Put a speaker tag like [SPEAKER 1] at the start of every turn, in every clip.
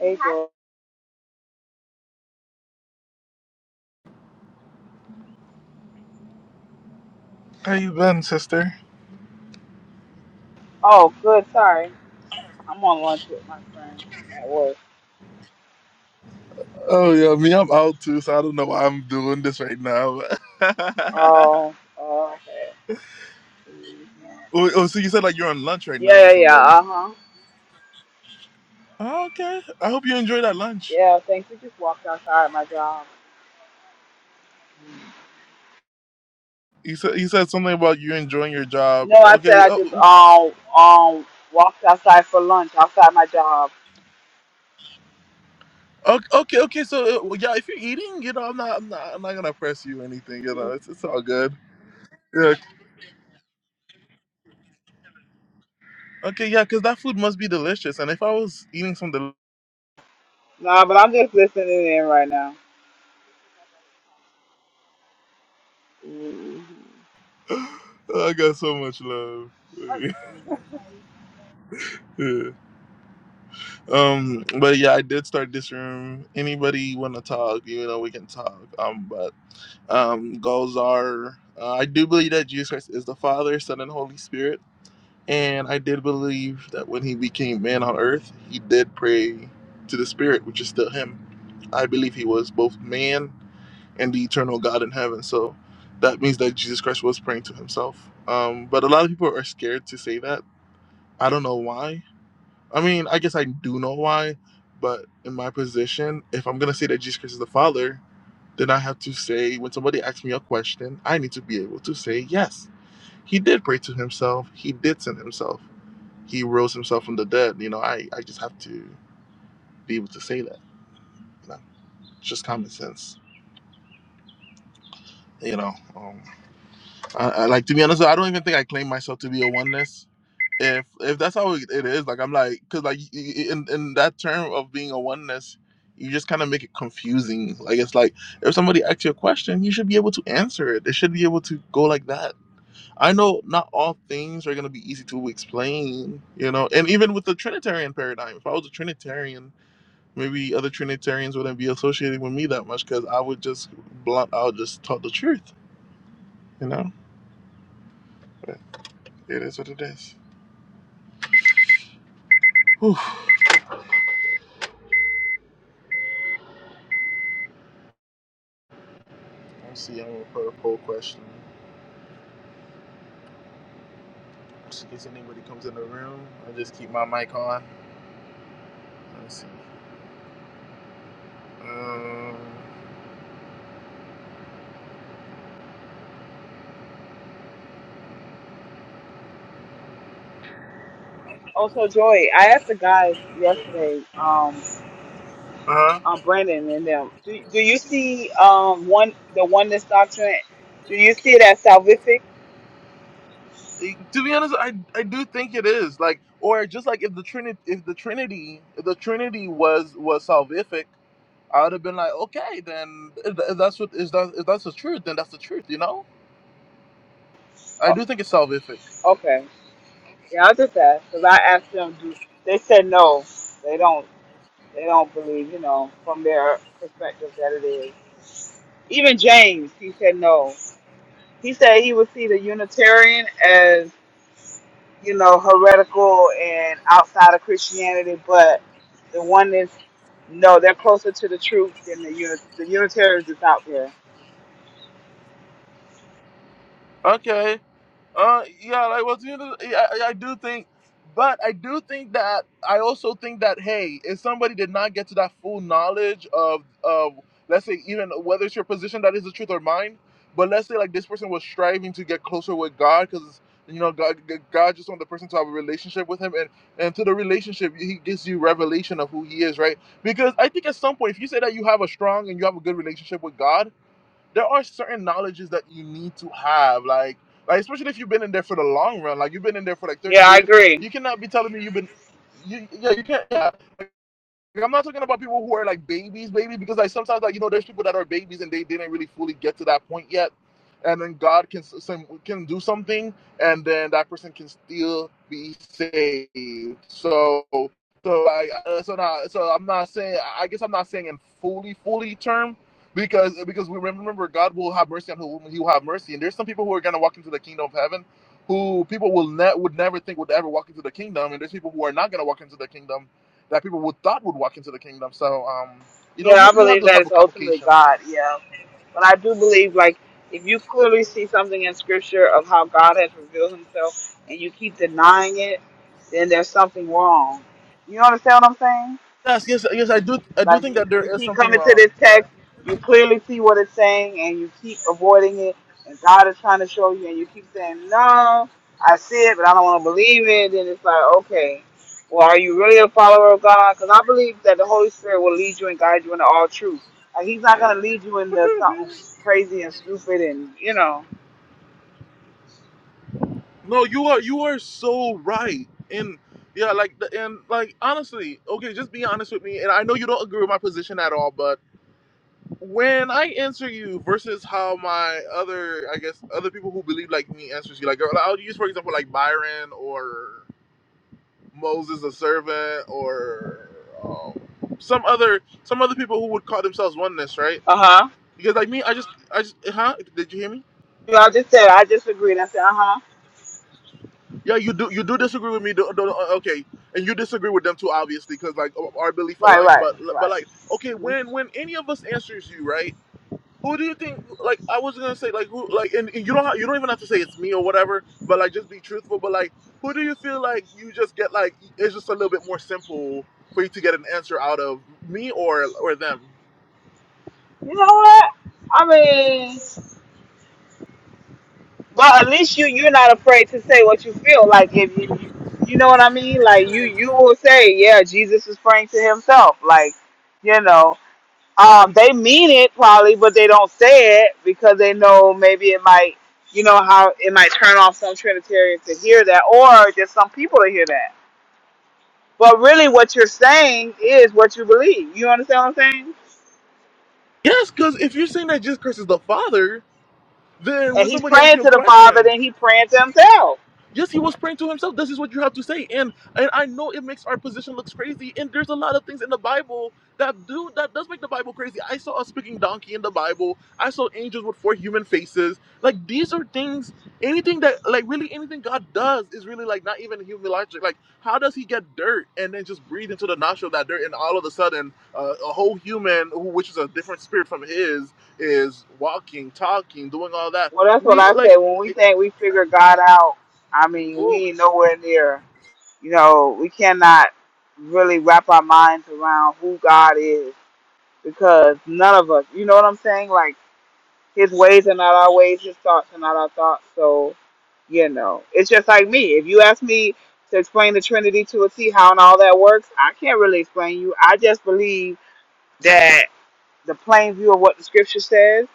[SPEAKER 1] April.
[SPEAKER 2] How you been, sister?
[SPEAKER 1] Oh, good. Sorry, I'm on lunch with my friend at work.
[SPEAKER 2] Oh yeah, me. I'm out too, so I don't know why I'm doing this right now. oh,
[SPEAKER 1] Oh, oh okay. Mhm.
[SPEAKER 2] oh, so you said like you're on lunch right now
[SPEAKER 1] Yeah,
[SPEAKER 2] with
[SPEAKER 1] yeah, yeah.
[SPEAKER 2] somebody.
[SPEAKER 1] Uh huh.
[SPEAKER 2] Oh, okay. I hope you enjoy that lunch.
[SPEAKER 1] Yeah, thanks. We just walked outside my job.
[SPEAKER 2] You said you said something about you enjoying your job.
[SPEAKER 1] No, I said
[SPEAKER 2] Okay.
[SPEAKER 1] I just
[SPEAKER 2] Oh,
[SPEAKER 1] um um walked outside for lunch outside my job.
[SPEAKER 2] oh, okay. Okay. ok, So uh, yeah, if you're eating, you know, I'm not, I'm not, I'm not gonna press you or anything. You know,
[SPEAKER 1] Mhm.
[SPEAKER 2] it's, it's all good. Yeah. Okay. Yeah, because that food must be delicious. And if I was eating some, del-
[SPEAKER 1] Nah, but I'm just listening in right now. hmm
[SPEAKER 2] I got so much love. Yeah. Um, but yeah, I did start this room. Anybody want to talk? You know, we can talk. Um, but um, goals are uh, I do believe that Jesus Christ is the Father, Son, and Holy Spirit, and I did believe that when He became man on Earth, He did pray to the Spirit, which is still Him. I believe He was both man and the eternal God in heaven. So that means that Jesus Christ was praying to Himself. Um, but a lot of people are scared to say that. I don't know why I mean, I guess I do know why, but in my position, if I'm gonna say that Jesus Christ is the Father, then I have to say when somebody asks me a question, I need to be able to say yes. He did pray to himself, he did send himself, he rose himself from the dead. You know, I, I just have to be able to say that. You know, it's just common sense. You know. um, I, I, like to be honest, I don't even think I claim myself to be a oneness. If if that's how it it is, like I'm like, cause like y- y- in in that term of being a oneness, you just kind of make it confusing. Like it's like if somebody asks you a question, you should be able to answer it. They should be able to go like that. I know not all things are gonna be easy to explain, you know. And even with the Trinitarian paradigm, if I was a Trinitarian, maybe other Trinitarians wouldn't be associating with me that much, cause I would just blunt, I would just talk the truth, you know. But it is what it is. Whew. us see I'm gonna put a poll question. Just in case anybody comes in the room, I just keep my mic on. Let's see. Um,
[SPEAKER 1] Also, Joy, I asked the guys yesterday. Um,
[SPEAKER 2] uh huh.
[SPEAKER 1] um, Brandon and them. Do, do you see um one the oneness doctrine? Do you see it as salvific?
[SPEAKER 2] To be honest, I, I do think it is like, or just like if the Trinity, if the Trinity, if the Trinity was was salvific, I would have been like, okay, then if tha- if that's what is that if that's the truth, then that's the truth, you know. I
[SPEAKER 1] Oh,
[SPEAKER 2] do think it's salvific.
[SPEAKER 1] okay, yeah, I just asked because I asked them. Do they said no? They don't. They don't believe. You know, from their perspective, that it is. Even James, he said no. He said he would see the Unitarian as you know heretical and outside of Christianity, but the oneness, no, they're closer to the truth than the unit. The Unitarians is out there.
[SPEAKER 2] Okay, Uh, yeah, like well, you know, I, I do think, but I do think that I also think that hey, if somebody did not get to that full knowledge of of let's say even whether it's your position that is the truth or mine, but let's say like this person was striving to get closer with God because you know God God just want the person to have a relationship with Him and and through the relationship He gives you revelation of who He is, right? Because I think at some point if you say that you have a strong and you have a good relationship with God there are certain knowledges that you need to have, like like especially if you've been in there for the long run, like you've been in there for like thirty
[SPEAKER 1] Yeah, I
[SPEAKER 2] years,
[SPEAKER 1] agree.
[SPEAKER 2] you cannot be telling me you've been, you, yeah, you can't. yeah. Like, I'm not talking about people who are like babies, baby, because like sometimes like you know there's people that are babies and they didn't really fully get to that point yet, and then God can can do something, and then that person can still be saved. So so I uh, so not so I'm not saying I guess I'm not saying in fully fully term because because we remember God will have mercy on whom He will have mercy, and there's some people who are gonna walk into the kingdom of heaven who people will ne- would never think would ever walk into the kingdom, and there's people who are not gonna walk into the kingdom that people would thought would walk into the kingdom. So um, you know,
[SPEAKER 1] Yeah,
[SPEAKER 2] you
[SPEAKER 1] I
[SPEAKER 2] you have
[SPEAKER 1] believe
[SPEAKER 2] those
[SPEAKER 1] that
[SPEAKER 2] type
[SPEAKER 1] it's
[SPEAKER 2] of
[SPEAKER 1] ultimately
[SPEAKER 2] complications.
[SPEAKER 1] God. Yeah, but I do believe like if you clearly see something in Scripture of how God has revealed Himself and you keep denying it, then there's something wrong. You understand what I'm saying?
[SPEAKER 2] Yes, yes, yes. I do I do
[SPEAKER 1] Like
[SPEAKER 2] think
[SPEAKER 1] you,
[SPEAKER 2] that there
[SPEAKER 1] you
[SPEAKER 2] is
[SPEAKER 1] keep
[SPEAKER 2] something
[SPEAKER 1] coming to
[SPEAKER 2] wrong.
[SPEAKER 1] this
[SPEAKER 2] Yeah.
[SPEAKER 1] text, you clearly see what it's saying, and you keep avoiding it. And God is trying to show you, and you keep saying, "No, I see it, but I don't want to believe it." Then it's like, okay, well, are you really a follower of God? Because I believe that the Holy Spirit will lead you and guide you into all truth. Like He's not gonna lead you into something crazy and stupid, and you know,
[SPEAKER 2] No, you are you are so right. And yeah, like the- and like honestly, okay, just be honest with me. And I know you don't agree with my position at all, but when I answer you versus how my other I guess other people who believe like me answers you, like I'll use for example like Byron or. Moses a servant or um, some other some other people who would call themselves oneness, right?
[SPEAKER 1] uh huh.
[SPEAKER 2] Because like me, I just I just huh? Did you hear me?
[SPEAKER 1] You know, I just said I disagreed. I said, uh huh,
[SPEAKER 2] Yeah, you do you do disagree with me, do, do, okay? And you disagree with them too, obviously, because like our belief
[SPEAKER 1] right,
[SPEAKER 2] aligns.
[SPEAKER 1] right,
[SPEAKER 2] But but
[SPEAKER 1] right.
[SPEAKER 2] like okay,
[SPEAKER 1] hmm
[SPEAKER 2] when when any of us answers you, right? Who do you think? Like, I was gonna say, like, who, like, and, and you don't, ha- you don't even have to say it's me or whatever, but like, just be truthful. But like, who do you feel like you just get like it's just a little bit more simple for you to get an answer out of me or or them?
[SPEAKER 1] You know what? I mean. Well, at least you you're not afraid to say what you feel. Like if, if you you know what I mean, like you you will say, yeah, Jesus was praying to himself. Like you know, um, they mean it probably, but they don't say it because they know maybe it might you know how it might turn off some Trinitarians to hear that, or just some people to hear that. But really, what you're saying is what you believe. You understand what I'm saying?
[SPEAKER 2] Yes, because if you're saying that Jesus Christ is the Father, then when
[SPEAKER 1] And he's
[SPEAKER 2] somebody asks
[SPEAKER 1] praying
[SPEAKER 2] you a
[SPEAKER 1] to the Father,
[SPEAKER 2] question.
[SPEAKER 1] then he praying to himself.
[SPEAKER 2] Yes, he was praying to himself. This is what you have to say. And and I know it makes our position looks crazy. And there's a lot of things in the Bible that do that does make the Bible crazy. I saw a speaking donkey in the Bible. I saw angels with four human faces. Like these are things anything that like really anything God does is really like not even human logic. Like how does he get dirt and then just breathe into the nostril of that dirt and all of a sudden uh, a whole human who which is a different spirit from his is walking, talking, doing all that.
[SPEAKER 1] Well, that's what
[SPEAKER 2] We
[SPEAKER 1] I
[SPEAKER 2] like
[SPEAKER 1] say. When we
[SPEAKER 2] it,
[SPEAKER 1] think we figure God out, I mean, we ain't nowhere near. You know, we cannot really wrap our minds around who God is because none of us, you know what I'm saying? Like, His ways are not our ways, His thoughts are not our thoughts. So, you know, it's just like me. If you ask me to explain the Trinity to a T, how and all that works, I can't really explain you. I just believe that the plain view of what the scripture says.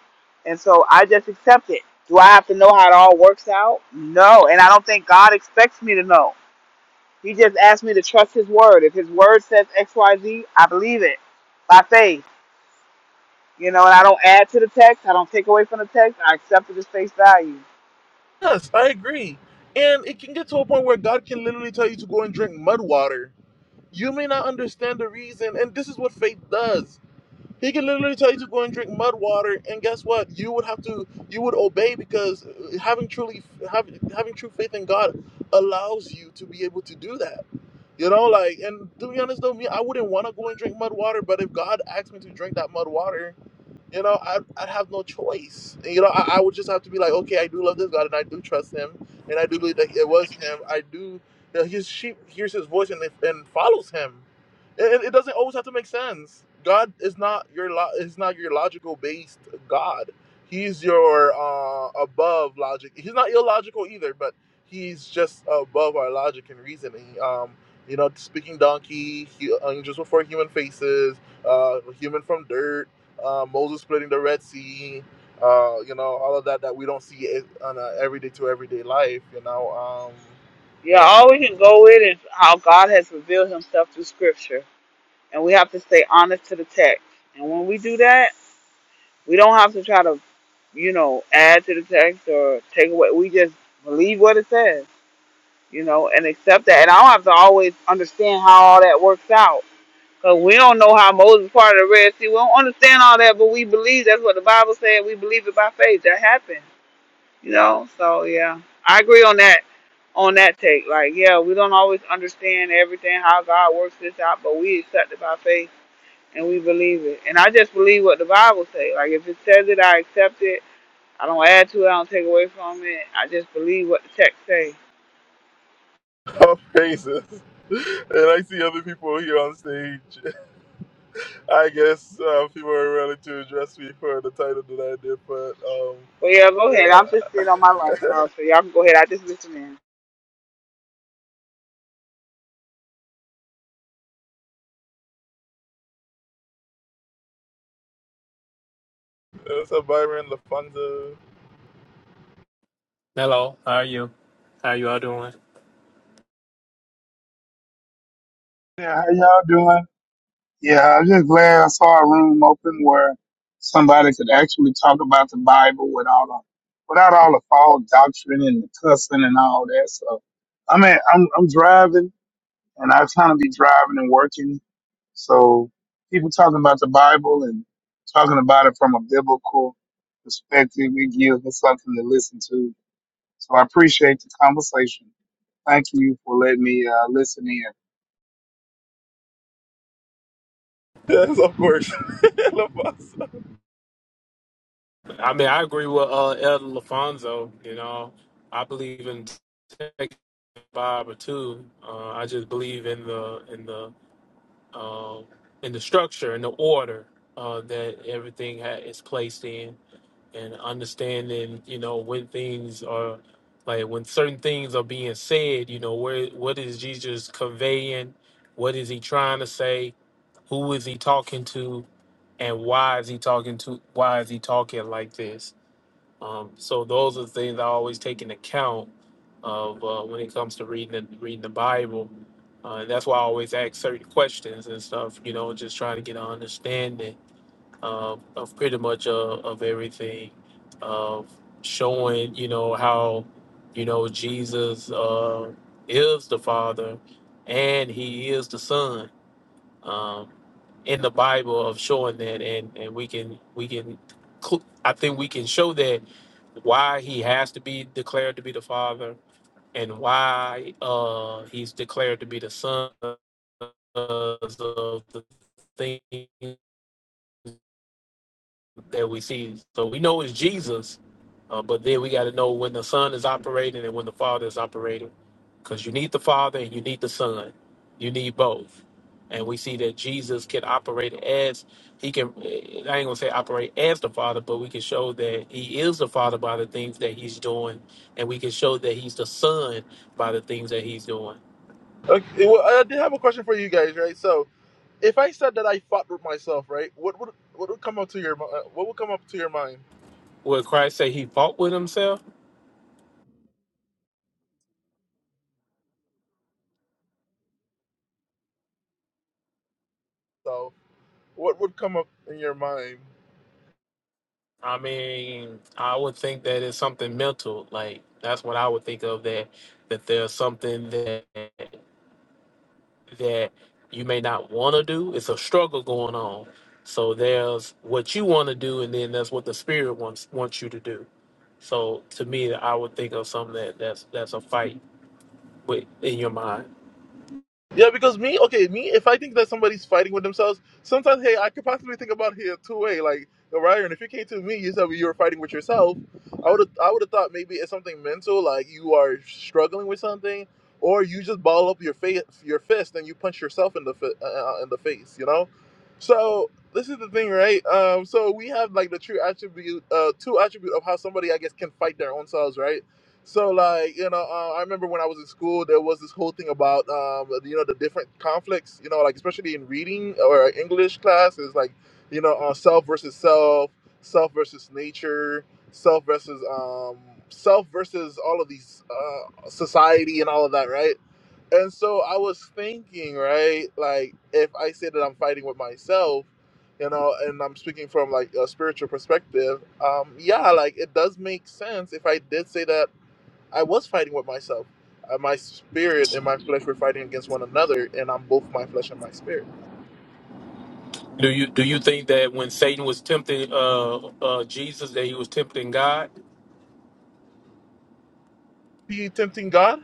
[SPEAKER 1] And so I just accept it. Do I have to know how it all works out? No. And I don't think God expects me to know. He just asked me to trust His word. If His word says X, Y, Z, I believe it by faith. You know, and I don't add to the text, I don't take away from the text, I accept it as face value.
[SPEAKER 2] Yes, I agree. And it can get to a point where God can literally tell you to go and drink mud water. You may not understand the reason, and this is what faith does. He can literally tell you to go and drink mud water, and guess what? You would have to, you would obey because uh, having truly, having, having true faith in God allows you to be able to do that. You know, like, and to be honest though, me, I wouldn't want to go and drink mud water, but if God asked me to drink that mud water, you know, I'd, I'd have no choice. And, you know, I, I would just have to be like, okay, I do love this God and I do trust him. And I do believe that it was him. I do, you know, his sheep hears his voice and, and follows him. It, it doesn't always have to make sense. God is not your lo- is not your logical based God. He's your uh, above logic. He's not illogical either, but he's just above our logic and reasoning. Um, you know, speaking donkey, he, angels before human faces, uh, human from dirt uh, Moses splitting the Red Sea, uh, you know, all of that that we don't see it on a everyday to everyday life, you know. Um,
[SPEAKER 1] Yeah,
[SPEAKER 2] yeah.
[SPEAKER 1] all we can go with is how God has revealed Himself through Scripture. And we have to stay honest to the text. And when we do that, we don't have to try to you know, add to the text or take away. We just believe what it says, you know, and accept that. And I don't have to always understand how all that works out. Because we don't know how Moses parted the Red Sea. We don't understand all that, but we believe that's what the Bible said. We believe it by faith. That happened, you know? So, yeah, I agree on that. On that take, like, yeah, we don't always understand everything how God works this out, but we accept it by faith and we believe it. And I just believe what the Bible says. Like, if it says it, I accept it I don't add to it. I don't take away from it. I just believe what the text say.
[SPEAKER 2] Oh, praises. And I see other people here on stage. I guess uh, people are ready to address me for the title that I did, but um,
[SPEAKER 1] But yeah, go ahead. I'm just sitting on my lunch
[SPEAKER 2] yeah.
[SPEAKER 1] hour, so y'all can go ahead. I just listen in.
[SPEAKER 2] It's a Byron Lafonso.
[SPEAKER 3] Hello, how are you? How you all doing?
[SPEAKER 4] Yeah, how y'all doing? Yeah, I'm just glad I saw a room open where somebody could actually talk about the Bible without all, without all the false doctrine and the cussing and all that. So, I mean, I'm I'm driving and I kind of be driving and working. So, people talking about the Bible and talking about it from a biblical perspective, it gives me something to listen to. So, I appreciate the conversation. Thank you for letting me uh, listen in.
[SPEAKER 2] Yes, of course. Lafonso.
[SPEAKER 3] I mean, I agree with uh, Elder Lafonso. You know, I believe in tech Bible too. Uh, I just believe in the in the uh, in the structure and the order uh, that everything ha- is placed in, and understanding you know when things are like when certain things are being said. You know, where what is Jesus conveying? What is he trying to say? Who is he talking to? and why is he talking to why is he talking like this um, so those are the things i always take into account of uh, when it comes to reading the, reading the bible uh, and that's why i always ask certain questions and stuff you know just trying to get an understanding uh, of pretty much uh, of everything of showing you know how you know jesus uh, is the father and he is the son um, in the Bible of showing that, and and we can we can, cl- I think we can show that why he has to be declared to be the father and why uh he's declared to be the son because of the things that we see. So we know it's Jesus, uh, but then we got to know when the Son is operating and when the Father is operating, because you need the Father and you need the Son, you need both. And we see that Jesus can operate as he can. eh, eh, I ain't gonna say operate as the Father, but we can show that he is the Father by the things that he's doing, and we can show that he's the Son by the things that he's doing.
[SPEAKER 2] Okay, well, I did have a question for you guys, right? So, if I said that I fought with myself, right? What would what would come up to your mi- uh, what would come up to your mind?
[SPEAKER 3] Would Christ say he fought with himself?
[SPEAKER 2] So what would come up in your mind?
[SPEAKER 3] I mean, I would think that it's something mental. Like that's what I would think of that that there's something that that you may not want to do. It's a struggle going on. So there's what you want to do, and then that's what the spirit wants wants you to do. So to me, I would think of something that that's that's a fight with in your mind.
[SPEAKER 2] Yeah, because me, okay, me, if I think that somebody's fighting with themselves, sometimes, hey, I could possibly think about it a two way. Like, Ryan, if you came to me, you said you were fighting with yourself, I would have, I would have thought maybe it's something mental, like you are struggling with something, or you just ball up your face, your fist, and you punch yourself in the fi- uh, uh, in the face, you know. So this is the thing, right? Um, so we have like the true attribute, uh, two attribute of how somebody, I guess, can fight their own selves, right? So like you know, uh, I remember when I was in school, there was this whole thing about um, you know the different conflicts. You know, like especially in reading or English class, is like you know uh, self versus self, self versus nature, self versus um, self versus all of these uh, society and all of that, right? And so I was thinking, right, like if I say that I'm fighting with myself, you know, and I'm speaking from like a spiritual perspective, um, yeah, like it does make sense if I did say that I was fighting with myself. Uh, my spirit and my flesh were fighting against one another, and I'm both my flesh and my spirit.
[SPEAKER 3] Do you do you think that when Satan was tempting uh, uh, Jesus, that he was tempting God?
[SPEAKER 2] He tempting God?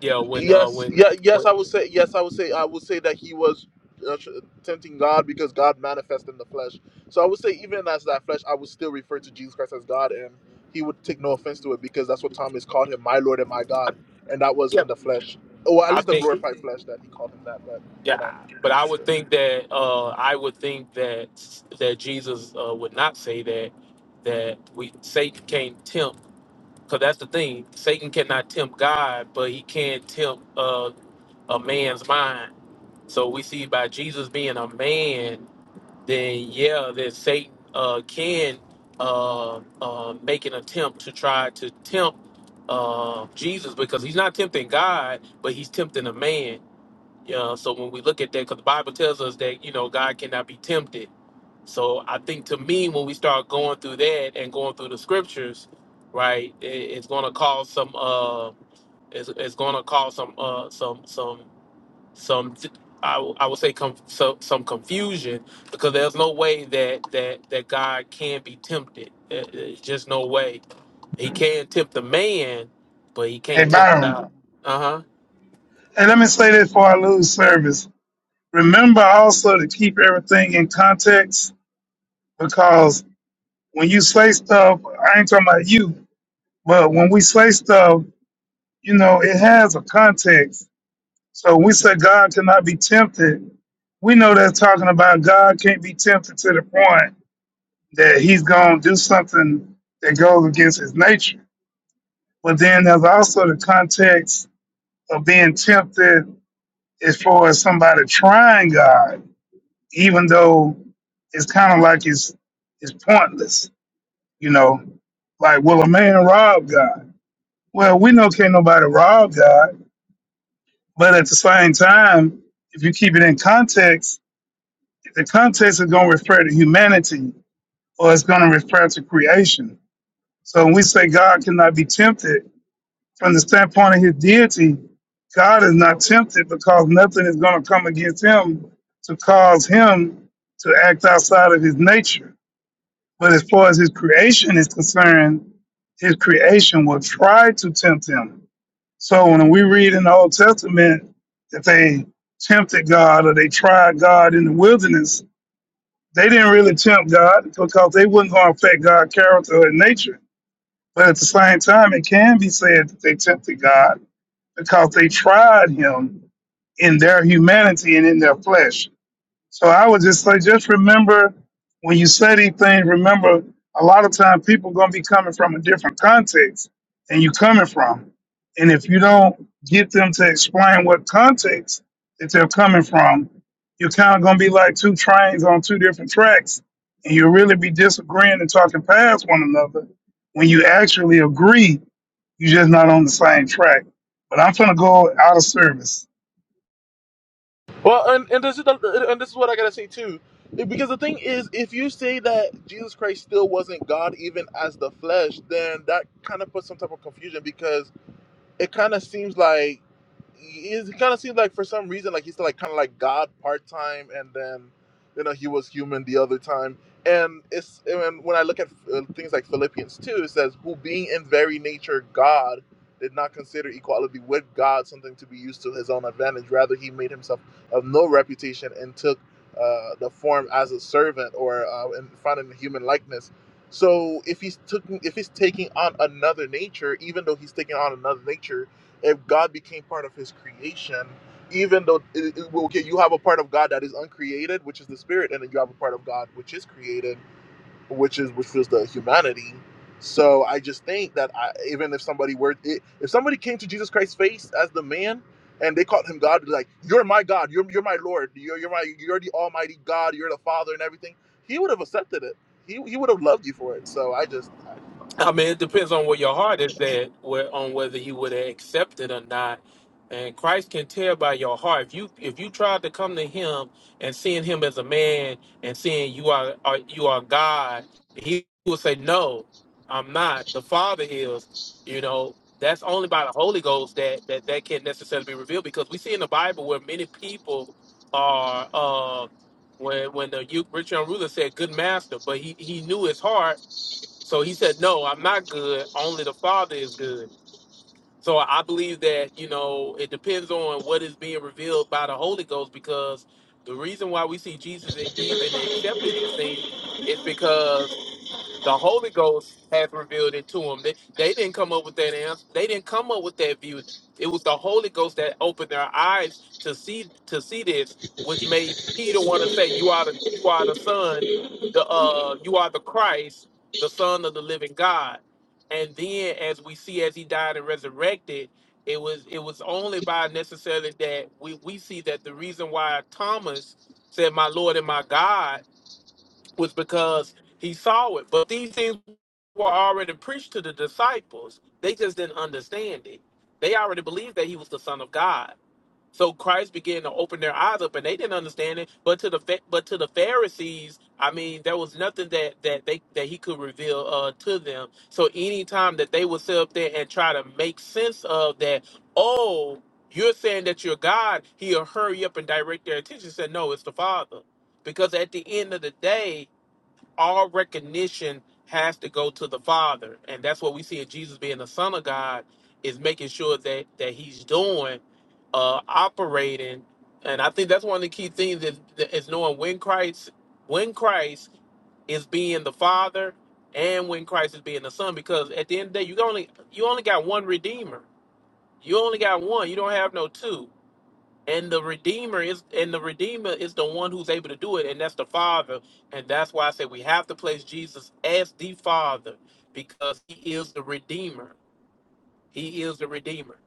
[SPEAKER 3] Yeah, when uh,
[SPEAKER 2] Yes,
[SPEAKER 3] when
[SPEAKER 2] yeah, yes.
[SPEAKER 3] when
[SPEAKER 2] I would say yes. I would say I would say that he was uh, tr- tempting God because God manifested in the flesh. So I would say even as that flesh, I would still refer to Jesus Christ as God, and he would take no offense to it because that's what Thomas called him, my Lord and my
[SPEAKER 3] I,
[SPEAKER 2] God, and that was
[SPEAKER 3] yeah,
[SPEAKER 2] in the flesh, or at
[SPEAKER 3] I
[SPEAKER 2] least the
[SPEAKER 3] think
[SPEAKER 2] glorified flesh that he called him that. But you know,
[SPEAKER 3] Yeah, but I
[SPEAKER 2] still.
[SPEAKER 3] would think that uh, I would think that that Jesus uh, would not say that that we Satan can't tempt because that's the thing Satan cannot tempt God, but he can tempt uh, a man's mind. So we see by Jesus being a man, then yeah, that Satan uh, can uh, uh, make an attempt to try to tempt uh, Jesus because he's not tempting God, but he's tempting a man. Yeah, so when we look at that, because the Bible tells us that, you know, God cannot be tempted. So I think to me, when we start going through that and going through the scriptures, right, it, it's going to cause some, uh, it's, it's going to cause some, uh, some, some, some, I, w- I would say com- so, some confusion because there's no way that, that, that God can be tempted. It- It's just no way. He can tempt the man, but he
[SPEAKER 4] Hey,
[SPEAKER 3] can't tempt
[SPEAKER 4] Byron.
[SPEAKER 3] God. Uh huh.
[SPEAKER 4] And let me say this before I lose service. Remember also to keep everything in context because when you say stuff, I ain't talking about you, but when we say stuff, you know, it has a context. So when we say God cannot be tempted, we know that's talking about God can't be tempted to the point that he's going to do something that goes against his nature. But then there's also the context of being tempted as far as somebody trying God even though it's kind of like it's it's pointless, you know. Like, will a man rob God? Well, we know can't nobody rob God, but at the same time, if you keep it in context, the context is going to refer to humanity or it's going to refer to creation. So when we say God cannot be tempted from the standpoint of his deity, God is not tempted because nothing is going to come against him to cause him to act outside of his nature But as far as his creation is concerned, his creation will try to tempt him. So when we read in the Old Testament that they tempted God or they tried God in the wilderness, they didn't really tempt God because they wasn't going to affect God's character or nature. But at the same time, it can be said that they tempted God because they tried him in their humanity and in their flesh. So I would just say, just remember when you say these things, remember a lot of time people gonna be coming from a different context than you coming from. And if you don't get them to explain what context that they're coming from, you're kind of gonna be like two trains on two different tracks, and you'll really be disagreeing and talking past one another when you actually agree. You're just not on the same track. But I'm gonna go out of service.
[SPEAKER 2] Well, and, and this is the, and this is what I gotta say too, because the thing is, if you say that Jesus Christ still wasn't God even as the flesh, then that kind of puts some type of confusion because it kind of seems like it kind of seems like for some reason like he's still like kind of like God part time, and then you know he was human the other time. And it's and when I look at uh, things like Philippians two, it says, "Who being in very nature God." Did not consider equality with God something to be used to his own advantage. Rather, he made himself of no reputation and took uh, the form as a servant or uh, and found in human likeness so if he's taking if he's taking on another nature, even though he's taking on another nature, if God became part of his creation, even though it, it- well, okay, you have a part of God that is uncreated, which is the spirit, and then you have a part of God which is created which is which was the humanity. So I just think that I, even if somebody were i- if somebody came to Jesus Christ's face as the man and they called him God, like you're my God, you're you're my Lord, you're you're my you're the Almighty God, you're the Father and everything, he would have accepted it. He he would have loved you for it. So I just, I just don't.
[SPEAKER 3] I mean, it depends on where your heart is at, where, on whether you would have accepted or not. And Christ can tell by your heart. If you if you tried to come to Him and seeing Him as a man and seeing you are, are you are God, He will say, "No, I'm not. The Father is." You know, that's only by the Holy Ghost that that that can necessarily be revealed because we see in the Bible where many people are uh, when when the rich young ruler said, "Good master," but he he knew his heart so he said, No, I'm not good. Only the Father is good. So I believe that, you know, it depends on what is being revealed by the Holy Ghost because the reason why we see Jesus even accepting these things is because the Holy Ghost hath revealed it to them. They, they didn't come up with that answer. They didn't come up with that view. It was the Holy Ghost that opened their eyes to see to see this, which made Peter want to say, "You are the you are the Son, the uh, you are the Christ, the Son of the Living God." And then, as we see, as he died and resurrected, it was it was only by necessarily that we we see that the reason why Thomas said, "My Lord and my God." was because he saw it. But these things were already preached to the disciples. They just didn't understand it. They already believed that he was the Son of God. So Christ began to open their eyes up, and they didn't understand it. But to the Pha- but to the Pharisees, I mean, there was nothing that that they that he could reveal uh, to them. So anytime that they would sit up there and try to make sense of that, oh, you're saying that you're God, he'll hurry up and direct their attention. Said, no, it's the Father, because at the end of the day, all recognition has to go to the Father, and that's what we see in Jesus being the Son of God is making sure that that He's doing, uh, operating, and I think that's one of the key things is, is knowing when Christ when Christ is being the Father and when Christ is being the Son, because at the end of the day, you only you only got one Redeemer, you only got one, you don't have no two, and the Redeemer is and the Redeemer is the one who's able to do it, and that's the Father. And that's why I say we have to place Jesus as the Father, because he is the Redeemer. He is the Redeemer,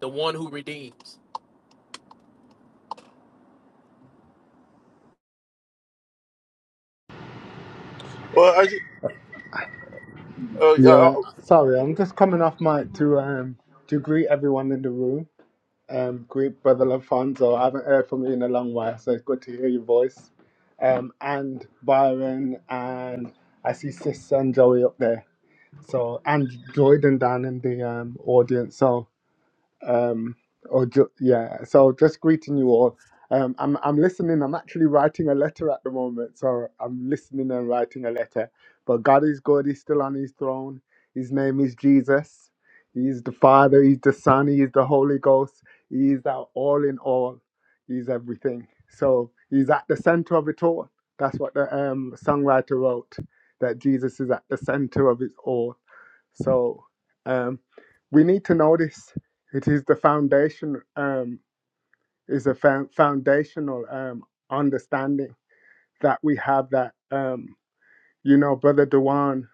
[SPEAKER 3] the one who redeems.
[SPEAKER 2] Well, I just, uh, yeah, I
[SPEAKER 5] Yeah, sorry, I'm just coming off mic to um to greet everyone in the room. Um, greet Brother Alfonso. I haven't heard from you in a long while, so it's good to hear your voice. Um, and Byron, and I see Sis and Joey up there. So and Jordan down in the um audience. So um or ju- yeah so just greeting you all um i'm i'm listening i'm actually writing a letter at the moment so i'm listening and writing a letter but god is good he's still on his throne his name is jesus He is the father he's the son he is the holy ghost he is our all in all he's everything so he's at the center of it all that's what the um songwriter wrote that jesus is at the center of it all so um, we need to notice it is the foundation um, is a fo- foundational um, understanding that we have that um, you know brother Dewan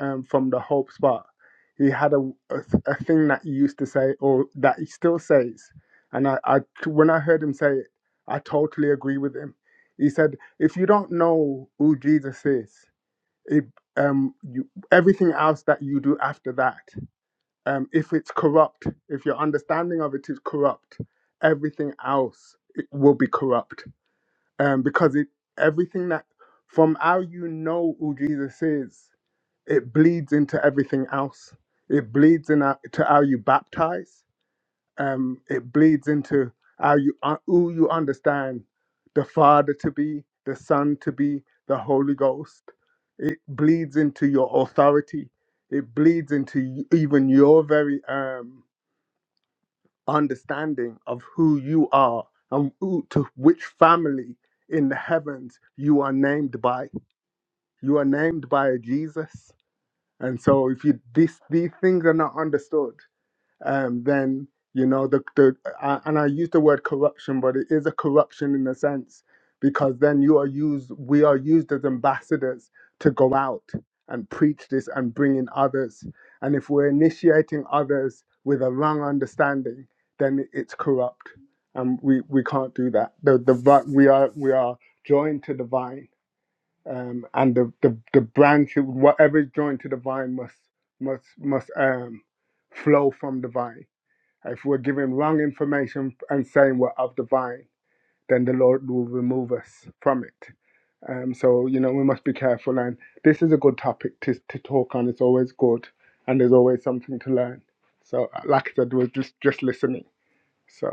[SPEAKER 5] um, from the Hope Spot. He had a, a, a thing that he used to say, or that he still says, and I, I when I heard him say it, I totally agree with him. He said, "If you don't know who Jesus is, it um, you, everything else that you do after that." um, if it's corrupt, if your understanding of it is corrupt, everything else it will be corrupt. Um, because it everything that from how you know who Jesus is, it bleeds into everything else. It bleeds into how you baptize. Um, it bleeds into how you uh, who you understand the Father to be, the Son to be, the Holy Ghost. It bleeds into your authority. It bleeds into y- even your very um, understanding of who you are and who, to which family in the heavens you are named by. You are named by a Jesus. And so if you this these things are not understood, um, then you know the, the I, and I use the word corruption, but it is a corruption in a sense because then you are used, we are used as ambassadors to go out and preach this and bring in others, and if we're initiating others with a wrong understanding, then it's corrupt, and we we can't do that. The the vi- we are we are joined to the vine. Um, and the, the, the branch, whatever is joined to the vine must must must um, flow from the vine if we're giving wrong information and saying we're of the vine, then the Lord will remove us from it. Um, so, you know, we must be careful. And this is a good topic to, to talk on. It's always good. And there's always something to learn. So, like I said, we're just, just listening. So,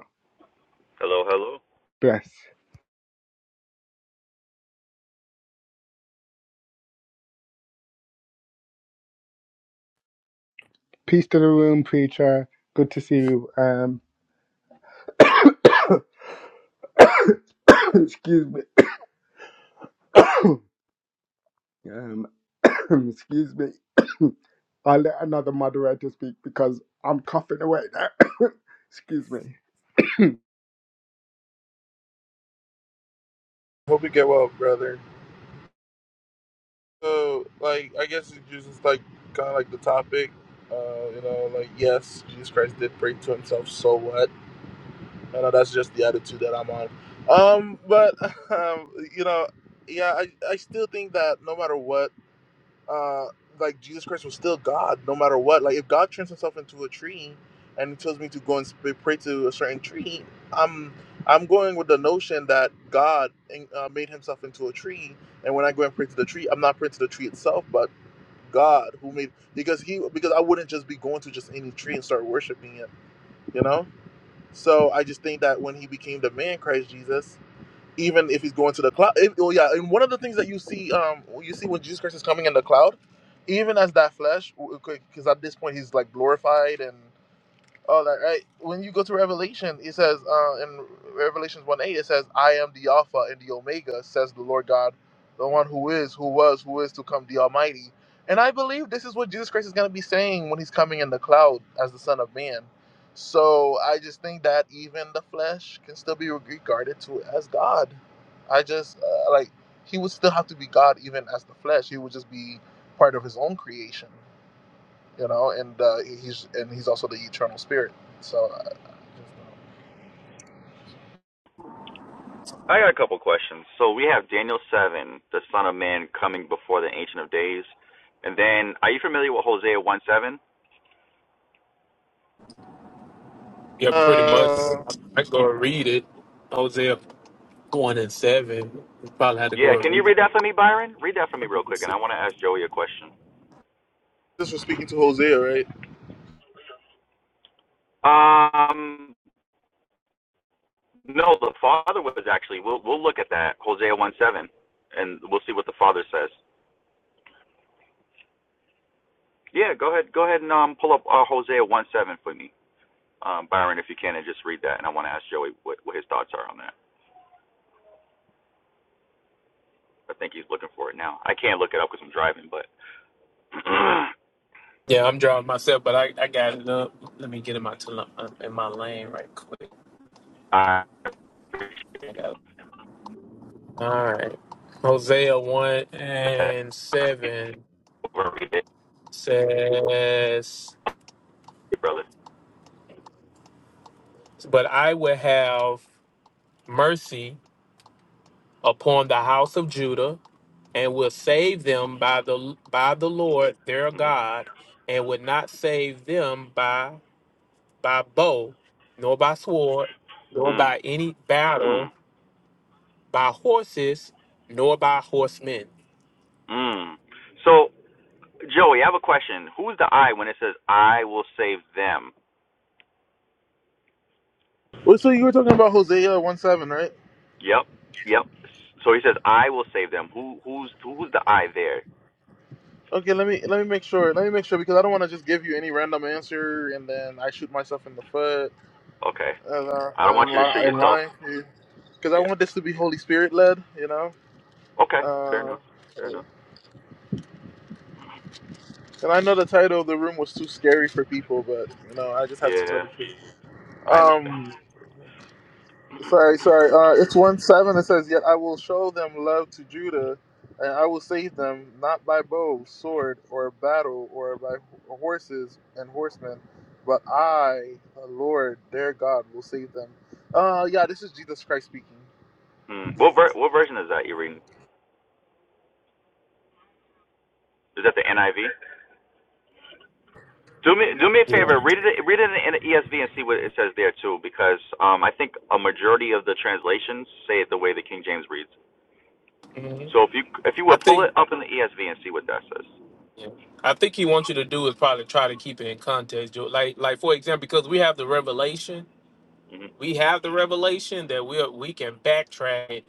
[SPEAKER 6] Hello, hello.
[SPEAKER 5] bless. Peace to the room, preacher. Good to see you. Um, excuse me. um, excuse me. I'll let another moderator speak because I'm coughing away now. Excuse me.
[SPEAKER 2] hope you get well, brother. So, like, I guess it's just like kind of like the topic. Uh, you know, like yes, Jesus Christ did pray to himself. So what? I know that's just the attitude that I'm on. Um, but um, you know, yeah, I, I still think that no matter what, uh, like Jesus Christ was still God, no matter what. Like if God turns Himself into a tree and He tells me to go and sp- pray to a certain tree, I'm I'm going with the notion that God uh, made Himself into a tree, and when I go and pray to the tree, I'm not praying to the tree itself, but God who made because He because I wouldn't just be going to just any tree and start worshiping it, you know so I just think that when he became the man Christ Jesus, even if he's going to the cloud, if, oh yeah, and one of the things that you see, um, you see when Jesus Christ is coming in the cloud, even as that flesh, because at this point he's like glorified and. Oh, like right. When you go to Revelation, it says uh, in Revelations one eight, it says, "I am the Alpha and the Omega," says the Lord God, the one who is, who was, who is to come, the Almighty. And I believe this is what Jesus Christ is going to be saying when He's coming in the cloud as the Son of Man. So I just think that even the flesh can still be regarded to as God. I just uh, like He would still have to be God even as the flesh. He would just be part of His own creation you know, and uh, he's and he's also the eternal spirit. So I just
[SPEAKER 6] I got a couple questions. So we have Daniel 7, the Son of Man, coming before the Ancient of Days. And then, are you familiar with Hosea 1 7?
[SPEAKER 3] Yeah, pretty much.
[SPEAKER 2] Uh,
[SPEAKER 3] I go and read it. Hosea one and seven. You Probably had to
[SPEAKER 6] Yeah,
[SPEAKER 3] go and
[SPEAKER 6] can you
[SPEAKER 3] read
[SPEAKER 6] read that for me, Byron? Read that for me real quick, and
[SPEAKER 3] it.
[SPEAKER 6] I want to ask Joey a question.
[SPEAKER 2] this was speaking to Hosea, right?
[SPEAKER 6] Um, no, the Father was actually, we'll, we'll look at that, Hosea 1 7, and we'll see what the Father says. Yeah, go ahead, go ahead and um, pull up uh, Hosea 1 7 for me, um, Byron, if you can, and just read that. And I want to ask Joey what, what his thoughts are on that. I think he's looking for it now. I can't look it up because I'm driving, but I
[SPEAKER 3] Yeah, I'm drawing myself, but I, I got it up. Let me get in my tel- in my lane right quick.
[SPEAKER 6] respect.
[SPEAKER 3] I got it. All right. Hosea one and
[SPEAKER 6] I can't
[SPEAKER 3] seven.
[SPEAKER 6] over me, baby,
[SPEAKER 3] says,
[SPEAKER 6] brother.
[SPEAKER 3] But I will have mercy upon the house of Judah, and will save them by the by the Lord their
[SPEAKER 6] hmm
[SPEAKER 3] God, and would not save them by by bow, nor by sword, nor
[SPEAKER 6] Mm,
[SPEAKER 3] by any
[SPEAKER 6] mm,
[SPEAKER 3] battle, by horses, nor by horsemen.
[SPEAKER 6] mm. So, Joey, I have a question. Who's the I when it says I will save them?
[SPEAKER 2] Well, so you were talking about Hosea one seven, right?
[SPEAKER 6] Yep, yep. So he says I will save them. Who, who's, who's the I there?
[SPEAKER 2] Okay, let me let me make sure. Let me make sure because I don't want to just give you any random answer and then I shoot myself in the foot
[SPEAKER 6] Okay.
[SPEAKER 2] and uh,
[SPEAKER 6] I don't want
[SPEAKER 2] and,
[SPEAKER 6] you to
[SPEAKER 2] li-
[SPEAKER 6] shoot
[SPEAKER 2] and
[SPEAKER 6] yourself.
[SPEAKER 2] lying to you because I
[SPEAKER 6] Yeah.
[SPEAKER 2] want this to be Holy Spirit led, you know.
[SPEAKER 6] Okay. Fair
[SPEAKER 2] Uh,
[SPEAKER 6] enough. Fair enough.
[SPEAKER 2] and I know the title of the room was too scary for people, but you know I just have to tell
[SPEAKER 6] Yeah,
[SPEAKER 2] the truth.
[SPEAKER 6] I understand.
[SPEAKER 2] Um, Sorry, sorry. Uh, it's one seven. It says, "Yet I will show them love to Judah, and I will save them not by bow, sword, or battle, or by ho- horses and horsemen, but I, the Lord their God, will save them." Uh, yeah, this is Jesus Christ speaking.
[SPEAKER 6] Hmm. What ver- what version is that you're reading? Is that the NIV? Do me do me a
[SPEAKER 3] Yeah.
[SPEAKER 6] favor. Read it read it in the ESV and see what it says there too, because um, I think a majority of the translations say it the way the King James reads.
[SPEAKER 3] Mhm.
[SPEAKER 6] So if you if you
[SPEAKER 3] I
[SPEAKER 6] would pull
[SPEAKER 3] think
[SPEAKER 6] it up in the ESV and see what that says.
[SPEAKER 3] yeah. I think he wants you to do is probably try to keep it in context. Joe. Like like for example, because we have the revelation
[SPEAKER 6] Mm hmm
[SPEAKER 3] we have the revelation that we we can backtrack it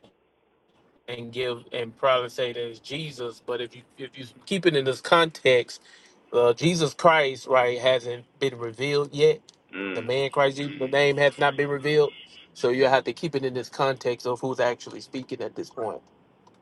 [SPEAKER 3] and give and probably say that it's Jesus. But if you if you keep it in this context, uh, Jesus Christ right hasn't been revealed yet. The
[SPEAKER 6] Mm,
[SPEAKER 3] man Christ, Jesus, the name has not been revealed. So you have to keep it in this context of who's actually speaking at this point.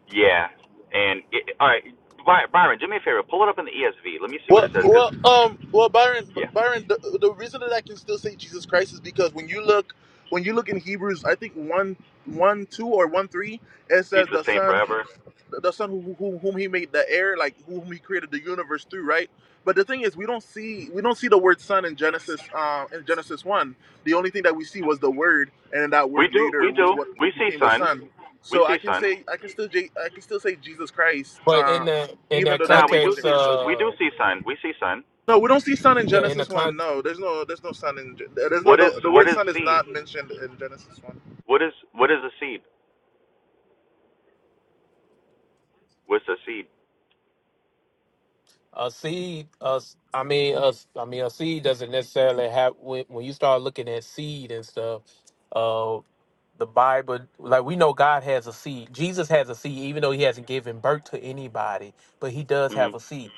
[SPEAKER 6] yeah. And it, all right, By- Byron, do me a favor. Pull it up in the ESV. Let me see what
[SPEAKER 2] Well,
[SPEAKER 6] it says, because
[SPEAKER 2] well, um, well, Byron,
[SPEAKER 6] yeah,
[SPEAKER 2] Byron, the, the reason that I can still say Jesus Christ is because when you look, when you look in Hebrews, I think one, one, two, or one, three, it
[SPEAKER 6] he's
[SPEAKER 2] says
[SPEAKER 6] the
[SPEAKER 2] the
[SPEAKER 6] same
[SPEAKER 2] Son.
[SPEAKER 6] forever.
[SPEAKER 2] the the son who, who, whom he made the air, like whom he created the universe through, right? But the thing is, we don't see we don't see the word son in Genesis uh, in Genesis one. The only thing that we see was the word, and then that
[SPEAKER 6] We
[SPEAKER 2] word
[SPEAKER 6] do we
[SPEAKER 2] later
[SPEAKER 6] do
[SPEAKER 2] was what
[SPEAKER 6] we see
[SPEAKER 2] became the
[SPEAKER 6] sun
[SPEAKER 2] son.
[SPEAKER 6] we
[SPEAKER 2] So
[SPEAKER 6] see
[SPEAKER 2] I can
[SPEAKER 6] sun.
[SPEAKER 2] say I can still J- I can still say Jesus Christ,
[SPEAKER 3] But
[SPEAKER 2] uh,
[SPEAKER 3] in that in
[SPEAKER 2] even
[SPEAKER 3] that
[SPEAKER 2] though that
[SPEAKER 6] Now we
[SPEAKER 2] name
[SPEAKER 6] do
[SPEAKER 3] context,
[SPEAKER 2] wasn't
[SPEAKER 6] see
[SPEAKER 2] revealed.
[SPEAKER 6] we
[SPEAKER 3] uh,
[SPEAKER 6] do see sun we see sun.
[SPEAKER 2] No, we don't see son in
[SPEAKER 3] yeah, in the
[SPEAKER 2] Genesis
[SPEAKER 3] con
[SPEAKER 2] one. No, there's no there's no son in Ge- there's no
[SPEAKER 6] What is
[SPEAKER 2] the, the
[SPEAKER 6] what
[SPEAKER 2] word
[SPEAKER 6] is
[SPEAKER 2] son is
[SPEAKER 6] seed?
[SPEAKER 2] not mentioned in Genesis one.
[SPEAKER 6] What is what is a seed? What's a seed?
[SPEAKER 3] a seed, uh, I mean, a, I mean, a seed doesn't necessarily have when when you start looking at seed and stuff. uh, the Bible, like we know God has a seed. Jesus has a seed, even though he hasn't given birth to anybody, but he does
[SPEAKER 6] Mm
[SPEAKER 3] have a seed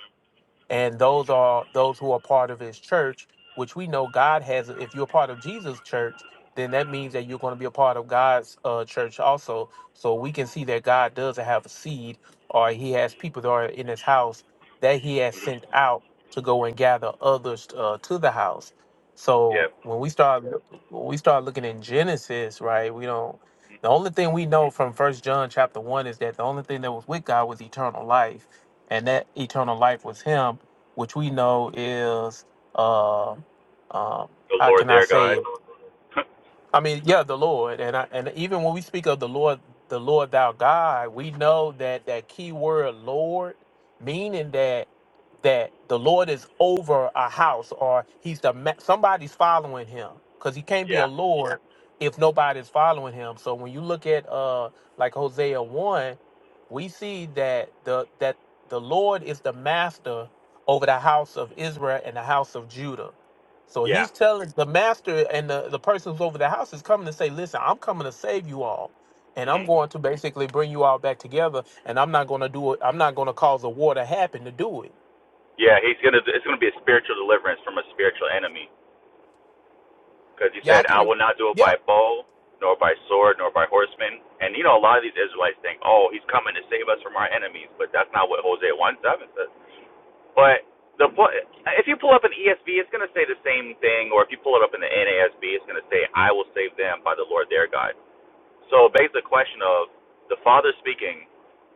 [SPEAKER 3] and those are those who are part of his church which we know god has if you're part of jesus church then that means that you're going to be a part of god's uh, church also so we can see that god does have a seed or he has people that are in his house that he has sent out to go and gather others uh, to the house so
[SPEAKER 6] Yeah.
[SPEAKER 3] when we start when we start looking in genesis right we don't the only thing we know from first john chapter 1 is that the only thing that was with god was eternal life and that eternal life was him, which we know is uh, um,
[SPEAKER 6] The
[SPEAKER 3] how
[SPEAKER 6] Lord
[SPEAKER 3] can I
[SPEAKER 6] their
[SPEAKER 3] say
[SPEAKER 6] God.
[SPEAKER 3] it? I mean, yeah, the Lord, and I, and even when we speak of the Lord, the Lord thou God, we know that that key word Lord, meaning that that the Lord is over a house or he's the ma- somebody's following him because he can't be a
[SPEAKER 6] Yeah.
[SPEAKER 3] Lord if nobody's following him. So when you look at uh like Hosea one, we see that the that the Lord is the master over the house of Israel and the house of Judah so
[SPEAKER 6] Yeah.
[SPEAKER 3] he's telling the master and the, the person who's over the house is coming to say, listen, I'm coming to save you all. And I'm
[SPEAKER 6] hmm
[SPEAKER 3] going to basically bring you all back together. And I'm not going to do it. I'm not going to cause a war to happen to do it.
[SPEAKER 6] Yeah. He's gonna. It's gonna be a spiritual deliverance from a spiritual enemy. Because he
[SPEAKER 3] Yeah,
[SPEAKER 6] said,
[SPEAKER 3] I
[SPEAKER 6] "I
[SPEAKER 3] can.
[SPEAKER 6] will not do it
[SPEAKER 3] Yeah,
[SPEAKER 6] by bow, nor by sword, nor by horsemen." And you know, a lot of these Israelites think, "Oh, he's coming to save us from our enemies," but that's not what Hosea one seven says. But the po- if you pull up an ESV, it's gonna say the same thing, or if you pull it up in the NASB, it's gonna say, "I will save them by the Lord their God." So, based the question of the Father speaking,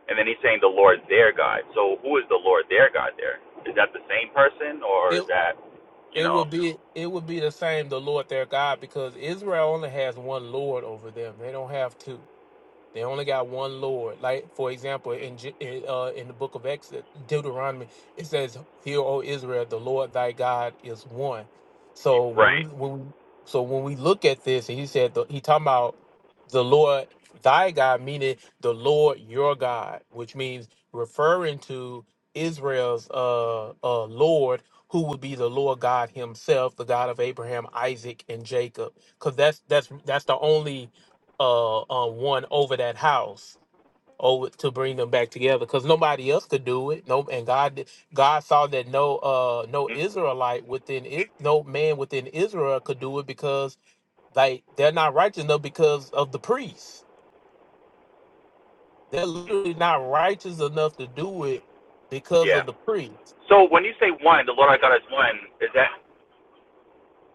[SPEAKER 6] And then he's saying the Lord their God. So who is the Lord their God there? Is that the same person or
[SPEAKER 3] it
[SPEAKER 6] is that, you
[SPEAKER 3] it
[SPEAKER 6] know,
[SPEAKER 3] would be it would be the same. The Lord their God, because Israel only has one Lord over them. They don't have two. They only got one Lord. Like for example, in Ju- in, uh, in the book of Exodus, Deuteronomy, it says, "Hear, O Israel, the Lord thy God is one." So when we
[SPEAKER 6] right?
[SPEAKER 3] when we so when we look at this, and he said the, he talking about the Lord thy God, meaning the Lord your God, which means referring to Israel's uh, uh, Lord, who would be the Lord God Himself, the God of Abraham, Isaac, and Jacob, because that's that's that's the only uh, uh one over that house over to bring them back together because nobody else could do it no and god did- god saw that no uh no
[SPEAKER 6] Mhm.
[SPEAKER 3] israelite within it no man within israel could do it because like they're not righteous enough because of the priests they're literally not righteous enough to do it because
[SPEAKER 6] Yeah.
[SPEAKER 3] of the priests
[SPEAKER 6] So when you say one, the Lord our God is one. Is that?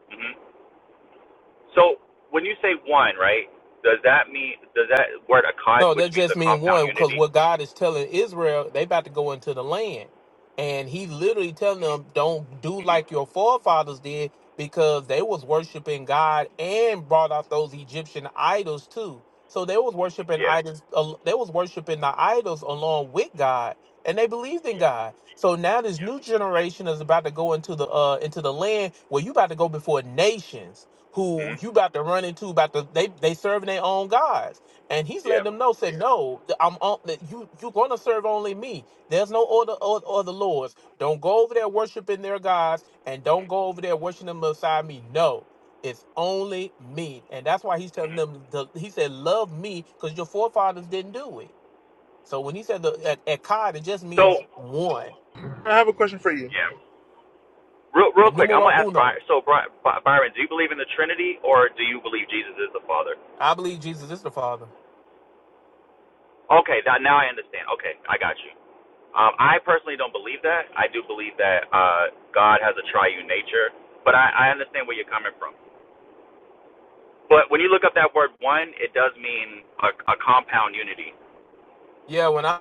[SPEAKER 6] mhm. So when you say one, right? Does that mean does that word akkad,
[SPEAKER 3] No, that
[SPEAKER 6] which means a
[SPEAKER 3] just mean
[SPEAKER 6] compound
[SPEAKER 3] one because
[SPEAKER 6] unity?
[SPEAKER 3] what God is telling Israel, they about to go into the land, and He literally telling them, "Don't do
[SPEAKER 6] hmm
[SPEAKER 3] like your forefathers did, because they was worshiping God and brought out those Egyptian idols too. So they was worshiping
[SPEAKER 6] Yeah.
[SPEAKER 3] idols. al- They was worshiping the idols along with God, and they believed in
[SPEAKER 6] Yeah.
[SPEAKER 3] God. So now this
[SPEAKER 6] Yeah.
[SPEAKER 3] new generation is about to go into the uh into the land where you about to go before nations
[SPEAKER 6] hmm
[SPEAKER 3] who you about to run into about to they they serving their own gods and he's
[SPEAKER 6] Yeah.
[SPEAKER 3] letting them know, said, Yeah. no, th- I'm on. that You you're gonna serve only me. There's no other other, other lords. Don't go over there worshiping their gods, and don't go over there worshiping them beside me. No, it's only me, and that's why he's telling
[SPEAKER 6] hmm
[SPEAKER 3] them. The, he said, love me, because your forefathers didn't do it. So when he said the at, at it just means
[SPEAKER 6] So
[SPEAKER 3] one,
[SPEAKER 2] I have a question for you.
[SPEAKER 6] yeah. Real, real
[SPEAKER 3] the
[SPEAKER 6] quick, I'm gonna
[SPEAKER 3] numero
[SPEAKER 6] ask Byron.
[SPEAKER 3] uno.
[SPEAKER 6] So Byron, do you believe in the Trinity or do you believe Jesus is the Father?
[SPEAKER 3] I believe Jesus is the Father.
[SPEAKER 6] Okay, that, now I understand. Okay, I got you. Um, I personally don't believe that. I do believe that uh, God has a triune nature, but I, I understand where you're coming from. But when you look up that word one, it does mean a, a compound unity.
[SPEAKER 3] Yeah, when I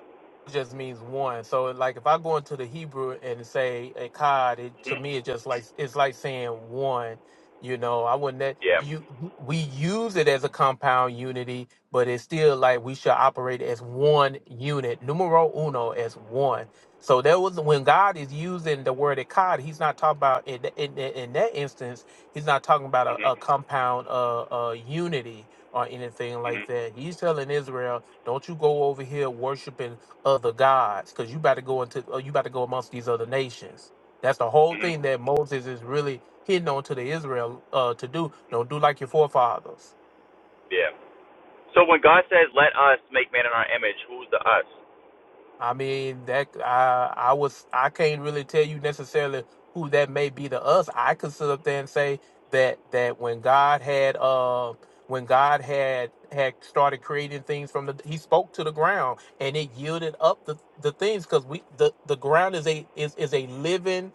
[SPEAKER 3] just means one. So like if I go into the Hebrew and say Echad, it to
[SPEAKER 6] hmm
[SPEAKER 3] me it's just like it's like saying one. You know, I wouldn't that
[SPEAKER 6] Yeah.
[SPEAKER 3] you we use it as a compound unity, but it's still like we should operate as one unit, numero uno as one. So that was when God is using the word "ekad." He's not talking about in th- in, in that instance. He's not talking about a,
[SPEAKER 6] hmm
[SPEAKER 3] a compound uh, uh, unity or anything like
[SPEAKER 6] hmm
[SPEAKER 3] that. He's telling Israel, "Don't you go over here worshiping other gods, because you about to go into uh, you about to go amongst these other nations." That's the whole
[SPEAKER 6] hmm
[SPEAKER 3] thing that Moses is really hitting on to the Israel uh, to do. Don't do like your forefathers.
[SPEAKER 6] Yeah. So when God says, "Let us make man in our image," who's the us?
[SPEAKER 3] I mean that I I was I can't really tell you necessarily who that may be to us. I could sit up there and say that that when God had uh when God had had started creating things from the he spoke to the ground and it yielded up the the things because we the the ground is a is is a living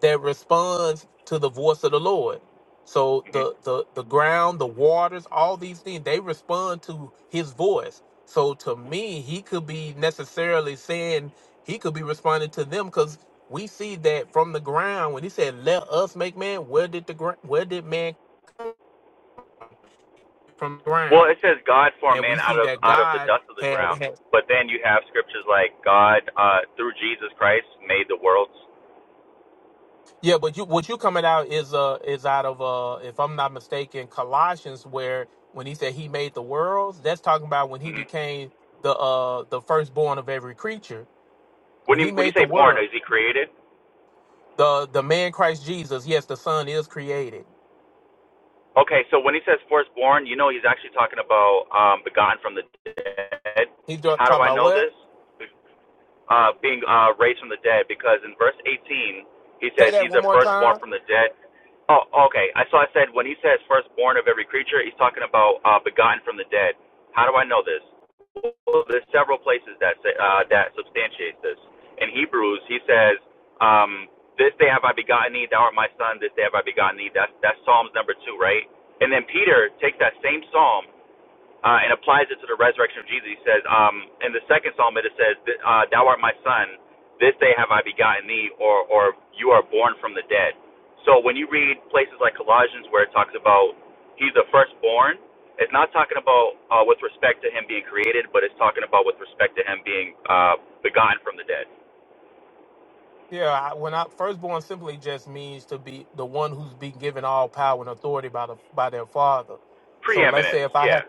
[SPEAKER 3] that responds to the voice of the Lord. So
[SPEAKER 6] hmm
[SPEAKER 3] the the the ground, the waters, all these things they respond to His voice so to me, he could be necessarily saying he could be responding to them because we see that from the ground when he said, "Let us make man." Where did the gra- where did man come from the
[SPEAKER 6] Well,
[SPEAKER 3] ground?
[SPEAKER 6] it says God formed
[SPEAKER 3] And we
[SPEAKER 6] man out
[SPEAKER 3] see
[SPEAKER 6] of
[SPEAKER 3] that
[SPEAKER 6] out of the
[SPEAKER 3] God
[SPEAKER 6] dust of the
[SPEAKER 3] had
[SPEAKER 6] ground.
[SPEAKER 3] had
[SPEAKER 6] But then you have scriptures like God uh, through Jesus Christ made the worlds.
[SPEAKER 3] yeah. But you what you coming out is uh is out of uh if I'm not mistaken Colossians where when he said he made the worlds that's talking about when he
[SPEAKER 6] hmm
[SPEAKER 3] became the uh the firstborn of every creature
[SPEAKER 6] When
[SPEAKER 3] when
[SPEAKER 6] you
[SPEAKER 3] he
[SPEAKER 6] when you
[SPEAKER 3] made
[SPEAKER 6] say
[SPEAKER 3] the
[SPEAKER 6] born,
[SPEAKER 3] world
[SPEAKER 6] is he created?
[SPEAKER 3] the the man Christ Jesus yes the Son is created
[SPEAKER 6] Okay, so when he says firstborn, you know he's actually talking about um, begotten from the dead.
[SPEAKER 3] He
[SPEAKER 6] How do
[SPEAKER 3] talking
[SPEAKER 6] I
[SPEAKER 3] about
[SPEAKER 6] know
[SPEAKER 3] what?
[SPEAKER 6] this? Uh, being uh, raised from the dead, because in verse 18 he
[SPEAKER 3] Say
[SPEAKER 6] says
[SPEAKER 3] that
[SPEAKER 6] he's
[SPEAKER 3] one
[SPEAKER 6] the
[SPEAKER 3] more
[SPEAKER 6] firstborn
[SPEAKER 3] time.
[SPEAKER 6] from the dead. Oh, okay. I saw. I said when he says firstborn of every creature, he's talking about uh, begotten from the dead. How do I know this? Well, there's several places that say, uh, that substantiates this. In Hebrews, he says, um, "This day have I begotten thee, thou art my son. This day have I begotten thee." That's that's Psalms number two, right? And then Peter takes that same psalm uh, and applies it to the resurrection of Jesus. He says, um, in the second psalm, it says, uh, "Thou art my son; this day have I begotten thee," or, or "You are born from the dead." So when you read places like Colossians, where it talks about he's the firstborn, it's not talking about uh, with respect to him being created, but it's talking about with respect to him being uh, begotten from the dead.
[SPEAKER 3] Yeah, I, when I firstborn simply just means to be the one who's been given all power and authority by the by their father. So let's say
[SPEAKER 6] Preeminence,
[SPEAKER 3] if I had
[SPEAKER 6] yeah,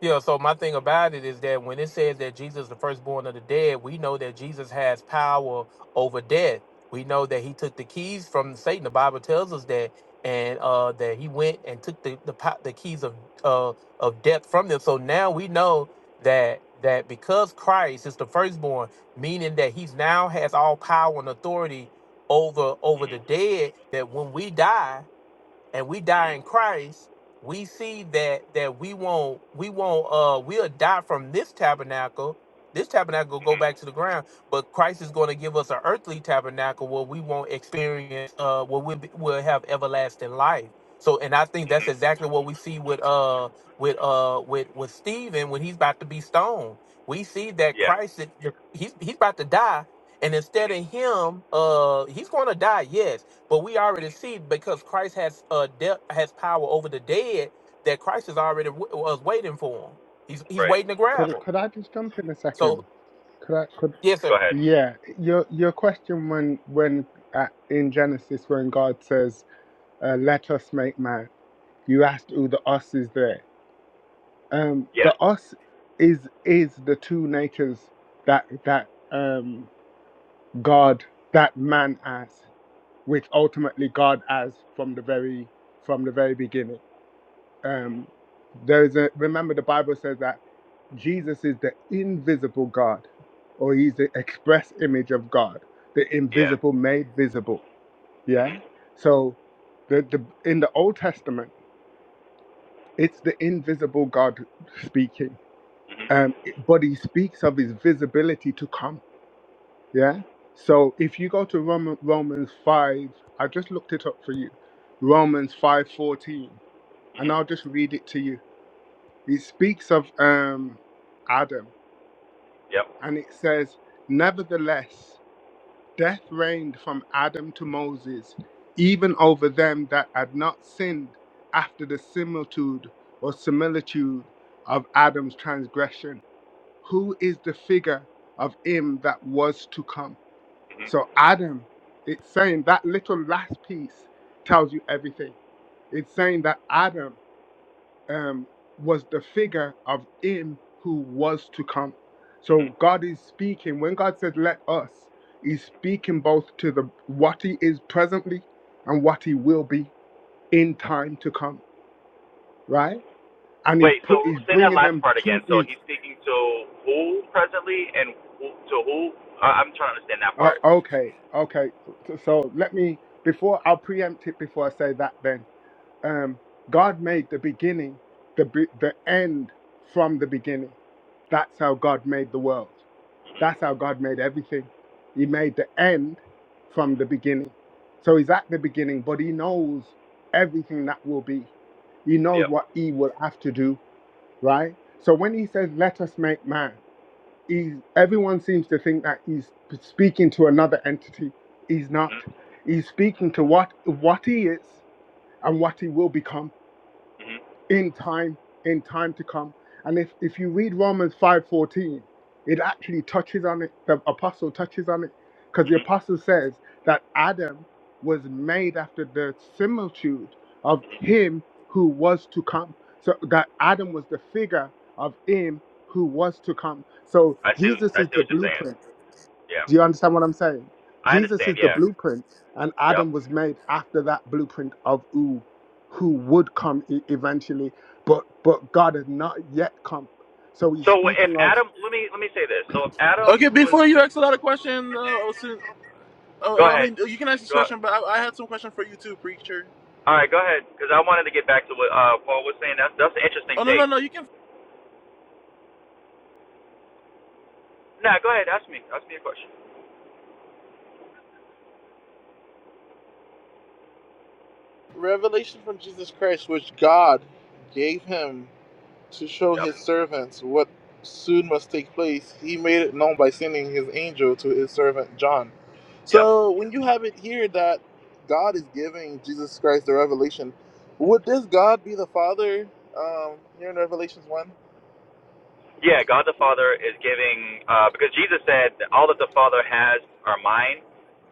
[SPEAKER 3] Yeah, so my thing about it is that when it says that Jesus is the firstborn of the dead, we know that Jesus has power over death. We know that he took the keys from Satan. The Bible tells us that, and uh, that he went and took the the, po- the keys of uh, of death from them. So now we know that that because Christ is the firstborn, meaning that he's now has all power and authority over over the dead. That when we die and we die in Christ, we see that that we won't we won't uh we'll die from this tabernacle. This tabernacle will go back to the ground, but Christ is going to give us an earthly tabernacle where we won't experience uh where we will have everlasting life. So and I think that's
[SPEAKER 6] hmm
[SPEAKER 3] exactly what we see with uh with uh with with Stephen when he's about to be stoned. We see that
[SPEAKER 6] yeah,
[SPEAKER 3] Christ is- he's he's about to die and instead of him uh he's going to die yes but we already see because Christ has uh death has power over the dead that Christ is already w- was waiting for him. He's he's
[SPEAKER 6] right.
[SPEAKER 3] waiting to grab
[SPEAKER 5] Could
[SPEAKER 3] him.
[SPEAKER 5] could I just jump in a second?
[SPEAKER 3] So
[SPEAKER 5] Could I could
[SPEAKER 3] yes,
[SPEAKER 6] Go
[SPEAKER 3] sir.
[SPEAKER 6] ahead.
[SPEAKER 5] yeah, your your question when when uh, in Genesis when God says, uh, "Let us make man," you asked who the us is there. Um, the
[SPEAKER 6] Yeah,
[SPEAKER 5] us is is the two natures that that um God that man has, which ultimately God has from the very from the very beginning um, there's a remember the bible says that jesus is the invisible god or he's the express image of god the
[SPEAKER 6] yeah,
[SPEAKER 5] invisible made visible yeah
[SPEAKER 6] hmm
[SPEAKER 5] so the, the in the old testament it's the invisible god speaking um it- but he speaks of his visibility to come yeah so if you go to Roman, romans 5 i just looked it up for you romans 5 14, and
[SPEAKER 6] hmm
[SPEAKER 5] i'll just read it to you he speaks of um, Adam,
[SPEAKER 6] yep,
[SPEAKER 5] and it says, Nevertheless, death reigned from Adam to Moses, even over them that had not sinned after the similitude or similitude of Adam's transgression. Who is the figure of him that was to come?
[SPEAKER 6] hmm
[SPEAKER 5] So, Adam, it's saying that little last piece tells you everything. It's saying that Adam um, was the figure of him who was to come.
[SPEAKER 6] hmm
[SPEAKER 5] So God is speaking. When God says, let us, he's speaking both to the what he is presently and what he will be in time to come, right? And he's
[SPEAKER 6] Wait, so
[SPEAKER 5] put, he's
[SPEAKER 6] say that
[SPEAKER 5] bringing
[SPEAKER 6] last
[SPEAKER 5] them
[SPEAKER 6] part
[SPEAKER 5] to
[SPEAKER 6] again. So
[SPEAKER 5] his,
[SPEAKER 6] he's speaking to who presently and who, to who? I, I'm trying to understand that
[SPEAKER 5] uh,
[SPEAKER 6] part.
[SPEAKER 5] okay, okay. So, so let me, before I'll preempt it before I say that then, um, God made the beginning, the, be- the end from the beginning. That's how God made the world. That's how God made everything. He made the end from the beginning. So he's at the beginning, but he knows everything that will be. He knows
[SPEAKER 6] Yeah.
[SPEAKER 5] what he will have to do, right? So when he says, let us make man, he, everyone seems to think that he's speaking to another entity. He's not.
[SPEAKER 6] Mhm.
[SPEAKER 5] He's speaking to what, what he is and what he will become
[SPEAKER 6] Mhm.
[SPEAKER 5] in time in time to come and if if you read romans 5.14 it actually touches on it the apostle touches on it because the
[SPEAKER 6] Mhm.
[SPEAKER 5] apostle says that adam was made after the similitude of him who was to come so that adam was the figure of him who was to come so
[SPEAKER 6] I see.
[SPEAKER 5] jesus
[SPEAKER 6] I
[SPEAKER 5] is
[SPEAKER 6] see
[SPEAKER 5] the
[SPEAKER 6] what you're saying.
[SPEAKER 5] blueprint
[SPEAKER 6] Yeah.
[SPEAKER 5] do you understand what I'm saying?
[SPEAKER 6] I
[SPEAKER 5] Jesus is
[SPEAKER 6] understand.
[SPEAKER 5] the
[SPEAKER 6] Yeah.
[SPEAKER 5] blueprint, and
[SPEAKER 6] Yep.
[SPEAKER 5] Adam was made after that blueprint of who, who would come e- eventually, but but God had not yet come. So he's
[SPEAKER 6] So if
[SPEAKER 5] speaking of
[SPEAKER 6] Adam, let me let me say this. So if
[SPEAKER 2] Okay,
[SPEAKER 6] Adam was,
[SPEAKER 2] before you ask a lot of questions, uh, Oh,
[SPEAKER 6] go
[SPEAKER 2] oh, I
[SPEAKER 6] ahead.
[SPEAKER 2] mean, you can ask this
[SPEAKER 6] Go.
[SPEAKER 2] question, but I, I had some question for you too, preacher.
[SPEAKER 6] All right. Go ahead. Because I wanted to get back to what uh, Paul was saying. That's that's an interesting
[SPEAKER 2] Oh no, no,
[SPEAKER 6] take.
[SPEAKER 2] no, you can.
[SPEAKER 6] Nah. Go ahead. Ask me. Ask me a question.
[SPEAKER 2] Revelation from Jesus Christ, which God gave him to show
[SPEAKER 6] Yep.
[SPEAKER 2] His servants what soon must take place. He made it known by sending His angel to His servant John.
[SPEAKER 6] Yep.
[SPEAKER 2] So when you have it here that God is giving Jesus Christ the revelation, would this God be the Father? Um, here in Revelations one.
[SPEAKER 6] Yeah, God the Father is giving uh, because Jesus said all that the Father has are mine,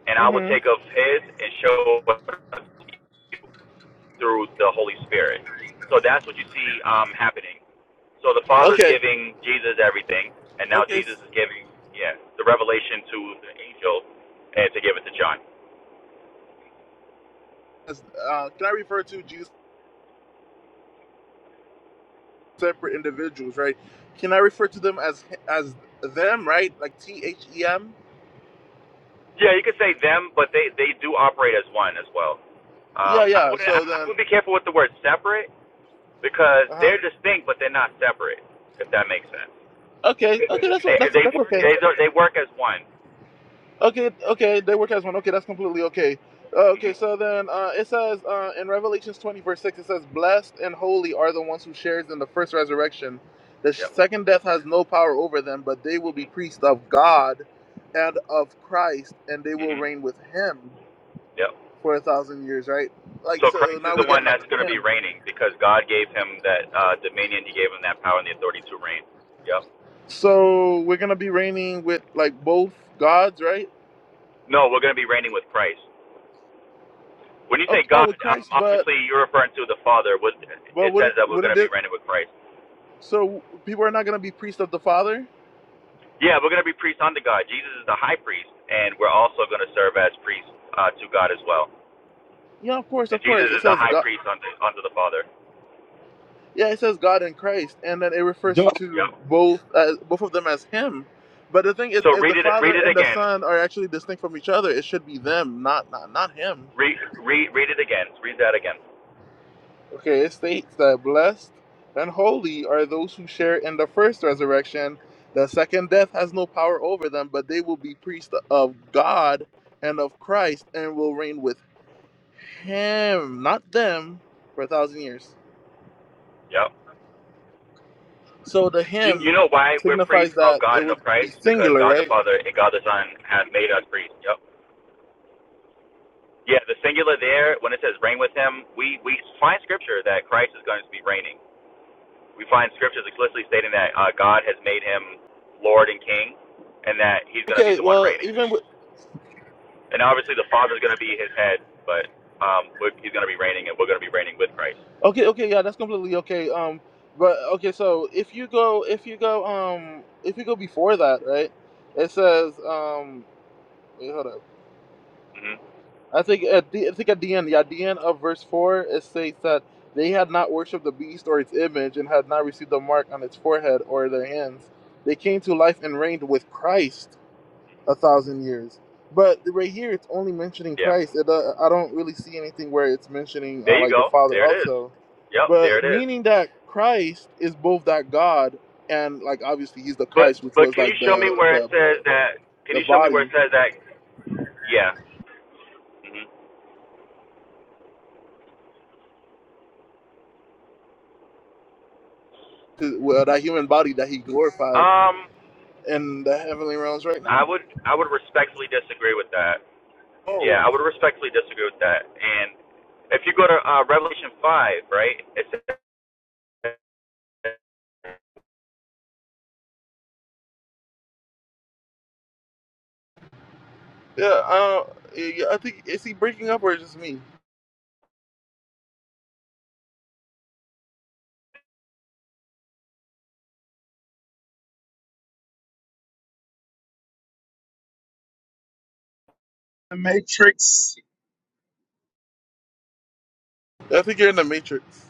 [SPEAKER 6] and I will
[SPEAKER 2] Mm-hmm.
[SPEAKER 6] take of His and show through the Holy Spirit. So that's what you see um, happening. So the Father is
[SPEAKER 2] Okay.
[SPEAKER 6] giving Jesus everything, and now
[SPEAKER 2] Okay.
[SPEAKER 6] Jesus is giving yeah the revelation to the angel and to give it to John.
[SPEAKER 2] Uh, can I refer to Jesus? separate individuals, right? Can I refer to them as as them, right? Like T H E M.
[SPEAKER 6] Yeah, you could say them, but they they do operate as one as well.
[SPEAKER 2] Yeah,
[SPEAKER 6] Um, I
[SPEAKER 2] yeah.
[SPEAKER 6] wouldn't
[SPEAKER 2] So
[SPEAKER 6] I
[SPEAKER 2] then,
[SPEAKER 6] would be careful with the word separate because
[SPEAKER 2] uh huh.
[SPEAKER 6] they're distinct, but they're not separate. If that makes sense.
[SPEAKER 2] Okay, okay. That's o-
[SPEAKER 6] They
[SPEAKER 2] that's
[SPEAKER 6] they
[SPEAKER 2] that's
[SPEAKER 6] work
[SPEAKER 2] okay.
[SPEAKER 6] they they work as one.
[SPEAKER 2] Okay, okay. They work as one. Okay, that's completely okay. Uh, Okay,
[SPEAKER 6] hmm
[SPEAKER 2] so then uh, it says uh, in Revelations 20, verse 6, it says, Blessed and holy are the ones who shares in the first resurrection. The
[SPEAKER 6] Yep.
[SPEAKER 2] second death has no power over them, but they will be priests of God and of Christ, and they will
[SPEAKER 6] hmm
[SPEAKER 2] reign with him
[SPEAKER 6] Yep.
[SPEAKER 2] for a thousand years, right? Like,
[SPEAKER 6] So
[SPEAKER 2] so
[SPEAKER 6] Christ is
[SPEAKER 2] now
[SPEAKER 6] the
[SPEAKER 2] we get
[SPEAKER 6] one
[SPEAKER 2] like
[SPEAKER 6] that's going
[SPEAKER 2] a
[SPEAKER 6] to be
[SPEAKER 2] hymn.
[SPEAKER 6] reigning because God gave him that uh, dominion. He gave him that power and the authority to reign. Yep.
[SPEAKER 2] So we're gonna be reigning with like both gods, right?
[SPEAKER 6] No, we're going to be reigning with Christ. When you say
[SPEAKER 2] Okay, oh,
[SPEAKER 6] God,
[SPEAKER 2] with
[SPEAKER 6] um,
[SPEAKER 2] Christ, but
[SPEAKER 6] obviously you're referring to the Father. What-
[SPEAKER 2] but
[SPEAKER 6] It says
[SPEAKER 2] wouldn't
[SPEAKER 6] that we're going
[SPEAKER 2] wouldn't
[SPEAKER 6] to be
[SPEAKER 2] it?
[SPEAKER 6] reigning with Christ.
[SPEAKER 2] So people are not gonna be priests of the Father?
[SPEAKER 6] Yeah, we're going to be priests unto God. Jesus is the high priest, and we're also going to serve as priests uh, to God as well.
[SPEAKER 2] Yeah, of course,
[SPEAKER 6] And
[SPEAKER 2] of
[SPEAKER 6] Jesus
[SPEAKER 2] course. It
[SPEAKER 6] is the
[SPEAKER 2] says
[SPEAKER 6] high
[SPEAKER 2] God.
[SPEAKER 6] priest unto, unto the Father.
[SPEAKER 2] Yeah, it says God and Christ, and then it refers
[SPEAKER 7] Duh,
[SPEAKER 2] to
[SPEAKER 6] Yep.
[SPEAKER 2] both as both of them as Him. But the thing is,
[SPEAKER 6] So
[SPEAKER 2] if the
[SPEAKER 6] read it.
[SPEAKER 2] Father
[SPEAKER 6] Read it
[SPEAKER 2] and the
[SPEAKER 6] again.
[SPEAKER 2] Son are actually distinct from each other, it should be them, not not not Him.
[SPEAKER 6] Read, read, read it again. Read that again.
[SPEAKER 2] Okay, it states that blessed and holy are those who share in the first resurrection. The second death has no power over them, but they will be priests of God and of Christ and will reign with Him, not them, for a thousand years.
[SPEAKER 6] Yep.
[SPEAKER 2] So the
[SPEAKER 6] You, you
[SPEAKER 2] Him
[SPEAKER 6] know why we're priests
[SPEAKER 2] signifies that
[SPEAKER 6] of
[SPEAKER 2] it
[SPEAKER 6] God in a
[SPEAKER 2] would be
[SPEAKER 6] Christ? Because
[SPEAKER 2] singular,
[SPEAKER 6] God the
[SPEAKER 2] right?
[SPEAKER 6] Father and God the Son have made us priests. Yep. Yeah, the singular there, when it says reign with him, we, we find scripture that Christ is going to be reigning. We find scriptures explicitly stating that uh, God has made him Lord and King and that he's going to be
[SPEAKER 2] Okay,
[SPEAKER 6] the one
[SPEAKER 2] well,
[SPEAKER 6] reigning.
[SPEAKER 2] even with,
[SPEAKER 6] And obviously the Father is going to be his head, but um, we're, he's going to be reigning and we're going to be reigning with Christ.
[SPEAKER 2] okay, okay, yeah, that's completely okay. Um, but okay, so if you go, if you go, um, if you go before that, right? It says, um, wait, hold up.
[SPEAKER 6] hmm
[SPEAKER 2] I think at the I think at the end, yeah, at the end of verse four, it states that they had not worshipped the beast or its image and had not received the mark on its forehead or their hands. They came to life and reigned with Christ a thousand years. But right here, it's only mentioning
[SPEAKER 6] Yeah.
[SPEAKER 2] Christ. It, uh, I don't really see anything where it's mentioning uh,
[SPEAKER 6] There you
[SPEAKER 2] like the
[SPEAKER 6] go.
[SPEAKER 2] Father
[SPEAKER 6] There it is.
[SPEAKER 2] also.
[SPEAKER 6] Yep, there
[SPEAKER 2] But
[SPEAKER 6] it is.
[SPEAKER 2] meaning that Christ is both that God and like obviously he's the
[SPEAKER 6] But
[SPEAKER 2] Christ, which
[SPEAKER 6] but
[SPEAKER 2] was
[SPEAKER 6] can you
[SPEAKER 2] like
[SPEAKER 6] show me
[SPEAKER 2] the
[SPEAKER 6] where it
[SPEAKER 2] the
[SPEAKER 6] says that? Can
[SPEAKER 2] the
[SPEAKER 6] you show me where
[SPEAKER 2] body,
[SPEAKER 6] it says that? Yeah. hmm
[SPEAKER 2] to, well, that human body that he glorified
[SPEAKER 6] Um,
[SPEAKER 2] in the heavenly realms, right?
[SPEAKER 6] I would I would respectfully disagree with that.
[SPEAKER 2] Oh,
[SPEAKER 6] Yeah, I would respectfully disagree with that. And if you go to uh, Revelation five, right? It says check
[SPEAKER 2] yeah. Uh, yeah. I think is he breaking up or is it just me?
[SPEAKER 4] The Matrix.
[SPEAKER 2] I think you're in the matrix.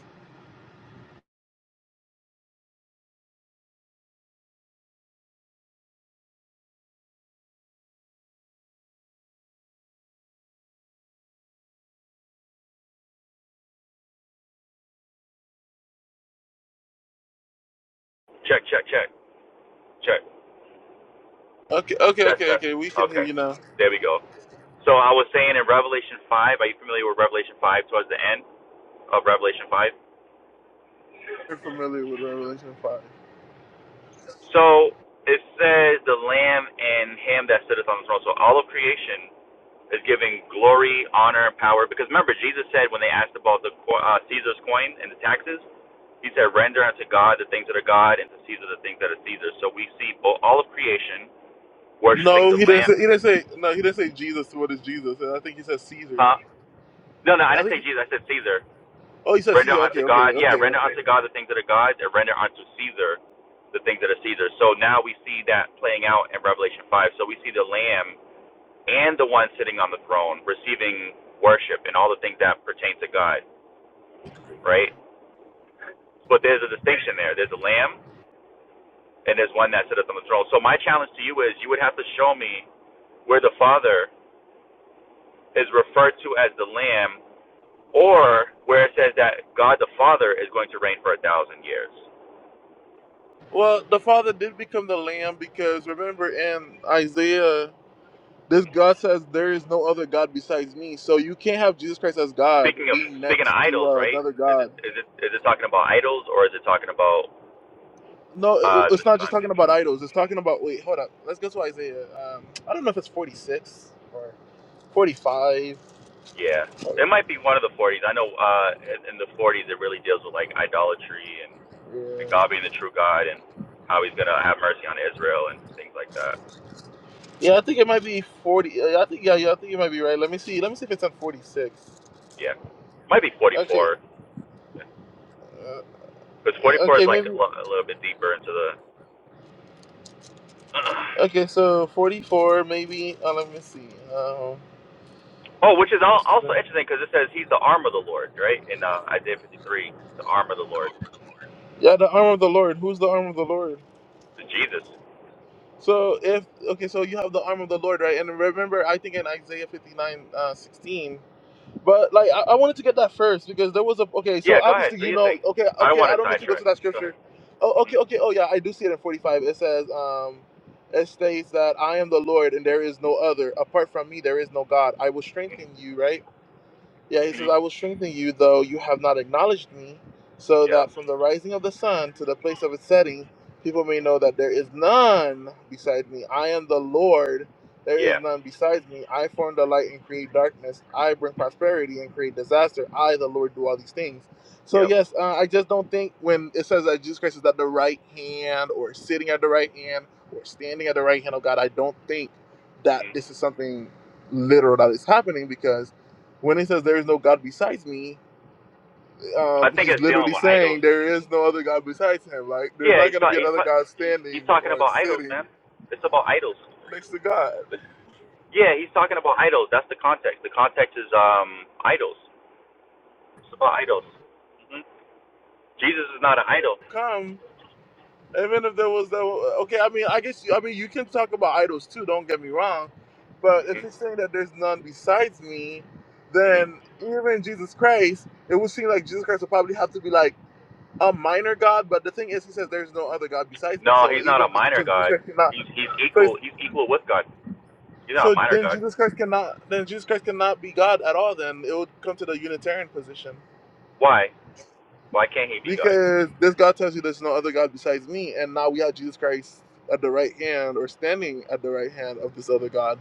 [SPEAKER 6] check check check
[SPEAKER 2] Okay, okay,
[SPEAKER 6] test
[SPEAKER 2] okay,
[SPEAKER 6] test.
[SPEAKER 2] okay. We can hear
[SPEAKER 6] Okay,
[SPEAKER 2] you now.
[SPEAKER 6] there we go. So I was saying in Revelation five. Are you familiar with Revelation five? Towards the end of Revelation five.
[SPEAKER 2] You're familiar with Revelation five.
[SPEAKER 6] So it says the Lamb and Him that sitteth on the throne. So all of creation is giving glory, honor, and power. Because remember, Jesus said when they asked about the uh, Caesar's coin and the taxes, he said, "Render unto God the things that are God, and to Caesar the things that are Caesar." So we see all of creation worshiping
[SPEAKER 2] No,
[SPEAKER 6] the
[SPEAKER 2] he didn't
[SPEAKER 6] Lamb.
[SPEAKER 2] say. He didn't say. No, he didn't say Jesus. What is Jesus? I think he said Caesar.
[SPEAKER 6] Uh, no, no, I
[SPEAKER 2] I
[SPEAKER 6] didn't say
[SPEAKER 2] think.
[SPEAKER 6] Jesus. I said Caesar.
[SPEAKER 2] Oh, he said
[SPEAKER 6] Render
[SPEAKER 2] Caesar.
[SPEAKER 6] unto
[SPEAKER 2] Okay, okay,
[SPEAKER 6] God, yeah,
[SPEAKER 2] okay,
[SPEAKER 6] render
[SPEAKER 2] okay.
[SPEAKER 6] unto God the things that are God, and render unto Caesar the things that are Caesar. So now we see that playing out in Revelation 5. So we see the Lamb and the one sitting on the throne receiving worship and all the things that pertain to God, right? but there's a distinction there. There's a lamb and there's one that sitteth on the throne. So my challenge to you is you would have to show me where the Father is referred to as the lamb or where it says that God the Father is going to reign for a thousand years.
[SPEAKER 2] Well, the Father did become the Lamb because remember in Isaiah, this God says there is no other God besides me. So you can't have Jesus Christ as God
[SPEAKER 6] Speaking of
[SPEAKER 2] being
[SPEAKER 6] speaking
[SPEAKER 2] next
[SPEAKER 6] of
[SPEAKER 2] to
[SPEAKER 6] idols,
[SPEAKER 2] uh,
[SPEAKER 6] right?
[SPEAKER 2] another
[SPEAKER 6] Is
[SPEAKER 2] God.
[SPEAKER 6] it is it is it talking about idols or is it talking about
[SPEAKER 2] No, it-
[SPEAKER 6] uh
[SPEAKER 2] it's
[SPEAKER 6] the
[SPEAKER 2] not just
[SPEAKER 6] sun?
[SPEAKER 2] talking about idols. It's talking about wait, hold up. Let's go to Isaiah. Um, I don't know if it's forty six or forty five.
[SPEAKER 6] Yeah. It might be one of the forties. I know uh in in the forties it really deals with like idolatry and,
[SPEAKER 2] Yeah.
[SPEAKER 6] and God being the true God and how he's gonna have mercy on Israel and things like that.
[SPEAKER 2] yeah, I think it might be forty. uh, I think yeah, yeah, I think you might be right. Let me see. Let me see if it's at forty six.
[SPEAKER 6] Yeah, might be
[SPEAKER 2] Okay.
[SPEAKER 6] 44
[SPEAKER 2] Uh,
[SPEAKER 6] because 44 is
[SPEAKER 2] okay,
[SPEAKER 6] like a,
[SPEAKER 2] maybe.
[SPEAKER 6] lo- a little bit deeper into the.
[SPEAKER 2] Okay, so forty four, maybe. Uh, let me see. Um,
[SPEAKER 6] oh, which is
[SPEAKER 2] this
[SPEAKER 6] al-
[SPEAKER 2] is
[SPEAKER 6] also
[SPEAKER 2] the-
[SPEAKER 6] interesting because it says he's the arm of the Lord, right? In uh, Isaiah 53, the arm of the Lord
[SPEAKER 2] yeah, the arm of the Lord. Who's the arm of the Lord?
[SPEAKER 6] is Jesus.
[SPEAKER 2] So if okay, so you have the arm of the Lord, right? And remember, I think in Isaiah fifty nine uh, sixteen. But like I, I wanted to get that first because there was a okay, so
[SPEAKER 6] Yeah, go ahead,
[SPEAKER 2] obviously
[SPEAKER 6] do
[SPEAKER 2] you
[SPEAKER 6] your
[SPEAKER 2] know
[SPEAKER 6] thing.
[SPEAKER 2] okay,
[SPEAKER 6] I don't
[SPEAKER 2] okay,
[SPEAKER 6] want
[SPEAKER 2] I
[SPEAKER 6] to
[SPEAKER 2] don't need to go to
[SPEAKER 6] sidetrack.
[SPEAKER 2] that
[SPEAKER 6] Go
[SPEAKER 2] scripture.
[SPEAKER 6] ahead.
[SPEAKER 2] Oh
[SPEAKER 6] hmm
[SPEAKER 2] okay, okay, oh yeah, I do see it in forty five. It says, um it states that I am the Lord and there is no other. Apart from me there is no God. I will strengthen you, right? Yeah, he says,
[SPEAKER 6] hmm
[SPEAKER 2] I will strengthen you, though you have not acknowledged me, so
[SPEAKER 6] Yep.
[SPEAKER 2] that from the rising of the sun to the place of its setting, people may know that there is none beside me. I am the Lord. There is
[SPEAKER 6] Yeah.
[SPEAKER 2] none besides me. I form the light and create darkness. I bring prosperity and create disaster. I, the Lord, do all these things. So,
[SPEAKER 6] Yep.
[SPEAKER 2] yes, uh, I just don't think when it says that Jesus Christ is at the right hand or sitting at the right hand or standing at the right hand of God, I don't think that
[SPEAKER 6] hmm
[SPEAKER 2] this is something literal that is happening because when he says there is no God besides me,
[SPEAKER 6] I
[SPEAKER 2] um,
[SPEAKER 6] think
[SPEAKER 2] he's
[SPEAKER 6] it's dealing
[SPEAKER 2] literally
[SPEAKER 6] with idols.
[SPEAKER 2] saying there is no other God besides him. Like there's
[SPEAKER 6] Yeah,
[SPEAKER 2] not
[SPEAKER 6] he's
[SPEAKER 2] gonna be
[SPEAKER 6] ta- he's
[SPEAKER 2] another
[SPEAKER 6] ta-
[SPEAKER 2] God
[SPEAKER 6] he's
[SPEAKER 2] standing
[SPEAKER 6] talking
[SPEAKER 2] or
[SPEAKER 6] about idols,
[SPEAKER 2] sitting
[SPEAKER 6] man. It's about idols.
[SPEAKER 2] next to God.
[SPEAKER 6] Yeah, he's talking about idols. That's the context. The context is um idols. It's about idols. hmm Jesus is not an idol.
[SPEAKER 2] Come, even if there was that. Okay, I mean, I guess you, I mean you can talk about idols too. Don't get me wrong, but if
[SPEAKER 6] hmm
[SPEAKER 2] it's saying that there's none besides me,
[SPEAKER 6] hmm
[SPEAKER 2] then even Jesus Christ, it would seem like Jesus Christ would probably have to be like a minor God. But the thing is, he says there's no other God besides me.
[SPEAKER 6] No,
[SPEAKER 2] So
[SPEAKER 6] he's not a
[SPEAKER 2] even
[SPEAKER 6] minor
[SPEAKER 2] so, Jesus
[SPEAKER 6] god.
[SPEAKER 2] Christ cannot.
[SPEAKER 6] He's he's
[SPEAKER 2] So it's
[SPEAKER 6] equal. He's equal with God. He's not
[SPEAKER 2] So
[SPEAKER 6] a minor
[SPEAKER 2] then
[SPEAKER 6] god.
[SPEAKER 2] Jesus Christ cannot then Jesus Christ cannot be God at all then. It would come to the Unitarian position.
[SPEAKER 6] Why? Why can't he be God?
[SPEAKER 2] Because this God tells you there's no other God besides me, and now we have Jesus Christ at the right hand or standing at the right hand of this other God.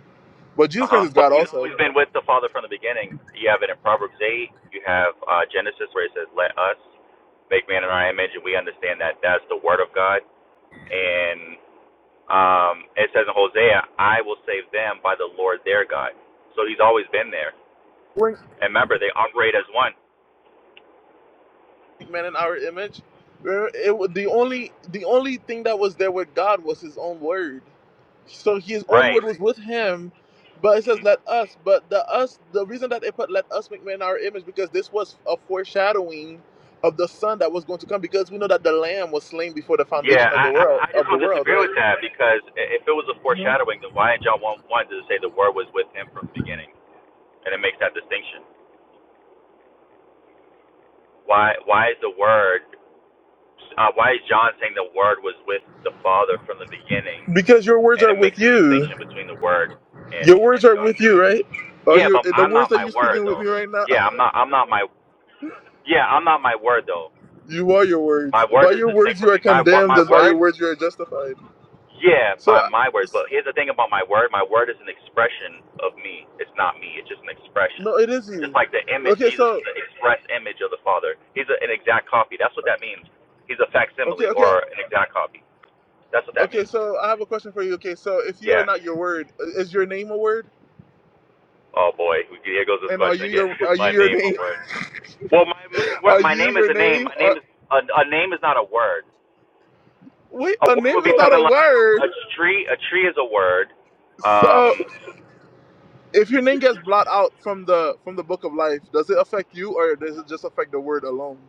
[SPEAKER 2] But Jesus
[SPEAKER 6] Uh
[SPEAKER 2] Christ
[SPEAKER 6] huh.
[SPEAKER 2] is
[SPEAKER 6] But
[SPEAKER 2] God
[SPEAKER 6] he's
[SPEAKER 2] also.
[SPEAKER 6] always been with the Father from the beginning. You have it in Proverbs eight. You have uh, Genesis where it says, "Let us make man in our image," and we understand that that's the Word of God. And um, it says in Hosea, "I will save them by the Lord their God." So he's always been there.
[SPEAKER 2] When
[SPEAKER 6] And remember, they operate as one.
[SPEAKER 2] man in our image. Where it wa- the
[SPEAKER 6] hmm
[SPEAKER 2] only the only thing that was there with God was His own word. So His own
[SPEAKER 6] Right.
[SPEAKER 2] word was with Him, but it says
[SPEAKER 6] Mhm.
[SPEAKER 2] let us. But the us the reason that they put let us make man in our image because this was a foreshadowing of the Son that was going to come. Because we know that the Lamb was slain before the
[SPEAKER 6] Yeah,
[SPEAKER 2] foundation of the
[SPEAKER 6] I, I
[SPEAKER 2] world
[SPEAKER 6] I just
[SPEAKER 2] of the
[SPEAKER 6] don't
[SPEAKER 2] world,
[SPEAKER 6] disagree
[SPEAKER 2] right?
[SPEAKER 6] with that because i- if it was a foreshadowing, then why in John one one does it say the word was with him from the beginning, and it makes that distinction? Why why is the word uh, why is John saying the word was with the Father from the beginning,
[SPEAKER 2] Because your words
[SPEAKER 6] and
[SPEAKER 2] are
[SPEAKER 6] it makes
[SPEAKER 2] with
[SPEAKER 6] a
[SPEAKER 2] you.
[SPEAKER 6] distinction between the word and
[SPEAKER 2] Your
[SPEAKER 6] and
[SPEAKER 2] words are
[SPEAKER 6] God?
[SPEAKER 2] with you, right? Are
[SPEAKER 6] Yeah,
[SPEAKER 2] you
[SPEAKER 6] but
[SPEAKER 2] the
[SPEAKER 6] I'm
[SPEAKER 2] words
[SPEAKER 6] not
[SPEAKER 2] that
[SPEAKER 6] my
[SPEAKER 2] you're
[SPEAKER 6] word
[SPEAKER 2] speaking with me
[SPEAKER 6] though.
[SPEAKER 2] right now?
[SPEAKER 6] Yeah, I'm not I'm not my yeah I'm not my word though.
[SPEAKER 2] You are your words.
[SPEAKER 6] My word
[SPEAKER 2] By
[SPEAKER 6] is
[SPEAKER 2] your
[SPEAKER 6] distinct
[SPEAKER 2] words, you
[SPEAKER 6] from
[SPEAKER 2] are
[SPEAKER 6] me. My word
[SPEAKER 2] condemned,
[SPEAKER 6] my
[SPEAKER 2] and by your
[SPEAKER 6] word
[SPEAKER 2] words, you are justified.
[SPEAKER 6] Yeah,
[SPEAKER 2] So,
[SPEAKER 6] by my words. But here's the thing about my word. My word is an expression of me. It's not me. It's just an expression.
[SPEAKER 2] no, it is
[SPEAKER 6] Just
[SPEAKER 2] you.
[SPEAKER 6] like the image,
[SPEAKER 2] Okay,
[SPEAKER 6] Jesus
[SPEAKER 2] so,
[SPEAKER 6] is the express image of the Father. He's a, an exact copy. That's what
[SPEAKER 2] uh,
[SPEAKER 6] that means. He's a
[SPEAKER 2] okay,
[SPEAKER 6] facsimile
[SPEAKER 2] okay,
[SPEAKER 6] or an exact copy. That's what that
[SPEAKER 2] okay.
[SPEAKER 6] means.
[SPEAKER 2] So, I have a question for you. Okay, so if you are
[SPEAKER 6] Yeah.
[SPEAKER 2] not your word, is your name a word?
[SPEAKER 6] Oh boy, here goes this
[SPEAKER 2] And are
[SPEAKER 6] question
[SPEAKER 2] you
[SPEAKER 6] again.
[SPEAKER 2] your
[SPEAKER 6] Is
[SPEAKER 2] are you
[SPEAKER 6] my
[SPEAKER 2] your
[SPEAKER 6] name a
[SPEAKER 2] name?
[SPEAKER 6] word? Well, my my word,
[SPEAKER 2] Are
[SPEAKER 6] my
[SPEAKER 2] you
[SPEAKER 6] name is
[SPEAKER 2] your
[SPEAKER 6] a name.
[SPEAKER 2] name?
[SPEAKER 6] My
[SPEAKER 2] Are,
[SPEAKER 6] name is a, a name is not a word.
[SPEAKER 2] wait,
[SPEAKER 6] A
[SPEAKER 2] a
[SPEAKER 6] word
[SPEAKER 2] name
[SPEAKER 6] would
[SPEAKER 2] is
[SPEAKER 6] be
[SPEAKER 2] not a
[SPEAKER 6] something like
[SPEAKER 2] word.
[SPEAKER 6] a tree. A tree is a word.
[SPEAKER 2] So,
[SPEAKER 6] Um,
[SPEAKER 2] if your name gets blotted out from the from the book of life, does it affect you, or does it just affect the word alone?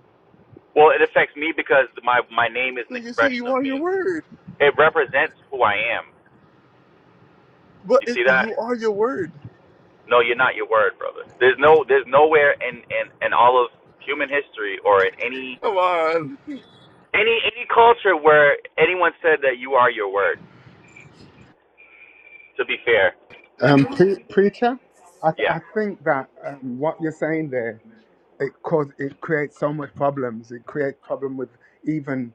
[SPEAKER 6] Well, it affects me because my my name is
[SPEAKER 2] So
[SPEAKER 6] an
[SPEAKER 2] you see, you
[SPEAKER 6] expression of
[SPEAKER 2] are your
[SPEAKER 6] me.
[SPEAKER 2] word,
[SPEAKER 6] It represents who I am.
[SPEAKER 2] but
[SPEAKER 6] You
[SPEAKER 2] it,
[SPEAKER 6] see that?
[SPEAKER 2] you are your word.
[SPEAKER 6] No, you're not your word, brother. There's no there's nowhere in in in all of human history or in any
[SPEAKER 2] Come on.
[SPEAKER 6] any any culture where anyone said that you are your word. To be fair,
[SPEAKER 5] um, pre- preacher. I, th- I
[SPEAKER 6] yeah.
[SPEAKER 5] think that um, what you're saying there it cause it creates so much problems. It creates problem with even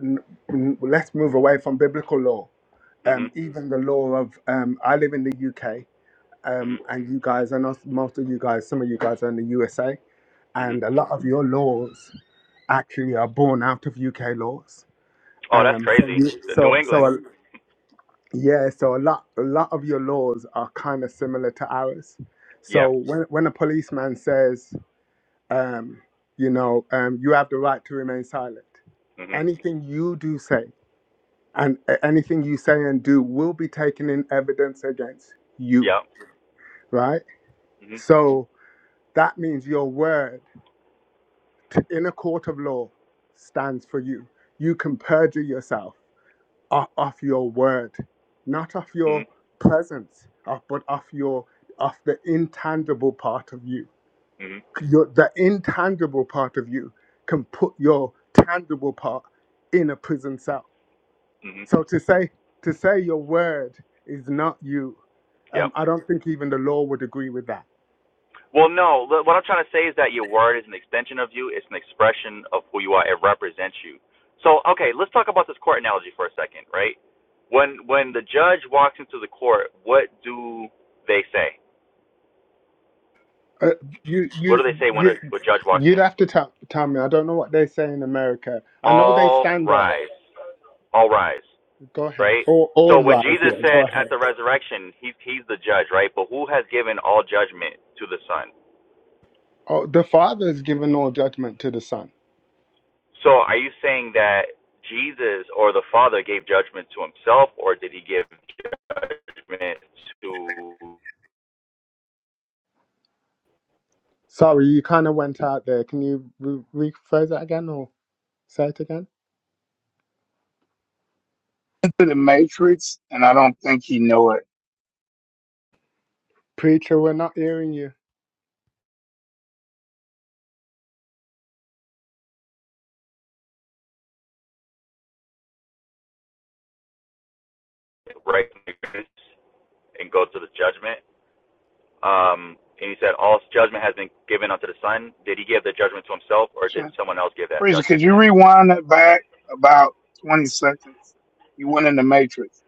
[SPEAKER 5] n- n- let's move away from biblical law
[SPEAKER 6] Mhm.
[SPEAKER 5] um, even the law of um, I live in the UK. um,
[SPEAKER 6] Mhm.
[SPEAKER 5] and you guys, I know most of you guys, some of you guys are in the USA,
[SPEAKER 6] Mhm.
[SPEAKER 5] and a lot of your laws actually are born out of UK laws.
[SPEAKER 6] Oh, that's
[SPEAKER 5] Um, so
[SPEAKER 6] crazy.
[SPEAKER 5] you,
[SPEAKER 6] The
[SPEAKER 5] so
[SPEAKER 6] New
[SPEAKER 5] so
[SPEAKER 6] England.
[SPEAKER 5] a, yeah, so a lot a lot of your laws are kind of similar to ours.
[SPEAKER 6] Yeah.
[SPEAKER 5] So when when a policeman says, um, you know, um, you have the right to remain silent,
[SPEAKER 6] Mhm.
[SPEAKER 5] anything you do say and a- anything you say and do will be taken in evidence against you,
[SPEAKER 6] Yeah.
[SPEAKER 5] right?
[SPEAKER 6] Mhm.
[SPEAKER 5] So. That means your word in a court of law stands for you. You can perjure yourself o- off your word, not off your
[SPEAKER 6] Mhm.
[SPEAKER 5] presence, off- but off your off the intangible part of you.
[SPEAKER 6] Mhm.
[SPEAKER 5] Your, the intangible part of you can put your tangible part in a prison cell.
[SPEAKER 6] Mhm.
[SPEAKER 5] So to say to say your word is not you,
[SPEAKER 6] Yep.
[SPEAKER 5] um, I don't think even the law would agree with that
[SPEAKER 6] Well, no. What I'm trying to say is that your word is an extension of you. It's an expression of who you are. It represents you. So, okay, let's talk about this court analogy for a second, right? When when the judge walks into the court, what do they say?
[SPEAKER 5] Uh, you
[SPEAKER 6] What
[SPEAKER 5] you
[SPEAKER 6] do they say when a,
[SPEAKER 5] you
[SPEAKER 6] a judge walks
[SPEAKER 5] you'd
[SPEAKER 6] in?
[SPEAKER 5] have to tell tell me. I don't know what they say in America. I know they
[SPEAKER 6] All
[SPEAKER 5] stand up.
[SPEAKER 6] rise, all rise,
[SPEAKER 5] Go ahead.
[SPEAKER 6] right?
[SPEAKER 5] All all
[SPEAKER 6] So when
[SPEAKER 5] rise.
[SPEAKER 6] Jesus
[SPEAKER 5] Yeah, go
[SPEAKER 6] said at
[SPEAKER 5] ahead.
[SPEAKER 6] the resurrection, he's he's the judge, right? But who has given all judgment to the Son?
[SPEAKER 5] Oh, the Father has given all judgment to the Son.
[SPEAKER 6] So are you saying that Jesus or the Father gave judgment to himself, or did he give judgment to
[SPEAKER 5] Sorry, you kind of went out there. Can you re- rephrase that again or say it again?
[SPEAKER 4] to the Matrix, and I don't think he know it.
[SPEAKER 5] Preacher, we're not hearing you.
[SPEAKER 6] righteousness and go to the judgment? Um, and he said, All judgment has been given unto the Son. Did he give the judgment to himself, or did someone else give that
[SPEAKER 4] Freezer,
[SPEAKER 6] judgment
[SPEAKER 4] could
[SPEAKER 6] to
[SPEAKER 4] you
[SPEAKER 6] him?
[SPEAKER 4] rewind that back about 20 seconds? You went in the Matrix.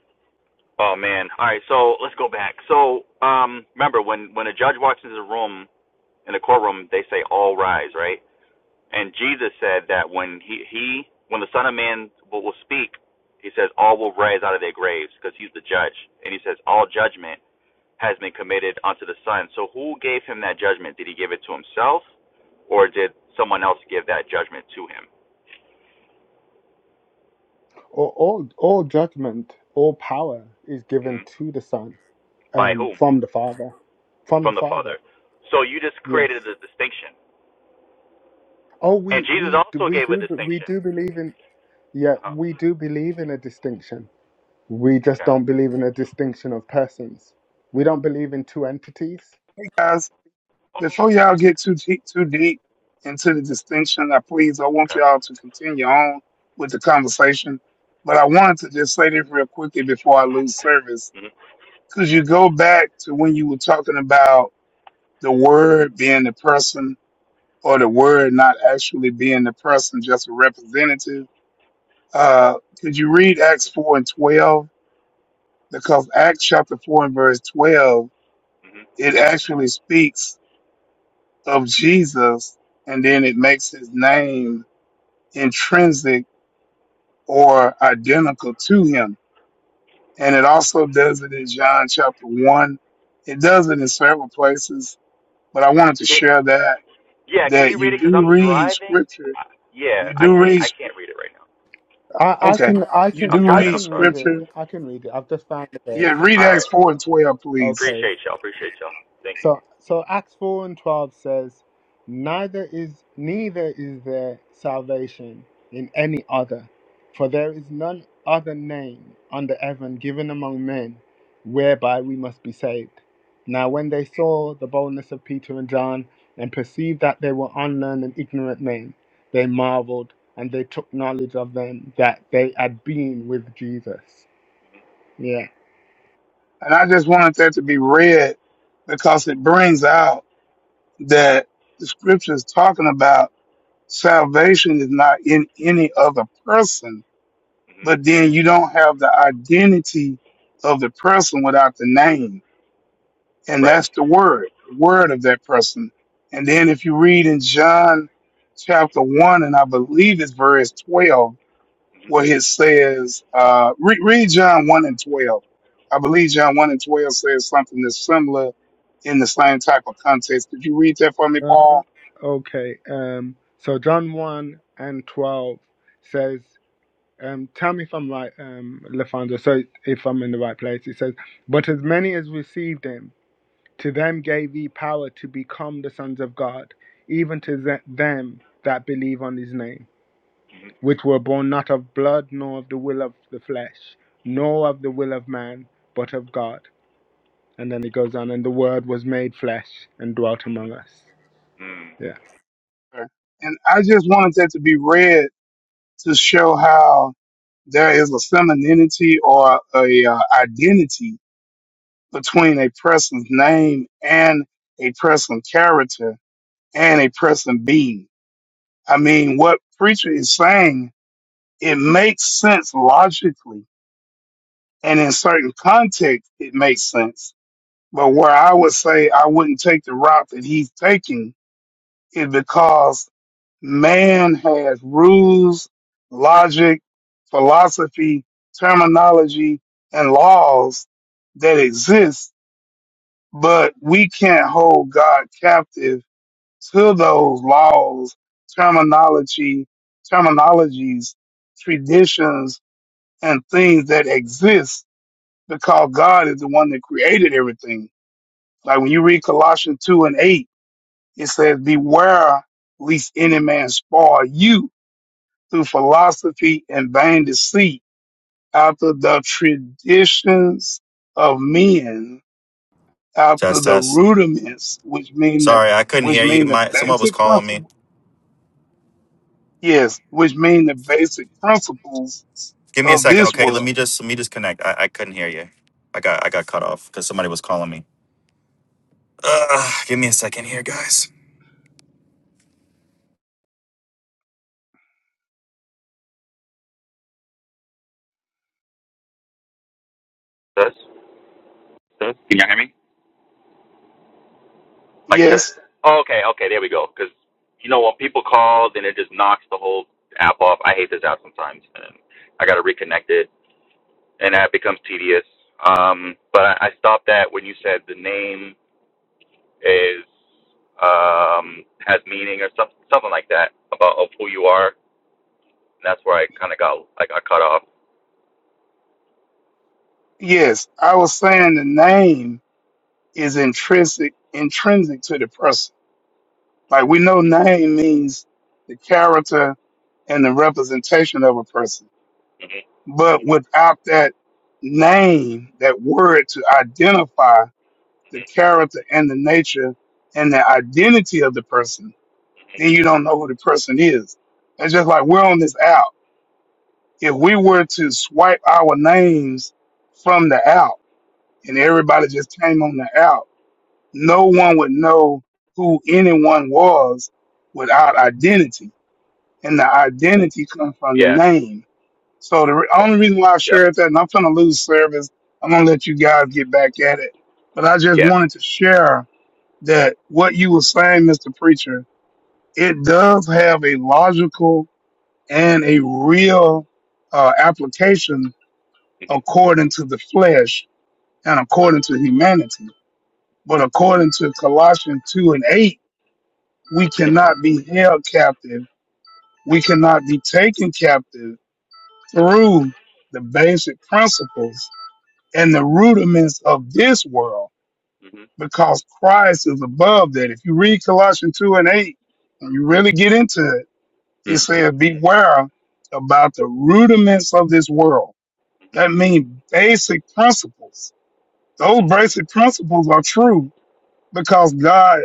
[SPEAKER 6] Oh man! All right, so let's go back. So um, remember, when when a judge walks into the room in the courtroom, they say all rise, right? And Jesus said that when he, he when the Son of Man will, will speak, he says all will rise out of their graves because he's the judge. And he says all judgment has been committed unto the Son. So who gave him that judgment? Did he give it to himself, or did someone else give that judgment to him?
[SPEAKER 5] All all, all judgment, all power is given
[SPEAKER 6] Mhm.
[SPEAKER 5] to the Son
[SPEAKER 6] By
[SPEAKER 5] um,
[SPEAKER 6] whom?
[SPEAKER 5] from the Father. From the
[SPEAKER 6] From the
[SPEAKER 5] Father.
[SPEAKER 6] Father. So you just
[SPEAKER 5] Yes.
[SPEAKER 6] created a distinction.
[SPEAKER 5] Oh,
[SPEAKER 6] And
[SPEAKER 5] we
[SPEAKER 6] Jesus
[SPEAKER 5] we do
[SPEAKER 6] also
[SPEAKER 5] we
[SPEAKER 6] gave a
[SPEAKER 5] do we
[SPEAKER 6] distinction.
[SPEAKER 5] do believe in. Yeah,
[SPEAKER 6] Uh-huh.
[SPEAKER 5] we do believe in a distinction. We just
[SPEAKER 6] Okay.
[SPEAKER 5] don't believe in a distinction of persons. We don't believe in two entities.
[SPEAKER 4] Hey guys,
[SPEAKER 6] Oh,
[SPEAKER 4] before y'all get too deep, too deep into the distinction, I please, I want
[SPEAKER 6] okay.
[SPEAKER 4] y'all to continue on with the conversation. But I wanted to just say this real quickly before I lose service.
[SPEAKER 6] hmm
[SPEAKER 4] Could you go back to when you were talking about the word being the person or the word not actually being the person, just a representative? Uh, could you read Acts 4 and 12? Because Acts chapter 4 and verse 12,
[SPEAKER 6] hmm
[SPEAKER 4] it actually speaks of Jesus and then it makes his name intrinsic or identical to him. And it also does it in John chapter 1. It does it in several places, but I wanted to
[SPEAKER 6] Can,
[SPEAKER 4] share that,
[SPEAKER 6] Yeah, can
[SPEAKER 4] that
[SPEAKER 6] you read
[SPEAKER 4] you
[SPEAKER 6] it? Cause
[SPEAKER 4] do
[SPEAKER 6] I'm
[SPEAKER 4] read
[SPEAKER 6] driving.
[SPEAKER 4] scripture.
[SPEAKER 6] Yeah,
[SPEAKER 4] You
[SPEAKER 6] I
[SPEAKER 4] do
[SPEAKER 6] can't.
[SPEAKER 4] read,
[SPEAKER 6] I can't read it right now.
[SPEAKER 5] I, I
[SPEAKER 4] okay,
[SPEAKER 5] can I
[SPEAKER 4] you
[SPEAKER 5] can
[SPEAKER 6] I'm
[SPEAKER 4] do
[SPEAKER 5] I
[SPEAKER 6] driving.
[SPEAKER 4] read
[SPEAKER 6] I'm
[SPEAKER 5] can
[SPEAKER 6] sorry.
[SPEAKER 5] read it.
[SPEAKER 4] scripture.
[SPEAKER 5] I can read it. I've just found it there.
[SPEAKER 4] Yeah, read
[SPEAKER 6] All
[SPEAKER 4] Acts
[SPEAKER 6] right.
[SPEAKER 4] 4 and 12, please.
[SPEAKER 5] Okay.
[SPEAKER 6] Appreciate y'all. Appreciate y'all. Thank you.
[SPEAKER 5] So so Acts four and twelve says, Neither is neither is there salvation in any other, for there is none other name under heaven given among men whereby we must be saved. Now when they saw the boldness of Peter and John and perceived that they were unlearned and ignorant men, they marveled and they took knowledge of them that they had been with Jesus. Yeah.
[SPEAKER 4] And I just wanted that to be read because it brings out that the scripture is talking about salvation is not in any other person,
[SPEAKER 6] hmm
[SPEAKER 4] but then you don't have the identity of the person without the name. And
[SPEAKER 6] Right.
[SPEAKER 4] that's the word, the word of that person. And then if you read in John chapter one, and I believe it's verse 12, where it says, uh, re- read John 1 and 12. I believe John 1 and 12 says something that's similar in the same type of context. Could you read that for me, Paul?
[SPEAKER 5] Okay. Um, so John 1 and 12 says, um, tell me if I'm right, um, Lefando, so if I'm in the right place. It says, But as many as received him, to them gave he power to become the sons of God, even to th- them that believe on his name, which were born not of blood, nor of the will of the flesh, nor of the will of man, but of God. And then he goes on, and the word was made flesh and dwelt among us.
[SPEAKER 6] Mm.
[SPEAKER 5] Yeah.
[SPEAKER 4] Sure. And I just wanted that to be read to show how there is a femininity or a uh, identity between a person's name and a person's character and a person being. I mean, what preacher is saying, it makes sense logically And in certain context, it makes sense. But where I would say I wouldn't take the route that he's taking is because man has rules, logic, philosophy, terminology, and laws that exist, but we can't hold God captive to those laws, terminology, terminologies, traditions, and things that exist because God is the one that created everything. Like when you read Colossians 2 and 8, it says, Beware lest any man spoil you through philosophy and vain deceit, after the traditions of men, after
[SPEAKER 6] Test
[SPEAKER 4] the
[SPEAKER 6] test.
[SPEAKER 4] rudiments, which mean the
[SPEAKER 6] Sorry, I couldn't
[SPEAKER 4] which
[SPEAKER 6] hear you.
[SPEAKER 4] mean the
[SPEAKER 6] My someone was
[SPEAKER 4] basic
[SPEAKER 6] calling me.
[SPEAKER 4] principles. Yes, which mean the basic principles
[SPEAKER 6] Give me a
[SPEAKER 4] of
[SPEAKER 6] second,
[SPEAKER 4] this
[SPEAKER 6] okay? Let
[SPEAKER 4] world.
[SPEAKER 6] me just let me just connect. I, I couldn't hear you. I got I got cut off because somebody was calling me. Ugh, give me a second here, guys. That's. That's. Can you hear me? Like, should
[SPEAKER 4] Yes,
[SPEAKER 6] I- oh, okay, okay, there we go. Because you know when people call, then it just knocks the whole app off. I hate this app sometimes, and I got to reconnect it, and that becomes tedious. Um, but I, I stopped that when you said the name is um has meaning or something something like that about of who you are. And that's where I kind of got like, I got cut off.
[SPEAKER 4] yes. I was saying the name is intrinsic intrinsic to the person Like we know name means the character and the representation of a person.
[SPEAKER 6] hmm
[SPEAKER 4] But without that name, that word to identify the character and the nature and the identity of the person, then you don't know who the person is. It's just like we're on this app. If we were to swipe our names from the app and everybody just came on the app, no one would know who anyone was without identity and the identity comes from the
[SPEAKER 6] Yeah,
[SPEAKER 4] name. So the re- only reason why I
[SPEAKER 6] yeah,
[SPEAKER 4] shared that, and I'm gonna lose service, I'm gonna let you guys get back at it. But I just
[SPEAKER 6] yeah.
[SPEAKER 4] wanted to share that what you were saying, Mr. Preacher, it does have a logical and a real uh, application
[SPEAKER 6] hmm
[SPEAKER 4] according to the flesh and according to humanity. But according to Colossians 2 and 8, we
[SPEAKER 6] hmm
[SPEAKER 4] cannot be held captive. We cannot be taken captive
[SPEAKER 6] hmm
[SPEAKER 4] through the basic principles and the rudiments of this world because Christ is above that. If you read Colossians 2 and 8, and you really get into it,
[SPEAKER 6] hmm
[SPEAKER 4] it says, Beware about the rudiments of this world. That means basic principles. Those basic principles are true because God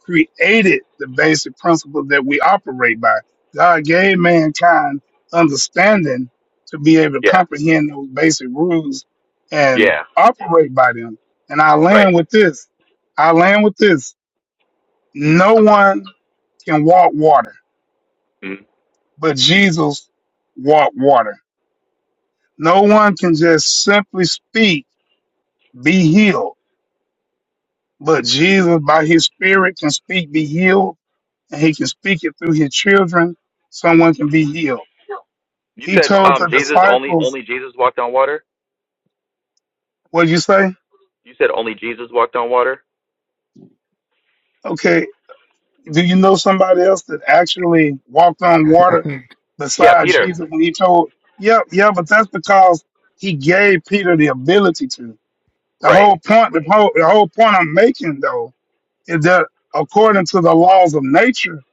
[SPEAKER 4] created the basic principle that we operate by. God gave mankind understanding to be able to
[SPEAKER 6] Yeah,
[SPEAKER 4] comprehend those basic rules and
[SPEAKER 6] yeah,
[SPEAKER 4] operate by them. And I
[SPEAKER 6] right.
[SPEAKER 4] land with this. I land with this. No one can walk water,
[SPEAKER 6] hmm
[SPEAKER 4] but Jesus walked water. No one can just simply speak, be healed, but Jesus by his spirit can speak, be healed, and he can speak it through his children. Someone can be healed.
[SPEAKER 6] You
[SPEAKER 4] He
[SPEAKER 6] said
[SPEAKER 4] told
[SPEAKER 6] um
[SPEAKER 4] the
[SPEAKER 6] Jesus only
[SPEAKER 4] disciples,
[SPEAKER 6] only Jesus walked on water.
[SPEAKER 4] what would you say?
[SPEAKER 6] You said only Jesus walked on water?
[SPEAKER 4] Okay, do you know somebody else that actually walked on water
[SPEAKER 6] Yeah,
[SPEAKER 4] beside
[SPEAKER 6] Peter.
[SPEAKER 4] Jesus? And he told, yeah, yeah, but that's because he gave Peter the ability to. The
[SPEAKER 6] Right.
[SPEAKER 4] whole point, the whole, the whole point I'm making though, is that according to the laws of nature,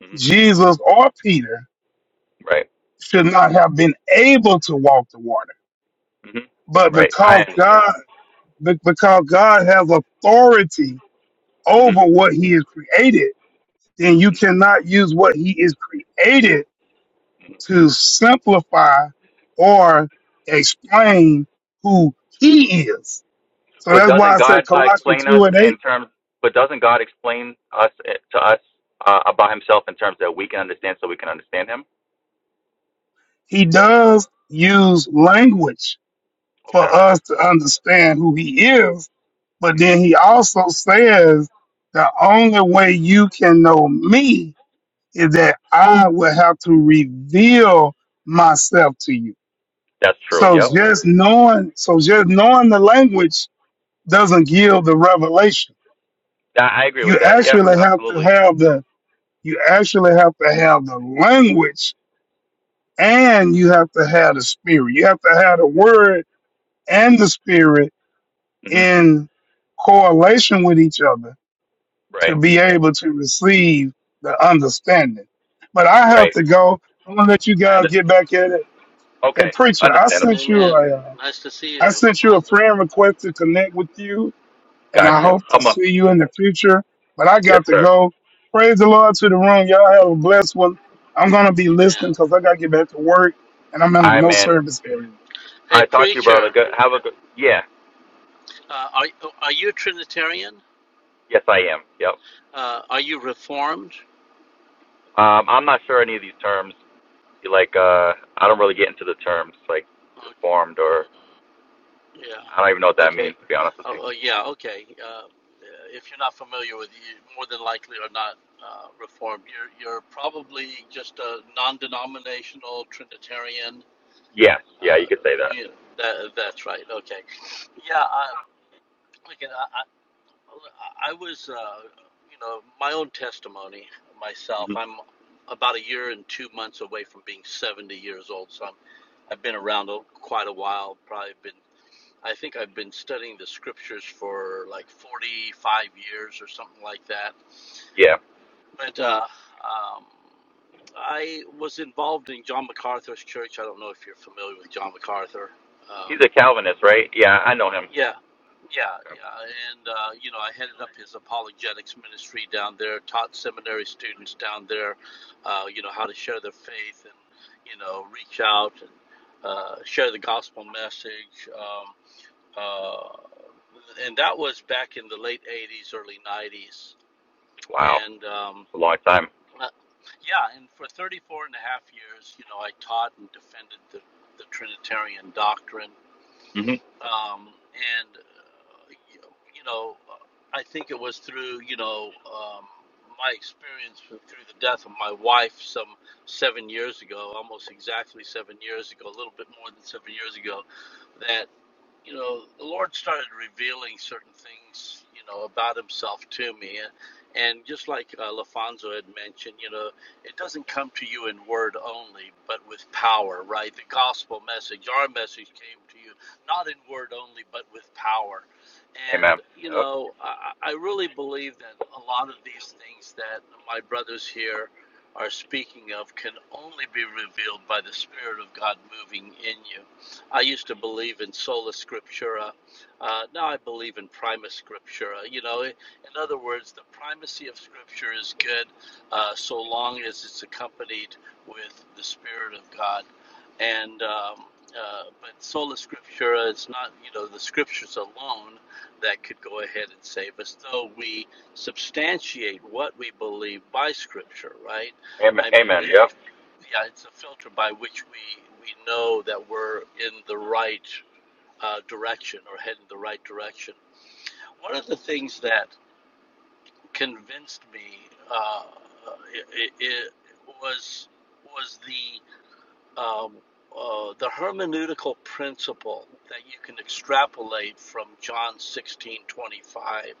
[SPEAKER 6] hmm
[SPEAKER 4] Jesus or Peter
[SPEAKER 6] Right.
[SPEAKER 4] should not have been able to walk the water.
[SPEAKER 6] hmm
[SPEAKER 4] But
[SPEAKER 6] Right. I
[SPEAKER 4] because
[SPEAKER 6] understand.
[SPEAKER 4] God Be- because God has authority
[SPEAKER 6] hmm
[SPEAKER 4] over what he has created, then you
[SPEAKER 6] hmm
[SPEAKER 4] cannot use what he is created to simplify or explain who he is. So
[SPEAKER 6] But
[SPEAKER 4] that's why
[SPEAKER 6] doesn't
[SPEAKER 4] I
[SPEAKER 6] God
[SPEAKER 4] said
[SPEAKER 6] uh,
[SPEAKER 4] Colossians
[SPEAKER 6] explain us
[SPEAKER 4] 2 and
[SPEAKER 6] in
[SPEAKER 4] 8,
[SPEAKER 6] terms? But doesn't God explain us eh, to us uh, about Himself in terms that we can understand, so we can understand Him?
[SPEAKER 4] he does use language for
[SPEAKER 6] Okay.
[SPEAKER 4] us to understand who he is, but
[SPEAKER 6] hmm
[SPEAKER 4] then he also says the only way you can know me is that I will have to reveal myself to you.
[SPEAKER 6] That's true.
[SPEAKER 4] So
[SPEAKER 6] Yep.
[SPEAKER 4] just knowing, so just knowing the language doesn't give the revelation.
[SPEAKER 6] I I agree
[SPEAKER 4] You
[SPEAKER 6] with that. Yeah.
[SPEAKER 4] actually have to
[SPEAKER 6] Absolutely.
[SPEAKER 4] have the, you actually have to have the language and you have to have the spirit. You have to have the word and the spirit
[SPEAKER 6] hmm
[SPEAKER 4] in correlation with each other to
[SPEAKER 6] Right.
[SPEAKER 4] be able to receive the understanding. But I have
[SPEAKER 6] Right.
[SPEAKER 4] to go. I'm gonna let you
[SPEAKER 6] I
[SPEAKER 4] guys
[SPEAKER 6] understand.
[SPEAKER 4] get back at it. Hey
[SPEAKER 6] Okay.
[SPEAKER 4] preacher, I
[SPEAKER 6] Understandable.
[SPEAKER 4] sent you
[SPEAKER 8] Amen.
[SPEAKER 4] a uh,
[SPEAKER 8] Nice to see
[SPEAKER 4] I
[SPEAKER 8] you,
[SPEAKER 4] sent you a
[SPEAKER 8] LaFonda.
[SPEAKER 4] friend request to connect with you, and
[SPEAKER 6] Got
[SPEAKER 4] I
[SPEAKER 6] you.
[SPEAKER 4] hope to
[SPEAKER 6] I'm a
[SPEAKER 4] see you in the future. But I
[SPEAKER 6] yes,
[SPEAKER 4] got to
[SPEAKER 6] sir.
[SPEAKER 4] go. Praise the Lord to the room. Y'all have a blessed one. I'm gonna be listening
[SPEAKER 8] Amen.
[SPEAKER 4] 'cause I gotta get back to work, and I'm in
[SPEAKER 6] All
[SPEAKER 4] a
[SPEAKER 6] right,
[SPEAKER 4] no
[SPEAKER 6] man.
[SPEAKER 4] service area.
[SPEAKER 8] Hey,
[SPEAKER 6] I talk to you, brother.
[SPEAKER 8] preacher,
[SPEAKER 6] Good. Have a good. Yeah.
[SPEAKER 8] uh, are are you Trinitarian?
[SPEAKER 6] Yes, I am. Yep.
[SPEAKER 8] Uh, are you Reformed?
[SPEAKER 6] Um, I'm not sure any of these terms. Like, uh, I don't really get into the terms like
[SPEAKER 8] Uh,
[SPEAKER 6] reformed or I don't even know what
[SPEAKER 8] yeah.
[SPEAKER 6] that
[SPEAKER 8] Okay.
[SPEAKER 6] means to be honest with you.
[SPEAKER 8] Oh, oh, yeah. Okay. Uh, if you're not familiar with, you more than likely are not uh, Reformed. You're you're probably just a non-denominational Trinitarian.
[SPEAKER 6] Yes, yeah,
[SPEAKER 8] Uh,
[SPEAKER 6] you could say that.
[SPEAKER 8] yeah, that that's right. Okay. Yeah. I, okay. Well, I I was, uh, you know, my own testimony myself.
[SPEAKER 6] hmm
[SPEAKER 8] I'm about a year and two months away from being 70 years old, so I'm, I've been around a, quite a while. Probably been, I think I've been studying the scriptures for like 45 years or something like that.
[SPEAKER 6] Yeah,
[SPEAKER 8] But uh, um, I was involved in John MacArthur's church. I don't know if you're familiar with John MacArthur.
[SPEAKER 6] he's
[SPEAKER 8] Um,
[SPEAKER 6] a Calvinist, right? Yeah, I know him.
[SPEAKER 8] Yeah, yeah, yeah. And, uh, you know, I headed up his apologetics ministry down there, taught seminary students down there, uh, you know, how to share their faith and, you know, reach out and uh, share the gospel message. Um, uh, and that was back in the late 80s, early 90s.
[SPEAKER 6] Wow,
[SPEAKER 8] And, um,
[SPEAKER 6] it's a long time.
[SPEAKER 8] uh, yeah, and for 34 and a half years, you know, I taught and defended the, the Trinitarian doctrine
[SPEAKER 6] hmm
[SPEAKER 8] um, and uh, you you know, uh, I think it was through you know um, my experience through the death of my wife some seven years ago, almost exactly seven years ago, a little bit more than seven years ago, that you know, the Lord started revealing certain things, you know, about Himself to me. And just like uh, LaFonso had mentioned, you know, it doesn't come to you in word only, but with power, right? The gospel message, our message came to you not in word only, but with power.
[SPEAKER 6] Amen.
[SPEAKER 8] And, you
[SPEAKER 6] Yep.
[SPEAKER 8] know, I, I I really believe that a lot of these things that my brothers here are speaking of can only be revealed by the Spirit of God moving in you I used to believe in sola scriptura. Uh, now I believe in prima scriptura. You know, in other words, the primacy of scripture is good uh, so long as it's accompanied with the Spirit of God. And um, uh, but sola scriptura, it's not you know the scriptures alone that could go ahead and save us, though we substantiate what we believe by scripture, right?
[SPEAKER 6] Amen.
[SPEAKER 8] I mean,
[SPEAKER 6] Amen.
[SPEAKER 8] it's the
[SPEAKER 6] Yep.
[SPEAKER 8] yeah, it's a filter by which we we know that we're in the right uh, direction or heading the right direction. One of the things that convinced me uh, it, it, it was was the um, uh, the hermeneutical principle that you can extrapolate from John sixteen twenty five,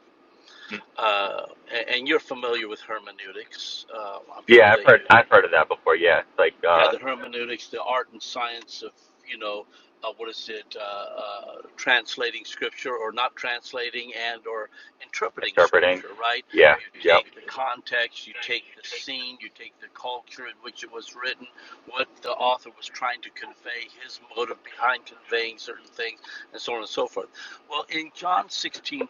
[SPEAKER 6] Mm.
[SPEAKER 8] uh, and, and you're familiar with hermeneutics. Uh, I'm sure
[SPEAKER 6] Yeah,
[SPEAKER 8] that
[SPEAKER 6] I've
[SPEAKER 8] you
[SPEAKER 6] heard I've heard of that before. Yeah, it's like
[SPEAKER 8] yeah,
[SPEAKER 6] uh,
[SPEAKER 8] the hermeneutics, the art and science of, you know, uh, what is it, uh, uh, translating scripture or not translating and or interpreting
[SPEAKER 6] interpreting.
[SPEAKER 8] scripture, right?
[SPEAKER 6] Yeah.
[SPEAKER 8] You
[SPEAKER 6] Yep.
[SPEAKER 8] take the context, you take the scene, you take the culture in which it was written, what the author was trying to convey, his motive behind conveying certain things, and so on and so forth. Well, in John 16:25,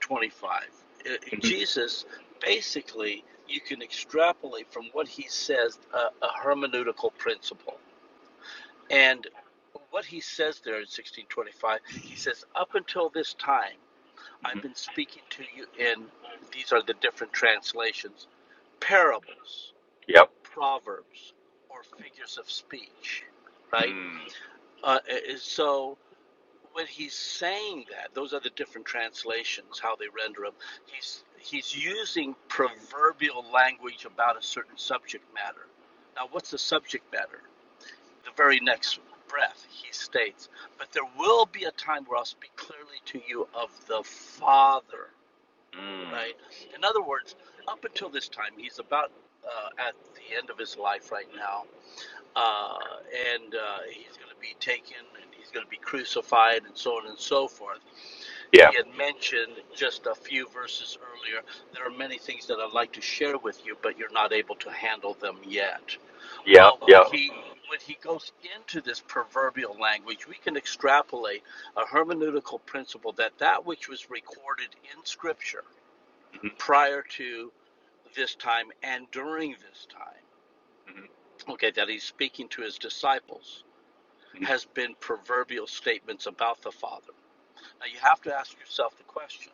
[SPEAKER 6] hmm
[SPEAKER 8] Jesus basically you can extrapolate from what he says a, a hermeneutical principle. And what he says there in 1625, he says, Up until this time, I've been speaking to you in, these are the different translations, parables,
[SPEAKER 6] Yep.
[SPEAKER 8] proverbs, or figures of speech, right?
[SPEAKER 6] Mm.
[SPEAKER 8] Uh, uh, so when he's saying that, those are the different translations, how they render him. He's he's using proverbial language about a certain subject matter. Now, what's the subject matter? The very next breath, he states, "But there will be a time where I'll speak clearly to you of the Father."
[SPEAKER 6] Mm.
[SPEAKER 8] Right. In other words, up until this time, he's about uh, at the end of his life right now. Uh, and uh, he's going to be taken and he's going to be crucified and so on and so forth
[SPEAKER 6] Yeah.
[SPEAKER 8] he had mentioned just a few verses earlier. There are many things that I'd like to share with you, but you're not able to handle them yet.
[SPEAKER 6] Yep.
[SPEAKER 8] Well, when
[SPEAKER 6] Yep.
[SPEAKER 8] he when he goes into this proverbial language, we can extrapolate a hermeneutical principle that that which was recorded in Scripture prior to this time and during this time, okay, that he's speaking to his disciples,
[SPEAKER 6] hmm
[SPEAKER 8] has been proverbial statements about the Father. Now you have to ask yourself the question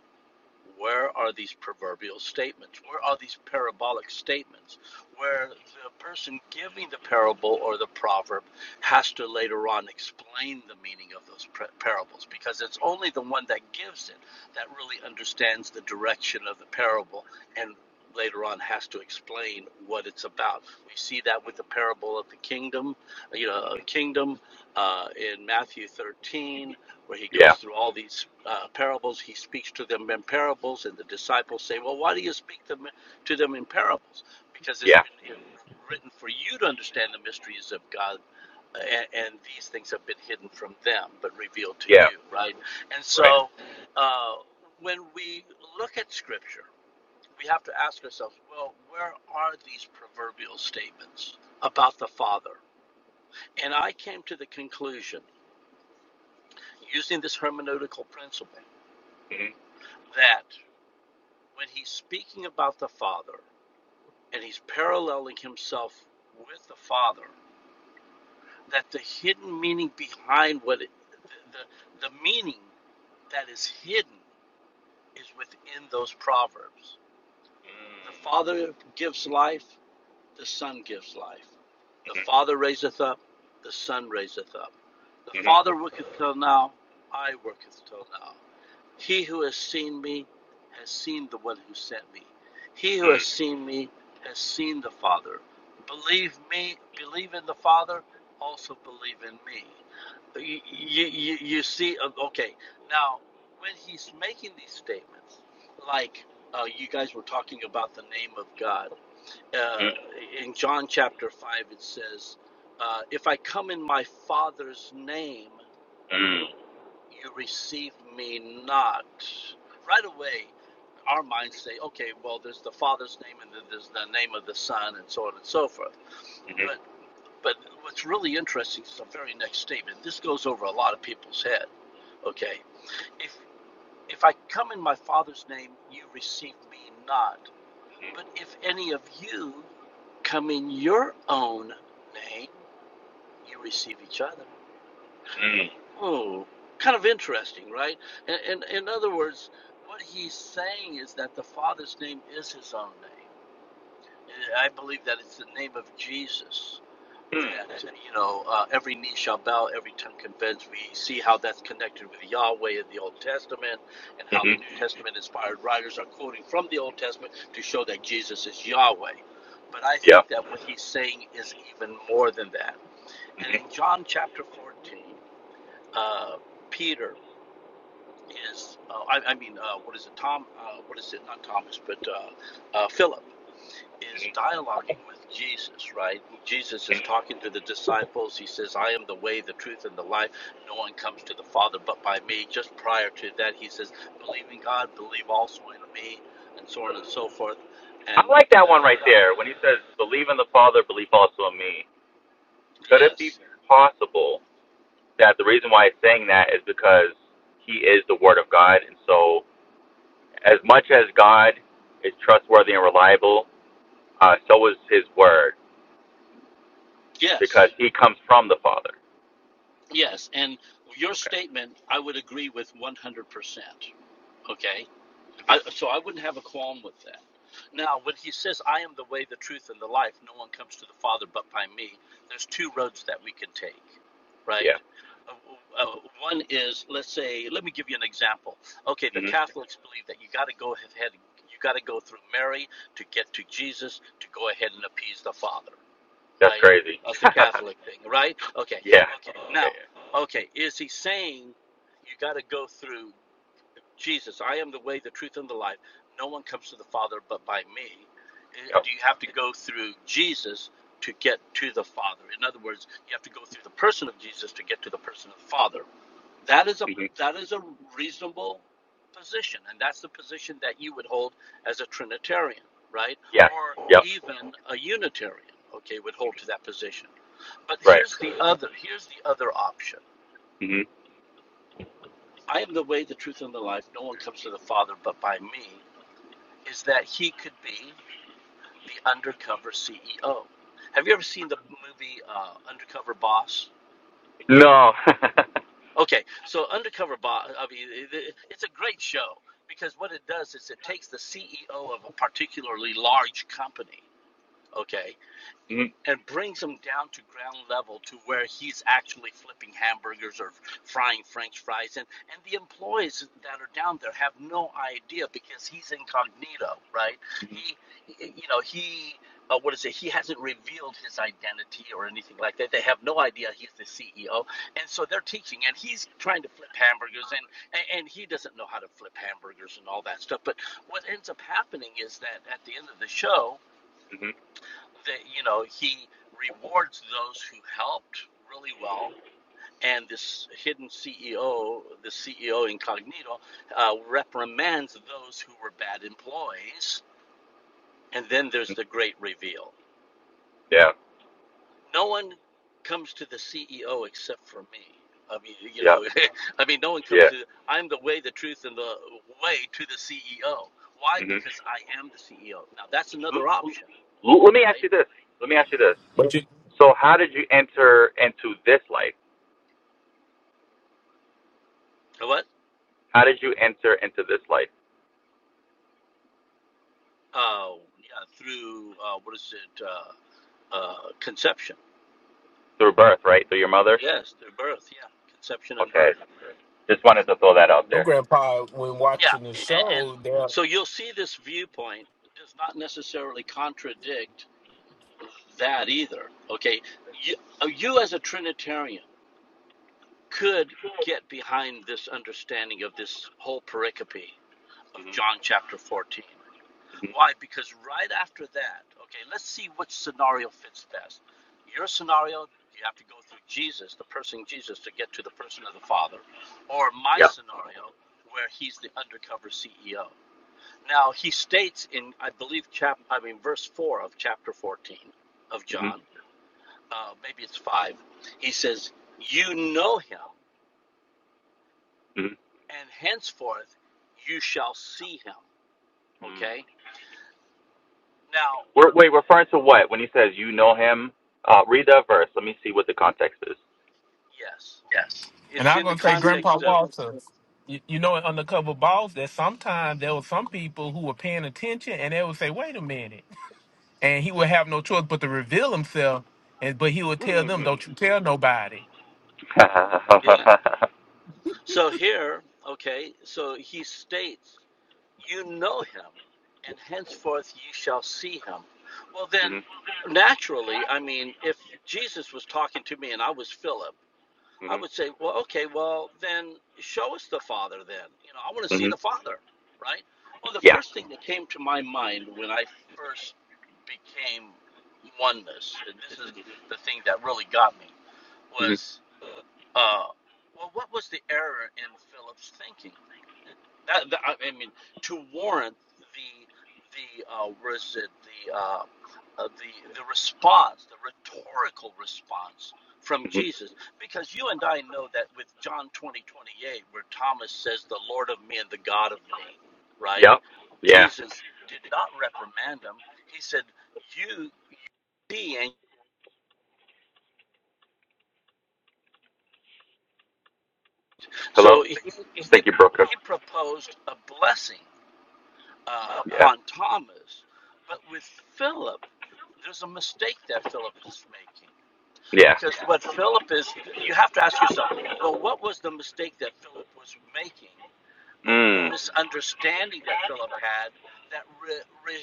[SPEAKER 8] Where are these proverbial statements? Where are these parabolic statements where the person giving the parable or the proverb has to later on explain the meaning of those parables? Because it's only the one that gives it that really understands the direction of the parable and later on has to explain what it's about. We see that with the parable of the kingdom, you know, kingdom uh, in Matthew 13 where he
[SPEAKER 6] Yeah.
[SPEAKER 8] goes through all these uh, parables. He speaks to them in parables, and the disciples say, "Well, why do you speak them to them in parables? Because it's
[SPEAKER 6] Yeah.
[SPEAKER 8] been you know, written for you to understand the mysteries of God, and, and these things have been hidden from them, but revealed to
[SPEAKER 6] Yeah.
[SPEAKER 8] you." Right? And
[SPEAKER 6] Right.
[SPEAKER 8] so, uh, when we look at Scripture, we have to ask ourselves, "Well, where are these proverbial statements about the Father?" And I came to the conclusion, using this hermeneutical principle, that when he's speaking about the Father and he's paralleling himself with the Father, that the hidden meaning behind what it, the, the, the meaning that is hidden is within those proverbs. The Father gives life, the Son gives life. The Father raiseth up, the Son raiseth up. The
[SPEAKER 6] Mm-hmm.
[SPEAKER 8] Father worketh till now, I worketh till now. He who has seen me has seen the one who sent me. He who
[SPEAKER 6] Yeah.
[SPEAKER 8] has seen me has seen the Father. Believe me, believe in the Father, also believe in me. You, you, you see, uh, okay, now when he's making these statements, like uh, you guys were talking about the name of God, uh, in John chapter 5, it says, uh, If I come in my Father's name, you receive me not. Right away, our minds say, okay, well, there's the Father's name and then there's the name of the Son and so on and so forth. But but what's really interesting is the very next statement. This goes over a lot of people's head. Okay, if if I come in my Father's name, you receive me not. But if any of you come in your own name, you receive each other. Oh, kind of interesting, right? And, and in other words, what he's saying is that the Father's name is his own name. I believe that it's the name of Jesus that you know uh, every knee shall bow, every tongue confess. We see how that's connected with Yahweh in the Old Testament, and how the New Testament inspired writers are quoting from the Old Testament to show that Jesus is Yahweh. But I think that what he's saying is even more than that. And in John chapter 14, uh, Peter is uh, I, I mean uh, what is it Tom uh, what is it not Thomas but uh, uh, Philip is dialoguing with Jesus right Jesus is talking to the disciples he says I am the way the truth and the life no one comes to the father but by me just prior to that he says believe in God believe also in me and so on and so forth
[SPEAKER 6] I
[SPEAKER 8] and
[SPEAKER 6] like
[SPEAKER 8] da,
[SPEAKER 6] that one right there when he says, "Believe in the Father, believe also in me." Could it be
[SPEAKER 8] yes
[SPEAKER 6] possible that the reason why he's saying that is because he is the Word of God, and so as much as God is trustworthy and reliable, uh, so is His Word because
[SPEAKER 8] yes
[SPEAKER 6] He comes from the Father.
[SPEAKER 8] yes and your
[SPEAKER 6] Okay.
[SPEAKER 8] statement I would agree with 100% okay I,
[SPEAKER 6] Mm-hmm.
[SPEAKER 8] so I wouldn't have a qualm with that. Now, when he says, I am the way, the truth, and the life, no one comes to the Father but by me, there's two roads that we can take, right?
[SPEAKER 6] Yeah.
[SPEAKER 8] Uh, uh, one is, let's say, let me give you an example. Okay, the
[SPEAKER 6] Mm.
[SPEAKER 8] Catholics believe that you got to go ahead, you got to go through Mary to get to Jesus to go ahead and appease the Father,
[SPEAKER 6] That's
[SPEAKER 8] right?
[SPEAKER 6] crazy.
[SPEAKER 8] That's the Catholic thing, right? Okay,
[SPEAKER 6] yeah.
[SPEAKER 8] okay.
[SPEAKER 6] Yeah.
[SPEAKER 8] Now, okay, is he saying you got to go through Jesus, I am the way, the truth, and the life. No one comes to the Father but by me. Uh,
[SPEAKER 6] yeah.
[SPEAKER 8] Do you have to go through Jesus to get to the Father? In other words, you have to go through the person of Jesus to get to the person of the Father. That is a
[SPEAKER 6] Yep.
[SPEAKER 8] that is a reasonable position, and that's the position that you would hold as a Trinitarian, right?
[SPEAKER 6] Yes.
[SPEAKER 8] Or
[SPEAKER 6] Yep.
[SPEAKER 8] even a Unitarian, okay, would hold to that position. But
[SPEAKER 6] Right.
[SPEAKER 8] here's the other here's the other option.
[SPEAKER 6] hmm
[SPEAKER 8] I am the way, the truth, and the life. No one comes to the Father but by me. is that he could be the undercover CEO. Have you ever seen the movie uh, Undercover Boss?
[SPEAKER 6] No.
[SPEAKER 8] Okay, so Undercover Boss, I mean, it's a great show because what it does is it takes the CEO of a particularly large company, okay,
[SPEAKER 6] Mhm,
[SPEAKER 8] and brings him down to ground level to where he's actually flipping hamburgers or frying french fries and and the employees that are down there have no idea because he's incognito right he you know he uh, what is it he hasn't revealed his identity or anything like that they have no idea he's the ceo and so they're teaching and he's trying to flip hamburgers and and, and he doesn't know how to flip hamburgers and all that stuff but what ends up happening is that at the end of the show
[SPEAKER 6] mhm.
[SPEAKER 8] that you know he rewards those who helped really well and this hidden ceo the ceo incognito uh, reprimands those who were bad employees and then there's the great reveal
[SPEAKER 6] Yeah.
[SPEAKER 8] no one comes to the ceo except for me i mean you
[SPEAKER 6] Yeah.
[SPEAKER 8] know i mean no one comes
[SPEAKER 6] Yeah.
[SPEAKER 8] to i'm the way the truth and the way to the ceo why
[SPEAKER 6] hmm
[SPEAKER 8] because i am the ceo now that's another option
[SPEAKER 6] Let me ask
[SPEAKER 8] right
[SPEAKER 6] you this. Let me ask you this.
[SPEAKER 3] But you
[SPEAKER 6] So, how did you enter into this life?
[SPEAKER 8] what
[SPEAKER 6] How did you enter into this life
[SPEAKER 8] Uh, yeah, through uh, what is it? Uh, uh, conception.
[SPEAKER 6] through birth, right? Through your mother.
[SPEAKER 8] Yes, through birth. Yeah, conception and
[SPEAKER 6] Okay.
[SPEAKER 8] birth.
[SPEAKER 6] Just wanted to throw that out
[SPEAKER 3] know,
[SPEAKER 6] there.
[SPEAKER 3] Grandpa, when
[SPEAKER 8] Yeah,
[SPEAKER 3] watching the
[SPEAKER 8] and, and
[SPEAKER 3] show, there
[SPEAKER 8] so you'll see this viewpoint does not necessarily contradict that either. Okay, you, uh, you as a Trinitarian could get behind this understanding of this whole pericope of John chapter 14. Why? Because right after that, okay, let's see which scenario fits best. Your scenario, you have to go through Jesus, the person Jesus, to get to the person of the Father, or my
[SPEAKER 6] Yeah.
[SPEAKER 8] scenario, where he's the undercover CEO. Now he states in, I believe, chap, I mean, verse four of chapter fourteen of
[SPEAKER 6] hmm
[SPEAKER 8] John, uh, maybe it's five. He says, "You know him,
[SPEAKER 6] hmm
[SPEAKER 8] and henceforth you shall see him."
[SPEAKER 6] Mm.
[SPEAKER 8] Okay. Now,
[SPEAKER 6] We're, wait, referring to what when he says you know him? Uh, read that verse. Let me see what the context is.
[SPEAKER 8] yes,
[SPEAKER 3] And
[SPEAKER 8] it's
[SPEAKER 3] I'm
[SPEAKER 8] in the
[SPEAKER 3] gonna say, Grandpa
[SPEAKER 8] context of
[SPEAKER 3] Walter, you, you know, in undercover boss, that sometimes there were some people who were paying attention, and they would say, "Wait a minute," and he would have no choice but to reveal himself. And but he would tell them, "Don't you tell nobody."
[SPEAKER 8] yeah. So here, okay, so he states, You know him, and henceforth you shall see him. Well, then,
[SPEAKER 6] Mhm.
[SPEAKER 8] naturally, I mean, if Jesus was talking to me and I was Philip, I
[SPEAKER 6] Mhm.
[SPEAKER 8] would say, Well, okay, well, then show us the Father, then. You know, I want to see
[SPEAKER 6] Mhm.
[SPEAKER 8] the Father, right? Well, the
[SPEAKER 6] Yeah.
[SPEAKER 8] first thing that came to my mind when I first became oneness, and this is the thing that really got me
[SPEAKER 6] Mhm.
[SPEAKER 8] was, uh, well, what was the error in Philip's thinking? That, that- I mean, to warrant the the uh, what is it the uh, uh, the the response, the rhetorical response from
[SPEAKER 6] Mhm.
[SPEAKER 8] Jesus, because you and I know that with John twenty twenty eight, where Thomas says, "The Lord of me and the God of me," right?
[SPEAKER 6] Yep. Yeah.
[SPEAKER 8] Jesus did not reprimand him. He said, "You." see and."
[SPEAKER 6] Hello.
[SPEAKER 8] So he, he,
[SPEAKER 6] Thank you, broker.
[SPEAKER 8] he proposed a blessing uh,
[SPEAKER 6] Yeah.
[SPEAKER 8] upon Thomas, but with Philip, there's a mistake that Philip is making.
[SPEAKER 6] Yeah.
[SPEAKER 8] Because yeah. what Philip is, you have to ask yourself, well, what was the mistake that Philip was making or
[SPEAKER 6] Mm.
[SPEAKER 8] misunderstanding that Philip had that re, re,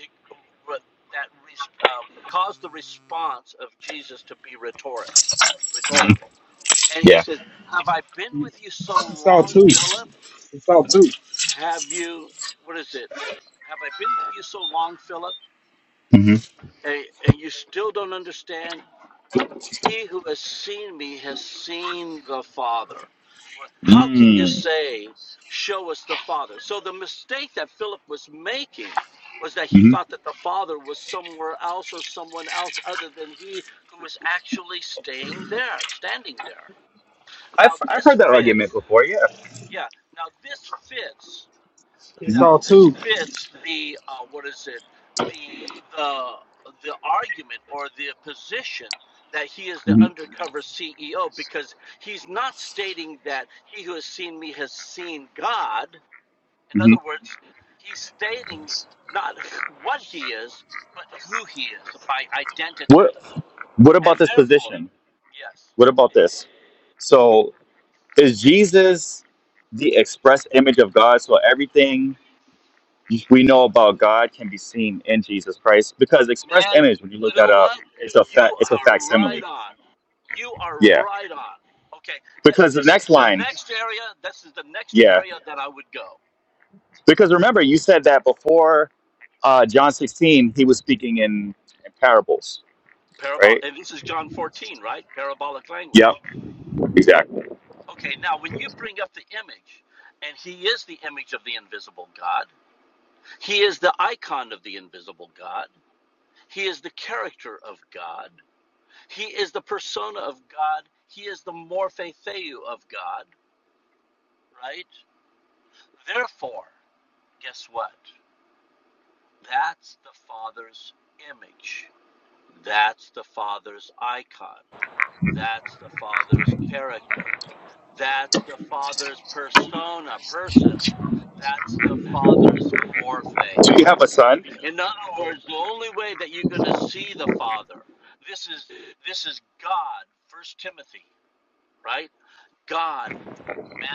[SPEAKER 8] re, that re, uh, caused the response of Jesus to be rhetoric,
[SPEAKER 6] Mhm.
[SPEAKER 8] rhetorical? And he
[SPEAKER 6] Yeah.
[SPEAKER 8] says, Have I been with you so
[SPEAKER 9] It's all
[SPEAKER 8] long,
[SPEAKER 9] two.
[SPEAKER 8] Philip?
[SPEAKER 9] It's all two.
[SPEAKER 8] Have you, what is it? Have I been with you so long, Philip,
[SPEAKER 6] Mhm.
[SPEAKER 8] and, and you still don't understand? He who has seen me has seen the Father. How can you
[SPEAKER 6] Mm.
[SPEAKER 8] say, Show us the Father? So the mistake that Philip was making was that he
[SPEAKER 6] Mhm.
[SPEAKER 8] thought that the Father was somewhere else or someone else other than he who was actually staying there, standing there.
[SPEAKER 6] I've
[SPEAKER 8] Now
[SPEAKER 6] I've
[SPEAKER 8] this
[SPEAKER 6] heard that argument
[SPEAKER 8] fits,
[SPEAKER 6] before. Yeah.
[SPEAKER 8] yeah, now this fits
[SPEAKER 9] It's
[SPEAKER 6] Mhm.
[SPEAKER 8] now
[SPEAKER 9] all
[SPEAKER 8] this
[SPEAKER 9] two.
[SPEAKER 8] fits the uh, what is it the the the argument or the position that he is the
[SPEAKER 6] Mhm.
[SPEAKER 8] undercover CEO because he's not stating that he who has seen me has seen God. In other
[SPEAKER 6] Mhm.
[SPEAKER 8] words, he's stating not what he is, but who he is by identity,
[SPEAKER 6] What What about
[SPEAKER 8] and
[SPEAKER 6] this
[SPEAKER 8] therefore,
[SPEAKER 6] position?
[SPEAKER 8] yes.
[SPEAKER 6] What about this? So is Jesus the express image of God? So everything we know about God can be seen in Jesus Christ because express
[SPEAKER 8] Man,
[SPEAKER 6] image, when you
[SPEAKER 8] you
[SPEAKER 6] look
[SPEAKER 8] know
[SPEAKER 6] that up,
[SPEAKER 8] what?
[SPEAKER 6] it's a
[SPEAKER 8] You
[SPEAKER 6] fact. It's a
[SPEAKER 8] are right
[SPEAKER 6] facsimile.
[SPEAKER 8] on. You are
[SPEAKER 6] Yeah.
[SPEAKER 8] right on. Okay,
[SPEAKER 6] Because the
[SPEAKER 8] this
[SPEAKER 6] next
[SPEAKER 8] is the
[SPEAKER 6] line
[SPEAKER 8] next area. This is the next
[SPEAKER 6] Yeah,
[SPEAKER 8] area that I would go.
[SPEAKER 6] because remember you said that before uh, John 16, he was speaking in, in parables,
[SPEAKER 8] Parabol.
[SPEAKER 6] right?
[SPEAKER 8] And this is John 14, right? Parabolic language.
[SPEAKER 6] Yep, exactly.
[SPEAKER 8] Okay, now when you bring up the image, and he is the image of the invisible God. He is the icon of the invisible God. He is the character of God. He is the persona of God. He is the morphe theou of God, right? Therefore. guess what? That's the Father's image. That's the Father's icon. That's the Father's character. That's the Father's persona, person. That's the Father's morphe.
[SPEAKER 6] Do you have a son?
[SPEAKER 8] In other words, the only way that you're going to see the Father, this is this is God, First Timothy, right? God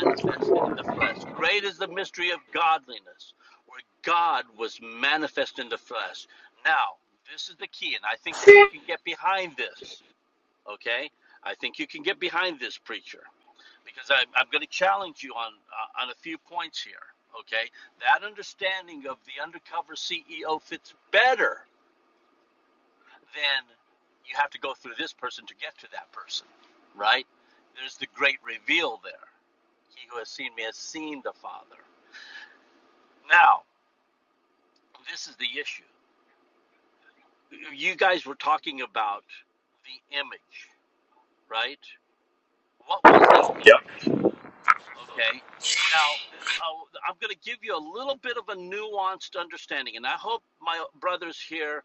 [SPEAKER 8] manifest in the flesh. Great is the mystery of godliness, where God was manifest in the flesh. Now, this is the key, and I think that you can get behind this, okay? I think you can get behind this, preacher, because I, I'm going to challenge you on, uh, on a few points here, okay? That understanding of the undercover CEO fits better than you have to go through this person to get to that person, right? There's the great reveal there he who has seen me has seen the Father. Now, this is the issue. You guys were talking about the image, right? What was that
[SPEAKER 6] Yep.
[SPEAKER 8] image? Okay. Now, i am going to give you a little bit of a nuanced understanding, and I hope my brothers here,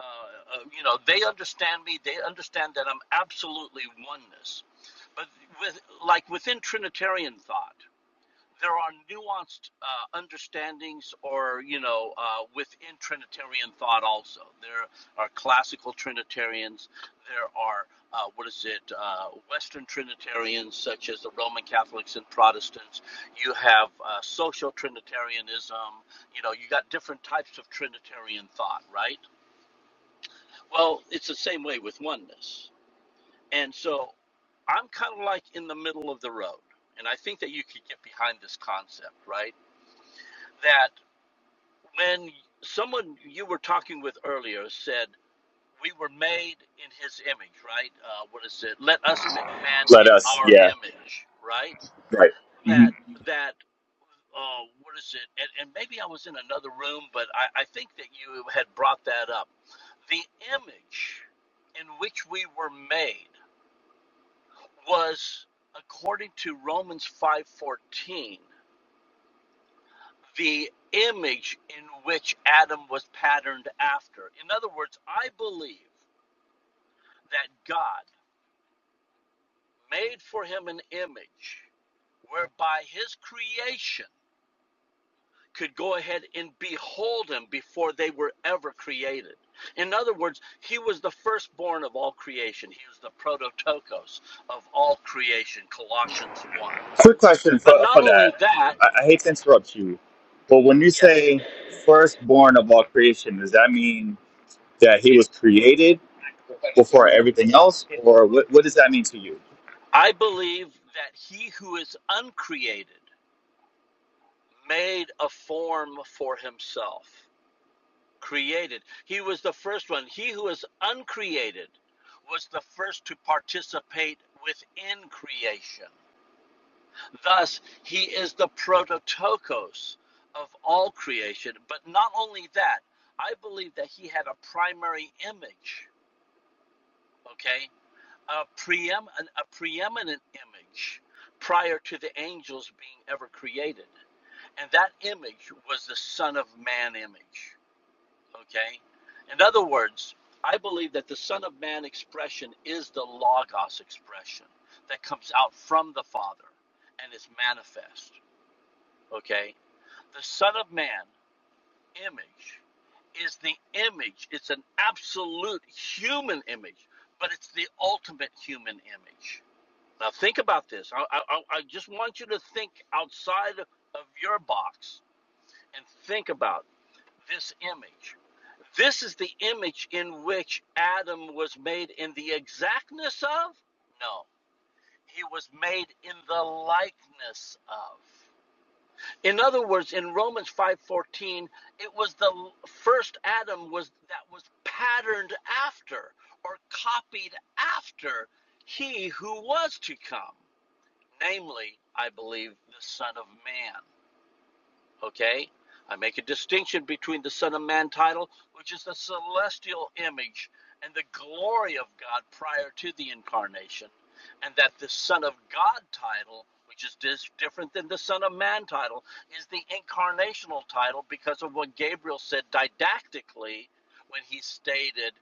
[SPEAKER 8] uh, uh, you know, they understand me. They understand that I'm absolutely oneness. But with, like within Trinitarian thought, there are nuanced uh, understandings or you know uh, within trinitarian thought also there are classical trinitarians there are uh, what is it uh, western trinitarians such as the roman catholics and protestants you have uh, social trinitarianism you know you got different types of trinitarian thought right well it's the same way with oneness and so i'm kind of like in the middle of the road and i think that you could get behind this concept right that when someone you were talking with earlier said, We were made in his image, right? Uh, what is it? Let us make man
[SPEAKER 6] Let
[SPEAKER 8] in
[SPEAKER 6] us.
[SPEAKER 8] our
[SPEAKER 6] Yeah,
[SPEAKER 8] image, right?
[SPEAKER 6] right. hmm
[SPEAKER 8] That, that, uh, what is it? And, and maybe I was in another room, but I, I think that you had brought that up. The image in which we were made was according to Romans 5:14 the image in which Adam was patterned after. In other words, I believe that God made for him an image whereby his creation could go ahead and behold him before they were ever created. In other words, he was the firstborn of all creation. He was the prototokos of all creation, Colossians 1.
[SPEAKER 6] Quick question
[SPEAKER 8] But
[SPEAKER 6] for,
[SPEAKER 8] not
[SPEAKER 6] for that.
[SPEAKER 8] only that,
[SPEAKER 6] I, I hate to interrupt you, but when you
[SPEAKER 8] yes,
[SPEAKER 6] say firstborn of all creation, does that mean that he was created before everything else, or what, what does that mean to you?
[SPEAKER 8] I believe that he who is uncreated made a form for himself, created. He was the first one. He who is uncreated was the first to participate within creation. Thus, he is the prototokos of all creation. But not only that, I believe that he had a primary image, okay? A, preem- a preeminent image prior to the angels being ever created. And that image was the Son of Man image. Okay? In other words, I believe that the Son of Man expression is the Logos expression that comes out from the Father and is manifest. Okay? The Son of Man image is the image, it's an absolute human image, but it's the ultimate human image. Now, think about this. I, I, I just want you to think outside of your box and think about this image. This is the image in which Adam was made in the exactness of? No. He was made in the likeness of. In other words, in Romans 5:14, it was the first Adam was that was patterned after or copied after he who was to come, namely, I believe, the Son of Man. Okay? I make a distinction between the Son of Man title, which is the celestial image and the glory of God prior to the incarnation, and that the Son of God title, which is dis- different than the Son of Man title, is the incarnational title because of what Gabriel said didactically when he stated,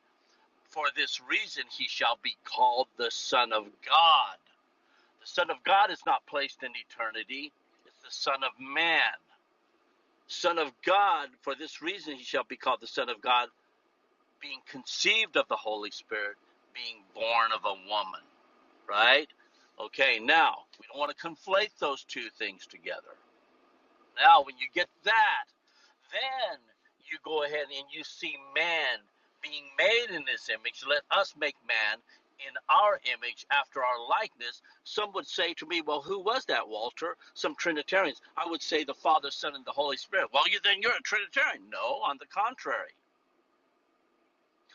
[SPEAKER 8] For this reason he shall be called the Son of God. The Son of God is not placed in eternity, it's the Son of Man Son of God, for this reason he shall be called the Son of God, being conceived of the Holy Spirit, being born of a woman. Right? Okay, now, we don't want to conflate those two things together. Now, when you get that, then you go ahead and you see man being made in this image. Let us make man in our image after our likeness. Some would say to me, Well, who was that, Walter? Some Trinitarians. I would say the Father, Son, and the Holy Spirit. Well, you, then you're a Trinitarian. No, on the contrary.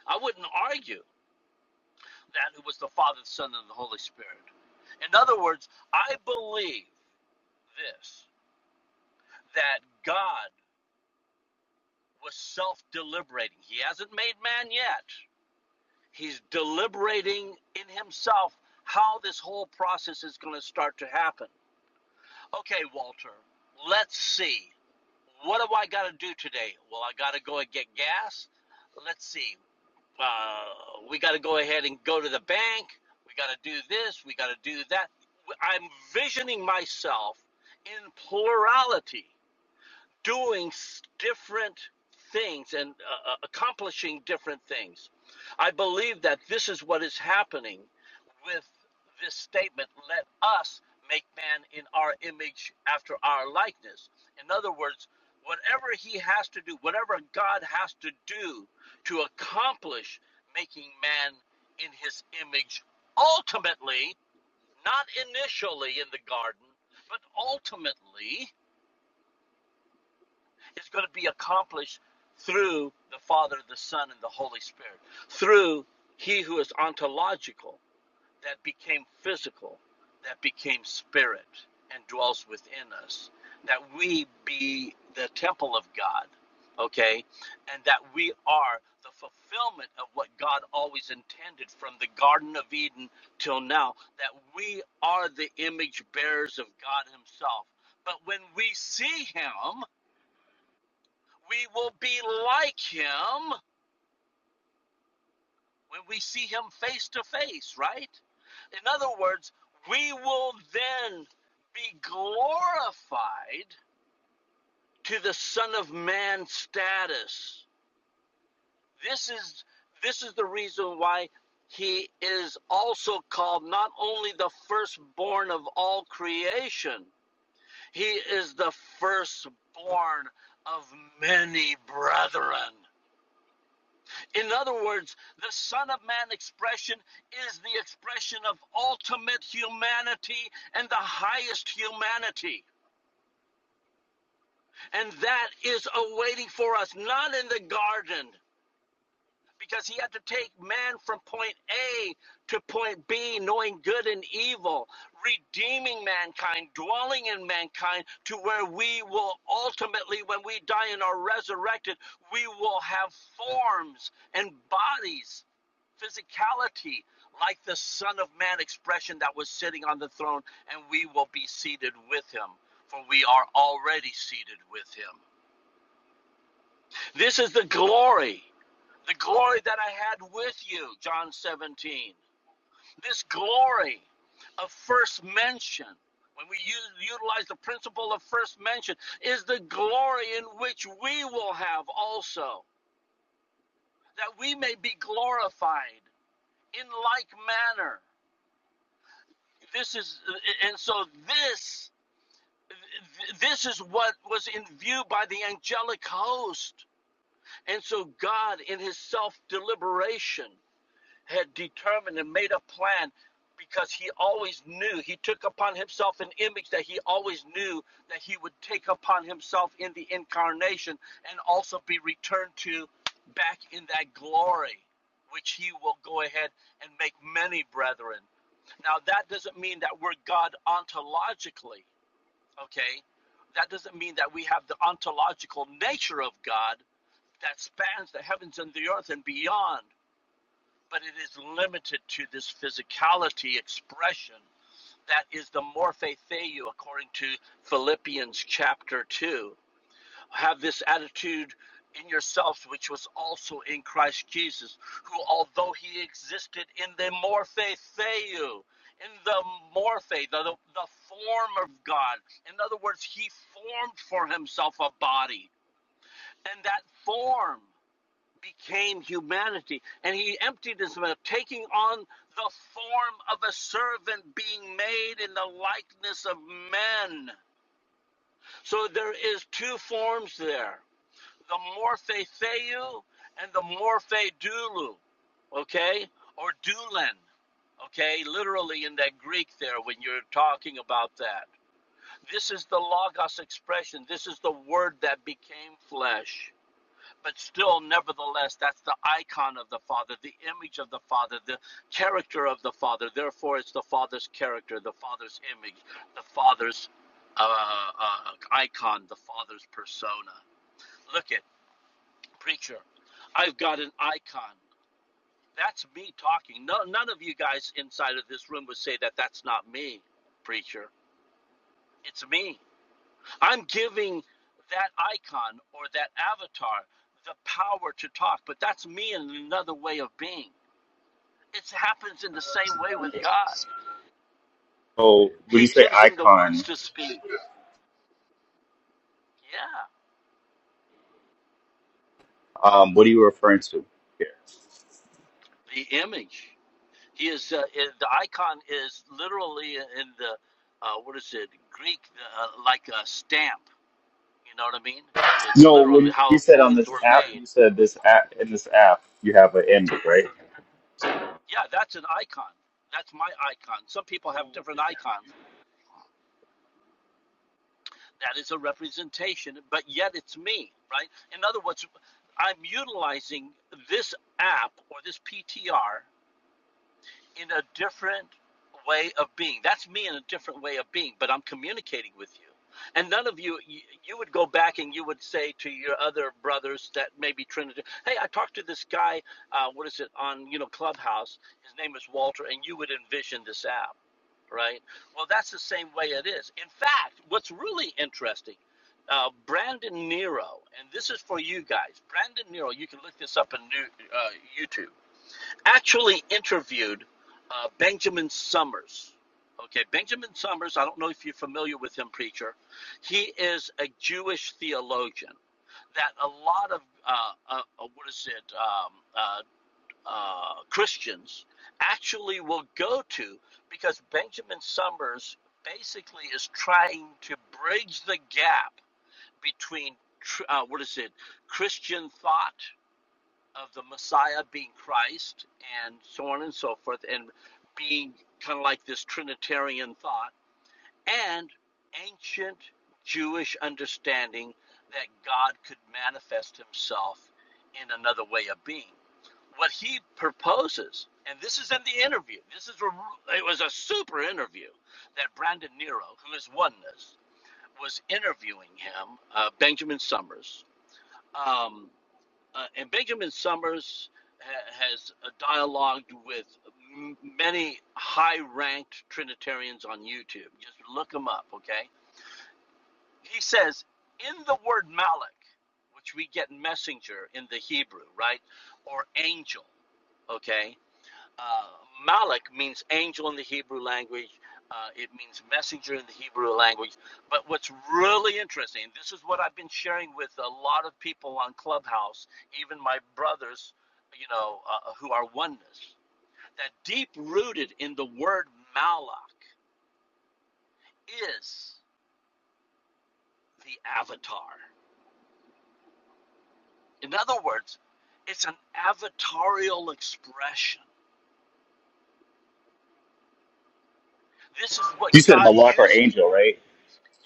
[SPEAKER 8] I wouldn't argue that it was the Father, the Son, and the Holy Spirit. In other words, I believe this that God was self deliberating. He hasn't made man yet. He's deliberating in himself how this whole process is going to start to happen. Okay, Walter, let's see. What do I got to do today? Well, I got to go and get gas. Let's see. Uh, we got to go ahead and go to the bank. We got to do this. We got to do that. I'm visioning myself in plurality doing different things and uh, uh, accomplishing different things. I believe that this is what is happening with this statement let us make man in our image after our likeness. In other words, whatever he has to do, whatever God has to do to accomplish making man in his image, ultimately, not initially in the garden, but ultimately is going to be accomplished through the Father, the Son, and the Holy Spirit, through He who is ontological, that became physical, that became spirit, and dwells within us, that we be the temple of God, okay, and that we are the fulfillment of what God always intended from the Garden of Eden till now, that we are the image bearers of God Himself. But when we see Him, we will be like him when we see him face to face, right? In other words, we will then be glorified to the son of man status. This is this is the reason why he is also called not only the firstborn of all creation, he is the firstborn of many brethren. In other words, the Son of Man expression is the expression of ultimate humanity and the highest humanity. And that is awaiting for us, not in the garden. because he had to take man from point A to point B, knowing good and evil, redeeming mankind, dwelling in mankind to where we will ultimately, when we die and are resurrected, we will have forms and bodies, physicality, like the Son of Man expression that was sitting on the throne, and we will be seated with him, for we are already seated with him. This is the glory. The glory that I had with you, John 17. This glory of first mention, when we use, utilize the principle of first mention, is the glory in which we will have also, that we may be glorified in like manner. This is, and so this. This is what was in view by the angelic host. And so God, in his self deliberation, had determined and made a plan because he always knew he took upon himself an image that he always knew that he would take upon himself in the incarnation and also be returned to back in that glory which he will go ahead and make many brethren now that doesn't mean that we're god ontologically okay that doesn't mean that we have the ontological nature of god that spans the heavens and the earth and beyond but it is limited to this physicality expression that is the morphe theou according to philippians chapter 2 have this attitude in yourselves which was also in christ jesus who although he existed in the morphe theou in the morphe the, the, the form of god in other words he formed for himself a body and that form became humanity and he emptied himself, taking on the form of a servant, being made in the likeness of men. So there is two forms there the morphe theou and the morphe doulou, okay? Or doulen, okay? Literally in that Greek there when you're talking about that. This is the logos expression, this is the word that became flesh but still, nevertheless, that's the icon of the Father, the image of the Father, the character of the Father. Therefore, it's the Father's character, the Father's image, the Father's uh, uh, icon, the Father's persona. Look at preacher. I've got an icon. That's me talking. No, none of you guys inside of this room would say that that's not me, preacher. It's me. I'm giving that icon or that avatar the power to talk, but that's me in another way of being. It happens in the same way with God.
[SPEAKER 6] So,
[SPEAKER 8] He
[SPEAKER 6] say
[SPEAKER 8] gives him the words
[SPEAKER 6] icon.
[SPEAKER 8] to speak. Yeah,
[SPEAKER 6] Um, what are you referring to?
[SPEAKER 8] the image. He is uh, the icon is literally in the uh, what is it Greek uh, like a stamp. You know what I mean? It's
[SPEAKER 6] No,
[SPEAKER 8] literally
[SPEAKER 6] when you
[SPEAKER 8] how
[SPEAKER 6] said on
[SPEAKER 8] coins
[SPEAKER 6] this
[SPEAKER 8] were
[SPEAKER 6] app,
[SPEAKER 8] made.
[SPEAKER 6] you said this app in this app.
[SPEAKER 8] Yeah, that's an icon. That's my icon. Some people have different icons. That is a representation, but yet it's me, right? In other words, I'm utilizing this app or this PTR in a different way of being. That's me in a different way of being, but I'm communicating with you. And none of you, you, you would go back and you would say to your other brothers that maybe Trinity, hey, I talked to this guy, uh, what is it, on, you know, Clubhouse. His name is Walter, and you would envision this app, right? Well, that's the same way it is. In fact, what's really interesting, uh, Brandon Nero, and this is for you guys. Brandon Nero, you can look this up on new, uh, YouTube actually interviewed uh, Benjamin Summers. Okay, Benjamin Summers, I don't know if you're familiar with him, preacher. He is a Jewish theologian that a lot of, uh, uh, uh, what is it, um, uh, uh, Christians actually will go to because Benjamin Summers basically is trying to bridge the gap between, tr- uh, what is it, Christian thought of the Messiah being Christ and so on and so forth, and being kind of like this Trinitarian thought, and ancient Jewish understanding that God could manifest himself in another way of being. What he proposes, and this is in the interview, this is a, it was a super interview that Brandon Nero, who is oneness, was interviewing him, uh, Benjamin Summers. Um, uh, and Benjamin Summers ha- has uh, dialogued with m- many high-ranked Trinitarians on YouTube. Just look them up, okay? He says in the word Malach, which we get messenger in the Hebrew, right, or angel, okay? Uh, Malak means angel in the Hebrew language. Uh, it means messenger in the Hebrew language. But what's really interesting, and this is what I've been sharing with a lot of people on Clubhouse, even my brothers, you know, uh, who are oneness, that deep rooted in the word Malak is the avatar. In other words, it's an avatarial expression. This is what
[SPEAKER 6] You said
[SPEAKER 8] God
[SPEAKER 6] Malak or
[SPEAKER 8] uses.
[SPEAKER 6] angel, right?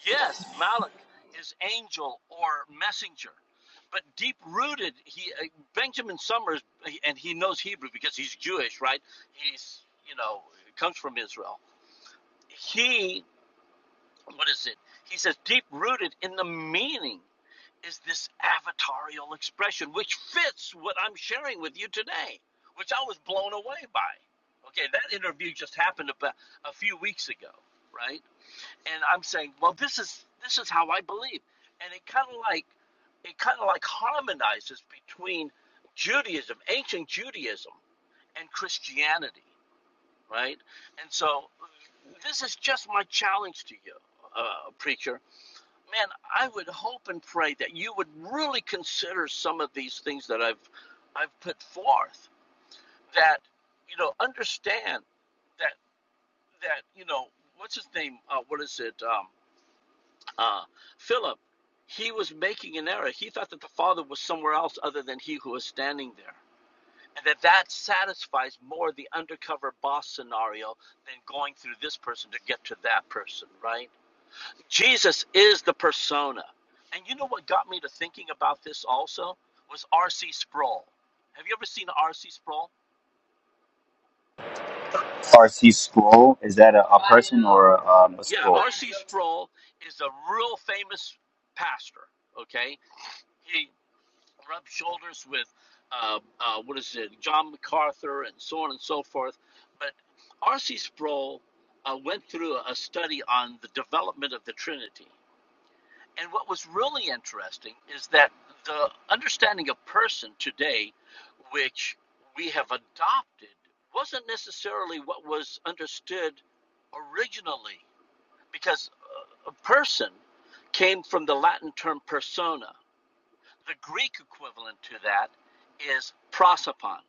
[SPEAKER 8] Yes, Malach is angel or messenger, but deep rooted, he uh, Benjamin Summers, and he knows Hebrew because he's Jewish, right? He's you know comes from Israel. He what is it? He says deep rooted in the meaning is this avatarial expression, which fits what I'm sharing with you today, which I was blown away by. Okay, that interview just happened about a few weeks ago, right? and I'm saying, well, this is this is how I believe, and it kind of like it kind of like harmonizes between Judaism, ancient Judaism, and Christianity, right? And so, this is just my challenge to you, uh, preacher. Man, I would hope and pray that you would really consider some of these things that I've I've put forth. That you know, understand that that you know, what's his name? Uh, what is it? Um, Uh, Philip, he was making an error. He thought that the Father was somewhere else other than he who was standing there. And that that satisfies more the undercover boss scenario than going through this person to get to that person, right? Jesus is the persona. And you know what got me to thinking about this also was R.C. Sproul. Have you ever seen R.C. Sproul?
[SPEAKER 6] RC scroll is that a, a person or a, um, a
[SPEAKER 8] Yeah,
[SPEAKER 6] scroll?
[SPEAKER 8] R.C. Sproul is a real famous pastor, okay? he. rub shoulders with uh, uh, what is it, John MacArthur, and so on and so forth. But R.C. Sproul uh, went through a study on the development of the Trinity, and what was really interesting is that the understanding of person today, which we have adopted, wasn't necessarily what was understood originally, because a person came from the Latin term persona the Greek equivalent to that is prosopon.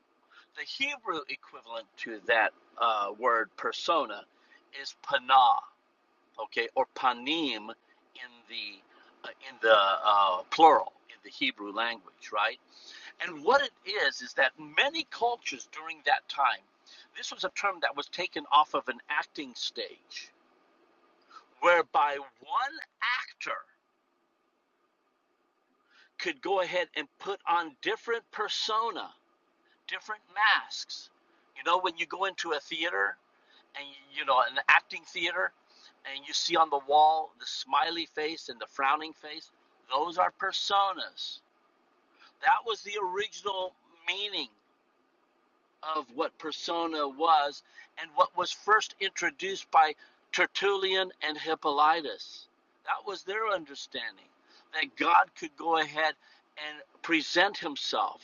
[SPEAKER 8] The Hebrew equivalent to that uh, word persona is panah, okay, or panim in the uh, in the uh, plural in the Hebrew language, right? And what it is is that many cultures during that time, this was a term that was taken off of an acting stage, whereby one actor could go ahead and put on different persona different masks. You know, when you go into a theater and you know an acting theater, and you see on the wall the smiley face and the frowning face, those are personas. That was the original meaning of what persona was and what was first introduced by Tertullian and Hippolytus. That was their understanding that God could go ahead and present himself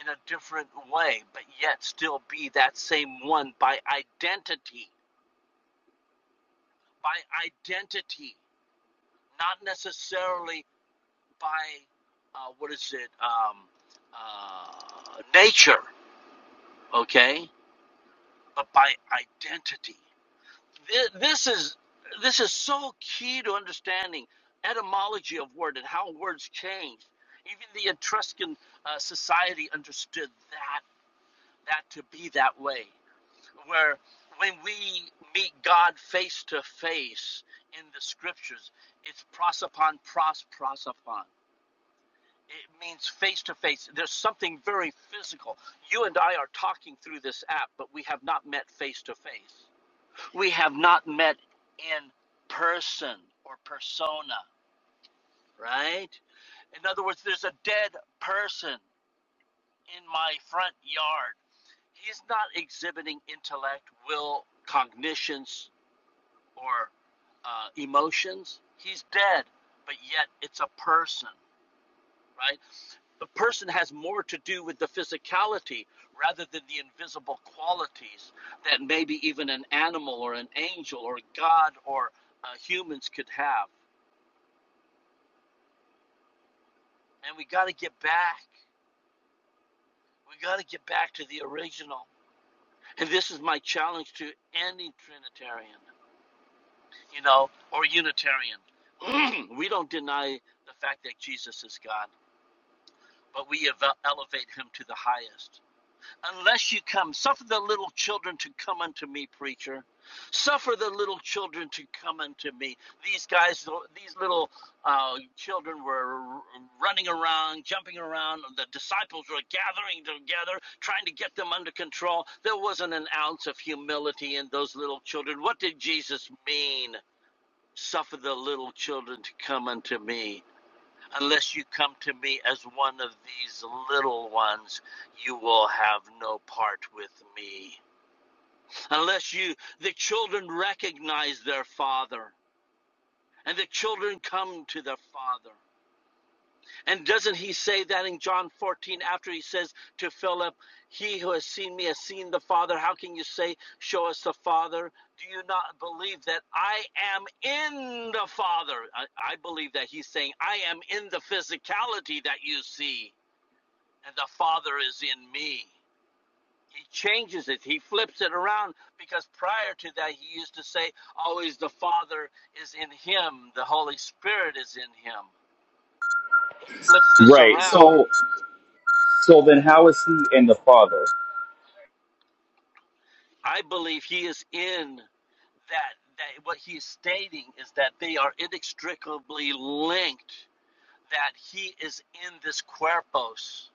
[SPEAKER 8] in a different way, but yet still be that same one by identity, by identity, not necessarily by uh, what is it, um, uh, nature, okay, but by identity. this is this is so key to understanding etymology of word and how words change. Even the Etruscan uh, society understood that that to be that way, where when we meet God face to face in the scriptures, it's prosopon, pros, prosopon. It means face to face. There's something very physical. You and I are talking through this app, but we have not met face to face. We have not met in person or persona, right? In other words, there's a dead person in my front yard. He's not exhibiting intellect, will, cognitions, or uh, emotions. He's dead, but yet it's a person, right? The person has more to do with the physicality rather than the invisible qualities that maybe even an animal or an angel or God or uh, humans could have. and we got to get back. We got to get back to the original. And this is my challenge to any Trinitarian, you know, or Unitarian. we don't deny the fact that Jesus is God, but we elevate him to the highest. unless you come. Suffer the little children to come unto me, preacher. Suffer the little children to come unto me. These guys, these little uh, children were running around, jumping around. The disciples were gathering together, trying to get them under control. There wasn't an ounce of humility in those little children. What did Jesus mean? Suffer the little children to come unto me. Unless you come to me as one of these little ones, you will have no part with me. Unless you, the children recognize their father, and the children come to their father. And doesn't he say that in John 14 after he says to Philip, He who has seen me has seen the Father? How can you say, Show us the Father? Do you not believe that I am in the Father? I, I believe that he's saying, I am in the physicality that you see. and the Father is in me. He changes it, he flips it around because prior to that, he used to say, always the Father is in him, the Holy Spirit is in him. He flips this
[SPEAKER 6] Right.
[SPEAKER 8] around.
[SPEAKER 6] So, so then how is he in the Father?
[SPEAKER 8] I believe he is in that. that what he is stating is that they are inextricably linked, that he is in this cuerpos.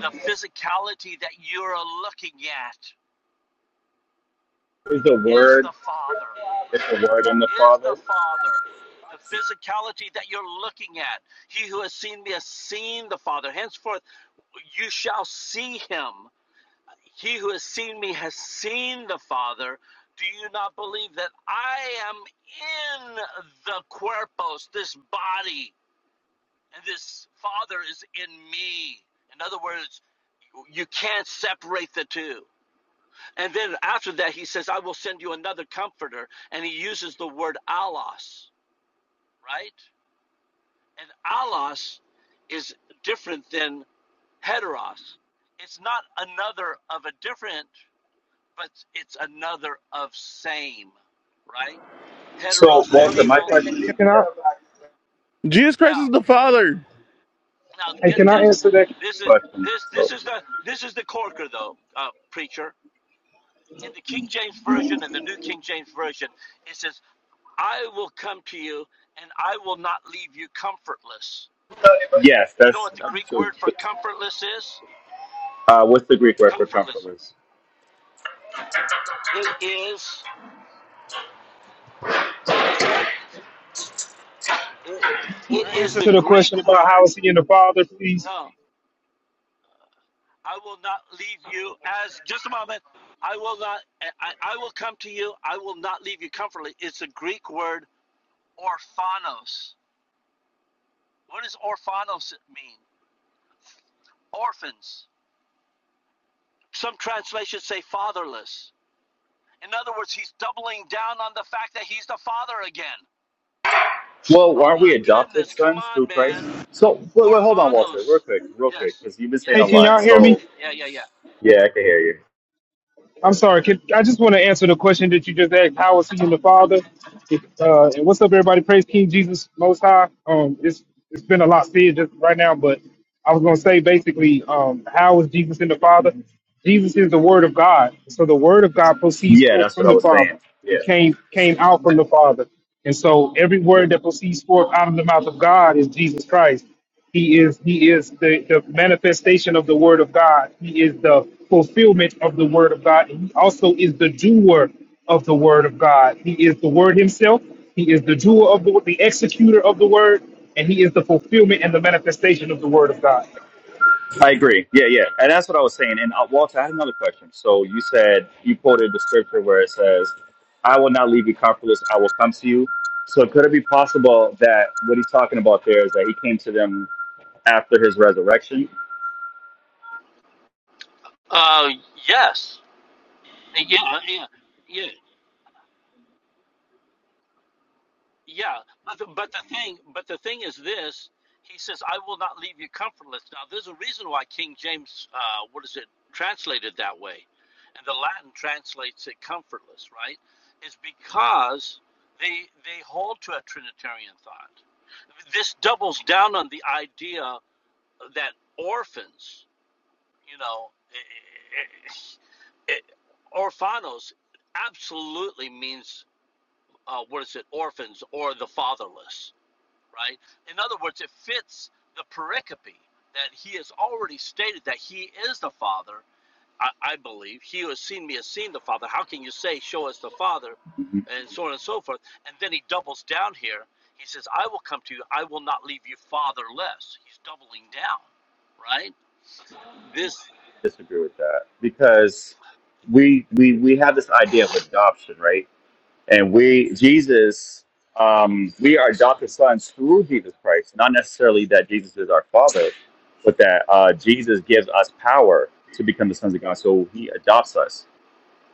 [SPEAKER 8] The physicality that you're looking at
[SPEAKER 6] Is the
[SPEAKER 8] is
[SPEAKER 6] Word
[SPEAKER 8] the Father.
[SPEAKER 6] is the Word in the
[SPEAKER 8] is the
[SPEAKER 6] Father?
[SPEAKER 8] Father. The physicality that you're looking at. He who has seen me has seen the Father. Henceforth, you shall see him. He who has seen me has seen the Father. Do you not believe that I am in the cuerpos, this body, and this Father is in me? In other words, you can't separate the two. And then after that, he says, I will send you another comforter. And he uses the word allos, right? And allos is different than heteros. It's not another of a different, but it's another of same, right?
[SPEAKER 6] So, Walter, my
[SPEAKER 8] Heterosexual.
[SPEAKER 6] question,
[SPEAKER 9] Can I?
[SPEAKER 2] Jesus Christ
[SPEAKER 8] Now,
[SPEAKER 2] is the Father.
[SPEAKER 8] now
[SPEAKER 9] Hey,
[SPEAKER 8] get
[SPEAKER 9] can I
[SPEAKER 8] this.
[SPEAKER 9] answer that? Can
[SPEAKER 8] This is
[SPEAKER 6] question.
[SPEAKER 8] this this
[SPEAKER 6] So,
[SPEAKER 8] is the this is the corker though, uh, preacher. In the King James version and the New King James version, it says, "I will come to you, and I will not leave you comfortless."
[SPEAKER 6] yes,
[SPEAKER 8] You know
[SPEAKER 6] that's
[SPEAKER 8] what the
[SPEAKER 6] up
[SPEAKER 8] Greek
[SPEAKER 6] to.
[SPEAKER 8] word for comfortless is?
[SPEAKER 6] Uh, what's the Greek word for
[SPEAKER 8] Comfortless.
[SPEAKER 6] comfortless?
[SPEAKER 8] It is Guess what? It, it
[SPEAKER 9] I
[SPEAKER 8] is
[SPEAKER 9] answer
[SPEAKER 8] the
[SPEAKER 9] to the
[SPEAKER 8] Greek
[SPEAKER 9] question about how
[SPEAKER 8] word.
[SPEAKER 9] is he in the Father, please?
[SPEAKER 8] No, I will not leave you as just a moment. I will not. I, I will come to you. I will not leave you comfortably. It's a Greek word orphanos. What does orphanos mean? Orphans. Some translations say fatherless. In other words, he's doubling down on the fact that he's the father again.
[SPEAKER 6] Well,
[SPEAKER 8] Oh
[SPEAKER 6] aren't we
[SPEAKER 8] my
[SPEAKER 6] adopted
[SPEAKER 8] goodness! Come
[SPEAKER 6] sons
[SPEAKER 8] on,
[SPEAKER 6] through
[SPEAKER 8] man.
[SPEAKER 6] Christ? So, wait, wait, hold on, Walter,
[SPEAKER 8] Orphanos.
[SPEAKER 6] real quick, real quick,
[SPEAKER 8] Yes.
[SPEAKER 6] because you've been saying
[SPEAKER 9] Hey,
[SPEAKER 6] a
[SPEAKER 8] Yes.
[SPEAKER 9] can
[SPEAKER 8] Yes.
[SPEAKER 6] lot.
[SPEAKER 9] y'all
[SPEAKER 8] Yes.
[SPEAKER 9] hear me?
[SPEAKER 6] So,
[SPEAKER 8] Yeah. Yeah. Yeah.
[SPEAKER 6] yeah, I can hear you.
[SPEAKER 9] I'm sorry. Can, I just want to answer the question that you just asked. How is he in the Father? If, uh, and what's up, everybody? Praise King Jesus Most High. Um, it's it's been a lot said just right now, but I was gonna say basically, um, how is Jesus in the Father? Jesus is the Word of God, so the Word of God proceeds
[SPEAKER 6] Yeah,
[SPEAKER 9] forth
[SPEAKER 6] that's
[SPEAKER 9] from
[SPEAKER 6] what I
[SPEAKER 9] the
[SPEAKER 6] was
[SPEAKER 9] Father.
[SPEAKER 6] saying. Yeah.
[SPEAKER 9] It came came out from the Father, and so every word that proceeds forth out of the mouth of God is Jesus Christ. He is he is the, the manifestation of the word of God. He is the fulfillment of the word of God. And he also is the doer of the word of God. He is the word himself. He is the doer of the the executor of the word, and he is the fulfillment and the manifestation of the word of God.
[SPEAKER 6] I agree. Yeah, yeah. And that's what I was saying. And uh, Walter, I had another question. So you said, you quoted the scripture where it says, I will not leave you comfortless, I will come to you. So could it be possible that what he's talking about there is that he came to them after his resurrection?
[SPEAKER 8] Uh. Yes. Yeah, uh, yeah, yeah, yeah. But the, but the thing, but the thing is this: He says, "I will not leave you comfortless." Now, there's a reason why King James, uh, what is it, translated that way, and the Latin translates it comfortless, right? Is because they they hold to a Trinitarian thought. This doubles down on the idea that orphans, you know, eh, eh, eh, eh, orphanos, absolutely means uh, what is it, orphans or the fatherless, right? In other words, it fits the pericope that he has already stated that he is the father. I, I believe he who has seen me has seen the father. How can you say, "Show us the father,"
[SPEAKER 6] Mhm.
[SPEAKER 8] and so on and so forth? And then he doubles down here. He says, "I will come to you. I will not leave you fatherless." He's doubling down, right? This
[SPEAKER 6] Disagree with that because we we we have this idea of adoption, right? And we, Jesus, um, we are adopted sons through Jesus Christ, not necessarily that Jesus is our father, but that uh, Jesus gives us power to become the sons of God. So he adopts us.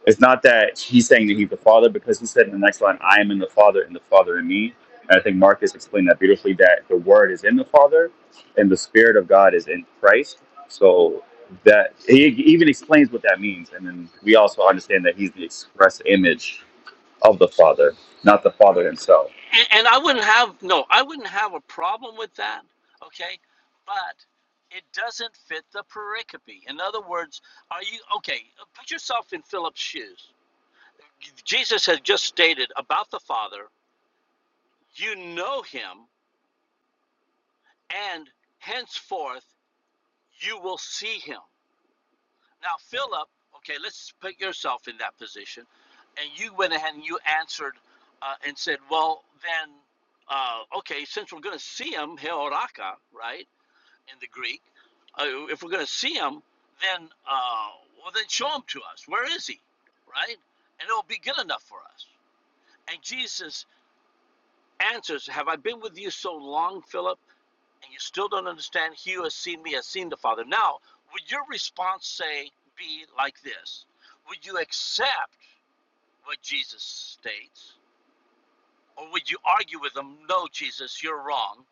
[SPEAKER 6] It's not that he's saying that he's the father, because he said in the next line, I am in the father and the father in me. And I think Marcus explained that beautifully that the word is in the father and the spirit of God is in Christ. So that he even explains what that means. And then we also understand that he's the express image of the Father, not the Father himself.
[SPEAKER 8] and, and I wouldn't have no, I wouldn't have a problem with that. Okay, but it doesn't fit the pericope. In other words, are you okay? Put yourself in Philip's shoes. Jesus had just stated about the Father, you know him, and henceforth you will see him. Now, Philip, okay, let's put yourself in that position. And you went ahead and you answered uh, and said, well, then, uh, okay, since we're going to see him, Heoraka, right? in the Greek. Uh, if we're going to see him, then uh, well, then show him to us. Where is he? Right? And it'll be good enough for us. And Jesus answers, Have I been with you so long, Philip, and you still don't understand? He who has seen me has seen the Father. Now, would your response say be like this? Would you accept what Jesus states, or would you argue with him? No, Jesus, you're wrong.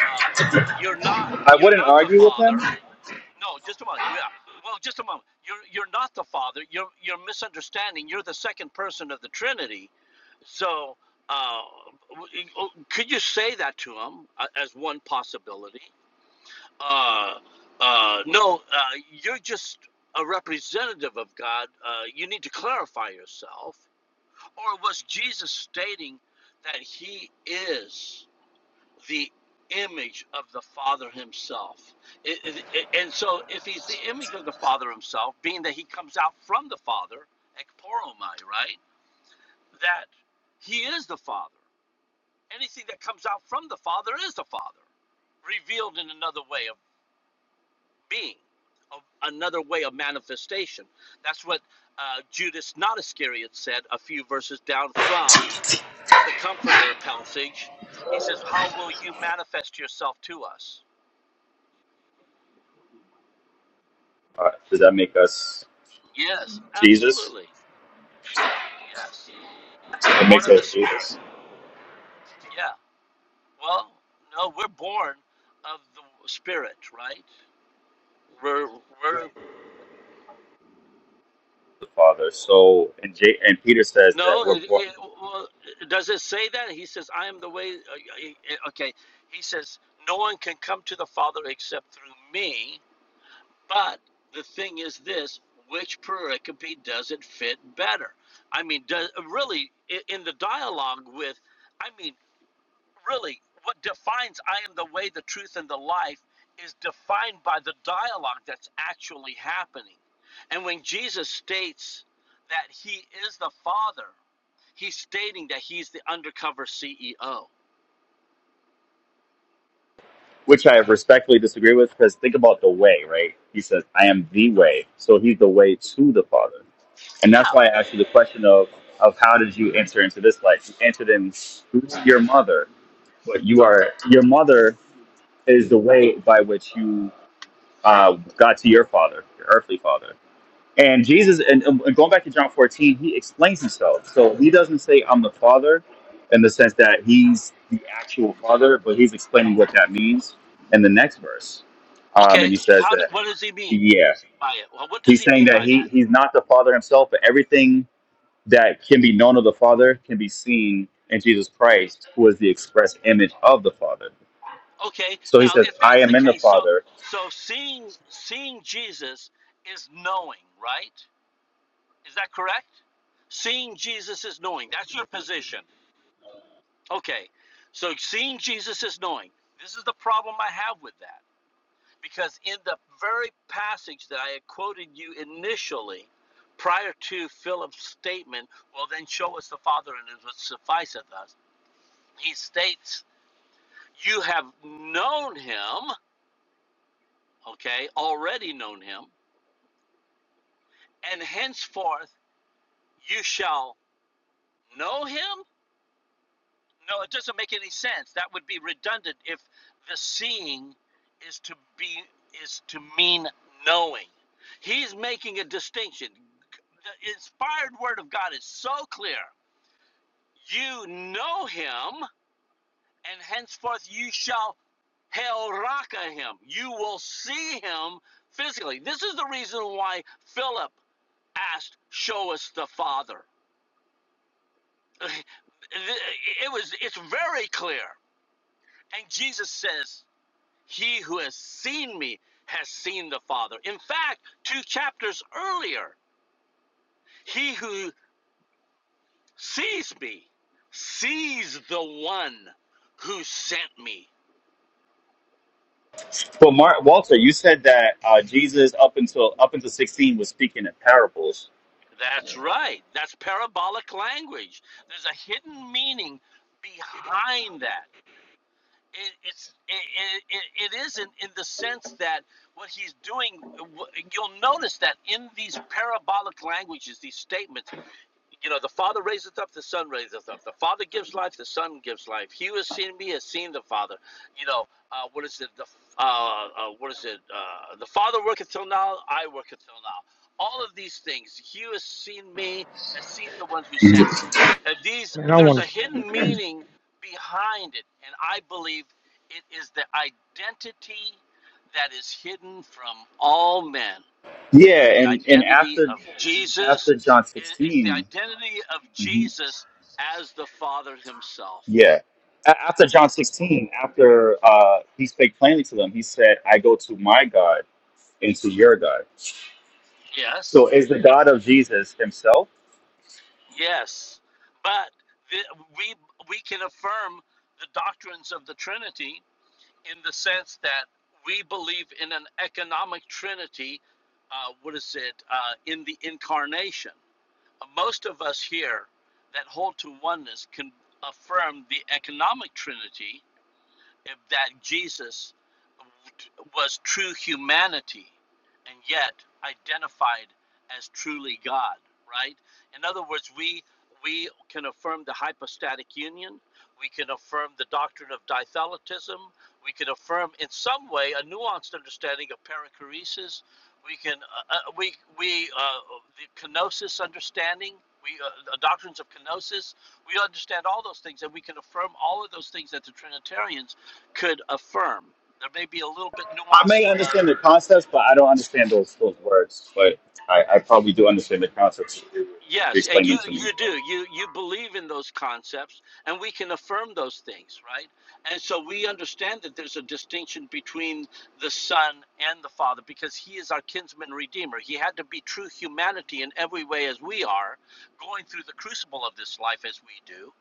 [SPEAKER 8] Um, you're not.
[SPEAKER 6] I
[SPEAKER 8] You're
[SPEAKER 6] wouldn't
[SPEAKER 8] not the
[SPEAKER 6] argue with him.
[SPEAKER 8] Father.
[SPEAKER 6] Uh,
[SPEAKER 8] No, just a moment. Yeah. Well, just a moment. You're you're not the Father. You're you're misunderstanding. You're the second person of the Trinity. So, uh, oh, could you say that to him uh, as one possibility? Uh, uh, no, uh, you're just a representative of God. Uh, you need to clarify yourself. Or was Jesus stating that he is? the image of the Father Himself. It- it- it- and so, if He's the image of the Father Himself, being that He comes out from the Father, ekporomai, right? That He is the Father. Anything that comes out from the Father is the Father, revealed in another way of being, of another way of manifestation. That's what uh, Judas not Iscariot said a few verses down from the Comforter passage. He says, How will you manifest yourself to us?
[SPEAKER 6] does that make us
[SPEAKER 8] Yes,
[SPEAKER 6] Jesus?
[SPEAKER 8] absolutely. Yes.
[SPEAKER 6] It
[SPEAKER 8] Born
[SPEAKER 6] makes
[SPEAKER 8] of the
[SPEAKER 6] us
[SPEAKER 8] Spirit.
[SPEAKER 6] Jesus,
[SPEAKER 8] Yeah. Well, no, we're born of the Spirit, right? We're, we're
[SPEAKER 6] the Father. So, and, J- and Peter says that
[SPEAKER 8] no.
[SPEAKER 6] we're
[SPEAKER 8] It,
[SPEAKER 6] born,
[SPEAKER 8] it, well, does it say that? He says, "I am the way." uh, uh, Okay. He says, "No one can come to the Father except through me." But the thing is, this which pericope does it fit better? I mean, does really i- in the dialogue with? I mean, really what defines I am the way, the truth, and the life is defined by the dialogue that's actually happening. And when Jesus states that he is the Father, he's stating that he's the undercover CEO.
[SPEAKER 6] which I respectfully disagree with because think about the way, right? He says, I am the way. So he's the way to the Father. And
[SPEAKER 8] Yeah.
[SPEAKER 6] that's why I asked you the question of, of how did you enter into this life? You entered in through your mother, but you are, your mother is the way by which you uh, got to your father, your earthly father And Jesus, and, and going back to John 14, he explains himself. So he doesn't say, I'm the Father in the sense that he's the actual Father, but he's explaining what that means in the next verse. Um,
[SPEAKER 8] Okay.
[SPEAKER 6] and he says
[SPEAKER 8] How do,
[SPEAKER 6] that,
[SPEAKER 8] what does he mean
[SPEAKER 6] yeah,
[SPEAKER 8] by it? Well, what does
[SPEAKER 6] he's
[SPEAKER 8] he
[SPEAKER 6] saying
[SPEAKER 8] mean
[SPEAKER 6] that
[SPEAKER 8] by
[SPEAKER 6] he,
[SPEAKER 8] that?
[SPEAKER 6] he's not the Father himself, but everything that can be known of the Father can be seen in Jesus Christ, who is the express image of the Father.
[SPEAKER 8] Okay.
[SPEAKER 6] So he
[SPEAKER 8] Now,
[SPEAKER 6] says,
[SPEAKER 8] if
[SPEAKER 6] I
[SPEAKER 8] that's the
[SPEAKER 6] am in the
[SPEAKER 8] case, so
[SPEAKER 6] Father.
[SPEAKER 8] so seeing seeing Jesus is knowing, right? Is that correct? Seeing Jesus is knowing. That's your position. Okay, so seeing Jesus is knowing. This is the problem I have with that. Because in the very passage that I had quoted you initially, prior to Philip's statement, well, then show us the Father and it would sufficeth us, he states, You have known him, okay, already known him, and henceforth you shall know him No, it doesn't make any sense. That would be redundant if the seeing is to be is to mean knowing. He's making a distinction. The inspired word of God is so clear. You know him, and henceforth you shall helraka him. You will see him physically. This is the reason why Philip asked, "Show us the Father." It was. It's very clear, and Jesus says. He who has seen me has seen the Father. In fact, two chapters earlier, he who sees me sees the one who sent me.
[SPEAKER 6] But Mark, Walter, you said that uh, Jesus up until up until 16 was speaking in parables
[SPEAKER 8] That's right. That's parabolic language. There's a hidden meaning behind that. It, it's it, it, it isn't in the sense that what he's doing. You'll notice that in these parabolic languages, these statements You know, the Father raiseth up, the Son raiseth up. The Father gives life, the Son gives life. He who has seen me has seen the Father. You know, uh, what is it? The uh, uh, what is it? Uh, the Father worketh till now, I worketh till now. All of these things, he who has seen me has seen the one who sent me. And these,
[SPEAKER 9] Man, I
[SPEAKER 8] there's
[SPEAKER 9] want
[SPEAKER 8] a
[SPEAKER 9] to
[SPEAKER 8] hidden meaning behind it, and I believe it is the identity that is hidden from all men and it's
[SPEAKER 6] Yeah,
[SPEAKER 8] the
[SPEAKER 6] and and
[SPEAKER 8] identity
[SPEAKER 6] after
[SPEAKER 8] of Jesus.
[SPEAKER 6] after John
[SPEAKER 8] It's the
[SPEAKER 6] 16
[SPEAKER 8] identity of
[SPEAKER 6] mhm,
[SPEAKER 8] Jesus as the Father Himself.
[SPEAKER 6] yeah, A- after John sixteen, after uh, he spake plainly to them, he said, "I go to my God and to your God."
[SPEAKER 8] Yes,
[SPEAKER 6] So, is the God of Jesus Himself?
[SPEAKER 8] yes, but the, we we can affirm the doctrines of the Trinity in the sense that we believe in an economic Trinity. Uh, what is it uh, in the incarnation? Most of us here that hold to oneness can affirm the economic Trinity if that Jesus was true humanity and yet identified as truly God, right? In other words, we we can affirm the hypostatic union, we can affirm the doctrine of ditheletism, we can affirm in some way a nuanced understanding of perichoresis, we can uh, uh, we we uh, the kenosis understanding, we uh, the doctrines of kenosis, we understand all those things and we can affirm all of those things that the trinitarians could affirm. There may be a little bit
[SPEAKER 6] I may
[SPEAKER 8] nuanced. Uh,
[SPEAKER 6] understand the concepts, but I don't understand those those words. But I, I probably do understand the concepts. if you
[SPEAKER 8] yes, and
[SPEAKER 6] Explain
[SPEAKER 8] you
[SPEAKER 6] them to me.
[SPEAKER 8] you do you you believe in those concepts, and we can affirm those things, right? And so we understand that there's a distinction between the Son and the Father because He is our kinsman redeemer. He had to be true humanity in every way as we are, going through the crucible of this life as we do,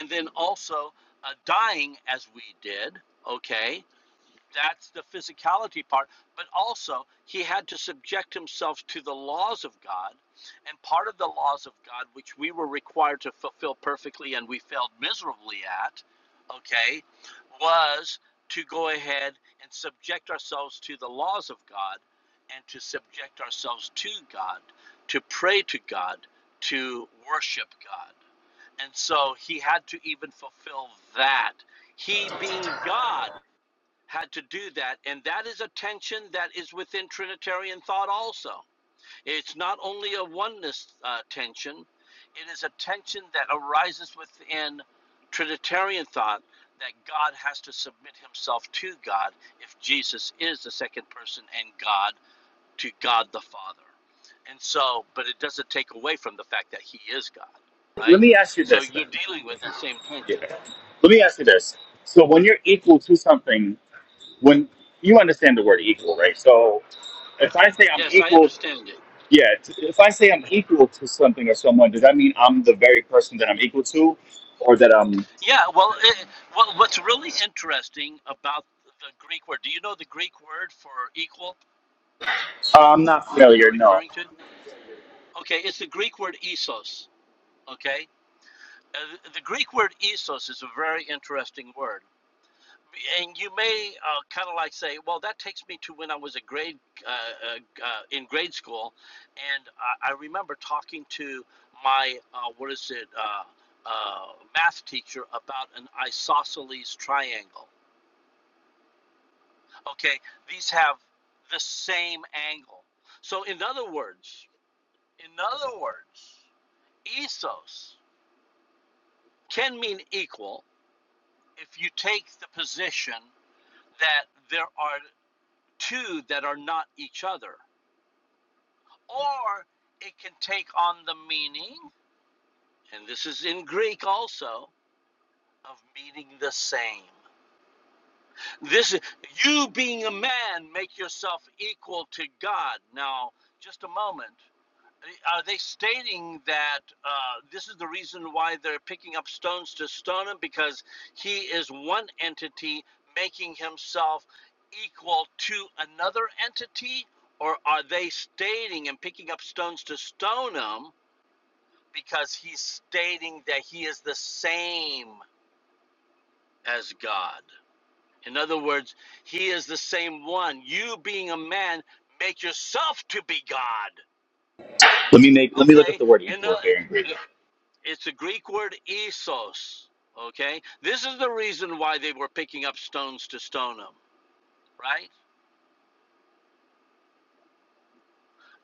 [SPEAKER 8] and then also uh, dying as we did. Okay, That's the physicality part. But also, he had to subject himself to the laws of God. And part of the laws of God, which we were required to fulfill perfectly and we failed miserably at, okay, was to go ahead and subject ourselves to the laws of God and to subject ourselves to God, to pray to God, to worship God. And so he had to even fulfill that. He being God had to do that. And that is a tension that is within Trinitarian thought also. It's not only a oneness uh, tension, it is a tension that arises within Trinitarian thought that God has to submit himself to God if Jesus is the second person and God to God the Father. And so, but it doesn't take away from the fact that he is God,
[SPEAKER 6] But Let
[SPEAKER 8] right?
[SPEAKER 6] me ask you
[SPEAKER 8] So
[SPEAKER 6] this
[SPEAKER 8] you're
[SPEAKER 6] then.
[SPEAKER 8] dealing with that same
[SPEAKER 6] Yeah.
[SPEAKER 8] tension.
[SPEAKER 6] Let me ask you this. So, when you're equal to something when you understand the word equal, right? So if I say I'm
[SPEAKER 8] Yes, I
[SPEAKER 6] equal,
[SPEAKER 8] understand it.
[SPEAKER 6] yeah, t- if I say I'm equal to something or someone, does that mean I'm the very person that I'm equal to, or that I'm
[SPEAKER 8] Yeah, well, it, well, what's really interesting about the Greek word, do you know the Greek word for equal
[SPEAKER 6] I'm not
[SPEAKER 8] that you're
[SPEAKER 6] failure? No.
[SPEAKER 8] referring to? Okay, it's the Greek word isos, okay? Uh, the Greek word isos is a very interesting word. And you may uh, kind of like say, well, that takes me to when I was a grade uh, uh, uh, in grade school, and I, I remember talking to my uh, what is it uh, uh, math teacher about an isosceles triangle Okay, these have the same angle. So, in other words, in other words, ethos can mean equal if you take the position that there are two that are not each other, or it can take on the meaning, and this is in Greek also, of meaning the same. This you being a man make yourself equal to God. Now, just a moment. Are they stating that uh, this is the reason why they're picking up stones to stone him? Because he is one entity making himself equal to another entity? Or are they stating and picking up stones to stone him because he's stating that he is the same as God? In other words, he is the same one. You being a man, make yourself to be God.
[SPEAKER 6] Let me make let me look up
[SPEAKER 8] Okay?
[SPEAKER 6] the word
[SPEAKER 8] In,
[SPEAKER 6] equal here in Greek.
[SPEAKER 8] uh, It's a Greek word isos. Okay, this is the reason why they were picking up stones to stone him, right?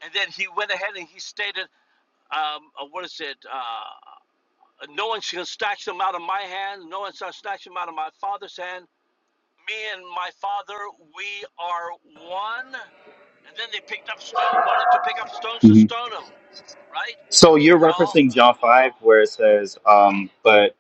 [SPEAKER 8] And then he went ahead and he stated, um, uh, what is it? Uh, no one shall snatch them out of my hand. No one shall snatch them out of my father's hand. Me and my father, we are one. And then they picked up stone, wanting to pick up stones to
[SPEAKER 6] hmm
[SPEAKER 8] stone him,
[SPEAKER 6] So you're
[SPEAKER 8] right? Well,
[SPEAKER 6] referencing John five where it says, um, but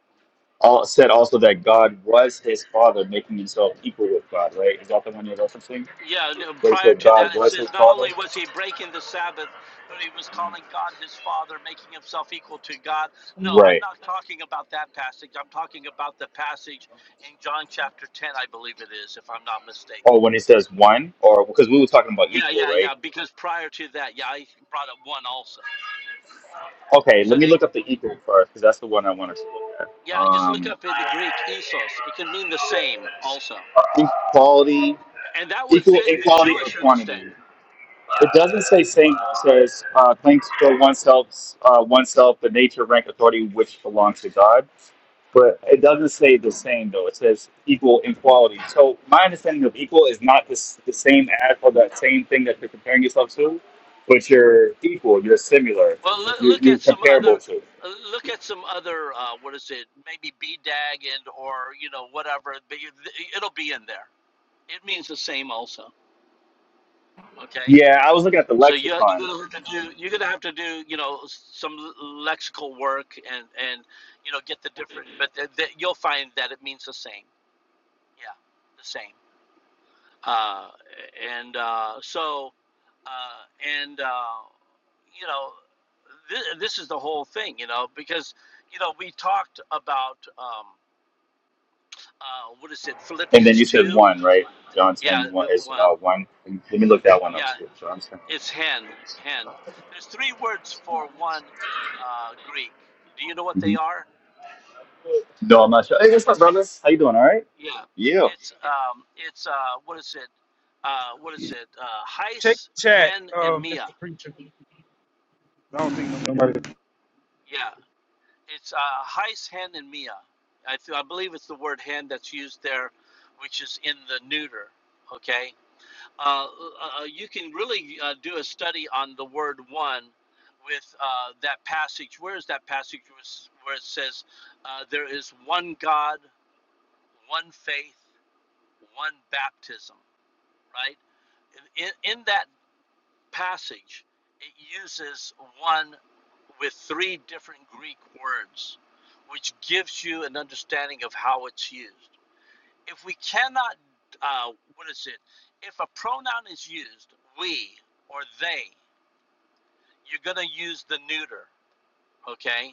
[SPEAKER 6] all said also that God was his father, making himself equal with God, right? Is that the one you're referencing?
[SPEAKER 8] Yeah, no,
[SPEAKER 6] Where he
[SPEAKER 8] prior
[SPEAKER 6] said
[SPEAKER 8] to
[SPEAKER 6] God
[SPEAKER 8] that, it
[SPEAKER 6] was his
[SPEAKER 8] says not
[SPEAKER 6] father?
[SPEAKER 8] only was he breaking the Sabbath, but he was calling God his Father, making himself equal to God. No, I'm
[SPEAKER 6] Right.
[SPEAKER 8] not talking about that passage. I'm talking about the passage in John chapter 10, I believe it is, if I'm not mistaken.
[SPEAKER 6] Or when it says one, or because we were talking about
[SPEAKER 8] Yeah,
[SPEAKER 6] equal,
[SPEAKER 8] yeah,
[SPEAKER 6] right?
[SPEAKER 8] yeah, because prior to that, yeah, I brought up one also.
[SPEAKER 6] Okay, let
[SPEAKER 8] So
[SPEAKER 6] me
[SPEAKER 8] they,
[SPEAKER 6] look up the equal first because that's the one I want us to look at.
[SPEAKER 8] yeah, just look
[SPEAKER 6] Um,
[SPEAKER 8] up in the Greek, isos. It can mean the same also.
[SPEAKER 6] equality,
[SPEAKER 8] And that would
[SPEAKER 6] equal
[SPEAKER 8] fit the
[SPEAKER 6] equality or
[SPEAKER 8] Jewish
[SPEAKER 6] quantity.
[SPEAKER 8] understanding. Yeah.
[SPEAKER 6] It doesn't say single. It says uh, claims for oneself's uh, oneself the nature, rank, authority which belongs to God. But it doesn't say the same though. It says equal in quality. So my understanding of equal is not this the same as or that same thing that you're comparing yourself to, but you're equal. You're similar.
[SPEAKER 8] Well, look,
[SPEAKER 6] You're,
[SPEAKER 8] look
[SPEAKER 6] you're
[SPEAKER 8] at some other,
[SPEAKER 6] comparable to.
[SPEAKER 8] uh, look at some other. Uh, what is it? Maybe BDAG and or you know whatever. But you, it'll be in there. It means the same also. Okay.
[SPEAKER 6] Yeah, I was looking at the
[SPEAKER 8] So you,
[SPEAKER 6] lexicon.
[SPEAKER 8] you're gonna have to do you're gonna have to do you know some lexical work and and you know get the different. But th- th- you'll find that it means the same. Yeah, the same. Uh, and uh, so. uh, and uh, you know, th- this is the whole thing, you know, because you know we talked about um, uh, what is it,
[SPEAKER 6] And then
[SPEAKER 8] Philippians
[SPEAKER 6] you said
[SPEAKER 8] two,
[SPEAKER 6] one, right? John ten
[SPEAKER 8] yeah,
[SPEAKER 6] one
[SPEAKER 8] the
[SPEAKER 6] is
[SPEAKER 8] one,
[SPEAKER 6] uh, one. Let me look that one up.
[SPEAKER 8] yeah,
[SPEAKER 6] So John 10.
[SPEAKER 8] it's hen, hen. There's three words for one in uh, Greek. Do you know what they
[SPEAKER 6] hmm
[SPEAKER 8] are?
[SPEAKER 6] No, I'm not sure. Hey, what's up, brothers? How you doing? All right?
[SPEAKER 8] Yeah,
[SPEAKER 6] Yeah.
[SPEAKER 8] it's um, it's uh, what is it, uh, what is it, uh,
[SPEAKER 9] Check
[SPEAKER 8] heis,
[SPEAKER 9] the chat,
[SPEAKER 8] hen, and
[SPEAKER 9] uh, Mr.
[SPEAKER 8] mia.
[SPEAKER 9] Preacher. I don't think nobody.
[SPEAKER 8] Yeah, It's uh, Heis, hen, and mia. I, th- I believe it's the word hen that's used there, which is in the neuter. Okay. Uh, uh, uh, you can really uh, do a study on the word one with uh, that passage. Where is that passage where it says, uh, there is one God, one faith, one baptism, right? In, in that passage, it uses one with three different Greek words, which gives you an understanding of how it's used. If we cannot, uh, what is it? If a pronoun is used, we or they, you're going to use the neuter, okay?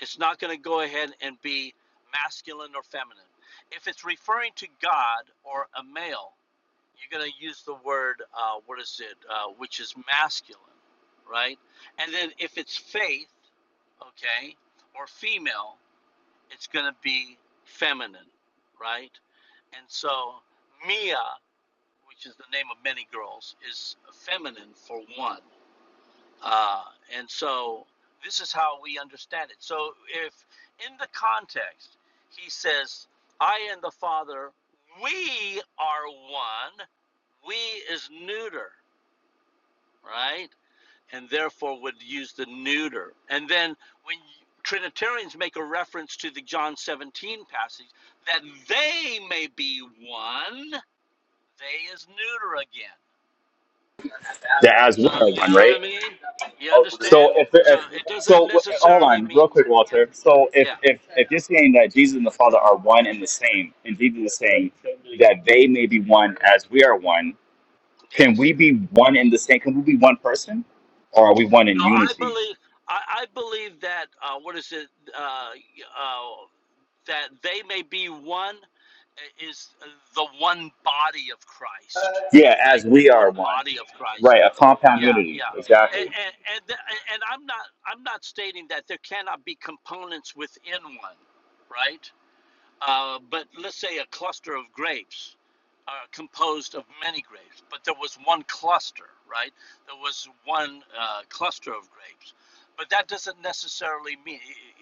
[SPEAKER 8] It's not going to go ahead and be masculine or feminine. If it's referring to God or a male, you're going to use the word, uh, what is it, uh, which is masculine, right? And then if it's faith, okay, or female, it's going to be feminine, right? And so Mia, which is the name of many girls, is feminine for one. Uh, and so this is how we understand it. So if in the context he says, I and the Father, we are one, we is neuter, right? And therefore would use the neuter. And then when you- Trinitarians make a reference to the John 17 passage, that they may be one, they is neuter again.
[SPEAKER 6] The as
[SPEAKER 8] So
[SPEAKER 6] we are
[SPEAKER 8] you know
[SPEAKER 6] one,
[SPEAKER 8] what
[SPEAKER 6] right?
[SPEAKER 8] I mean? You
[SPEAKER 6] So
[SPEAKER 8] understand?
[SPEAKER 6] if,
[SPEAKER 8] So
[SPEAKER 6] if
[SPEAKER 8] it
[SPEAKER 6] so,
[SPEAKER 8] doesn't
[SPEAKER 6] w- hold
[SPEAKER 8] necessarily
[SPEAKER 6] on, real
[SPEAKER 8] mean
[SPEAKER 6] quick, Walter.
[SPEAKER 8] yeah,
[SPEAKER 6] So if
[SPEAKER 8] yeah,
[SPEAKER 6] if if you're saying that Jesus and the Father are one and the same, and Jesus is saying that they may be one as we are one, can
[SPEAKER 8] yes.
[SPEAKER 6] we be one in the same? Can we be one person, or are we one in
[SPEAKER 8] No, I
[SPEAKER 6] unity?
[SPEAKER 8] believe I, I believe that uh, what is it? Uh, uh, that they may be one is the one body of Christ,
[SPEAKER 6] Yeah, as
[SPEAKER 8] right? The
[SPEAKER 6] we are
[SPEAKER 8] one
[SPEAKER 6] one.
[SPEAKER 8] body of Christ.
[SPEAKER 6] Right, a compound
[SPEAKER 8] Yeah,
[SPEAKER 6] unity,
[SPEAKER 8] yeah, and
[SPEAKER 6] exactly.
[SPEAKER 8] and and, th- and I'm not I'm not stating that there cannot be components within one, right? Uh, but let's say a cluster of grapes are composed of many grapes, but there was one cluster, right? There was one uh, cluster of grapes. But that doesn't necessarily mean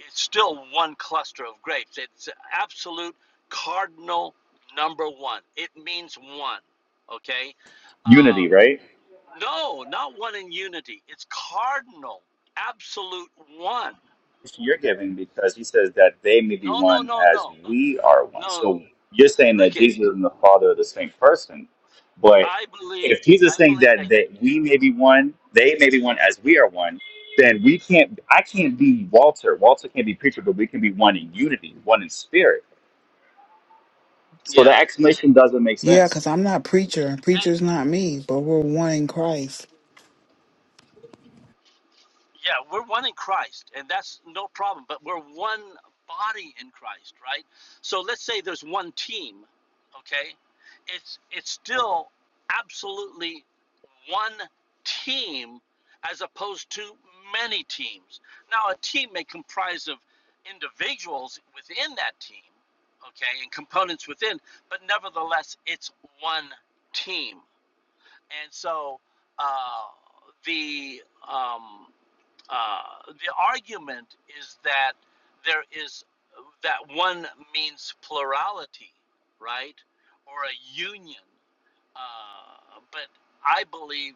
[SPEAKER 8] it's still one cluster of grapes. It's absolute cardinal number one. It means one, okay? Uh,
[SPEAKER 6] Unity, right?
[SPEAKER 8] no, not one in unity. It's cardinal, absolute one.
[SPEAKER 6] You're giving because he says that they may be
[SPEAKER 8] No, no,
[SPEAKER 6] one
[SPEAKER 8] no,
[SPEAKER 6] as
[SPEAKER 8] no.
[SPEAKER 6] we are one.
[SPEAKER 8] No,
[SPEAKER 6] So you're saying that
[SPEAKER 8] look it.
[SPEAKER 6] Jesus and the Father are the same person, but
[SPEAKER 8] I believe,
[SPEAKER 6] if Jesus
[SPEAKER 8] I
[SPEAKER 6] is saying
[SPEAKER 8] believe that,
[SPEAKER 6] that that we may be one, they may be one as we are one, then we can't. I can't be Walter. Walter can't be preacher, but we can be one in unity, one in spirit. So
[SPEAKER 8] yeah,
[SPEAKER 6] that explanation doesn't make
[SPEAKER 1] Yeah,
[SPEAKER 6] sense.
[SPEAKER 1] because I'm not preacher.
[SPEAKER 8] and,
[SPEAKER 1] Preacher's not me, but we're one in Christ.
[SPEAKER 8] yeah, we're one in Christ, and that's no problem. But we're one body in Christ, right? So let's say there's one team, okay? It's it's still absolutely one team as opposed to many teams. Now, a team may comprise of individuals within that team, okay, and components within, but nevertheless, it's one team. And so uh, the um, uh, the argument is that there is that one means plurality, right, or a union. Uh, but I believe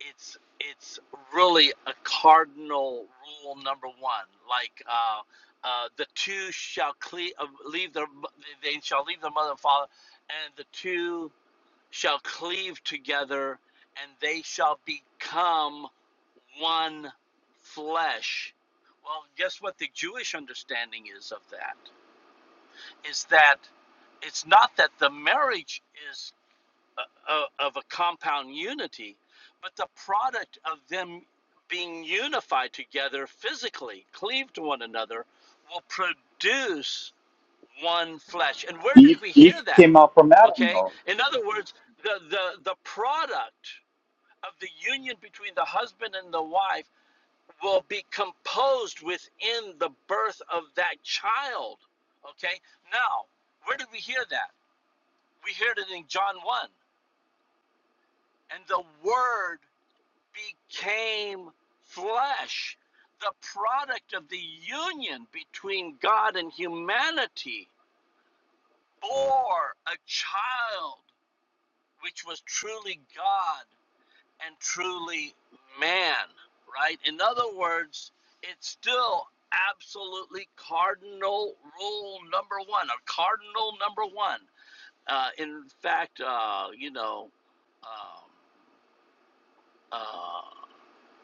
[SPEAKER 8] it's it's really a cardinal rule number one, like. Uh, uh, the two shall cle- uh, leave their mo- they shall leave their mother and father, and the two shall cleave together, and they shall become one flesh. Well, guess what the Jewish understanding is of that? Is that it's not that the marriage is a, a, of a compound unity, but the product of them being unified together physically, cleaved to one another, will produce one flesh. And where did
[SPEAKER 6] Eve,
[SPEAKER 8] we hear
[SPEAKER 6] Eve
[SPEAKER 8] that?
[SPEAKER 6] came out from Adam,
[SPEAKER 8] Okay?
[SPEAKER 6] though.
[SPEAKER 8] In other words, the, the, the product of the union between the husband and the wife will be composed within the birth of that child. Okay? Now, where did we hear that? We heard it in John 1. And the word became flesh. The product of the union between God and humanity bore a child which was truly God and truly man, right? In other words, it's still absolutely cardinal rule number one, or cardinal number one. Uh, in fact, uh, you know, um, uh,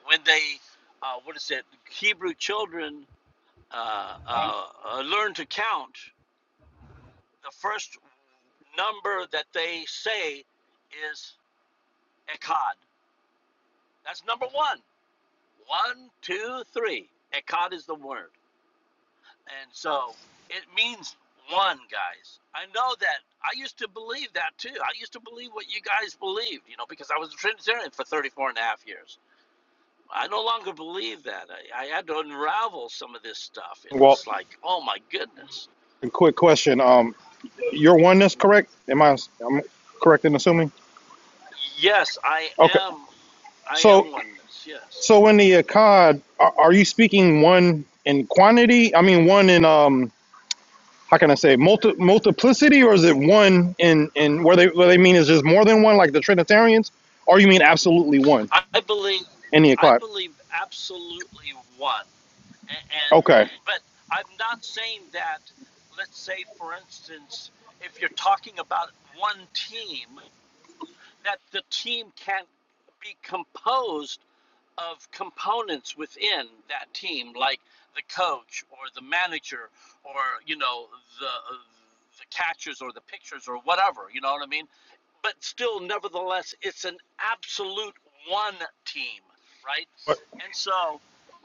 [SPEAKER 8] when they, uh, what is it, Hebrew children uh, uh, uh, learn to count, the first number that they say is Echad. That's number one One, two, three. Echad is the word. And so it means one, guys. I know that. I used to believe that too. I used to believe what you guys believed, you know, because I was a Trinitarian for 34 and a half years. I no longer believe that. I, I had to unravel some of this stuff. And
[SPEAKER 10] Well,
[SPEAKER 8] it's like, oh my goodness.
[SPEAKER 10] a quick question. Um, your oneness correct? Am I am I correct in assuming?
[SPEAKER 8] Yes, I
[SPEAKER 10] Okay.
[SPEAKER 8] am. I
[SPEAKER 10] So
[SPEAKER 8] am oneness. Yes.
[SPEAKER 10] so in the Akkad, are, are you speaking one in quantity? I mean, one in um, how can I say multi, multiplicity, or is it one in in where they what they mean is just more than one, like the Trinitarians, or you mean absolutely one
[SPEAKER 8] I believe,
[SPEAKER 10] in the
[SPEAKER 8] I
[SPEAKER 10] Akkad?
[SPEAKER 8] believe absolutely one, A- and
[SPEAKER 10] Okay.
[SPEAKER 8] but I'm not saying that. Let's say, for instance, if you're talking about one team, that the team can't be composed of components within that team, like the coach or the manager or you know the the catchers or the pitchers or whatever. You know what I mean? But still, nevertheless, it's an absolute one team, right? And so,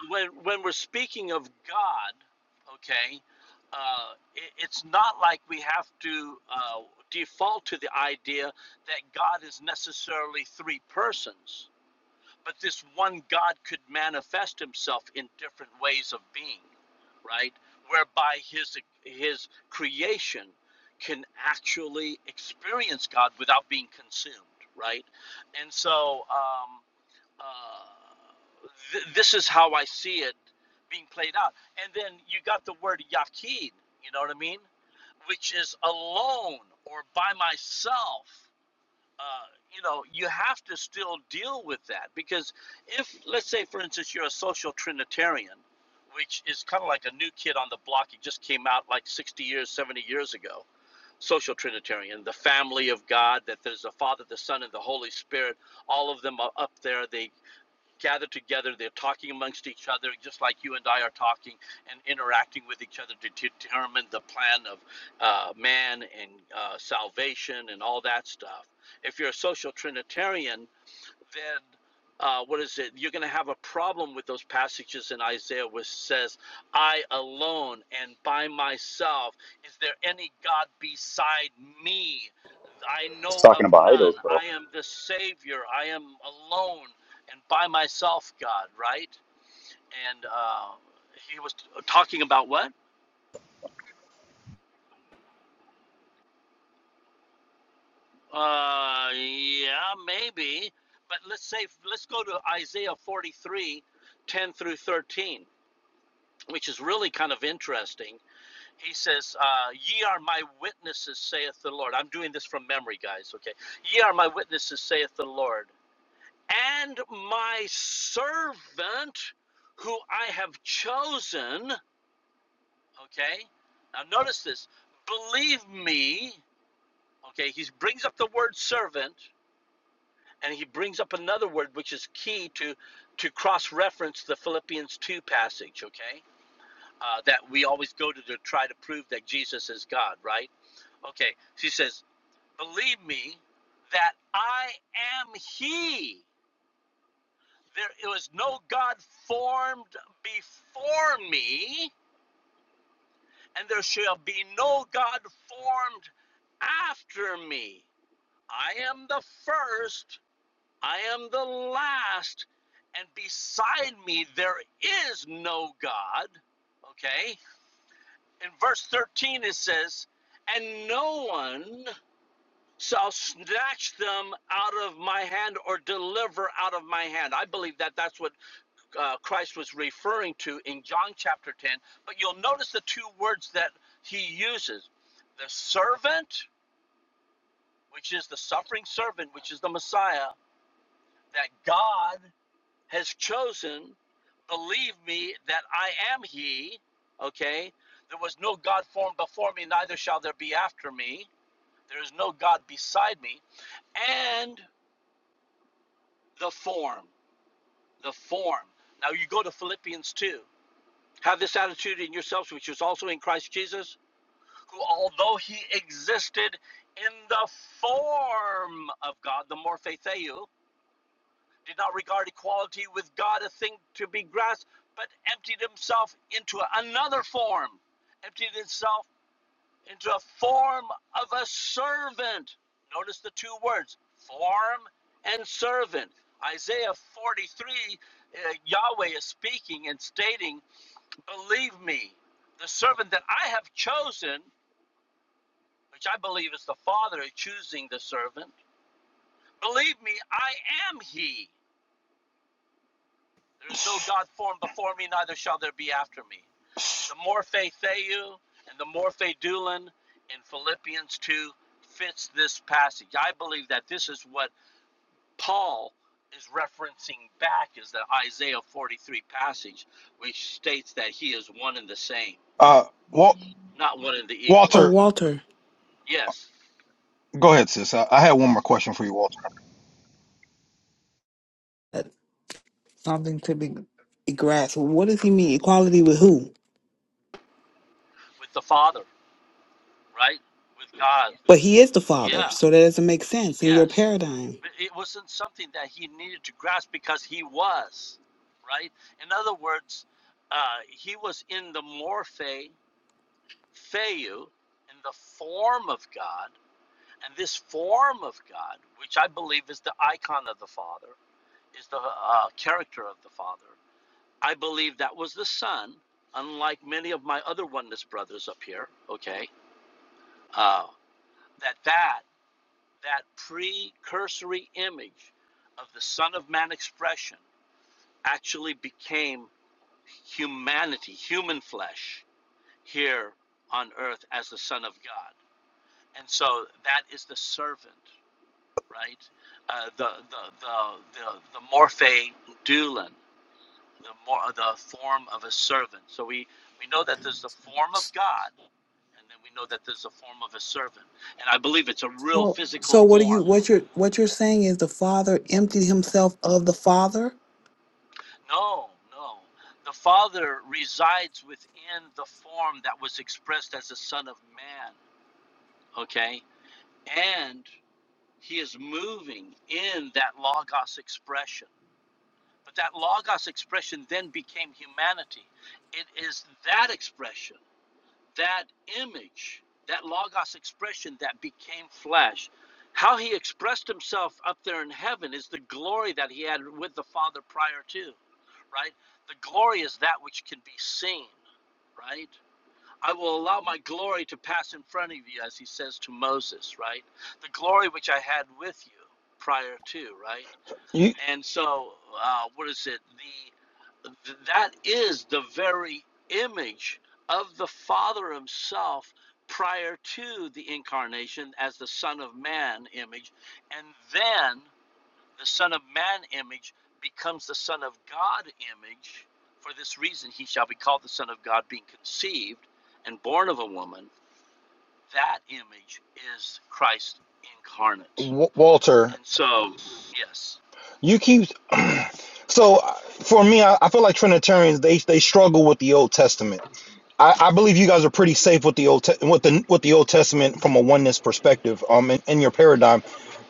[SPEAKER 8] when when we're speaking of God, okay, uh, it, it's not like we have to uh, default to the idea that God is necessarily three persons but this one God could manifest himself in different ways of being, right? Whereby his his creation can actually experience God without being consumed, right? And so um, uh, th- this is how I see it being played out. And then you got the word Yaqeen, you know what I mean? Which is alone or by myself uh, you know, you have to still deal with that because if, let's say, for instance, you're a social Trinitarian, which is kind of like a new kid on the block, it just came out like 60 years, 70 years ago. Social Trinitarian, the family of God, that there's a Father, the Son, and the Holy Spirit. All of them are up there. They gathered together. They're talking amongst each other, just like you and I are talking and interacting with each other to determine the plan of uh, man and uh, salvation and all that stuff. If you're a social Trinitarian, then uh, what is it? You're going to have a problem with those passages in Isaiah, which says, "I alone and by myself is there any God beside me?" I
[SPEAKER 6] It's
[SPEAKER 8] know of
[SPEAKER 6] talking about
[SPEAKER 8] none.
[SPEAKER 6] idols, though.
[SPEAKER 8] I am the Savior. I am alone and by myself, God, right? And uh, he was talking about what? Uh, yeah, maybe. But let's say, let's go to Isaiah 43 10 through 13, which is really kind of interesting. He says, uh, Ye are my witnesses, saith the Lord. I'm doing this from memory, guys, okay? Ye are my witnesses, saith the Lord and my servant who I have chosen. Okay, now notice this. Believe me. Okay, he brings up the word servant and he brings up another word which is key to to cross-reference the Philippians 2 passage, okay? Uh, that we always go to to try to prove that Jesus is God, right? Okay, she says, Believe me that I am He. There it was no God formed before me, and there shall be no God formed after me. I am the first, I am the last, and beside me there is no God. Okay? In verse 13 it says, And no one shall snatch them out of my hand or deliver out of my hand. I believe that that's what uh, Christ was referring to in John chapter 10, but you'll notice the two words that he uses the servant, which is the suffering servant, which is the Messiah, that God has chosen. Believe me that I am he. Okay? There was no God formed before me, neither shall there be after me. There is no God beside me. And the form. The form. Now you go to Philippians 2. Have this attitude in yourselves, which is also in Christ Jesus who, although he existed in the form of God, the morphetheu, did not regard equality with God a thing to be grasped, but emptied himself into another form, emptied himself into a form of a servant. Notice the two words, form and servant. Isaiah 43, uh, Yahweh is speaking and stating, Believe me, the servant that I have chosen which I believe is the Father choosing the servant. Believe me, I am He. There is no God formed before me, neither shall there be after me. The Morphe Theou and the Morphe Doulin in Philippians 2 fits this passage. I believe that this is what Paul is referencing back is the Isaiah 43 passage, which states that he is one and the same,
[SPEAKER 10] Uh, Wal-
[SPEAKER 8] not one and the equal.
[SPEAKER 1] Oh,
[SPEAKER 10] Walter,
[SPEAKER 1] Walter,
[SPEAKER 8] Yes,
[SPEAKER 10] go ahead, sis. I, I had one more question for you, Walter.
[SPEAKER 1] that's something to be grasped. What does he mean? Equality with who?
[SPEAKER 8] with the Father, right? With God.
[SPEAKER 1] But he is the father,
[SPEAKER 8] Yeah.
[SPEAKER 1] so that doesn't make sense in your
[SPEAKER 8] Yes,
[SPEAKER 1] paradigm.
[SPEAKER 8] but it wasn't something that he needed to grasp because he was, right? In other words, uh, he was in the morphe, theou, in the form of God, and this form of God, which I believe is the icon of the Father, is the uh, character of the Father. I believe that was the Son, unlike many of my other oneness brothers up here. Okay, uh, that that that precursory image of the Son of Man expression actually became humanity, human flesh, here on earth as the Son of God. And so that is the servant, right? Uh, the, the, the, the, the morphe doulon, the, mor- the form of a servant. So we, we know that there's the form of God, and then we know that there's the form of a servant. And I believe it's a real
[SPEAKER 1] So,
[SPEAKER 8] physical
[SPEAKER 1] so what are
[SPEAKER 8] form
[SPEAKER 1] you? What you're? What you're saying is the father emptied himself of the father.
[SPEAKER 8] No, no. The Father resides within the form that was expressed as the Son of Man, okay? And he is moving in that Logos expression. But that Logos expression then became humanity. It is that expression, that image, that Logos expression that became flesh. How he expressed himself up there in heaven is the glory that he had with the Father prior to right? The glory is that which can be seen, right? I will allow my glory to pass in front of you, as he says to Moses, right? The glory which I had with you prior to, right?
[SPEAKER 10] You,
[SPEAKER 8] And so, uh, what is it? The th- that is the very image of the Father Himself prior to the incarnation as the Son of Man image, and then the Son of Man image becomes the Son of God image. For this reason, he shall be called the Son of God, being conceived and born of a woman. That image is Christ incarnate.
[SPEAKER 10] w- Walter,
[SPEAKER 8] And so, yes,
[SPEAKER 10] you keep. So uh, for me, I, I feel like Trinitarians they they struggle with the Old Testament. I, I believe you guys are pretty safe with the old te- with the with the Old Testament from a oneness perspective. Um, in, in your paradigm,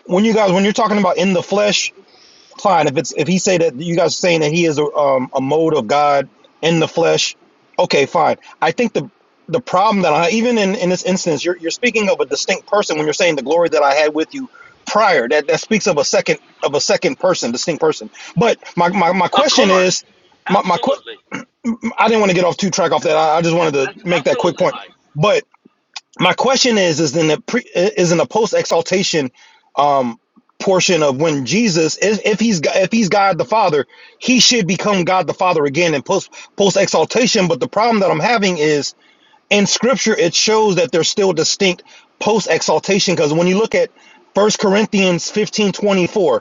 [SPEAKER 10] when you guys when you're talking about in the flesh, fine. If it's if he say that you guys are saying that he is a, um, a mode of God in the flesh, okay, fine. I think the the problem that I even in, in this instance, you're you're speaking of a distinct person when you're saying the glory that I had with you prior. That that speaks of a second of a second person, distinct person. But my my, my
[SPEAKER 8] of
[SPEAKER 10] question
[SPEAKER 8] course,
[SPEAKER 10] is, my, my que-
[SPEAKER 8] absolutely.
[SPEAKER 10] I didn't want to get off too track off that. I, I just wanted to
[SPEAKER 8] That's
[SPEAKER 10] make that quick
[SPEAKER 8] absolutely
[SPEAKER 10] point.
[SPEAKER 8] right.
[SPEAKER 10] But my question is is in the pre is in the post exaltation um portion of when jesus if, if he's Go- if he's god the father he should become god the father again in post post exaltation but the problem that i'm having is in scripture it shows that they're still distinct post exaltation because when you look at First corinthians 15 24.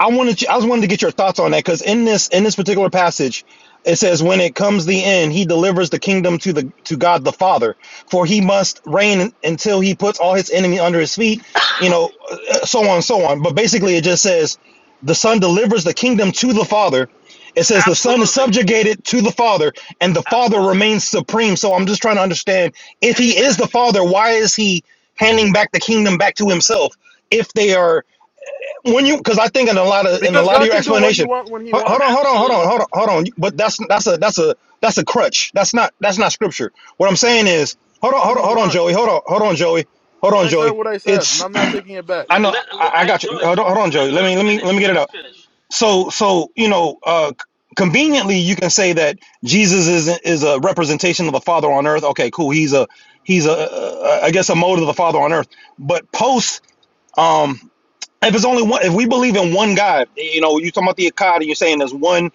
[SPEAKER 10] I wanted you, I was wanted to get your thoughts on that because in this in this particular passage, it says, "When it comes the end, he delivers the kingdom to the to God the Father, for he must reign until he puts all his enemy under his feet." You know, uh, so on and so on. But basically, it just says the Son delivers the kingdom to the Father. It says the Son is
[SPEAKER 8] Absolutely.
[SPEAKER 10] subjugated to the Father, and the Father
[SPEAKER 8] Absolutely.
[SPEAKER 10] remains supreme. So I'm just trying to understand if he
[SPEAKER 8] Amen.
[SPEAKER 10] is the Father, why is he handing back the kingdom back to himself? If they are when you because I think in a lot of in a
[SPEAKER 2] Because
[SPEAKER 10] lot of
[SPEAKER 2] God
[SPEAKER 10] your
[SPEAKER 2] can do what he
[SPEAKER 10] explanation,
[SPEAKER 2] wants when he
[SPEAKER 10] hold on,
[SPEAKER 2] wants.
[SPEAKER 10] hold on, hold
[SPEAKER 8] Absolutely.
[SPEAKER 10] on, hold on, hold on. But that's that's a that's a that's a crutch. That's not that's not scripture. What I'm saying is, hold on,
[SPEAKER 2] When
[SPEAKER 10] hold on,
[SPEAKER 2] he
[SPEAKER 10] hold on, Joey,
[SPEAKER 2] wants.
[SPEAKER 10] hold on, hold on, Joey, hold
[SPEAKER 2] And
[SPEAKER 10] on,
[SPEAKER 2] I said
[SPEAKER 10] Joey.
[SPEAKER 2] what I said, and
[SPEAKER 10] It's
[SPEAKER 2] I'm not taking it back.
[SPEAKER 10] I
[SPEAKER 8] Let,
[SPEAKER 10] know
[SPEAKER 8] let-
[SPEAKER 10] I, I
[SPEAKER 8] hey,
[SPEAKER 10] got you.
[SPEAKER 8] Joy,
[SPEAKER 10] Hold on, hold on, Joey.
[SPEAKER 8] let,
[SPEAKER 10] Let
[SPEAKER 8] let
[SPEAKER 10] me
[SPEAKER 8] him
[SPEAKER 10] let me let
[SPEAKER 8] finish.
[SPEAKER 10] me get
[SPEAKER 8] Let
[SPEAKER 10] it
[SPEAKER 8] him
[SPEAKER 10] out.
[SPEAKER 8] finish.
[SPEAKER 10] So so you know, uh, conveniently you can say that Jesus is is a representation of the Father on earth. Okay, cool. He's a he's a uh, I guess a mode of the Father on earth. But post um if it's only one, if we believe in one God, you know, you talking about the Akkad, and you're saying there's one,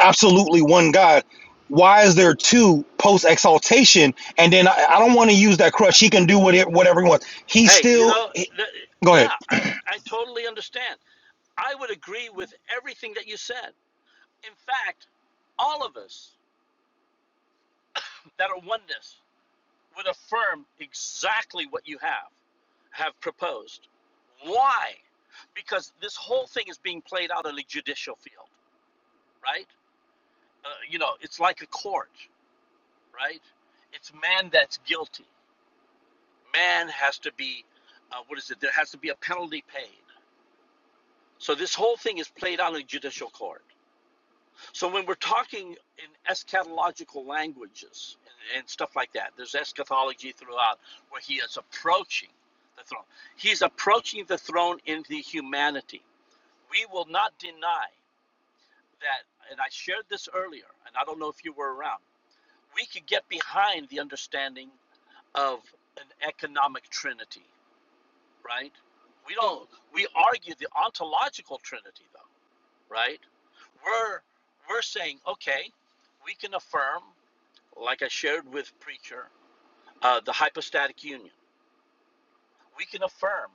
[SPEAKER 10] absolutely one God. Why is there two post exaltation? And then I, I don't want to use that crutch. He can do whatever, whatever he wants. He's
[SPEAKER 8] Hey, you
[SPEAKER 10] still
[SPEAKER 8] know, th-
[SPEAKER 10] go ahead.
[SPEAKER 8] yeah, I, I totally understand. I would agree with everything that you said. In fact, all of us that are oneness would affirm exactly what you have have proposed. Why? Because this whole thing is being played out in the judicial field, right? Uh, you know, it's like a court, right? It's man that's guilty. Man has to be, uh, what is it? There has to be a penalty paid. So this whole thing is played out in a judicial court. So when we're talking in eschatological languages and, and stuff like that, there's eschatology throughout where he is approaching the throne. He's approaching the throne in the humanity. We will not deny that, and I shared this earlier, and I don't know if you were around. We could get behind the understanding of an economic trinity, right? We don't. We argue the ontological trinity, though, right? We're we're saying okay, we can affirm like I shared with Preacher, uh, the hypostatic union. We can affirm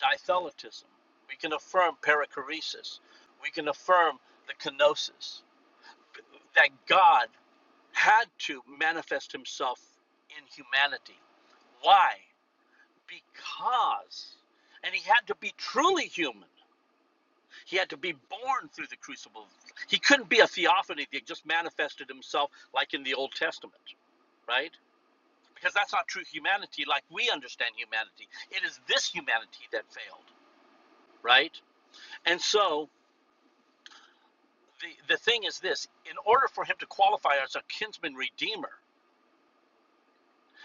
[SPEAKER 8] ditheletism. We can affirm perichoresis. We can affirm the kenosis, that God had to manifest himself in humanity. Why? Because, and he had to be truly human. He had to be born through the crucible. He couldn't be a theophany that just manifested himself like in the Old Testament, right? because that's not true humanity like we understand humanity. It is this humanity that failed, right? And so the, the thing is this in order for him to qualify as a kinsman redeemer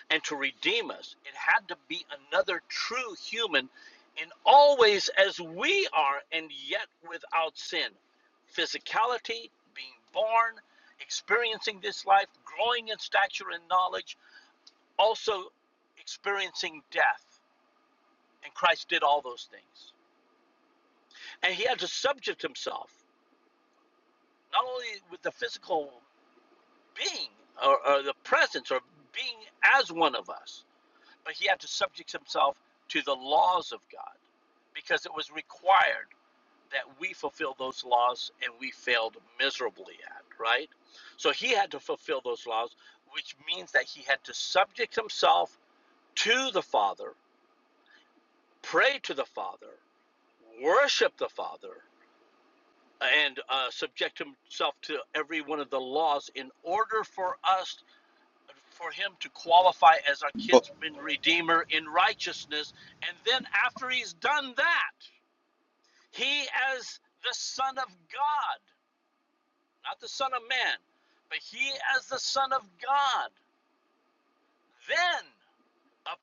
[SPEAKER 8] and to redeem us, it had to be another true human in all ways as we are and yet without sin. Physicality, being born, experiencing this life, growing in stature and knowledge, also experiencing death. And Christ did all those things. and he had to subject himself not only with the physical being or, or the presence or being as one of us but he had to subject himself to the laws of god because it was required that we fulfill those laws and we failed miserably at right so he had to fulfill those laws which means that he had to subject himself to the father pray to the father worship the father and uh, subject himself to every one of the laws in order for us for him to qualify as our kinsman redeemer in righteousness and then after he's done that he as the son of god not the son of man but he as the son of god then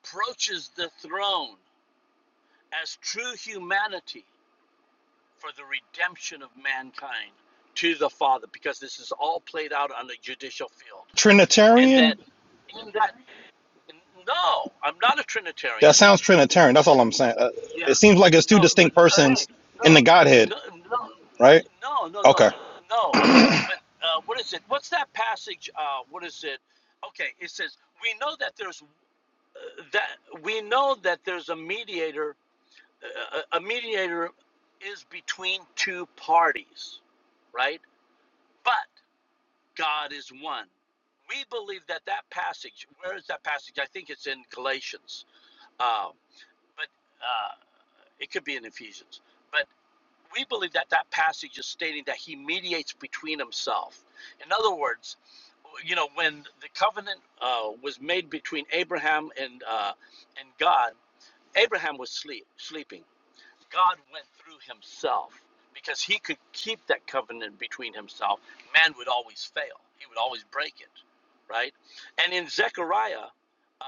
[SPEAKER 8] approaches the throne as true humanity for the redemption of mankind to the father because this is all played out on the judicial field and that
[SPEAKER 10] Trinitarian.
[SPEAKER 8] in that no i'm not a
[SPEAKER 10] That
[SPEAKER 8] trinitarian
[SPEAKER 10] sounds Trinitarian. That's all I'm saying. Uh,
[SPEAKER 8] Yeah.
[SPEAKER 10] it seems like it's two
[SPEAKER 8] no but
[SPEAKER 10] distinct
[SPEAKER 8] Right.
[SPEAKER 10] persons in
[SPEAKER 8] no
[SPEAKER 10] the Godhead,
[SPEAKER 8] no no
[SPEAKER 10] right?
[SPEAKER 8] no no no
[SPEAKER 10] Okay.
[SPEAKER 8] no but uh, what is it what's that passage uh, what is it okay it says we know that there's uh, that we know that there's a mediator uh, a mediator is between two parties right But. God is one. We believe that that passage, where is that passage? I think it's in Galatians, um, but uh, it could be in Ephesians. But we believe that that passage is stating that he mediates between himself. In other words, you know, when the covenant uh, was made between Abraham and uh, and God, Abraham was sleep sleeping. God went through himself because he could keep that covenant between himself. Man would always fail, he would always break it, right? And in Zechariah, uh,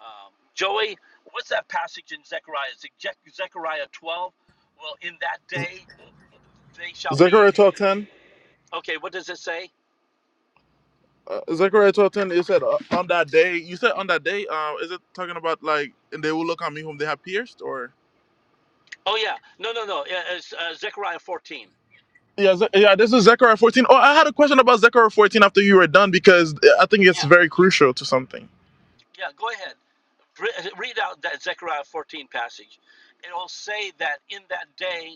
[SPEAKER 8] um, Joey, what's that passage in Zechariah? Is it Ze- Zechariah 12? Well, in that day, they shall be.
[SPEAKER 2] Zechariah 12.10.
[SPEAKER 8] Okay, what does it say?
[SPEAKER 2] Uh, Zechariah 12.10, it said, uh, on that day, you said on that day, uh, is it talking about like, and they will look on me whom they have pierced, or?
[SPEAKER 8] Oh, yeah. No, no, no. yeah, It's uh, Zechariah 14.
[SPEAKER 2] Yeah, Ze- yeah, this is Zechariah 14. Oh, I had a question about Zechariah 14 after you were done, because I think it's
[SPEAKER 8] Yeah,
[SPEAKER 2] very crucial to something.
[SPEAKER 8] yeah, go ahead. Re- Read out that Zechariah 14 passage. It'll say that in that day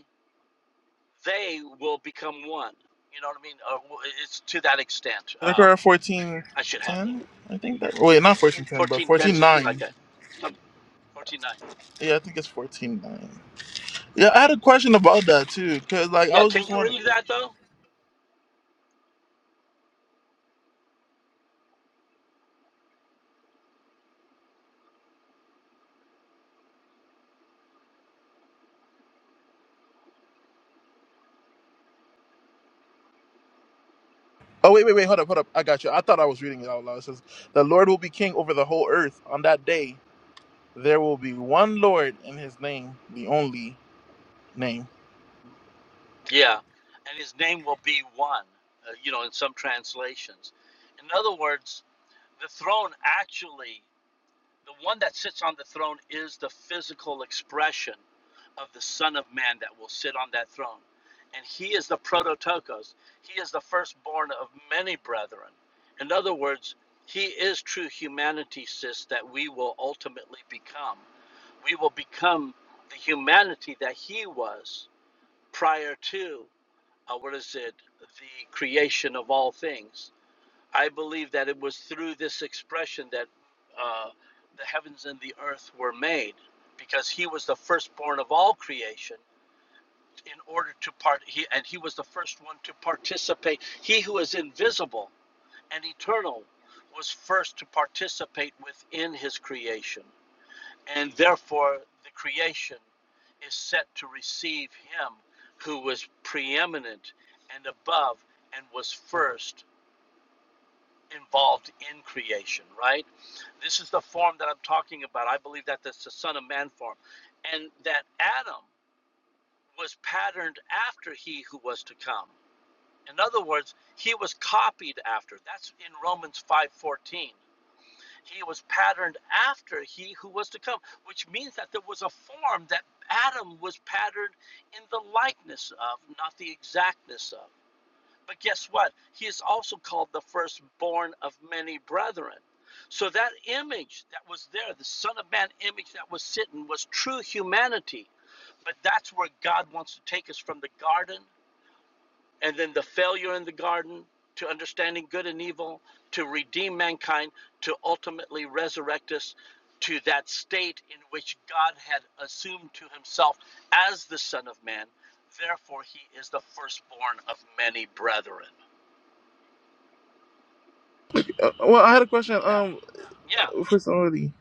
[SPEAKER 8] they will become one. You know what I mean? Uh, it's to that extent.
[SPEAKER 2] Zechariah
[SPEAKER 8] Um, I should have one.
[SPEAKER 2] 14.10, I think that, wait,
[SPEAKER 8] Yeah,
[SPEAKER 2] not 14.10, but
[SPEAKER 8] fourteen ten something
[SPEAKER 2] 14.9.
[SPEAKER 8] like that. Some fourteen nine.
[SPEAKER 2] Yeah, I think it's 14.9. Yeah, I had a question about that too, because like I
[SPEAKER 8] Yeah,
[SPEAKER 2] was
[SPEAKER 8] can
[SPEAKER 2] just
[SPEAKER 8] you
[SPEAKER 2] wondering.
[SPEAKER 8] read
[SPEAKER 2] Oh
[SPEAKER 8] that though?
[SPEAKER 2] wait, wait, wait, hold up, hold up. I got you. I thought I was reading it out loud. It says, "The Lord will be king over the whole earth. On that day, there will be one Lord in His name, the only name."
[SPEAKER 8] Yeah, and his name will be one. Uh, you know, in some translations. In other words, the throne actually. The one that sits on the throne is the physical expression of the Son of Man that will sit on that throne. And he is the prototokos. He is the firstborn of many brethren. In other words, he is true humanity, sis, that we will ultimately become. We will become the humanity that he was prior to, uh, what is it, the creation of all things I believe that it was through this expression that uh, the heavens and the earth were made, because he was the firstborn of all creation. In order to part, he and he was the first one to participate. He who is invisible and eternal was first to participate within his creation, and therefore the creation is set to receive him who was preeminent and above and was first involved in creation, right? This is the form that I'm talking about. I believe that that's the Son of Man form. And that Adam was patterned after he who was to come. In other words, he was copied after. That's in Romans 5:14. He was patterned after he who was to come, which means that there was a form that Adam was patterned in the likeness of, not the exactness of. But guess what? He is also called the firstborn of many brethren. So that image that was there, the Son of Man image that was sitting, was true humanity. But that's where God wants to take us from the garden and then the failure in the garden to understanding good and evil, to redeem mankind, to ultimately resurrect us to that state in which God had assumed to himself as the Son of Man. Therefore, he is the firstborn of many brethren.
[SPEAKER 2] Uh, well, I had a question.
[SPEAKER 8] Now,
[SPEAKER 2] Um,
[SPEAKER 8] Yeah,
[SPEAKER 2] for somebody,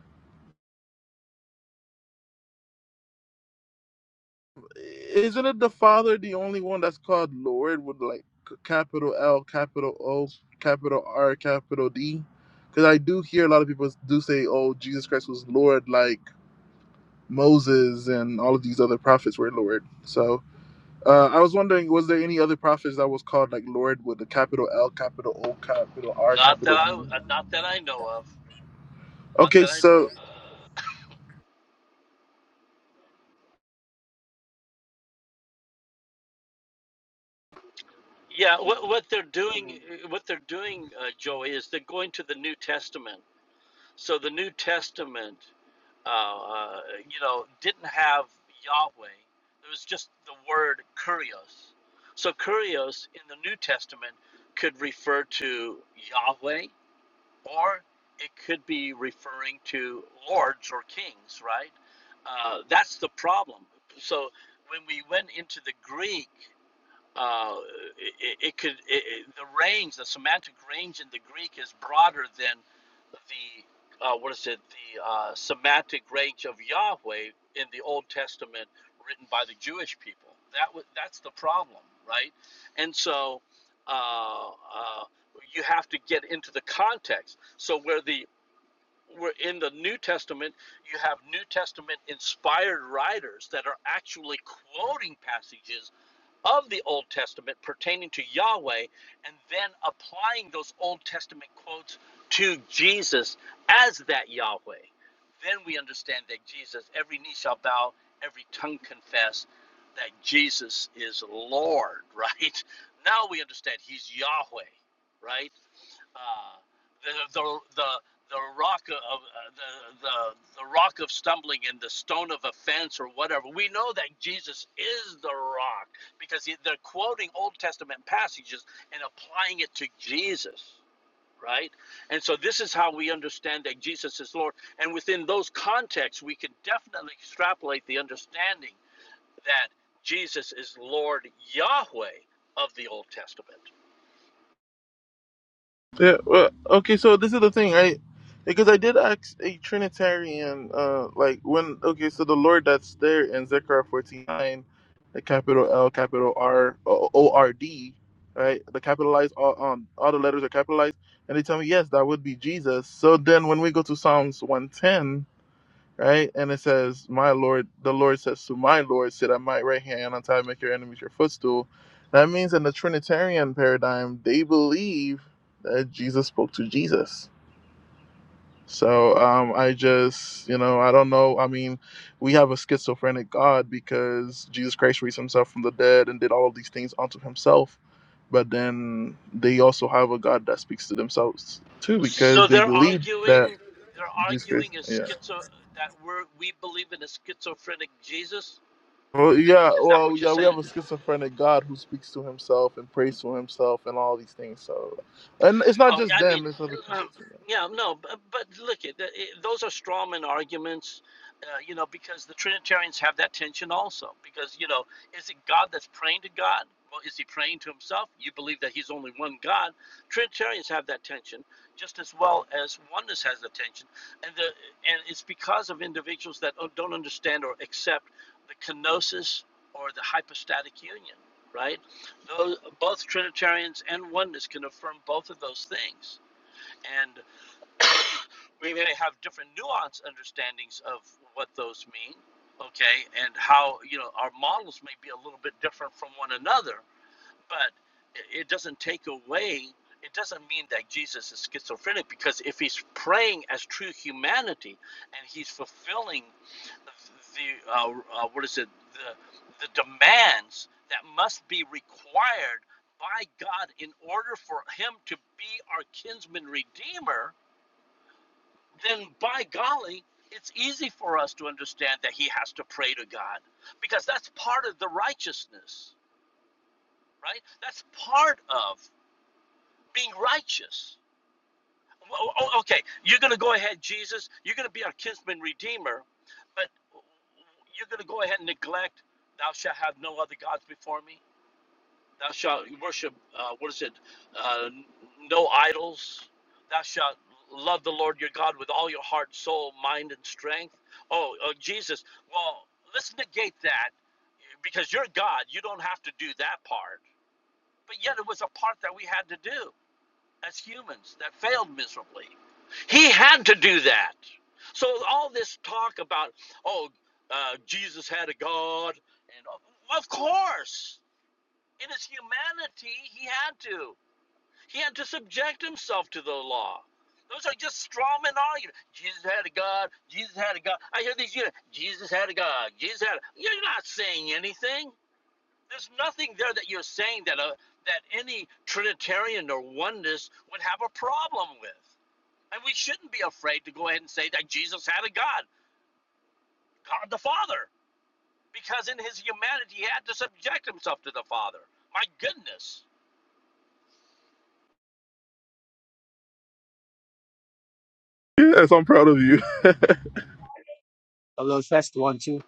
[SPEAKER 2] isn't it the Father the only one that's called Lord with like c- capital L, capital O, capital R, capital D? Because I do hear a lot of people do say, "Oh, Jesus Christ was Lord," like. Moses and all of these other prophets were Lord. So uh, I was wondering, was there any other prophets that was called like Lord with a capital L, capital O, capital R,
[SPEAKER 8] not that
[SPEAKER 2] capital D?
[SPEAKER 8] I uh, not that I know of. Not
[SPEAKER 2] Okay,
[SPEAKER 8] that I
[SPEAKER 2] so
[SPEAKER 8] know of. Yeah, what what they're doing, what they're doing, uh, Joey, is they're going to the New Testament. So the New Testament, uh, uh, you know, didn't have Yahweh. It was just the word kurios. So kurios in the New Testament could refer to Yahweh. or it could be referring to lords or kings, right? Uh, that's the problem. So when we went into the Greek, uh, it, it could it, it, the range, the semantic range in the Greek is broader than the uh, what is it? The uh, semantic range of Yahweh in the Old Testament, written by the Jewish people. That wa- that's the problem, right? And so uh, uh, you have to get into the context. So where the we're in the New Testament, you have New Testament inspired writers that are actually quoting passages of the Old Testament pertaining to Yahweh and then applying those Old Testament quotes to Jesus as that Yahweh. Then we understand that Jesus, every knee shall bow, every tongue confess that Jesus is Lord, right? Now we understand he's Yahweh, right? uh, the, the the the rock of uh, the, the the rock of stumbling and the stone of offense or whatever. We know that Jesus is the rock because he, they're quoting Old Testament passages and applying it to Jesus, right? And so this is how we understand that Jesus is Lord. And within those contexts, we can definitely extrapolate the understanding that Jesus is Lord Yahweh of the Old Testament
[SPEAKER 2] Yeah. Well, okay. So this is the thing, right? Because I did ask a Trinitarian, uh, like when okay, so the Lord that's there in Zechariah fourteen nine, the capital L, capital R, O O R D, right? The capitalized, all, um, all the letters are capitalized, and they tell me yes, that would be Jesus. So then when we go to Psalms one ten right? And it says, "My Lord, the Lord says to my Lord, sit at my right hand until I make your enemies your footstool." That means in the Trinitarian paradigm, they believe that Jesus spoke to Jesus. So um, I just, you know, I don't know. I mean, we have a schizophrenic God because Jesus Christ raised himself from the dead and did all of these things unto himself. But then they also have a God that speaks to themselves too because
[SPEAKER 8] So
[SPEAKER 2] they
[SPEAKER 8] they're
[SPEAKER 2] believe that
[SPEAKER 8] arguing. They're
[SPEAKER 2] Jesus Christ.
[SPEAKER 8] arguing a
[SPEAKER 2] yeah.
[SPEAKER 8] schizo that we're we believe in a schizophrenic Jesus.
[SPEAKER 2] Well, yeah,
[SPEAKER 8] Is that
[SPEAKER 2] well,
[SPEAKER 8] what you're
[SPEAKER 2] yeah, we
[SPEAKER 8] saying?
[SPEAKER 2] have a schizophrenic God who speaks to himself and prays to himself and all these things. So, and it's not
[SPEAKER 8] No,
[SPEAKER 2] just
[SPEAKER 8] I mean,
[SPEAKER 2] them; it's other
[SPEAKER 8] um,
[SPEAKER 2] people too.
[SPEAKER 8] yeah, no, but, but look, it, it, those are strawman arguments, uh, you know, because the Trinitarians have that tension also. Because, you know, is it God that's praying to God? Well, is he praying to himself? You believe that he's only one God. Trinitarians have that tension just as well as oneness has the tension. And, the, and it's because of individuals that don't don't understand or accept the kenosis or the hypostatic union, right? Those, both Trinitarians and oneness can affirm both of those things. And we may have different nuanced understandings of what those mean, okay, and how, you know, our models may be a little bit different from one another, but it doesn't take away it doesn't mean that jesus is schizophrenic because if he's praying as true humanity and he's fulfilling the uh, uh, what is it the, the demands that must be required by god in order for him to be our kinsman redeemer then by golly it's easy for us to understand that he has to pray to god because that's part of the righteousness right that's part of being righteous. Well, Okay, you're going to go ahead, Jesus. You're going to be our kinsman redeemer, but you're going to go ahead and neglect, thou shalt have no other gods before me. Thou shalt worship, uh, what is it, uh, no idols. Thou shalt love the Lord your God with all your heart, soul, mind, and strength. Oh, oh Jesus, well, let's negate that because you're God. You don't have to do that part. But yet it was a part that we had to do as humans that failed miserably. He had to do that. So all this talk about, oh, uh, Jesus had a God, and uh, of course, in his humanity, he had to. He had to subject himself to the law. Those are just straw man arguments. Jesus had a God. Jesus had a God. I hear these. You know, Jesus had a God. Jesus had. A, you're not saying anything. There's nothing there that you're saying that a, that any Trinitarian or oneness would have a problem with. And we shouldn't be afraid to go ahead and say that Jesus had a God, God the Father, because in his humanity he had to subject himself to the Father. My goodness.
[SPEAKER 2] Yes, I'm proud of you.
[SPEAKER 11] Hello, test one two.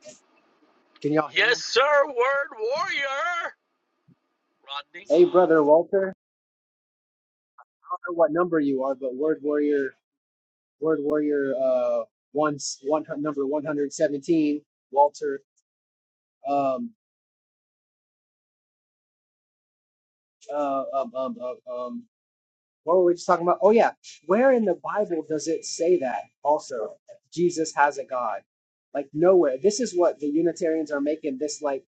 [SPEAKER 11] Can y'all hear
[SPEAKER 8] Yes,
[SPEAKER 11] me?
[SPEAKER 8] sir, word warrior, Rodney.
[SPEAKER 11] Hey, brother Walter. I don't know what number you are, but Word Warrior, Word Warrior, uh, once one number one hundred seventeen. Walter, um, uh, um, um, um, um, What were we just talking about? Oh yeah, where in the Bible does it say that? Also, Jesus has a God. Like nowhere. This is what the Unitarians are making this like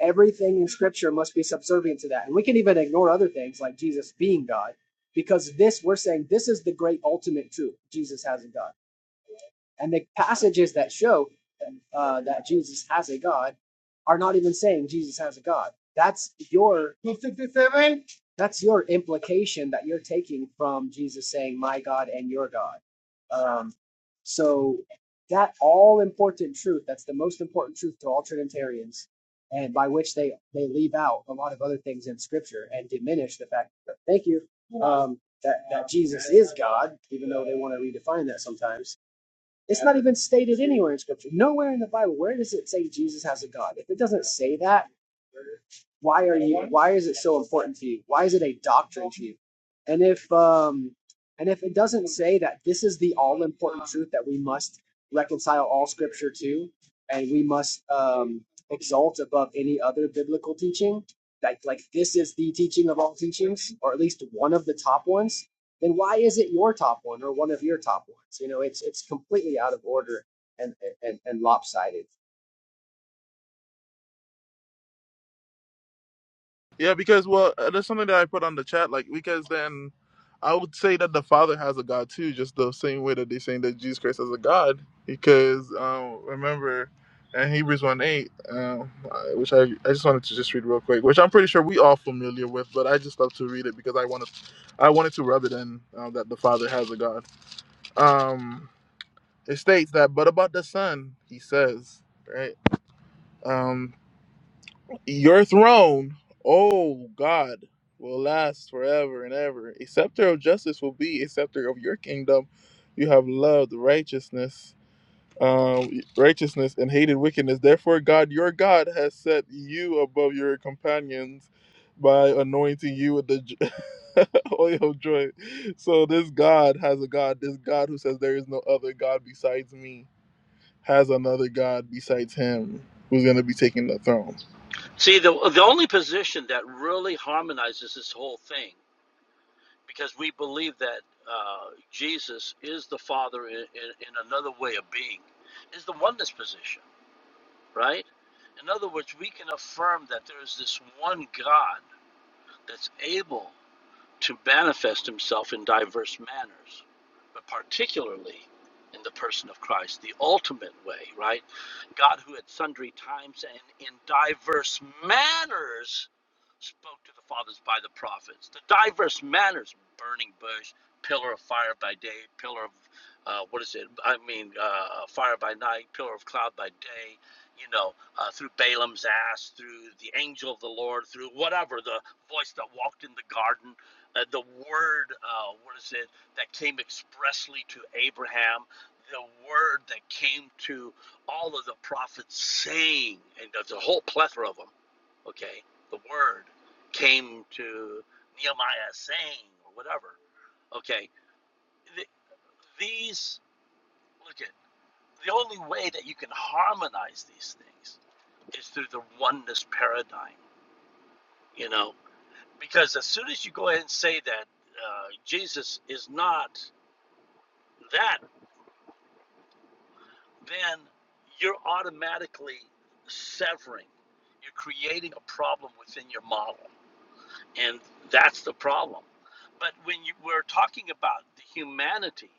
[SPEAKER 11] everything in Scripture must be subservient to that, and we can even ignore other things like Jesus being God, because this we're saying this is the great ultimate truth. Jesus has a God. And the passages that show uh, that Jesus has a God are not even saying Jesus has a God. That's your 267. that's your implication that you're taking from Jesus saying my God and your God. Um, so that all important truth that's the most important truth to all Trinitarians, and by which they they leave out a lot of other things in Scripture and diminish the fact. That, thank you. Um, that that Jesus is God, even though they want to redefine that sometimes it's not even stated anywhere in Scripture. Nowhere in the Bible. Where does it say Jesus has a God? If it doesn't say that, why are you why is it so important to you why is it a doctrine to you and if um and if it doesn't say that this is the all important truth that we must reconcile all scripture to and we must um exalt above any other biblical teaching like like this is the teaching of all teachings or at least one of the top ones then why is it your top one or one of your top ones you know it's it's completely out of order and and, and lopsided
[SPEAKER 2] Yeah, because well, uh, there's something that I put on the chat. Like, because then I would say that the Father has a God too, just the same way that they're saying that Jesus Christ has a God. Because um, remember, in Hebrews one eight, um, I- which I I just wanted to just read real quick, which I'm pretty sure we all familiar with, but I just love to read it because I wanted I wanted to rub it in um, that the Father has a God. Um, it states that, but about the Son, he says, right? Um, your throne, oh God, will last forever and ever. A scepter of justice will be a scepter of your kingdom. You have loved righteousness, um, righteousness and hated wickedness. Therefore, God, your God, has set you above your companions by anointing you with the j- oil of joy. So this God has a God. This God who says there is no other God besides me has another god besides him who's going to be taking the throne.
[SPEAKER 8] See, the, the only position that really harmonizes this whole thing because we believe that uh, Jesus is the Father in, in, in another way of being, is the oneness position, right? In other words, we can affirm that there is this one God that's able to manifest himself in diverse manners, but particularly in the person of Christ, the ultimate way, right? God, who at sundry times and in diverse manners spoke to the fathers by the prophets, the diverse manners, burning bush, pillar of fire by day, pillar of uh, what is it? I mean, uh, fire by night, pillar of cloud by day, you know, uh, through Balaam's ass, through the angel of the Lord, through whatever, the voice that walked in the garden, uh, the word, uh, what is it, that came expressly to Abraham, the word that came to all of the prophets saying, and there's a whole plethora of them, okay? The word came to Nehemiah saying, or whatever, okay? Th- these, look at, the only way that you can harmonize these things is through the oneness paradigm, you know? Because as soon as you go ahead and say that uh, Jesus is not that then you're automatically severing. You're creating a problem within your model, and that's the problem. But when you, we're talking about the humanity,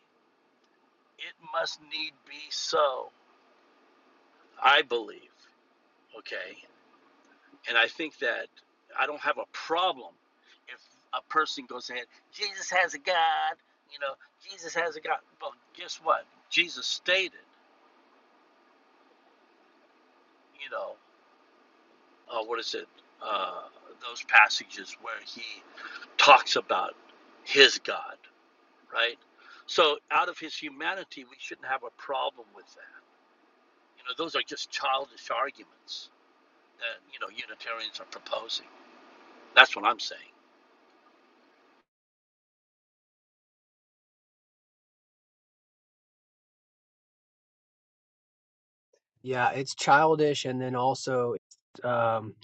[SPEAKER 8] it must need be so, I believe. Okay, and I think that I don't have a problem if a person goes ahead. Jesus has a God, you know. Jesus has a God. Well, guess what? Jesus stated, you know, uh, what is it? Uh, those passages where he talks about his God, right? So out of his humanity, we shouldn't have a problem with that. You know, those are just childish arguments that you know Unitarians are proposing. That's what I'm saying.
[SPEAKER 11] Yeah, it's childish, and then also, um,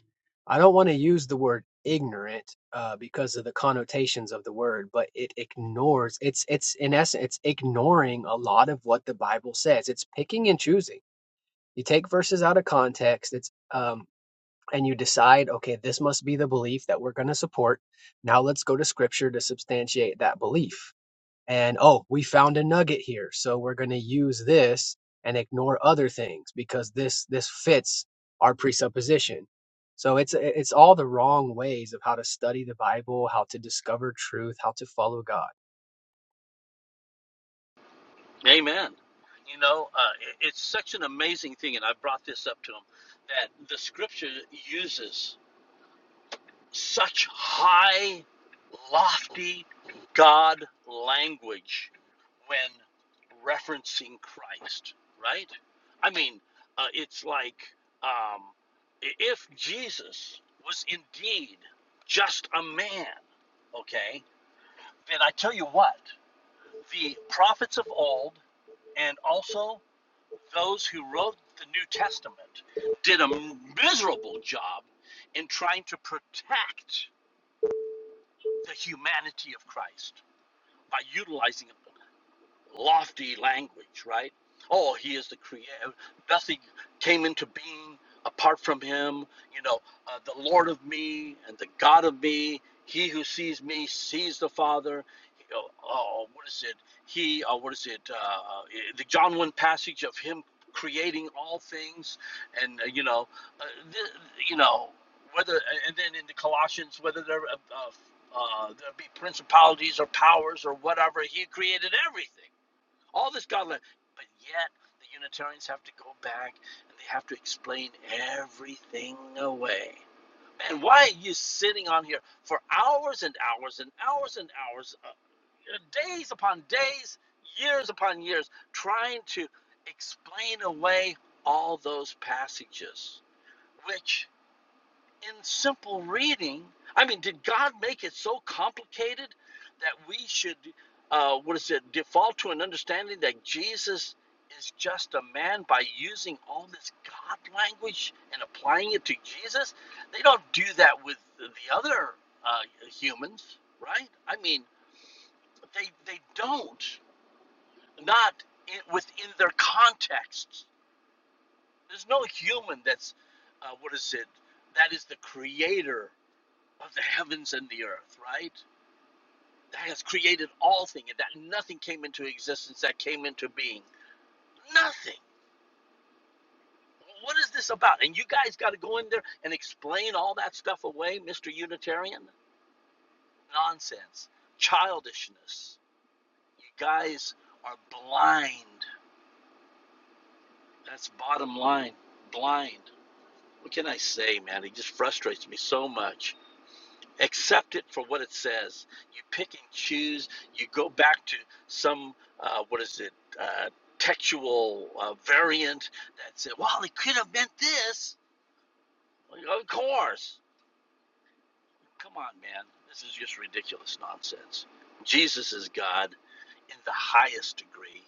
[SPEAKER 11] I don't want to use the word ignorant uh, because of the connotations of the word, but it ignores. It's it's in essence, it's ignoring a lot of what the Bible says. It's picking and choosing. You take verses out of context. It's um, and you decide, okay, this must be the belief that we're going to support. Now let's go to Scripture to substantiate that belief and oh, we found a nugget here, so we're going to use this and ignore other things because this this fits our presupposition. So it's it's all the wrong ways of how to study the Bible, how to discover truth, how to follow God.
[SPEAKER 8] Amen. You know, uh, it- it's such an amazing thing, and I brought this up to him that the Scripture uses. Such high, lofty God language when referencing Christ, right? I mean, uh, it's like um, if Jesus was indeed just a man, okay, then I tell you what, the prophets of old and also those who wrote the New Testament did a miserable job in trying to protect. the humanity of Christ by utilizing lofty language, right? Oh, he is the creator. Nothing came into being apart from him. You know, uh, the Lord of me and the God of me. He who sees me sees the Father. Oh, oh, what is it? He, oh, what is it? Uh, the John 1 passage of him creating all things. And, uh, you know, uh, th- you know, whether, and then in the Colossians, whether they uh, uh, uh, there be principalities or powers or whatever. He created everything. All this God led. But yet, the Unitarians have to go back and they have to explain everything away. Man, why are you sitting on here for hours and hours and hours and hours, uh, days upon days, years upon years, trying to explain away all those passages, which in simple reading, I mean, did God make it so complicated that we should, uh, what is it, default to an understanding that Jesus is just a man by using all this God language and applying it to Jesus? They don't do that with the other uh, humans, right? I mean, they, they don't, not in, within their contexts. There's no human that's, uh, what is it, that is the creator of the heavens and the earth, right? That has created all things, and that nothing came into existence that came into being. Nothing. What is this about? And you guys got to go in there and explain all that stuff away, Mr. Unitarian? Nonsense. Childishness. You guys are blind. That's bottom line. Blind. What can I say, man? It just frustrates me so much. accept it for what it says. You pick and choose. You go back to some uh, what is it uh, textual uh, variant that said, "Well, it could have meant this." Well, Of course. Come on, man. This is just ridiculous nonsense. Jesus is God in the highest degree.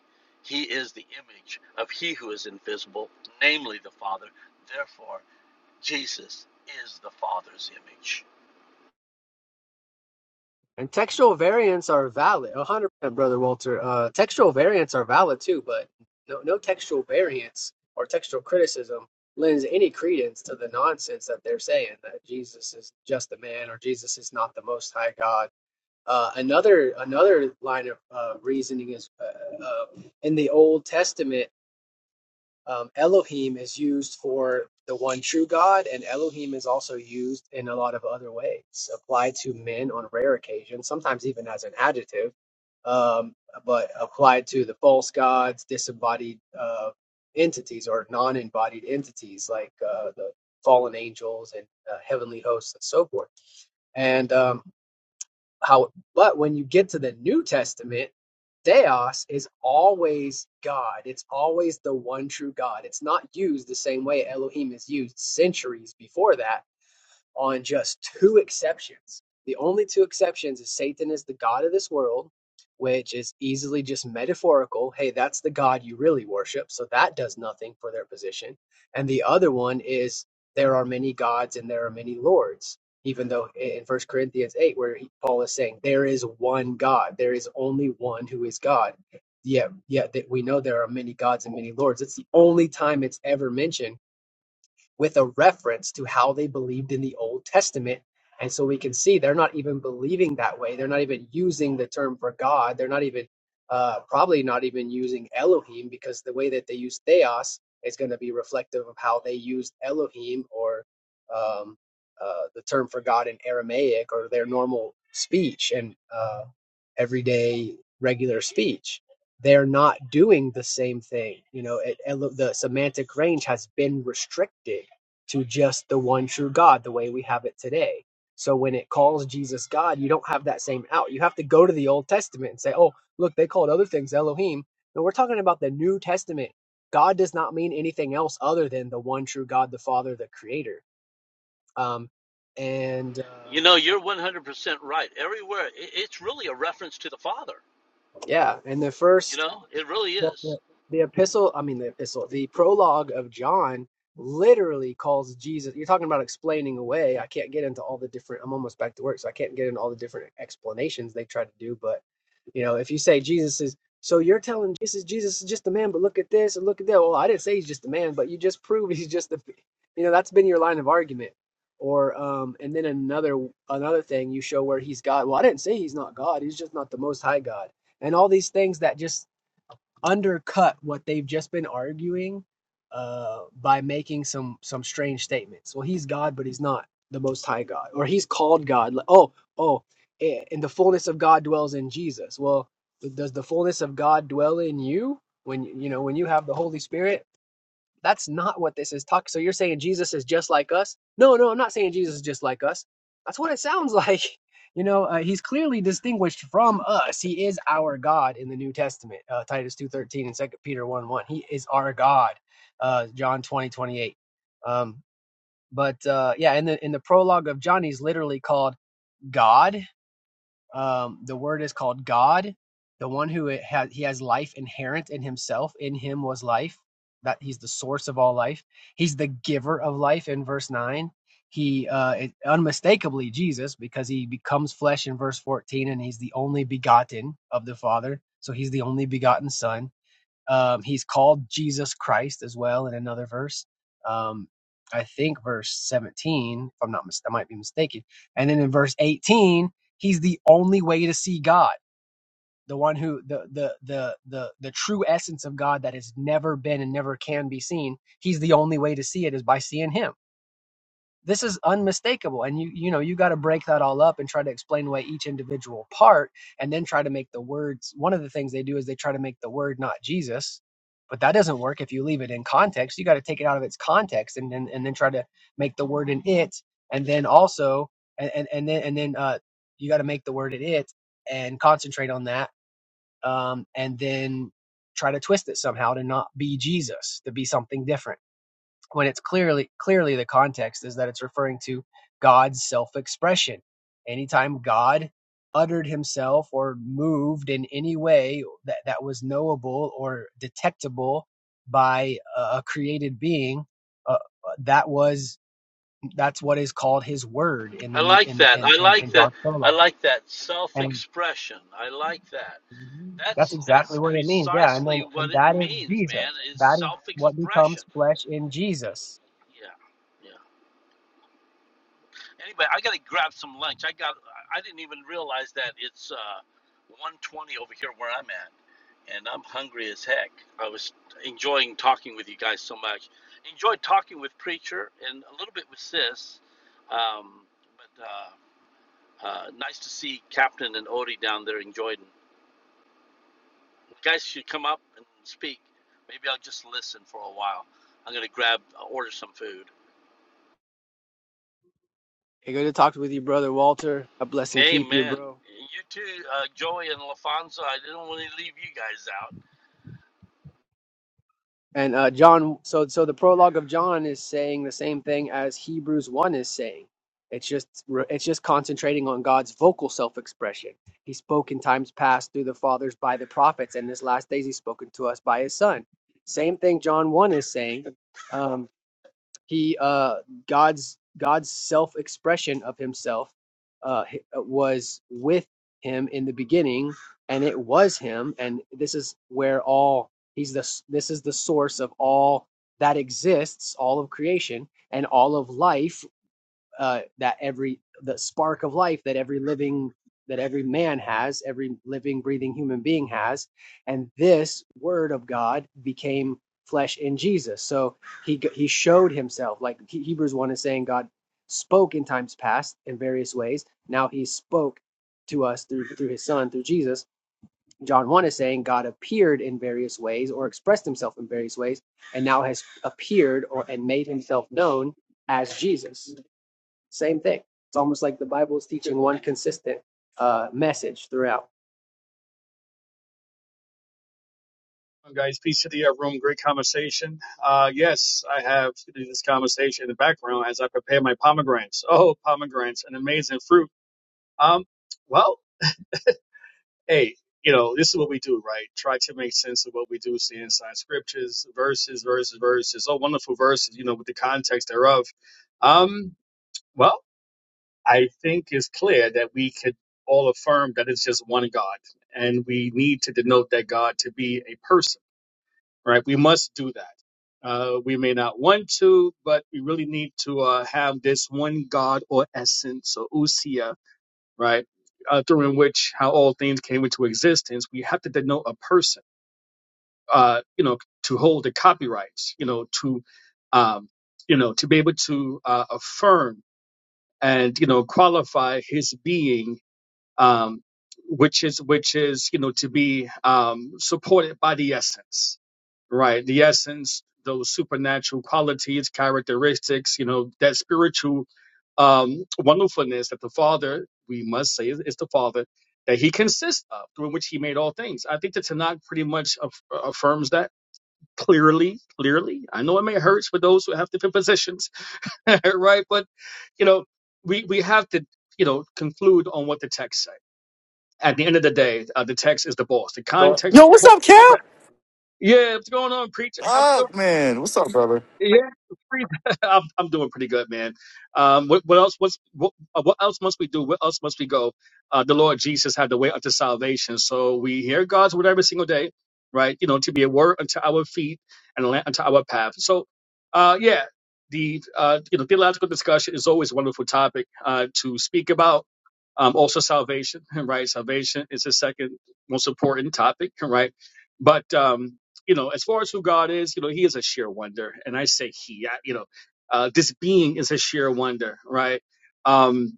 [SPEAKER 8] He is the image of He who is invisible, namely the Father. Therefore, Jesus is the Father's image.
[SPEAKER 11] And textual variants are valid, 100%, brother Walter. Uh, textual variants are valid too, but no, no textual variants or textual criticism lends any credence to the nonsense that they're saying that Jesus is just a man or Jesus is not the Most High God Uh, another another line of uh, reasoning is uh, uh, in the Old Testament, um, Elohim is used for the one true God, and Elohim is also used in a lot of other ways, applied to men on rare occasions, sometimes even as an adjective, um, but applied to the false gods, disembodied uh, entities, or non-embodied entities like uh, the fallen angels and uh, heavenly hosts and so forth. And um, how, but when you get to the New Testament, Theos is always God. It's always the one true God. It's not used the same way Elohim is used centuries before that on just two exceptions. The only two exceptions is Satan is the god of this world, which is easily just metaphorical. Hey, that's the god you really worship, so that does nothing for their position. And the other one is there are many gods and there are many lords. Even though in First Corinthians 8, where he- Paul is saying there is one God, there is only one who is God. Yet, yet that we know there are many gods and many lords. It's the only time it's ever mentioned with a reference to how they believed in the Old Testament. And so we can see they're not even believing that way. They're not even using the term for God. They're not even, uh, probably not even using Elohim because the way that they use theos is going to be reflective of how they used Elohim or um, uh, the term for God in Aramaic or their normal speech and uh, everyday regular speech they're not doing the same thing. You know, it, the semantic range has been restricted to just the one true God the way we have it today. So when it calls Jesus God, you don't have that same out. You have to go to the Old Testament and say, oh, look, they called other things Elohim. No, we're talking about the New Testament. God does not mean anything else other than the one true God, the Father, the Creator. Um, and uh,
[SPEAKER 8] You know, you're 100% right. Everywhere, i- it's really a reference to the Father.
[SPEAKER 11] yeah, and the
[SPEAKER 8] You
[SPEAKER 11] first
[SPEAKER 8] know, it really
[SPEAKER 11] the,
[SPEAKER 8] is.
[SPEAKER 11] the the epistle i mean the epistle the prologue of john literally calls jesus you're talking about explaining away i can't get into all the different i'm almost back to work so i can't get into all the different explanations they try to do but you know if you say jesus is so you're telling jesus jesus is just a man but look at this and look at that well i didn't say he's just a man but you just prove he's just a you know that's been your line of argument or um and then another another thing you show where he's god well i didn't say he's not god he's just not the most high god and all these things that just undercut what they've just been arguing uh, by making some some strange statements. Well, he's God, but he's not the Most High God, or he's called God. Like, oh, oh, eh, and the fullness of God dwells in Jesus. Well, does the fullness of God dwell in you when you know when you have the Holy Spirit? That's not what this is talking. So you're saying Jesus is just like us? No, no, I'm not saying Jesus is just like us. That's what it sounds like. You know, uh, he's clearly distinguished from us. He is our God in the New Testament, uh, Titus two thirteen and Second Peter one one. He is our God, uh, John twenty twenty eight. Um, but uh, yeah, in the in the prologue of John, he's literally called God um, the word is called God, the one who it ha- he has life inherent in himself. In him was life. That he's the source of all life. He's the giver of life in verse nine. He uh, it, unmistakably Jesus because he becomes flesh in verse fourteen, and he's the only begotten of the Father. So he's the only begotten Son um, he's called Jesus Christ as well in another verse. Um, I think verse 17, if I'm not mis- I might be mistaken. And then in verse 18, he's the only way to see God, the one who the the the the the true essence of God that has never been and never can be seen. He's the only way to see it is by seeing him this is unmistakable and you you know you got to break that all up and try to explain away each individual part and then try to make the words one of the things they do is they try to make the word not jesus but that doesn't work if you leave it in context you got to take it out of its context and then and and then try to make the word in it and then also and and, and then and then uh you got to make the word in it and concentrate on that um and then try to twist it somehow to not be jesus to be something different when it's clearly clearly the context is that it's referring to God's self-expression. Anytime God uttered himself or moved in any way that, that was knowable or detectable by a, created being, uh, uh, that was that's what is called his word in the
[SPEAKER 8] I
[SPEAKER 11] new
[SPEAKER 8] like
[SPEAKER 11] in the
[SPEAKER 8] that.
[SPEAKER 11] in
[SPEAKER 8] I
[SPEAKER 11] in,
[SPEAKER 8] like
[SPEAKER 11] in
[SPEAKER 8] that.
[SPEAKER 11] John's
[SPEAKER 8] I
[SPEAKER 11] prologue.
[SPEAKER 8] like that
[SPEAKER 11] And
[SPEAKER 8] self-expression. I like that.
[SPEAKER 11] that's
[SPEAKER 8] That's
[SPEAKER 11] exactly
[SPEAKER 8] that's
[SPEAKER 11] what it means. Yeah, and
[SPEAKER 8] precisely
[SPEAKER 11] then
[SPEAKER 8] what
[SPEAKER 11] and
[SPEAKER 8] it
[SPEAKER 11] that is
[SPEAKER 8] means,
[SPEAKER 11] Jesus.
[SPEAKER 8] man. Is
[SPEAKER 11] That is what
[SPEAKER 8] self-expression.
[SPEAKER 11] becomes flesh in Jesus
[SPEAKER 8] Yeah, yeah. Anyway, I gotta grab some lunch. I got. I I didn't even realize that it's uh, 1:20 over here where I'm at. and I'm hungry as heck. I was enjoying talking with you guys so much. Enjoyed talking with Preacher and a little bit with Sis. Um, but uh, uh, nice to see Captain and Odie down there enjoying. You guys should come up and speak. Maybe I'll just listen for a while. I'm gonna grab uh, order some food.
[SPEAKER 11] Hey, good to talk with you, brother Walter. God bless and keep you,
[SPEAKER 8] Amen.
[SPEAKER 11] bro.
[SPEAKER 8] You too, uh, Joey and LaFonso. I didn't want to leave you guys out.
[SPEAKER 11] And uh, John, so so the prologue of John is saying the same thing as Hebrews one is saying. It's just it's just concentrating on God's vocal self-expression. He spoke in times past through the fathers by the prophets, and this last days He's spoken to us by His Son. Same thing John one is saying. Um, he uh god's god's self-expression of himself uh uh, was with him in the beginning and it was him and this is where all he's the this is the source of all that exists all of creation and all of life uh, that every the spark of life that every living that every man has, every living, breathing human being has, and this Word of God became flesh in Jesus. So he he showed himself, like Hebrews one is saying, God spoke in times past in various ways. Now He spoke to us through through His Son, through Jesus. John one is saying God appeared in various ways or expressed Himself in various ways, and now has appeared or and made Himself known as Jesus. Same thing. It's almost like the Bible is teaching one consistent uh, message throughout.
[SPEAKER 12] guys? Peace to the uh, room. Great conversation. Uh, yes, I have this conversation in the background as I prepare my pomegranates. Oh, pomegranates, an amazing fruit. Um, well, hey, you know, this is what we do, right? Try to make sense of what we do, see inside scriptures, verses, verses, verses. Oh, wonderful verses, you know, with the context thereof. Um, well, I think it's clear that we could all affirm that it's just one God, and we need to denote that God to be a person right? We must do that. Uh, we may not want to, but we really need to uh, have this one God or essence or usia, right? Uh, through in which how all things came into existence. We have to denote a person, uh, you know, to hold the copyrights, you know, to, um, you know, to be able to uh, affirm and you know qualify his being um, which is which is you know to be um, supported by the essence, right? The essence, those supernatural qualities, characteristics, you know, that spiritual um, wonderfulness that the Father, we must say, is, is the Father that He consists of, through which He made all things. I think the Tanakh pretty much aff- affirms that clearly. Clearly, I know it may hurt for those who have different positions, right? But you know, we we have to you know conclude on what the text says at the end of the day, uh, the text is the boss. The context is the boss. Yeah, what's going on, preacher? How
[SPEAKER 6] Man, what's up?
[SPEAKER 12] yeah, free- I'm, I'm doing pretty good, man. Um, what, what else? What's what, uh, what else must we do? What else must we go? Uh, the Lord Jesus had the way unto salvation, so we hear God's word every single day, right? You know, to be a word unto our feet and a lamp unto our path. So, uh, yeah, the uh, you know theological discussion is always a wonderful topic uh, to speak about. Um, also salvation, right? Salvation is the second most important topic, right? But um, you know, as far as who God is, you know, He is a sheer wonder, and I say He, I, you know, uh, this being is a sheer wonder, right? Um,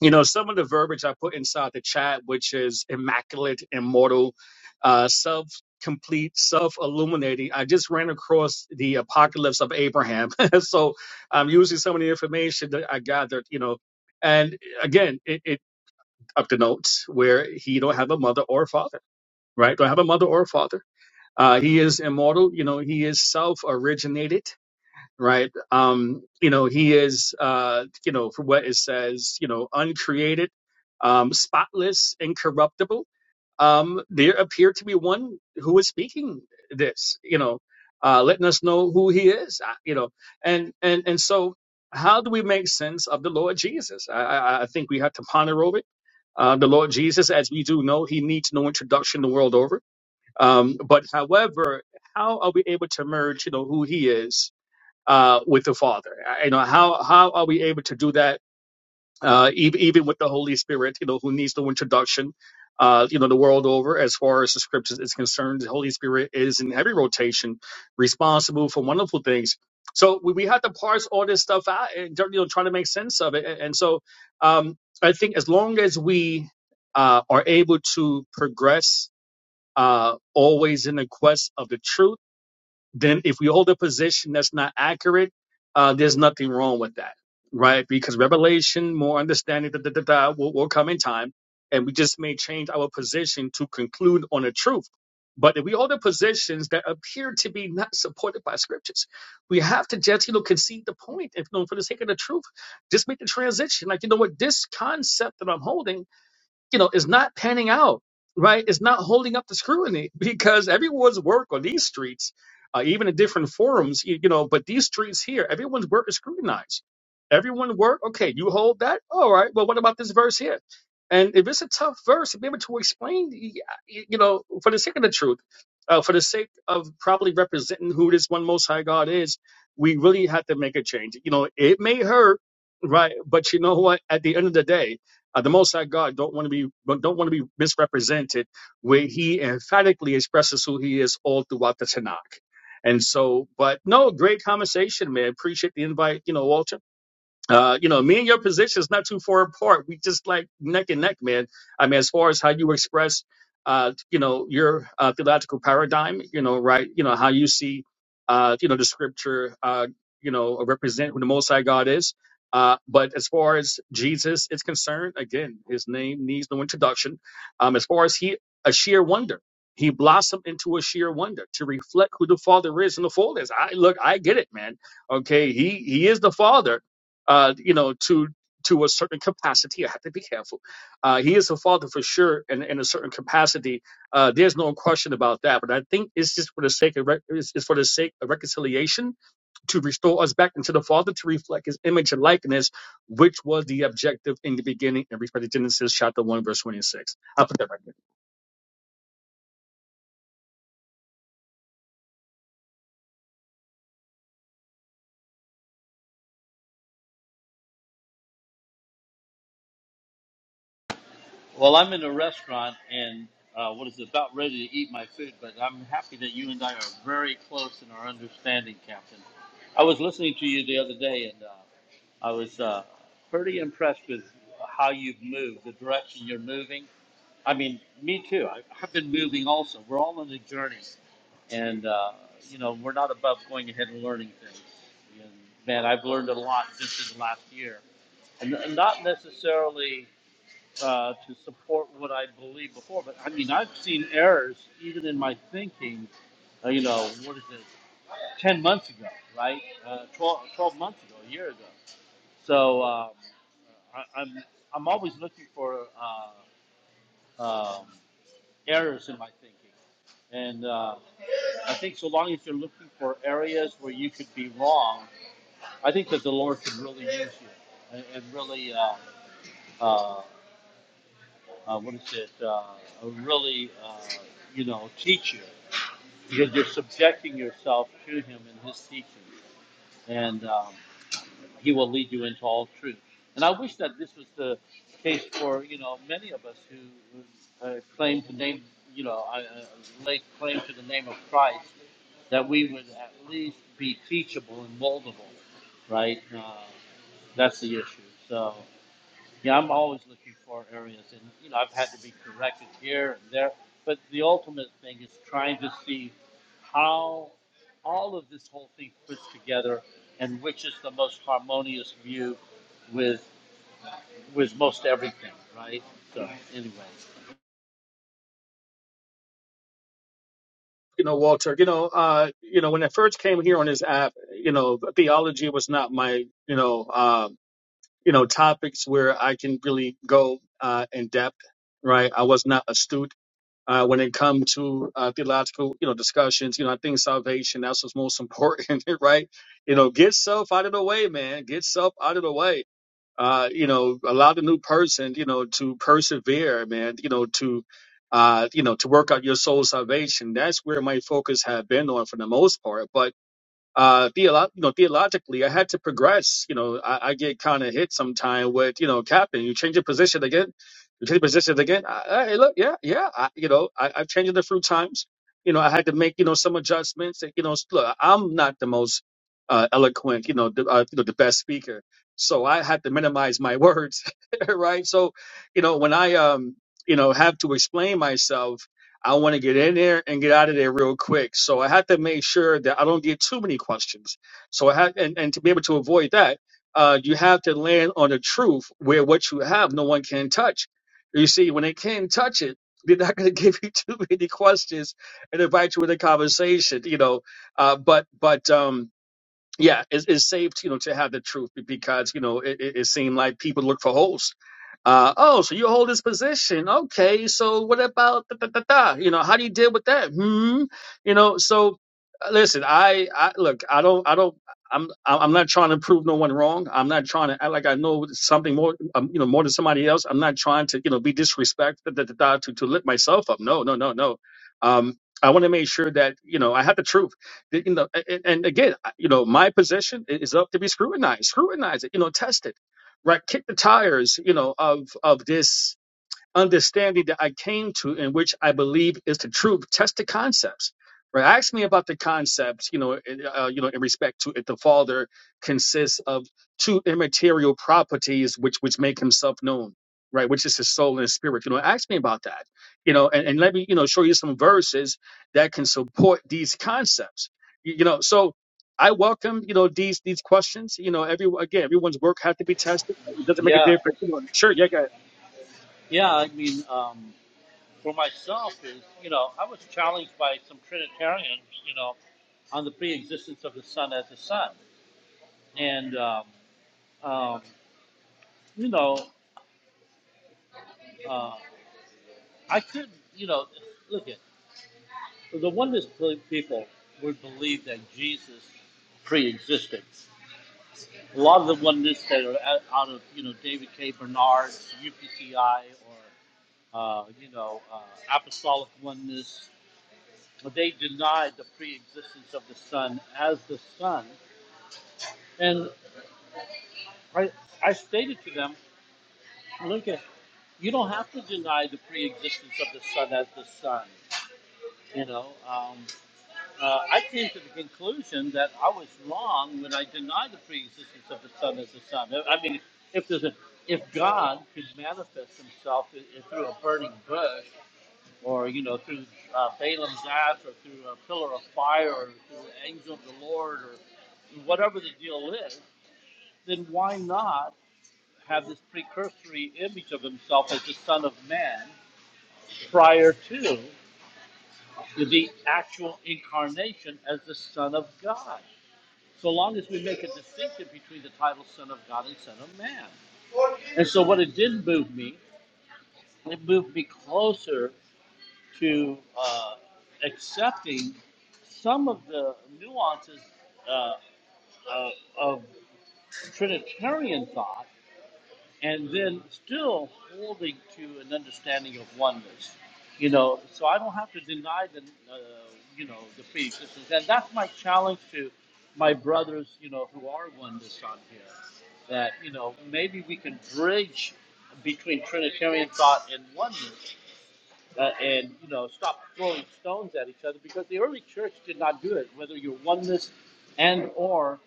[SPEAKER 12] you know, some of the verbiage I put inside the chat, which is immaculate, immortal, uh, self complete, self illuminating. I just ran across the apocalypse of Abraham, so I'm using some of the information that I gathered, you know, and again, it, it up the notes where he don't have a mother or a father, right? Don't have a mother or a father uh, he is immortal. You know, he is self-originated, right? Um, you know, he is, uh, you know, for what it says, you know, uncreated, um, spotless, incorruptible. Um, there appeared to be one who was speaking this, you know, uh, letting us know who he is, uh, you know, and and and so, how do we make sense of the Lord Jesus? I, I, I think we have to ponder over it. Uh, the Lord Jesus, as we do know, he needs no introduction the world over um, but however, how are we able to merge, you know, who he is uh, with the Father? Uh, You know, how how are we able to do that uh, even even with the Holy Spirit? You know, who needs no introduction? Uh, you know, the world over, as far as the scriptures is concerned, the Holy Spirit is in heavy rotation, responsible for wonderful things. So we, we have to parse all this stuff out and you know try to make sense of it. And, and so um, I think as long as we uh, are able to progress uh, always in the quest of the truth, then if we hold a position that's not accurate, uh, there's nothing wrong with that, right? Because revelation, more understanding, da, da, da, da, will, will come in time, and we just may change our position to conclude on the truth. But if we hold the positions that appear to be not supported by scriptures, we have to just, you know, concede the point. If you know, for the sake of the truth, just make the transition. Like, you know what, this concept that I'm holding you know, is not panning out, right? It's not holding up the scrutiny because everyone's work on these streets, uh, even in different forums, you, you know, but these streets here, everyone's work is scrutinized. Everyone work, okay, you hold that? All right, well, what about this verse here? And if it's a tough verse, to be able to explain, y- y- you know, for the sake of the truth, uh, for the sake of properly representing who this one Most High God is, we really have to make a change. You know, it may hurt, right? But you know what? At the end of the day, uh, the Most High God don't want to be don't want to be misrepresented, where He emphatically expresses who He is all throughout the Tanakh. And so, but no, great conversation, man. Appreciate the invite, you know, Walter uh, you know, me and your position is not too far apart. We just like neck and neck, man. I mean, as far as how you express, uh, you know, your uh, theological paradigm, you know, right, you know, how you see, uh, you know, the scripture, uh, you know, represent who the Most High God is. Uh, but as far as Jesus is concerned, again, his name needs no introduction. Um, as far as he, a sheer wonder, he blossomed into a sheer wonder to reflect who the Father is and the Father is. I look, I get it, man. Okay, he he is the Father uh, you know, to to a certain capacity. I have to be careful. Uh, he is a father for sure, in, in a certain capacity. Uh, there's no question about that. But I think it's just for the sake of rec- it's, it's for the sake of reconciliation to restore us back into the Father to reflect His image and likeness, which was the objective in the beginning. In respect to Genesis chapter one verse twenty six. I put that right there.
[SPEAKER 8] Well, I'm in a restaurant and uh, what is it, about ready to eat my food, but I'm happy that you and I are very close in our understanding, Captain. I was listening to you the other day and uh, I was uh, pretty impressed with how you've moved, the direction you're moving. I mean, me too. I, I've been moving also. We're all on a journey and, uh, you know, we're not above going ahead and learning things. And man, I've learned a lot just in the last year. And and not necessarily uh, to support what I believed before. But I mean, I've seen errors even in my thinking, uh, you know, what is it, 10 months ago, right? Uh, 12, twelve months ago, a year ago. So um, I, I'm, I'm always looking for uh, um, errors in my thinking. And uh, I think so long as you're looking for areas where you could be wrong, I think that the Lord can really use you and, and really uh, uh, uh, what is it, uh, really, uh, you know, teach you because you're subjecting yourself to him and his teaching, and um, he will lead you into all truth. And I wish that this was the case for you know many of us who, who uh, claim to name, you know, uh, uh, lay claim to the name of Christ, that we would at least be teachable and moldable, right? Uh, that's the issue. So. Yeah, I'm always looking for areas, and you know, I've had to be corrected here and there. But the ultimate thing is trying to see how all of this whole thing fits together, and which is the most harmonious view with with most everything, right? So, anyway,
[SPEAKER 12] You know, Walter. You know, uh, you know, when I first came here on this app, you know, theology was not my, you know. um, you know topics where I can really go uh, in depth. Right, I was not astute uh, when it come to uh, theological you know discussions. You know, I think salvation that's what's most important, right? You know, get self out of the way, man. Get self out of the way. Uh, you know, allow the new person, you know, to persevere, man. You know, to uh, you know, to work out your soul salvation. That's where my focus had been on for the most part. But uh theolo- you know theologically i had to progress you know i, I get kind of hit sometime with you know captain you change your position again you change your position again I, I, hey, look yeah yeah I, you know I, i've changed it a few times you know i had to make you know some adjustments And, you know look i'm not the most uh, eloquent you know the, uh, you know the best speaker so i had to minimize my words right so you know when i um you know have to explain myself I want to get in there and get out of there real quick. So I have to make sure that I don't get too many questions. So I have, and, and to be able to avoid that, uh, you have to land on the truth where what you have, no one can touch. You see, when they can touch it, they're not going to give you too many questions and invite you in a conversation, you know. Uh, but, but, um, yeah, it's, it's safe, to, you know, to have the truth because, you know, it, it, it seemed like people look for holes uh, oh, so you hold this position. Okay, so what about da, da, da, da? You know, how do you deal with that? Hmm. You know, so uh, listen, I, I look, I don't, I don't, I'm, I'm I'm not trying to prove no one wrong. I'm not trying to act like I know something more, um, you know, more than somebody else. I'm not trying to, you know, be disrespectful da, da, da, da, to to lift myself up. No, no, no, no. Um, I want to make sure that you know I have the truth. That, You know, and, and again, I- you know, my position i- is up to be scrutinized. Scrutinize it. You know, test it right? Kick the tires, you know, of of this understanding that I came to and which I believe is the truth. Test the concepts. Right? Ask me about the concepts, you know, in- uh, you know, in respect to if the Father consists of two immaterial properties which which make himself known, right? Which is his soul and his spirit. You know, ask me about that. You know, and, and let me, you know, show you some verses that can support these concepts. You, you know, so I welcome, you know, these these questions. You know, every again, everyone's work has to be tested. right? It doesn't make a
[SPEAKER 8] yeah,
[SPEAKER 12] difference. You know, sure, yeah, go ahead.
[SPEAKER 8] yeah. I mean, um, for myself, is you know, I was challenged by some Trinitarians, you know, on the pre-existence of the Son as a Son, and um, um, you know. um, I could, you know, look at the oneness people would believe that Jesus pre-existed. A lot of the oneness that are out out of you know David K. Bernard, UPCI, or uh, you know uh, Apostolic Oneness, they denied the pre-existence of the Son as the Son. And I, I stated to them, look at you don't have to deny the pre-existence of the Son as the Son. You know. Um, Uh, I came to the conclusion that I was wrong when I denied the preexistence of the Son as the Son. I mean, if there's a, if God could manifest Himself i i- through a burning bush, or you know, through uh, Balaam's ass, or through a pillar of fire, or through the angel of the Lord, or whatever the deal is, then why not have this precursory image of Himself as the Son of Man prior to the actual incarnation as the Son of God? so long as we make a distinction between the title Son of God and Son of Man. And so, what it did move me, it moved me closer to uh, accepting some of the nuances uh, uh, of Trinitarian thought and then still holding to an understanding of oneness. You know, so I don't have to deny the, uh, you know, the pre-existence, and that's my challenge to my brothers, you know, who are oneness on here. That you know, maybe we can bridge between Trinitarian thought and oneness uh, and you know stop throwing stones at each other because the early church did not do it. Whether you're oneness and or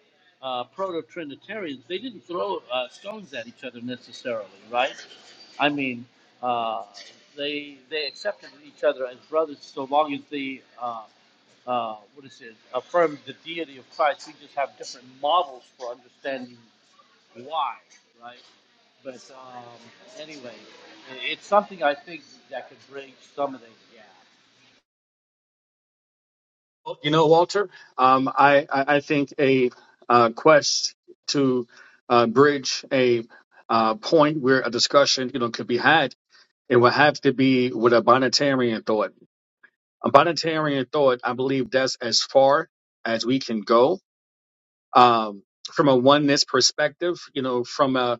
[SPEAKER 8] uh, proto-trinitarians, they didn't throw uh, stones at each other necessarily, right? I mean, uh, they they accepted each other as brothers so long as they uh, uh, what is it affirmed the deity of Christ. We just have different models for understanding why, right? But um, anyway, it's something I think that could bridge some of these gaps.
[SPEAKER 12] Well, You know, Walter, um, I, I I think a uh, quest to uh, bridge a uh, point where a discussion, you know, could be had, it would have to be with a bonitarian thought. A bonitarian thought, I believe that's as far as we can go um, from a oneness perspective, you know, from a,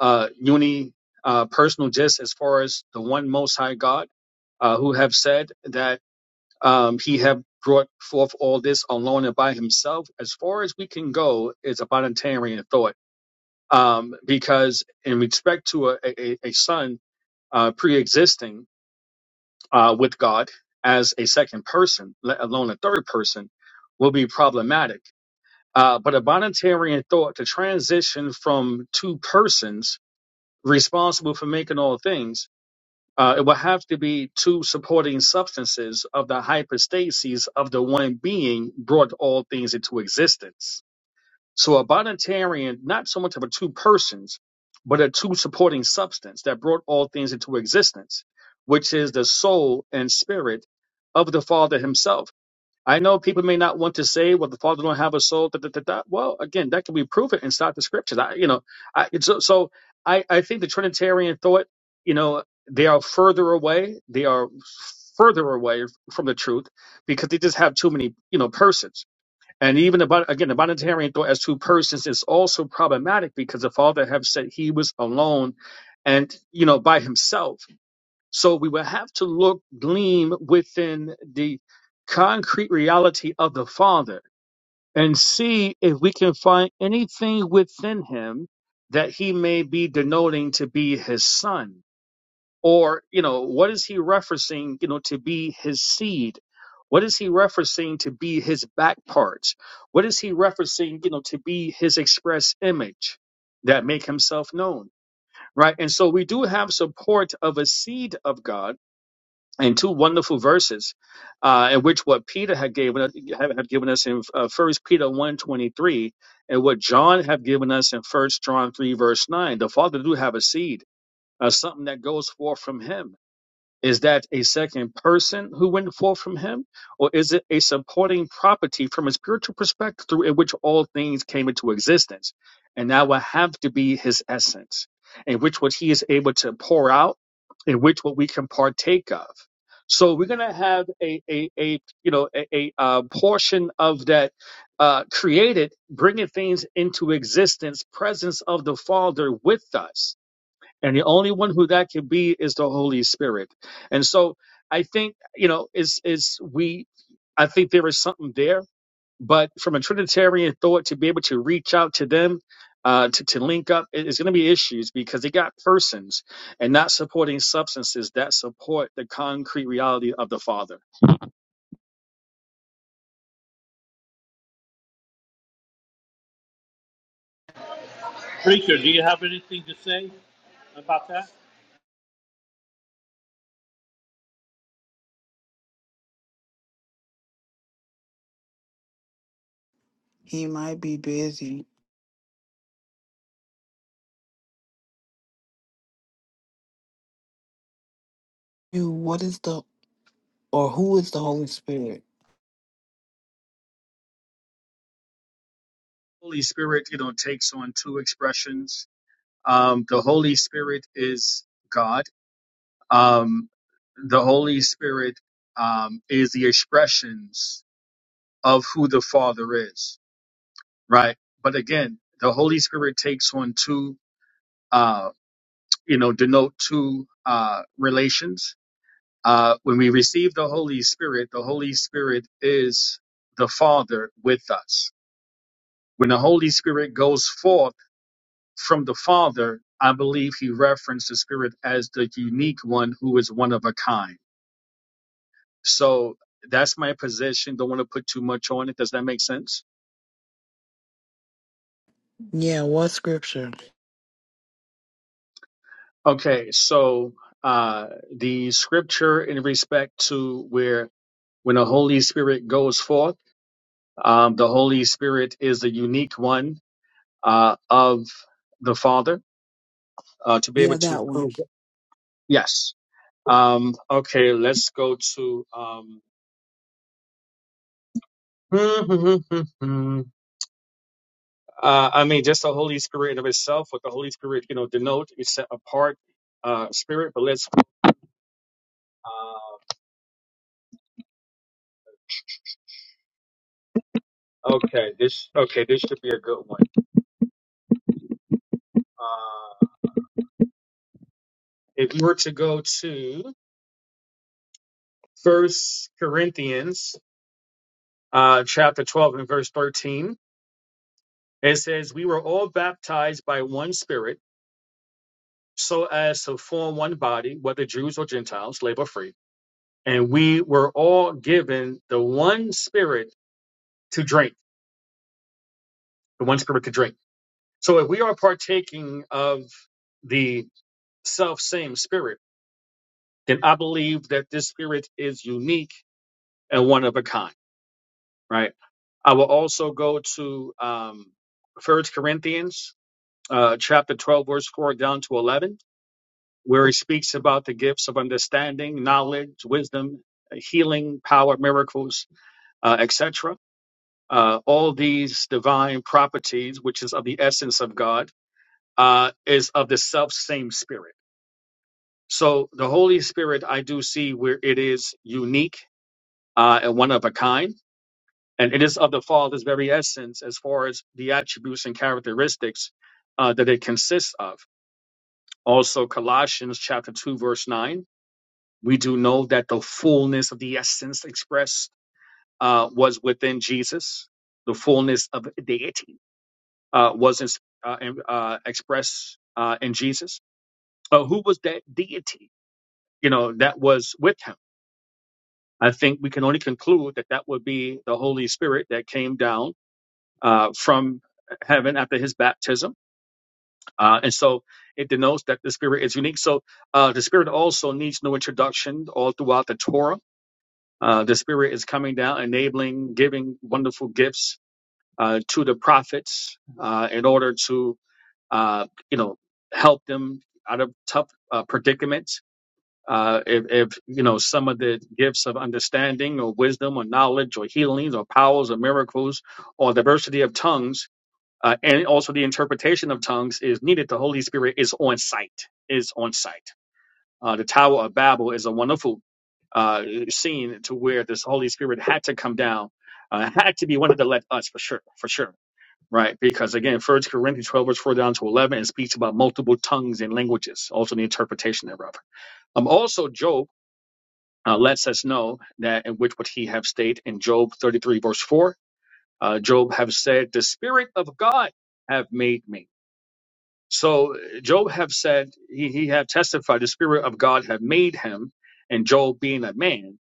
[SPEAKER 12] uh uni uh, personal just as far as the one most high God uh, who have said that um, he have brought forth all this alone and by himself. As far as we can go is a Bonitarian thought, um, because in respect to a, a, a son uh, pre-existing uh, with God as a second person, let alone a third person, will be problematic. Uh, but a Bonitarian thought to transition from two persons responsible for making all things uh, it will have to be two supporting substances of the hypostases of the one being brought all things into existence. So a bonitarian, not so much of a two persons, but a two supporting substance that brought all things into existence, which is the soul and spirit of the Father himself I know people may not want to say, well, the Father don't have a soul. Da, da, da, da. Well, again, that can be proven inside the scriptures. I, you know, I, it's so, so I, I think the Trinitarian thought, you know, they are further away. They are further away from the truth because they just have too many, you know, persons. And even about, again, the Bonitarian thought as two persons is also problematic because the Father have said he was alone and, you know, by himself so we will have to look, gleam within the concrete reality of the Father and see if we can find anything within him that he may be denoting to be his son. Or, you know, what is he referencing, you know, to be his seed? What is he referencing to be his back parts? What is he referencing, you know, to be his express image that make himself known? Right. And so we do have support of a seed of God and two wonderful verses, uh, in which what Peter had given us- had given us in uh, First Peter one twenty three, and what John had given us in First John three verse nine. The Father do have a seed, uh, something that goes forth from Him is that a second person who went forth from him? Or is it a supporting property from a spiritual perspective through in which all things came into existence? And that will have to be his essence, in which what he is able to pour out, in which what we can partake of. So we're gonna have a a, a you know a, a uh, portion of that uh, created, bringing things into existence, presence of the Father with us and the only one who that can be is the Holy Spirit. And so I think, you know, is is we I think there is something there, but from a Trinitarian thought to be able to reach out to them, uh, to, to link up, it- it's going to be issues because they got persons and not supporting substances that support the concrete reality of the Father.
[SPEAKER 8] Preacher, do you have anything to say about that?
[SPEAKER 1] He might be busy. You. What is the? Or who is the Holy Spirit?
[SPEAKER 12] Holy Spirit, you know, takes on two expressions. Um, the Holy Spirit is God Um, the Holy Spirit um, is the expressions of who the Father is, right? But again, the Holy Spirit takes on two, uh, you know, denote two uh, relations. Uh, when we receive the Holy Spirit, the Holy Spirit is the Father with us. When the Holy Spirit goes forth from the Father, I believe he referenced the Spirit as the unique one who is one of a kind So that's my position. Don't want to put too much on it. Does that make sense?
[SPEAKER 1] Yeah, what scripture?
[SPEAKER 12] Okay, so uh, the scripture in respect to where when the Holy Spirit goes forth, um, the Holy Spirit is the unique one uh, of the Father uh, to be able
[SPEAKER 1] Yeah,
[SPEAKER 12] to
[SPEAKER 1] that one.
[SPEAKER 12] prove. It. Yes. Um, okay, let's go to. Um, uh, I mean, just the Holy Spirit of itself, what the Holy Spirit, you know, denote, is set apart uh, spirit. But let's Uh, okay, this okay, this should be a good one. Uh, if you were to go to First Corinthians, uh, chapter twelve and verse thirteen, it says, "We were all baptized by one Spirit, so as to form one body, whether Jews or Gentiles, slave or free, and we were all given the one Spirit to drink, the one Spirit to drink." So, if we are partaking of the self same Spirit, then I believe that this Spirit is unique and one of a kind, right? I will also go to um, 1 Corinthians uh, chapter 12, verse 4 down to 11, where he speaks about the gifts of understanding, knowledge, wisdom, healing, power, miracles, uh, etc. Uh, all these divine properties, which is of the essence of God, uh, is of the self same spirit. So the Holy Spirit, I do see where it is unique uh, and one of a kind and it is of the Father's very essence as far as the attributes and characteristics uh, that it consists of. Also, Colossians chapter two verse nine, we do know that the fullness of the essence expressed uh, was within Jesus. The fullness of deity uh, was in- uh, in- uh, expressed uh, in Jesus. Uh, who was that deity? You know that was with him. I think we can only conclude that that would be the Holy Spirit that came down uh, from heaven after his baptism. Uh, and so it denotes that the Spirit is unique. So uh, the Spirit also needs no introduction all throughout the Torah. Uh, the Spirit is coming down, enabling, giving wonderful gifts uh, to the prophets uh, in order to, uh, you know, help them out of tough uh, predicaments. Uh, if, if you know some of the gifts of understanding or wisdom or knowledge or healings or powers or miracles or diversity of tongues uh, and also the interpretation of tongues is needed. The Holy Spirit is on site, is on site. Uh, the Tower of Babel is a wonderful uh, scene to where this Holy Spirit had to come down, uh, had to be one of the let us for sure, for sure. Right, because again, First Corinthians 12, verse 4 down to 11, it speaks about multiple tongues and languages, also the interpretation thereof. Um, also, Job uh, lets us know that in which what he have stated in Job 33, verse 4, uh, Job have said, The Spirit of God have made me So Job have said he, he have testified the spirit of God have made him, and Job being a man.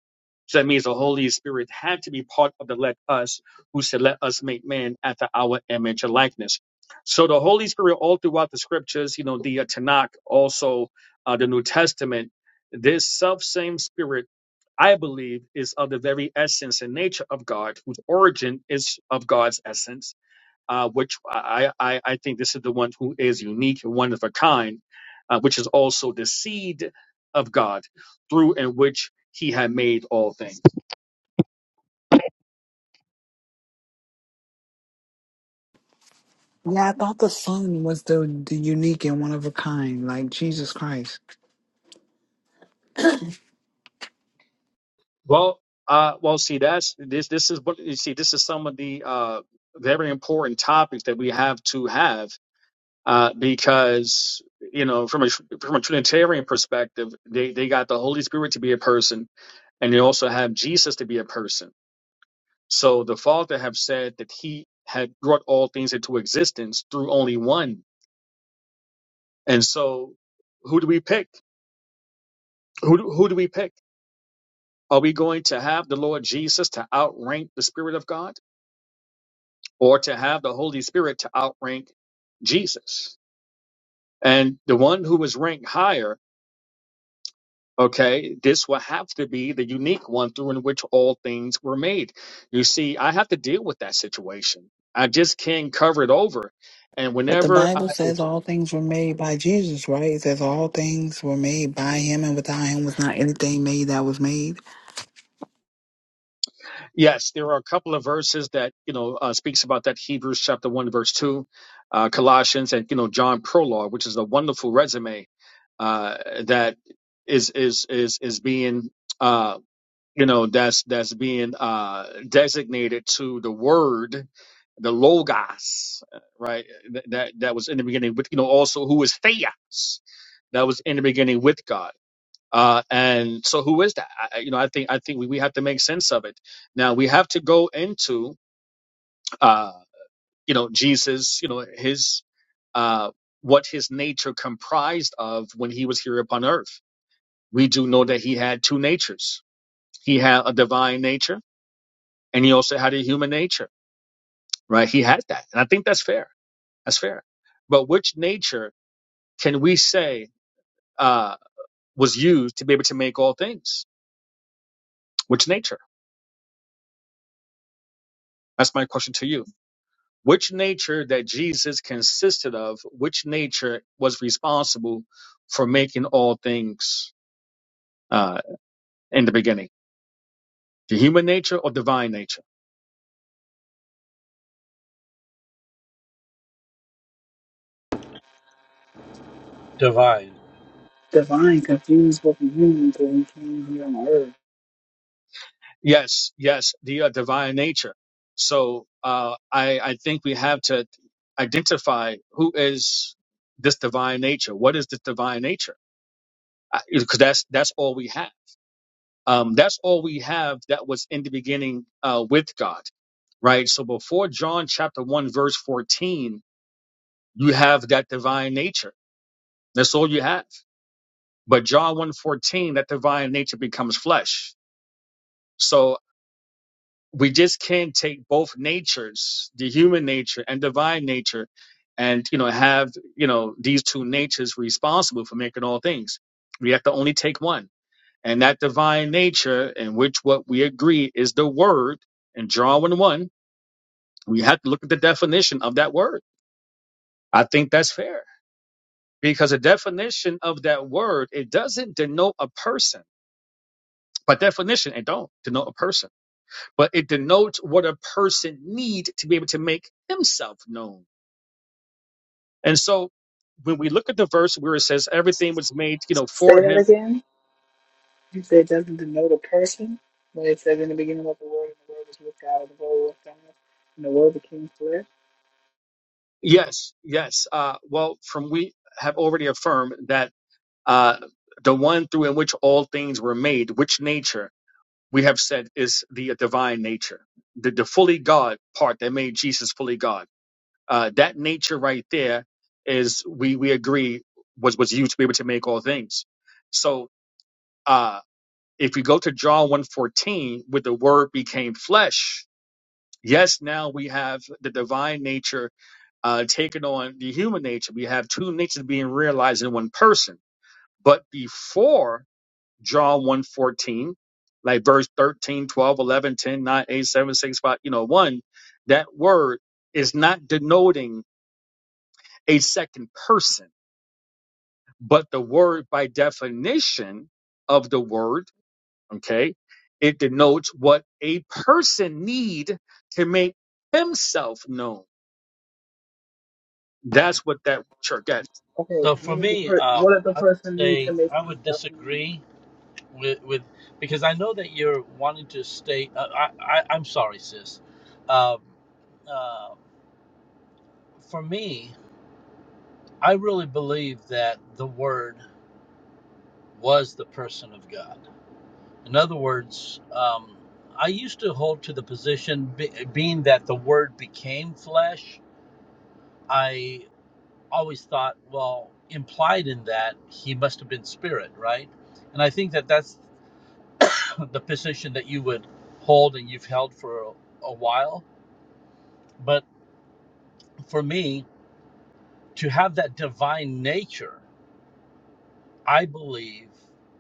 [SPEAKER 12] So that means the Holy Spirit had to be part of the let us who said, Let us make man after our image and likeness. So the Holy Spirit all throughout the scriptures, you know, the uh, Tanakh, also uh, the New Testament, this self same spirit I believe, is of the very essence and nature of God, whose origin is of God's essence uh, which I, I, I think this is the one who is unique and one of a kind, uh, which is also the seed of God through and which he had made all things.
[SPEAKER 1] Yeah, I thought the Son was the, the unique and one of a kind, like Jesus Christ.
[SPEAKER 12] Well, uh, well, see, that's this, this is what you see, this is some of the, uh, very important topics that we have to have, uh, because, you know, from a, from a Trinitarian perspective, they, they got the Holy Spirit to be a person and they also have Jesus to be a person So the Father have said that he had brought all things into existence through only one. And so who do we pick? Who do, who do we pick? Are we going to have the Lord Jesus to outrank the Spirit of God or to have the Holy Spirit to outrank Jesus? And the one who is ranked higher, okay, this will have to be the unique one through in which all things were made. You see, I have to deal with that situation. I just can't cover it over. And
[SPEAKER 1] But the
[SPEAKER 12] whenever
[SPEAKER 1] Bible
[SPEAKER 12] I
[SPEAKER 1] says all things were made by Jesus, right? It says all things were made by him, and without him was not anything made that was made.
[SPEAKER 12] Yes, there are a couple of verses that you know uh, speaks about that Hebrews chapter one verse two, uh, Colossians, and you know John prologue, which is a wonderful resume uh, that is is is is being uh, you know that's that's being uh, designated to the Word, the Logos, right? That that that was in the beginning, but you know also who is Theos, that was in the beginning with God. Uh, and so, who is that? I, I- you know, I think I think we, we have to make sense of it. Now we have to go into uh, you know Jesus, you know his uh, what his nature comprised of when he was here upon earth. We do know that he had two natures. He had a divine nature, and he also had a human nature. Right? He had that, and I think that's fair. That's fair. But which nature can we say uh, was used to be able to make all things? Which nature? That's my question to you Which nature that Jesus consisted of, which nature was responsible for making all things uh, in the beginning? The human nature or divine nature?
[SPEAKER 8] divine.
[SPEAKER 1] Divine confused with the human until he came here on earth.
[SPEAKER 12] Yes, yes, the uh, divine nature. So uh, I, I think we have to identify who is this divine nature. What is this divine nature? Because that's that's all we have. Um, that's all we have that was in the beginning uh, with God right? So before John chapter 1, verse 14, You have that divine nature. That's all you have. But John 1:14, that divine nature becomes flesh. So we just can't take both natures, the human nature and divine nature, and you know, have you know these two natures responsible for making all things. We have to only take one. And that divine nature, in which what we agree is the word, in John 1 1, we have to look at the definition of that word. I think that's fair. because the definition of that word it doesn't denote a person by definition it don't denote a person but it denotes what a person need to be able to make himself known and so when we look at the verse where it says everything was made you know
[SPEAKER 1] Say
[SPEAKER 12] for
[SPEAKER 1] that
[SPEAKER 12] him
[SPEAKER 1] again. You said it doesn't denote a person, but it says in the beginning of the word, and the word was with God, and the word was God, and the word became flesh.
[SPEAKER 12] yes yes uh, well from we have already affirmed that uh, the one through in which all things were made which nature we have said is the divine nature the, the fully god part that made jesus fully god Uh, that nature right there is we we agree was was used to be able to make all things. So uh, if we go to John one fourteen where the Word became flesh, yes, now we have the divine nature uh, taking on the human nature. We have two natures being realized in one person. But before John one fourteen, like verse 13, 12, 11, 10, 9, 8, 7, 6, 5, you know, 1, that word is not denoting a second person But the word, by definition of the word, okay, it denotes what a person need to make himself known. That's what that church got.
[SPEAKER 1] Okay,
[SPEAKER 8] So for
[SPEAKER 1] what does the
[SPEAKER 8] me,
[SPEAKER 1] per- what
[SPEAKER 8] um,
[SPEAKER 1] does the
[SPEAKER 8] I would
[SPEAKER 1] person need
[SPEAKER 8] say
[SPEAKER 1] to make
[SPEAKER 8] I would
[SPEAKER 1] himself known?
[SPEAKER 8] disagree with, with because I know that you're wanting to stay. Uh, I, I I'm sorry, sis. Um, uh, for me, I really believe that the Word was the person of God. In other words, um, I used to hold to the position, be, being that the word became flesh, I always thought, well, implied in that, he must have been spirit, right? And I think that that's the position that you would hold and you've held for a, a while. But for me, to have that divine nature, I believe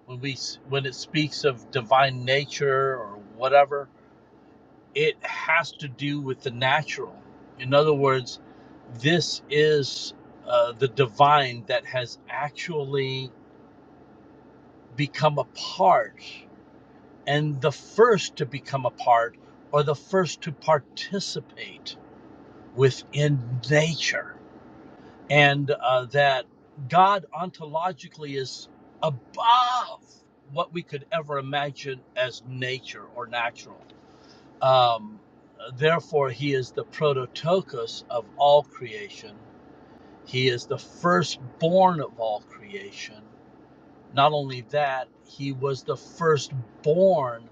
[SPEAKER 8] when we when it speaks of divine nature or whatever, it has to do with the natural. In other words, this is uh, the divine that has actually become a part and the first to become a part or the first to participate within nature. And uh, that God ontologically is above what we could ever imagine as nature or natural. Um, therefore, he is the prototokos of all creation. He is the firstborn of all creation. Not only that, he was the firstborn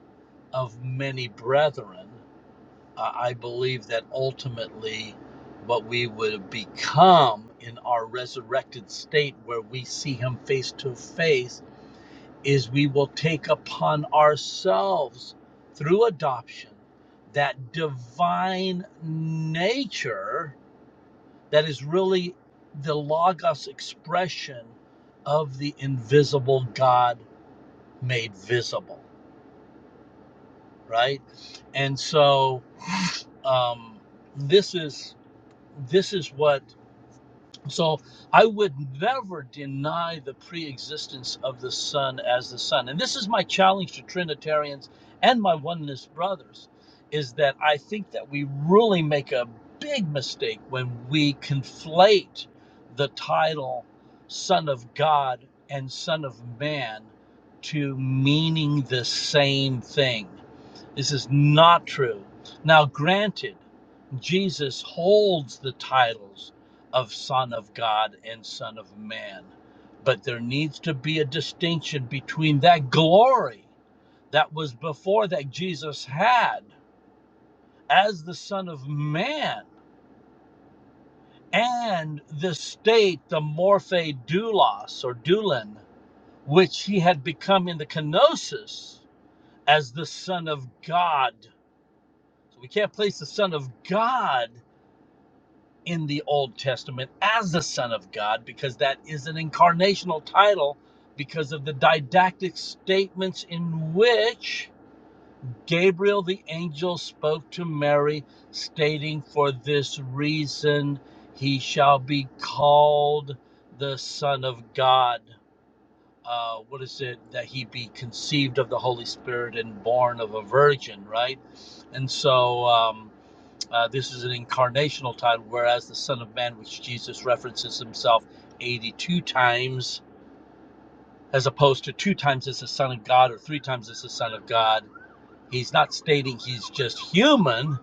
[SPEAKER 8] of many brethren. I I believe that ultimately what we would become in our resurrected state, where we see him face to face, is we will take upon ourselves through adoption that divine nature that is really the logos expression of the invisible God made visible, right? And so um, this is this is what So I would never deny the pre existence of the Son as the Son. And this is my challenge to Trinitarians and my oneness brothers is that I think that we really make a big mistake when we conflate the title Son of God and Son of Man to meaning the same thing. This is not true. Now, granted, Jesus holds the titles of Son of God and Son of Man, but there needs to be a distinction between that glory that was before that Jesus had as the Son of Man and the state, the morphe doulos or doulen, which he had become in the kenosis as the Son of God. So we can't place the Son of God in the Old Testament as the Son of God because that is an incarnational title because of the didactic statements in which Gabriel the angel spoke to Mary, stating, For this reason he shall be called the Son of God. Uh, what is it that he be conceived of the Holy Spirit and born of a virgin, right? And so, um, uh, this is an incarnational title, whereas the Son of Man, which Jesus references himself 82 times, as opposed to two times as the Son of God or three times as the Son of God, he's not stating he's just human,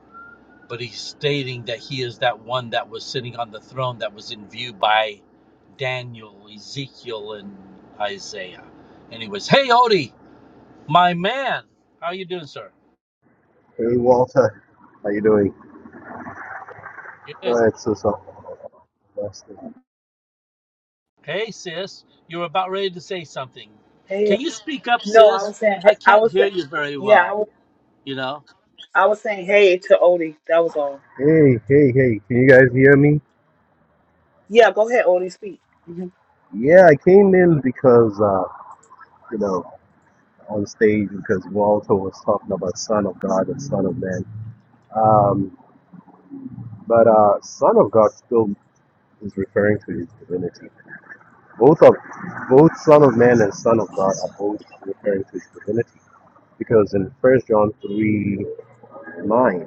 [SPEAKER 8] but he's stating that he is that one that was sitting on the throne that was in view by Daniel, Ezekiel, and Isaiah. Anyways, hey Odie, my man, how you doing, sir?
[SPEAKER 13] Hey Walter, how you doing?
[SPEAKER 8] Good.
[SPEAKER 13] Alright, so so. Blessed.
[SPEAKER 8] Hey, sis, you are about ready to say something.
[SPEAKER 1] Hey,
[SPEAKER 8] Can you speak up,
[SPEAKER 1] no, I
[SPEAKER 8] sis?
[SPEAKER 1] was saying,
[SPEAKER 8] I
[SPEAKER 1] I
[SPEAKER 8] can't
[SPEAKER 1] was
[SPEAKER 8] hear
[SPEAKER 1] saying,
[SPEAKER 8] you very
[SPEAKER 1] yeah, I
[SPEAKER 8] well.
[SPEAKER 1] was,
[SPEAKER 8] You know,
[SPEAKER 1] I was saying, hey to Odie. That was all.
[SPEAKER 13] Hey, hey, hey, can you guys hear me?
[SPEAKER 1] Yeah, go ahead, Odie, speak. hmm
[SPEAKER 13] Yeah, I came in because, uh, you know, on stage because Walter was talking about Son of God and Son of Man. Um, but uh, Son of God still is referring to his divinity. Both of both Son of Man and Son of God are both referring to his divinity because in First John three nine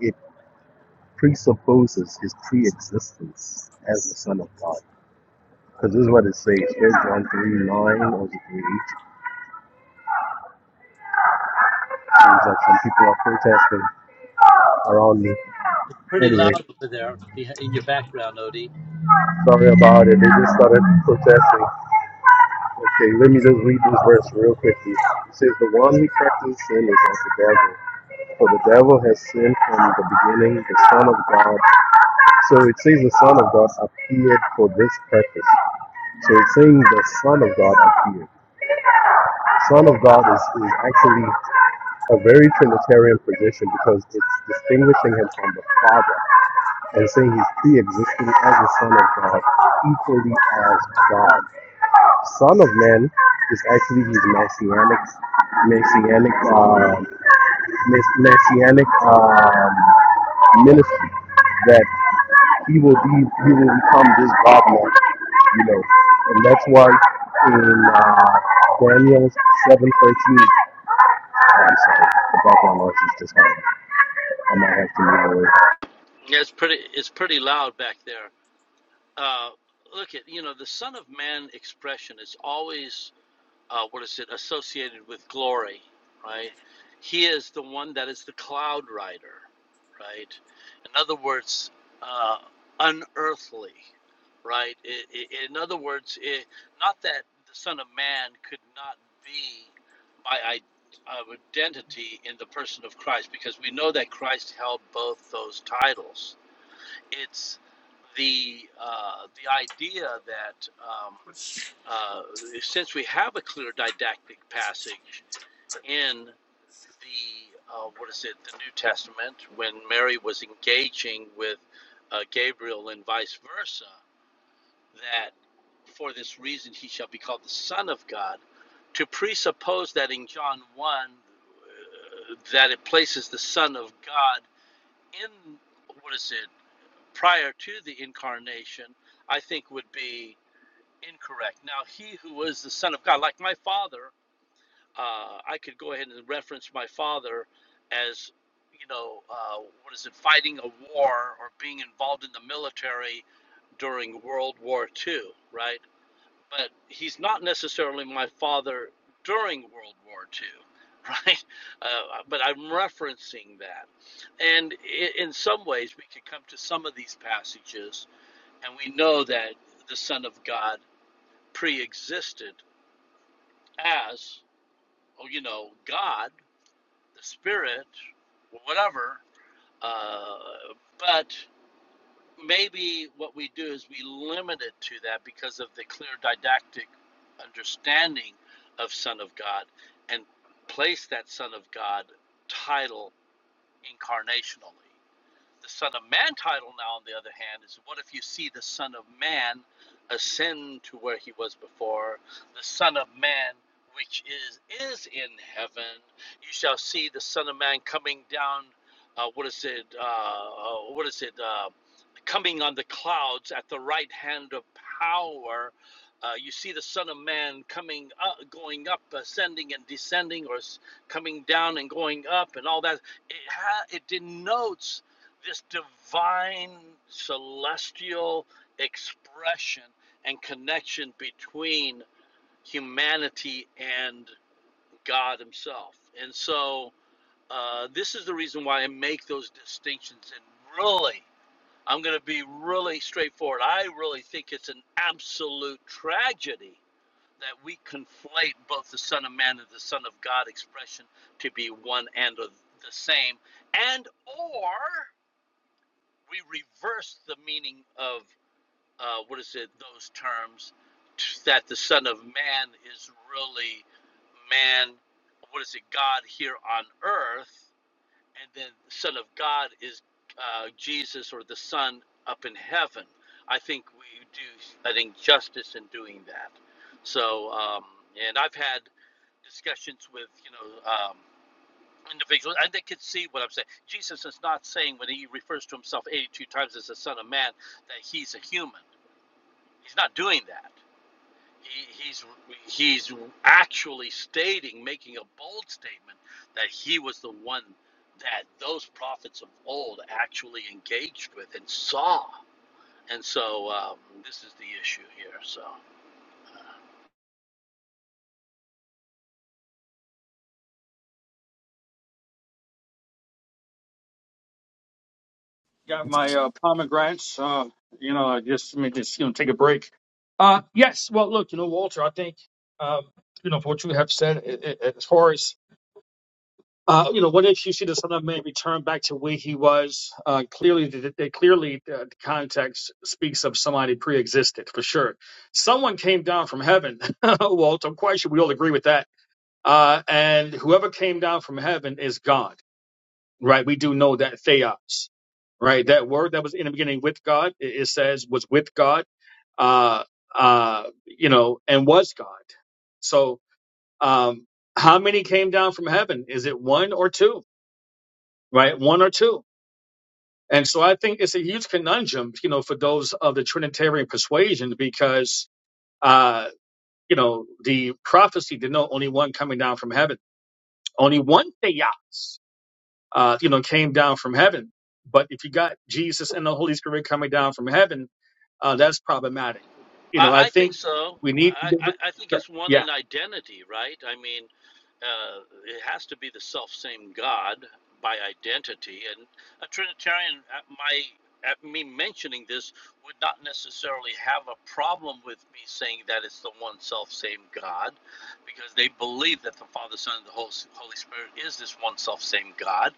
[SPEAKER 13] it presupposes his pre-existence as the Son of God. Because this is what it says. Kids on 3, 9, or is it 3, 8? Seems like some people are protesting around me.
[SPEAKER 8] pretty
[SPEAKER 13] Anyway,
[SPEAKER 8] loud over there beh- in your background, Odie.
[SPEAKER 13] sorry about it. They just started protesting. Okay, let me just read this verse real quickly. It says, The one who practices sin is of the devil. For the devil has sinned from the beginning, the Son of God. So it says the Son of God appeared for this purpose. So it's saying the Son of God appeared. Son of God is, is actually a very Trinitarian position because it's distinguishing him from the Father and saying he's pre existing as the Son of God, equally as God. Son of Man is actually his messianic, messianic, um, messianic um, ministry that he will be, he will become this God man, you know, and that's why in uh, Daniel seven thirteen. I'm sorry, the background noise is just hard. I might have to move away.
[SPEAKER 8] Yeah, it's pretty. It's pretty loud back there. Uh, look at you know the Son of Man expression is always uh, what is it associated with glory, right? He is the one that is the cloud rider. right? In other words, uh, unearthly, right? I i in other words, it, not that the Son of Man could not be my uh, identity in the person of Christ, because we know that Christ held both those titles. It's the uh, the idea that um, uh, since we have a clear didactic passage in the uh, what is it the new testament when mary was engaging with uh, gabriel and vice versa that for this reason he shall be called the son of god to presuppose that in john 1 uh, that it places the son of god in what is it prior to the incarnation i think would be incorrect now he who is the son of god like my father uh, I could go ahead and reference my father as, you know, uh, what is it, fighting a war or being involved in the military during World War II, right? But he's not necessarily my father during World War II, right? Uh, but I'm referencing that. And in some ways, we could come to some of these passages and we know that the Son of God pre existed as, oh, you know, God the spirit, whatever. Uh, but maybe what we do is we limit it to that because of the clear didactic understanding of Son of God and place that Son of God title incarnationally. The Son of Man title, now, on the other hand, is what if you see the Son of Man ascend to where he was before? The Son of Man, which is is in heaven, you shall see the Son of Man coming down. Uh, what is it? Uh, uh, what is it? Uh, coming on the clouds at the right hand of power. Uh, you see the Son of Man coming up, going up, ascending and descending, or coming down and going up, and all that. It, ha- it denotes this divine, celestial expression and connection between humanity and God Himself. And so, uh, this is the reason why I make those distinctions and really I'm going to be really straightforward. I really think it's an absolute tragedy that we conflate both the Son of Man and the Son of God expression to be one and the same, and or we reverse the meaning of uh, what is it? Those terms that the Son of Man is really man. What is it? God here on earth and then Son of God is uh, Jesus or the Son up in heaven. I think we do an injustice in doing that. So, um, and I've had discussions with you know um, individuals, and they can see what I'm saying. Jesus is not saying when he refers to himself 82 times as the Son of Man that he's a human. He's not doing that. He, he's he's actually stating, making a bold statement that he was the one that those prophets of old actually engaged with and saw. And so um, this is the issue here. So.
[SPEAKER 12] Got my uh, pomegranates. Uh, you know, I just let me just you know take a break. Uh, yes. Well, look, you know, Walter, I think um, you know for what you have said i i as far as Uh, you know, what if you see the Son of Man return back to where he was? Uh, clearly, the, the, clearly, uh, the context speaks of somebody pre-existed for sure. Someone came down from heaven. Walt, I'm quite sure we all agree with that. Uh, and whoever came down from heaven is God, right? We do know that theos, right? That word that was in the beginning with God, it, it says was with God, uh, uh, you know, and was God. So, um, how many came down from heaven? Is it one or two? right? One or two. And so I think it's a huge conundrum, you know, for those of the Trinitarian persuasion because, uh, you know, the prophecy did know only one coming down from heaven, only one theos, uh, you know, came down from heaven. But if you got Jesus and the Holy Spirit coming down from heaven, uh, that's problematic. You know,
[SPEAKER 8] I,
[SPEAKER 12] I
[SPEAKER 8] I think
[SPEAKER 12] think
[SPEAKER 8] so.
[SPEAKER 12] we need to
[SPEAKER 8] I,
[SPEAKER 12] give
[SPEAKER 8] I, I think
[SPEAKER 12] it,
[SPEAKER 8] it's one
[SPEAKER 12] yeah,
[SPEAKER 8] in identity, right? I mean, uh, it has to be the self same God by identity. And a Trinitarian, at my at me mentioning this, would not necessarily have a problem with me saying that it's the one self same God, because they believe that the Father, Son, and the Hol- Holy Spirit is this one self same God.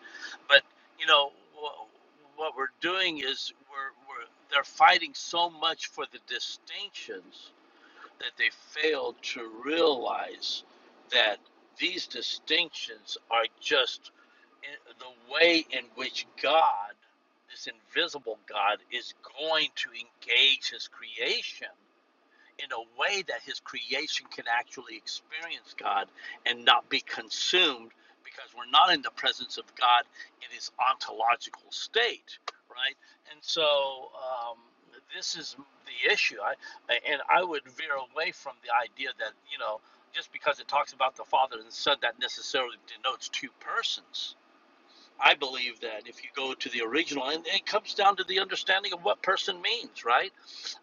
[SPEAKER 8] But you know wh- what we're doing is we're, we're they're fighting so much for the distinctions that they fail to realize that these distinctions are just i- the way in which God, this invisible God, is going to engage His creation in a way that his creation can actually experience God and not be consumed because we're not in the presence of God in his ontological state, right? And so um, this is the issue. I, and I would veer away from the idea that, you know, just because it talks about the Father and the Son, that necessarily denotes two persons I believe that if you go to the original, and it comes down to the understanding of what person means, right?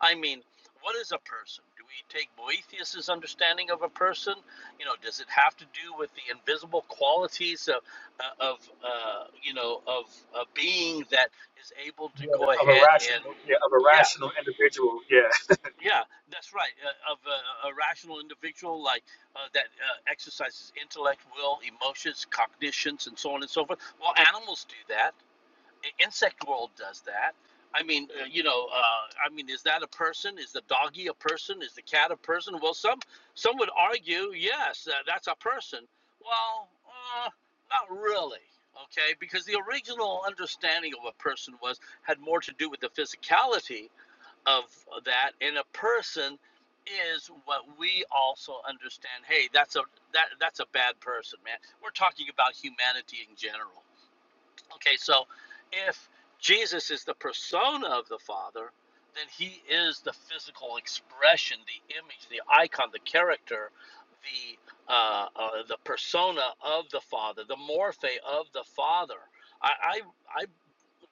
[SPEAKER 8] I mean, what is a person? Do we take Boethius's understanding of a person? You know, does it have to do with the invisible qualities of, uh, of uh, you know, of a being that is able to
[SPEAKER 12] yeah,
[SPEAKER 8] go
[SPEAKER 12] of a
[SPEAKER 8] ahead
[SPEAKER 12] rational, yeah, of a
[SPEAKER 8] and, yeah,
[SPEAKER 12] rational individual, yeah.
[SPEAKER 8] yeah, that's right, uh, of a, a rational individual like uh, that uh, exercises intellect, will, emotions, cognitions, and so on and so forth. Well, animals do that Insect World does that. I mean, uh, you know, uh, I mean, is that a person? Is the doggy a person? Is the cat a person? Well, some some would argue, yes, that, that's a person. Well, uh, not really, okay, because the original understanding of a person was had more to do with the physicality of that, and a person is what we also understand. Hey, that's a that that's a bad person, man. We're talking about humanity in general Okay, so if Jesus is the persona of the Father, then he is the physical expression, the image, the icon, the character, the uh, uh, the persona of the Father, the morphe of the Father. I, I I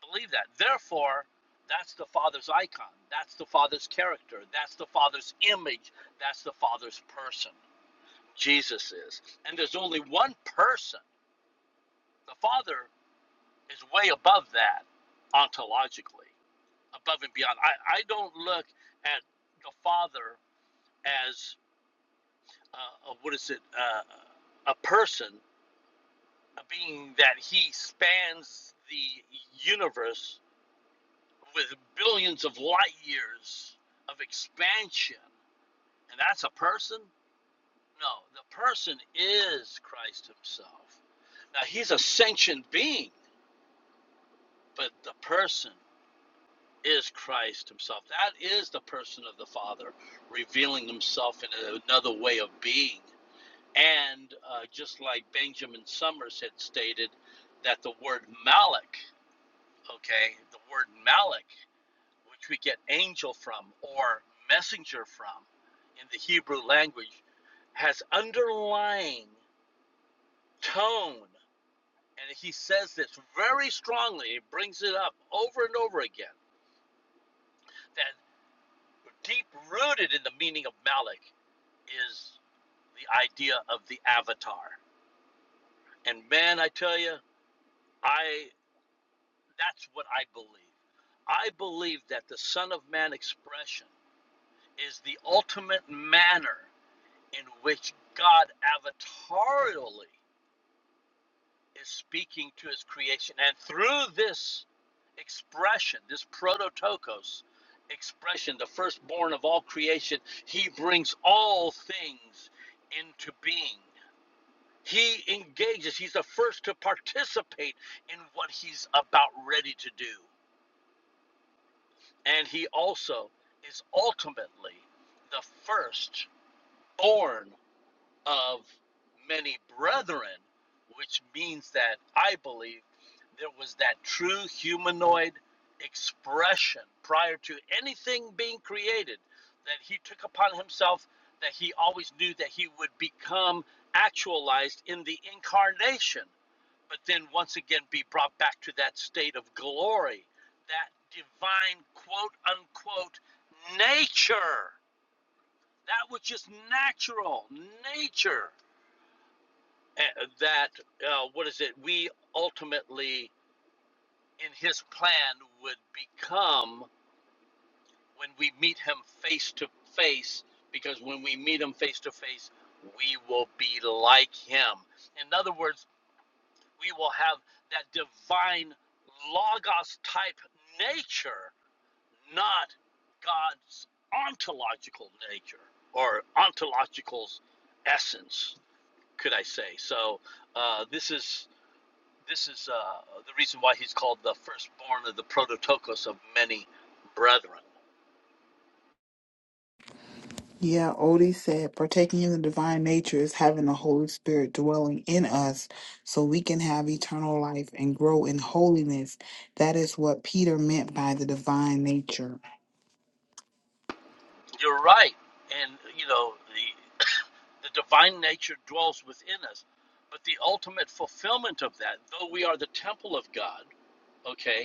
[SPEAKER 8] believe that. Therefore, that's the Father's icon. That's the Father's character. That's the Father's image. That's the Father's person. Jesus is, and there's only one person, the Father is way above that ontologically, above and beyond. I, I don't look at the Father as uh, a, what is it, uh, a person, a being that he spans the universe with billions of light years of expansion, and that's a person. No, the person is Christ Himself. Now He's a sentient being, but the person is Christ himself. That is the person of the Father revealing himself in another way of being. And uh, just like Benjamin Summers had stated, that the word Malik, okay, the word Malik, which we get angel from or messenger from in the Hebrew language, has underlying tone. And he says this very strongly, he brings it up over and over again, that deep rooted in the meaning of Malik is the idea of the avatar. And man, I tell you, I that's what I believe. I believe that the Son of Man expression is the ultimate manner in which God avatarially is speaking to his creation. And through this expression, this prototokos expression, the firstborn of all creation, he brings all things into being. He engages. He's the first to participate in what he's about ready to do. And he also is ultimately the first born of many brethren, which means that I believe there was that true humanoid expression prior to anything being created that he took upon himself, that he always knew that he would become actualized in the incarnation but then once again be brought back to that state of glory, that divine quote unquote nature, that which is natural, nature, eh, that, uh, what is it, we ultimately in his plan would become when we meet him face to face, because when we meet him face to face, we will be like him. In other words, we will have that divine logos type nature, not God's ontological nature or ontological essence, could I say? So uh, this is this is uh, the reason why he's called the firstborn of the prototokos of many brethren.
[SPEAKER 1] Yeah, Odie said, partaking in the divine nature is having the Holy Spirit dwelling in us so we can have eternal life and grow in holiness. That is what Peter meant by the divine nature.
[SPEAKER 8] You're right, and you know the the divine nature dwells within us, but the ultimate fulfillment of that, though we are the temple of God, okay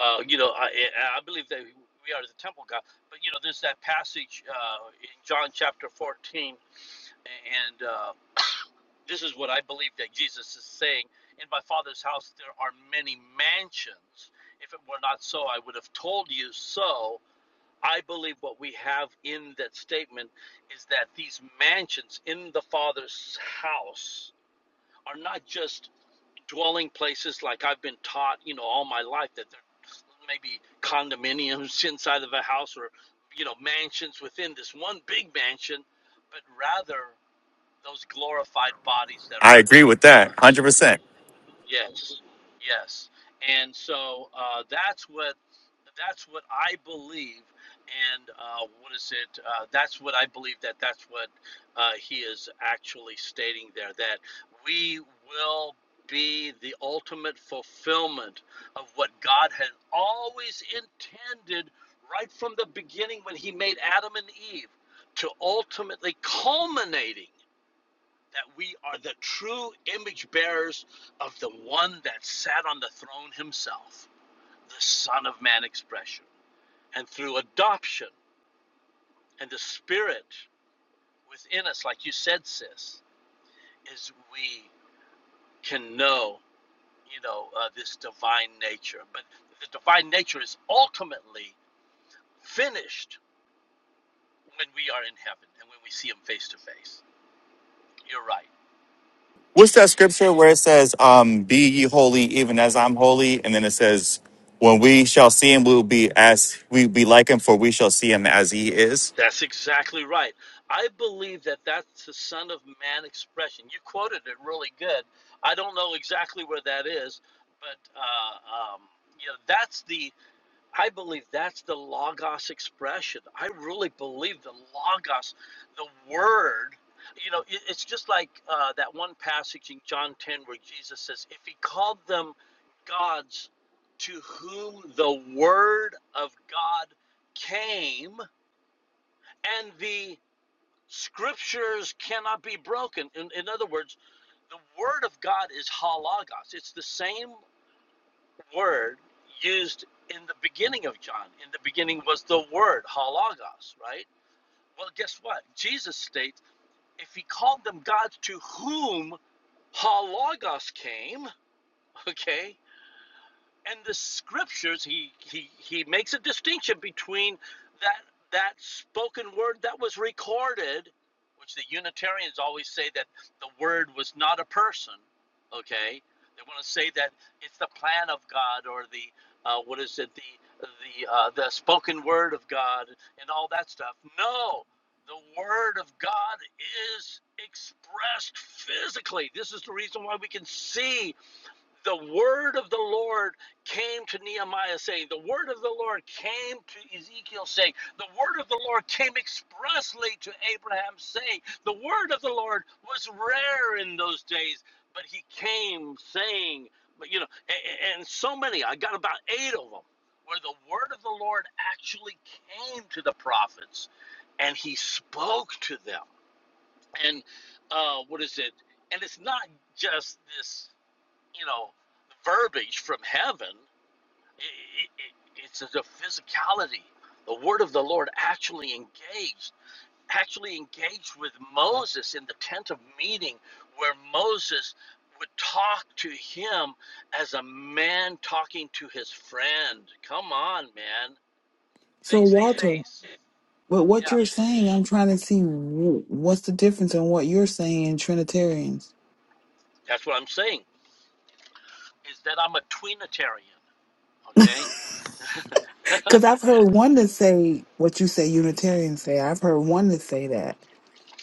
[SPEAKER 8] uh, you know, I, I believe that we are the temple of God. But you know, there's that passage uh, in John chapter 14, and uh, this is what I believe that Jesus is saying. In my Father's house there are many mansions. If it were not so, I would have told you so. I believe what we have in that statement is that these mansions in the Father's house are not just dwelling places like I've been taught, you know, all my life that they're maybe condominiums inside of a house or, you know, mansions within this one big mansion, but rather those glorified bodies that
[SPEAKER 6] I
[SPEAKER 8] are
[SPEAKER 6] agree
[SPEAKER 8] waiting
[SPEAKER 6] with
[SPEAKER 8] for
[SPEAKER 6] that, one
[SPEAKER 8] us.
[SPEAKER 6] hundred percent.
[SPEAKER 8] Yes, yes, and so uh, that's what that's what I believe, and uh, what is it? Uh, that's what I believe that that's what uh, he is actually stating there that we will be the ultimate fulfillment of what God had always intended right from the beginning when He made Adam and Eve to ultimately culminating that we are the true image bearers of the one that sat on the throne himself, the Son of Man expression. And through adoption and the Spirit within us, like you said, sis, is we can know, you know, uh, this divine nature. But the divine nature is ultimately finished when we are in heaven and when we see Him face to face. You're right.
[SPEAKER 6] What's that scripture where it says, um, "Be ye holy, even as I'm holy," and then it says, "When we shall see him, we will be as we be like him, for we shall see him as he is."
[SPEAKER 8] That's exactly right. I believe that that's the Son of Man expression. You quoted it really good. I don't know exactly where that is, but uh, um, you know, that's the. I believe that's the Logos expression. I really believe the Logos, the Word. You know, it, it's just like uh, that one passage in John 10 where Jesus says, "If He called them gods, to whom the Word of God came." and the Scriptures cannot be broken. In, in other words, the word of God is halagos. It's the same word used in the beginning of John. In the beginning was the word halagos, right? Well, guess what? Jesus states if he called them gods to whom halagos came, okay, and the scriptures he he he makes a distinction between that that spoken word that was recorded which the unitarians always say that the word was not a person okay they want to say that it's the plan of god or the uh, what is it the the uh, the spoken word of god and all that stuff no the word of god is expressed physically this is the reason why we can see the word of the Lord came to Nehemiah saying, the word of the Lord came to Ezekiel saying, the word of the Lord came expressly to Abraham saying, the word of the Lord was rare in those days, but he came saying, but you know, and, and so many, I got about eight of them, where the word of the Lord actually came to the prophets and he spoke to them. And uh, what is it? And it's not just this you know, verbiage from heaven. I i it's the physicality. The word of the Lord actually engaged, actually engaged with Moses in the tent of meeting, where Moses would talk to him as a man talking to his friend. Come on, man,
[SPEAKER 1] So,
[SPEAKER 8] face to
[SPEAKER 1] Walter,
[SPEAKER 8] face.
[SPEAKER 1] but what
[SPEAKER 8] Yeah,
[SPEAKER 1] you're saying, I'm trying to see wh- what's the difference in what you're saying in Trinitarians.
[SPEAKER 8] that's what I'm saying. Is that I'm a tweenitarian? Okay.
[SPEAKER 1] Because I've heard one that say what you say Unitarians say. I've heard one that say that,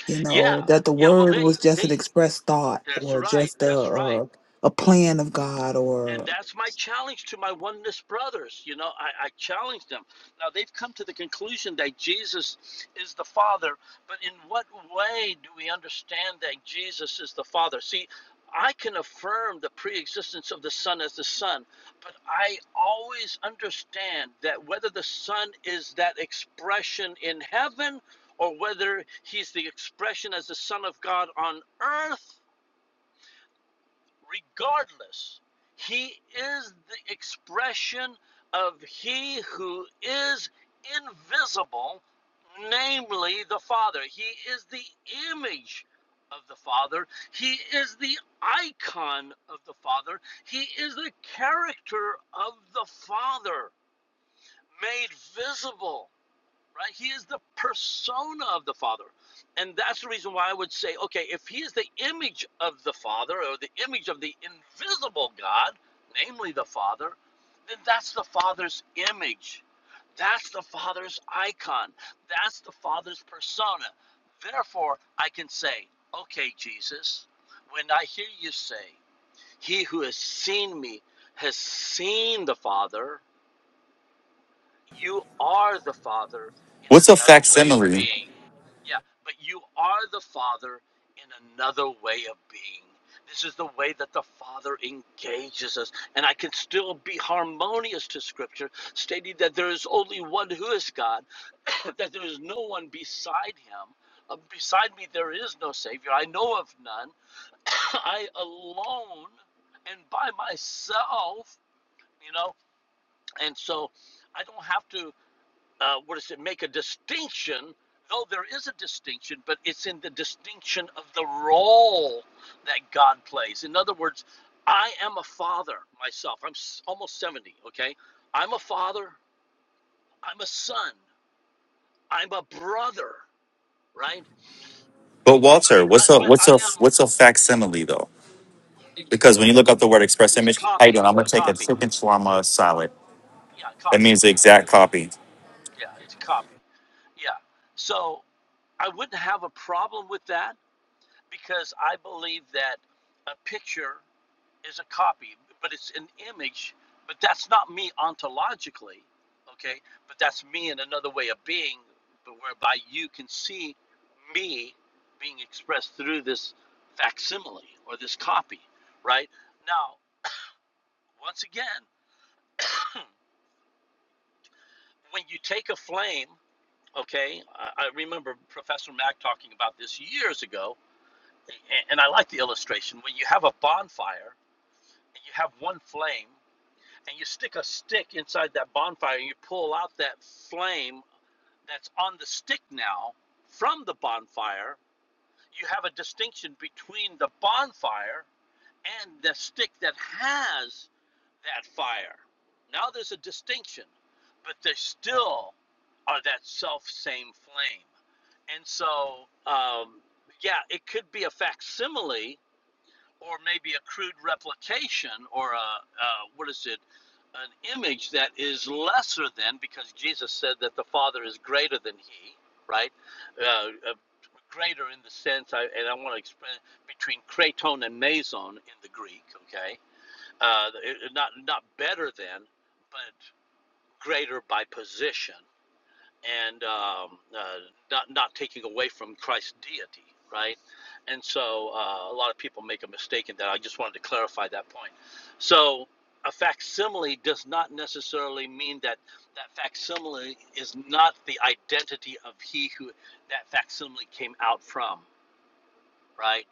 [SPEAKER 1] you
[SPEAKER 8] yeah,
[SPEAKER 1] know, that the
[SPEAKER 8] yeah. Well,
[SPEAKER 1] word
[SPEAKER 8] they
[SPEAKER 1] was just
[SPEAKER 8] they.
[SPEAKER 1] an expressed thought
[SPEAKER 8] That's
[SPEAKER 1] or
[SPEAKER 8] right.
[SPEAKER 1] just a,
[SPEAKER 8] That's right.
[SPEAKER 1] a, a plan of God.
[SPEAKER 8] And
[SPEAKER 1] Or
[SPEAKER 8] that's my challenge to my oneness brothers. You know, I, I challenge them. Now, they've come to the conclusion that Jesus is the Father, but in what way do we understand that Jesus is the Father? See, I can affirm the pre existence of the Son as the Son, but I always understand that whether the Son is that expression in heaven or whether he's the expression as the Son of God on earth regardless. He is the expression of He who is invisible, namely the Father. He is the image of the Father. He is the icon of the Father. He is the character of the Father made visible right? He is the persona of the Father. And that's the reason why I would say, okay, if he is the image of the Father or the image of the invisible God, namely the Father, then that's the Father's image. That's the Father's icon. That's the Father's persona. Therefore, I can say, okay, Jesus, when I hear you say, he who has seen me has seen the Father, you are the father in
[SPEAKER 6] What's a
[SPEAKER 8] another way of
[SPEAKER 6] facsimile?
[SPEAKER 8] being. Yeah, but you are the father in another way of being. This is the way that the Father engages us. And I can still be harmonious to Scripture, stating that there is only one who is God, that there is no one beside him. Uh, beside me, there is no Savior. I know of none. I alone and by myself, you know, and so I don't have to uh, what is it, make a distinction. No, there is a distinction, but it's in the distinction of the role that God plays. In other words, I am a father myself. I'm s- almost 70, okay? I'm a father. I'm a son. I'm a brother, right?
[SPEAKER 6] But Walter,
[SPEAKER 8] I, I,
[SPEAKER 6] what's a
[SPEAKER 8] but
[SPEAKER 6] what's
[SPEAKER 8] I
[SPEAKER 6] a
[SPEAKER 8] am,
[SPEAKER 6] what's a facsimile though? Because when you look up the word express
[SPEAKER 8] it's a
[SPEAKER 6] image, how you doing?
[SPEAKER 8] copy,
[SPEAKER 6] I'm gonna
[SPEAKER 8] a
[SPEAKER 6] take a
[SPEAKER 8] copy.
[SPEAKER 6] chicken shawarma salad.
[SPEAKER 8] Yeah, a
[SPEAKER 6] That
[SPEAKER 8] copy.
[SPEAKER 6] means the exact copy.
[SPEAKER 8] Yeah, it's a copy. Yeah. So I wouldn't have a problem with that because I believe that a picture. is a copy, but it's an image, but that's not me ontologically, okay? But that's me in another way of being, but whereby you can see me being expressed through this facsimile or this copy, right? Now, once again, when you take a flame, okay, I, I remember Professor Mack talking about this years ago, a- and I like the illustration. When you have a bonfire and you have one flame, and you stick a stick inside that bonfire and you pull out that flame that's on the stick now from the bonfire, you have a distinction between the bonfire and the stick that has that fire. Now there's a distinction, but they still are that self same flame. And so, um, yeah, it could be a facsimile or maybe a crude replication or a, uh, what is it an image that is lesser than because jesus said that the father is greater than he right uh, uh, greater in the sense I, and i want to explain between kraton and meson in the greek okay uh, not not better than but greater by position and um, uh, not not taking away from Christ's deity, right? And so uh, a lot of people make a mistake in that. I just wanted to clarify that point. So a facsimile does not necessarily mean that that facsimile is not the identity of he who that facsimile came out from, right?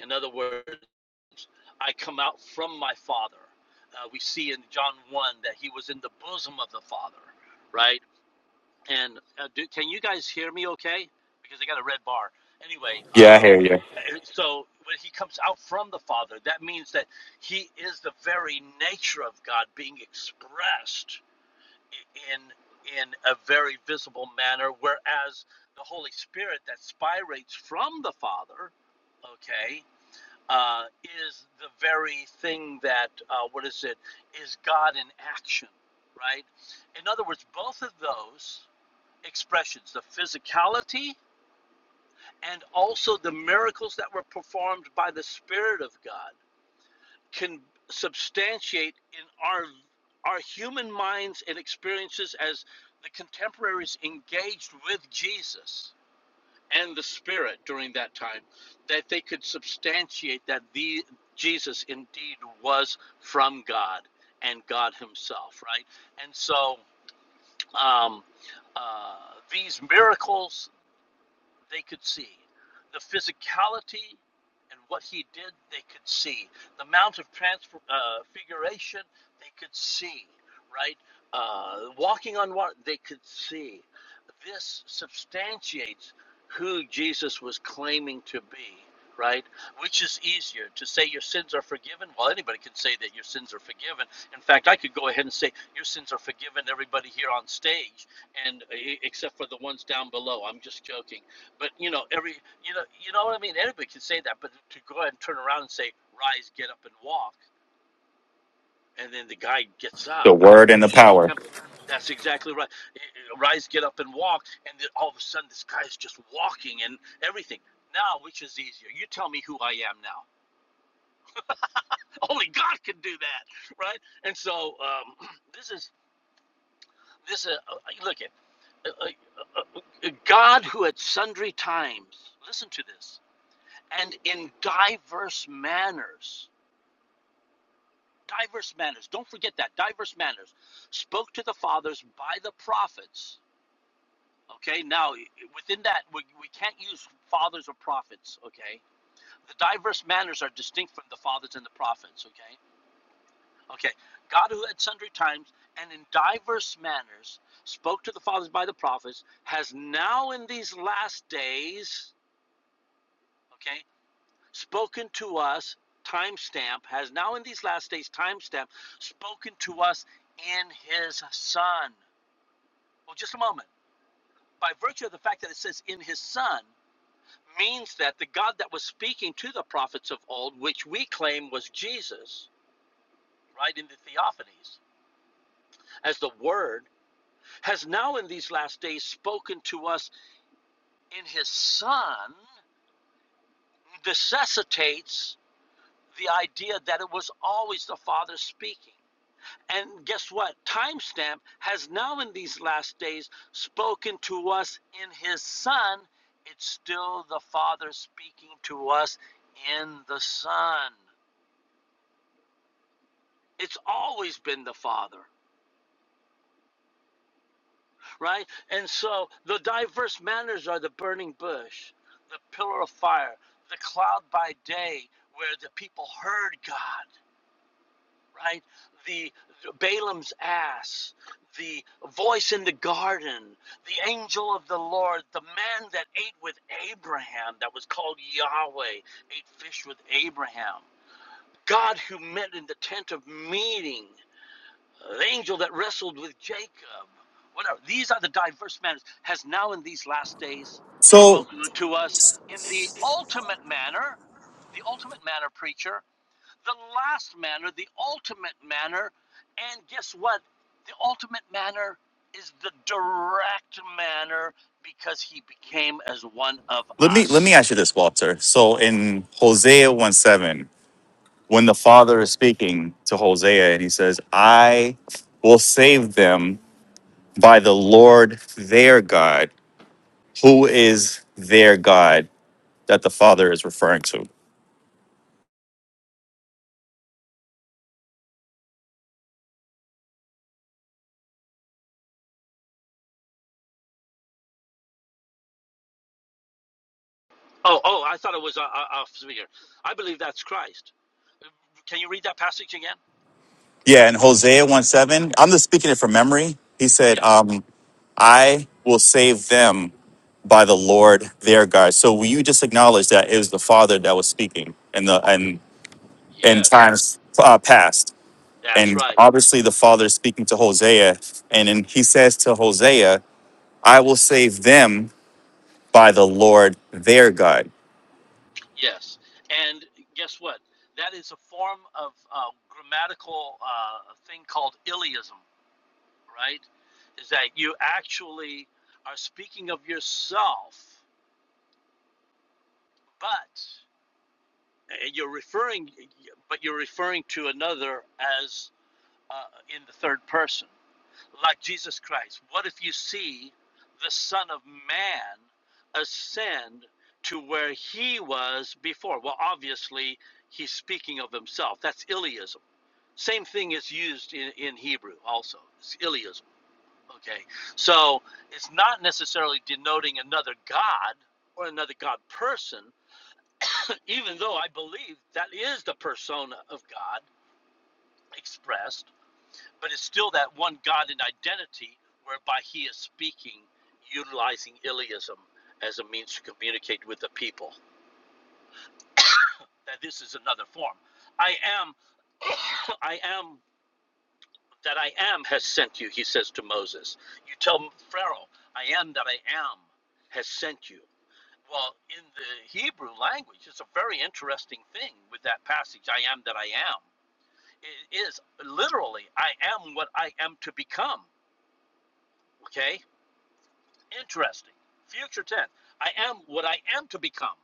[SPEAKER 8] In other words, I come out from my father. Uh, we see in John 1 that he was in the bosom of the father, right? And uh, do, can you guys hear me okay? Because I got a red bar. Anyway,
[SPEAKER 6] Yeah, I hear you.
[SPEAKER 8] uh, so when he comes out from the Father, that means that he is the very nature of God being expressed in in a very visible manner. Whereas the Holy Spirit that spirates from the Father, okay, uh, is the very thing that uh, what is it? Is God in action, right? In other words, both of those expressions, the physicality and also the miracles that were performed by the Spirit of God can substantiate in our our human minds and experiences as the contemporaries engaged with Jesus and the Spirit during that time, that they could substantiate that the Jesus indeed was from God and God Himself, right? And so um, uh, these miracles they could see. The physicality and what he did, they could see. The Mount of Transfiguration, they could see, right? Uh, walking on water, they could see. This substantiates who Jesus was claiming to be, right? Which is easier to say your sins are forgiven? Well, anybody can say that your sins are forgiven. In fact, I could go ahead and say your sins are forgiven, everybody here on stage, and eh, except for the ones down below. I'm just joking but you know, every you know, you know what I mean. Anybody can say that, but to go ahead and turn around and say, "Rise, get up, and walk," and then the guy gets
[SPEAKER 6] The
[SPEAKER 8] up.
[SPEAKER 6] word and the power.
[SPEAKER 8] That's exactly right. Eh, eh, Rise, get up, and walk, and then all of a sudden, this guy is just walking and everything. Now, which is easier? You tell me who I am now. Only God can do that, right? And so, um, this is this is uh, look at uh, uh, uh, uh, God who at sundry times. Listen to this and in diverse manners. Diverse manners. Don't forget that. Diverse manners. Spoke to the fathers by the prophets. Okay, now within that, we, we can't use fathers or prophets. Okay, the diverse manners are distinct from the fathers and the prophets. Okay, okay, God who at sundry times and in diverse manners spoke to the fathers by the prophets has now in these last days. Okay, spoken to us timestamp has now in these last days timestamp spoken to us in his son well just a moment by virtue of the fact that it says in his son means that the god that was speaking to the prophets of old which we claim was jesus right in the theophanies as the word has now in these last days spoken to us in his son necessitates the idea that it was always the father speaking And guess what? Timestamp has now, in these last days, spoken to us in his Son. It's still the Father speaking to us in the Son. It's always been the Father, right? And so the diverse manners are the burning bush, the pillar of fire, the cloud by day, where the people heard God. right? The, the Balaam's ass, the voice in the garden, the angel of the Lord, the man that ate with Abraham, that was called Yahweh, ate fish with Abraham. God who met in the tent of meeting, the angel that wrestled with Jacob, whatever. These are the diverse manners, has now in these last days
[SPEAKER 6] So
[SPEAKER 8] spoken to us in the ultimate manner, the ultimate manner, preacher the last manner, the ultimate manner. And guess what? The ultimate manner is the direct manner because he became as one of
[SPEAKER 6] let me let me
[SPEAKER 8] us.
[SPEAKER 6] ask you this, Walter. So in Hosea one seven. when the father is speaking to Hosea and he says, I will save them by the Lord their God, who is their God that the father is referring to.
[SPEAKER 8] Oh, oh, I thought it was uh, uh, off speaker. I believe that's Christ. Can you read that passage again?
[SPEAKER 6] Yeah, in Hosea 1 7, I'm just speaking it from memory. He said,
[SPEAKER 8] Yeah.
[SPEAKER 6] um, I will save them by the Lord their God. So will you just acknowledge that it was the Father that was speaking in the and in
[SPEAKER 8] Yes.
[SPEAKER 6] times uh, past?
[SPEAKER 8] That's
[SPEAKER 6] And
[SPEAKER 8] right.
[SPEAKER 6] obviously the Father is speaking to Hosea, and then he says to Hosea, I will save them by the Lord their God.
[SPEAKER 8] Yes. And guess what? That is a form of uh, grammatical uh, thing called Iliism. right? Is that you actually are speaking of yourself, but uh, you're referring, but you're referring to another as uh, in the third person, like Jesus Christ. What if you see the Son of Man ascend to where he was before? Well, obviously he's speaking of himself. That's Iliism. Same thing is used in, in Hebrew also. It's Iliism Okay, so it's not necessarily denoting another God or another God person, even though I believe that is the persona of God expressed, but it's still that one God in identity whereby he is speaking, utilizing Iliism as a means to communicate with the people. That this is another form. I am, I am, that I am has sent you, he says to Moses. You tell Pharaoh, I am that I am has sent you. Well, in the Hebrew language, it's a very interesting thing with that passage, I am that I am. It is literally, I am what I am to become. Okay? Interesting. Future tense. I am what I am to become.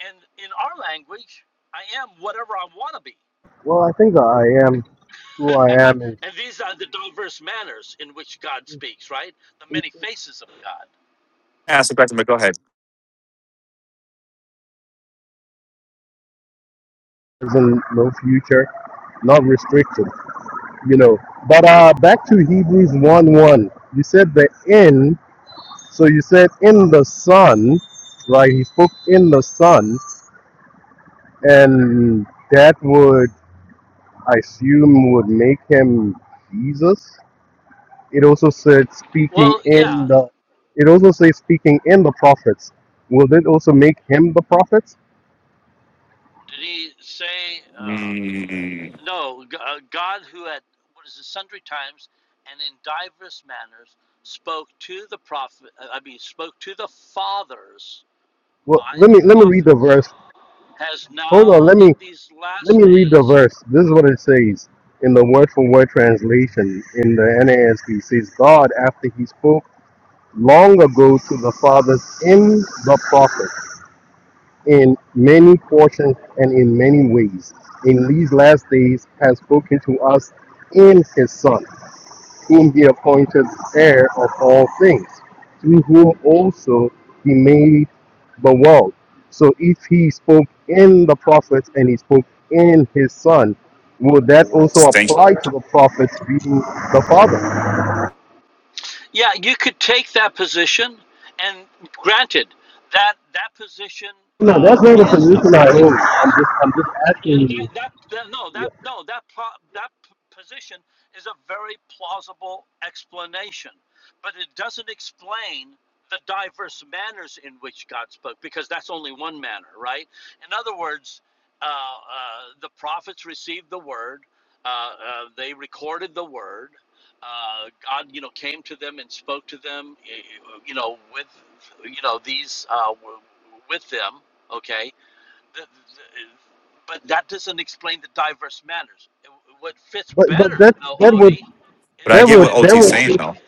[SPEAKER 8] And in our language, I am whatever I want to be.
[SPEAKER 13] Well, I think that I am who I am is
[SPEAKER 8] And these are the diverse manners in which God
[SPEAKER 13] is,
[SPEAKER 8] speaks, right? The
[SPEAKER 13] is
[SPEAKER 8] many faces of God.
[SPEAKER 6] Ask the question, but go ahead.
[SPEAKER 13] is in no future, not restricted, you know. But uh, back to Hebrews one one. You said the in, so you said in the Son, right? He spoke in the Son, and that would I assume would make him Jesus. It also said speaking
[SPEAKER 8] Well, yeah.
[SPEAKER 13] in the. It also says speaking in the prophets. Will it also make him the prophets?
[SPEAKER 8] Did he say, Uh,
[SPEAKER 6] Mm,
[SPEAKER 8] No, uh, God who at what is it, sundry times and in diverse manners spoke to the prophet, uh, I mean, spoke to the fathers
[SPEAKER 13] Well,
[SPEAKER 8] by
[SPEAKER 13] let
[SPEAKER 8] the
[SPEAKER 13] me let me read the
[SPEAKER 8] prophets,
[SPEAKER 13] verse
[SPEAKER 8] has
[SPEAKER 13] Hold on,
[SPEAKER 8] now
[SPEAKER 13] let
[SPEAKER 8] in
[SPEAKER 13] me
[SPEAKER 8] these
[SPEAKER 13] let
[SPEAKER 8] last
[SPEAKER 13] me read the
[SPEAKER 8] days.
[SPEAKER 13] verse. This is what it says in the word for word translation in the NASB. It says God, after He spoke long ago to the fathers in the prophets, in many portions and in many ways, in these last days has spoken to us in His Son whom he appointed heir of all things, through whom also he made the world. So if he spoke in the prophets and he spoke in his son, would that also
[SPEAKER 6] stink.
[SPEAKER 13] apply to the prophets being the father?
[SPEAKER 8] Yeah, you could take that position, and granted, that that position
[SPEAKER 13] No,
[SPEAKER 8] uh,
[SPEAKER 13] that's not the
[SPEAKER 8] is a
[SPEAKER 13] position I
[SPEAKER 8] very
[SPEAKER 13] hold. I'm
[SPEAKER 8] plausible.
[SPEAKER 13] just I'm just
[SPEAKER 8] Yeah,
[SPEAKER 13] asking you.
[SPEAKER 8] that, that, that no that
[SPEAKER 13] Yeah.
[SPEAKER 8] no that that position is a very plausible explanation but it doesn't explain the diverse manners in which god spoke because that's only one manner right in other words uh, uh, the prophets received the word uh, uh, they recorded the word uh, god you know came to them and spoke to them eh, eh, you know with you know these uh, with them okay the, the, but that doesn't explain the diverse manners. What fits
[SPEAKER 13] But but
[SPEAKER 8] better,
[SPEAKER 13] that
[SPEAKER 8] though,
[SPEAKER 13] that would
[SPEAKER 8] Odie,
[SPEAKER 6] But
[SPEAKER 8] is
[SPEAKER 6] I
[SPEAKER 8] the
[SPEAKER 13] that
[SPEAKER 6] get what
[SPEAKER 13] would that
[SPEAKER 6] OT's
[SPEAKER 8] diverse.
[SPEAKER 13] would
[SPEAKER 6] saying,
[SPEAKER 13] take
[SPEAKER 6] though.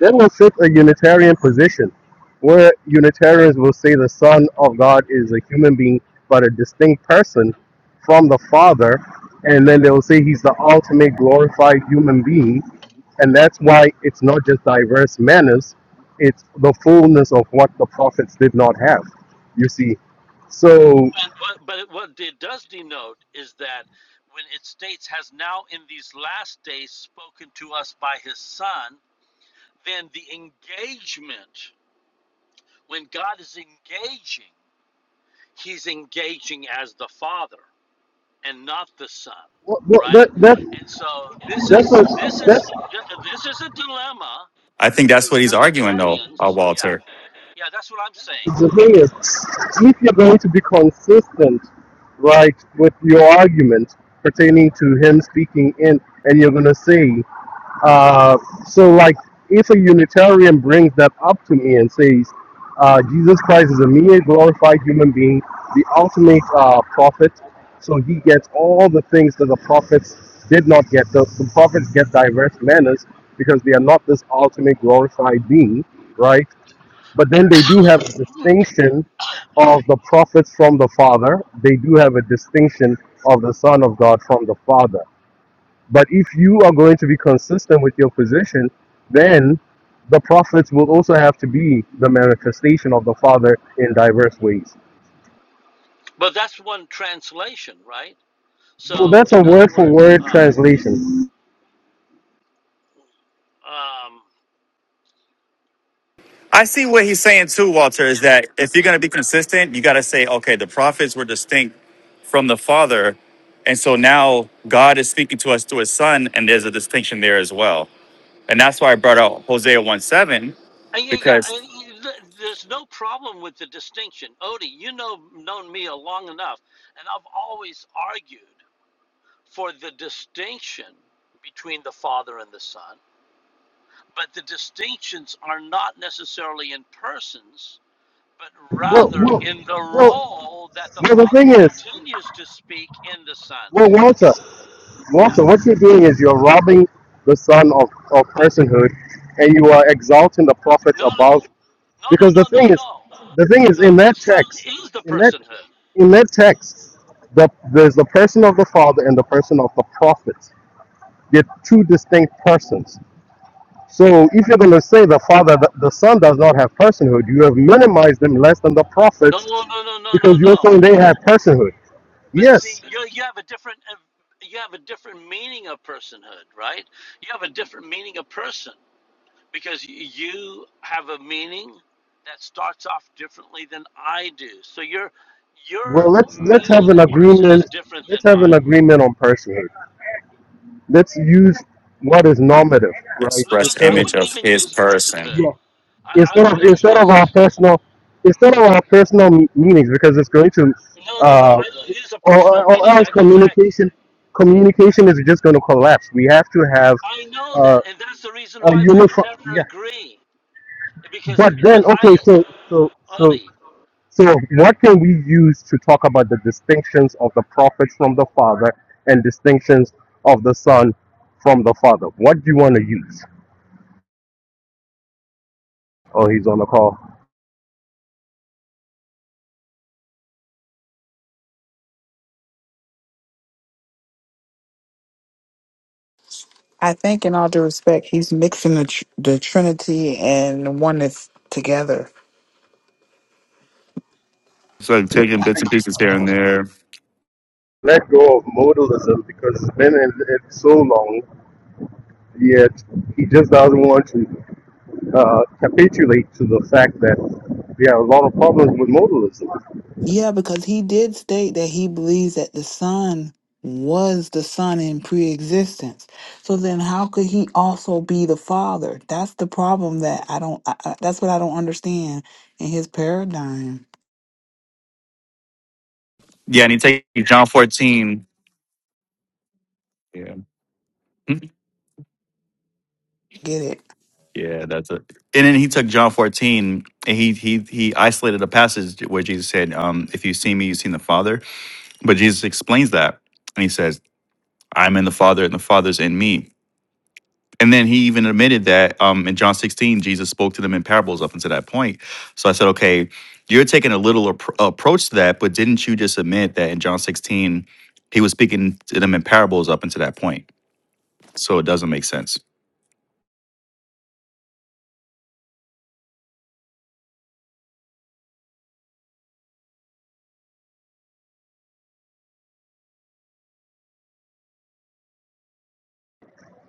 [SPEAKER 13] They will take a Unitarian position where Unitarians will say the Son of God is a human being but a distinct person from the Father, and then they will say he's the ultimate glorified human being, and that's why it's not just diverse manners, it's the fullness of what the prophets did not have. You see, so
[SPEAKER 8] And what, but what it does denote is that when it states has now in these last days spoken to us by his son, then the engagement, when God is engaging, he's engaging as the father and not the son,
[SPEAKER 13] wh- wh- that
[SPEAKER 8] right?
[SPEAKER 13] that
[SPEAKER 8] And so this
[SPEAKER 13] that's a,
[SPEAKER 8] is this
[SPEAKER 13] that's
[SPEAKER 8] is this is a dilemma
[SPEAKER 6] I think that's what he's arguing, though, uh,
[SPEAKER 8] Trinitarians,
[SPEAKER 6] Walter.
[SPEAKER 8] yeah, yeah, that's what I'm saying.
[SPEAKER 13] The thing is, if you're going to be consistent, right, with your argument pertaining to him speaking in, and you're going to say, uh, so like, if a Unitarian brings that up to me and says, uh, Jesus Christ is a mere glorified human being, the ultimate uh, prophet, so he gets all the things that the prophets did not get. The, the prophets get diverse manners because they are not this ultimate glorified being, right? But then they do have a distinction of the prophets from the Father. They do have a distinction of the Son of God from the Father. But if you are going to be consistent with your position, then the prophets will also have to be the manifestation of the Father in diverse ways.
[SPEAKER 8] But that's one translation, right?
[SPEAKER 13] Well,
[SPEAKER 8] So,
[SPEAKER 13] that's a
[SPEAKER 8] in other
[SPEAKER 13] word for
[SPEAKER 8] words,
[SPEAKER 13] word
[SPEAKER 8] uh,
[SPEAKER 13] translation.
[SPEAKER 8] um,
[SPEAKER 6] I see what he's saying, too, Walter, is
[SPEAKER 8] yeah,
[SPEAKER 6] that if you're going to be
[SPEAKER 8] yeah,
[SPEAKER 6] consistent, you got to say, okay, the prophets were distinct from the Father. And so now God is speaking to us through his son, and there's a distinction there as well. And that's why I brought out Hosea 1 7,
[SPEAKER 8] and yeah, yeah.
[SPEAKER 6] because
[SPEAKER 8] And you- th- there's no problem with the distinction, Odie. You know, known me a long enough, and I've always argued for the distinction between the Father and the Son. But the distinctions are not necessarily in persons. but
[SPEAKER 13] Well,
[SPEAKER 8] rather
[SPEAKER 13] well,
[SPEAKER 8] in the
[SPEAKER 13] well,
[SPEAKER 8] role that the
[SPEAKER 13] well the
[SPEAKER 8] Father
[SPEAKER 13] thing is,
[SPEAKER 8] continues to speak in the Son.
[SPEAKER 13] well,
[SPEAKER 8] Look at
[SPEAKER 13] Walter,
[SPEAKER 8] it. yeah.
[SPEAKER 13] Also, what you're doing is you're robbing the son of, of personhood and you are exalting the prophets
[SPEAKER 8] No,
[SPEAKER 13] above
[SPEAKER 8] no, no, no,
[SPEAKER 13] because the
[SPEAKER 8] no, no,
[SPEAKER 13] thing is
[SPEAKER 8] no.
[SPEAKER 13] the thing
[SPEAKER 8] The
[SPEAKER 13] is in that
[SPEAKER 8] Son
[SPEAKER 13] text
[SPEAKER 8] is the
[SPEAKER 13] in that
[SPEAKER 8] personhood.
[SPEAKER 13] in that text the, there's the person of the father and the person of the prophets they're two distinct persons so if you're going to say the father the, the son does not have personhood you have minimized them less than the
[SPEAKER 8] No,
[SPEAKER 13] prophets
[SPEAKER 8] no, no, no, no, no,
[SPEAKER 13] because you're
[SPEAKER 8] no.
[SPEAKER 13] saying they have personhood
[SPEAKER 8] But see,
[SPEAKER 13] yes
[SPEAKER 8] you you have a different uh, you have a different meaning of personhood, right? You have a different meaning of person because you have a meaning that starts off differently than I do. So your
[SPEAKER 13] well
[SPEAKER 8] your
[SPEAKER 13] let's let's have
[SPEAKER 8] meaning
[SPEAKER 13] an
[SPEAKER 8] of person is
[SPEAKER 13] agreement
[SPEAKER 8] different
[SPEAKER 13] let's
[SPEAKER 8] than
[SPEAKER 13] have an
[SPEAKER 8] mine.
[SPEAKER 13] agreement on personhood Let's use what is normative,
[SPEAKER 6] it's,
[SPEAKER 13] right?
[SPEAKER 8] I wouldn't, I
[SPEAKER 13] Instead of
[SPEAKER 8] wouldn't even use personhood.
[SPEAKER 13] Yeah.
[SPEAKER 8] I, I
[SPEAKER 13] instead
[SPEAKER 8] would
[SPEAKER 13] of
[SPEAKER 8] not
[SPEAKER 13] instead of our
[SPEAKER 8] use.
[SPEAKER 13] personal instead of our personal m- meanings because it's going to
[SPEAKER 8] No, no, no.
[SPEAKER 13] uh
[SPEAKER 8] I don't use a personal
[SPEAKER 13] or, or
[SPEAKER 8] meaning.
[SPEAKER 13] else
[SPEAKER 8] I go back.
[SPEAKER 13] communication communication is just going to collapse we have to have
[SPEAKER 8] I know that,
[SPEAKER 13] uh,
[SPEAKER 8] and that's the reason
[SPEAKER 13] a
[SPEAKER 8] why we would
[SPEAKER 13] uniform
[SPEAKER 8] never
[SPEAKER 13] yeah
[SPEAKER 8] agree.
[SPEAKER 13] but
[SPEAKER 8] Because when
[SPEAKER 13] then
[SPEAKER 8] I,
[SPEAKER 13] okay so so so
[SPEAKER 8] Odie,
[SPEAKER 13] so what can we use to talk about the distinctions of the prophets from the father and distinctions of the son from the father what do you want to use oh he's on the call
[SPEAKER 1] I think, in all due respect, he's mixing the, tr- the Trinity and oneness together.
[SPEAKER 6] it's like taking bits and pieces here and there.
[SPEAKER 13] let go of modalism because it's been in it so long, yet he just doesn't want to uh, capitulate to the fact that we have a lot of problems with modalism.
[SPEAKER 1] Yeah, because he did state that he believes that the Son was the Son in pre-existence. So then, how could he also be the Father? That's the problem that I don't. I, I- that's what I don't understand in his paradigm.
[SPEAKER 6] Yeah, and he takes John 14. Yeah. Mhm.
[SPEAKER 1] Get it?
[SPEAKER 6] Yeah, that's it. And then he took John 14 and he he he isolated a passage where Jesus said, um, if you see me, you've seen the Father. But Jesus explains that and he says, I'm in the Father and the Father's in me. And then he even admitted that um in John 16, Jesus spoke to them in parables up until that point. So I said, okay, you're taking a little appro- approach to that, but didn't you just admit that in John 16, he was speaking to them in parables up until that point? So it doesn't make sense.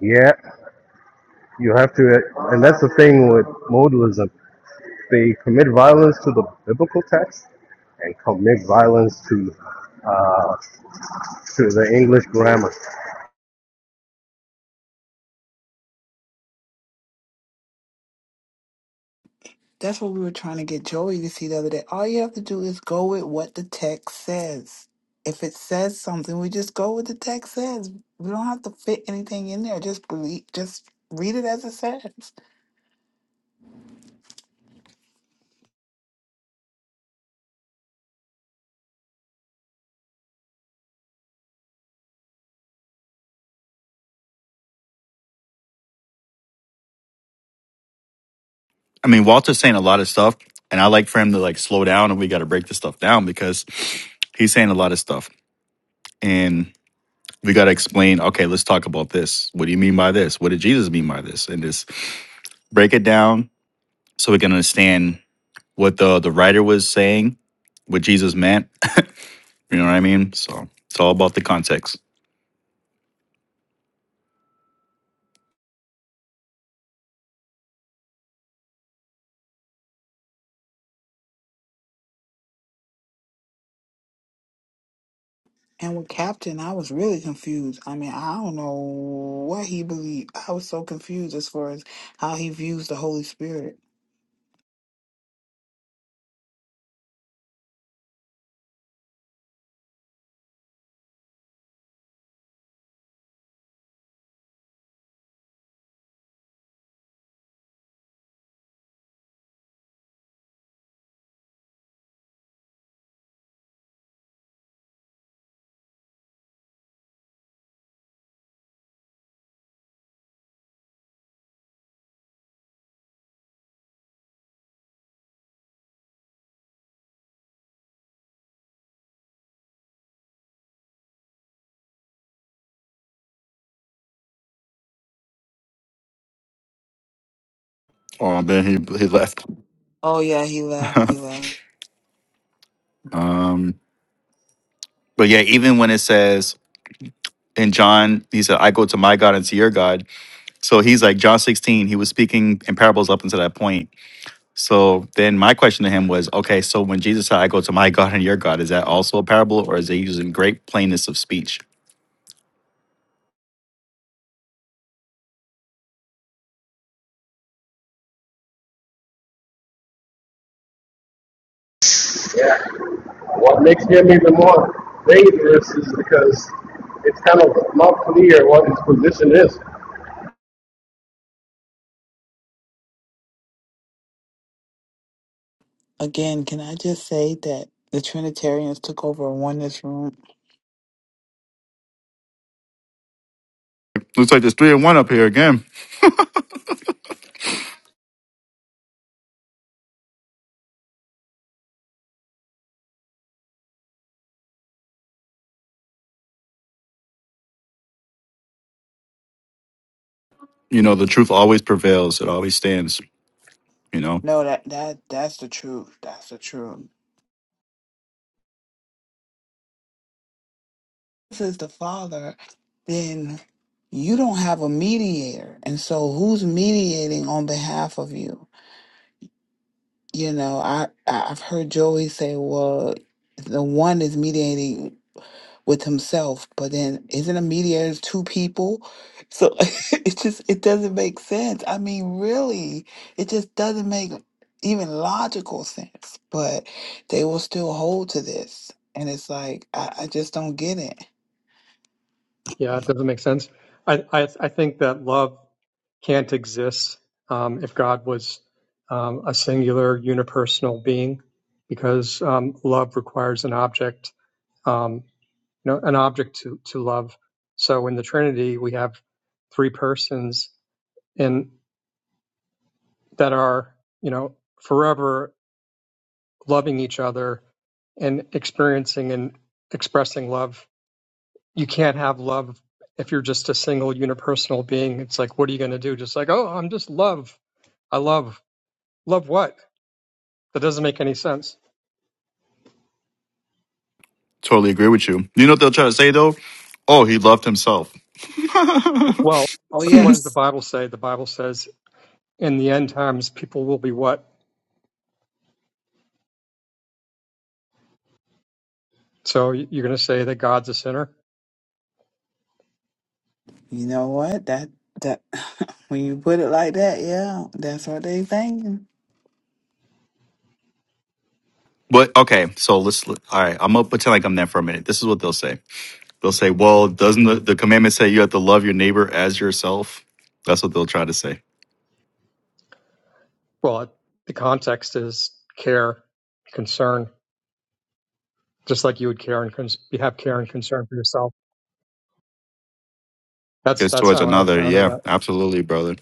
[SPEAKER 13] Yeah, you have to, and that's the thing with modalism. They commit violence to the biblical text and commit violence to uh, to the English grammar.
[SPEAKER 1] That's what we were trying to get Joey to see the other day. All you have to do is go with what the text says. If it says something, we just go with the text says. We don't have to fit anything in there. Just believe. Just read it as it says.
[SPEAKER 6] I mean, Walter's saying a lot of stuff, and I like for him to like slow down, and we got to break this stuff down because he's saying a lot of stuff, and we got to explain. Okay, let's talk about this. What do you mean by this? What did Jesus mean by this? And just break it down so we can understand what the the writer was saying, what Jesus meant. You know what I mean? So it's all about the context.
[SPEAKER 1] And with Captain, I was really confused. I mean, I don't know what he believed. I was so confused as far as how he views the Holy Spirit.
[SPEAKER 6] Oh, then he he left.
[SPEAKER 1] Oh, yeah, he left. He left.
[SPEAKER 6] Um, but yeah, even when it says in John, he said, "I go to my God and to your God." So he's like John 16, he was speaking in parables up until that point. So then my question to him was, okay, so when Jesus said, I go to my God and your God, is that also a parable or is he using great plainness of speech?
[SPEAKER 13] What makes him even more dangerous is because it's kind of not clear what his position is.
[SPEAKER 1] Again, can I just say that the Trinitarians took over a oneness room?
[SPEAKER 6] Looks like there's three and one up here again. You know, the truth always prevails. It always stands. You know,
[SPEAKER 1] No, that that that's the truth. That's the truth. This is the Father. Then you don't have a mediator, and so who's mediating on behalf of you? You know, I I- I've heard Joey say, "Well, the one is mediating." with himself but then isn't a mediator two people so it just it doesn't make sense i mean really it just doesn't make even logical sense but they will still hold to this and it's like i, I just don't get it
[SPEAKER 14] Yeah, it doesn't make sense. I, I, I think that love can't exist um, if God was um, a singular, unipersonal being, because um, love requires an object, um, you know, an object to, to love. So in the Trinity, we have three persons and that are, you know, forever loving each other and experiencing and expressing love you can't have love if you're just a single unipersonal being. It's like, what are you going to do? Just like, oh, I'm just love. I love. Love what? That doesn't make any sense.
[SPEAKER 6] totally agree with you. You know what they'll try to say though? Oh, he loved himself.
[SPEAKER 14] W- Well,
[SPEAKER 1] oh
[SPEAKER 14] so what
[SPEAKER 1] yeah
[SPEAKER 14] does the Bible say? The Bible says in the end times, people will be what? So y- you're going to say that God's a sinner?
[SPEAKER 1] you know what that that when you put it like that yeah that's what they thinking
[SPEAKER 6] but okay, so let's, all right, I'm going to pretend like I'm there for a minute. This is what they'll say. They'll say, "Well, doesn't the, the commandment say you have to love your neighbor as yourself?" That's what they'll try to say.
[SPEAKER 14] Well, it- the context is care, concern, just like you would care and cons- you have care and concern for yourself. That's
[SPEAKER 6] Because
[SPEAKER 14] that's
[SPEAKER 6] towards
[SPEAKER 14] how I would
[SPEAKER 6] another,
[SPEAKER 14] counter
[SPEAKER 6] yeah,
[SPEAKER 14] that.
[SPEAKER 6] absolutely, brother.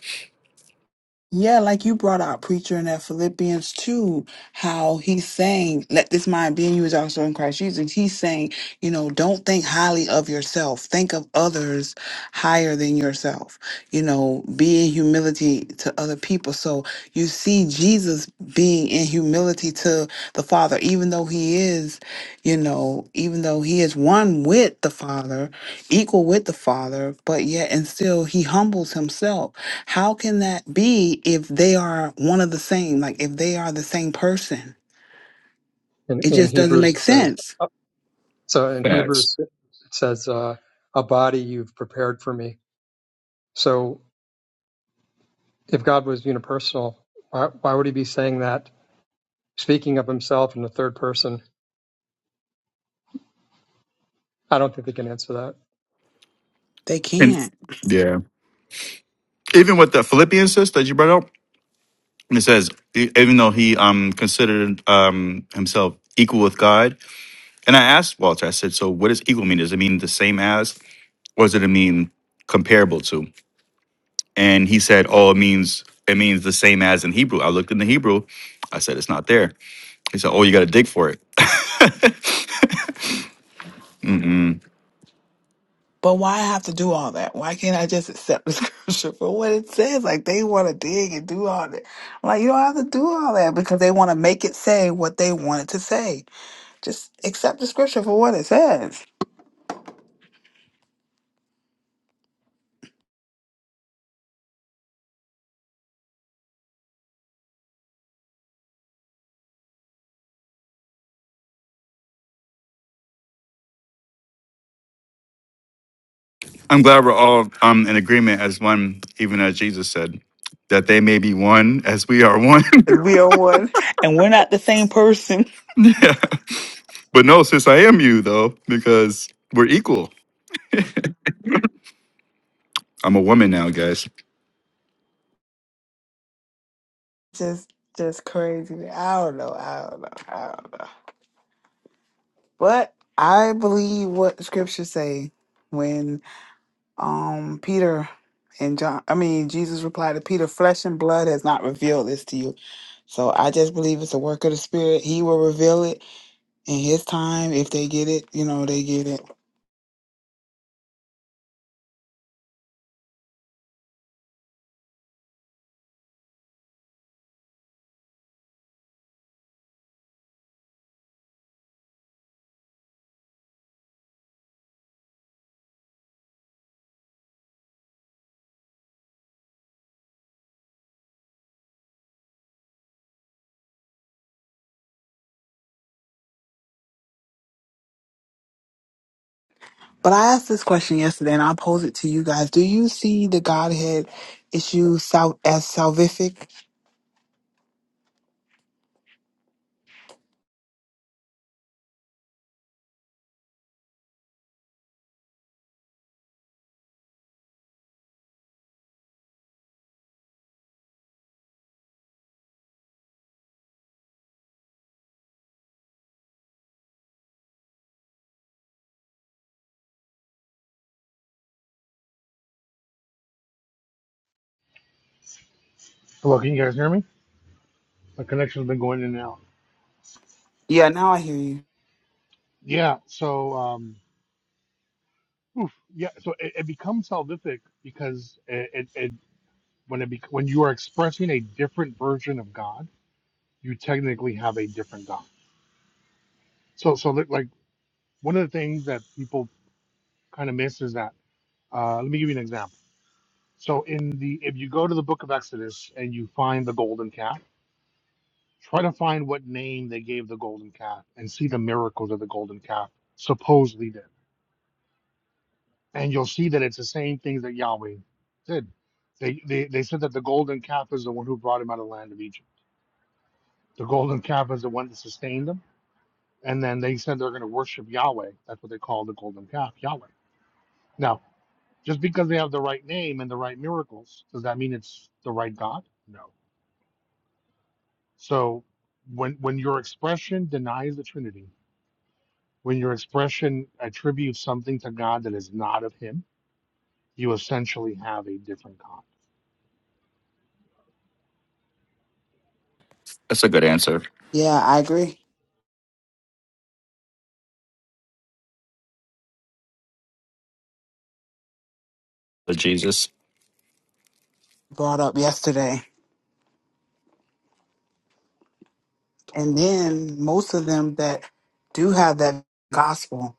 [SPEAKER 1] Yeah, like you brought out preacher in that Philippians 2, how he's saying, let this mind be in you is also in Christ Jesus. He's saying, you know, don't think highly of yourself. Think of others higher than yourself. You know, be in humility to other people. So you see Jesus being in humility to the Father, even though he is, you know, even though he is one with the Father, equal with the Father, but yet and still he humbles himself how can that be if they are one of the same? Like if they are the same person,
[SPEAKER 14] In,
[SPEAKER 1] it
[SPEAKER 14] in
[SPEAKER 1] just doesn't
[SPEAKER 14] Hebrews,
[SPEAKER 1] make
[SPEAKER 14] it says.
[SPEAKER 1] sense.
[SPEAKER 14] So in Hebrews, it says, uh, a body you've prepared for me. So if God was unipersonal, why, why would he be saying that, speaking of himself in the third person? I don't think they can answer that.
[SPEAKER 1] They
[SPEAKER 6] And
[SPEAKER 1] can't.
[SPEAKER 6] yeah, even with the Philippians sis that you brought up, it says e- even though he um considered um himself equal with God, and I asked Walter, I said, "So what does equal mean? Does it mean the same as, or does it mean comparable to?" And he said, "Oh, it means it means the same as in Hebrew." I looked in the Hebrew. I said, "It's not there." He said, "Oh, you got to dig for it."
[SPEAKER 1] But why I have to do all that? Why can't I just accept the scripture for what it says? Like they want to dig and do all that. I'm like you don't have to do all that because they want to make it say what they want it to say. Just accept the scripture for what it says.
[SPEAKER 6] I'm glad we're all um, in agreement as one, even as Jesus said, that they may be one as we are one.
[SPEAKER 1] And we are one, and we're not the same person.
[SPEAKER 6] yeah. But no, sis, I am you though, because we're equal. I'm a woman now, guys.
[SPEAKER 1] Just, just crazy. I don't know. I don't know. I don't know. But I believe what the scriptures say when um Peter and John I mean Jesus replied to Peter, flesh and blood has not revealed this to you. So I just believe it's a work of the spirit. He will reveal it in his time. If they get it, you know, they get it. But I asked this question yesterday, and I pose it to you guys: Do you see the Godhead issue sal- as salvific?
[SPEAKER 15] Hello, can you guys hear me? My connection's been going in and out.
[SPEAKER 1] Yeah, now I hear you.
[SPEAKER 15] Yeah, so um, oof, yeah, so it, it becomes salvific because it, it, it when it bec when you are expressing a different version of God, you technically have a different God. So so li- like one of the things that people kind of miss is that uh, let me give you an example. So in the if you go to the book of Exodus and you find the golden calf, try to find what name they gave the golden calf and see the miracles that the golden calf supposedly did and you'll see that it's the same things that Yahweh did. They, they they said that the golden calf is the one who brought him out of the land of Egypt. The golden calf is the one that sustained them. And then they said they're going to worship Yahweh. That's what they call the golden calf, Yahweh. Now, just because they have the right name and the right miracles, does that mean it's the right God? No. So when when your expression denies the Trinity, when your expression attributes something to God that is not of Him, you essentially have a different God.
[SPEAKER 6] That's a good answer.
[SPEAKER 1] Yeah, I agree.
[SPEAKER 6] But Jesus.
[SPEAKER 1] Brought up yesterday. And then most of them that do have that gospel.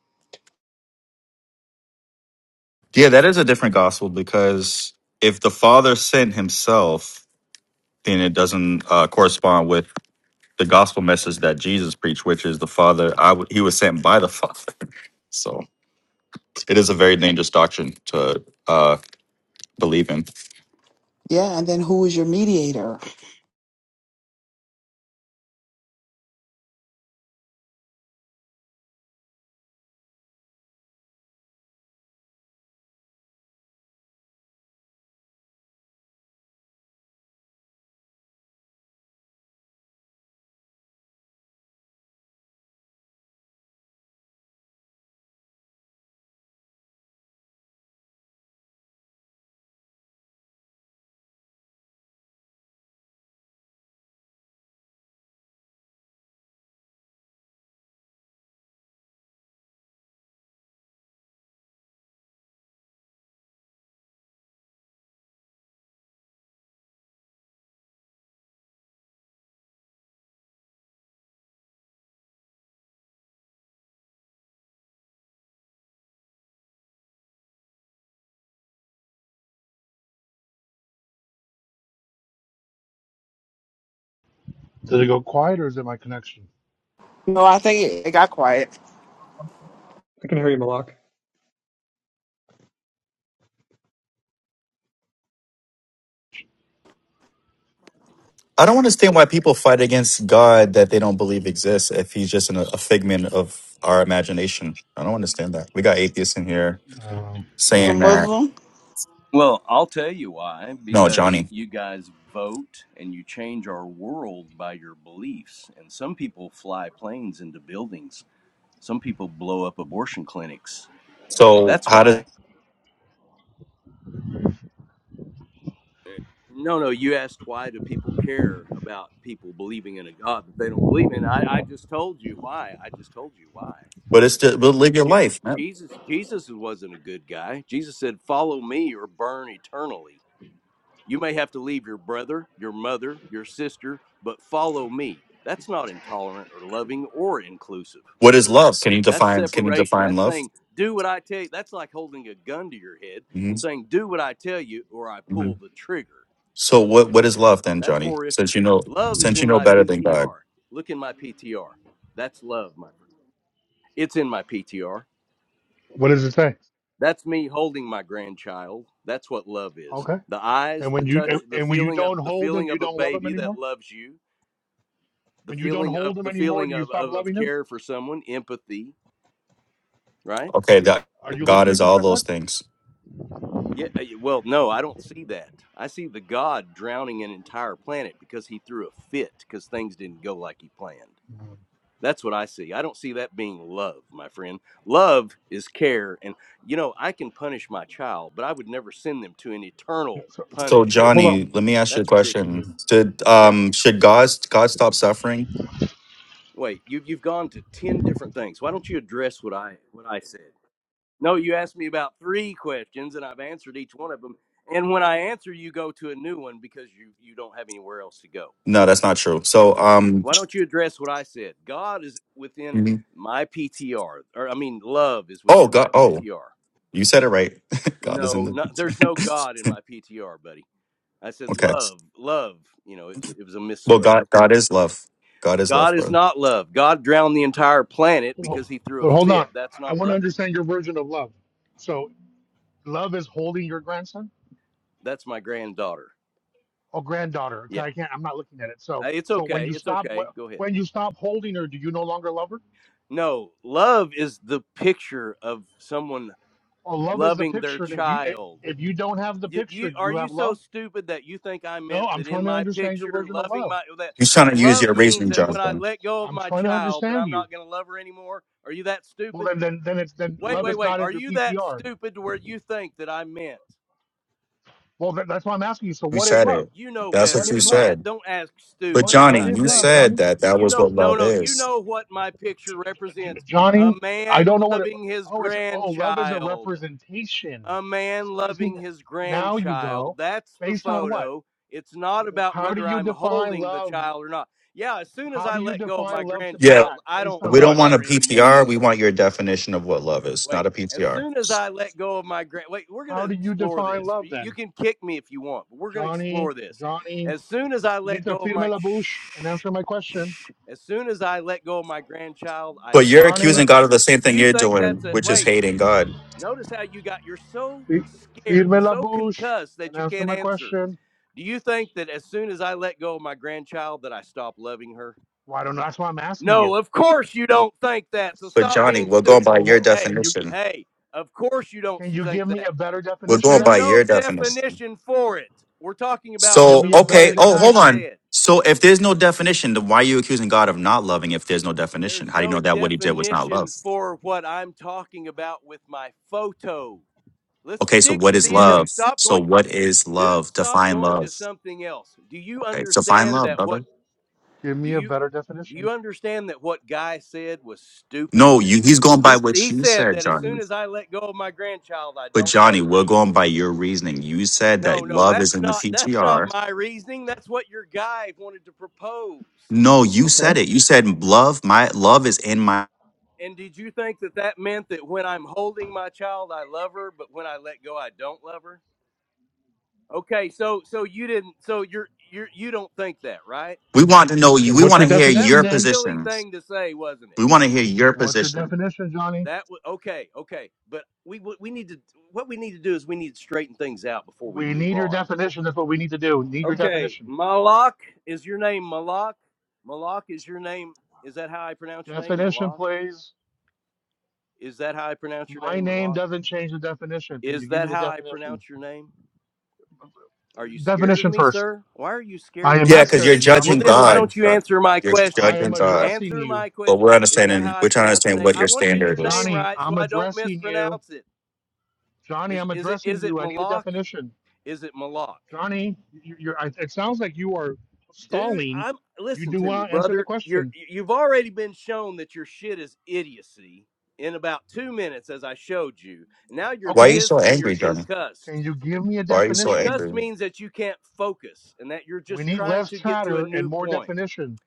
[SPEAKER 6] Yeah, that is a different gospel because if the Father sent himself, then it doesn't uh, correspond with the gospel message that Jesus preached, which is the Father. I w- he was sent by the Father. So it is a very dangerous doctrine to uh, believe in.
[SPEAKER 1] Yeah, and then who is your mediator?
[SPEAKER 15] Did it go quiet or is it my connection?
[SPEAKER 1] No, I think it, it got quiet.
[SPEAKER 14] I can hear you, Malak.
[SPEAKER 6] I don't understand why people fight against God that they don't believe exists if he's just an, a figment of our imagination. I don't understand that. We got atheists in here
[SPEAKER 15] Um,
[SPEAKER 1] was a
[SPEAKER 6] saying that.
[SPEAKER 1] Muslim.
[SPEAKER 16] Well, I'll tell you why.
[SPEAKER 6] No,
[SPEAKER 16] Because
[SPEAKER 6] Johnny.
[SPEAKER 16] you guys vote and you change our world by your beliefs. And some people fly planes into buildings, some people blow up abortion clinics.
[SPEAKER 6] So
[SPEAKER 16] That's
[SPEAKER 6] how does
[SPEAKER 16] why. No, no, you asked why do people care about people believing in a God that they don't believe in. I, I just told you why. I just told you why.
[SPEAKER 6] but it's to but live your
[SPEAKER 16] J- And
[SPEAKER 6] life, man.
[SPEAKER 16] Jesus Jesus wasn't a good guy. Jesus said, Follow me or burn eternally. You may have to leave your brother, your mother, your sister, but follow me. That's not intolerant or loving or inclusive.
[SPEAKER 6] What is love? Can you
[SPEAKER 16] That's
[SPEAKER 6] define? Can you
[SPEAKER 16] separation.
[SPEAKER 6] define
[SPEAKER 16] That's
[SPEAKER 6] love?
[SPEAKER 16] saying, do what I tell you. That's like holding a gun to your head
[SPEAKER 6] hmm
[SPEAKER 16] and saying, do what I tell you or I
[SPEAKER 6] hmm
[SPEAKER 16] pull the trigger.
[SPEAKER 6] So what what is love then,
[SPEAKER 16] That's
[SPEAKER 6] Johnny?
[SPEAKER 16] horrific.
[SPEAKER 6] Since you know
[SPEAKER 16] Love is
[SPEAKER 6] since you
[SPEAKER 16] in
[SPEAKER 6] know
[SPEAKER 16] my
[SPEAKER 6] better than God.
[SPEAKER 16] PTR. Look in my PTR. That's love, my friend. It's in my PTR.
[SPEAKER 15] what does it say?
[SPEAKER 16] That's me holding my grandchild. That's what love is.
[SPEAKER 15] Okay.
[SPEAKER 16] The eyes,
[SPEAKER 15] And
[SPEAKER 16] the
[SPEAKER 15] when you
[SPEAKER 16] touch,
[SPEAKER 15] and
[SPEAKER 16] the
[SPEAKER 15] and when you
[SPEAKER 16] feeling of
[SPEAKER 15] don't
[SPEAKER 16] the
[SPEAKER 15] hold them,
[SPEAKER 16] feeling
[SPEAKER 15] you
[SPEAKER 16] of a
[SPEAKER 15] don't love them
[SPEAKER 16] baby that
[SPEAKER 15] anymore.
[SPEAKER 16] loves you the
[SPEAKER 15] When you don't
[SPEAKER 16] feeling
[SPEAKER 15] hold
[SPEAKER 16] of
[SPEAKER 15] them
[SPEAKER 16] the
[SPEAKER 15] anymore,
[SPEAKER 16] feeling
[SPEAKER 15] do you
[SPEAKER 16] of,
[SPEAKER 15] stop
[SPEAKER 16] of of
[SPEAKER 15] loving them?
[SPEAKER 16] care for someone empathy right
[SPEAKER 6] Okay, that
[SPEAKER 15] Are you
[SPEAKER 6] God
[SPEAKER 15] listening
[SPEAKER 6] is
[SPEAKER 15] to
[SPEAKER 6] all
[SPEAKER 15] what I
[SPEAKER 6] those
[SPEAKER 15] said?
[SPEAKER 6] things.
[SPEAKER 16] yeah uh, well no i don't see that i see the god drowning an entire planet because he threw a fit because things didn't go like he planned
[SPEAKER 15] Um,
[SPEAKER 16] that's what i see i don't see that being love my friend love is care and you know i can punish my child but i would never send them to an
[SPEAKER 15] Yeah,
[SPEAKER 16] eternal
[SPEAKER 15] so, so-
[SPEAKER 6] So
[SPEAKER 15] so
[SPEAKER 16] punishment
[SPEAKER 15] hold on.
[SPEAKER 6] Johnny, let me ask you a
[SPEAKER 16] that's
[SPEAKER 15] Yeah.
[SPEAKER 6] question.
[SPEAKER 16] ridiculous
[SPEAKER 6] Did
[SPEAKER 16] yeah
[SPEAKER 6] um should God God stop suffering?
[SPEAKER 16] wait you've, you've gone to 10 different things why don't you address what i what i said No, you asked me about three questions, and I've answered each one of them. And when I answer, you go to a new one because you you don't have anywhere else to go.
[SPEAKER 6] No, that's not true. So, um,
[SPEAKER 16] Why don't you address what I said? God is within
[SPEAKER 6] Mhm.
[SPEAKER 16] my PTR, or I mean, love is
[SPEAKER 6] oh
[SPEAKER 16] within my
[SPEAKER 6] God, oh,
[SPEAKER 16] PTR.
[SPEAKER 6] you said it right. God is in
[SPEAKER 16] No,
[SPEAKER 6] the
[SPEAKER 16] no
[SPEAKER 6] picture.
[SPEAKER 16] there's no God in my PTR, buddy. I said
[SPEAKER 6] okay.
[SPEAKER 16] love, love. You know, it was, it was a
[SPEAKER 6] Well,
[SPEAKER 16] misspoke.
[SPEAKER 6] God, God is love. God is love,
[SPEAKER 16] God is
[SPEAKER 6] bro.
[SPEAKER 16] not love. God drowned the entire planet because
[SPEAKER 15] Ho-
[SPEAKER 16] he threw
[SPEAKER 15] But
[SPEAKER 16] a
[SPEAKER 15] hold
[SPEAKER 16] fit.
[SPEAKER 15] on.
[SPEAKER 16] That's
[SPEAKER 15] I
[SPEAKER 16] not
[SPEAKER 15] want to
[SPEAKER 16] loving.
[SPEAKER 15] understand your version of love. So love is holding your grandson
[SPEAKER 16] That's my granddaughter.
[SPEAKER 15] or granddaughter. 'cause
[SPEAKER 16] Yeah,
[SPEAKER 15] I can't. I'm not looking at it. So
[SPEAKER 16] Uh, it's
[SPEAKER 15] so when
[SPEAKER 16] okay.
[SPEAKER 15] you
[SPEAKER 16] It's
[SPEAKER 15] stop
[SPEAKER 16] okay. Go
[SPEAKER 15] wh-
[SPEAKER 16] ahead.
[SPEAKER 15] when you stop holding her, do you no longer love her?
[SPEAKER 16] No, love is the picture of someone
[SPEAKER 15] Or love is the
[SPEAKER 16] loving their
[SPEAKER 15] picture. And if you
[SPEAKER 16] child.
[SPEAKER 15] if you don't have the
[SPEAKER 16] You, you
[SPEAKER 15] picture, do
[SPEAKER 16] are
[SPEAKER 15] you
[SPEAKER 16] you
[SPEAKER 15] have
[SPEAKER 16] so
[SPEAKER 15] love?
[SPEAKER 16] stupid that you think I
[SPEAKER 15] No.
[SPEAKER 16] meant
[SPEAKER 15] I'm
[SPEAKER 16] that in
[SPEAKER 15] trying to
[SPEAKER 16] my
[SPEAKER 15] understand your
[SPEAKER 16] picture,
[SPEAKER 15] version of
[SPEAKER 16] loving
[SPEAKER 15] love.
[SPEAKER 16] my well, that that love means that when I let go of
[SPEAKER 15] I'm
[SPEAKER 16] my
[SPEAKER 15] trying to
[SPEAKER 16] child, that
[SPEAKER 15] understand
[SPEAKER 16] I'm
[SPEAKER 15] you.
[SPEAKER 16] not going to love her anymore? Are you that
[SPEAKER 15] Well,
[SPEAKER 16] stupid?
[SPEAKER 15] then, then, then it's then
[SPEAKER 16] Wait,
[SPEAKER 15] love
[SPEAKER 16] wait,
[SPEAKER 15] is
[SPEAKER 16] wait.
[SPEAKER 15] not
[SPEAKER 16] Are
[SPEAKER 15] in your
[SPEAKER 16] you that
[SPEAKER 15] PTR.
[SPEAKER 16] stupid to where you think that I meant?
[SPEAKER 15] Well, then, that's why I'm asking you. So, what is love?
[SPEAKER 16] You know
[SPEAKER 15] What
[SPEAKER 16] better
[SPEAKER 15] is
[SPEAKER 16] than
[SPEAKER 15] love?
[SPEAKER 16] that. Don't ask stupid
[SPEAKER 15] What
[SPEAKER 16] when
[SPEAKER 15] what
[SPEAKER 16] I
[SPEAKER 15] is
[SPEAKER 16] say
[SPEAKER 15] love,
[SPEAKER 16] that.
[SPEAKER 15] Johnny?
[SPEAKER 16] You know, no, no. You know what my picture
[SPEAKER 15] J- J- J-
[SPEAKER 16] represents: a
[SPEAKER 15] Johnny, I
[SPEAKER 16] man
[SPEAKER 15] don't know what it.
[SPEAKER 16] loving his
[SPEAKER 15] Oh, it's oh, love is a
[SPEAKER 16] grandchild.
[SPEAKER 15] representation.
[SPEAKER 16] a man
[SPEAKER 15] See, you see,
[SPEAKER 16] loving his
[SPEAKER 15] now you
[SPEAKER 16] grandchild.
[SPEAKER 15] go
[SPEAKER 16] That's the
[SPEAKER 15] based on what?
[SPEAKER 16] photo. It's not about
[SPEAKER 15] How do
[SPEAKER 16] whether
[SPEAKER 15] you
[SPEAKER 16] I'm
[SPEAKER 15] define
[SPEAKER 16] holding the
[SPEAKER 15] love?
[SPEAKER 16] child or not. Yeah, as soon as
[SPEAKER 15] How
[SPEAKER 16] I
[SPEAKER 15] do you
[SPEAKER 16] let go of
[SPEAKER 15] define
[SPEAKER 16] my
[SPEAKER 15] love to be
[SPEAKER 6] Yeah,
[SPEAKER 15] that?
[SPEAKER 16] grandchild, I
[SPEAKER 15] Based
[SPEAKER 16] don't
[SPEAKER 15] on
[SPEAKER 6] we don't
[SPEAKER 16] love
[SPEAKER 15] what?
[SPEAKER 6] want a
[SPEAKER 16] her anymore.
[SPEAKER 6] PTR. We want your definition of what love is, not
[SPEAKER 16] Wait,
[SPEAKER 6] a
[SPEAKER 16] as
[SPEAKER 6] PTR.
[SPEAKER 16] soon as I let go of my grand, wait, we're going
[SPEAKER 15] How
[SPEAKER 16] to
[SPEAKER 15] do you
[SPEAKER 16] explore
[SPEAKER 15] define
[SPEAKER 16] this.
[SPEAKER 15] love
[SPEAKER 16] Y- You
[SPEAKER 15] then,
[SPEAKER 16] can kick me if you want, but we're going to
[SPEAKER 15] Johnny?
[SPEAKER 16] explore this.
[SPEAKER 15] Johnny,
[SPEAKER 16] As soon as I
[SPEAKER 15] you need
[SPEAKER 16] let
[SPEAKER 15] to
[SPEAKER 16] go of
[SPEAKER 15] firme
[SPEAKER 16] my,
[SPEAKER 15] la bouche and
[SPEAKER 16] shh,
[SPEAKER 15] answer my question,
[SPEAKER 16] shh, as soon as I let go of my grandchild, I
[SPEAKER 6] But you're
[SPEAKER 16] stop
[SPEAKER 15] Johnny.
[SPEAKER 6] accusing God
[SPEAKER 16] loving
[SPEAKER 6] of the
[SPEAKER 16] her.
[SPEAKER 6] same
[SPEAKER 16] Do
[SPEAKER 6] thing
[SPEAKER 16] you
[SPEAKER 6] you're
[SPEAKER 16] think that's
[SPEAKER 6] doing,
[SPEAKER 16] it?
[SPEAKER 6] which is
[SPEAKER 16] Wait,
[SPEAKER 6] hating God.
[SPEAKER 16] Notice how you got, you're so
[SPEAKER 15] Fir-
[SPEAKER 16] scared, you're
[SPEAKER 15] Firme
[SPEAKER 16] so
[SPEAKER 15] LaBouche,
[SPEAKER 16] concussed
[SPEAKER 15] and
[SPEAKER 16] that you
[SPEAKER 15] answer
[SPEAKER 16] can't
[SPEAKER 15] my
[SPEAKER 16] answer.
[SPEAKER 15] question.
[SPEAKER 16] Do you think that as soon as I let go of my grandchild that I stop loving her?
[SPEAKER 15] Why don't that's why I'm asking you.
[SPEAKER 16] No, of course you don't think that. So
[SPEAKER 6] But
[SPEAKER 16] stop
[SPEAKER 6] Johnny,
[SPEAKER 16] being
[SPEAKER 6] we're going
[SPEAKER 16] stupid.
[SPEAKER 6] by
[SPEAKER 15] Well,
[SPEAKER 6] your
[SPEAKER 15] wh-
[SPEAKER 16] Hey,
[SPEAKER 15] can you
[SPEAKER 6] definition.
[SPEAKER 16] hey, of course you don't
[SPEAKER 15] can you
[SPEAKER 16] think
[SPEAKER 15] give me
[SPEAKER 16] that.
[SPEAKER 15] a better
[SPEAKER 6] We're
[SPEAKER 15] definition
[SPEAKER 6] going
[SPEAKER 16] There's
[SPEAKER 6] by
[SPEAKER 15] then?
[SPEAKER 16] no
[SPEAKER 6] your
[SPEAKER 15] You-
[SPEAKER 6] definition.
[SPEAKER 16] definition for it. We're talking about
[SPEAKER 15] Give
[SPEAKER 6] So,
[SPEAKER 16] the,
[SPEAKER 15] me a
[SPEAKER 16] what
[SPEAKER 6] okay.
[SPEAKER 15] better
[SPEAKER 16] the
[SPEAKER 6] Oh,
[SPEAKER 16] guy
[SPEAKER 6] hold
[SPEAKER 15] definition.
[SPEAKER 6] on.
[SPEAKER 16] said.
[SPEAKER 6] So, if there's no definition, then why are you accusing God of not loving if there's no definition?
[SPEAKER 16] There's
[SPEAKER 6] How do you know
[SPEAKER 16] no
[SPEAKER 6] that what he did was not love?
[SPEAKER 16] definition for what I'm talking about with my photo. Let's stick to the
[SPEAKER 15] Give me a
[SPEAKER 16] issue. Stop going. dude stop going to something else do you understand that what
[SPEAKER 15] give
[SPEAKER 16] do
[SPEAKER 15] me a
[SPEAKER 16] you
[SPEAKER 15] better
[SPEAKER 16] do
[SPEAKER 15] definition.
[SPEAKER 16] you understand that what guy said was stupid he he said that as soon as i let go of my grandchild i don't love her anymore no no that's not that's not my reasoning that's what your guy wanted to propose
[SPEAKER 6] No, you
[SPEAKER 15] Okay.
[SPEAKER 6] said it. You said love. My love is in my.
[SPEAKER 16] and did you think that that meant that when i'm holding my child i love her but when i let go i don't love her okay so so you didn't so you're you're you don't think that right
[SPEAKER 6] We want to know
[SPEAKER 15] Okay.
[SPEAKER 6] you. We
[SPEAKER 15] What's
[SPEAKER 6] want
[SPEAKER 15] your
[SPEAKER 6] to
[SPEAKER 16] That was
[SPEAKER 6] hear
[SPEAKER 16] a that
[SPEAKER 15] definition
[SPEAKER 6] your
[SPEAKER 16] was a
[SPEAKER 15] then?
[SPEAKER 16] silly
[SPEAKER 6] positions.
[SPEAKER 16] thing to say, wasn't it?
[SPEAKER 6] We want to hear your
[SPEAKER 15] What's your
[SPEAKER 6] position.
[SPEAKER 15] definition, Johnny?
[SPEAKER 16] That was okay, okay. But we we we need to what we need to do is we need to straighten things out before we
[SPEAKER 15] We
[SPEAKER 16] move
[SPEAKER 15] need your
[SPEAKER 16] on.
[SPEAKER 15] definition. That's what we need to do. We Need your
[SPEAKER 16] Okay,
[SPEAKER 15] definition.
[SPEAKER 16] Malak is your name. Malak, Malak is your name. Is that how I pronounce your name,
[SPEAKER 15] Definition,
[SPEAKER 16] Malak?
[SPEAKER 15] please.
[SPEAKER 16] Is that how I pronounce your
[SPEAKER 15] My
[SPEAKER 16] name,
[SPEAKER 15] name
[SPEAKER 16] Malak?
[SPEAKER 15] doesn't change the definition. Can you
[SPEAKER 16] Is
[SPEAKER 15] give
[SPEAKER 16] that
[SPEAKER 15] me the
[SPEAKER 16] how I
[SPEAKER 15] definition?
[SPEAKER 16] pronounce your name? Are you scared of
[SPEAKER 15] Definition
[SPEAKER 16] me,
[SPEAKER 15] first.
[SPEAKER 16] sir? Why are you
[SPEAKER 15] I
[SPEAKER 16] scared
[SPEAKER 15] am
[SPEAKER 16] of
[SPEAKER 6] Yeah,
[SPEAKER 15] not
[SPEAKER 16] me?
[SPEAKER 6] because
[SPEAKER 15] scared
[SPEAKER 6] you're
[SPEAKER 15] of you. I'm
[SPEAKER 16] Well,
[SPEAKER 6] judging
[SPEAKER 16] then
[SPEAKER 15] addressing
[SPEAKER 16] why
[SPEAKER 15] you.
[SPEAKER 6] God.
[SPEAKER 16] don't you
[SPEAKER 6] Johnny.
[SPEAKER 16] answer my
[SPEAKER 6] You're
[SPEAKER 16] question?
[SPEAKER 15] I
[SPEAKER 6] judging
[SPEAKER 15] am
[SPEAKER 6] God.
[SPEAKER 15] addressing
[SPEAKER 16] Answer
[SPEAKER 15] you.
[SPEAKER 16] my
[SPEAKER 6] But
[SPEAKER 16] question.
[SPEAKER 6] we're
[SPEAKER 16] Is that
[SPEAKER 6] understanding.
[SPEAKER 16] how I
[SPEAKER 6] We're trying to
[SPEAKER 16] pronounce your
[SPEAKER 6] understand
[SPEAKER 16] name?
[SPEAKER 6] what
[SPEAKER 16] I
[SPEAKER 6] your
[SPEAKER 16] want to get
[SPEAKER 6] standard
[SPEAKER 16] your name
[SPEAKER 6] is.
[SPEAKER 15] Johnny,
[SPEAKER 16] right so
[SPEAKER 15] I'm
[SPEAKER 16] I don't
[SPEAKER 15] addressing you.
[SPEAKER 16] mispronounce it.
[SPEAKER 15] Johnny,
[SPEAKER 16] Is
[SPEAKER 15] I'm
[SPEAKER 16] is it
[SPEAKER 15] addressing
[SPEAKER 16] is it
[SPEAKER 15] you. I need a
[SPEAKER 16] Malak?
[SPEAKER 15] definition.
[SPEAKER 16] Is it Malak?
[SPEAKER 15] Johnny, you, you're, I- it sounds like you are
[SPEAKER 16] Dude,
[SPEAKER 15] stalling.
[SPEAKER 16] I'm
[SPEAKER 15] You
[SPEAKER 16] listen
[SPEAKER 15] do
[SPEAKER 16] to me,
[SPEAKER 15] want to answer the
[SPEAKER 16] brother. You're
[SPEAKER 15] question.
[SPEAKER 16] you've already been shown that your shit is idiocy in about 2 minutes as I showed you. Now you're
[SPEAKER 15] Okay.
[SPEAKER 16] pissed and you're concussed.
[SPEAKER 15] Can you give me a
[SPEAKER 6] Why are you so
[SPEAKER 15] definition?
[SPEAKER 16] Concussed
[SPEAKER 6] angry?
[SPEAKER 16] means that you can't focus and that you're
[SPEAKER 15] We
[SPEAKER 16] just
[SPEAKER 15] need
[SPEAKER 16] trying
[SPEAKER 15] less
[SPEAKER 16] to get to a
[SPEAKER 15] chatter and
[SPEAKER 16] new
[SPEAKER 15] more
[SPEAKER 16] point.
[SPEAKER 15] definition.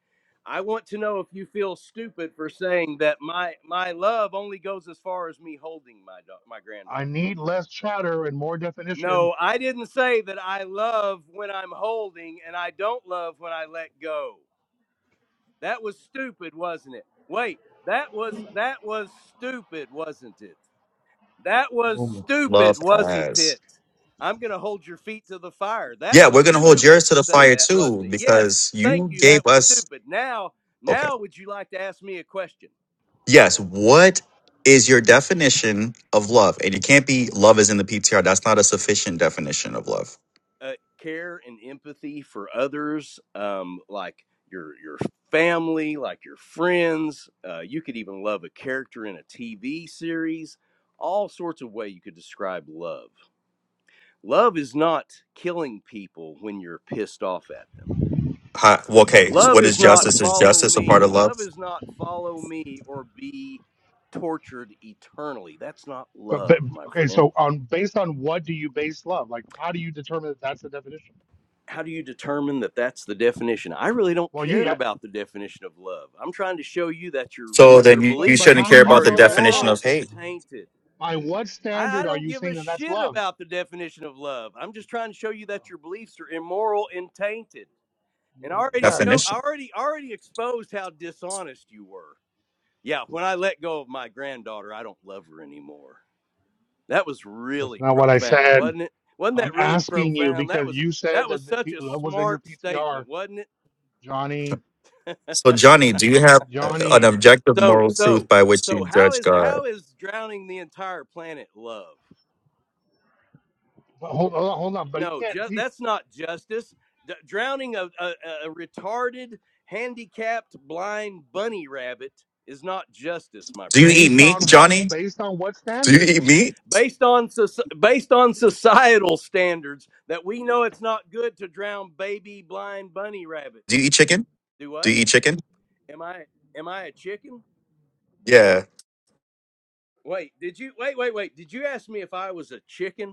[SPEAKER 16] I want to know if you feel stupid for saying that my my love only goes as far as me holding my da- my
[SPEAKER 15] I
[SPEAKER 16] granddaughter.
[SPEAKER 15] need less chatter and more definition.
[SPEAKER 16] No, I didn't say that I love when I'm holding and I don't love when I let go. That was stupid, wasn't it? Wait, that was that was stupid, wasn't it? That was
[SPEAKER 15] Boom.
[SPEAKER 16] stupid,
[SPEAKER 6] Love
[SPEAKER 16] wasn't
[SPEAKER 6] as.
[SPEAKER 16] it? I'm going to hold your feet to the fire. That
[SPEAKER 6] Yeah,
[SPEAKER 16] was
[SPEAKER 6] we're gonna hold
[SPEAKER 16] stupid
[SPEAKER 6] yours to
[SPEAKER 16] to
[SPEAKER 6] the
[SPEAKER 16] say
[SPEAKER 6] fire
[SPEAKER 16] that, wasn't
[SPEAKER 6] too
[SPEAKER 16] it? Yes.
[SPEAKER 6] because
[SPEAKER 16] Thank
[SPEAKER 6] you
[SPEAKER 16] you.
[SPEAKER 6] gave
[SPEAKER 16] That was
[SPEAKER 6] us.
[SPEAKER 16] stupid. Now,
[SPEAKER 6] Okay.
[SPEAKER 16] now would you like to ask me a question?
[SPEAKER 6] Yes. What is your definition of love? And it can't be love is in the PTR. That's not a sufficient definition of love.
[SPEAKER 16] uh, care and empathy for others, um, like your your family, like your friends. Uh, you could even love a character in a TV series. All sorts of way you could describe love. Love is not killing people when you're pissed off at them.
[SPEAKER 6] Hi, well, okay, so
[SPEAKER 16] Love
[SPEAKER 6] what is
[SPEAKER 16] is not
[SPEAKER 6] justice? Is
[SPEAKER 16] follow
[SPEAKER 6] justice a part
[SPEAKER 16] me.
[SPEAKER 6] of love?
[SPEAKER 16] Love is not follow me or be tortured eternally. That's not
[SPEAKER 15] But, but
[SPEAKER 16] love, my
[SPEAKER 15] okay,
[SPEAKER 16] friend.
[SPEAKER 15] so on based on what do you base love? Like, how do you determine that that's the definition?
[SPEAKER 16] how do you determine that that's the definition? I really don't
[SPEAKER 15] Well,
[SPEAKER 16] care
[SPEAKER 15] yeah.
[SPEAKER 16] about the definition of love. I'm trying to show you that your
[SPEAKER 15] So,
[SPEAKER 6] So
[SPEAKER 15] the-
[SPEAKER 6] then
[SPEAKER 16] your
[SPEAKER 6] you,
[SPEAKER 15] but
[SPEAKER 6] you
[SPEAKER 15] but
[SPEAKER 16] beliefs
[SPEAKER 6] shouldn't
[SPEAKER 15] how do
[SPEAKER 6] care
[SPEAKER 15] you
[SPEAKER 6] about
[SPEAKER 16] are
[SPEAKER 6] the
[SPEAKER 15] know that's
[SPEAKER 6] definition
[SPEAKER 16] immoral
[SPEAKER 15] love?
[SPEAKER 6] of
[SPEAKER 16] and
[SPEAKER 6] hate.
[SPEAKER 16] tainted.
[SPEAKER 15] By what
[SPEAKER 16] I, I
[SPEAKER 15] standard are
[SPEAKER 16] don't
[SPEAKER 15] you
[SPEAKER 16] give a
[SPEAKER 15] saying that that's
[SPEAKER 16] shit
[SPEAKER 15] love?
[SPEAKER 16] about the definition of love. I'm just trying to show you that your beliefs are immoral and tainted. And I already
[SPEAKER 15] Yeah,
[SPEAKER 16] show
[SPEAKER 15] you-
[SPEAKER 16] I
[SPEAKER 6] Definition.
[SPEAKER 16] already already exposed how dishonest you were. Yeah, when I let go of my granddaughter, I don't love her anymore. That was
[SPEAKER 15] that's
[SPEAKER 16] really
[SPEAKER 15] not what I
[SPEAKER 16] profound,
[SPEAKER 15] said.
[SPEAKER 16] wasn't it? Wasn't
[SPEAKER 15] I'm
[SPEAKER 16] that really
[SPEAKER 15] asking you
[SPEAKER 16] profound? That
[SPEAKER 15] because
[SPEAKER 16] was
[SPEAKER 15] you
[SPEAKER 16] that
[SPEAKER 15] said
[SPEAKER 16] was
[SPEAKER 15] that the
[SPEAKER 16] such
[SPEAKER 15] P-
[SPEAKER 16] a
[SPEAKER 15] Love was in your
[SPEAKER 16] smart statement,
[SPEAKER 15] PTR,
[SPEAKER 16] wasn't it?
[SPEAKER 15] Johnny.
[SPEAKER 6] So Johnny, do you have uh, an
[SPEAKER 15] Johnny,
[SPEAKER 6] objective
[SPEAKER 16] So,
[SPEAKER 6] moral truth
[SPEAKER 16] so,
[SPEAKER 6] by which you
[SPEAKER 16] so, how
[SPEAKER 6] judge
[SPEAKER 16] is
[SPEAKER 6] God?
[SPEAKER 16] how is drowning the entire planet love?
[SPEAKER 15] but hold, on, hold on, but he
[SPEAKER 16] No,
[SPEAKER 15] can't.
[SPEAKER 16] ju-
[SPEAKER 15] He,
[SPEAKER 16] that's not justice. D- drowning a, a, a retarded, handicapped, blind bunny rabbit is not justice, my
[SPEAKER 6] Do you
[SPEAKER 16] friend.
[SPEAKER 6] eat
[SPEAKER 15] based
[SPEAKER 6] meat,
[SPEAKER 15] on what?
[SPEAKER 6] Johnny?
[SPEAKER 15] Based on what
[SPEAKER 6] Do you
[SPEAKER 15] standard?
[SPEAKER 6] eat meat?
[SPEAKER 16] Based on soci- based on societal standards, that we know it's not good to drown baby blind bunny
[SPEAKER 6] Do
[SPEAKER 16] rabbits.
[SPEAKER 6] you eat chicken?
[SPEAKER 16] Do
[SPEAKER 6] Do
[SPEAKER 16] what?
[SPEAKER 6] you eat chicken?
[SPEAKER 16] Am I am I a chicken?
[SPEAKER 6] Yeah.
[SPEAKER 16] Wait, did you wait wait wait? Did you ask me if I was a chicken?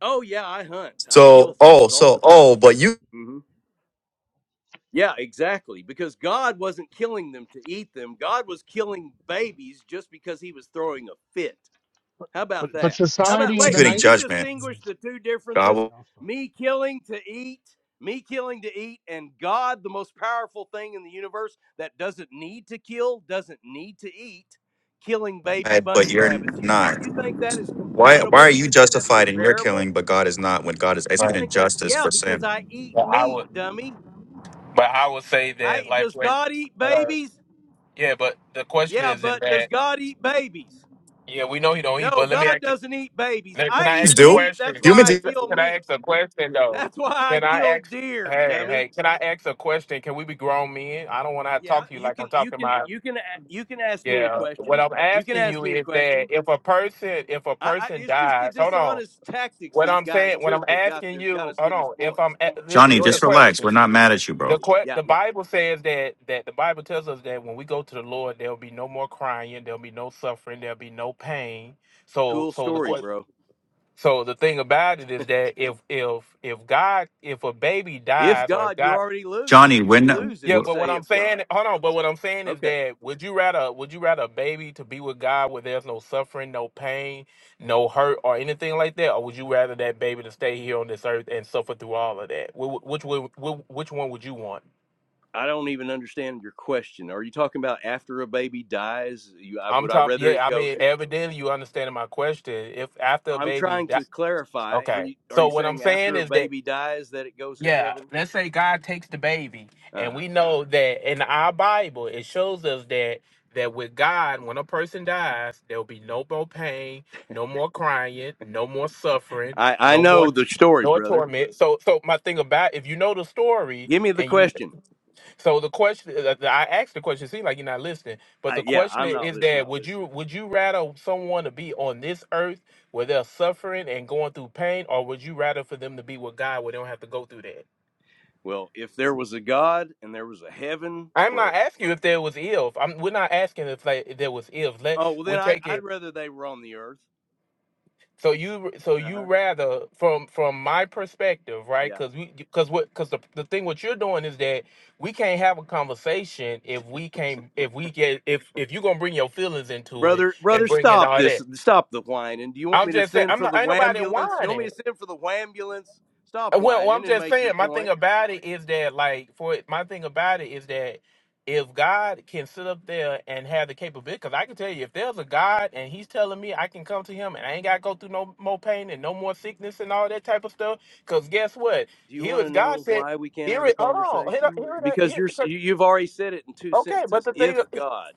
[SPEAKER 16] Oh yeah, I hunt. I kill
[SPEAKER 6] So oh,
[SPEAKER 16] things all
[SPEAKER 6] so
[SPEAKER 16] the time.
[SPEAKER 6] oh, but you
[SPEAKER 16] hmm Yeah, exactly. Because God wasn't killing them to eat them. God was killing babies just because He was throwing a fit. How
[SPEAKER 15] But
[SPEAKER 16] about
[SPEAKER 15] but
[SPEAKER 16] that? How about
[SPEAKER 15] society in the
[SPEAKER 16] wait?
[SPEAKER 6] executing
[SPEAKER 16] Can
[SPEAKER 15] night.
[SPEAKER 16] you
[SPEAKER 6] judgment,
[SPEAKER 16] distinguish
[SPEAKER 15] Okay,
[SPEAKER 16] the two
[SPEAKER 6] God,
[SPEAKER 16] differences?
[SPEAKER 15] I'll stop.
[SPEAKER 16] Me killing to eat, me killing to eat, and God, the most powerful thing in the universe that doesn't need to kill, doesn't need to eat, killing baby
[SPEAKER 6] but
[SPEAKER 16] bunny
[SPEAKER 6] you're
[SPEAKER 16] rabbits. You
[SPEAKER 6] not.
[SPEAKER 16] you think that is
[SPEAKER 6] Why why are
[SPEAKER 16] compatible?
[SPEAKER 6] you
[SPEAKER 16] You think that's
[SPEAKER 6] justified in your
[SPEAKER 16] comparable?
[SPEAKER 6] killing, but God is not when God is
[SPEAKER 16] You
[SPEAKER 3] Right.
[SPEAKER 6] executing
[SPEAKER 16] think that's
[SPEAKER 6] justice
[SPEAKER 16] yeah,
[SPEAKER 6] for
[SPEAKER 16] because
[SPEAKER 6] sin?
[SPEAKER 16] I eat
[SPEAKER 3] But I
[SPEAKER 16] meat,
[SPEAKER 3] would,
[SPEAKER 16] dummy.
[SPEAKER 3] but I would say
[SPEAKER 16] I
[SPEAKER 3] that,
[SPEAKER 16] e,
[SPEAKER 3] like,
[SPEAKER 16] does God eat
[SPEAKER 3] wait.
[SPEAKER 16] babies?
[SPEAKER 3] Yeah, but the question
[SPEAKER 16] Yeah,
[SPEAKER 3] is, is
[SPEAKER 16] but does
[SPEAKER 3] that
[SPEAKER 16] God eat babies?
[SPEAKER 3] yeah, we know he don't eat.
[SPEAKER 16] No,
[SPEAKER 3] But let me
[SPEAKER 16] God
[SPEAKER 3] ask you.
[SPEAKER 16] doesn't eat babies.
[SPEAKER 3] let- Can
[SPEAKER 16] I
[SPEAKER 3] I
[SPEAKER 6] Humans
[SPEAKER 3] ask
[SPEAKER 16] eat
[SPEAKER 3] a
[SPEAKER 6] do
[SPEAKER 16] meat. That's
[SPEAKER 3] question?
[SPEAKER 6] humans?
[SPEAKER 16] why I
[SPEAKER 6] do.
[SPEAKER 3] Wait,
[SPEAKER 16] kill
[SPEAKER 3] Can I
[SPEAKER 16] meat.
[SPEAKER 3] ask a question though?
[SPEAKER 16] That's why I
[SPEAKER 3] Can I
[SPEAKER 16] kill
[SPEAKER 3] ask?
[SPEAKER 16] deer,
[SPEAKER 3] Hey,
[SPEAKER 16] dummy.
[SPEAKER 3] hey, can I ask a question? Can we be grown men? I don't want to
[SPEAKER 16] Yeah,
[SPEAKER 3] talk to you
[SPEAKER 16] you
[SPEAKER 3] like I'm
[SPEAKER 16] can you
[SPEAKER 3] talking
[SPEAKER 16] can
[SPEAKER 3] about.
[SPEAKER 16] you can a- you can ask me a
[SPEAKER 3] Yeah, what
[SPEAKER 16] question.
[SPEAKER 3] I'm
[SPEAKER 16] You can
[SPEAKER 3] asking
[SPEAKER 16] ask
[SPEAKER 3] you
[SPEAKER 16] me a
[SPEAKER 3] is that
[SPEAKER 16] question.
[SPEAKER 3] if a person, if a
[SPEAKER 16] I, I
[SPEAKER 3] person
[SPEAKER 16] it's just the
[SPEAKER 3] dies, hold on.
[SPEAKER 16] dishonest tactics
[SPEAKER 3] What
[SPEAKER 16] these
[SPEAKER 3] I'm
[SPEAKER 16] guys
[SPEAKER 3] saying, what I'm
[SPEAKER 16] took that got
[SPEAKER 3] asking
[SPEAKER 16] this, got
[SPEAKER 3] you,
[SPEAKER 16] us
[SPEAKER 3] hold
[SPEAKER 16] to this
[SPEAKER 3] on. If
[SPEAKER 16] point.
[SPEAKER 3] I'm, a-
[SPEAKER 6] Johnny,
[SPEAKER 16] Go
[SPEAKER 3] here's the
[SPEAKER 6] just
[SPEAKER 16] ahead, Byron.
[SPEAKER 6] relax. We're
[SPEAKER 3] question.
[SPEAKER 6] not mad at you, bro.
[SPEAKER 3] The que-
[SPEAKER 16] Yeah,
[SPEAKER 3] the
[SPEAKER 16] yeah.
[SPEAKER 3] Bible says that that the Bible tells us that when we go to the Lord, there'll be no more crying, there'll be no suffering, there'll be no pain. So
[SPEAKER 16] Cool
[SPEAKER 3] so the
[SPEAKER 16] story,
[SPEAKER 3] que-
[SPEAKER 16] bro.
[SPEAKER 3] so the thing about it is that if if if God if a baby
[SPEAKER 16] If
[SPEAKER 3] dies or if
[SPEAKER 16] God, you
[SPEAKER 3] God
[SPEAKER 16] already lose.
[SPEAKER 6] Johnny,
[SPEAKER 16] You, you
[SPEAKER 6] when
[SPEAKER 16] lose if
[SPEAKER 3] yeah,
[SPEAKER 16] you
[SPEAKER 3] but what
[SPEAKER 16] say
[SPEAKER 3] I'm
[SPEAKER 16] if God.
[SPEAKER 3] saying hold on, but what I'm saying is
[SPEAKER 16] Okay.
[SPEAKER 3] that would you rather would you rather a baby to be with God where there's no suffering, no pain, no hurt or anything like that, or would you rather that baby to stay here on this earth and suffer through all of that? Wh- wh- Which would- wh- which one would you want?
[SPEAKER 16] I don't even understand your question. Are you talking about after a baby dies? You, I,
[SPEAKER 3] I'm
[SPEAKER 16] would I
[SPEAKER 3] talking.
[SPEAKER 16] rather
[SPEAKER 3] Yeah,
[SPEAKER 16] it
[SPEAKER 3] I
[SPEAKER 16] go
[SPEAKER 3] mean,
[SPEAKER 16] to?
[SPEAKER 3] evidently you understanding my question. If after a
[SPEAKER 16] I'm
[SPEAKER 3] baby,
[SPEAKER 16] trying
[SPEAKER 3] di-
[SPEAKER 16] to clarify. Are
[SPEAKER 3] okay.
[SPEAKER 16] you are
[SPEAKER 3] So
[SPEAKER 16] you
[SPEAKER 3] what I'm
[SPEAKER 16] saying
[SPEAKER 3] saying
[SPEAKER 16] after a
[SPEAKER 3] is that
[SPEAKER 16] baby dies that it goes to
[SPEAKER 3] yeah,
[SPEAKER 16] heaven?
[SPEAKER 3] let's say God takes the baby,
[SPEAKER 16] Uh
[SPEAKER 3] and
[SPEAKER 16] huh.
[SPEAKER 3] we know that in our Bible it shows us that that with God, when a person dies, there will be no more pain, no more crying, no more suffering,
[SPEAKER 16] I I
[SPEAKER 3] no more
[SPEAKER 16] know the story,
[SPEAKER 3] no
[SPEAKER 16] brother.
[SPEAKER 3] torment. So so my thing about if you know the story
[SPEAKER 16] Give me the
[SPEAKER 3] and you
[SPEAKER 16] question.
[SPEAKER 3] so the question uh, uh, I asked the question, seems like you're not listening, but
[SPEAKER 16] I,
[SPEAKER 3] the
[SPEAKER 16] yeah,
[SPEAKER 3] question
[SPEAKER 16] I'm not
[SPEAKER 3] is
[SPEAKER 16] listening.
[SPEAKER 3] that would you would you rather someone to be on this earth where they're suffering and going through pain, or would you rather for them to be with God where they don't have to go through that?
[SPEAKER 16] Well, if there was a God and there was a heaven,
[SPEAKER 3] I'm not
[SPEAKER 16] where
[SPEAKER 3] asking you if there was if. I'm, we're not asking if like if there was if. Let
[SPEAKER 16] oh well,
[SPEAKER 3] we
[SPEAKER 16] then I'd
[SPEAKER 3] take it.
[SPEAKER 16] I'd rather they were on the earth.
[SPEAKER 3] So you so
[SPEAKER 16] Uh
[SPEAKER 3] you
[SPEAKER 16] huh.
[SPEAKER 3] rather from from my perspective, right?
[SPEAKER 16] Yeah.
[SPEAKER 3] Because we because what because the, the thing what you're doing is that we can't have a conversation if we can't if we get if if you're gonna bring your feelings into it
[SPEAKER 16] Brother,
[SPEAKER 3] and
[SPEAKER 16] brother,
[SPEAKER 3] bring in
[SPEAKER 16] stop
[SPEAKER 3] all
[SPEAKER 16] this.
[SPEAKER 3] that.
[SPEAKER 16] Stop the whining. Do you want
[SPEAKER 3] I'm
[SPEAKER 16] me to
[SPEAKER 3] just saying
[SPEAKER 16] send
[SPEAKER 3] I'm
[SPEAKER 16] for
[SPEAKER 3] not
[SPEAKER 16] the
[SPEAKER 3] ain't nobody
[SPEAKER 16] ambulance? You want
[SPEAKER 3] whining.
[SPEAKER 16] me to send for the ambulance? Stop
[SPEAKER 3] Well, well, I'm
[SPEAKER 16] whining and
[SPEAKER 3] just
[SPEAKER 16] make your
[SPEAKER 3] saying. My thing
[SPEAKER 16] point.
[SPEAKER 3] about it is that, like, for it, my thing about it is that if God can sit up there and have the capability, because I can tell you, if there's a God and He's telling me I can come to Him and I ain't got to go through no more pain and no more sickness and all that type of stuff, because guess what?
[SPEAKER 16] Do you
[SPEAKER 3] Here
[SPEAKER 16] want
[SPEAKER 3] is
[SPEAKER 16] to
[SPEAKER 3] God
[SPEAKER 16] know
[SPEAKER 3] said,
[SPEAKER 16] why we can't
[SPEAKER 3] here
[SPEAKER 16] have a
[SPEAKER 3] it. Hold on, here,
[SPEAKER 16] conversation?
[SPEAKER 3] here,
[SPEAKER 16] Because
[SPEAKER 3] here,
[SPEAKER 16] you're
[SPEAKER 3] 'cause-
[SPEAKER 16] you- you've already said it in two
[SPEAKER 3] okay. But
[SPEAKER 16] sentences.
[SPEAKER 3] the thing,
[SPEAKER 16] If God,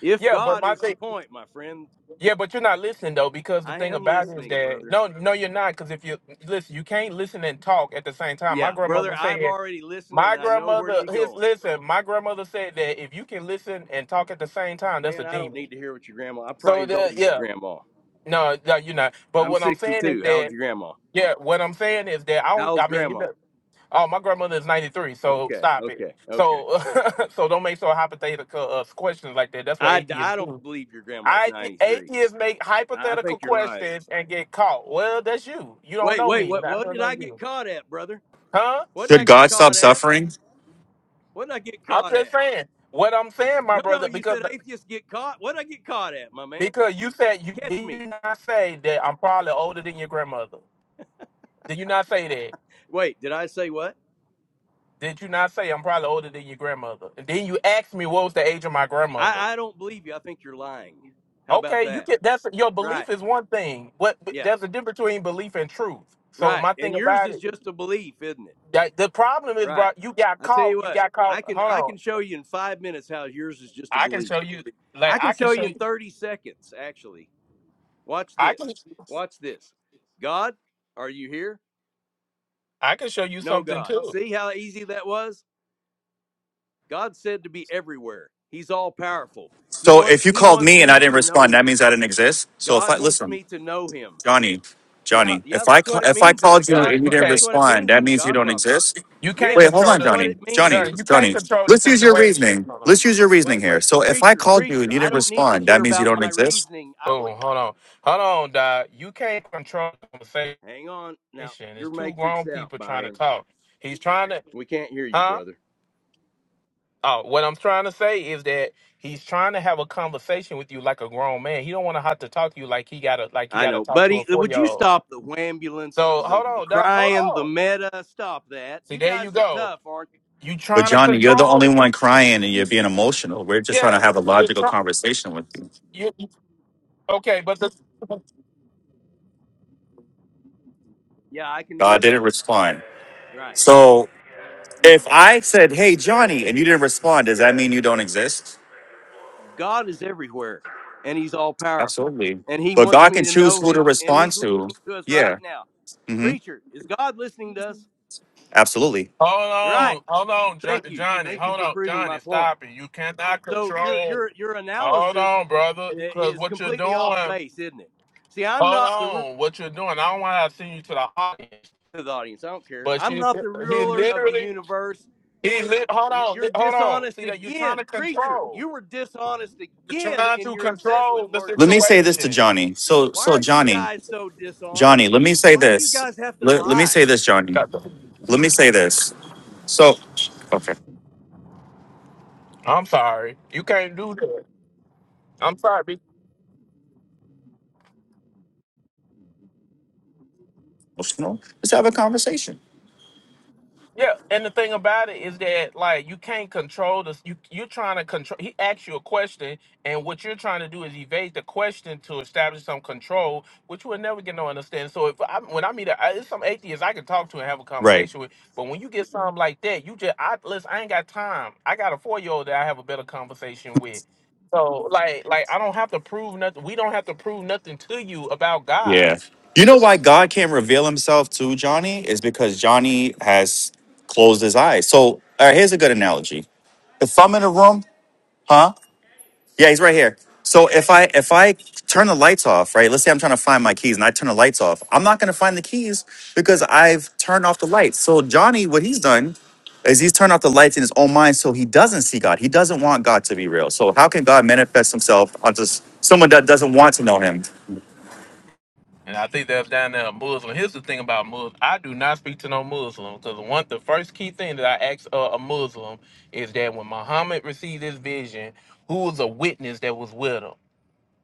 [SPEAKER 16] if
[SPEAKER 3] yeah, but
[SPEAKER 16] God
[SPEAKER 3] my
[SPEAKER 16] is the
[SPEAKER 3] thing,
[SPEAKER 16] point, my friend,
[SPEAKER 3] yeah, but you're not listening though, because the
[SPEAKER 16] I
[SPEAKER 3] thing
[SPEAKER 16] am
[SPEAKER 3] about it is
[SPEAKER 16] listening,
[SPEAKER 3] that
[SPEAKER 16] brother.
[SPEAKER 3] no, no, you're not, because if you listen, you can't listen and talk at the same time. My
[SPEAKER 16] Yeah, brother,
[SPEAKER 3] grandmother
[SPEAKER 16] I've
[SPEAKER 3] said
[SPEAKER 16] already listened and
[SPEAKER 3] my
[SPEAKER 16] I know where
[SPEAKER 3] grandmother,
[SPEAKER 16] you're
[SPEAKER 3] his
[SPEAKER 16] going.
[SPEAKER 3] listen. My grandmother said that if you can listen and talk at the same time, that's a
[SPEAKER 16] Man, I don't
[SPEAKER 3] demon.
[SPEAKER 16] need to hear what your grandma. I'm probably
[SPEAKER 3] So
[SPEAKER 16] as old
[SPEAKER 3] that
[SPEAKER 16] as your
[SPEAKER 3] yeah,
[SPEAKER 16] grandma.
[SPEAKER 3] no, no, you're not. But
[SPEAKER 16] I'm
[SPEAKER 3] what I'm saying is
[SPEAKER 16] 62. How old's
[SPEAKER 3] that
[SPEAKER 16] your grandma?
[SPEAKER 3] yeah, what I'm saying is that I
[SPEAKER 16] How
[SPEAKER 3] don't.
[SPEAKER 16] old's
[SPEAKER 3] I mean, it
[SPEAKER 16] grandma?
[SPEAKER 3] does- oh, my grandmother is 93, so
[SPEAKER 16] Okay,
[SPEAKER 3] stop it.
[SPEAKER 16] okay, okay.
[SPEAKER 3] So so don't make so hypothetical uh, questions like that. That's what
[SPEAKER 16] I,
[SPEAKER 3] atheists
[SPEAKER 16] I don't
[SPEAKER 3] do.
[SPEAKER 16] believe your grandma's
[SPEAKER 3] I
[SPEAKER 16] 93.
[SPEAKER 3] atheists make
[SPEAKER 16] I
[SPEAKER 3] hypothetical
[SPEAKER 16] think you're lying.
[SPEAKER 3] questions and get caught. Well, that's you. You don't
[SPEAKER 16] Wait,
[SPEAKER 3] know
[SPEAKER 16] wait,
[SPEAKER 3] me, and
[SPEAKER 16] what
[SPEAKER 3] I
[SPEAKER 16] what
[SPEAKER 3] don't
[SPEAKER 16] did
[SPEAKER 3] know
[SPEAKER 16] I get
[SPEAKER 3] you,
[SPEAKER 16] caught at, brother?
[SPEAKER 3] huh?
[SPEAKER 16] What did I
[SPEAKER 6] did
[SPEAKER 16] get
[SPEAKER 6] God stop
[SPEAKER 16] caught at?
[SPEAKER 6] suffering?
[SPEAKER 16] What did I get
[SPEAKER 3] I'm
[SPEAKER 16] caught
[SPEAKER 3] just
[SPEAKER 16] at?
[SPEAKER 3] saying what I'm saying, my
[SPEAKER 16] No, no,
[SPEAKER 3] brother,
[SPEAKER 16] you
[SPEAKER 3] because
[SPEAKER 16] said atheists get caught. What did I get caught at, my man?
[SPEAKER 3] Because you said you
[SPEAKER 16] Catch
[SPEAKER 3] did
[SPEAKER 16] me.
[SPEAKER 3] you not say that I'm probably older than your grandmother. Did you not say that?
[SPEAKER 16] Wait, did I say what?
[SPEAKER 3] Did you not say I'm probably older than your grandmother? And then you asked me what was the age of my grandmother.
[SPEAKER 16] I, I don't believe you. I think you're lying. How about
[SPEAKER 3] Okay, you
[SPEAKER 16] that?
[SPEAKER 3] can. that's your
[SPEAKER 16] Right.
[SPEAKER 3] belief is one thing. What
[SPEAKER 16] Yeah.
[SPEAKER 3] there's a difference between belief and truth. So
[SPEAKER 16] Right.
[SPEAKER 3] my
[SPEAKER 16] And
[SPEAKER 3] thing
[SPEAKER 16] yours
[SPEAKER 3] about
[SPEAKER 16] is
[SPEAKER 3] it,
[SPEAKER 16] just a belief, isn't it?
[SPEAKER 3] that the problem is, bro,
[SPEAKER 16] Right.
[SPEAKER 3] you got
[SPEAKER 16] I tell you
[SPEAKER 3] caught. You
[SPEAKER 16] what,
[SPEAKER 3] got caught.
[SPEAKER 16] I can
[SPEAKER 3] Hold
[SPEAKER 16] I
[SPEAKER 3] on,
[SPEAKER 16] can show you in five minutes how yours is just a
[SPEAKER 3] I can
[SPEAKER 16] belief.
[SPEAKER 3] show you. Like
[SPEAKER 16] I
[SPEAKER 3] I
[SPEAKER 16] can
[SPEAKER 3] can
[SPEAKER 16] show
[SPEAKER 3] show
[SPEAKER 16] you in
[SPEAKER 3] you.
[SPEAKER 16] 30 seconds, actually Watch
[SPEAKER 3] I can.
[SPEAKER 16] this. Watch this. God, are you here?
[SPEAKER 3] I can show you
[SPEAKER 16] No,
[SPEAKER 3] something
[SPEAKER 16] God.
[SPEAKER 3] too.
[SPEAKER 16] See how easy that was? God said to be everywhere. He's all powerful. He
[SPEAKER 6] So
[SPEAKER 16] wants
[SPEAKER 6] if you
[SPEAKER 16] he
[SPEAKER 6] called
[SPEAKER 16] wants
[SPEAKER 6] me and I
[SPEAKER 16] me
[SPEAKER 6] didn't
[SPEAKER 16] to know
[SPEAKER 6] respond, that
[SPEAKER 16] him.
[SPEAKER 6] means I didn't exist. So if I
[SPEAKER 16] God wants
[SPEAKER 6] listen,
[SPEAKER 16] me to know him.
[SPEAKER 6] Johnny,
[SPEAKER 16] Yeah,
[SPEAKER 6] Johnny,
[SPEAKER 16] yeah,
[SPEAKER 6] if I
[SPEAKER 16] that's
[SPEAKER 6] ca-
[SPEAKER 16] what it
[SPEAKER 6] if I
[SPEAKER 16] means in the
[SPEAKER 6] called you
[SPEAKER 16] God
[SPEAKER 3] Yeah,
[SPEAKER 6] and you
[SPEAKER 3] you
[SPEAKER 16] pro-
[SPEAKER 6] didn't
[SPEAKER 16] that's
[SPEAKER 3] can't.
[SPEAKER 16] what it
[SPEAKER 6] respond,
[SPEAKER 16] means
[SPEAKER 6] that
[SPEAKER 16] in the
[SPEAKER 6] means you
[SPEAKER 16] God
[SPEAKER 6] don't
[SPEAKER 16] proposition.
[SPEAKER 6] exist.
[SPEAKER 3] You can't
[SPEAKER 6] Wait,
[SPEAKER 16] Yes,
[SPEAKER 6] hold
[SPEAKER 3] control
[SPEAKER 6] on,
[SPEAKER 16] that's
[SPEAKER 3] the
[SPEAKER 16] what
[SPEAKER 6] Johnny,
[SPEAKER 16] it means
[SPEAKER 6] Johnny,
[SPEAKER 3] Johnny.
[SPEAKER 16] in
[SPEAKER 3] You can't
[SPEAKER 6] Johnny.
[SPEAKER 3] control the
[SPEAKER 6] Let's use your
[SPEAKER 3] situation.
[SPEAKER 6] reasoning.
[SPEAKER 3] Hold on.
[SPEAKER 6] Let's use your reasoning
[SPEAKER 16] Wait,
[SPEAKER 6] here.
[SPEAKER 16] wait.
[SPEAKER 6] So if I
[SPEAKER 16] Preacher,
[SPEAKER 6] called you and
[SPEAKER 16] preacher,
[SPEAKER 6] you
[SPEAKER 16] I
[SPEAKER 6] didn't
[SPEAKER 16] don't need to
[SPEAKER 6] respond,
[SPEAKER 16] hear
[SPEAKER 6] that means you
[SPEAKER 16] about
[SPEAKER 6] don't
[SPEAKER 16] my
[SPEAKER 6] exist.
[SPEAKER 16] reasoning. I want
[SPEAKER 3] Oh, hold on, hold on, Doc. You can't control the conversation.
[SPEAKER 16] Hang on. Now,
[SPEAKER 3] It's
[SPEAKER 16] you're
[SPEAKER 3] two grown
[SPEAKER 16] matrixed out,
[SPEAKER 3] people trying to
[SPEAKER 16] Byron.
[SPEAKER 3] talk. He's trying to,
[SPEAKER 16] We can't hear you,
[SPEAKER 3] huh?
[SPEAKER 16] brother.
[SPEAKER 3] Oh, what I'm trying to say is that he's trying to have a conversation with you like a grown man. He don't want to have to talk to you like he got to like he
[SPEAKER 16] I
[SPEAKER 3] got to
[SPEAKER 16] know,
[SPEAKER 3] talk to a
[SPEAKER 16] buddy. uh,
[SPEAKER 3] four
[SPEAKER 16] Would
[SPEAKER 3] year
[SPEAKER 16] you
[SPEAKER 3] old.
[SPEAKER 16] stop the ambulance,
[SPEAKER 3] So
[SPEAKER 16] the,
[SPEAKER 3] hold
[SPEAKER 16] the
[SPEAKER 3] on, Doc. Hold
[SPEAKER 16] crying, the
[SPEAKER 3] on.
[SPEAKER 16] meta? Stop that.
[SPEAKER 3] See,
[SPEAKER 16] You
[SPEAKER 3] there you
[SPEAKER 16] guys are
[SPEAKER 3] go.
[SPEAKER 16] tough, aren't?
[SPEAKER 3] You
[SPEAKER 6] But
[SPEAKER 3] trying to
[SPEAKER 6] Johnny, you're the only
[SPEAKER 3] control?
[SPEAKER 6] one crying and you're being emotional. We're just trying to have a
[SPEAKER 3] Yes. You're
[SPEAKER 6] logical
[SPEAKER 3] trying.
[SPEAKER 6] conversation with you.
[SPEAKER 3] You you- okay? But the
[SPEAKER 16] you? Yeah, I can
[SPEAKER 6] God
[SPEAKER 16] do
[SPEAKER 6] didn't
[SPEAKER 16] that.
[SPEAKER 6] respond.
[SPEAKER 16] Right.
[SPEAKER 6] So If I said, "Hey, Johnny," and you didn't respond, does that mean you don't exist?
[SPEAKER 16] God is everywhere, and He's all powerful,
[SPEAKER 6] Absolutely.
[SPEAKER 16] and He
[SPEAKER 6] But
[SPEAKER 16] wants
[SPEAKER 6] God
[SPEAKER 16] me
[SPEAKER 6] can
[SPEAKER 16] to
[SPEAKER 6] choose
[SPEAKER 16] know
[SPEAKER 6] who to
[SPEAKER 16] Him, and
[SPEAKER 6] respond
[SPEAKER 16] He's
[SPEAKER 6] to.
[SPEAKER 16] listening to us right
[SPEAKER 6] Yeah.
[SPEAKER 16] now.
[SPEAKER 6] hmm
[SPEAKER 16] Preacher, is God listening to us?
[SPEAKER 6] Absolutely.
[SPEAKER 3] Hold
[SPEAKER 16] You're right.
[SPEAKER 3] on, hold on, Jo-
[SPEAKER 16] Thank you.
[SPEAKER 3] Johnny.
[SPEAKER 16] Thank you
[SPEAKER 3] Hold
[SPEAKER 16] for
[SPEAKER 3] on,
[SPEAKER 16] proving my
[SPEAKER 3] Johnny.
[SPEAKER 16] point.
[SPEAKER 3] Stop it. You cannot
[SPEAKER 16] So your
[SPEAKER 3] control.
[SPEAKER 16] your your
[SPEAKER 3] Hold
[SPEAKER 16] analysis
[SPEAKER 3] on, brother.
[SPEAKER 16] i-
[SPEAKER 3] Because
[SPEAKER 16] is
[SPEAKER 3] what you're
[SPEAKER 16] completely off
[SPEAKER 3] doing,
[SPEAKER 16] base, isn't it? See, I'm
[SPEAKER 3] hold
[SPEAKER 16] not the ruler
[SPEAKER 3] on, what you're doing. I don't want to send you to the audience.
[SPEAKER 16] of the audience. I don't care.
[SPEAKER 3] But
[SPEAKER 16] I'm
[SPEAKER 3] she,
[SPEAKER 16] not the
[SPEAKER 3] he
[SPEAKER 16] ruler of the
[SPEAKER 3] literally,
[SPEAKER 16] universe.
[SPEAKER 3] he lit. Hold
[SPEAKER 16] You-
[SPEAKER 3] on,
[SPEAKER 16] You're
[SPEAKER 3] li- hold on. See
[SPEAKER 16] dishonest
[SPEAKER 3] that you're trying to
[SPEAKER 16] again. Preacher,
[SPEAKER 3] control.
[SPEAKER 16] you were dishonest
[SPEAKER 3] You're
[SPEAKER 16] again
[SPEAKER 3] trying
[SPEAKER 16] in
[SPEAKER 3] to
[SPEAKER 16] your
[SPEAKER 3] control
[SPEAKER 16] assessment,
[SPEAKER 3] the
[SPEAKER 16] weren't
[SPEAKER 6] Let
[SPEAKER 16] you?
[SPEAKER 6] me say this to
[SPEAKER 3] situation.
[SPEAKER 6] Johnny. So,
[SPEAKER 16] Why
[SPEAKER 6] so
[SPEAKER 16] are you
[SPEAKER 6] Johnny,
[SPEAKER 16] guys so
[SPEAKER 6] Johnny,
[SPEAKER 16] dishonest?
[SPEAKER 6] let me say
[SPEAKER 16] Why do you
[SPEAKER 6] this.
[SPEAKER 16] guys have to
[SPEAKER 6] Let, let me say
[SPEAKER 16] lie?
[SPEAKER 6] this, Johnny.
[SPEAKER 3] Got the-
[SPEAKER 6] Let me say this. So, okay,
[SPEAKER 3] I'm sorry. You can't do that. I'm sorry.
[SPEAKER 6] emotional. Let's have a conversation.
[SPEAKER 3] Yeah, and the thing about it is that like you can't control this. You you're trying to control. He asks you a question, and what you're trying to do is evade the question to establish some control, which we'll never get no understanding. So if I when I meet a, I- it's some atheist I can talk to and have a
[SPEAKER 6] Right.
[SPEAKER 3] conversation with, but when you get something like that, you just I listen. I ain't got time. I got a four year old that I have a better conversation with. So like like I don't have to prove nothing. We don't have to prove nothing to you about God
[SPEAKER 6] You know why God can't reveal Himself to Johnny is because Johnny has closed his eyes. So, all right, here's a good analogy. If I'm in a room, huh? Yeah, he's right here. So if I if I turn the lights off, right? Let's say I'm trying to find my keys and I turn the lights off. I'm not going to find the keys because I've turned off the lights. So Johnny, what he's done is he's turned off the lights in his own mind, so he doesn't see God. He doesn't want God to be real. So how can God manifest Himself onto s- someone that doesn't want to know Him?
[SPEAKER 3] And I think that's down there a Muslim. Here's the thing about Muslim. I do not speak to no Muslim because one, the first key thing that I ask uh, a Muslim is that when Muhammad received his vision, who was a witness that was with him?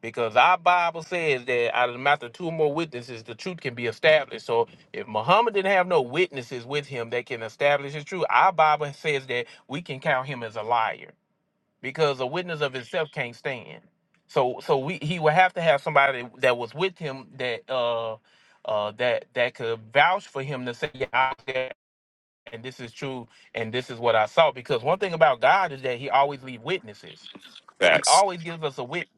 [SPEAKER 3] Because our Bible says that out of the mouth of two or more witnesses, the truth can be established. So if Muhammad didn't have no witnesses with him that can establish his truth, our Bible says that we can count him as a liar because a witness of himself can't stand. So so we he would have to have somebody that was with him that uh uh that that could vouch for him to say yeah I was there and this is true and this is what I saw because one thing about God is that he always leaves witnesses. He
[SPEAKER 6] Facts.
[SPEAKER 3] always gives us a witness.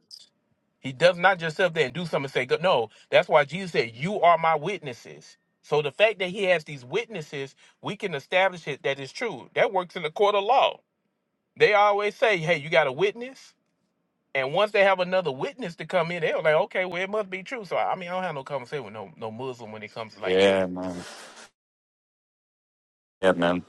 [SPEAKER 3] He does not just sit up there and do something and say go- no. That's why Jesus said you are my witnesses. So the fact that he has these witnesses, we can establish it that it's true. That works in the court of law. They always say, "Hey, you got a witness." And once they have another witness to come in, they're like, okay, well, it must be true. So I mean, I don't have no conversation with no no Muslim when it comes to like that.
[SPEAKER 6] Yeah, man. Yeah, man.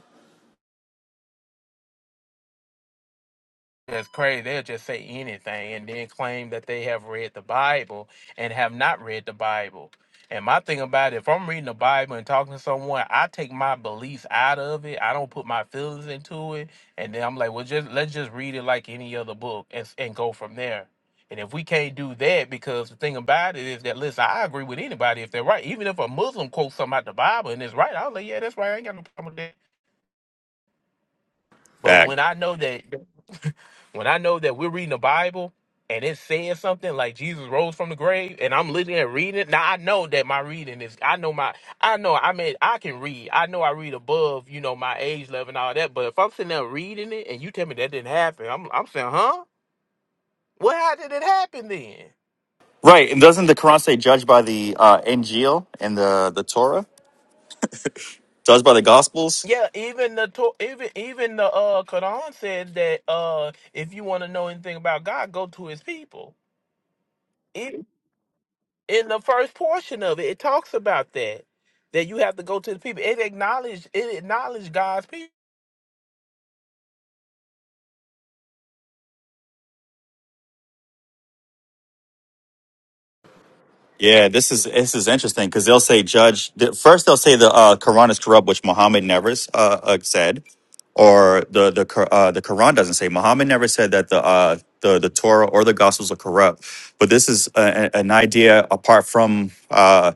[SPEAKER 3] That's crazy. They'll just say anything and then claim that they have read the Bible and have not read the Bible. And my thing about it, if I'm reading the Bible and talking to someone, I take my beliefs out of it. I don't put my feelings into it. And then I'm like, well, just let's just read it like any other book and, s- and go from there. And if we can't do that, because the thing about it is that, listen, I agree with anybody if they're right. Even if a Muslim quotes something out the Bible and it's right, I'll like, yeah, that's right. I ain't got no problem with that. But when I know that when I know that we're reading the Bible and it's saying something like Jesus rose from the grave, and I'm looking at reading it, now I know that my reading is, I know my, I know, I mean, I can read. I know I read above, you know, my age level and all that. But if I'm sitting there reading it and you tell me that didn't happen, I'm, I'm saying, huh? Well, how did it happen then?
[SPEAKER 6] Right, and doesn't the Quran say judge Torah? Gospels?
[SPEAKER 3] Yeah, even the to- even even the uh Quran said that uh if you want to know anything about God, go to His people. in the first portion of it, it talks about that that you have to go to the people. It acknowledge it acknowledge God's people.
[SPEAKER 6] Yeah, this is this is interesting because they'll say judge. th- First, they'll say the uh, Quran is corrupt, which Muhammad never uh, uh, said. or the the Qur- uh, the Quran doesn't say. Muhammad never said that the uh, the the Torah or the Gospels are corrupt. But this is a, a- an idea apart from uh,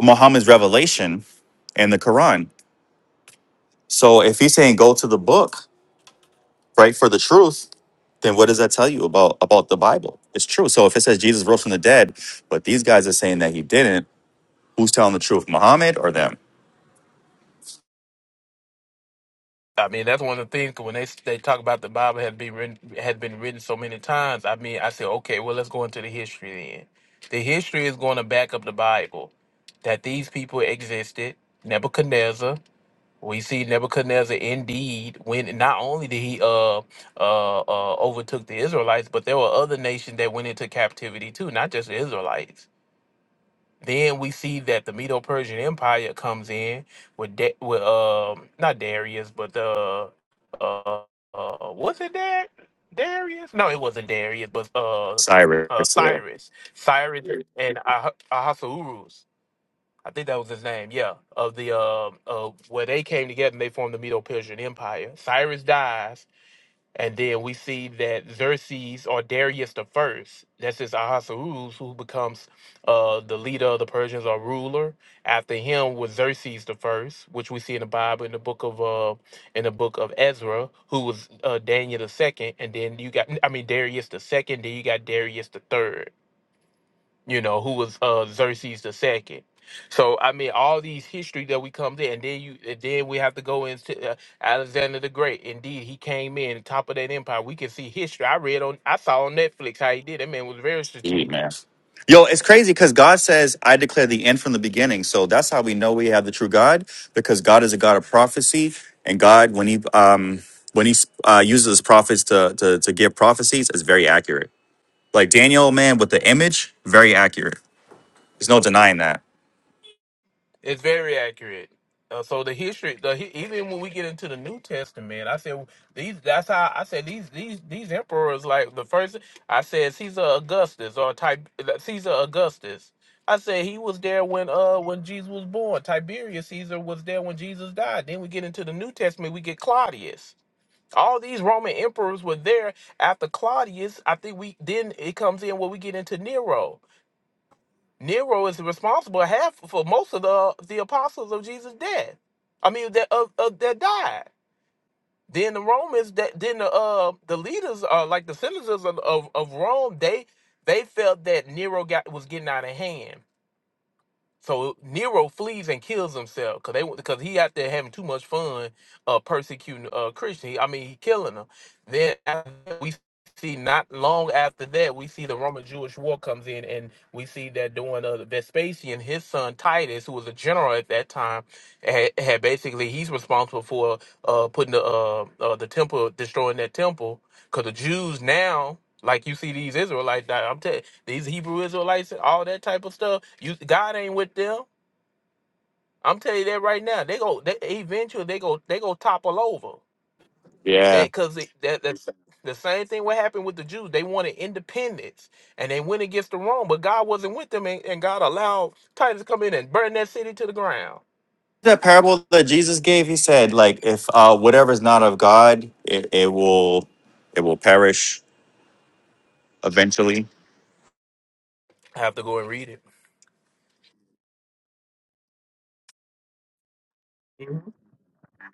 [SPEAKER 6] Muhammad's revelation and the Quran. So if he's saying go to the book right for the truth, then what does that tell you about about the Bible? It's true. So if it says Jesus rose from the dead, but these guys are saying that he didn't, who's telling the truth, Muhammad or them?
[SPEAKER 3] I mean, that's one of the things 'cause when they they talk about the Bible had been written, had been written so many times. I mean, I said, okay, well, let's go into the history then. The history is going to back up the Bible that these people existed. Nebuchadnezzar, we see Nebuchadnezzar indeed when not only did he uh uh, uh overtook the Israelites, but there were other nations that went into captivity too, not just the Israelites. Then we see that the Medo-Persian Empire comes in with da- with um not Darius, but the uh, uh was it Dar- Darius? No, it wasn't Darius, but uh,
[SPEAKER 6] Cyrus.
[SPEAKER 3] uh
[SPEAKER 6] yeah.
[SPEAKER 3] Cyrus, Cyrus and Ah- Ahasuerus. I think that was his name. Yeah, of the uh, uh where they came together and they formed the Medo-Persian Empire. Cyrus dies, and then we see that Xerxes or Darius the first, that's his Ahasuerus, who becomes uh, the leader of the Persians or ruler. After him was Xerxes the first, which we see in the Bible in the book of uh, in the book of Ezra, who was uh, Daniel the second, and then you got I mean Darius the second, then you got Darius the third you know, who was uh Xerxes the second. So I mean, all these history that we come to, and then you, and then we have to go into uh, Alexander the Great. Indeed, he came in top of that empire. We can see history. I read on, I saw on Netflix how he did. That man was very strate- strategic.
[SPEAKER 6] Yo, it's crazy because God says, I declare the end from the beginning. So that's how we know we have the true God because God is a God of prophecy. And God, when he, um, when he uh, uses his prophets to, to, to give prophecies, it's very accurate. Like Daniel, man, with the, im-
[SPEAKER 3] It's very accurate. Uh, so the history, the, hi- even when we get into the New Testament, I said these. That's how I said these these these emperors. Like the first, I said Caesar Augustus or type Caesar Augustus. I said he was there when uh when Jesus was born. Tiberius Caesar was there when Jesus died. Then we get into the New Testament. We get Claudius. All these Roman emperors were there after Claudius. I think we then it comes in where we get into Nero. Nero is responsible half for most of the the apostles of Jesus dead. I mean that of, of that died. Then the Romans that then the uh the leaders uh like the senators of, of, of Rome they they felt that Nero got was getting out of hand so Nero flees and kills himself because they because he out there having too much fun uh, persecuting uh, Christian. He- I mean, he killing them. Then after that, we see not long after that we see the Roman Jewish War comes in and we see that during uh, Vespasian, his son Titus, who was a general at that time, had, had basically he's responsible for uh, putting the uh, uh, the temple destroying that temple because the Jews now like you see these Israelites, that I'm telling these Hebrew Israelites, all that type of stuff. You God ain't with them. I'm telling you that right now. They go, they eventually they go, they go topple over. That
[SPEAKER 6] yeah.
[SPEAKER 3] because that that's the same thing what happened with the Jews. They wanted independence and they went against the Rome, but God wasn't with them, and, and God allowed Titus to come in and burn that city to the ground.
[SPEAKER 6] That parable that Jesus gave, he said, like, if uh, whatever is not of God, it, it will, it will perish eventually.
[SPEAKER 3] I have to go and read it. hmm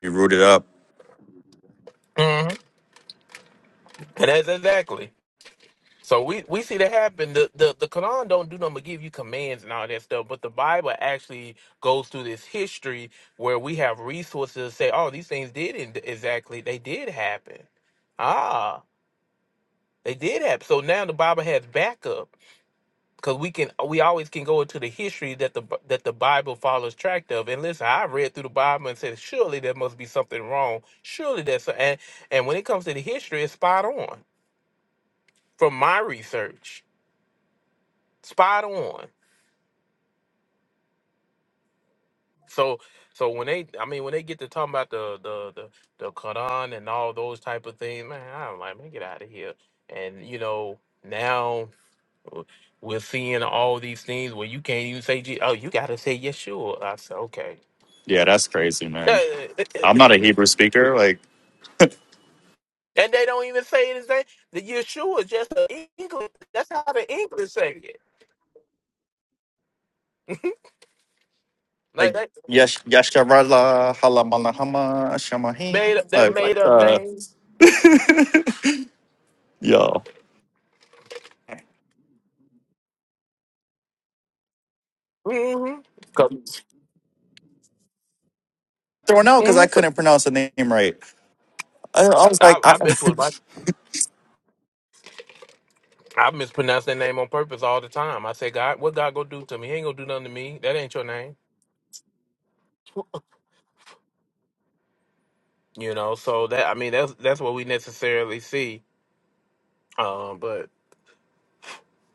[SPEAKER 6] Be rooted up.
[SPEAKER 3] And that's exactly. So we, we see that happen. The, the the Quran don't do nothing but give you commands and all that stuff, but the Bible actually goes through this history where we have resources to say, oh, these things did in- exactly they did happen. Ah, they did happen. So now the Bible has backup because we can we always can go into the history that the B- that the Bible follows track of. And listen, I read through the Bible and said, surely there must be something wrong. Surely that's and and when it comes to the history, it's spot on from my research. Spot on So so when they I mean when they get to talking about the the the, the Quran and all those type of things, man, I'm like, man, get out of here. And you know, now uh, we're seeing all these things where you can't even say Je- oh, you gotta say Yeshua. I said, okay. and they don't even say it as they the Yeshua is just the English that's how the English say it. Like
[SPEAKER 6] Like,
[SPEAKER 3] that
[SPEAKER 6] yes, yasharala, halamala, hama, shamahin.
[SPEAKER 3] made up that
[SPEAKER 6] Like, like,
[SPEAKER 3] made up
[SPEAKER 6] uh,
[SPEAKER 3] names. Mm-hmm.
[SPEAKER 6] thrown out because I couldn't pronounce the name right. I, I was like,
[SPEAKER 3] I,
[SPEAKER 6] I
[SPEAKER 3] I mess
[SPEAKER 6] I
[SPEAKER 3] with my I mispronounce that name on purpose all the time. I say, God, what God gonna do to me? He ain't gonna do nothing to me. That ain't your name. You know, so that I mean that's that's what we necessarily see. Um, but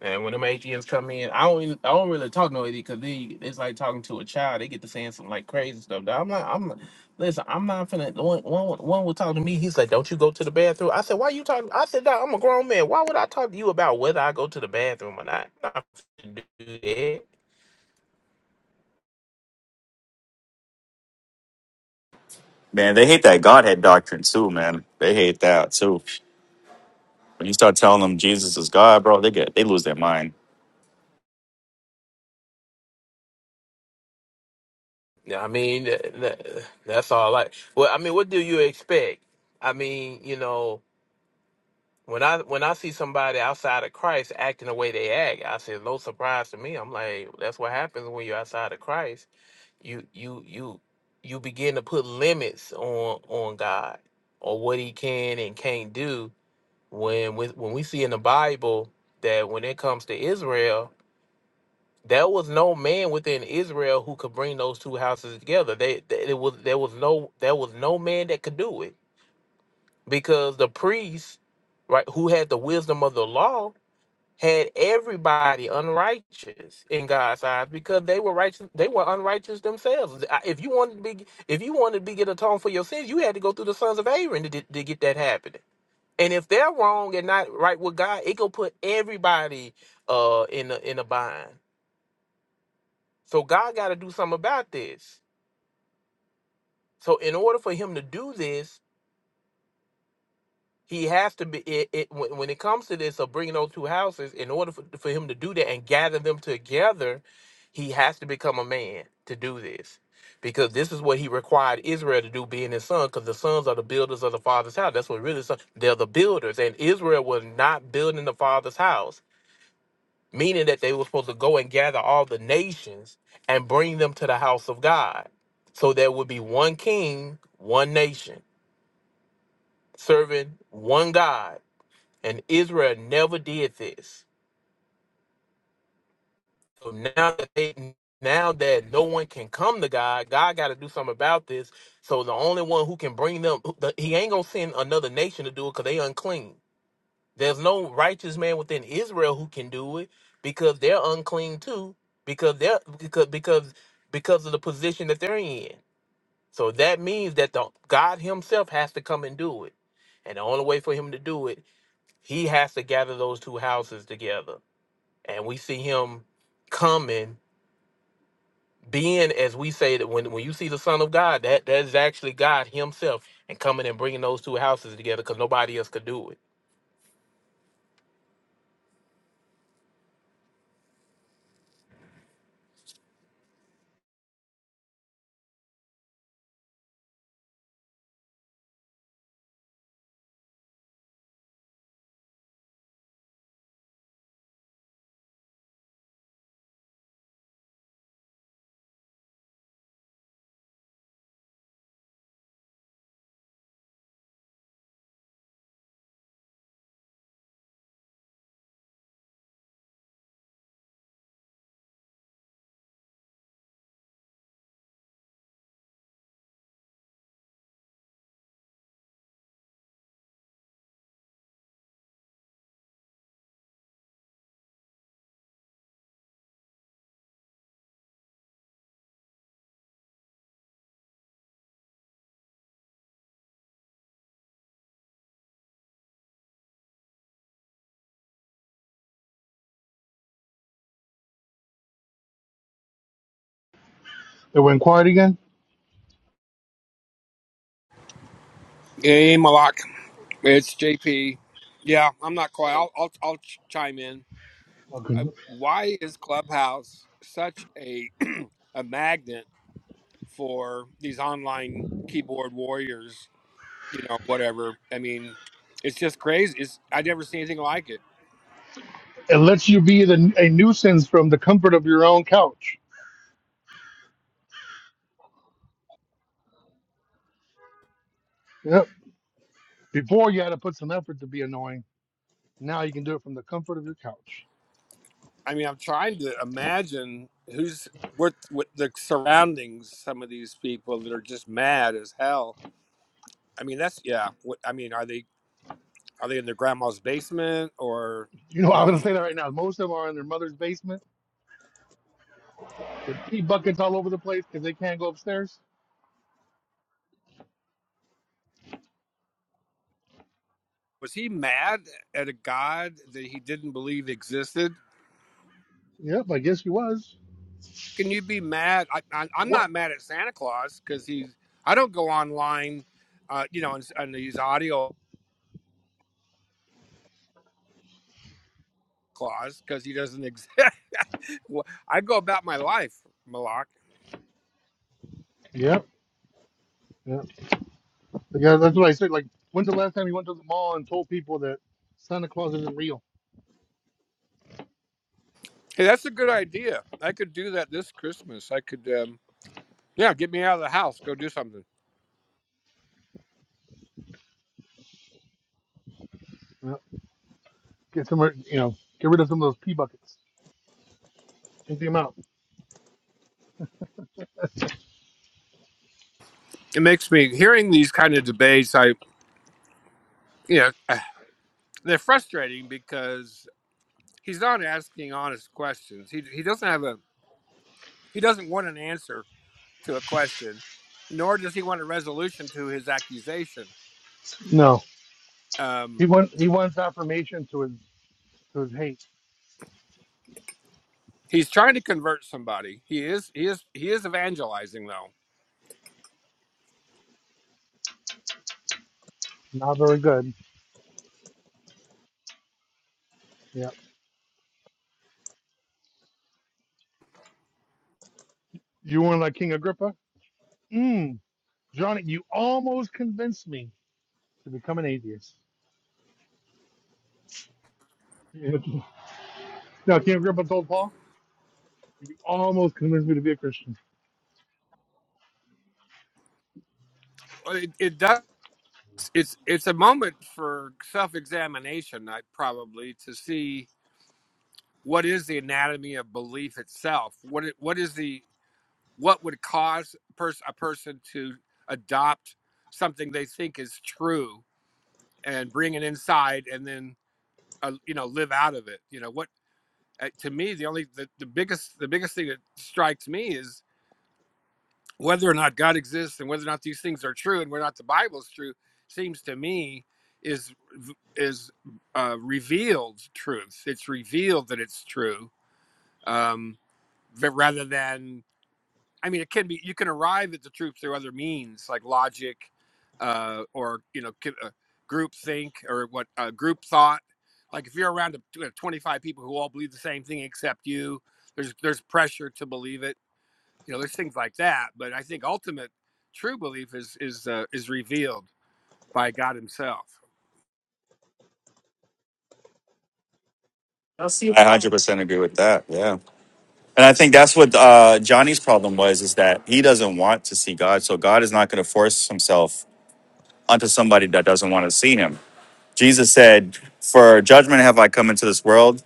[SPEAKER 3] and when them AGMs come in, I don't even- I don't really talk no AD because they it's like talking to a child. They get to saying some like crazy stuff. Dog, I'm not I'm not- listen. I'm not finna. One one one will talk to me. He's like, "Don't you go to the bathroom?" I said, "Why you talking?" I said, "Dog, I'm a grown man. Why would I talk to you about whether I go to the bathroom or not?" I'm not finna do that. Yeah, I mean, that, that- that's all. Like, well, I mean, what do you expect? I mean, you know, when I when I see somebody outside of Christ acting the way they act, I say no surprise to me. I'm like, that's what happens when you're outside of Christ. You you you you begin to put limits on on God or what He can and can't do. When we, when we see in the Bible that when it comes to Israel. There was no man within Israel who could bring those two houses together. They, they it was there was no there was no man that could do it because the priests, right, who had the wisdom of the law, had everybody unrighteous in God's eyes because they were righteous. They were unrighteous themselves. I- If you wanted to be if you wanted to be get atoned for your sins, you had to go through the sons of Aaron to, to get that happening. And if they're wrong and not right with God, it could put everybody uh in a in a bind. So God got to do something about this. So in order for him to do this, he has to be it, it when, when it comes to this of bringing those two houses. In order for, for him to do that and gather them together, he has to become a man to do this, because this is what he required Israel to do, being his son. Because the sons are the builders of the father's house. That's what really son. They're the builders, and Israel was not building the father's house meaning that they were supposed to go and gather all the nations and bring them to the house of God. So there would be one king, one nation, serving one God. And Israel never did this. So now that they now that no one can come to God, God got to do something about this. So the only one who can bring them, the- he ain't gonna send another nation to do it because they unclean. There's no righteous man within Israel who can do it because they're unclean too, because they're because because because of the position that they're in. So that means that the God Himself has to come and do it, and the only way for Him to do it, He has to gather those two houses together, and we see Him coming, being as we say that when when you see the Son of God, that that is actually God Himself and coming and bringing those two houses together because nobody else could do it.
[SPEAKER 15] It went quiet again.
[SPEAKER 17] Hey, Malak, it's JP. Yeah, I'm not quite. I'll I'll, I'll ch- chime in.
[SPEAKER 15] Okay.
[SPEAKER 17] Uh, why is Clubhouse such a a magnet for these online keyboard warriors? You know, whatever. I mean, it's just crazy. It's I never seen anything like it.
[SPEAKER 15] It lets you be the, a nuisance from the comfort of your own couch. Yep. Before you had to put some effort to be annoying. Now you can do it from the comfort of your couch.
[SPEAKER 17] I mean, I'm trying to imagine who's what what the surroundings. Some of these people that are just mad as hell. I mean, that's yeah. What I mean, are they are they in their grandma's basement or?
[SPEAKER 15] You know,
[SPEAKER 17] I
[SPEAKER 15] I'm
[SPEAKER 17] mean.
[SPEAKER 15] gonna say that right now. Most of them are in their mother's basement With pee buckets all over the place because they can't go upstairs.
[SPEAKER 17] Was he mad at a God that he didn't believe existed?
[SPEAKER 15] Yep, I guess he was.
[SPEAKER 17] Can you be mad? I, I, I'm
[SPEAKER 15] What?
[SPEAKER 17] not mad at Santa Claus because he's. I don't go online, uh, you know, and, and use audio Claus because he doesn't exist. Well, I go about my life, Malak.
[SPEAKER 15] Yep. Yep. Yeah, that's what I said. Like, when's the last time you went to the mall and told people that Santa Claus isn't real?
[SPEAKER 17] Hey, that's a good idea. I could do that this Christmas. I could, um, yeah, get me out of the house, go do something.
[SPEAKER 15] Yep. Get some, rid- you know, get rid of some of those pee buckets. Empty them out.
[SPEAKER 17] It makes me hearing these kind of debates. I, you know, they're frustrating because he's not asking honest questions. He he doesn't have a He doesn't want an answer to a question, nor does he want a resolution to his accusation.
[SPEAKER 15] No, he
[SPEAKER 17] Um,
[SPEAKER 15] wants he wants affirmation to his to his hate.
[SPEAKER 17] he's trying to convert somebody. He is he is he is evangelizing though.
[SPEAKER 15] Not very good. Yeah. You weren't like King Agrippa. Mm, Johnny, you almost convinced me to become an atheist. Yeah. No, King Agrippa told Paul, you almost convinced me to be a Christian.
[SPEAKER 17] Well, It, it does. It's it's a moment for self examination. I probably to see what is the anatomy of belief itself. What it, what is the what would cause pers- a person to adopt something they think is true and bring it inside and then uh, you know live out of it you know what uh, to me the only the, the biggest the biggest thing that strikes me is whether or not god exists and whether or not these things are true and whether or not the bible is true seems to me is is uh, revealed truth it's revealed that it's true um rather than I mean, it can be you can arrive at the truth through other means like logic, uh, or you know, ki- uh, group think or what uh, group thought. Like if you're around a, you 25 people who all believe the same thing except you, there's there's pressure to believe it. You know, there's things like that. But I think ultimate true belief is is uh, is revealed by God Himself.
[SPEAKER 6] one hundred percent agree with that. Yeah, and I think that's what uh, Johnny's problem was: is that he doesn't want to see God, so God is not going to force Himself onto somebody that doesn't want to see Him. Jesus said, "For judgment have I come into this world,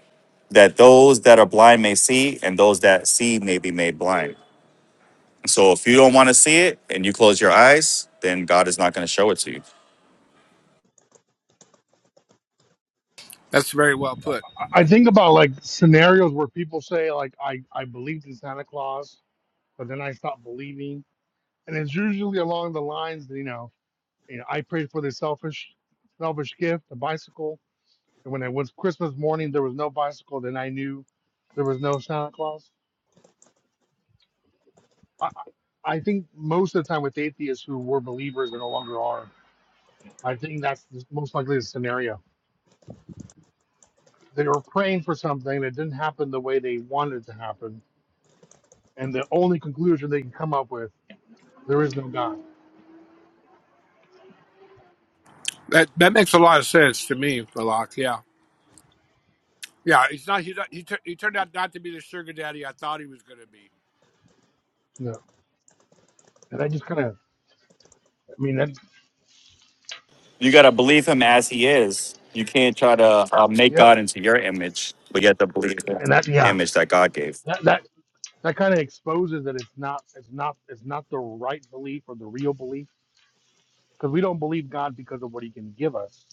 [SPEAKER 6] that those
[SPEAKER 17] That's very well put.
[SPEAKER 15] I think about like scenarios where people say like I I believed in Santa Claus, but then I stopped believing, and it's usually along the lines that you know, you know I prayed for the selfish, selfish gift, a bicycle, and when it was Christmas morning, there was no bicycle. Then I knew there was no Santa Claus. I I I think most of the time with atheists who were believers and no longer are, I think that's the- most likely the scenario. They were praying for something that didn't happen the way they wanted it to happen, and the only conclusion they can come up with There is no God.
[SPEAKER 17] That that makes a lot of sense to me, Balak. Yeah. Yeah, he's not. He, he, tur- he turned out not to be the sugar daddy I thought he was going to be.
[SPEAKER 15] No. And I just kind of, I mean, that,
[SPEAKER 6] you got to believe Him as He is. You can't try to uh, make
[SPEAKER 15] yep.
[SPEAKER 6] God into your image, but you have to believe the
[SPEAKER 15] And that, yeah,
[SPEAKER 6] image that God gave."
[SPEAKER 15] that, that, that kind of exposes that it's not, it's not, it's not the right belief or the real belief because we don't believe God because of what he can give us.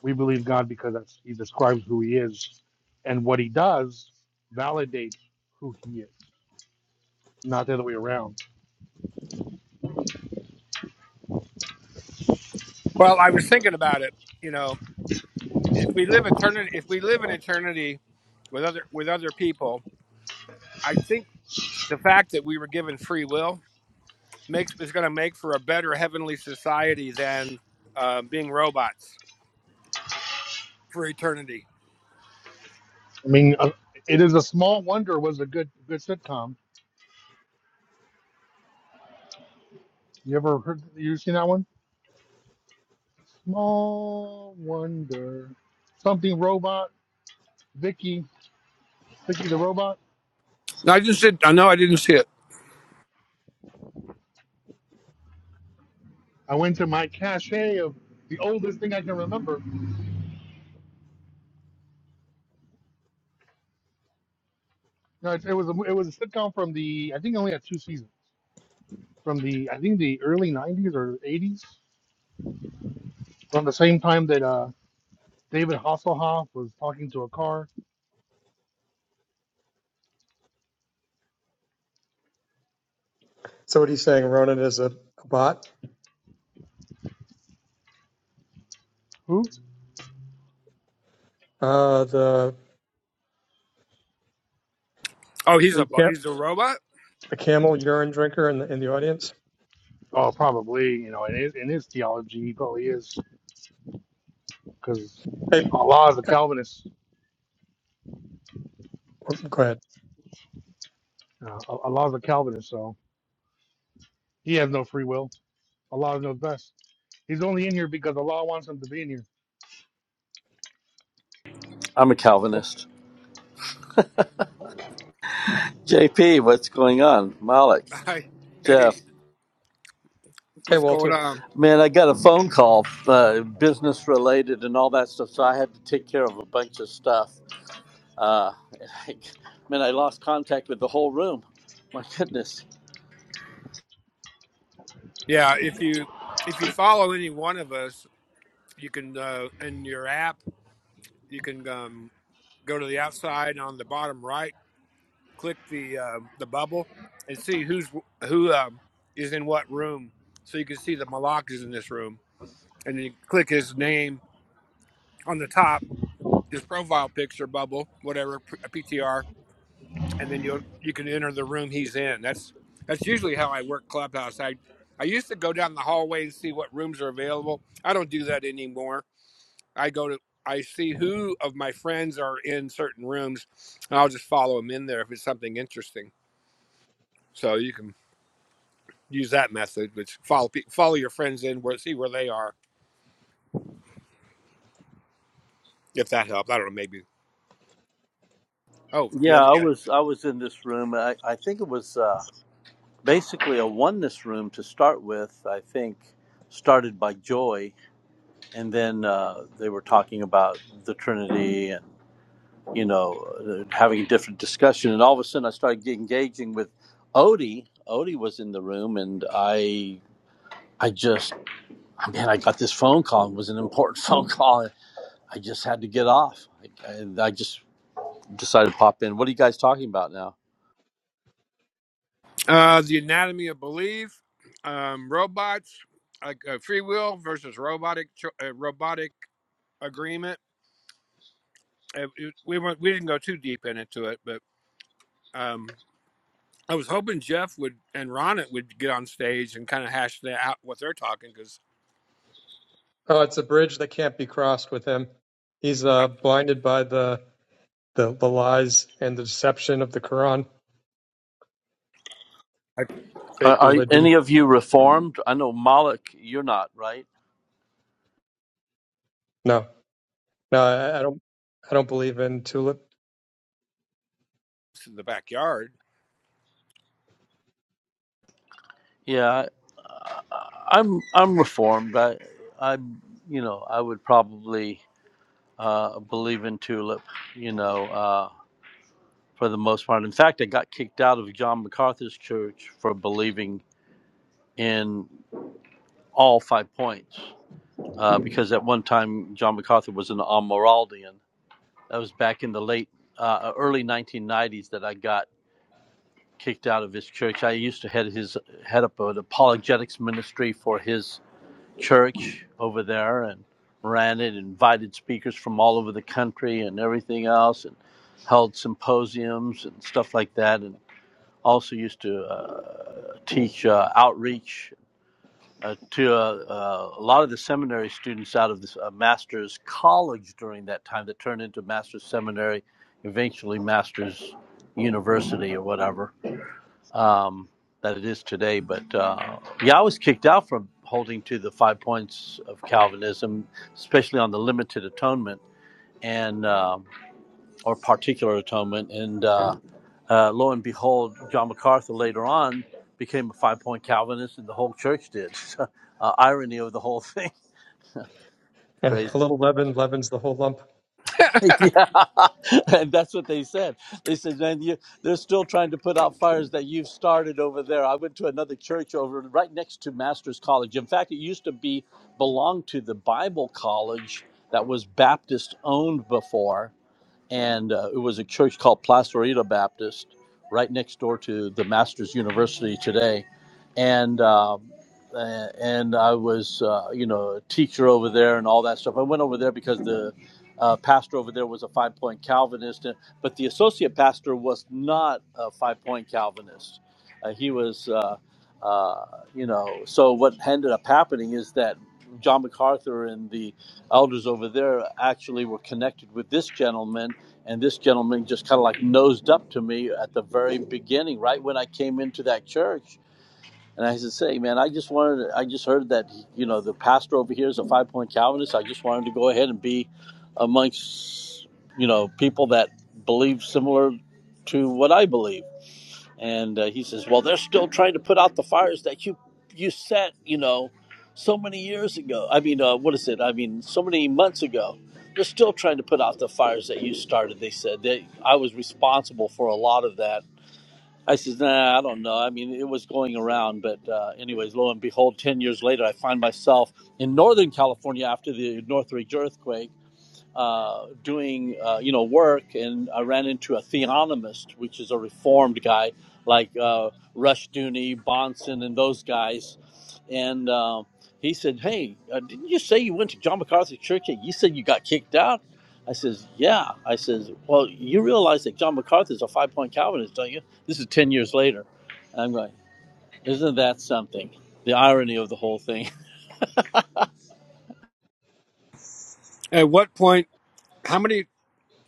[SPEAKER 15] We believe God because that's, he describes who he is and what he does validates who he is, not the other way around.
[SPEAKER 17] Well, I was thinking about it. You know, if we live eternity, if we live in eternity with other with other people, I think the fact that we were given free will makes is going to make for a better heavenly society than uh, being robots for eternity.
[SPEAKER 15] I mean, uh, it is a small wonder was a good, good sitcom. You ever heard, you seen that one? Small wonder, something robot, Vicky. Cookie the Robot.
[SPEAKER 17] No, I just did. I know I didn't see it.
[SPEAKER 15] I went to my cache of the oldest thing I can remember. No, it, it was a, it was a sitcom from the I think it only had two seasons from the I think the early '90s or '80s. From the same time that uh, David Hasselhoff was talking to a car.
[SPEAKER 14] So what he's saying, Ronan is a, a bot,
[SPEAKER 15] Who?
[SPEAKER 14] uh, the
[SPEAKER 17] Oh, he's a
[SPEAKER 14] the,
[SPEAKER 17] bo-
[SPEAKER 14] camp,
[SPEAKER 17] he's a robot.
[SPEAKER 14] the camel urine drinker in the, in the audience.
[SPEAKER 15] Oh, probably you know in his, in his theology he probably is because
[SPEAKER 14] Hey,
[SPEAKER 15] Allah is a Calvinist.
[SPEAKER 14] go ahead.
[SPEAKER 15] Uh, Allah is a Calvinist, so he has no free will. Allah knows best. He's only in here because Allah wants him to be in here.
[SPEAKER 8] I'm a Calvinist. JP, what's going on? Malik,
[SPEAKER 17] I,
[SPEAKER 8] Jeff,
[SPEAKER 17] hey,
[SPEAKER 14] Hey,
[SPEAKER 17] what's going
[SPEAKER 14] Walter.
[SPEAKER 17] on?
[SPEAKER 8] man, uh, Min, I-
[SPEAKER 17] Yeah, if you if you follow any one of us, you can uh, in your app you can um, go to the outside on the bottom right click the um, the bubble and see who's who um, is in what room, so you can see the Malak is in this room, and you click his name on the top, his profile picture bubble, whatever a p- a PTR, and then you you can enter the room he's in. That's that's usually how I work Clubhouse. I I used to go down the hallway and see what rooms are available. I don't do that anymore. I go to I see who of my friends are in certain rooms, and I'll just follow them in there if it's something interesting. So you can use that method, which follow follow your friends in where see where they are, if that helps. I don't know, maybe. Oh, the
[SPEAKER 8] yeah,
[SPEAKER 17] other
[SPEAKER 8] I
[SPEAKER 17] guy.
[SPEAKER 8] was I was in this room. I, I think it was uh, basically a oneness room to start with. I think started by Joy, and then uh, they were talking about the Trinity you know, uh, having a different discussion. And all of a sudden, I started engaging with Odie. Odie was in the room, and I, I just, I mean, I got this phone call. It was an important phone call. I just had to get off. I, I, I just decided to pop in. What are you guys talking about now?
[SPEAKER 17] Uh, the anatomy of belief, um, robots, like uh, free will versus robotic uh, robotic agreement. Uh, it- we weren't, we didn't go too deep into it, but um, I was hoping Jeff would and Ronit would get on stage and kind of hash that out what they're talking because.
[SPEAKER 14] Oh, it's a bridge that can't be crossed with him. He's
[SPEAKER 17] I,
[SPEAKER 14] uh, blinded by the, the, the lies and the deception of the Quran,
[SPEAKER 17] I,
[SPEAKER 8] Are,
[SPEAKER 14] fake
[SPEAKER 8] are
[SPEAKER 14] religion.
[SPEAKER 8] any of you reformed? I know Malik, you're not, right?
[SPEAKER 14] No. No, I, I don't. I don't believe in tulip.
[SPEAKER 17] it's in the backyard.
[SPEAKER 8] Yeah, I'm. I'm reformed. I, i You know, I would probably uh, believe in tulip. You know, uh, for the most part. In fact, I got kicked out of John MacArthur's church for believing in all five points uh, because at one time John MacArthur was an Almoraldian. That was back in the late, uh, early 1990s that I got kicked out of his church. I used to head his head up an apologetics ministry for his church over there and ran it, invited speakers from all over the country and everything else, and held symposiums and stuff like that. and. also used to uh, teach uh, outreach uh, to uh, uh, a lot of the seminary students out of this uh, master's college during that time that turned into master's seminary, eventually master's university or whatever um, that it is today. But uh, yeah, I was kicked out from holding to the five points of Calvinism, especially on the limited atonement and um or particular atonement. And uh, uh, lo and behold, John MacArthur later on became a five point Calvinist, and the whole church did. uh, irony of the whole thing.
[SPEAKER 14] Eh, A
[SPEAKER 8] Crazy.
[SPEAKER 14] little leaven leavens the whole lump.
[SPEAKER 8] yeah. and that's what they said. They said, man, you, they're still trying to put out fires that you've started over there. I went to another church over right next to Master's College. In fact, it used to be belonged to the Bible College that was Baptist owned before and uh, it was a church called Placerita Baptist, right next door to the Masters University today, and um, a- and I was uh, you know a teacher over there and all that stuff. I went over there because the uh, pastor over there was a Five Point Calvinist, and, but the associate pastor was not a Five Point Calvinist. Uh, he was. Uh, uh, you know, so what ended up happening is that John MacArthur and the elders over there actually were connected with this gentleman and this gentleman just kind of like nosed up to me at the very beginning, right when I came into that church. And I said, "Say, man, I just wanted, to, I just heard that you know the pastor over here is a Five Point Calvinist. I just wanted to go ahead and be amongst you know people that believe similar to what I believe." and uh, he says, "Well, they're still trying to put out the fires that you you set, you know, so many years ago. I mean, uh, what is it? I mean, so many months ago. They're still trying to put out the fires that you started." They said they, I was responsible for a lot of that. I says, "Nah, I don't know. I mean, it was going around, but uh, anyways, lo and behold, ten years later, I find myself in Northern California after the Northridge earthquake." uh, doing uh, you know work, and I ran into a theonomist, which is a reformed guy like uh, Rush Dooney, Bonson, and those guys, and uh, he said, "Hey, uh, didn't you say you went to John MacArthur's church? and You said you got kicked out." I says, "Yeah." I says, "Well, you realize that John MacArthur's a five-point Calvinist, don't you?" This is ten years later. I'm going, "Isn't that something?" The irony of the whole thing.
[SPEAKER 17] At what point? How many?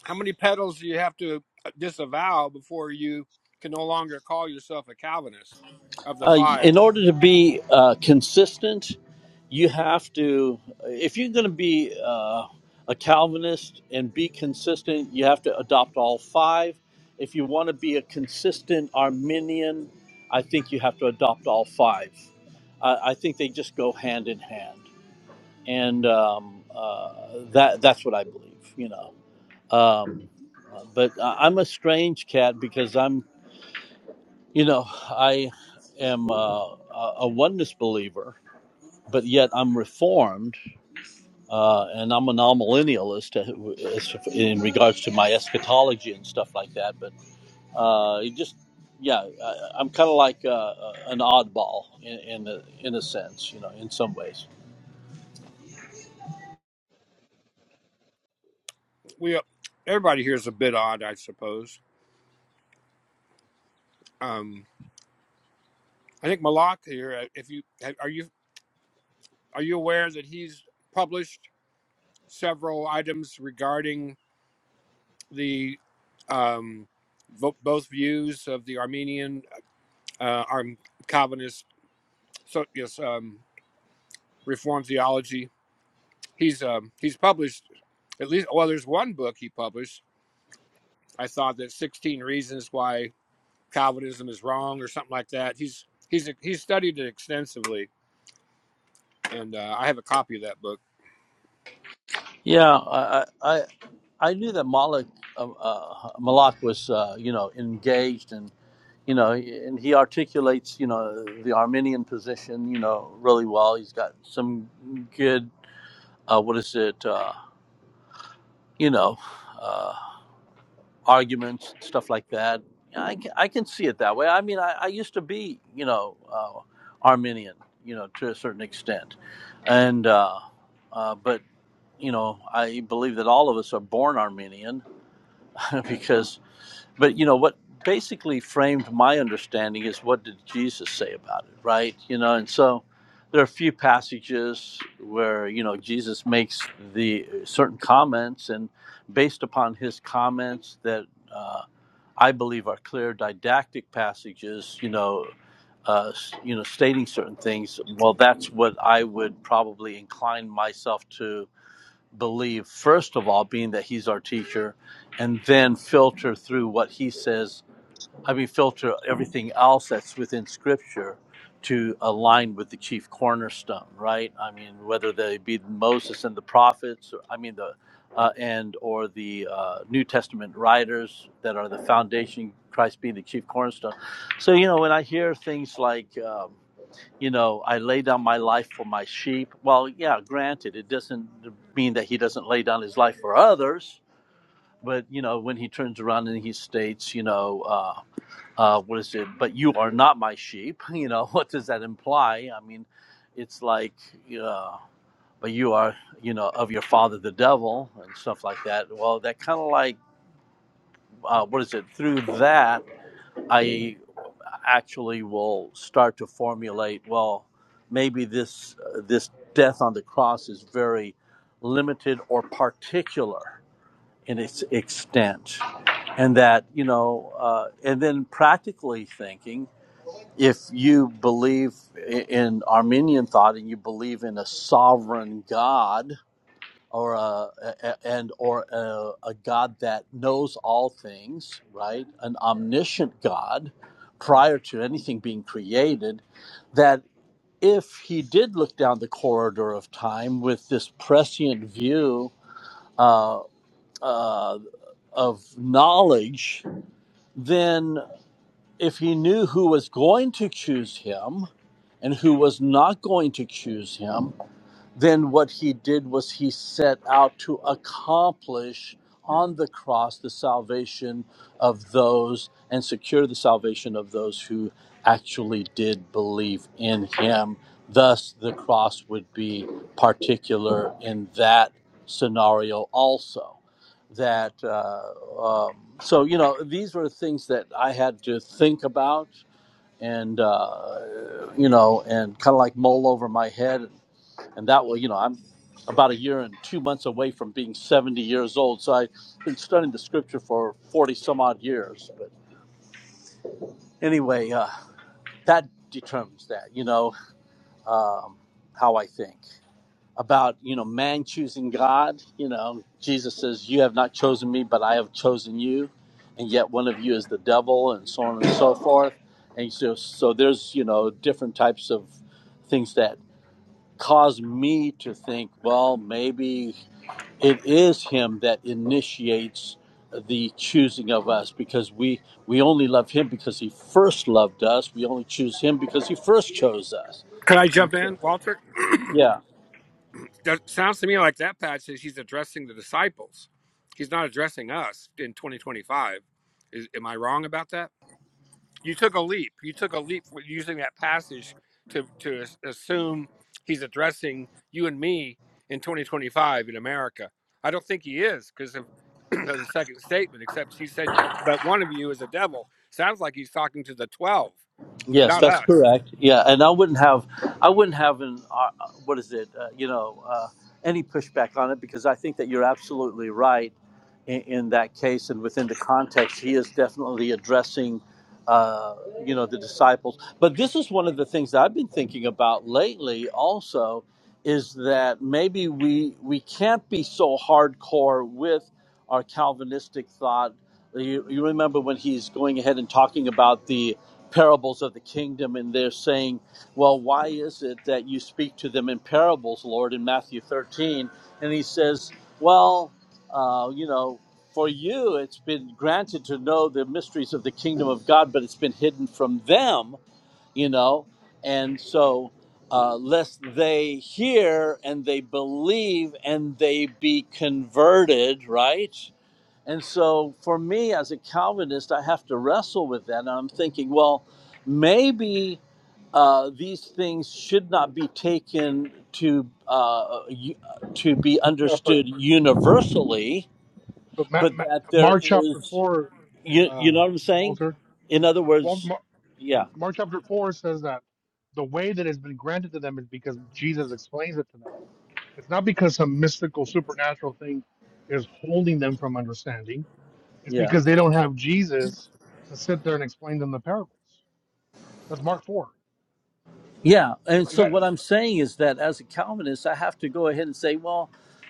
[SPEAKER 17] how many pedals do you have to uh, disavow before you can no longer call yourself a Calvinist? Of the
[SPEAKER 8] Uh,
[SPEAKER 17] five,
[SPEAKER 8] in order to be uh, consistent, you have to, if you're going to be uh, a Calvinist and be consistent, you have to adopt all five. If you want to be a consistent Arminian, I think you have to adopt all five. I, I think they just go hand in hand, and um, uh, that that's what I believe. You know, um, uh, but I, I'm a strange cat because I'm you know, I am uh, a a oneness believer, but yet I'm reformed, uh, and I'm a non-millennialist uh, as- in regards to my eschatology and stuff like that. But uh, it just, yeah, I, I'm kind of like uh, an oddball in in a, in a sense, you know, in some ways.
[SPEAKER 17] we everybody here is a bit odd, I suppose. Um, I think Malak here. uh, If you are you are you aware that he's published several items regarding the um, vo- both views of the Armenian uh, Arm Calvinist so yes um, Reform theology. He's um, he's published at least well there's one book he published I thought that 16 reasons why Calvinism is wrong or something like that. He's he's he's studied it extensively, and uh, I have a copy of that book.
[SPEAKER 8] Yeah, I I, I I knew that Malik uh, uh, Malak was uh, you know engaged and you know and he articulates you know the Armenian position you know really well. He's got some good uh, what is it uh, you know uh, arguments stuff like that. I can, I can see it that way. I mean, I, I used to be you know uh, Armenian you know to a certain extent, and uh, uh, but you know I believe that all of us are born Armenian because but you know what basically framed my understanding is what did jesus say about it right you know and so there are a few passages where you know jesus makes the uh, certain comments and based upon his comments that uh, i believe are clear didactic passages you know uh, you know stating certain things well that's what i would probably incline myself to believe, first of all, being that he's our teacher, and then filter through what he says. I mean, filter everything else that's within scripture to align with the chief cornerstone, right? I mean, whether they be Moses and the prophets, or, I mean, the uh, and or the uh, New Testament writers that are the foundation, Christ being the chief cornerstone. So, you know, when I hear things like, um, you know, I lay down my life for my sheep. Well, yeah, granted, it doesn't mean that he doesn't lay down his life for others, but, you know, when he turns around and he states, you know, uh, uh, what is it? But you are not my sheep. You know, what does that imply? I mean, it's like, uh, but you are, you know, of your father the devil and stuff like that. Well, that kind of like, uh, what is it? Through that, I actually will start to formulate well maybe this uh, this death on the cross is very limited or particular in its extent and that you know uh, and then practically thinking if you believe in armenian thought and you believe in a sovereign god or uh, a, a- and or a, a God that knows all things, right? An omniscient God, prior to anything being created, that if he did look down the corridor of time with this prescient view uh, uh, of knowledge, then if he knew who was going to choose him and who was not going to choose him, then what he did was he set out to accomplish on the cross the salvation of those and secure the salvation of those who actually did believe in him. Thus, the cross would be particular in that scenario also. That, uh, um, so, you know, these were things that I had to think about and, uh, you know, and kind of like mull over my head and that will you know i'm about a year and two months away from being 70 years old so i've been studying the scripture for 40 some odd years but anyway uh, that determines that you know um, how i think about you know man choosing god you know jesus says you have not chosen me but i have chosen you and yet one of you is the devil and so on and so forth and so so there's you know different types of things that cause me to think well maybe it is him that initiates the choosing of us because we we only love him because he first loved us we only choose him because he first chose us
[SPEAKER 17] Can I jump in, Walter?
[SPEAKER 8] Yeah.
[SPEAKER 17] That sounds to me like that Pat says he's addressing the disciples. He's not addressing us in 2025. Is, am I wrong about that? you took a leap. You took a leap with using that passage to to as- assume he's addressing you and me in 2025 in America. I don't think he is because of, of the second statement. Except he said, you, "But one of you is a devil." Sounds like he's talking to the twelve,
[SPEAKER 8] Yes,
[SPEAKER 17] not
[SPEAKER 8] that's
[SPEAKER 17] us.
[SPEAKER 8] correct. Yeah, and I wouldn't have, I wouldn't have an, uh, uh, what is it? Uh, you know, uh, any pushback on it because I think that you're absolutely right in, in that case and within the context, he is definitely addressing, uh, you know, the disciples. But this is one of the things that I've been thinking about lately. Also, is that maybe we we can't be so hardcore with our Calvinistic thought. You, you remember when he's going ahead and talking about the parables of the kingdom and they're saying, Well, why is it that you speak to them in parables, Lord, in Matthew 13? And he says, Well, uh, you know, for you it's been granted to know the mysteries of the kingdom of God, but it's been hidden from them, you know, and so. Uh, lest they hear and they believe and they be converted, right? And so for me as a Calvinist, I have to wrestle with that. And I'm thinking, well, maybe uh, these things should not be taken to uh, to be
[SPEAKER 15] Yeah, but
[SPEAKER 8] understood universally,
[SPEAKER 15] but Ma-
[SPEAKER 8] but
[SPEAKER 15] Ma-
[SPEAKER 8] that there
[SPEAKER 15] Mark chapter
[SPEAKER 8] is,
[SPEAKER 15] four
[SPEAKER 8] you, you know
[SPEAKER 15] um,
[SPEAKER 8] what I'm saying?
[SPEAKER 15] Walter.
[SPEAKER 8] In other
[SPEAKER 15] Wal-
[SPEAKER 8] words,
[SPEAKER 15] Mar-
[SPEAKER 8] yeah,
[SPEAKER 15] Mark chapter 4 says that the way that has been granted to them is because Jesus explains it to them. It's not because some mystical supernatural thing is holding them from understanding. It's
[SPEAKER 8] yeah,
[SPEAKER 15] because they don't have Jesus to sit there and explain them the parables. That's Mark 4.
[SPEAKER 8] yeah. And
[SPEAKER 15] Like
[SPEAKER 8] so
[SPEAKER 15] that-
[SPEAKER 8] what I'm saying is that as a Calvinist, I have to go ahead and say, well,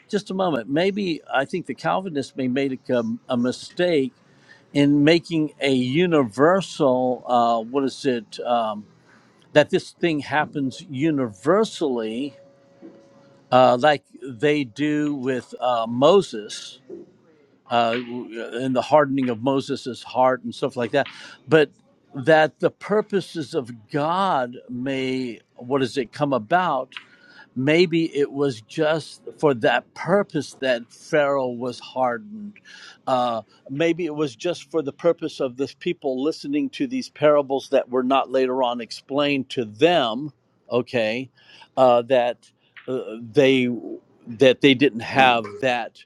[SPEAKER 8] just a moment. Maybe I think the Calvinists may make a, a mistake in making a universal uh, what is it um, that this thing happens universally uh, like they do with uh, moses uh, and the hardening of moses' heart and stuff like that but that the purposes of god may what does it come about Maybe it was just for that purpose that Pharaoh was hardened. Uh, maybe it was just for the purpose of this people listening to these parables that were not later on explained to them. Okay, uh, that uh, they that they didn't have that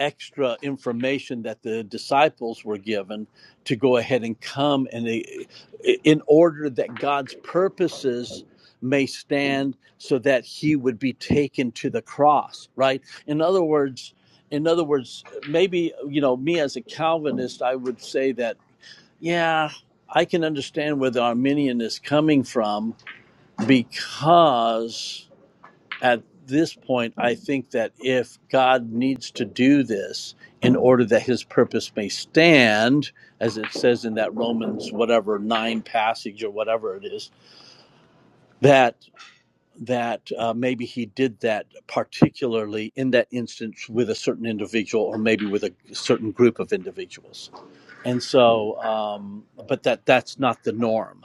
[SPEAKER 8] extra information that the disciples were given to go ahead and come and they, in order that God's purposes may stand so that he would be taken to the cross right in other words in other words maybe you know me as a calvinist i would say that yeah i can understand where the arminian is coming from because at this point i think that if god needs to do this in order that his purpose may stand as it says in that romans whatever 9 passage or whatever it is that that uh, maybe he did that particularly in that instance with a certain individual or maybe with a certain group of individuals and so um, but that that's not the norm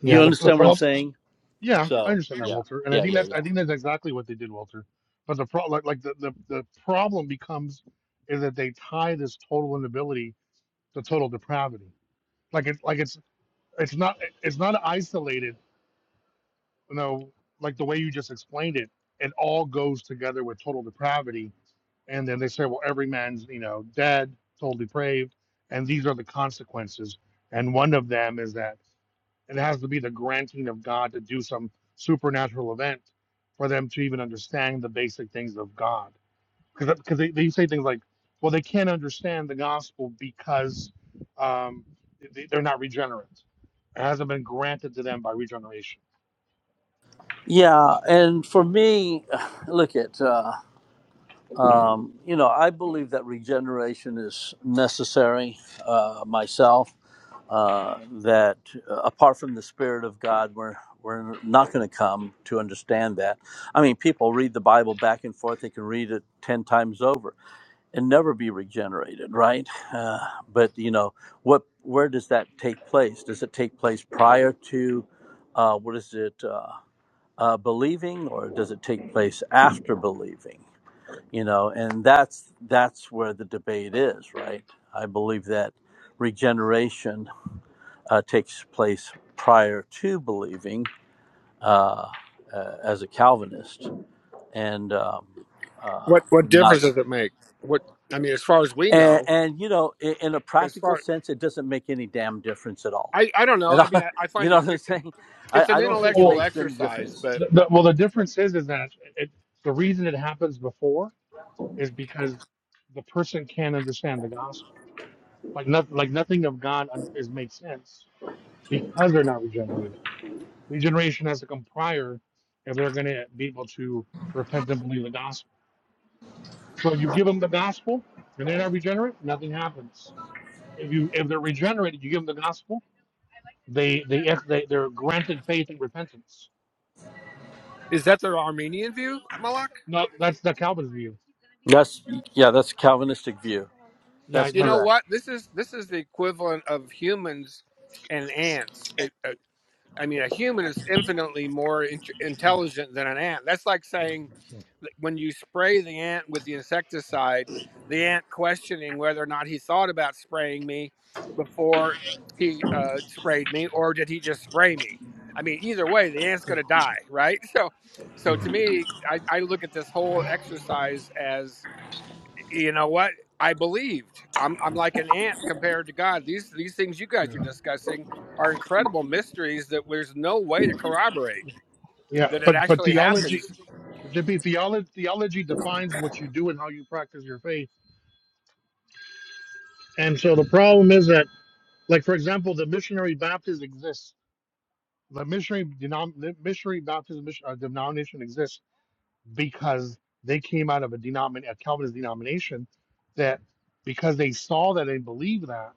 [SPEAKER 15] yeah,
[SPEAKER 8] you
[SPEAKER 15] the, the
[SPEAKER 8] understand what i'm
[SPEAKER 15] problem.
[SPEAKER 8] saying
[SPEAKER 15] Yeah, I
[SPEAKER 8] so
[SPEAKER 15] understand that,
[SPEAKER 8] yeah
[SPEAKER 15] Walter. And I
[SPEAKER 8] yeah
[SPEAKER 15] think
[SPEAKER 8] yeah
[SPEAKER 15] that's
[SPEAKER 8] yeah
[SPEAKER 15] I think that's exactly what they did, Walter. But the pro- like, like the, the, the problem becomes is that they tie this total inability to total depravity like it's like it's it's not it's not isolated you know like the way you just explained it it all goes together with total depravity and then they say well every man's you know dead total depraved and these are the consequences and one of them is that it has to be the granting of god to do some supernatural event for them to even understand the basic things of god because because they, they say things like, well, they can't understand the gospel because um, they, they're not regenerate. It hasn't been granted to them by regeneration.
[SPEAKER 8] yeah and for me look at uh, um, you know i believe that regeneration is necessary uh, myself uh, that uh, apart from the Spirit of God, we're we're not going to come to understand that. I mean, people read the Bible back and forth; they can read it ten times over and never be regenerated, right? Uh, but you know, what where does that take place? Does it take place prior to uh, what is it uh, uh, believing, or does it take place after believing? You know, and that's that's where the debate is, right? I believe that regeneration uh, takes place prior to believing uh, uh, as a Calvinist, and um,
[SPEAKER 17] What what
[SPEAKER 8] not
[SPEAKER 17] difference does it make? What I mean, as far as we
[SPEAKER 8] and,
[SPEAKER 17] know,
[SPEAKER 8] and you know, in, in a
[SPEAKER 17] as
[SPEAKER 8] practical
[SPEAKER 17] far
[SPEAKER 8] sense, it doesn't make any damn difference at all.
[SPEAKER 17] I I don't know.
[SPEAKER 8] And
[SPEAKER 17] I mean,
[SPEAKER 8] I,
[SPEAKER 17] I, I
[SPEAKER 8] you
[SPEAKER 17] find
[SPEAKER 8] know
[SPEAKER 17] it
[SPEAKER 8] what I'm
[SPEAKER 17] cu-
[SPEAKER 8] saying? I,
[SPEAKER 17] it's an
[SPEAKER 8] I don't think it
[SPEAKER 15] Well,
[SPEAKER 17] intellectual exercise,
[SPEAKER 8] makes.
[SPEAKER 17] but
[SPEAKER 15] the, the, well, the difference is is that it, the reason it happens before is because the person can't understand the gospel. Like nothing, like nothing of God un- is makes sense because they're not regenerated. Regeneration has to come prior if they're going to be able to repent and believe the gospel. So if you give them the gospel and they're not regenerate, nothing happens. If you if they're regenerated, you give them the gospel, they they yes, they they're granted faith and repentance.
[SPEAKER 17] is that the Armenian view, Malak?
[SPEAKER 15] No, that's the Calvinist view.
[SPEAKER 8] That's yeah, that's a Calvinistic view.
[SPEAKER 15] Yeah,
[SPEAKER 8] That's
[SPEAKER 17] You
[SPEAKER 15] like
[SPEAKER 17] know
[SPEAKER 8] correct.
[SPEAKER 17] what? This is this is the equivalent of humans and ants. It, uh, I mean, a human is infinitely more in- intelligent than an ant. That's like saying that when you spray the ant with the insecticide, the ant questioning whether or not he thought about spraying me before he uh, sprayed me, or did he just spray me? I mean, either way, the ant's going to die, right? So, so to me, I, I look at this whole exercise as you know what i believed i'm i'm like an ant compared to god these these things you guys are
[SPEAKER 15] Yeah.
[SPEAKER 17] discussing are incredible mysteries that there's no way to corroborate
[SPEAKER 15] yeah,
[SPEAKER 17] that it
[SPEAKER 15] but but
[SPEAKER 17] actually
[SPEAKER 15] theology.
[SPEAKER 17] happens
[SPEAKER 15] JP, theology, theology defines what you do and how you practice your faith. And so the problem is that, like, for example, the missionary Baptists exist. the missionary denom- the missionary Baptist mission, uh, denomination exists because they came out of a denomin- a Calvinist denomination that because they saw that they believed that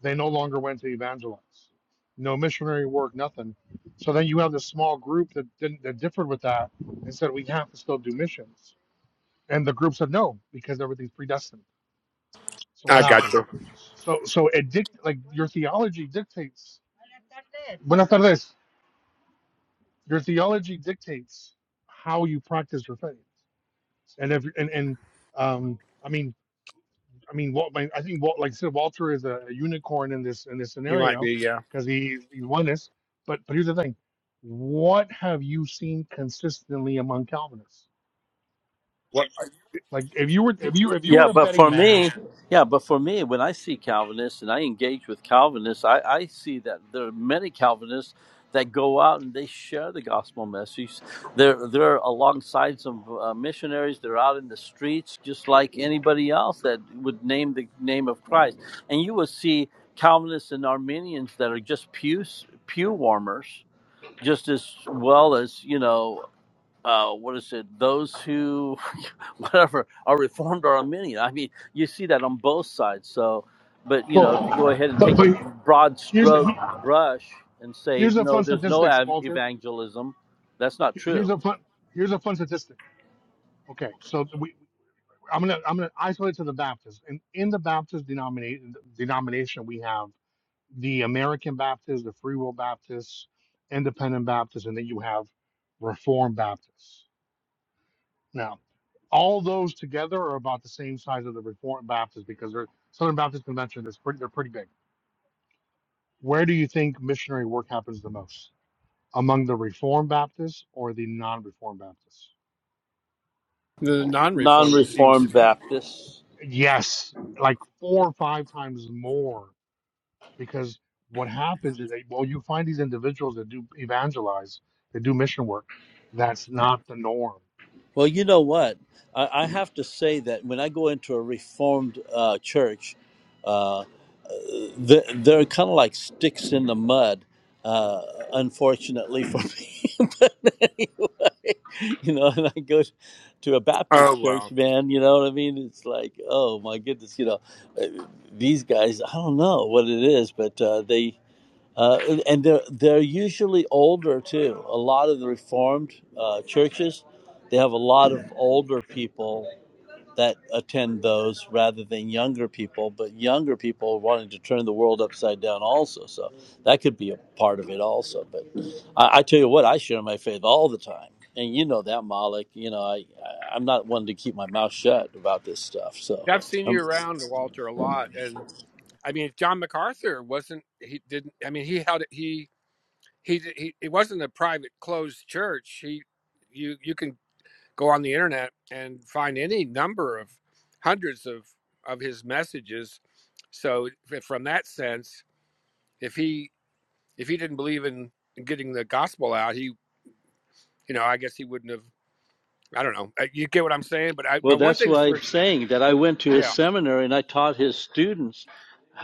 [SPEAKER 15] they no longer went to evangelize, no missionary work, nothing. So then you have this small group that didn't that differed with that and said we have to still do missions, and the group said no because everything's predestined. So
[SPEAKER 17] i
[SPEAKER 15] what
[SPEAKER 17] got
[SPEAKER 15] happened?
[SPEAKER 17] you
[SPEAKER 15] So so it dict like your theology dictates. Buenas tardes. Your theology dictates how you practice your faith. And if and and um, I mean, I mean, Walt, my, I think Walt, like I said, Walter is a, a unicorn in this in this
[SPEAKER 17] he might
[SPEAKER 15] scenario
[SPEAKER 17] be yeah
[SPEAKER 15] because he he's oneness. But but here's the thing: what have you seen consistently among Calvinists?
[SPEAKER 17] what
[SPEAKER 15] Like if you were if you if you
[SPEAKER 8] Yeah,
[SPEAKER 15] were a
[SPEAKER 8] but
[SPEAKER 15] betting
[SPEAKER 8] for me,
[SPEAKER 15] man,
[SPEAKER 8] Yeah, but for me, when I see Calvinists and I engage with Calvinists, I, I see that there are many Calvinists that go out and they share the gospel message. They're they're alongside some uh, missionaries. They're out in the streets, just like anybody else that would name the name of Christ. And you will see Calvinists and Armenians that are just pew pew warmers, just as well as you know uh, what is it? Those who, whatever, are reformed or Arminian. I mean, you see that on both sides. So, but you know, to go
[SPEAKER 15] so
[SPEAKER 8] ahead and
[SPEAKER 15] but,
[SPEAKER 8] take a
[SPEAKER 15] but
[SPEAKER 8] broad
[SPEAKER 15] here's
[SPEAKER 8] stroke brush and say
[SPEAKER 15] here's a
[SPEAKER 8] no,
[SPEAKER 15] fun
[SPEAKER 8] there's no
[SPEAKER 15] statistics,
[SPEAKER 8] ev-
[SPEAKER 15] Walter.
[SPEAKER 8] evangelism. That's not
[SPEAKER 15] Here's
[SPEAKER 8] true.
[SPEAKER 15] a fun here's a fun statistic. Okay, so we I'm gonna I'm gonna isolate to the Baptist. And in the Baptist denomination denomination we have the American Baptists, the Free Will Baptists, Independent Baptists, and then you have Reformed Baptists. Now, all those together are about the same size as the Reformed Baptists because they're Southern Baptist Convention is pretty they're pretty big. Where do you think missionary work happens the most? Among the Reformed Baptists or the non-Reformed Baptists?
[SPEAKER 17] the non-reform it seems to
[SPEAKER 8] Non-reformed
[SPEAKER 17] be
[SPEAKER 8] Baptists.
[SPEAKER 15] Yes, like four or five times more because what happens is that well you find these individuals that do evangelize that do mission work that's not the norm
[SPEAKER 8] Well, you know what? I, I have to say that when I go into a reformed uh, church. they're, they're kind of like sticks in the mud, uh, unfortunately for me. but anyway, you know, and I go to a
[SPEAKER 17] oh
[SPEAKER 8] Baptist
[SPEAKER 17] well
[SPEAKER 8] church, man, you know what I mean? It's like, oh my goodness, you know, uh, these guys, I don't know what it is, but uh, they. Uh, and they're they're usually older too. A lot of the Reformed uh, churches, they have a lot of older people that attend those rather than younger people, but younger people wanting to turn the world upside down also. So that could be a part of it also. But I, I tell you what, I share my faith all the time. And you know that, Malik. You know, I, I I'm not one to mouth shut about this stuff. So,
[SPEAKER 17] i've seen you around walter a lot and i mean john macarthur wasn't he didn't i mean he held it he he, he it wasn't a private closed church he you you can go on the internet and find any number of hundreds of of his messages. So from that sense, if he if he didn't believe in, in getting the gospel out, he you know I guess he wouldn't have. I don't know. Uh, You get what I'm saying? But I, I
[SPEAKER 8] Well,
[SPEAKER 17] one
[SPEAKER 8] that's
[SPEAKER 17] thing's
[SPEAKER 8] why
[SPEAKER 17] for
[SPEAKER 8] I'm saying that I went to his
[SPEAKER 17] yeah
[SPEAKER 8] seminary and I taught his students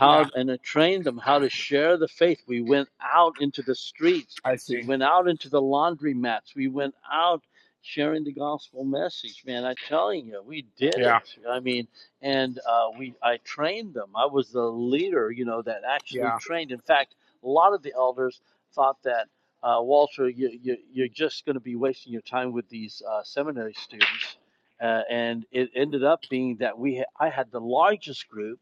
[SPEAKER 17] yeah
[SPEAKER 8] and I trained them how to share the faith. We went out into the streets,
[SPEAKER 17] I
[SPEAKER 8] we
[SPEAKER 17] see
[SPEAKER 8] went out into the laundromats, we went out sharing the gospel message. Man, I'm telling you, we did
[SPEAKER 17] yeah
[SPEAKER 8] it. I mean, and uh, we I trained them. I was the leader, you know, that actually
[SPEAKER 17] yeah
[SPEAKER 8] trained. In fact, a lot of the elders thought that. Uh, Walter, you, you, you're just going to be wasting your time with these uh, seminary students uh, and it ended up being that we ha- I had the largest group,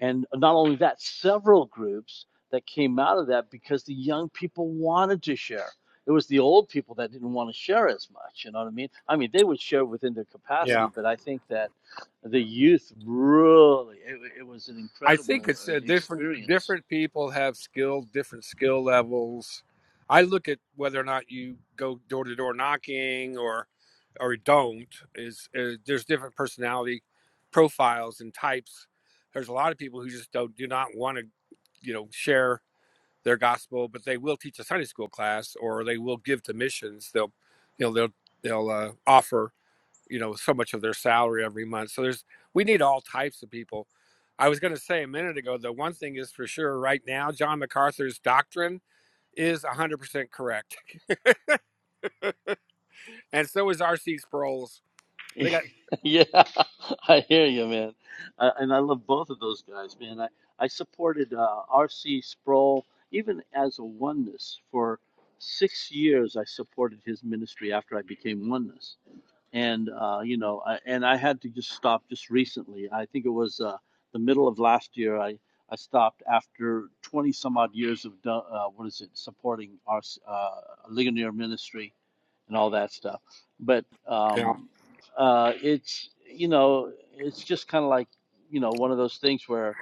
[SPEAKER 8] and not only that, several groups that came out of that because the young
[SPEAKER 17] yeah
[SPEAKER 8] that they,
[SPEAKER 17] I think it's uh, different. Different people have skill, different skill levels. I look at whether or not you go door to door knocking or or don't. Is uh, there's different personality profiles and types. There's a lot of people who just don't do not want to, you know, share their gospel, but they will teach a Sunday school class or they will give to missions. They'll, you know, they'll they'll uh, offer you know so much of their salary every month so there's we need all types of people i was going to say a minute ago the one thing is for sure right now john macarthur's doctrine is 100% correct and so is rc sproul's they got
[SPEAKER 8] and I love both of those guys, man. I I supported uh, R.C. Sproul even as a oneness for six years. I supported his ministry after I became oneness and uh, you know, I, and I had to just stop just recently. I think it was uh, the middle of last year. I I stopped after twenty some odd years of uh, what is it supporting our uh, Ligonier ministry and all that stuff. But
[SPEAKER 17] you know,
[SPEAKER 8] um, uh, it's you know, it's just kind of like you know one of those things where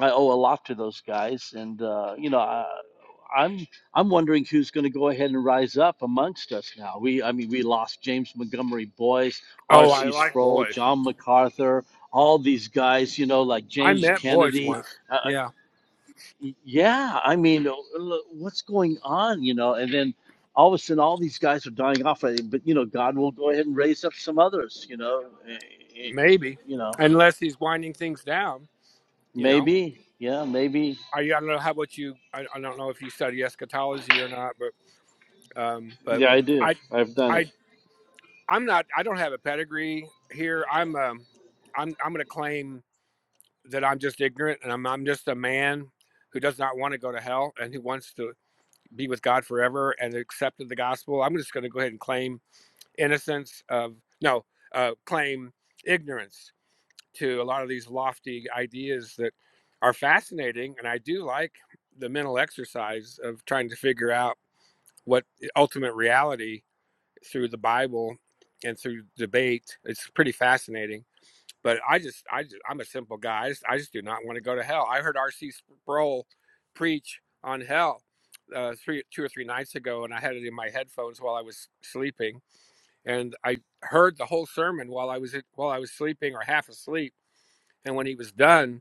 [SPEAKER 8] I owe a lot to those guys, and uh, you know. I, I'm I'm wondering who's going to go ahead and rise up amongst us now. We I mean we lost James Montgomery Boyce,
[SPEAKER 17] oh i
[SPEAKER 8] R.C.
[SPEAKER 17] like
[SPEAKER 8] Sproul,
[SPEAKER 17] boys
[SPEAKER 8] John MacArthur, all these guys, you know, like
[SPEAKER 17] i
[SPEAKER 8] James
[SPEAKER 17] met boys
[SPEAKER 8] Kennedy.
[SPEAKER 17] once
[SPEAKER 8] Uh,
[SPEAKER 17] yeah
[SPEAKER 8] yeah, I mean, uh, what's going on, you know? And then all of a sudden, all these guys are dying off. uh, But you know, God will go ahead and raise up some others, you know. Eh, eh,
[SPEAKER 17] maybe
[SPEAKER 8] You know,
[SPEAKER 17] unless he's winding things down you know i, I don't know how what you I, I don't know if you study eschatology or not but um but
[SPEAKER 8] yeah, I do.
[SPEAKER 17] I
[SPEAKER 8] I've done it.
[SPEAKER 17] i I'm not. I don't have a pedigree here. I'm. Um, I'm. I'm going to claim that I'm just ignorant, and I'm. I'm just a man who does not want to go to hell, and who wants to be with God forever, and accepted the gospel. I'm just going to go ahead and claim innocence of no, uh, claim ignorance to a lot of these lofty ideas that are fascinating, and I do like the mental exercise of trying to figure out what ultimate reality through the Bible and through debate. It's pretty fascinating. But I just, I just, I'm a simple guy. I just, I just do not want to go to hell. I heard R.C. Sproul preach on hell uh, three, two or three nights ago, and I had it in my headphones while I was sleeping, and I heard the whole sermon while I was while I was sleeping or half asleep. And when he was done,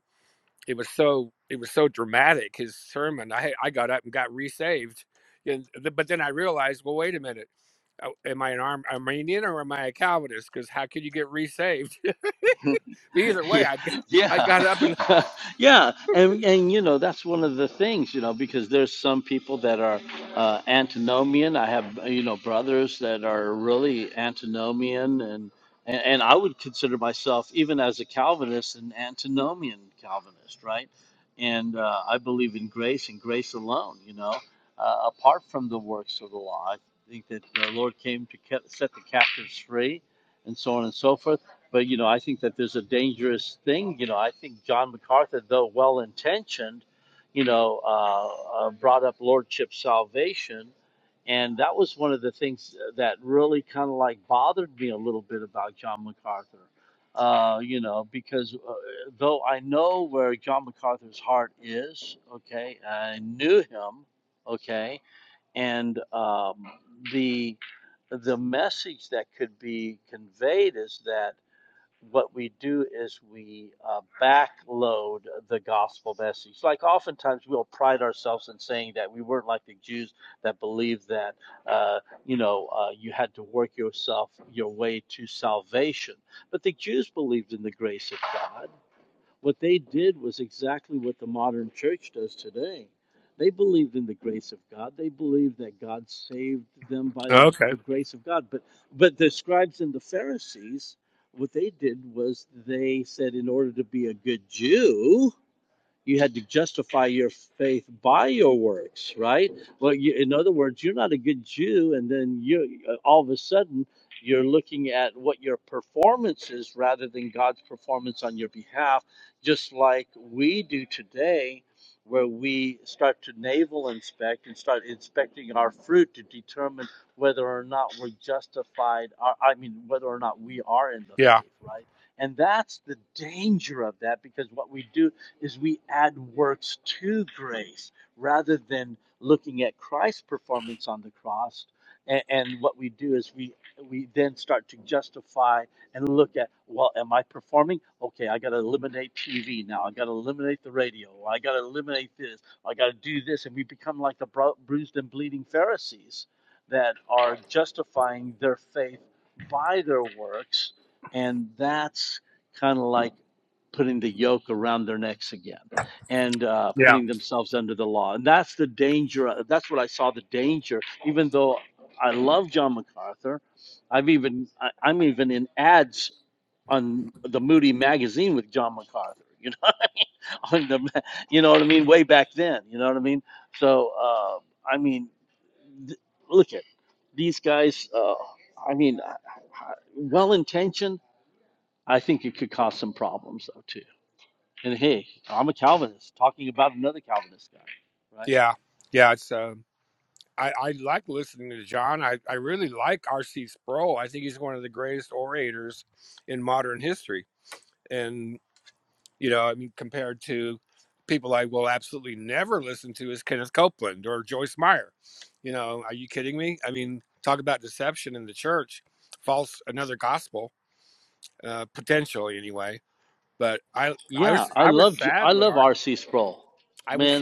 [SPEAKER 17] it was so it was so dramatic his sermon i i got up and got resaved and but then i realized well wait a minute uh, am i an Arm- armenian or am i a calvinist because how could you get resaved but either way
[SPEAKER 8] yeah
[SPEAKER 17] I I
[SPEAKER 8] yeah
[SPEAKER 17] got up and
[SPEAKER 8] yeah and and you know that's one of the things you know because there's some people that are uh antinomian i have you know brothers that are really antinomian and and, and i would consider myself even as a calvinist an antinomian calvinist right and uh, i believe in grace and grace alone you know uh, apart from the works of the law i think that the lord came to ca- set the captives free and so on and so forth but you know, I think that there's a dangerous thing. You know, I think John MacArthur, though well intentioned, you know, uh, uh, brought up lordship salvation, and that was one of the things that really kind of like bothered me a little bit about John MacArthur. Uh, you know, because uh, though I know where John MacArthur's heart is, okay, I knew him, okay, and um, the the message that could be conveyed is that what we do is we uh, backload the gospel message. Like oftentimes we'll pride ourselves in saying that we weren't like the Jews that believed that uh, you know uh, you had to work yourself your way to salvation. But the Jews believed in the grace of God. What they did was exactly what the modern church does today. They believed in the grace of God. They believed that God saved them by the,
[SPEAKER 17] okay
[SPEAKER 8] the grace of God. But but the scribes and the Pharisees, what they did was they said, in order to be a good Jew, you had to justify your faith by your works, right? Well, you, in other words, you're not a good Jew, and then you uh, all of a sudden you're looking at what your performance is rather than God's performance on your behalf, just like we do today, where we start to navel inspect what
[SPEAKER 17] yeah
[SPEAKER 8] and look at I got to eliminate this. I got to do this, and we become like the bruised and bleeding Pharisees that are justifying their faith by their works, and that's kind of like putting the yoke around their necks again and uh,
[SPEAKER 17] yeah
[SPEAKER 8] putting themselves under the law. And that's the danger. uh, That's what I saw the danger. Even though I love John MacArthur, I've even I, I'm even in ads on the Moody magazine with John MacArthur. You know on the, you know what I mean, way back then. You know what I mean? So, uh, I mean, th- look at these guys. Uh, I mean, well intentioned. I think it could cause some problems though too. And hey, I'm a Calvinist talking about another Calvinist guy, right?
[SPEAKER 17] yeah yeah it's um I, I like listening to John. I, I really like R.C. Sproul. I think he's one of the greatest orators in modern history. And. You know, I mean, compared to people I will absolutely never listen to is Kenneth Copeland or Joyce Meyer. You know, are you kidding me? I mean, talk about deception in the church, false, another gospel, uh, potentially anyway. But I, I was, I was sad when our, I was,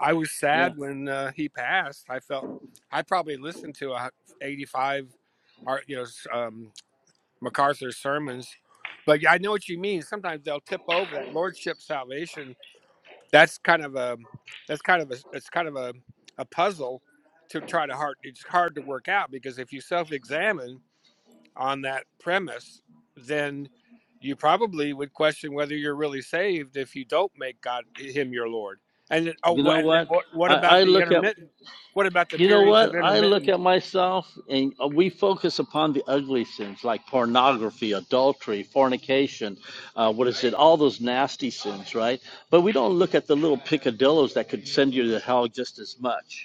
[SPEAKER 17] I was
[SPEAKER 8] Yeah.
[SPEAKER 17] sad when uh, he passed. I felt, I probably listened to a 85, or you know, um, MacArthur sermons. But yeah, I know what you mean. Sometimes they'll tip over that lordship salvation that's kind of a that's kind of a it's kind of a, a puzzle to try to hard it's hard to work out because if you self-examine on that premise then you probably would question whether you're really saved if you don't make god him your lord and then, oh
[SPEAKER 8] You
[SPEAKER 17] wha-
[SPEAKER 8] know
[SPEAKER 17] and then
[SPEAKER 8] what?
[SPEAKER 17] what, what
[SPEAKER 8] I,
[SPEAKER 17] about
[SPEAKER 8] I
[SPEAKER 17] the
[SPEAKER 8] look at
[SPEAKER 17] intermittent what about the
[SPEAKER 8] You know
[SPEAKER 17] periods of
[SPEAKER 8] what? I look
[SPEAKER 17] intermittent
[SPEAKER 8] at myself and uh, we focus upon the ugly sins like pornography, adultery, fornication, uh, what is it? All those nasty sins, right? But we don't look at the little picadillos that could send you to hell just as much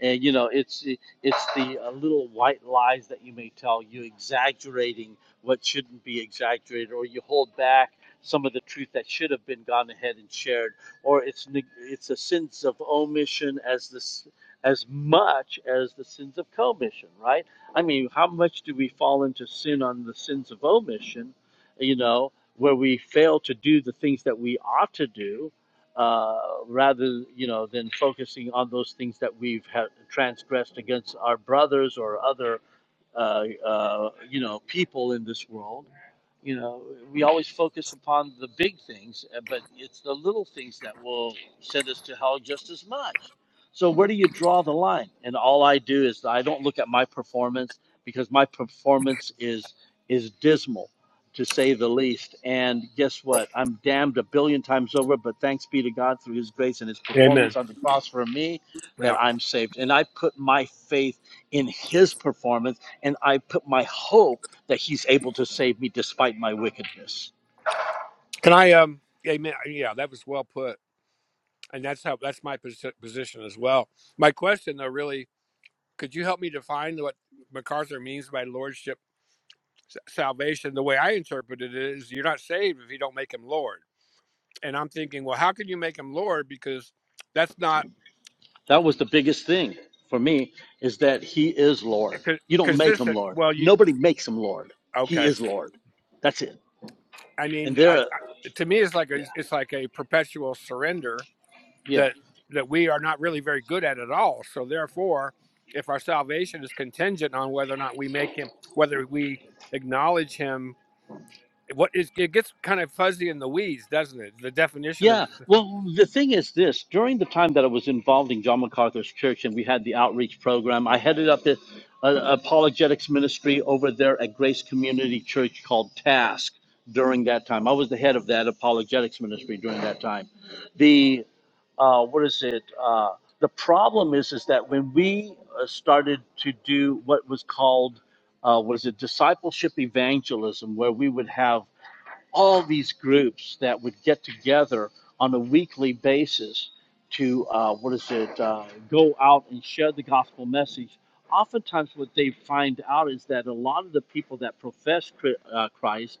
[SPEAKER 8] and you know it's it's the uh, little white lies that you may tell you exaggerating what shouldn't be exaggerated or you hold back some of the truth that should have been gone ahead and shared or it's neg- it's a sense of omission as this as much as the sins of commission right i mean how much do we fall into sin on the sins of omission you know where we fail to do the things that we ought to do uh, rather you know than focusing on those things that we've ha- transgressed against our brothers or other uh, uh, you know people in this world you know we always focus upon the big things uh, but it's the little things that will send us to hell just as much so we're and all I do is I don't look at my performance because my performance is is dismal, to say the least. And guess what? I'm damned a billion times over. But thanks be to God through His grace and His
[SPEAKER 17] amen
[SPEAKER 8] performance on the cross for me
[SPEAKER 17] yeah
[SPEAKER 8] that I'm saved. And I put my faith in His performance, and I put my hope that He's able to save me despite my wickedness.
[SPEAKER 17] can i um amen yeah that was well put and that's how that's my posi- position as well my question though really Could you help me define what MacArthur means by lordship salvation? The way I interpreted it is you're not saved if you don't make him Lord. And I'm thinking, well, how can you make him Lord? Because that's not co- consistent. Well, you okay? I mean, I, I, to me, it's like a, it's like a perpetual surrender
[SPEAKER 8] Yeah.
[SPEAKER 17] that that we are not really very good at at all. So therefore, if our salvation is contingent on whether or not we make him, whether we acknowledge him what is it gets kind of fuzzy in the weeds, doesn't it? The definition of
[SPEAKER 8] Yeah,
[SPEAKER 17] it.
[SPEAKER 8] well, the thing is this during the time that I was involved in John MacArthur's church and we had the outreach program, I headed up the uh, apologetics ministry over there at Grace Community Church called Task during that time. I was the head of that apologetics ministry during that time. The, uh, what is it? Uh, the problem is, is that when we uh, started to do what was called, uh, what is it, discipleship evangelism, where we would have all these groups that would get together on a weekly basis to uh, what is it uh, go out and share the gospel message oftentimes what they find out is that a lot of the people that profess Chri- uh, christ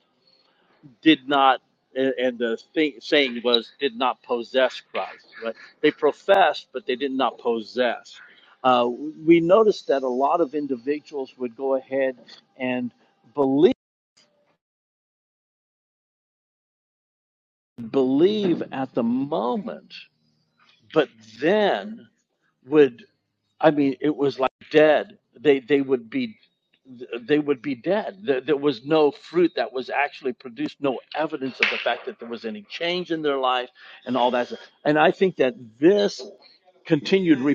[SPEAKER 8] did not a- and the thing, saying was did not possess christ right they professed but they did not possess uh, we noticed that a lot of individuals would go ahead and believe believe at the moment and also you'd read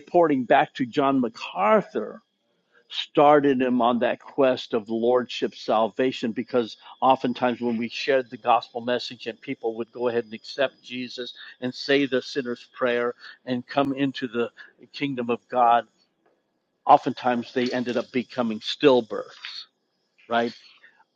[SPEAKER 8] the message and people would go ahead and accept jesus and say the sinner's prayer and come into the kingdom of god oftentimes they ended up becoming stillbirths right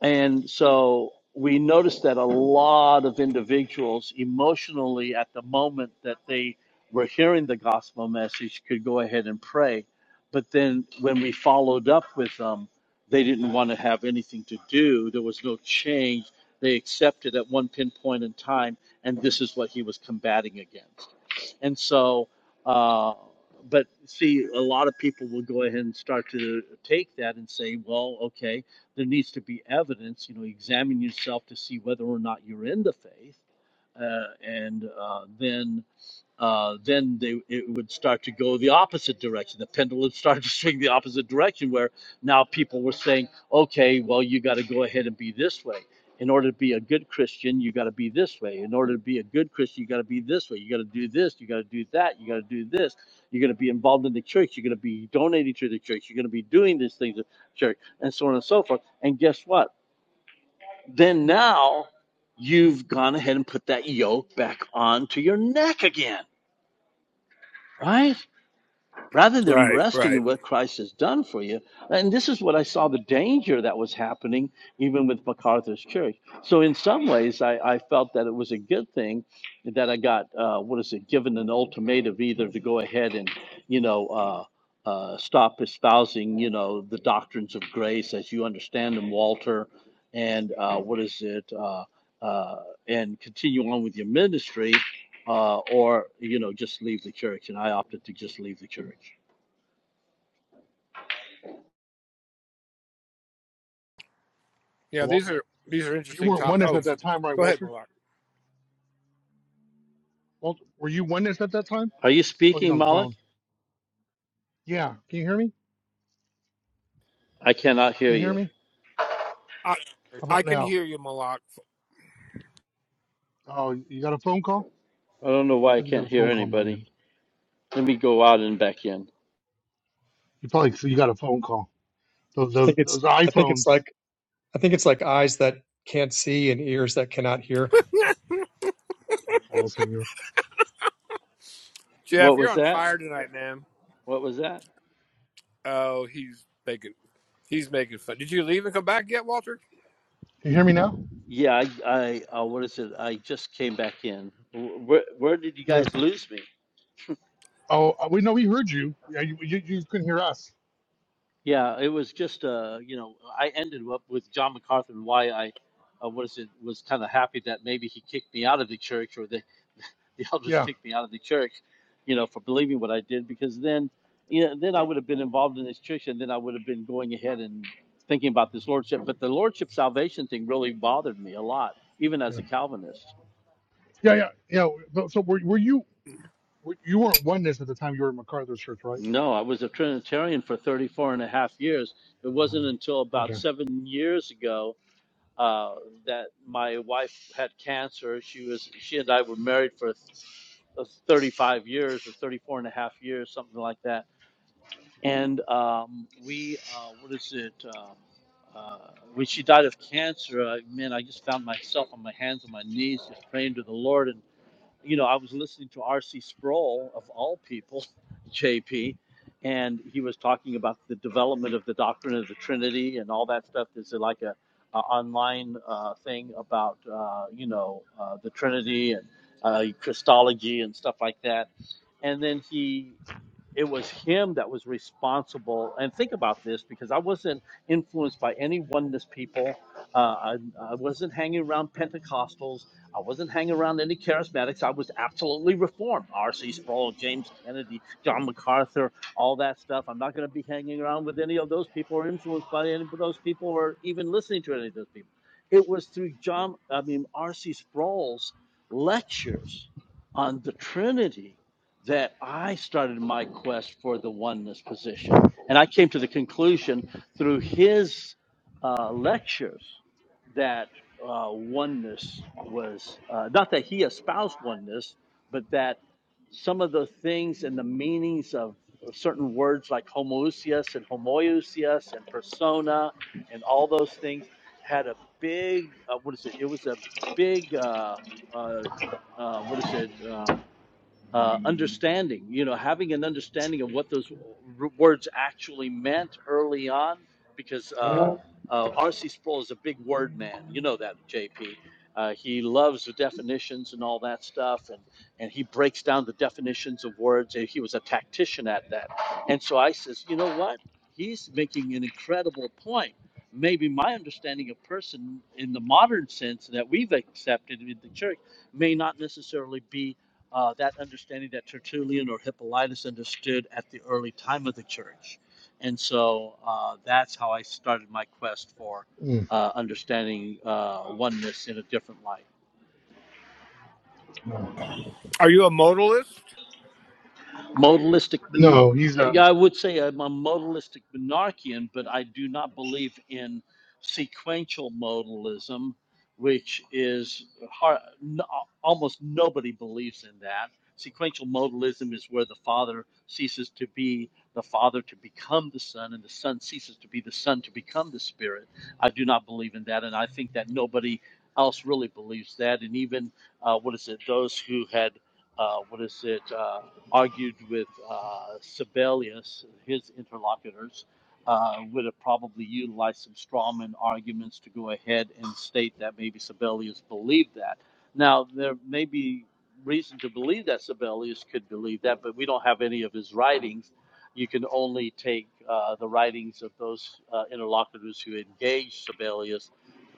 [SPEAKER 8] And so we noticed that a lot of individuals emotionally at the moment that they were hearing the gospel message could go ahead and pray. But then when we followed up with them, they didn't want to have anything to do. There was no change. They accepted at one pinpoint in time, and this is what he was combating against. And so, uh, but see, a lot of people will go ahead and start to take that and say, well, okay there needs to be evidence. You know, examine yourself to see whether or not you're in the faith, uh, and uh, then uh, then they it would start to go the opposite direction. The pendulum started to swing the opposite direction, where now people were saying, "Okay, well, you got to go ahead and be this way. In order to be a good Christian, you got to be this way. In order to be a good Christian, you got to be this way. You got to do this. You got to do that. You got to do this. You're going to be involved in the church. You're going to be donating to the church. You're going to be doing these things at church, and so on and so forth. And guess what? Then now." You've gone ahead and put that yoke back onto your neck again, right? rather than
[SPEAKER 17] Right, right.
[SPEAKER 8] you and that I got uh, to give ultimatum either to go ahead and you know uh, uh, stop espousing you know the doctrines of grace as you understand them, Walter, and uh, what is it, uh, uh, and continue on with your ministry, uh, or you know just leave the church. And I opted to just leave the church.
[SPEAKER 17] Yeah,
[SPEAKER 15] well
[SPEAKER 17] these are these are
[SPEAKER 15] you
[SPEAKER 17] interesting
[SPEAKER 15] weren't
[SPEAKER 17] topics.
[SPEAKER 15] witness
[SPEAKER 17] Oh,
[SPEAKER 15] at that time right
[SPEAKER 17] go ahead,
[SPEAKER 15] walter
[SPEAKER 17] Malak.
[SPEAKER 15] walter were you witness at that time
[SPEAKER 8] Are you speaking?
[SPEAKER 15] oh he's on the
[SPEAKER 8] Alec?
[SPEAKER 15] phone yeah can you hear me
[SPEAKER 8] I cannot hear
[SPEAKER 15] can you hear
[SPEAKER 8] you.
[SPEAKER 15] me
[SPEAKER 17] I
[SPEAKER 15] how
[SPEAKER 17] I
[SPEAKER 15] about
[SPEAKER 17] can
[SPEAKER 15] now
[SPEAKER 17] hear you, Malak.
[SPEAKER 15] oh you got a phone call it says you got a phone call on my end you probably so you got a phone call those
[SPEAKER 14] I
[SPEAKER 15] those,
[SPEAKER 14] think it's.
[SPEAKER 15] those
[SPEAKER 14] I think it's
[SPEAKER 15] iphones
[SPEAKER 14] like. I think it's like eyes that can't see and ears that cannot hear.
[SPEAKER 15] oh I don't no, you.
[SPEAKER 17] Jeff, you're on fire tonight, man. Oh, he's making he's making fun. Did you leave and come back yet, Walter?
[SPEAKER 15] can you hear me now
[SPEAKER 8] Yeah, I, I uh, what is it? I just came back in. Wh- Where, where did you
[SPEAKER 15] yeah
[SPEAKER 8] guys lose me?
[SPEAKER 15] oh uh, we know we heard you yeah you, you, you couldn't hear us
[SPEAKER 8] Yeah, it was just uh, you know, I ended up with John MacArthur and why I, uh, what is it, was kind of happy that maybe he kicked me out of the church or the the elders
[SPEAKER 15] yeah
[SPEAKER 8] kicked me out of the church, you know, for believing what I did because then, you know, then I would have been involved in this church and then I would have been going ahead and thinking about this lordship. But the lordship salvation thing really bothered me a lot, even
[SPEAKER 15] Yeah.
[SPEAKER 8] as a Calvinist.
[SPEAKER 15] Yeah, yeah, yeah. but- So were, were you were, you weren't oneness at the time you were in MacArthur's church, right?
[SPEAKER 8] No, I was a Trinitarian for 34 and a half years. It wasn't until about
[SPEAKER 15] Okay.
[SPEAKER 8] seven years ago uh, that my wife had cancer. She was she and I were married for uh, 35 years or 34 and a half years, something like that. And um, we, uh, what is it? Uh, uh, when she died of cancer, I, man, I just found myself on my hands and my knees, just praying to the Lord. and you know, I was listening to R.C. Sproul of all people, JP, and he was talking about the development of the doctrine of the Trinity and all that stuff. There's like a, a online uh, thing about uh, you know uh, the Trinity and uh, Christology and stuff like that. And then he it was him that was responsible. And think about this because I wasn't influenced by any oneness people. Uh, I, I wasn't hanging around Pentecostals. I wasn't hanging around any charismatics. I was absolutely reformed. R.C. Sproul, James Kennedy, John MacArthur, all that stuff. I'm not going to be hanging around with any of those people or influenced by any of those people or even listening to any of those people. It was through John, I mean, R.C. Sproul's lectures on the Trinity that I started my quest for the oneness position. And I came to the conclusion through his uh, lectures that uh, oneness was uh, not that he espoused oneness, but that some of the things and the meanings of certain words like homoousios and homoousios and persona and all those things had a big, uh, what is it? It was a big, uh, uh, uh, what is it? Um, uh, understanding, you know, having an understanding of what those r- words actually meant early on, because uh, uh, R.C. Sproul is a big word man. You know that, JP. Uh, he loves the definitions and all that stuff, and, and he breaks down the definitions of words. and He was a tactician at that. And so I says, you know what? He's making an incredible point. Maybe my understanding of person in the modern sense that we've accepted in the church may not necessarily be uh, that understanding that Tertullian or Hippolytus understood at the early time of the church. And so uh, that's how I started my quest for
[SPEAKER 15] Mm,
[SPEAKER 8] uh, understanding uh, oneness in a different light.
[SPEAKER 15] no,
[SPEAKER 17] Are you a modalist?
[SPEAKER 8] modalistic. ben-
[SPEAKER 15] no, he's not.
[SPEAKER 8] Yeah, I would say I'm a modalistic monarchian, but I do not believe in sequential modalism, which is hard, n- almost nobody believes in that. Sequential modalism is where the Father ceases to be the Father to become the Son, and the Son ceases to be the Son to become the Spirit. I do not believe in that, and I think that nobody else really believes that. And even uh, what is it? Those who had uh, what is it? uh, argued with uh, Sibelius, his interlocutors, uh, would have probably utilized some strawman arguments to go ahead and state that maybe Sibelius believed that. Now, there may be reason to believe that Sibelius could believe that, but we don't have any of his writings. You can only take uh, the writings of those uh, interlocutors who engaged Sibelius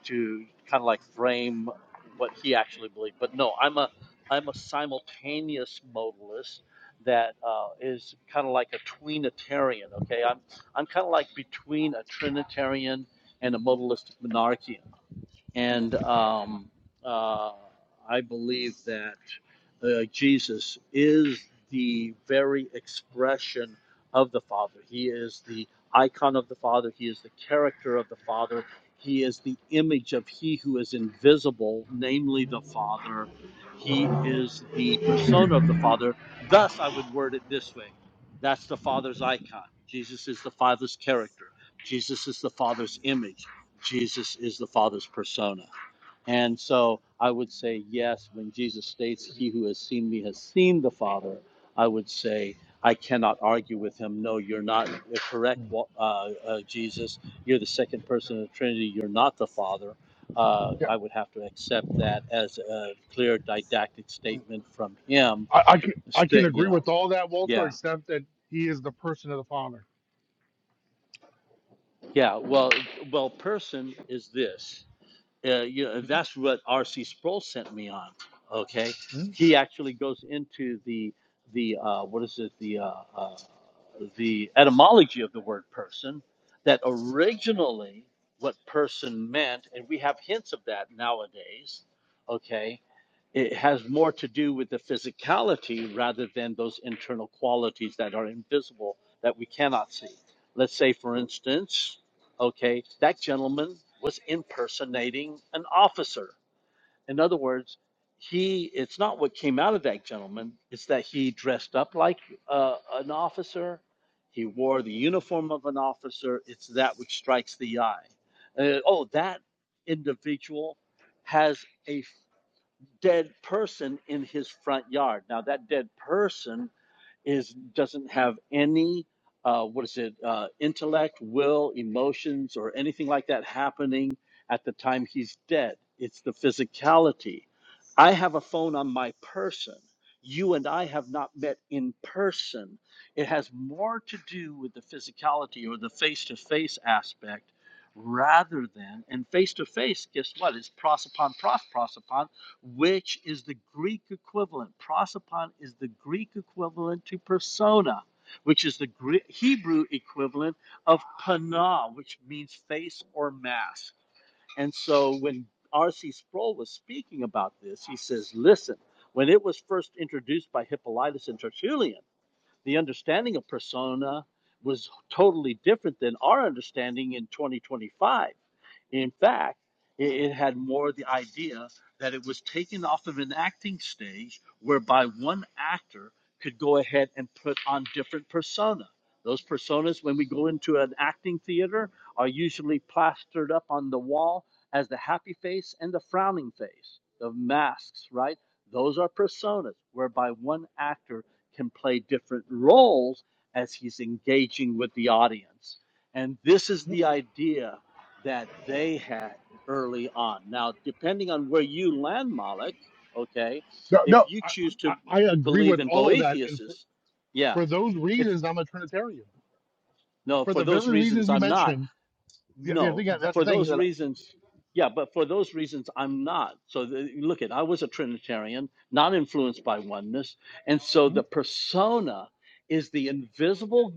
[SPEAKER 8] to kind of like frame what he actually believed. But no, I'm a I'm a simultaneous modalist that uh, is kind of like a tweenitarian. Okay, I'm I'm kind of like between a trinitarian and a modalistic monarchian. And um, uh, I believe that uh, Jesus is the very expression of the Father. He is the icon of the Father. He is the character of the Father. He is the image of He who is invisible, namely the Father. He is the persona of the Father. Thus, I would word it this way that's the Father's icon. Jesus is the Father's character. Jesus is the Father's image. Jesus is the Father's persona. And so I would say, yes, when Jesus states, He who has seen me has seen the Father, I would say, I cannot argue with him. No, you're not uh, correct, Wa- uh, uh, Jesus. You're the second person of the Trinity. You're not the Father. Uh,
[SPEAKER 15] Yeah,
[SPEAKER 8] I would have to accept that as a clear didactic statement from him.
[SPEAKER 15] I, I can I can
[SPEAKER 8] Sta- You
[SPEAKER 15] agree
[SPEAKER 8] know,
[SPEAKER 15] with all that, Walter,
[SPEAKER 8] yeah,
[SPEAKER 15] except that he is the person of the Father.
[SPEAKER 8] yeah. Well, well, person is this. uh, you know,
[SPEAKER 15] Mm,
[SPEAKER 8] that's what R.C. Sproul sent me on. Okay,
[SPEAKER 15] mm,
[SPEAKER 8] he actually goes into the the uh, what is it the uh, uh, the etymology of the word person that originally what person meant, and we have hints of that nowadays. Okay, it has more to do with the physicality rather than those internal qualities that are invisible that we cannot see. Let's say, for instance, okay, that gentleman was impersonating an officer. In other words, he it's not what came out of that gentleman it's that he dressed up like uh, an officer he wore uh, that in had a is of uh, at the it's the I person. It has more to do with the physicality or the face to face aspect rather than, and face to face, guess what? It's prosopon, pros, prosopon, which is the Greek equivalent. Prosopon is the Greek equivalent to persona, which is the Gre Hebrew equivalent of pana, which means face or mask. And so when R.C. Sproul was speaking about this, he says, listen, when it was first introduced by Hippolytus and Tertullian, the understanding of persona was totally different than our understanding in 2025. In fact, it, it had more the idea that it was taken off of an acting stage whereby one actor could go ahead and put on different persona. Those personas, when we go into an acting theater, are usually plastered up on the wall as the happy face and the frowning face, the masks, right? Those are personas whereby one actor can play different roles as he's engaging with the audience. And this is
[SPEAKER 15] No,
[SPEAKER 8] the idea that they had early on. Now, depending on where you land, Moloch, okay,
[SPEAKER 15] no,
[SPEAKER 8] if
[SPEAKER 15] no,
[SPEAKER 8] you choose
[SPEAKER 15] I,
[SPEAKER 8] to
[SPEAKER 15] I, I agree
[SPEAKER 8] believe
[SPEAKER 15] with
[SPEAKER 8] in
[SPEAKER 15] all of that, and for,
[SPEAKER 8] Boethius, yeah,
[SPEAKER 15] for those
[SPEAKER 8] if
[SPEAKER 15] reasons, I'm a Trinitarian.
[SPEAKER 8] no,
[SPEAKER 15] For
[SPEAKER 8] for
[SPEAKER 15] the
[SPEAKER 8] those
[SPEAKER 15] very reasons
[SPEAKER 8] reasons,
[SPEAKER 15] you
[SPEAKER 8] I'm not.
[SPEAKER 15] mentioned, yeah, yeah, I
[SPEAKER 8] No,
[SPEAKER 15] think that- that's
[SPEAKER 8] for
[SPEAKER 15] the thing
[SPEAKER 8] those
[SPEAKER 15] that.
[SPEAKER 8] reasons, yeah, but for those reasons, I'm not. So the, look at, I was a Trinitarian, not influenced by oneness. And so the
[SPEAKER 15] Mm,
[SPEAKER 8] persona is the invisible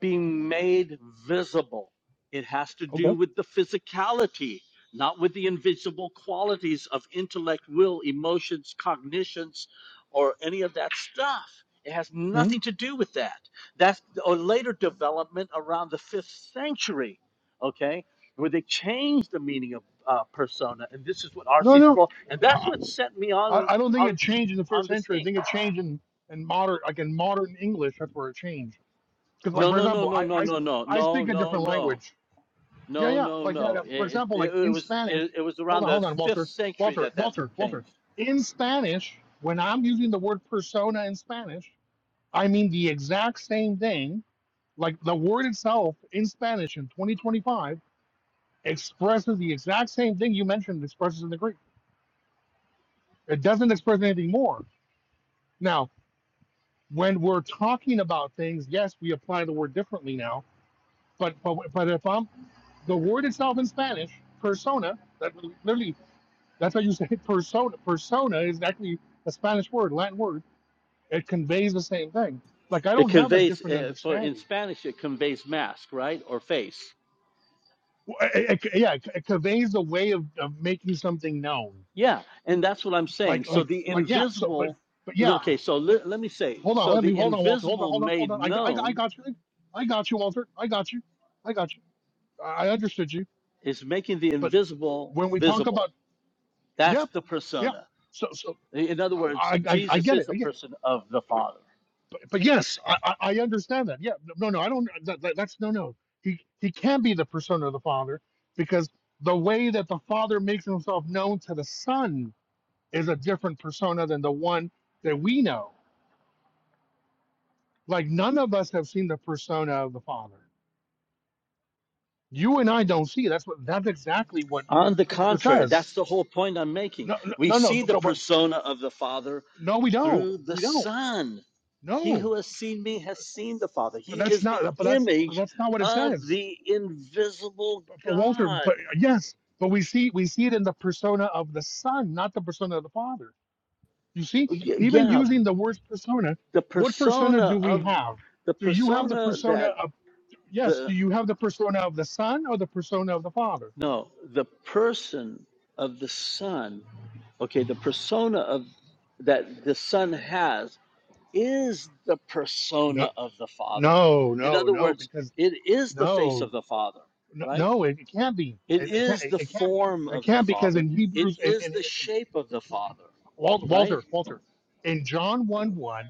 [SPEAKER 8] being made visible. It has to
[SPEAKER 15] okay.
[SPEAKER 8] do with the physicality, not with the invisible qualities of intellect, will, emotions, cognitions, or any of that stuff. It has
[SPEAKER 15] Mm,
[SPEAKER 8] nothing to do with that. That's a later development around, okay? With the
[SPEAKER 15] No,
[SPEAKER 8] R.C.
[SPEAKER 15] no,
[SPEAKER 8] Sproul, and that's what set me
[SPEAKER 15] I,
[SPEAKER 8] on.
[SPEAKER 15] I don't think it changed in the first century. I think it changed in, in modern, like in modern English. That's where it changed Because, like,
[SPEAKER 8] No,
[SPEAKER 15] for
[SPEAKER 8] no, no,
[SPEAKER 15] example,
[SPEAKER 8] no,
[SPEAKER 15] I,
[SPEAKER 8] no,
[SPEAKER 15] I
[SPEAKER 8] no, no,
[SPEAKER 15] I
[SPEAKER 8] no,
[SPEAKER 15] speak a
[SPEAKER 8] no,
[SPEAKER 15] different
[SPEAKER 8] no,
[SPEAKER 15] language. Yeah,
[SPEAKER 8] no,
[SPEAKER 15] yeah,
[SPEAKER 8] no,
[SPEAKER 15] like that.
[SPEAKER 8] no.
[SPEAKER 15] uh, For
[SPEAKER 8] It,
[SPEAKER 15] example, like
[SPEAKER 8] it, it
[SPEAKER 15] in
[SPEAKER 8] was
[SPEAKER 15] Spanish.
[SPEAKER 8] it, it was
[SPEAKER 15] Hold
[SPEAKER 8] around
[SPEAKER 15] on,
[SPEAKER 8] the
[SPEAKER 15] hold on,
[SPEAKER 8] fifth
[SPEAKER 15] Walter,
[SPEAKER 8] century
[SPEAKER 15] Walter,
[SPEAKER 8] that that
[SPEAKER 15] Walter, Walter.
[SPEAKER 8] changed.
[SPEAKER 15] In Spanish, when I'm using the word persona in Spanish, I mean the exact same thing. Like the word itself in Spanish in 2025 expresses the exact same thing you mentioned expresses in the Greek. It doesn't express anything more. Now, when we're talking about things, yes, we apply the word differently now. But but, but if I'm The word itself in Spanish, persona, that really, literally, that's why you say persona. Persona is actually a Spanish word, Latin word. It conveys the same thing. Like, I don't have a different understanding. Well, It, it- yeah, it, it conveys the way of, of making something known. Like, like, like, yeah. So, but, but yeah. But hold on, let me, hold on, Walter. Hold on, hold on, hold on. I, got- I, got- I got you. I got you, Walter. I got you. I got you. I I understood you. But when we talk about, yeah yeah. So, so
[SPEAKER 8] In other words,
[SPEAKER 15] I, I, I
[SPEAKER 8] Jesus
[SPEAKER 15] get
[SPEAKER 8] is
[SPEAKER 15] it.
[SPEAKER 8] the
[SPEAKER 15] I get it.
[SPEAKER 8] person of the Father.
[SPEAKER 15] but, but yes, I, I I understand that. Yeah, no, no, I don't. That, that, that's no, no. He he can be the persona of the Father because the way that the Father makes himself known to the Son is a different persona than the one that we know. Like none of us have seen the persona of the Father. You and I don't see. That's what. That's exactly what
[SPEAKER 8] On the
[SPEAKER 15] Scripture
[SPEAKER 8] contrary,
[SPEAKER 15] says.
[SPEAKER 8] that's the whole point I'm making.
[SPEAKER 15] No, no,
[SPEAKER 8] We
[SPEAKER 15] no,
[SPEAKER 8] see
[SPEAKER 15] no,
[SPEAKER 8] the
[SPEAKER 15] no. But
[SPEAKER 8] persona of the Father
[SPEAKER 15] no, we don't.
[SPEAKER 8] through the
[SPEAKER 15] We don't.
[SPEAKER 8] Son. He
[SPEAKER 15] No,
[SPEAKER 8] who has seen me has seen the Father.
[SPEAKER 15] but
[SPEAKER 8] He
[SPEAKER 15] that's
[SPEAKER 8] is the
[SPEAKER 15] not. But that's. But
[SPEAKER 8] image
[SPEAKER 15] that's not what it
[SPEAKER 8] of
[SPEAKER 15] says.
[SPEAKER 8] the invisible
[SPEAKER 15] But Walter,
[SPEAKER 8] God.
[SPEAKER 15] but uh, yes, but we see we see it in the persona of the son, not the persona of the father. You see, even using the word persona,
[SPEAKER 8] The,
[SPEAKER 15] what persona do we have?
[SPEAKER 8] the,
[SPEAKER 15] Do you have the persona
[SPEAKER 8] that,
[SPEAKER 15] of yes?
[SPEAKER 8] the,
[SPEAKER 15] Do you have the persona of the son or the persona of the father? No, no, no, no, because no, no, no it, it can't be. It, it can't. it can't. It can't because in Hebrews and, and Walter, Walter, Walter, in John one one.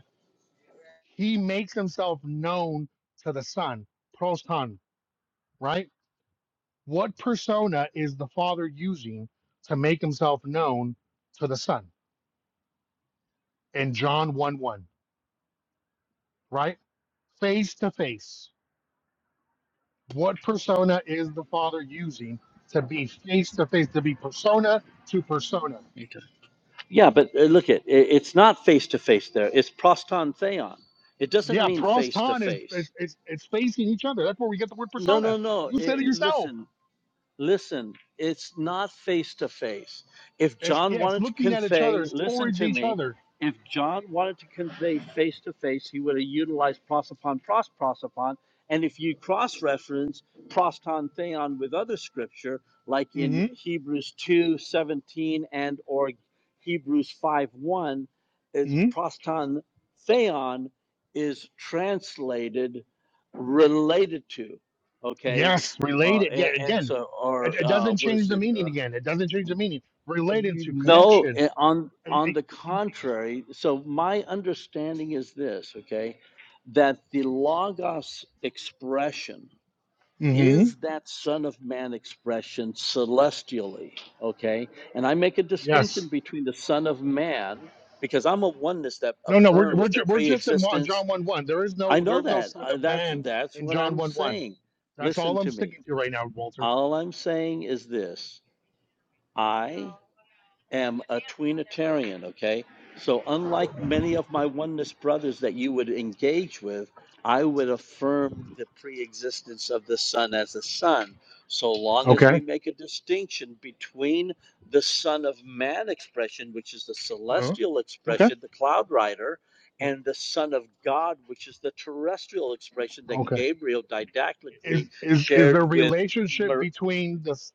[SPEAKER 15] he makes himself known to the son, pros ton. right? What persona is the father using to make himself known to the son? In John 1 1, right? Face to face. What persona is the father using to be face to face, to be persona to persona?
[SPEAKER 8] yeah, but uh, look at it, it's not face to face there. It's pros. It
[SPEAKER 15] Yeah, proston is, is, is, is facing each other. That's where we get the word persona. You said it yourself.
[SPEAKER 8] doesn't listen.
[SPEAKER 15] It's yeah, it's looking at each other, it's
[SPEAKER 8] Listen
[SPEAKER 15] towards
[SPEAKER 8] to
[SPEAKER 15] each
[SPEAKER 8] me.
[SPEAKER 15] other.
[SPEAKER 8] If John wanted to convey face to face, he would have utilized prosopon, pros prosopon, and if you cross reference proston picture, like in
[SPEAKER 15] hmm
[SPEAKER 8] Hebrews two seventeen and or Hebrews,
[SPEAKER 15] Yes, related. Yeah, again, it, it doesn't change the meaning. Again, it doesn't change the meaning. Related to connection. Mm-hmm.
[SPEAKER 8] okay, and I make a
[SPEAKER 15] Yes.
[SPEAKER 8] distinction between the Son of Man because I'm a oneness that
[SPEAKER 15] No, no, we're we're
[SPEAKER 8] affirms the
[SPEAKER 15] ju- we're just in one,
[SPEAKER 8] pre-existence.
[SPEAKER 15] John one one. There is
[SPEAKER 8] I
[SPEAKER 15] no there
[SPEAKER 8] know
[SPEAKER 15] is no
[SPEAKER 8] that.
[SPEAKER 15] son
[SPEAKER 8] I,
[SPEAKER 15] of
[SPEAKER 8] that's
[SPEAKER 15] man
[SPEAKER 8] that's
[SPEAKER 15] in
[SPEAKER 8] what
[SPEAKER 15] John
[SPEAKER 8] I'm
[SPEAKER 15] one one.
[SPEAKER 8] saying.
[SPEAKER 15] That's
[SPEAKER 8] Listen
[SPEAKER 15] all I'm
[SPEAKER 8] to me.
[SPEAKER 15] sticking to right now, Walter.
[SPEAKER 8] All I'm saying is this. I am a tweenitarian, okay? So unlike many of my oneness brothers that you would engage with, I would affirm the pre-existence of the Son as the Son, so long as we
[SPEAKER 15] Okay.
[SPEAKER 8] make a distinction between the Son of Man expression, which is the
[SPEAKER 15] Uh-huh.
[SPEAKER 8] celestial
[SPEAKER 15] Okay.
[SPEAKER 8] expression, the cloud rider,
[SPEAKER 15] Yeah.
[SPEAKER 8] and the Son of God, which is the terrestrial expression that
[SPEAKER 15] Okay.
[SPEAKER 8] Gabriel didactically
[SPEAKER 15] Is is is there
[SPEAKER 8] shared with
[SPEAKER 15] relationship
[SPEAKER 8] Mer-
[SPEAKER 15] between the s-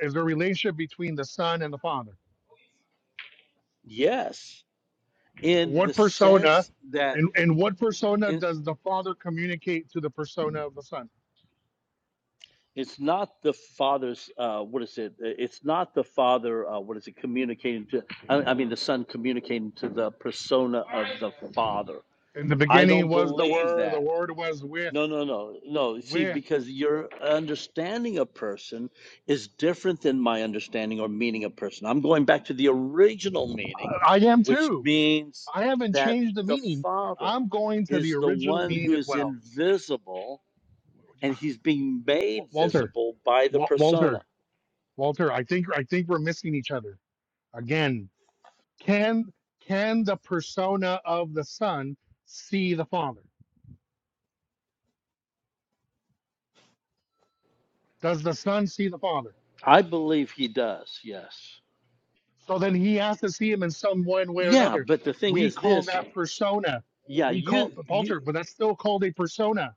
[SPEAKER 15] is there relationship between the son and the father?
[SPEAKER 8] yes, in the
[SPEAKER 15] What persona
[SPEAKER 8] sense that
[SPEAKER 15] and, and what persona
[SPEAKER 8] in,
[SPEAKER 15] does the Father communicate to the persona of the Son?
[SPEAKER 8] it's not the father's uh, what is it it's not the father uh, what is it communicating to I, I mean the son communicating to the persona of the father
[SPEAKER 15] In the
[SPEAKER 8] i
[SPEAKER 15] beginning
[SPEAKER 8] don't
[SPEAKER 15] was the
[SPEAKER 8] believe
[SPEAKER 15] Word, the
[SPEAKER 8] that
[SPEAKER 15] Word was with,
[SPEAKER 8] no no no no see
[SPEAKER 15] with.
[SPEAKER 8] because your understanding of person is different than my understanding or meaning of person i'm going back to the original meaning
[SPEAKER 15] I am
[SPEAKER 8] which
[SPEAKER 15] too.
[SPEAKER 8] means
[SPEAKER 15] I haven't
[SPEAKER 8] that
[SPEAKER 15] changed the
[SPEAKER 8] the
[SPEAKER 15] meaning.
[SPEAKER 8] father
[SPEAKER 15] I'm going to the
[SPEAKER 8] is the
[SPEAKER 15] original
[SPEAKER 8] one
[SPEAKER 15] meaning
[SPEAKER 8] who
[SPEAKER 15] as
[SPEAKER 8] is
[SPEAKER 15] well.
[SPEAKER 8] invisible and he's being
[SPEAKER 15] Wa-
[SPEAKER 8] made
[SPEAKER 15] Walter,
[SPEAKER 8] visible by the
[SPEAKER 15] Wa-
[SPEAKER 8] persona.
[SPEAKER 15] Walter, Walter, I think I think we're missing each other again. Can can the persona of the Son see the Father? Does the Son see the Father?
[SPEAKER 8] I believe he does, yes.
[SPEAKER 15] So then he has to see him in some one way or
[SPEAKER 8] Yeah,
[SPEAKER 15] another.
[SPEAKER 8] but the thing
[SPEAKER 15] We
[SPEAKER 8] is
[SPEAKER 15] call
[SPEAKER 8] this,
[SPEAKER 15] that persona.
[SPEAKER 8] yeah,
[SPEAKER 15] We call
[SPEAKER 8] you
[SPEAKER 15] but
[SPEAKER 8] you
[SPEAKER 15] Walter, but that's still called a persona.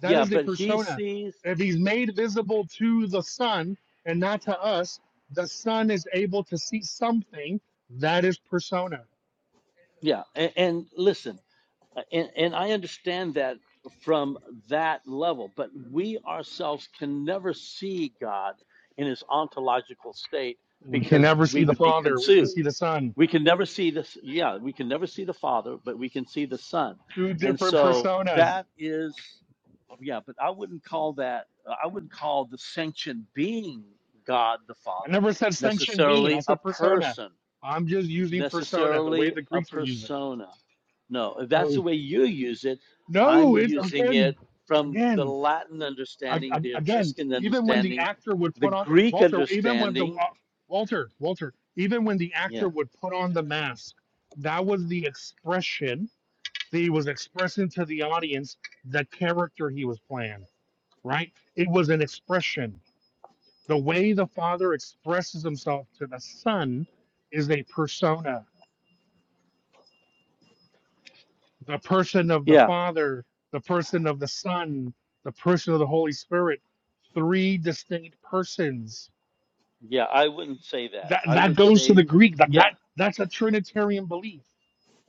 [SPEAKER 15] That
[SPEAKER 8] yeah,
[SPEAKER 15] is a
[SPEAKER 8] but he
[SPEAKER 15] persona.
[SPEAKER 8] sees
[SPEAKER 15] If he's made visible to the Son and not to us, the Son is able to see something. That is persona.
[SPEAKER 8] yeah, and, and listen, and, and I understand that from that level, but we ourselves can never see God in his ontological state
[SPEAKER 15] We can
[SPEAKER 8] because
[SPEAKER 15] never
[SPEAKER 8] we
[SPEAKER 15] see the
[SPEAKER 8] would be
[SPEAKER 15] Father. We can
[SPEAKER 8] consumed.
[SPEAKER 15] see the Son.
[SPEAKER 8] We can never see this yeah, we can never see the Father, but we can see the Son.
[SPEAKER 15] Two
[SPEAKER 8] And
[SPEAKER 15] different
[SPEAKER 8] so
[SPEAKER 15] personas.
[SPEAKER 8] that is yeah, but I wouldn't call that, uh, I wouldn't call the sentient being God the
[SPEAKER 15] I
[SPEAKER 8] Father
[SPEAKER 15] never said sanctioned being. I
[SPEAKER 8] necessarily a
[SPEAKER 15] said persona.
[SPEAKER 8] person,
[SPEAKER 15] I'm just using persona the way
[SPEAKER 8] necessarily
[SPEAKER 15] the
[SPEAKER 8] a
[SPEAKER 15] Greeks were using.
[SPEAKER 8] persona. No, if that's the
[SPEAKER 15] Oh
[SPEAKER 8] way you use it, I'm
[SPEAKER 15] no! It's
[SPEAKER 8] using
[SPEAKER 15] again,
[SPEAKER 8] it from the
[SPEAKER 15] again.
[SPEAKER 8] Latin
[SPEAKER 15] I,
[SPEAKER 8] understanding,
[SPEAKER 15] I,
[SPEAKER 8] the
[SPEAKER 15] again,
[SPEAKER 8] Etruscan
[SPEAKER 15] even when the
[SPEAKER 8] understanding,
[SPEAKER 15] actor would
[SPEAKER 8] the
[SPEAKER 15] put on
[SPEAKER 8] Greek
[SPEAKER 15] Walter, even when the
[SPEAKER 8] understanding.
[SPEAKER 15] Wa- Walter, Walter, even when the
[SPEAKER 8] Yeah.
[SPEAKER 15] actor would put on the mask, that was the expression that he was expressing to the audience the character he was playing. Right? It was an expression. The way the father expresses himself to the son is a persona. The person of the father, the person of the son, the person of the Holy Spirit, three distinct persons
[SPEAKER 8] Yeah, I wouldn't say that.
[SPEAKER 15] That
[SPEAKER 8] I
[SPEAKER 15] that
[SPEAKER 8] would
[SPEAKER 15] goes to the
[SPEAKER 8] say,
[SPEAKER 15] Greek. That
[SPEAKER 8] yeah.
[SPEAKER 15] that that's a Trinitarian belief.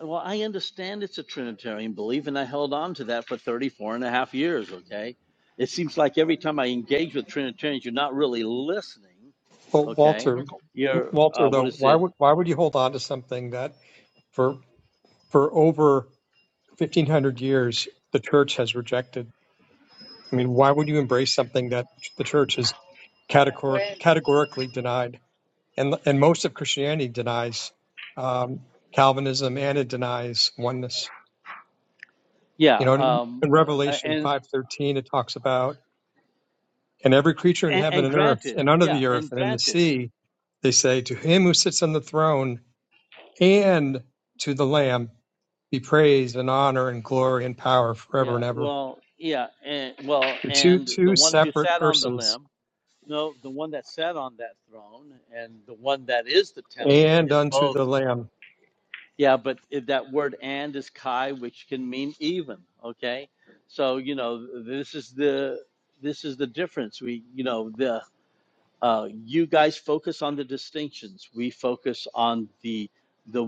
[SPEAKER 8] Well, I understand it's a Trinitarian belief, and I held on to that for 34 and a half years, okay? It seems like every time I engage with Trinitarians, you're not really listening,
[SPEAKER 14] Well,
[SPEAKER 8] okay?
[SPEAKER 14] Walter,
[SPEAKER 8] You're, uh,
[SPEAKER 14] Walter,
[SPEAKER 8] what
[SPEAKER 14] though,
[SPEAKER 8] is
[SPEAKER 14] why
[SPEAKER 8] it?
[SPEAKER 14] would why would you hold on to something that for for over fifteen hundred years the church has rejected? I mean, why would you embrace something that the church has categor- categorically denied? And and most of Christianity denies um, Calvinism and it denies oneness.
[SPEAKER 8] Yeah,
[SPEAKER 14] You know, in
[SPEAKER 8] um, uh,
[SPEAKER 14] Revelation
[SPEAKER 8] and,
[SPEAKER 14] 5:13 it talks about and every creature in
[SPEAKER 8] and,
[SPEAKER 14] heaven
[SPEAKER 8] and
[SPEAKER 14] and earth
[SPEAKER 8] granted,
[SPEAKER 14] and under
[SPEAKER 8] yeah,
[SPEAKER 14] the
[SPEAKER 8] and
[SPEAKER 14] earth and in the
[SPEAKER 8] granted,
[SPEAKER 14] sea they say to him who sits on the throne and to the lamb be praise and honor and glory and power forever
[SPEAKER 8] yeah,
[SPEAKER 14] and ever.
[SPEAKER 8] well, yeah, and, well,
[SPEAKER 14] They're two
[SPEAKER 8] and the
[SPEAKER 14] two
[SPEAKER 8] one who
[SPEAKER 14] separate
[SPEAKER 8] sat on the
[SPEAKER 14] persons
[SPEAKER 8] limb, no, the one that sat on that throne and the one that is the temple
[SPEAKER 14] and
[SPEAKER 8] is
[SPEAKER 14] unto
[SPEAKER 8] both
[SPEAKER 14] the lamb.
[SPEAKER 8] Yeah, but if that word and is kai, which can mean even. Okay, so you know this is the this is the difference. We you know the uh, you guys focus on the distinctions. We focus on the the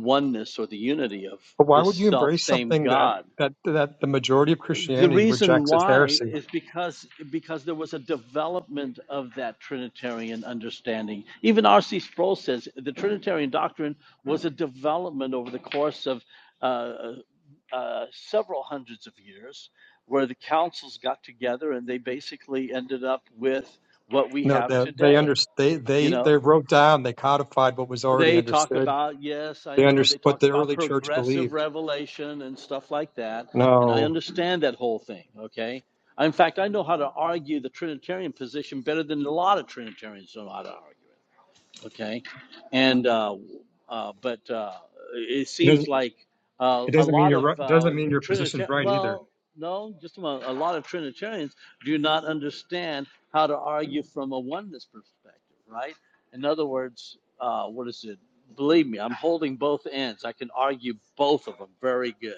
[SPEAKER 14] But why would you embrace something that that that the majority of
[SPEAKER 8] the
[SPEAKER 14] Christianity
[SPEAKER 8] reason
[SPEAKER 14] rejects as
[SPEAKER 8] why
[SPEAKER 14] heresy?
[SPEAKER 8] is because because there was a development of that Trinitarian understanding. Even R.C. Sproul says the Trinitarian doctrine was a development over the course of uh, uh, uh, where what
[SPEAKER 14] No, they they under, they
[SPEAKER 8] you
[SPEAKER 14] they they
[SPEAKER 8] know
[SPEAKER 14] wrote down, they codified what was already understood They under what the early church believed.
[SPEAKER 8] that.
[SPEAKER 14] No,
[SPEAKER 8] okay? I'm fishing printer, okay? And uh, uh, but uh, it
[SPEAKER 14] it
[SPEAKER 8] seems
[SPEAKER 14] doesn't.
[SPEAKER 8] like uh,
[SPEAKER 14] It
[SPEAKER 8] a
[SPEAKER 14] doesn't mean
[SPEAKER 8] lot
[SPEAKER 14] you're.
[SPEAKER 8] of
[SPEAKER 14] right-
[SPEAKER 8] uh,
[SPEAKER 14] Doesn't mean your position's
[SPEAKER 8] Trinitarian,
[SPEAKER 14] right either.
[SPEAKER 8] well, no, just a, moment. a lot of Trinitarians do not understand how to argue from a oneness perspective, right? In other words, uh, what is it? Believe me, I'm holding both ends. I can argue both of them very good.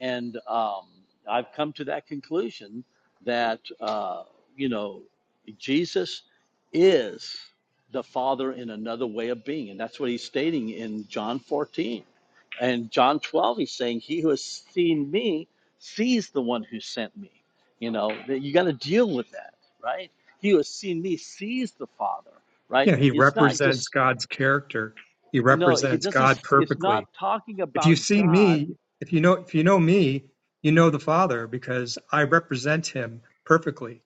[SPEAKER 8] And um, I've come to that conclusion that, uh, you know, Jesus is the Father in another way of being. And that's what he's stating in John 14. And John 12, he's saying, He who has seen me sees the one who sent me. You know, that you got to deal with that, right? He who has seen me sees the Father, right?
[SPEAKER 14] Yeah, he
[SPEAKER 8] It's not
[SPEAKER 14] represents
[SPEAKER 8] just,
[SPEAKER 14] God's character. He
[SPEAKER 8] no, he
[SPEAKER 14] represents God
[SPEAKER 8] doesn't, it's
[SPEAKER 14] perfectly.
[SPEAKER 8] not talking
[SPEAKER 14] If
[SPEAKER 8] about
[SPEAKER 14] you've seen
[SPEAKER 8] God
[SPEAKER 14] me, if you know, if you know me, you know the Father because I represent Him perfectly.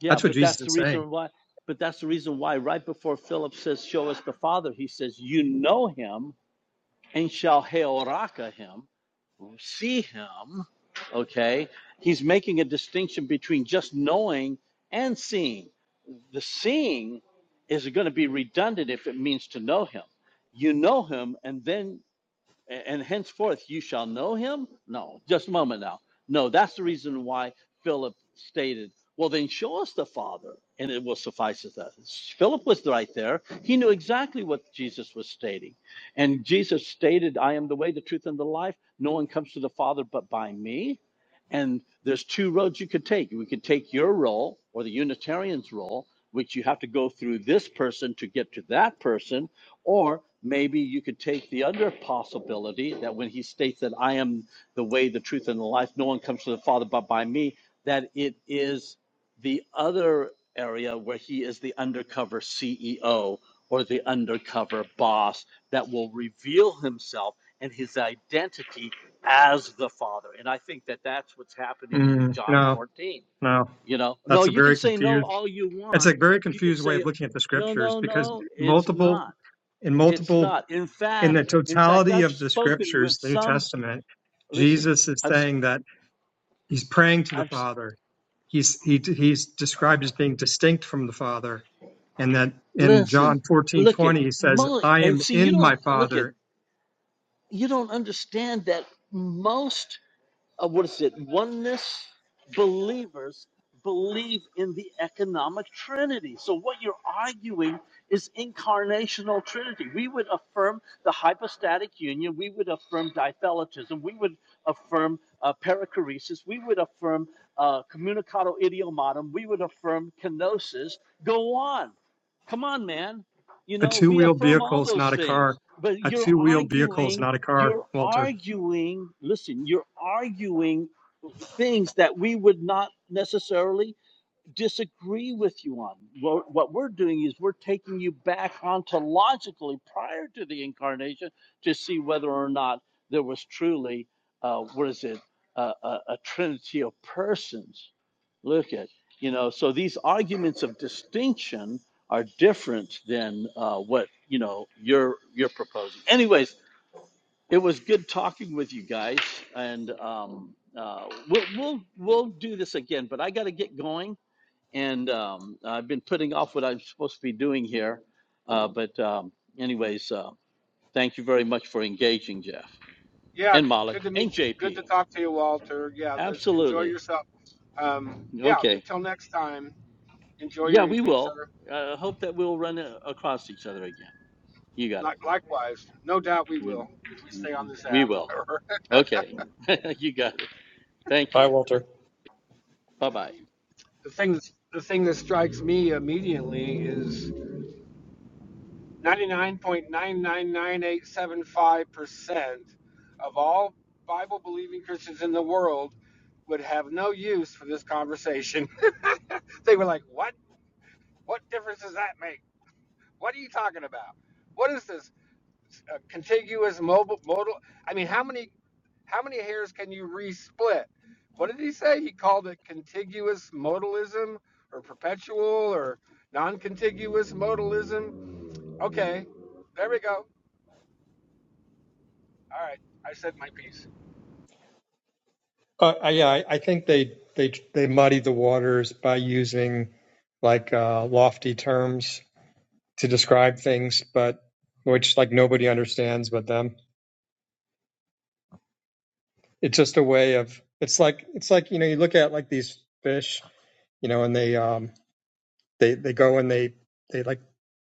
[SPEAKER 8] Yeah,
[SPEAKER 14] That's what
[SPEAKER 8] but
[SPEAKER 14] Jesus
[SPEAKER 8] that's the
[SPEAKER 14] is saying.
[SPEAKER 8] reason why. But that's the reason why, right before Philip says, Show us the Father, he says, You know him and shall heoraka him, see him. I am the way, the truth, and the life. No one comes to the Father but by me. And there's two roads you could take. We could take your role or the Unitarian's role, which you have to go through this person to get to that person, or maybe you could take the other possibility that when he states that I am the way, the truth, and the life, no one comes to the Father but by me, that it is the other area where he is the undercover CEO or the undercover boss that will reveal himself and his identity as the Father. And I think that that's what's happening in
[SPEAKER 14] Mm,
[SPEAKER 8] John
[SPEAKER 14] no,
[SPEAKER 8] 14.
[SPEAKER 14] no,
[SPEAKER 8] You know, no,
[SPEAKER 14] that's a
[SPEAKER 8] you can
[SPEAKER 14] very
[SPEAKER 8] say no
[SPEAKER 14] confused.
[SPEAKER 8] all you
[SPEAKER 14] It's a
[SPEAKER 8] want.
[SPEAKER 14] very
[SPEAKER 8] You can
[SPEAKER 14] confused way
[SPEAKER 8] say,
[SPEAKER 14] of looking at the
[SPEAKER 8] no,
[SPEAKER 14] scriptures
[SPEAKER 8] no,
[SPEAKER 14] because
[SPEAKER 8] no, it's
[SPEAKER 14] multiple
[SPEAKER 8] not.
[SPEAKER 14] in
[SPEAKER 8] It's
[SPEAKER 14] multiple
[SPEAKER 8] not. In
[SPEAKER 14] in the
[SPEAKER 8] fact, in fact,
[SPEAKER 14] totality
[SPEAKER 8] I've
[SPEAKER 14] of the
[SPEAKER 8] spoken with
[SPEAKER 14] scriptures, the New
[SPEAKER 8] some,
[SPEAKER 14] Testament,
[SPEAKER 8] listen,
[SPEAKER 14] Jesus is
[SPEAKER 8] I've,
[SPEAKER 14] saying that he's praying to the
[SPEAKER 8] I've
[SPEAKER 14] Father. He's he, he's described as being distinct from the Father, and that in John fourteen twenty he says, "I am in my Father."
[SPEAKER 8] affirmed, we would affirm kenosis. Go on. Come on, man. You
[SPEAKER 14] A
[SPEAKER 8] know,
[SPEAKER 14] two
[SPEAKER 8] we
[SPEAKER 14] wheel
[SPEAKER 8] affirm
[SPEAKER 14] vehicle
[SPEAKER 8] all
[SPEAKER 14] is
[SPEAKER 8] those
[SPEAKER 14] not a car.
[SPEAKER 8] things, but
[SPEAKER 14] A
[SPEAKER 8] you're
[SPEAKER 14] two wheel vehicle is
[SPEAKER 8] arguing,
[SPEAKER 14] not a car,
[SPEAKER 8] you're
[SPEAKER 14] Walter.
[SPEAKER 8] arguing, listen, you're arguing things that we would not necessarily disagree with you on. Well, What, we're doing is we're taking you back ontologically prior to the incarnation to see whether or not there was truly, uh, what is it, uh, a, a trend. Look at, you know, or what. oh, Anyways, it was going and there. Uh, um, thank
[SPEAKER 17] Yeah,
[SPEAKER 8] and Malik
[SPEAKER 17] good to
[SPEAKER 8] and
[SPEAKER 17] meet you. Good
[SPEAKER 8] JP.
[SPEAKER 17] to talk to you, Walter. Yeah, let's enjoy
[SPEAKER 8] Absolutely.
[SPEAKER 17] yourself. Um, yeah,
[SPEAKER 8] Okay.
[SPEAKER 17] until next time, enjoy
[SPEAKER 8] Yeah,
[SPEAKER 17] your
[SPEAKER 8] we
[SPEAKER 17] evening,
[SPEAKER 8] will.
[SPEAKER 17] sir.
[SPEAKER 8] I uh, hope that we'll run a- across each other again. You got it.
[SPEAKER 17] Like, likewise, no doubt we
[SPEAKER 8] Mm,
[SPEAKER 17] will if we
[SPEAKER 8] mm,
[SPEAKER 17] stay on this
[SPEAKER 8] We
[SPEAKER 17] app.
[SPEAKER 8] will. Okay. You got it. Thank
[SPEAKER 14] Hi,
[SPEAKER 8] you.
[SPEAKER 14] Walter.
[SPEAKER 8] Bye bye.
[SPEAKER 17] the thing that's the thing that strikes me immediately is 99.99987.5% of all Bible believing Christians in the world would have no use for this conversation. they were like, "What? What difference does that make? What are you talking about? What is this? uh, contiguous mobile modal. I mean, how many how many hairs can you resplit? What did he say? He called it contiguous modalism or perpetual or non-contiguous modalism. Okay, there we go. All right, I said my piece.
[SPEAKER 14] Uh, I, yeah, I, I think they they they muddy the waters by using like uh, lofty terms to describe things, but which like nobody understands but them. It's just a way of it's like it's like you know you look at like these fish, you know, and they um they they go and they they like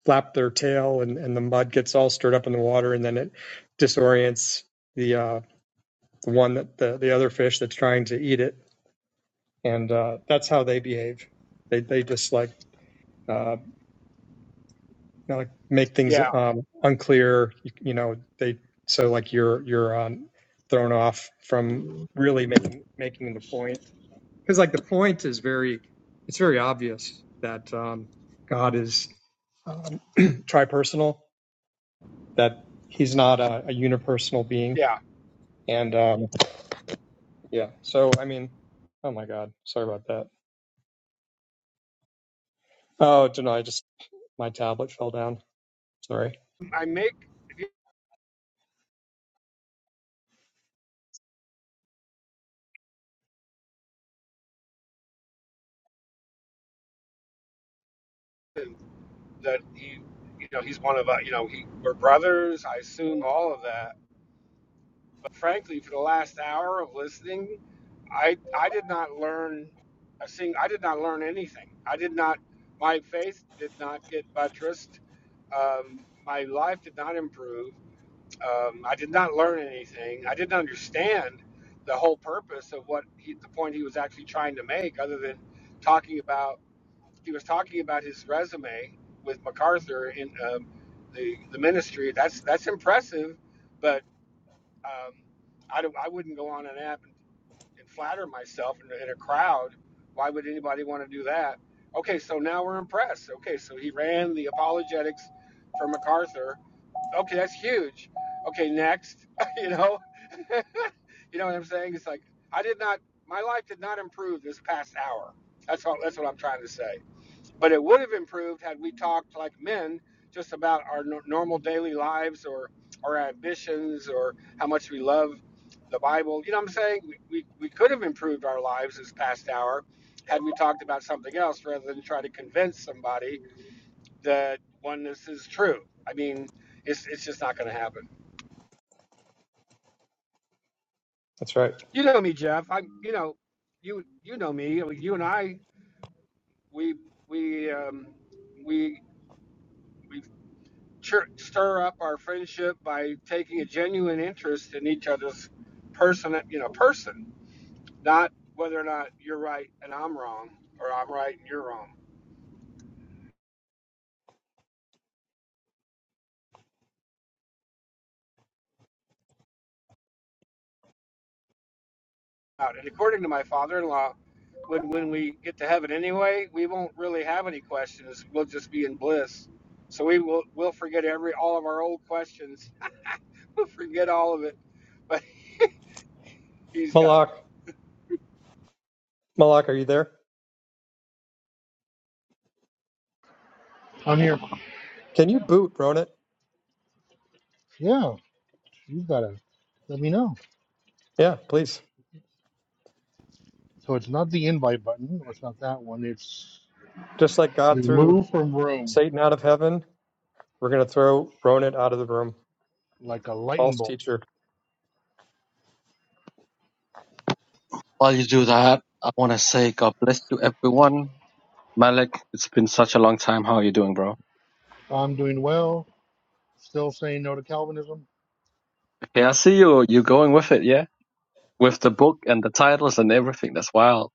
[SPEAKER 14] flap their tail and and the mud gets all stirred up in the water and then it disorients the uh the one that the the other fish that's trying to eat it and uh that's how they behave. They they just like uh, you know, like make things
[SPEAKER 17] Yeah,
[SPEAKER 14] um, unclear. You, you know, they so like you're you're um, thrown off from really making making the point because like the point is very it's very obvious that um, God is um, tripersonal, that he's not a, a unipersonal being,
[SPEAKER 17] yeah.
[SPEAKER 14] and um, yeah. So I mean, oh my God, sorry about that. Oh, don't know. I just my tablet fell down. Sorry.
[SPEAKER 17] I make that he, you know, he's one of us. You know, he, we're brothers. I assume all of that But frankly, for the last hour of listening, I I did not learn a sing. I did not learn anything. I did not. My faith did not get buttressed. Um, my life did not improve. Um, I did not learn anything. I didn't understand the whole purpose of what he, the point he was actually trying to make, other than talking about he was talking about his resume with MacArthur in um, the the ministry. That's that's impressive, but um, I don't. I wouldn't go on an app and, and flatter myself in, in a crowd. Why would anybody want to do that? Okay, so now we're impressed. Okay, so he ran the apologetics for MacArthur. Okay, that's huge. Okay, next, you know, you know what I'm saying? It's like I did not. My life did not improve this past hour. That's all. That's what I'm trying to say but it would have improved had we talked like men just about our nor normal daily lives or our ambitions or how much we love the bible you know what i'm saying we, we, we could have improved our lives this past hour had we talked about something else rather than try to convince somebody that oneness is true i mean it's, it's just not going to happen
[SPEAKER 14] That's right.
[SPEAKER 17] you know me jeff i you know you you know me you and i we we um, we we sure, stir up our friendship by taking a genuine interest in each other's person, you know, person, not whether or not you're right and I'm wrong, or I'm right and you're wrong. And according to my father-in-law, when when we get to heaven anyway, we won't really have any questions. We'll just be in bliss. So we will we'll forget every all of our old questions. We'll forget all of it. But he's got.
[SPEAKER 14] Malak, Malak, are you there?
[SPEAKER 15] I'm here.
[SPEAKER 14] Can you boot, Ronit?
[SPEAKER 15] Yeah, you gotta let me know.
[SPEAKER 14] Yeah, please.
[SPEAKER 15] So it's not the invite button. No, It's not that one. It's
[SPEAKER 14] Just like God threw
[SPEAKER 15] remove from room
[SPEAKER 14] Satan out of heaven, we're going to throw Ronan out of the room.
[SPEAKER 15] like a lightning
[SPEAKER 14] False
[SPEAKER 15] bolt.
[SPEAKER 14] teacher.
[SPEAKER 18] While you do that, I want to say God bless you, everyone. Malik, it's been such a long time. How are you doing, bro?
[SPEAKER 15] I'm doing well. Still saying no to Calvinism.
[SPEAKER 18] Okay, I see you. You're going with it, yeah? With the book and the titles and everything. That's wild.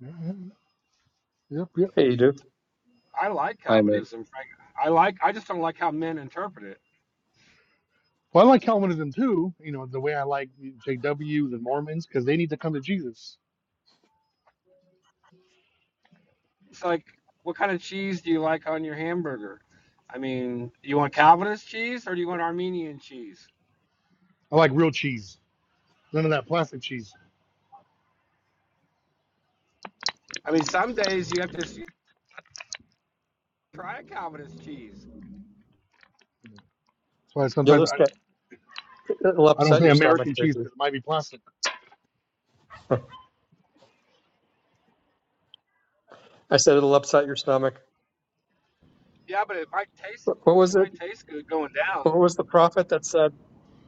[SPEAKER 15] Mhm. Yep, yep.
[SPEAKER 14] Hey, you do.
[SPEAKER 17] I like
[SPEAKER 18] I mean,
[SPEAKER 17] communism, Frank. I like. I just don't like how men interpret it
[SPEAKER 15] Well, I like Calvinism too. You know the way I like JWs and Mormons because they need to come to Jesus.
[SPEAKER 17] it's like what kind of cheese do you like on your hamburger? I mean, you want Calvinist cheese or do you want Armenian cheese?
[SPEAKER 15] I like real cheese. None of that plastic cheese.
[SPEAKER 17] I mean, some days you have to try a Calvinist cheese.
[SPEAKER 15] That's why
[SPEAKER 14] You'll
[SPEAKER 15] sometimes
[SPEAKER 14] just
[SPEAKER 15] I,
[SPEAKER 14] get, it'll
[SPEAKER 15] I don't
[SPEAKER 14] upset
[SPEAKER 15] say
[SPEAKER 14] your stomach,
[SPEAKER 15] American cheese
[SPEAKER 14] baby.
[SPEAKER 15] because it might be plastic.
[SPEAKER 14] I said it'll upset your stomach.
[SPEAKER 17] Yeah, but it might taste
[SPEAKER 14] What what
[SPEAKER 17] it
[SPEAKER 14] was it?
[SPEAKER 17] might taste good going down.
[SPEAKER 14] What was the prophet that said,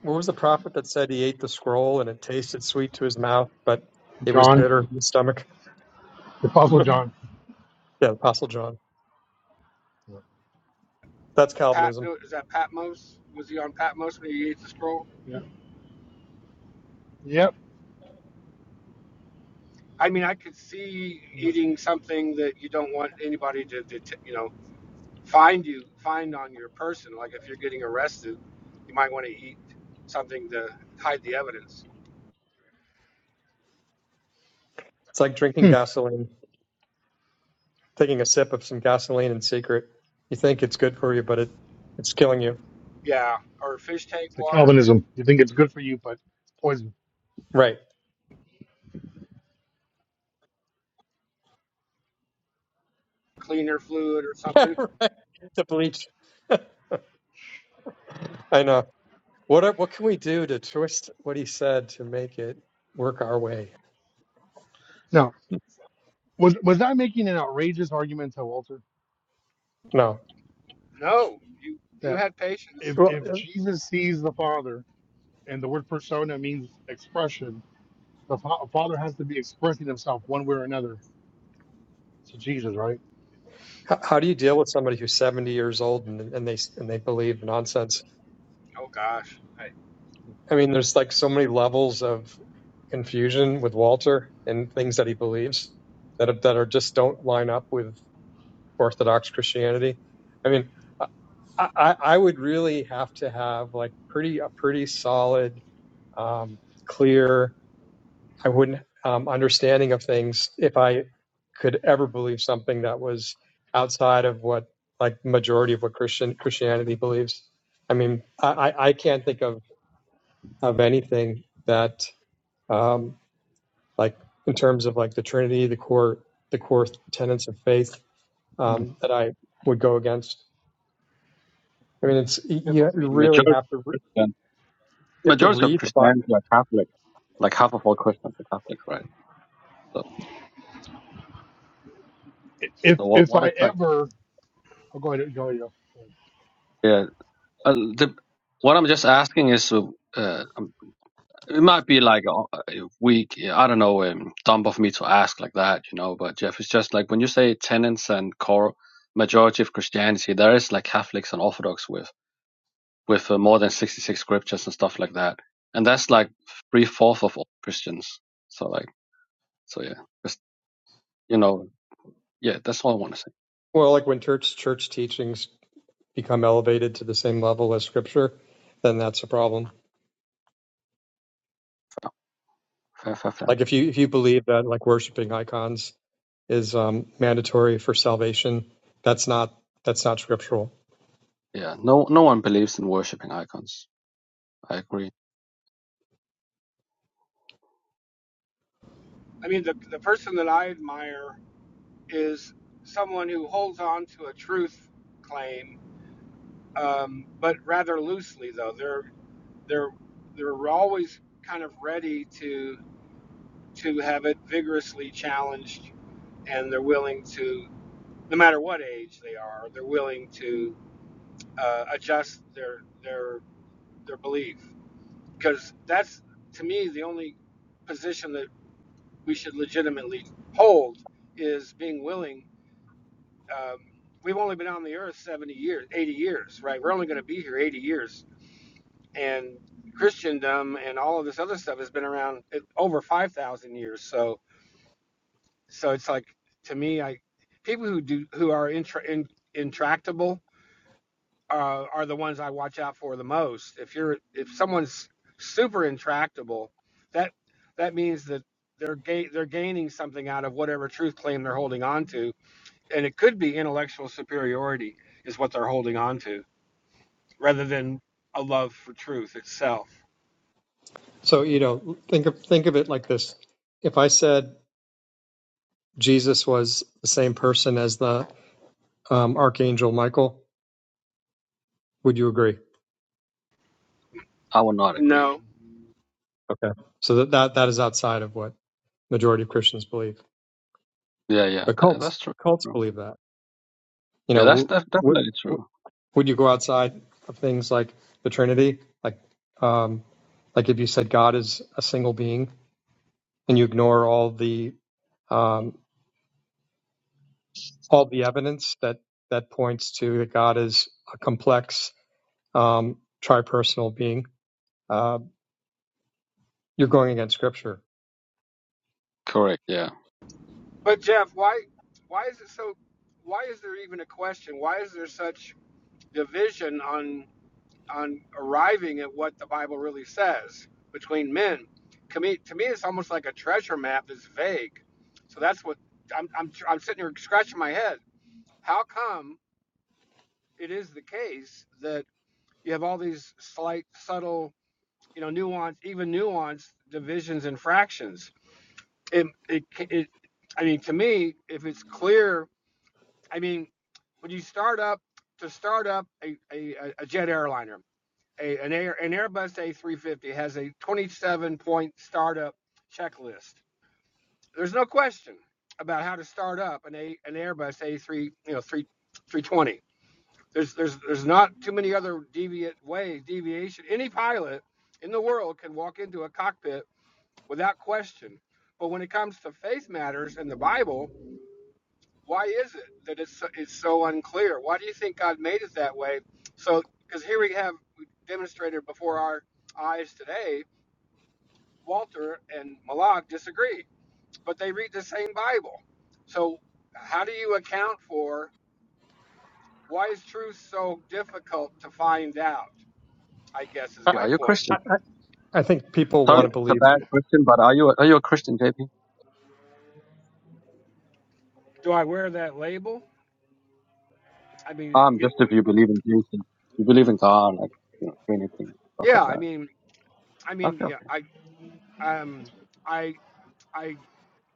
[SPEAKER 14] what was the prophet that said he ate the scroll and it tasted sweet to his mouth, but it was
[SPEAKER 15] John.
[SPEAKER 14] bitter in his stomach?
[SPEAKER 15] The Apostle John.
[SPEAKER 14] Yeah, Apostle John. That's
[SPEAKER 17] Pat
[SPEAKER 14] Calvinism.
[SPEAKER 17] is that Patmos? Was he on Patmos when he ate the scroll?
[SPEAKER 15] Yeah. Yep.
[SPEAKER 17] I mean, I could see eating something that you don't want anybody to, to you know find you find on your person. Like if you're getting arrested, you might want to eat something to hide the evidence.
[SPEAKER 14] It's like drinking
[SPEAKER 15] Hmm.
[SPEAKER 14] gasoline, taking a sip of some gasoline in secret. You think it's good for you, but it, it's killing you.
[SPEAKER 17] yeah, or fish tank
[SPEAKER 15] The
[SPEAKER 17] water,
[SPEAKER 15] Calvinism. You think it's good for you, but it's poison.
[SPEAKER 14] Right.
[SPEAKER 17] cleaner fluid or something.
[SPEAKER 14] to bleach. I know. What are, what can we do to twist what he said to make it work our way?
[SPEAKER 15] Now, was was I making an outrageous argument to Walter
[SPEAKER 14] No.
[SPEAKER 17] No, you you
[SPEAKER 15] that
[SPEAKER 17] had patience.
[SPEAKER 15] if
[SPEAKER 14] Well,
[SPEAKER 15] if Jesus sees the Father and the word persona means expression, the fa- Father has to be expressing himself one way or another to Jesus, right?
[SPEAKER 14] h- how do you deal with somebody who's 70 years old and, and they and they believe nonsense?
[SPEAKER 17] Oh gosh.
[SPEAKER 14] I mean, there's like so many levels of confusion with Walter and things that he believes that are, that are just don't line up with Orthodox Christianity. I mean, uh, I, I, I would really have to have like pretty a pretty solid, um, clear I wouldn't um, understanding of things if I could ever believe something that was outside of what like majority of what Christian Christianity believes. I mean, I, I can't think of of anything that um, like in terms of like the Trinity, the core the core tenets of faith
[SPEAKER 15] Hmm.
[SPEAKER 14] um, that I would go against. I mean, it's
[SPEAKER 15] If
[SPEAKER 14] you
[SPEAKER 18] I mean
[SPEAKER 14] really
[SPEAKER 18] majority,
[SPEAKER 14] have to
[SPEAKER 18] of Christian,
[SPEAKER 14] you have to
[SPEAKER 18] majority of
[SPEAKER 14] read the Bible.
[SPEAKER 18] Christianity are Catholic. Like half of all Christians are Catholic, right? So,
[SPEAKER 15] if
[SPEAKER 18] so what,
[SPEAKER 15] if
[SPEAKER 18] what
[SPEAKER 15] I
[SPEAKER 18] exactly?
[SPEAKER 15] ever, oh, go ahead, go ahead. Go ahead.
[SPEAKER 18] Yeah. Uh, the, what I'm just asking is, uh, It might be like a a weak. I don't know. Um, dumb of me to ask like that, you know. But Jeff, it's just like when you say tenets and core majority of Christianity, there is like Catholics and Orthodox with with uh, more than sixty six scriptures and stuff like that, and that's like three fourth of all Christians. So like, so yeah, just you know, yeah, that's all I want to say.
[SPEAKER 14] Well, like when church church teachings become elevated to the same level as Scripture, then that's a problem.
[SPEAKER 18] Fair, fair, fair, fair.
[SPEAKER 14] Like if you if you believe that like worshiping icons is um, mandatory for salvation, that's not that's not scriptural.
[SPEAKER 18] Yeah, no, no one believes in worshiping icons. I agree.
[SPEAKER 17] I mean the the person that I admire is someone who holds on to a truth claim, um, but rather loosely though. They're they're they're always kind of ready to to have it vigorously challenged and they're willing to no matter what age they are, they're willing to uh, adjust their their their belief because that's to me the only position that we should legitimately hold is being willing. Um, we've only been on the earth 70 years, 80 years, right? We're only going to be here 80 years, and Christendom and all of this other stuff has been around uh, over 5,000 years. So, so it's like to me, I people who do who are intra, in, intractable uh, are the ones I watch out for the most. If you're if someone's super intractable, that that means that they're ga- they're gaining something out of whatever truth claim they're holding on to, and it could be intellectual superiority is what they're holding on to, rather than a love for truth itself.
[SPEAKER 14] So you know, think of think of it like this: if I said Jesus was the same person as the um, archangel Michael, would you agree?
[SPEAKER 18] I will not agree.
[SPEAKER 17] No,
[SPEAKER 14] Okay, so that, that that is outside of what majority of Christians believe,
[SPEAKER 18] Yeah, yeah,
[SPEAKER 14] but
[SPEAKER 18] tha
[SPEAKER 14] cults
[SPEAKER 18] that's true.
[SPEAKER 14] cults believe that. You
[SPEAKER 18] Yeah,
[SPEAKER 14] know,
[SPEAKER 18] that's def-
[SPEAKER 14] would
[SPEAKER 18] definitely
[SPEAKER 14] would
[SPEAKER 18] true.
[SPEAKER 14] would you go outside of things like the Trinity, like um, like if you said God is a single being? and you ignore all the um, all the evidence that that points to that God is a complex um, personal being, uh, you're going against Scripture.
[SPEAKER 18] Correct. Yeah.
[SPEAKER 17] but Jeff, why why is it so? Why is there even a question? Why is there such division on on arriving at what the Bible really says between men. To me, to me, it's almost like a treasure map that's vague. So that's what I'm, I'm, I'm sitting here scratching my head. How come it is the case that you have all these slight, subtle, you know, nuance, even nuanced divisions and fractions? It, it, it, I mean, to me, if it's clear, I mean, when you start up to start up a, a a jet airliner a, an, Air, an Airbus A350 has a 27 point startup checklist. There's no question about how to start up an, a, an Airbus A3, you know, 3, 320. There's, there's, there's not too many other deviant ways, deviation. Any pilot in the world can walk into a cockpit without question. But when it comes to faith matters and the Bible, why is it that it's so, it's so unclear? Why do you think God made it that way? So, because here we have we demonstrated before our eyes today, Walter and Malak disagree, but they read the same Bible. So, how do you account for why is truth so difficult to find out? I guess is
[SPEAKER 14] I,
[SPEAKER 17] my
[SPEAKER 18] Are you a
[SPEAKER 17] point.
[SPEAKER 18] Christian?
[SPEAKER 14] I, I think people
[SPEAKER 18] Sorry,
[SPEAKER 14] want to
[SPEAKER 18] it's a
[SPEAKER 14] believe
[SPEAKER 18] bad question, but are you are you a Christian, JP?
[SPEAKER 17] Do I wear that label? I mean,
[SPEAKER 18] Um,
[SPEAKER 17] y-
[SPEAKER 18] just if you believe in Jesus, you believe in God, like you know, anything, stuff
[SPEAKER 17] yeah.
[SPEAKER 18] like
[SPEAKER 17] I
[SPEAKER 18] that.
[SPEAKER 17] mean, I mean,
[SPEAKER 18] Okay,
[SPEAKER 17] yeah.
[SPEAKER 18] okay,
[SPEAKER 17] I um, I I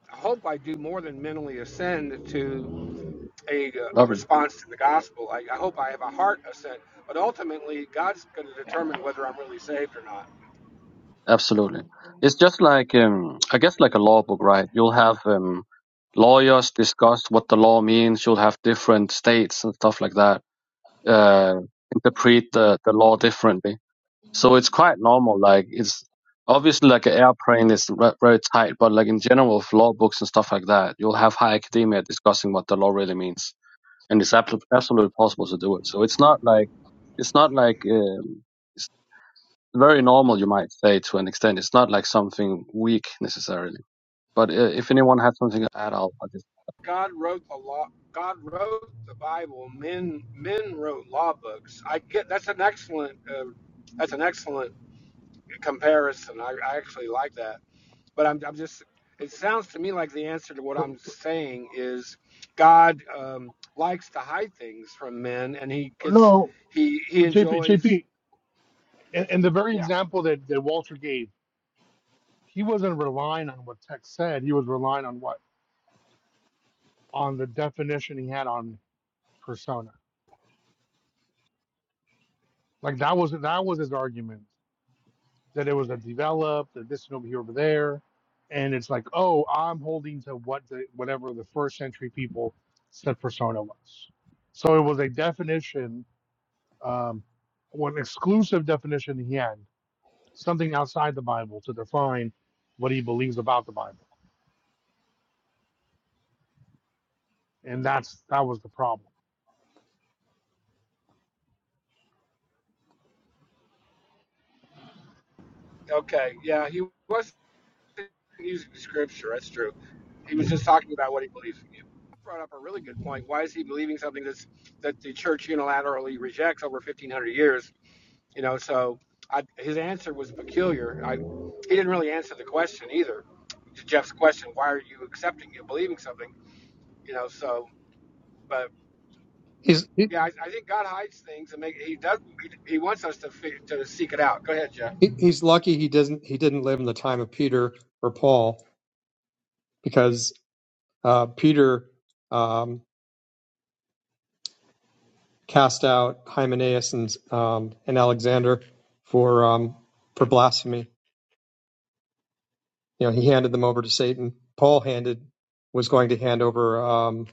[SPEAKER 17] hope I do more than mentally ascend to a, uh, a
[SPEAKER 18] lovely,
[SPEAKER 17] response to the gospel. I, I hope I have a heart of sin, but ultimately, God's going to determine whether I'm really saved or not.
[SPEAKER 18] absolutely. It's just like um, I guess like a law book, right? You'll have um, lawyers discuss what the law means. You'll have different states and stuff like that. Uh, interpret the the law differently. So it's quite normal. Like it's obviously like an airplane is re- very tight, but like in general, with law books and stuff like that, you'll have high academia discussing what the law really means, and it's abso- absolutely possible to do it. So it's not like it's not like um, it's very normal, you might say, to an extent. It's not like something weak necessarily. But uh, if anyone has something to add, I'll, I'll just
[SPEAKER 17] God wrote the law. God wrote the Bible. Men men wrote law books. I get that's an excellent uh, that's an excellent comparison. I, I actually like that. But I'm I'm just it sounds to me like the answer to what
[SPEAKER 15] But
[SPEAKER 17] I'm saying is God um, likes to hide things from men, and he gets
[SPEAKER 15] no,
[SPEAKER 17] he he
[SPEAKER 15] but JP,
[SPEAKER 17] enjoys
[SPEAKER 15] JP, and, and the very
[SPEAKER 17] yeah
[SPEAKER 15] example that, that Walter gave. he wasn't relying on what Tech said. He was relying on what on the definition he had on persona. Like that was that was his argument that it was a developed that this and over here over there, and it's like oh I'm holding to what the whatever the first century people said persona was. So it was a definition, um, one exclusive definition he had, something outside the Bible to define what he believes about the Bible, and that's that was the problem.
[SPEAKER 17] okay yeah he was using scripture. That's true. He was just talking about what he believes. in You brought up a really good point. Why is he believing something that's that the church unilaterally rejects over 1,500 years? You know, so I, his answer was peculiar. I, he didn't really answer the question either. Jeff's question, why are you accepting and believing something? You know, so but
[SPEAKER 14] he's
[SPEAKER 17] yeah, I, I think God hides things and make he does he, he wants us to to seek it out. Go ahead, Jeff.
[SPEAKER 14] he- he's lucky he doesn't he didn't live in the time of Peter or Paul because uh, Peter um, cast out Hymenaeus and um, and Alexander for um, for blasphemy You know, he handed them over to Satan. Paul handed was going to hand over um,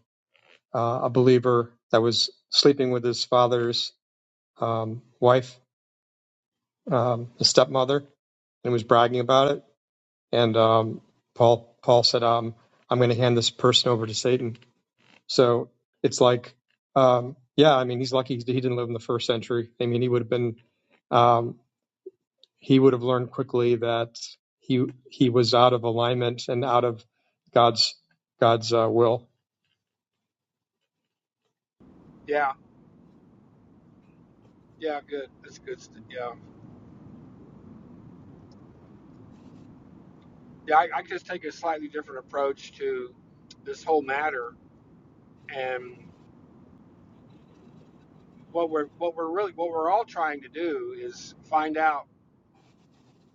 [SPEAKER 14] uh, a believer that was sleeping with his father's um, wife, um, his stepmother, and was bragging about it. And um, Paul Paul said, um, "I'm going to hand this person over to Satan." So it's like, um, yeah, I mean, he's lucky he didn't live in the first century. I mean, he would have been. um, he would have learned quickly that he he was out of alignment and out of God's God's uh, will.
[SPEAKER 17] Yeah, yeah, good. That's good. st- Yeah. yeah, I, I just take a slightly different approach to this whole matter. And what we're what we're really what we're all trying to do is find out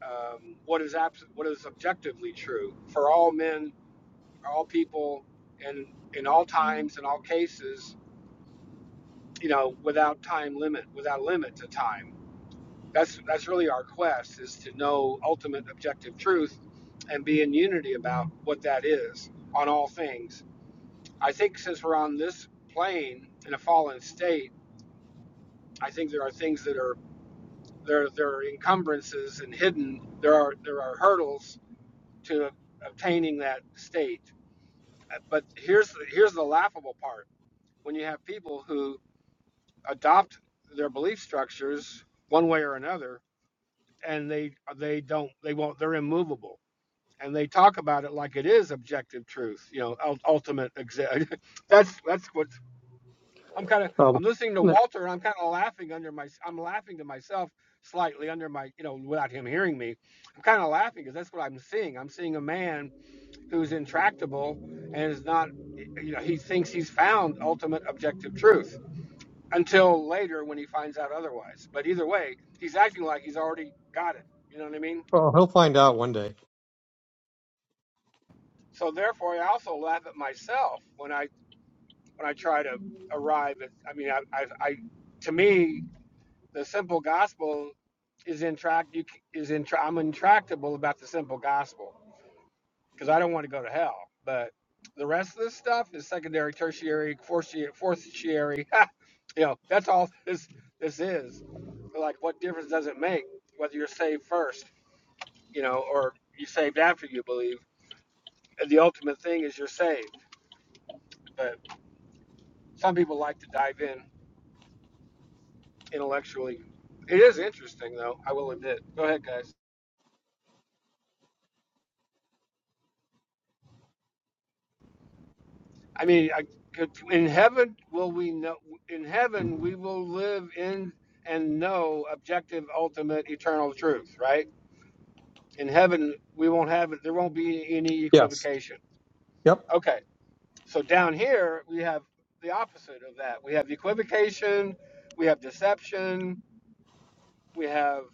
[SPEAKER 17] um, what is abs- what is objectively true for all men, all people, and in all times and all cases. You know, without time limit, without limit to time. That's that's really our quest is to know ultimate objective truth, and be in unity about what that is on all things I think since we're on this plane in a fallen state, I think there are things that are there there are encumbrances and hidden. There are there are hurdles to obtaining that state. Uh, But here's the, here's the laughable part: when you have people who adopt their belief structures one way or another, and they they don't they won't they're immovable, and they talk about it like it is objective truth. You know, ultimate. Exa- that's that's what I'm kind of
[SPEAKER 14] Well,
[SPEAKER 17] I'm listening to Walter and I'm kind of laughing under my I'm laughing to myself slightly under my you know without him hearing me. I'm kind of laughing because that's what I'm seeing. I'm seeing a man who's intractable and is not you know he thinks he's found ultimate objective truth until later when he finds out otherwise. But either way, he's acting like he's already got it. You know what I mean?
[SPEAKER 14] well, he'll find out one day.
[SPEAKER 17] So therefore, I also laugh at myself when I when I try to arrive at. I mean, I I, I to me The simple gospel is intract you is intra, I'm intractable about the simple gospel because I don't want to go to hell. But the rest of this stuff is secondary, tertiary, fourtiary, tertiary. you know, that's all this this is. Like, what difference does it make whether you're saved first, you know, or you saved after you believe? And the ultimate thing is you're saved. But some people like to dive in intellectually. It is interesting, though. I will admit. Go ahead, guys. I mean, I, in heaven will we know? In heaven we will live in and know objective, ultimate, eternal truth. Right? In heaven we won't have it. There won't be any
[SPEAKER 14] Yes.
[SPEAKER 17] equivocation.
[SPEAKER 14] Yep.
[SPEAKER 17] Okay. So down here we have the opposite of that. We have equivocation. We have deception. We have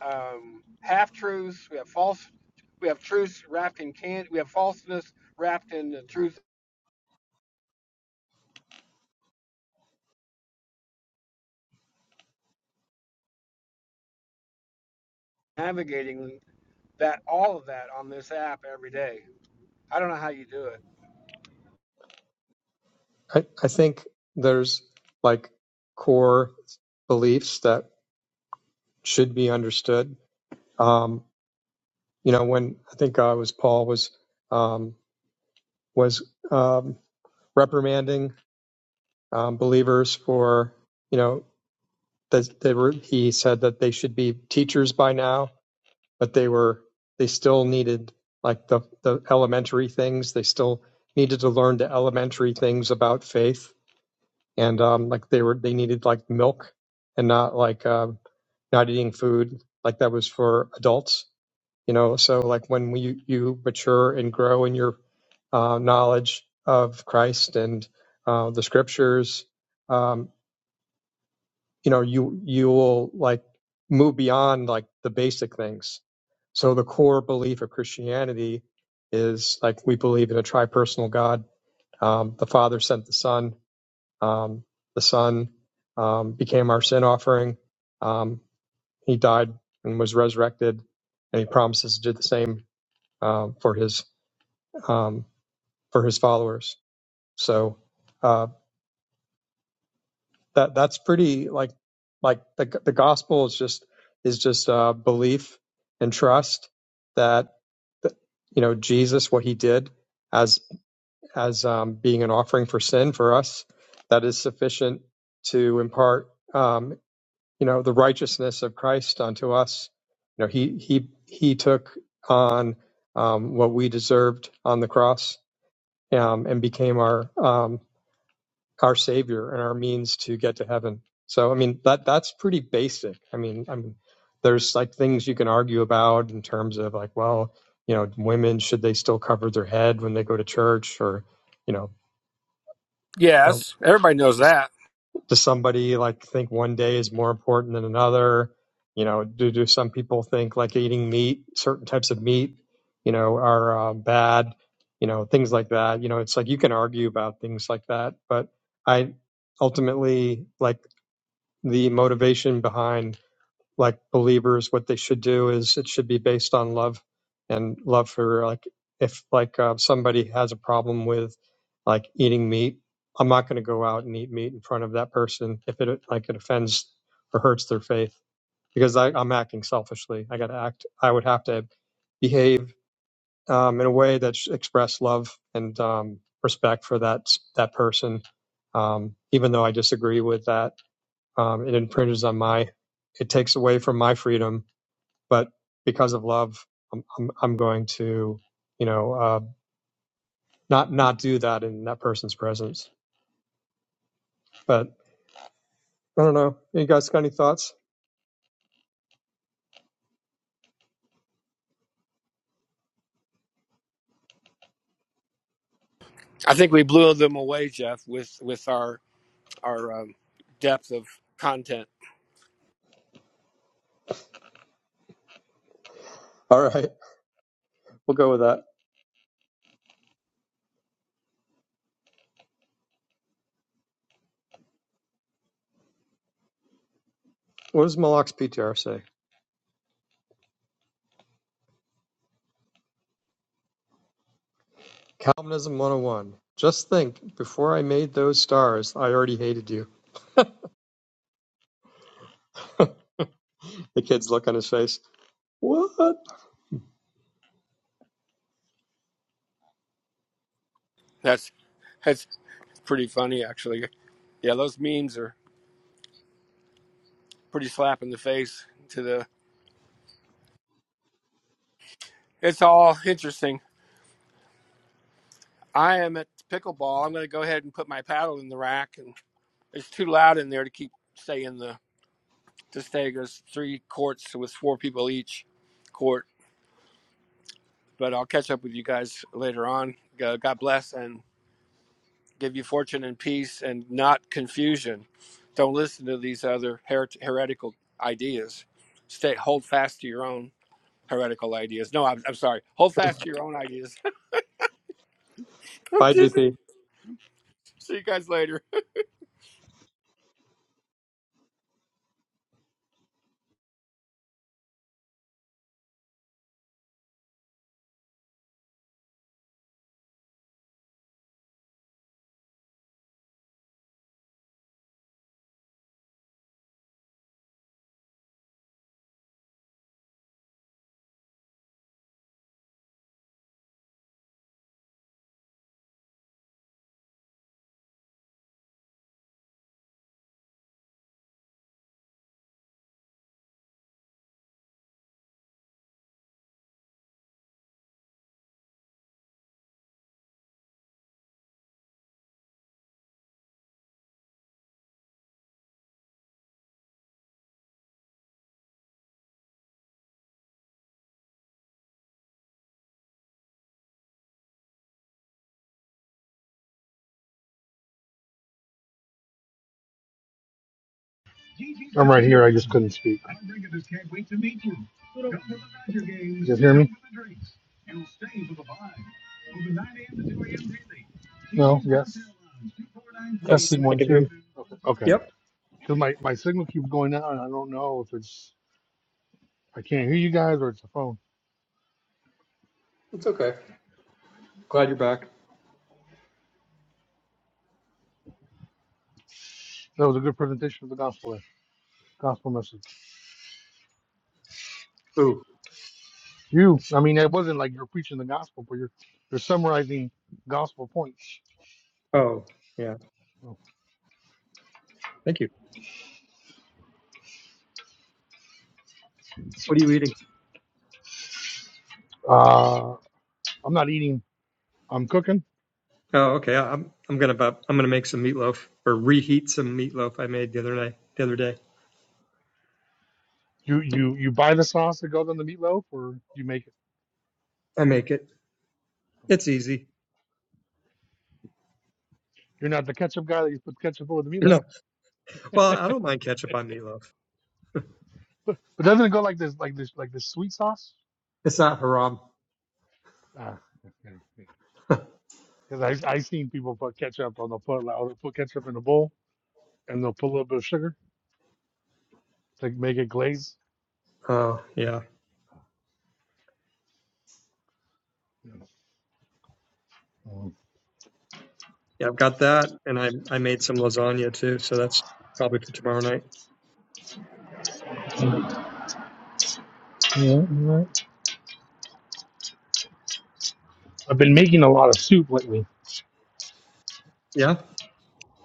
[SPEAKER 17] um, half truths. We have false. We have truths wrapped in can. We have falseness wrapped in the truth. Navigating. that all of that on this app every day. I don't know how you do it.
[SPEAKER 14] I, I think there's like core beliefs that should be understood. Um, you know, when I think uh, it was Paul was um, was um, reprimanding um, believers for you know that they were he said that they should be teachers by now but they were they still needed like the the elementary things. They still needed to learn the elementary things about faith, and um, like they were they needed like milk and not like um, not eating food like that was for adults. You know, so like when we you mature and grow in your uh, knowledge of Christ and uh, the scriptures. Um, you know you you will like move beyond like the basic things so the core belief of christianity is like we believe in a tripersonal god um, the father sent the son um, the son um, became our sin offering um, he died and was resurrected and he promises to do the same um, for his um, for his followers so uh, that that's pretty like like the the gospel is just is just uh, belief and trust that, that you know Jesus what he did as as um, being an offering for sin for us that is sufficient to impart um, you know the righteousness of Christ unto us you know he he he took on um, what we deserved on the cross um, and became our um, our savior and our means to get to heaven so i mean that that's pretty basic i mean i mean there's like things you can argue about in terms of like well you know women should they still cover their head when they go to church or you know you know
[SPEAKER 17] Yes, everybody knows that.
[SPEAKER 14] does somebody like think one day is more important than another you know do do some people think like eating meat certain types of meat you know are um, bad you know things like that you know it's like you can argue about things like that but i ultimately like the motivation behind like believers what they should do is it should be based on love and love for like if like uh, somebody has a problem with like eating meat i'm not going to go out and eat meat in front of that person if it like it offends or hurts their faith because I, i'm acting selfishly i got to act i would have to behave um, in a way that sh- express love and um, respect for that that person um, even though i disagree with that um, it infringes on my it takes away from my freedom but because of love i'm i'm, I'm going to you know uh, not not do that in that person's presence but i don't know you guys got any thoughts
[SPEAKER 17] I think we blew them away, Jeff, with with our our um, depth of content.
[SPEAKER 14] all right we'll go with that what does malak's ptr say calvinism 101 just think before i made those stars i already hated you the kid's look on his face what
[SPEAKER 17] That's that's pretty funny, actually. Yeah, those memes are pretty slap in the face. To the it's all interesting. I am at pickleball. I'm going to go ahead and put my paddle in the rack, and it's too loud in there to keep stay in the to stay. There's three courts with four people each court But I'll catch up with you guys later on. God bless and give you fortune and peace and not confusion. Don't listen to these other her- heretical ideas. Stay hold fast to your own heretical ideas. No, I'm, I'm sorry. Hold fast to your own ideas.
[SPEAKER 14] bye gp
[SPEAKER 17] See you guys later.
[SPEAKER 15] I'm right here. I just couldn't speak. You guys hear me? No? Yes?
[SPEAKER 14] yes
[SPEAKER 15] Testing
[SPEAKER 14] i
[SPEAKER 15] one,
[SPEAKER 14] can hear you
[SPEAKER 15] two. Okay.
[SPEAKER 14] yep
[SPEAKER 15] Because my, my signal keeps going out, and I don't know if it's, I can't hear you guys or it's the phone.
[SPEAKER 14] it's okay glad you're back
[SPEAKER 15] That was a good presentation of the gospel, there. gospel message.
[SPEAKER 14] ooh
[SPEAKER 15] You, I mean, it wasn't like you're preaching the gospel, but you're, you're summarizing gospel points.
[SPEAKER 14] oh yeah thank you what are you eating
[SPEAKER 15] Uh, I'm not eating, I'm cooking.
[SPEAKER 14] Oh, okay. I- am I'm gonna bu- I'm gonna make some meatloaf or reheat some meatloaf I made the other night the other day.
[SPEAKER 15] You, you, you buy the sauce that goes on the meatloaf, or you make it?
[SPEAKER 14] I make it. It's
[SPEAKER 15] Okay.
[SPEAKER 14] easy.
[SPEAKER 15] You're not the ketchup guy that you put ketchup over the meatloaf?
[SPEAKER 14] No, well, I don't mind ketchup on meatloaf.
[SPEAKER 15] But doesn't it go like this, like this, like this sweet sauce?
[SPEAKER 14] It's not haram.
[SPEAKER 15] Ah, Because I I seen people put ketchup on the put like, put ketchup in a bowl and they'll put a little bit of sugar to make it glaze.
[SPEAKER 14] Oh yeah,
[SPEAKER 15] Mm.
[SPEAKER 14] yeah. I've got that, and I I made some lasagna too. So that's probably for tomorrow night.
[SPEAKER 15] Yeah, right. I've been making a lot of soup lately.
[SPEAKER 14] Yeah,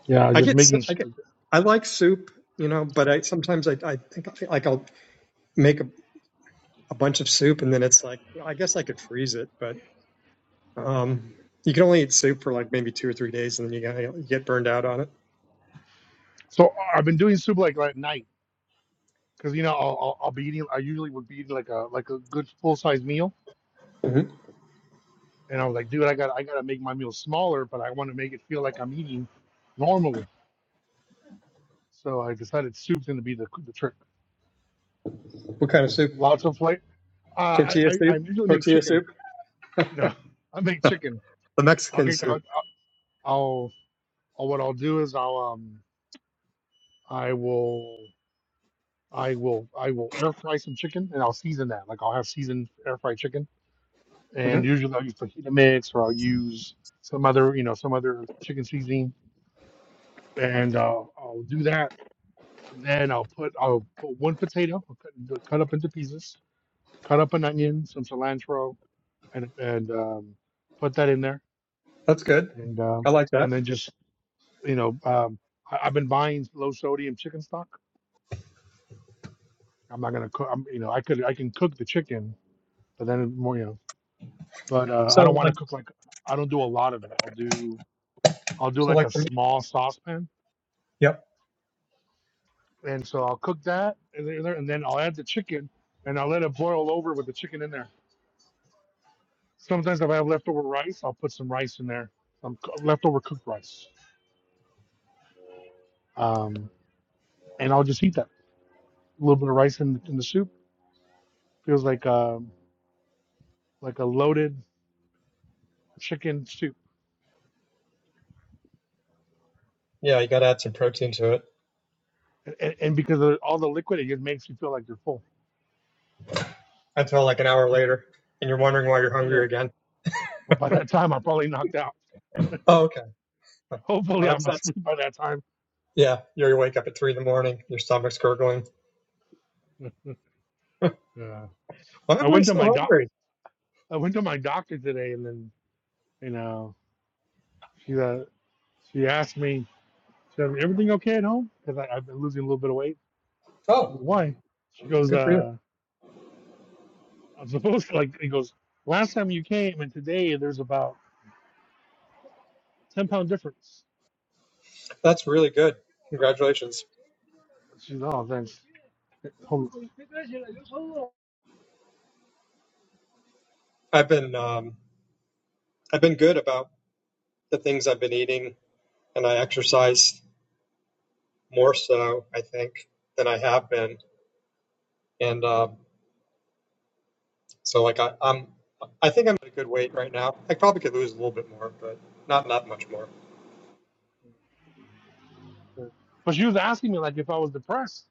[SPEAKER 15] Yeah,
[SPEAKER 14] I
[SPEAKER 15] just
[SPEAKER 14] get s-
[SPEAKER 15] making.
[SPEAKER 14] I
[SPEAKER 15] s-
[SPEAKER 14] get
[SPEAKER 15] like-
[SPEAKER 14] I like soup, you know, but I sometimes I I think I- like I'll make a, a bunch of soup, and then it's like I guess I could freeze it, but um. You can only eat soup for like maybe two or three days, and then you gotta you get burned out on it.
[SPEAKER 15] So I've been doing soup like at night because you know I'll, I'll I'll be eating. I usually would be eating like a like a good full size meal,
[SPEAKER 14] hmm
[SPEAKER 15] and I was like, dude, I got to I gotta make my meal smaller, but I want to make it feel like I'm eating normally. So I decided soup's gonna be the the trick.
[SPEAKER 14] What kind of soup?
[SPEAKER 15] Lots of flavor. Uh, I,
[SPEAKER 14] Tortilla
[SPEAKER 15] I I
[SPEAKER 14] soup?
[SPEAKER 15] usually make
[SPEAKER 14] Tortilla
[SPEAKER 15] chicken.
[SPEAKER 14] soup?
[SPEAKER 15] You know, I make chicken.
[SPEAKER 14] the
[SPEAKER 15] I'll
[SPEAKER 14] Mexican
[SPEAKER 15] get.
[SPEAKER 14] soup.
[SPEAKER 15] I'll, I'll, I'll. What I'll do is I'll um. I will. I will. I will air fry some chicken and I'll season that. Like I'll have seasoned air fried chicken.
[SPEAKER 14] hmm
[SPEAKER 15] And usually I'll use fajita mix or I'll use some other. You know, some other chicken seasoning. And uh, I'll do that. Then I'll put. I'll put one potato. I'll cut, cut up into pieces. Cut up an onion, some cilantro, and and um, put that in there
[SPEAKER 14] That's good.
[SPEAKER 15] and um,
[SPEAKER 14] I like that.
[SPEAKER 15] and then just you know um, I, I've been buying low sodium chicken stock. I'm not gonna cook. I'm, you know I could I can cook the chicken, but then more you know. But uh, I don't
[SPEAKER 14] So
[SPEAKER 15] want to
[SPEAKER 14] like
[SPEAKER 15] cook like I don't do a lot of it. I'll do I'll do
[SPEAKER 14] so
[SPEAKER 15] like
[SPEAKER 14] like
[SPEAKER 15] a
[SPEAKER 14] for me-
[SPEAKER 15] small saucepan,
[SPEAKER 14] yep.
[SPEAKER 15] and so I'll cook that, and then and then I'll add the chicken, and I'll let it boil over with the chicken in there. Sometimes if I have leftover rice, I'll put some rice in there, some co- leftover cooked rice, um, and I'll just eat that. A little bit of rice in, in the soup feels like um, like a loaded chicken soup.
[SPEAKER 14] Yeah, you gotta add some protein to it.
[SPEAKER 15] And, and because of all the liquid, it just makes you feel like you're full.
[SPEAKER 14] Until like an hour later and you're wondering why you're hungry again.
[SPEAKER 15] But by that time, I'm probably knocked out.
[SPEAKER 14] Oh, okay. Huh.
[SPEAKER 15] Hopefully,
[SPEAKER 14] Well
[SPEAKER 15] I'm
[SPEAKER 14] that's that's
[SPEAKER 15] asleep by that time.
[SPEAKER 14] yeah, you you wake up at three in the morning, your stomach's gurgling.
[SPEAKER 15] Uh,
[SPEAKER 14] Why
[SPEAKER 15] I
[SPEAKER 14] am I
[SPEAKER 15] went to
[SPEAKER 14] so
[SPEAKER 15] my doc.
[SPEAKER 14] hungry?
[SPEAKER 15] I went to my doctor today, and then you know she uh, she asked me, she said, "Everything okay at home?" Because I've been losing a little bit of weight. I said,
[SPEAKER 14] Oh,
[SPEAKER 15] Why? She goes,
[SPEAKER 14] good for you.
[SPEAKER 15] uh, "I'm supposed to like." He goes, "Last time you came, and today there's about ten pound difference."
[SPEAKER 14] That's really good. Congratulations.
[SPEAKER 15] She's, "Oh, thanks." Hold
[SPEAKER 14] I've been um I've been good about the things I've been eating and I exercise more so, I think, than I have been And uh, so like I, I'm, I think I'm at a good weight right now. I probably could lose a little bit more, but not not much more.
[SPEAKER 15] on. But she was asking me like if I was depressed.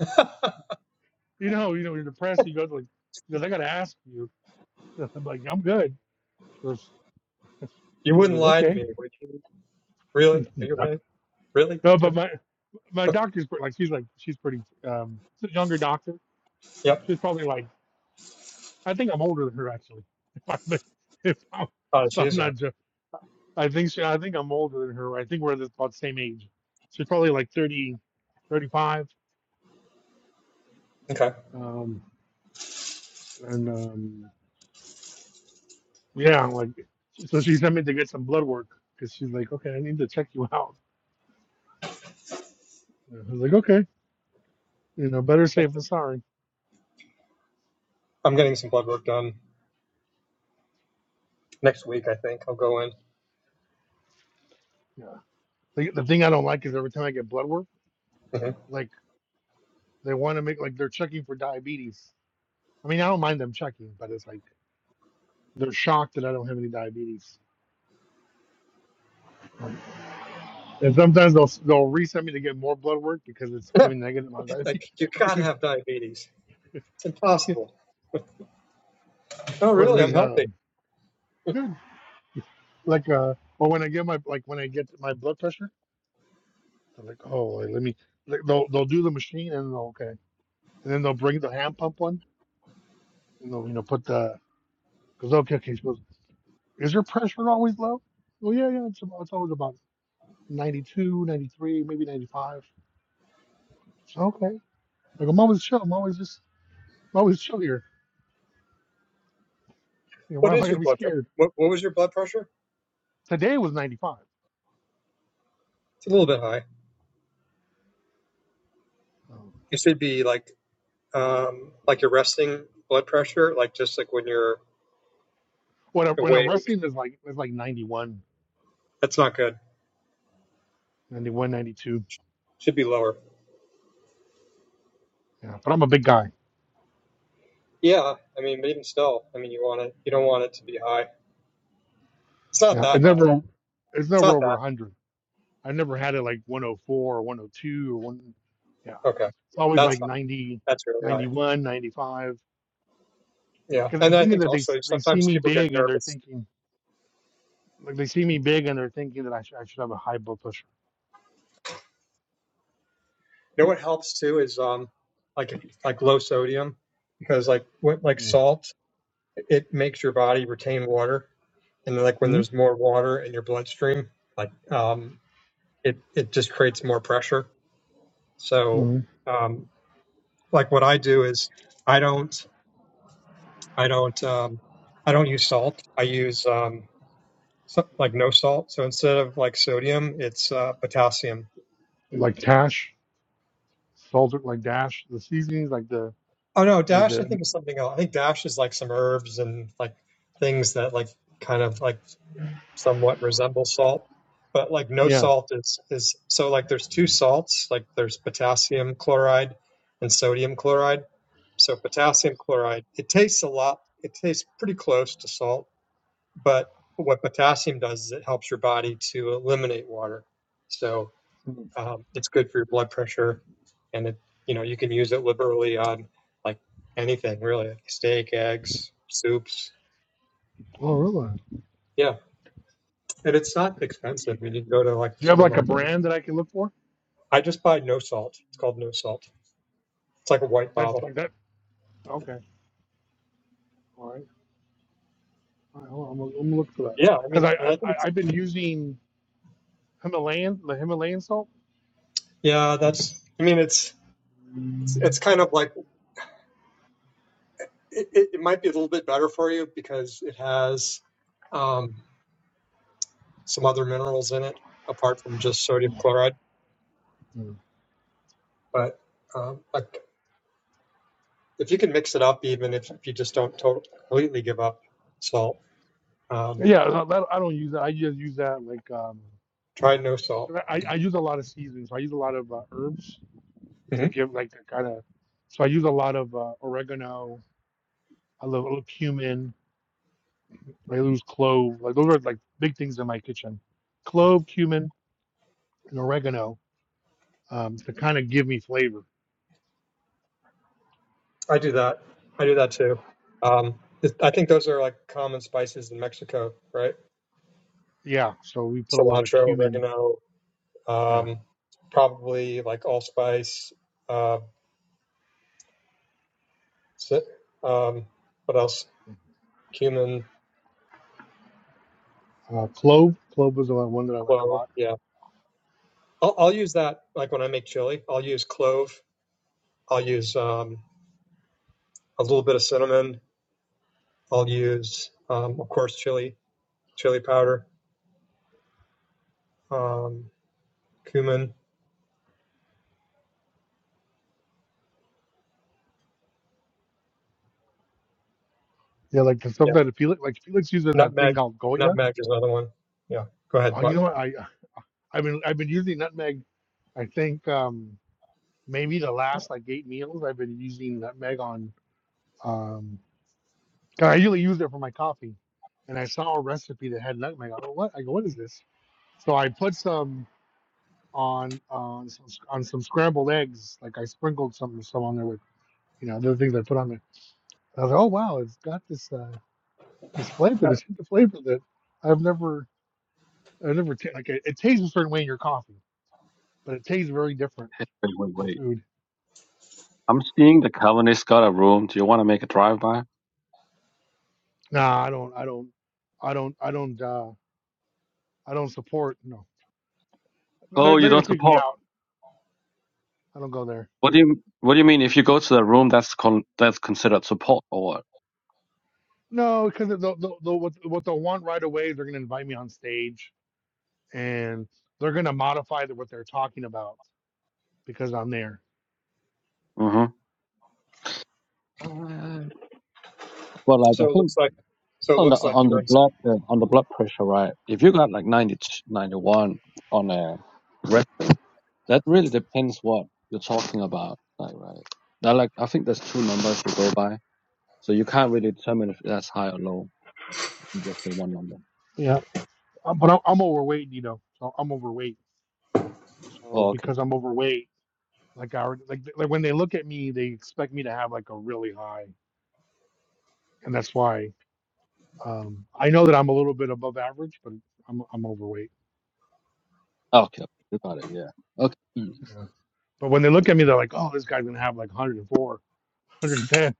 [SPEAKER 15] You know, you know, you're depressed. You go like, he goes, I got to ask you. I'm like, I'm good. She goes,
[SPEAKER 14] You
[SPEAKER 15] he
[SPEAKER 14] wouldn't
[SPEAKER 15] goes,
[SPEAKER 14] lie to
[SPEAKER 15] okay.
[SPEAKER 14] me, would you? Really? Are you okay?
[SPEAKER 15] no,
[SPEAKER 14] Really?
[SPEAKER 15] but my my doctor's pre- like, she's like, she's pretty. Um, she's a younger doctor.
[SPEAKER 14] Yep.
[SPEAKER 15] She's probably like, I think I'm older than her actually. If I'm if I'm,
[SPEAKER 14] Oh,
[SPEAKER 15] if
[SPEAKER 14] she
[SPEAKER 15] I'm
[SPEAKER 14] is young.
[SPEAKER 15] not, jo- I think she, I think I'm older than her. I think we're the- about the same age. She's probably like 30, 35.
[SPEAKER 14] Okay.
[SPEAKER 15] Um, and um, yeah, like, so she sent me to get some blood work because she's like, okay, I need to check you out. And I was like, okay, you know, better safe than sorry.
[SPEAKER 14] I'm getting some blood work done next week. I think I'll go in.
[SPEAKER 15] Yeah. The, the thing I don't like is every time I get blood work,
[SPEAKER 14] hmm
[SPEAKER 15] like they want to make like they're checking for diabetes. I mean, I don't mind them checking, but it's like they're shocked that I don't have any diabetes. And sometimes they'll they'll resend me to get more blood work because it's giving negative on
[SPEAKER 14] like
[SPEAKER 15] diabetes,
[SPEAKER 14] you gotta have diabetes. It's
[SPEAKER 15] dude.
[SPEAKER 14] impossible. Oh,
[SPEAKER 15] Or
[SPEAKER 14] really? I'm
[SPEAKER 15] there's
[SPEAKER 14] healthy.
[SPEAKER 15] um good like uh or when I get my like when I get my blood pressure, they're like, oh, like, let me like, they'll they'll do the machine and they'll okay, and then they'll bring the hand pump one and they'll you know put the because okay, okay, so Is your pressure always low? Well, yeah, yeah. It's, about, it's always about 92, 93, maybe 95. So, okay. Like, I'm always chill. I'm always just, I'm always chill here. You know, why
[SPEAKER 14] What
[SPEAKER 15] am I
[SPEAKER 14] is
[SPEAKER 15] going
[SPEAKER 14] your
[SPEAKER 15] to be
[SPEAKER 14] blood pressure?
[SPEAKER 15] scared?
[SPEAKER 14] What, what was your blood pressure?
[SPEAKER 15] Today was 95.
[SPEAKER 14] It's a little bit high.
[SPEAKER 15] Um,
[SPEAKER 14] It should be like um, like your resting blood pressure, like just like when you're
[SPEAKER 15] when, I, when I'm
[SPEAKER 14] awake
[SPEAKER 15] wrestling, it's like, it's like 91,
[SPEAKER 14] That's not good.
[SPEAKER 15] 91, 92.
[SPEAKER 14] Should be lower.
[SPEAKER 15] Yeah. But I'm a big guy.
[SPEAKER 14] Yeah, I mean, but even still, I mean, you want it. You don't want it to be high. It's not
[SPEAKER 15] Yeah.
[SPEAKER 14] that
[SPEAKER 15] It
[SPEAKER 14] high.
[SPEAKER 15] never, it's
[SPEAKER 14] It's
[SPEAKER 15] never
[SPEAKER 14] not
[SPEAKER 15] over
[SPEAKER 14] that.
[SPEAKER 15] 100. I never had it like 104 or 102 or one. Yeah.
[SPEAKER 14] Okay,
[SPEAKER 15] It's always
[SPEAKER 14] that's
[SPEAKER 15] like
[SPEAKER 14] high.
[SPEAKER 15] 90,
[SPEAKER 14] That's really high.
[SPEAKER 15] 91, 95.
[SPEAKER 14] Yeah,
[SPEAKER 15] Because
[SPEAKER 14] and
[SPEAKER 15] at the
[SPEAKER 14] I
[SPEAKER 15] end of
[SPEAKER 14] think
[SPEAKER 15] the day, they
[SPEAKER 14] also
[SPEAKER 15] s- they see
[SPEAKER 14] sometimes
[SPEAKER 15] me
[SPEAKER 14] people get
[SPEAKER 15] big and they're
[SPEAKER 14] nervous.
[SPEAKER 15] thinking, Like they see me big and they're thinking that I should, I should have a high blood pressure.
[SPEAKER 14] You know what helps too is um, like like low sodium, because like what like
[SPEAKER 15] Yeah.
[SPEAKER 14] salt, it makes your body retain water, and then like when
[SPEAKER 15] mm
[SPEAKER 14] there's more water in your bloodstream, like um, it it just creates more pressure. So
[SPEAKER 15] mm
[SPEAKER 14] um, like what I do is I don't. I don't um, I don't use salt. I use um, so, like no salt. So instead of like sodium, it's uh, potassium.
[SPEAKER 15] Like Tash, Salter, like Dash, the seasonings, like the
[SPEAKER 14] Oh no,
[SPEAKER 15] like
[SPEAKER 14] dash I
[SPEAKER 15] the
[SPEAKER 14] think is something else. I think dash is like some herbs and like things that like kind of like somewhat resemble salt. But like no
[SPEAKER 15] yeah.
[SPEAKER 14] salt is is so like there's two salts, like there's potassium chloride and sodium chloride. So potassium chloride, it tastes a lot, it tastes pretty close to salt But what potassium does is it helps your body to eliminate water. So
[SPEAKER 15] mm.
[SPEAKER 14] um, it's good for your blood pressure, and it you know you can use it liberally on like anything really, like steak, eggs, soups.
[SPEAKER 15] Oh, really? Do
[SPEAKER 14] Yeah, and it's not expensive. You can go to like the
[SPEAKER 15] you have like a
[SPEAKER 14] supermarket.
[SPEAKER 15] brand that I can look for?
[SPEAKER 14] I just buy no salt. It's called no salt. It's like a white
[SPEAKER 15] That's
[SPEAKER 14] bottle.
[SPEAKER 15] like that. Okay. All right. All right hold on. I'm gonna, I'm gonna look for that
[SPEAKER 14] Yeah, I
[SPEAKER 15] because
[SPEAKER 14] mean,
[SPEAKER 15] I,
[SPEAKER 14] and
[SPEAKER 15] I
[SPEAKER 14] I think
[SPEAKER 15] I-
[SPEAKER 14] it's
[SPEAKER 15] I've been using Himalayan the Himalayan salt.
[SPEAKER 14] yeah. That's I mean, it's it's kind of like it, it, might be a little bit better for you because it has um, some other minerals in it apart from just sodium chloride.
[SPEAKER 15] Mm.
[SPEAKER 14] But um, like if you can mix it up, even if, if you just don't totally completely give up salt, um,
[SPEAKER 15] Yeah, that, that- I don't use that. I just use that like um.
[SPEAKER 14] try no salt.
[SPEAKER 15] I, I use a lot of seasonings. I use a lot of uh, herbs
[SPEAKER 14] hmm
[SPEAKER 15] to give like the kind of. So I use a lot of uh, oregano. I love a little cumin. I use clove. Like those are like big things in my kitchen. Clove, cumin, and oregano um, to kind of give me flavor.
[SPEAKER 14] I do that. I do that too. Um, it, I think those are like common spices in Mexico, right?
[SPEAKER 15] Yeah. So we put a lot of
[SPEAKER 14] Cilantro,
[SPEAKER 15] cumin.
[SPEAKER 14] oregano,
[SPEAKER 15] Yeah.
[SPEAKER 14] um, probably like allspice. Uh, ci- um, what else? Cumin,
[SPEAKER 15] Uh, clove. Clove was the one that I like a
[SPEAKER 14] clove.
[SPEAKER 15] lot.
[SPEAKER 14] Yeah, I'll, I'll use that like when I make chili. I'll use clove I'll use um, a little bit of cinnamon. I'll use, um, of course, chili, chili powder, um, cumin.
[SPEAKER 15] Yeah, like the stuff
[SPEAKER 14] Yeah,
[SPEAKER 15] that Felix like Felix uses that thing
[SPEAKER 14] nutmeg.
[SPEAKER 15] called Goya.
[SPEAKER 14] Nutmeg is another one. Yeah. Go ahead.
[SPEAKER 15] Oh, you
[SPEAKER 14] What?
[SPEAKER 15] know what? I uh, I've been I've been using nutmeg. I think um, maybe the last like eight meals I've been using nutmeg on. Um, 'Cause I usually use it for my coffee. And I saw a recipe that had nutmeg. I go, what? I go, what is this? So I put some on on some, on some scrambled eggs. Like I sprinkled some some on there with you know the other things I put on there. And I was like, oh wow, it's got this uh, this flavor, this hint of flavor that I've never I've never ta- like it, it tastes a certain way in your coffee, but it tastes very different
[SPEAKER 18] hit. wait, wait,
[SPEAKER 15] in
[SPEAKER 18] wait.
[SPEAKER 15] food.
[SPEAKER 18] I'm seeing the Calvinist got a room. Do you want to make a drive by?
[SPEAKER 15] Nah, I don't I don't I don't I don't uh, I don't support. No, they're
[SPEAKER 18] Oh, you
[SPEAKER 15] they're gonna
[SPEAKER 18] don't
[SPEAKER 15] kick me
[SPEAKER 18] support.
[SPEAKER 15] out. I don't go there.
[SPEAKER 18] What do you What do you mean? If you go to the room, that's con- that's considered support or what?
[SPEAKER 15] No, because they'll, they'll, they'll, what, what they'll want right away, they're going to invite me on stage and they're going to modify the, what they're talking about because I'm there.
[SPEAKER 18] hmm Uh, Well, like I
[SPEAKER 14] So it
[SPEAKER 18] think
[SPEAKER 14] looks like. So it
[SPEAKER 18] on the
[SPEAKER 14] looks like
[SPEAKER 18] on the
[SPEAKER 14] you're in.
[SPEAKER 18] blood uh, on the blood pressure, right? If you got like 90 91 on a rep, that really depends what you're talking about, like right? Now, like I think there's two numbers to go by, so you can't really determine if that's high or low. If you just say one number.
[SPEAKER 15] Yeah, um, but I'm, I'm overweight, you know. So I'm overweight. So because I'm overweight, like I already, like, like when they look at me, they expect me to have like a really high, and that's why um, I know that I'm a little bit above average, but I'm I'm overweight.
[SPEAKER 18] Okay, you got it. Yeah. Okay, Mm.
[SPEAKER 15] Yeah. But when they look at me, they're like, "Oh, this guy's gonna have like 104, 110."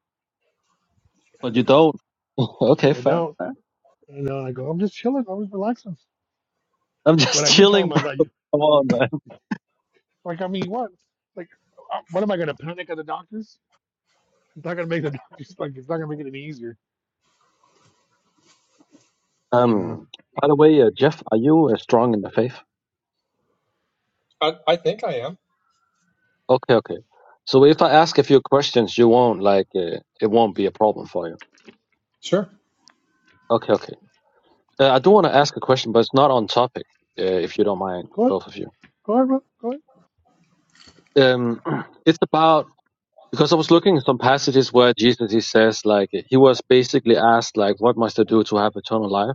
[SPEAKER 18] but you don't. okay,
[SPEAKER 15] I
[SPEAKER 18] fair,
[SPEAKER 15] don't.
[SPEAKER 18] fair.
[SPEAKER 15] You know, I go, "I'm just chilling. I'm just relaxing."
[SPEAKER 18] I'm
[SPEAKER 15] When
[SPEAKER 18] just
[SPEAKER 15] I did tell
[SPEAKER 18] chilling,
[SPEAKER 15] him, I
[SPEAKER 18] bro.
[SPEAKER 15] was like, "You-
[SPEAKER 18] Come on, man.
[SPEAKER 15] like, I mean, what? Like, uh, what am I going to panic at the doctors? It's not going to make the doctors, like, it's not going to make it any easier. Yeah.
[SPEAKER 18] Um. By the way, uh, Jeff, are you uh, strong in the faith?
[SPEAKER 14] I, I think I am.
[SPEAKER 18] Okay, okay. So if I ask a few questions, you won't like uh, it won't be a problem for you.
[SPEAKER 14] Sure.
[SPEAKER 18] Okay, okay. Uh, I do want to ask a question, but it's not on topic. Uh, if you don't mind,
[SPEAKER 15] Go ahead.
[SPEAKER 18] both of you.
[SPEAKER 15] Go ahead, bro. Go ahead.
[SPEAKER 18] Um, it's about because I was looking at some passages where Jesus he says like he was basically asked like, "What must I do to have eternal life?"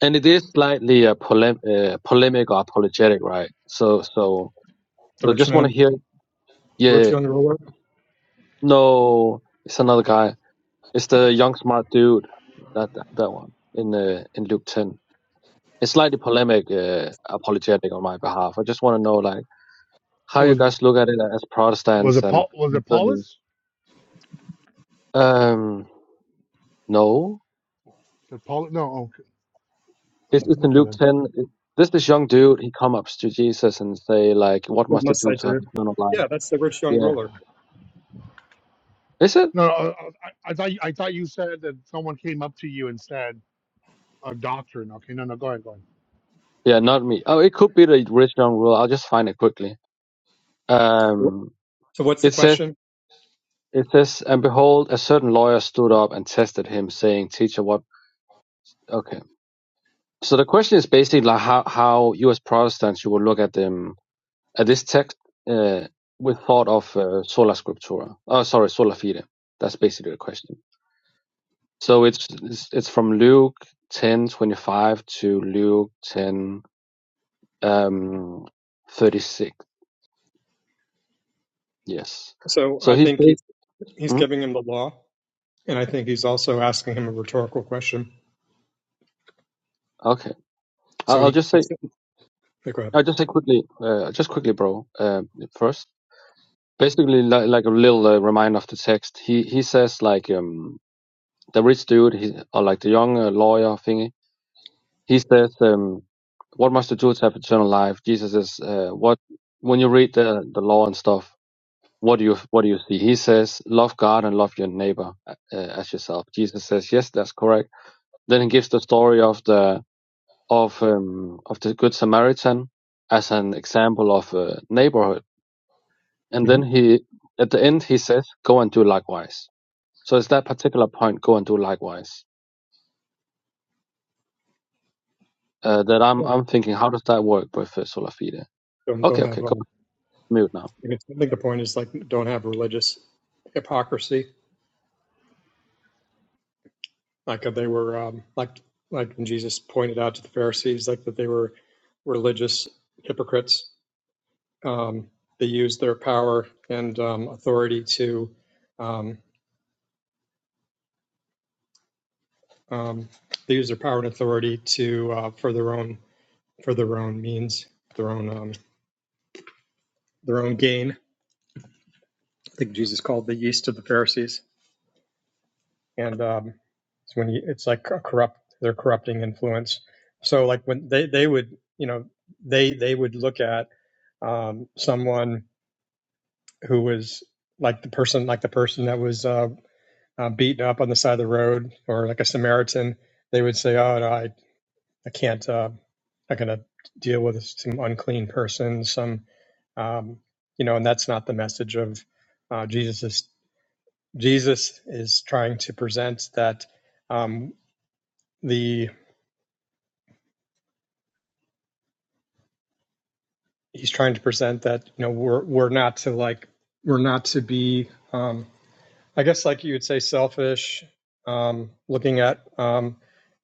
[SPEAKER 18] and it is slightly uh, polem- uh, polemic or apologetic, right? So, so,
[SPEAKER 14] The
[SPEAKER 18] so
[SPEAKER 14] rich
[SPEAKER 18] just want to
[SPEAKER 14] man,
[SPEAKER 18] hear.
[SPEAKER 14] the rich
[SPEAKER 18] Yeah,
[SPEAKER 14] young ruler.
[SPEAKER 18] no, it's another guy. It's the young smart dude. That that, that one in uh, in Luke ten. It's slightly polemic, uh, apologetic on my behalf. I just want to know, like, how you
[SPEAKER 15] Was,
[SPEAKER 18] guys look at it as
[SPEAKER 15] was
[SPEAKER 18] Protestants
[SPEAKER 15] it
[SPEAKER 18] and
[SPEAKER 15] Paul? Was it Paulus?
[SPEAKER 18] concerning.
[SPEAKER 15] Is
[SPEAKER 18] Um, no,
[SPEAKER 15] it Paul? No. Okay.
[SPEAKER 18] it's, it's
[SPEAKER 15] Oh,
[SPEAKER 18] in
[SPEAKER 15] okay
[SPEAKER 18] Luke
[SPEAKER 15] then.
[SPEAKER 18] ten. It, this this young dude, he come up to Jesus and say, like, what
[SPEAKER 14] What
[SPEAKER 18] must I
[SPEAKER 14] must
[SPEAKER 18] do
[SPEAKER 14] I
[SPEAKER 18] to have
[SPEAKER 14] do?
[SPEAKER 18] eternal life?
[SPEAKER 14] Yeah, that's the rich young
[SPEAKER 18] Yeah,
[SPEAKER 14] ruler.
[SPEAKER 18] is it?
[SPEAKER 15] No, uh, uh, I, I thought you, I thought you said that someone came up to you and said a doctrine. Okay, no, no, go ahead, go ahead.
[SPEAKER 18] Yeah, not me. Oh, it could be the rich young ruler. I'll just find it quickly.
[SPEAKER 14] So
[SPEAKER 18] Um,
[SPEAKER 14] what's the
[SPEAKER 18] it says,
[SPEAKER 14] question?
[SPEAKER 18] it says, and behold, a certain lawyer stood up and tested him, saying, "Teacher, what?" Okay. So the question is basically like how how you as Protestants you will look at them at this text uh, with thought of uh, sola scriptura. Oh, sorry, sola fide. That's basically the question. So it's it's, it's from Luke ten twenty five to Luke ten um, thirty six. Yes.
[SPEAKER 14] So
[SPEAKER 18] So
[SPEAKER 14] I
[SPEAKER 18] he's
[SPEAKER 14] think
[SPEAKER 18] basically.
[SPEAKER 14] he's he's giving him the law, and I think he's also asking him a rhetorical question.
[SPEAKER 18] Okay, I-
[SPEAKER 14] So
[SPEAKER 18] I'll
[SPEAKER 14] he
[SPEAKER 18] just say,
[SPEAKER 14] he's go ahead.
[SPEAKER 18] I'll just say quickly, uh, just quickly, bro. Uh, first, basically, like, like a little uh, reminder of the text. He he says like um the rich dude, he, or like the young uh, lawyer thingy. He says um, what must you do to have eternal life? Jesus is uh, what when you read the the law and stuff. What do you what do you see? He says, love God and love your neighbor uh, as yourself. Jesus says, yes, that's correct. Then he gives the story of the of um, of the Good Samaritan as an example of a neighborhood, and then
[SPEAKER 14] hmm
[SPEAKER 18] he at the end he says, "Go and do likewise." So it's that particular point, "Go and do likewise," uh, that I'm I'm thinking, how does that work with uh, sola fide?
[SPEAKER 14] don't don't
[SPEAKER 18] Okay, okay,
[SPEAKER 14] have.
[SPEAKER 18] go
[SPEAKER 14] Um,
[SPEAKER 18] mute now.
[SPEAKER 14] I guess- I think the point is like don't have religious hypocrisy. Like uh, they were um, like like when Jesus pointed out to the Pharisees, like that they were religious hypocrites. Um, they used their power and um, authority to um, um, they used their power and authority to uh, for their own for their own means, their own um, their own gain. I think Jesus called the yeast of the Pharisees and um, it's when you, it's like corrupt they're corrupting influence so like when they they would you know they they would look at um, someone who was like the person like the person that was uh, uh, beaten up on the side of the road or like a samaritan they would say oh no, i i can't uh, not going to deal with some unclean person, some, um, you know, and that's not the message of uh, Jesus. Is, Jesus is trying to present that um, the he's trying to present that you know we're we're not to like we're not to be um, I guess like you would say selfish, um, looking at um,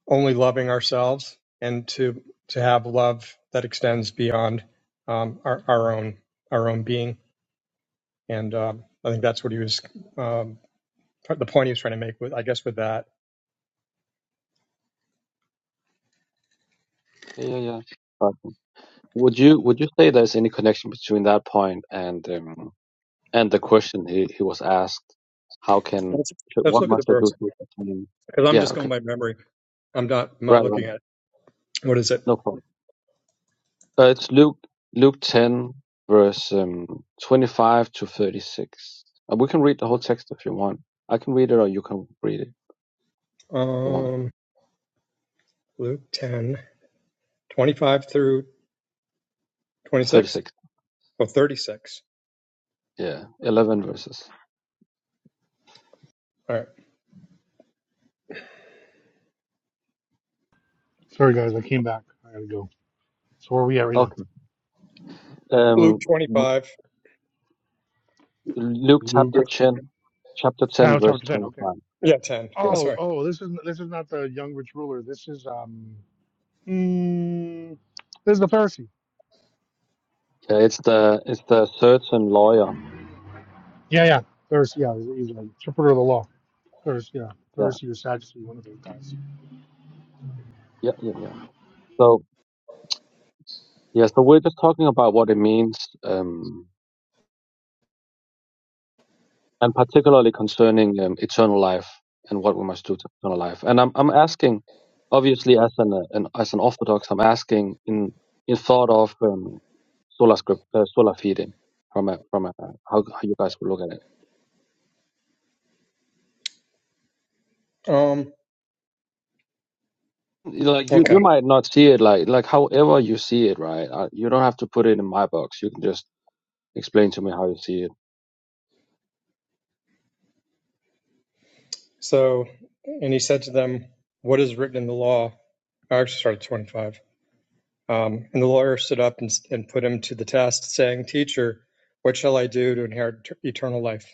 [SPEAKER 14] only loving ourselves and to to have love that extends beyond um, our our own our own being and um, I think that's what he was um, the point he was trying to make with I guess with that
[SPEAKER 18] Yeah, yeah, yeah. But would you would you say there's any connection between that point and um, and the question he, he was asked? How can
[SPEAKER 14] let's,
[SPEAKER 18] should,
[SPEAKER 14] let's
[SPEAKER 18] what
[SPEAKER 14] look at the
[SPEAKER 18] must I do
[SPEAKER 14] verse
[SPEAKER 18] to attain?
[SPEAKER 14] because I'm
[SPEAKER 18] Yeah,
[SPEAKER 14] just
[SPEAKER 18] okay,
[SPEAKER 14] going by memory I'm not I'm not
[SPEAKER 18] right, right,
[SPEAKER 14] looking at it what is it
[SPEAKER 18] no problem. Uh, it's Luke Luke ten verse um, twenty five to thirty six. Uh, we can read the whole text if you want. I can read it, or you can read it if you want.
[SPEAKER 14] um, Luke 10 25 through
[SPEAKER 18] Thirty
[SPEAKER 14] 26?
[SPEAKER 18] six.
[SPEAKER 14] Oh, thirty-six.
[SPEAKER 18] Yeah, eleven verses.
[SPEAKER 14] All right.
[SPEAKER 15] Sorry, guys, I came back. I gotta go. So where are we at right now?
[SPEAKER 18] Okay.
[SPEAKER 14] Luke
[SPEAKER 18] Um, w-
[SPEAKER 14] 25.
[SPEAKER 18] Luke chapter
[SPEAKER 15] Luke,
[SPEAKER 18] ten, chapter ten
[SPEAKER 15] chapter
[SPEAKER 18] verse
[SPEAKER 15] ten.
[SPEAKER 18] twenty
[SPEAKER 15] Okay.
[SPEAKER 18] five.
[SPEAKER 14] Yeah, 10.
[SPEAKER 18] Yeah.
[SPEAKER 15] Oh,
[SPEAKER 14] Sorry.
[SPEAKER 15] oh, this is this is not the young rich ruler. This is um. Mm, this is the Pharisee.
[SPEAKER 18] yeah. It's the it's the certain lawyer.
[SPEAKER 15] Yeah, yeah. Pharisee, yeah. He's he's an interpreter of the law. Pharisee, yeah.
[SPEAKER 18] Yeah.
[SPEAKER 15] Pharisee or Sadducee, one of those guys.
[SPEAKER 18] Yeah. Yeah. Yeah. So yeah. So we're just talking about what it means. Um, and particularly concerning um, eternal life and what we must do to eternal life. And I'm I'm asking, obviously, as an, uh, an as an Orthodox, I'm asking in in thought of um, sola script, uh, sola fide, from a from a how, how you guys would look at
[SPEAKER 14] Um,
[SPEAKER 18] it. Like you you
[SPEAKER 14] okay.
[SPEAKER 18] might not see it like like however you see it, right? Uh, you don't have to put it in my box. You can just explain to me how you see it.
[SPEAKER 14] So, and he said to them, What is written in the law? I actually started 25. Um, and the lawyer stood up and, and put him to the test, saying, Teacher, what shall I do to inherit t- eternal life?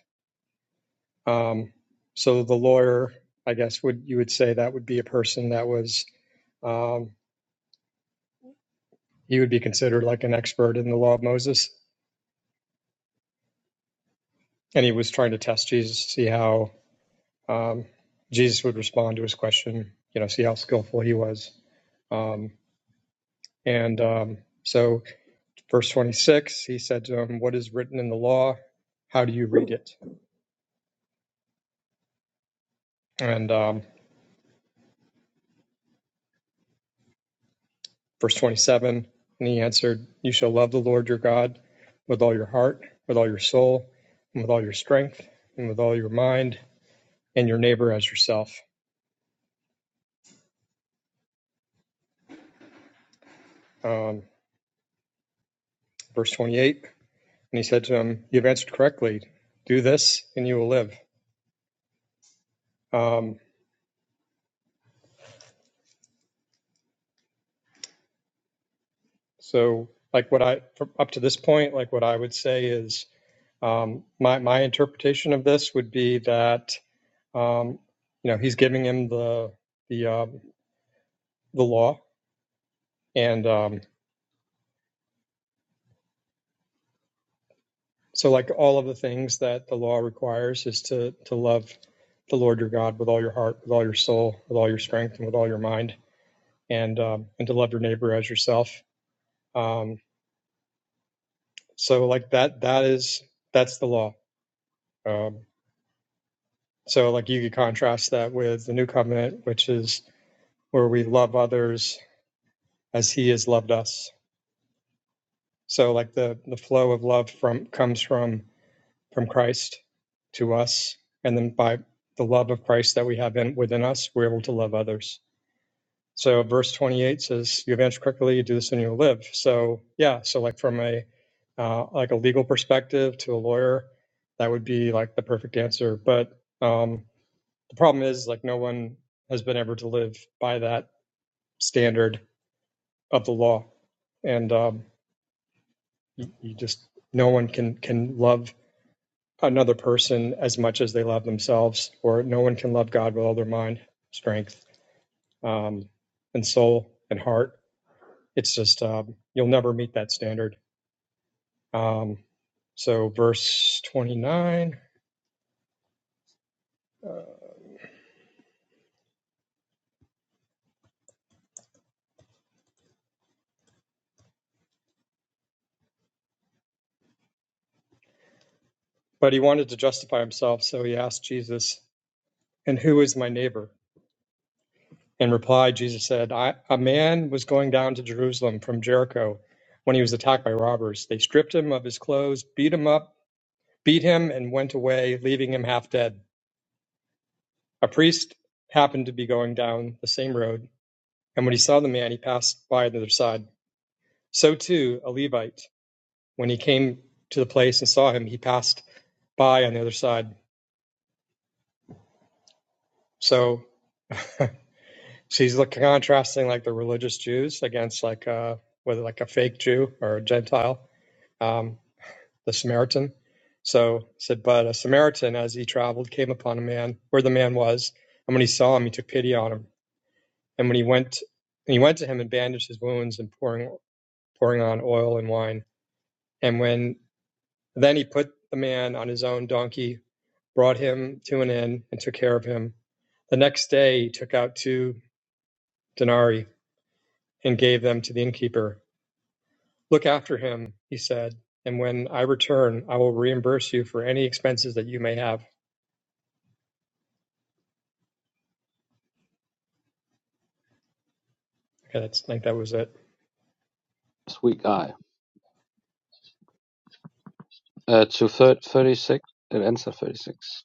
[SPEAKER 14] Um, so the lawyer, I guess, would you would say that would be a person that was, um, he would be considered like an expert in the law of Moses. And he was trying to test Jesus to see how um, Jesus would respond to his question, you know, see how skillful he was. Um, and um, so, verse 26, he said to him, What is written in the law? How do you read it? And um, verse 27, and he answered, You shall love the Lord your God with all your heart, with all your soul, and with all your strength, and with all your mind, and your neighbor as yourself. Um, verse 28, and he said to him, You've answered correctly. Do this, and you will live. Um, So, like what I from up to this point, like what I would say is um, my my interpretation of this would be that um, you know he's giving him the the um, the law, and um, so like all of the things that the law requires is to to love the Lord your God with all your heart, with all your soul, with all your strength, and with all your mind, and um, and to love your neighbor as yourself. Um, so like that that is that's the law. Um, So, like, you could contrast that with the new covenant, which is where we love others as he has loved us. So, like, the, the flow of love from comes from from Christ to us, and then by the love of Christ that we have in within us, we're able to love others. So, verse 28 says, "You advance quickly, you do this, and you'll live." So, yeah, so like from a uh, like a legal perspective to a lawyer, that would be like the perfect answer. But um, The problem is, like, no one has been able to live by that standard of the law, and um, you, you just no one can can love another person as much as they love themselves, or no one can love God with all their mind, strength, um, and soul and heart. It's just um, you'll never meet that standard. Um, so, verse twenty nine. But he wanted to justify himself, so he asked Jesus, "And who is my neighbor?" In reply, Jesus said, I, A man was going down to Jerusalem from Jericho when he was attacked by robbers. They stripped him of his clothes, beat him up, beat him, and went away, leaving him half dead. A priest happened to be going down the same road, and when he saw the man, he passed by on the other side. So too, a Levite, when he came to the place and saw him, he passed by on the other side. So she's like contrasting like the religious Jews against like uh whether like a fake Jew or a Gentile. Um, the Samaritan. So it said, But a Samaritan, as he traveled, came upon a man where the man was, and when he saw him, he took pity on him. And when he went, and he went to him and bandaged his wounds and pouring pouring on oil and wine. And when then he put the man on his own donkey, brought him to an inn, and took care of him. The next day he took out two denarii and gave them to the innkeeper. Look after him, he said, and when I return, I will reimburse you for any expenses that you may have. Okay, that's, I think that was it.
[SPEAKER 18] Sweet guy. Uh, to thir- 36, it ends at 36.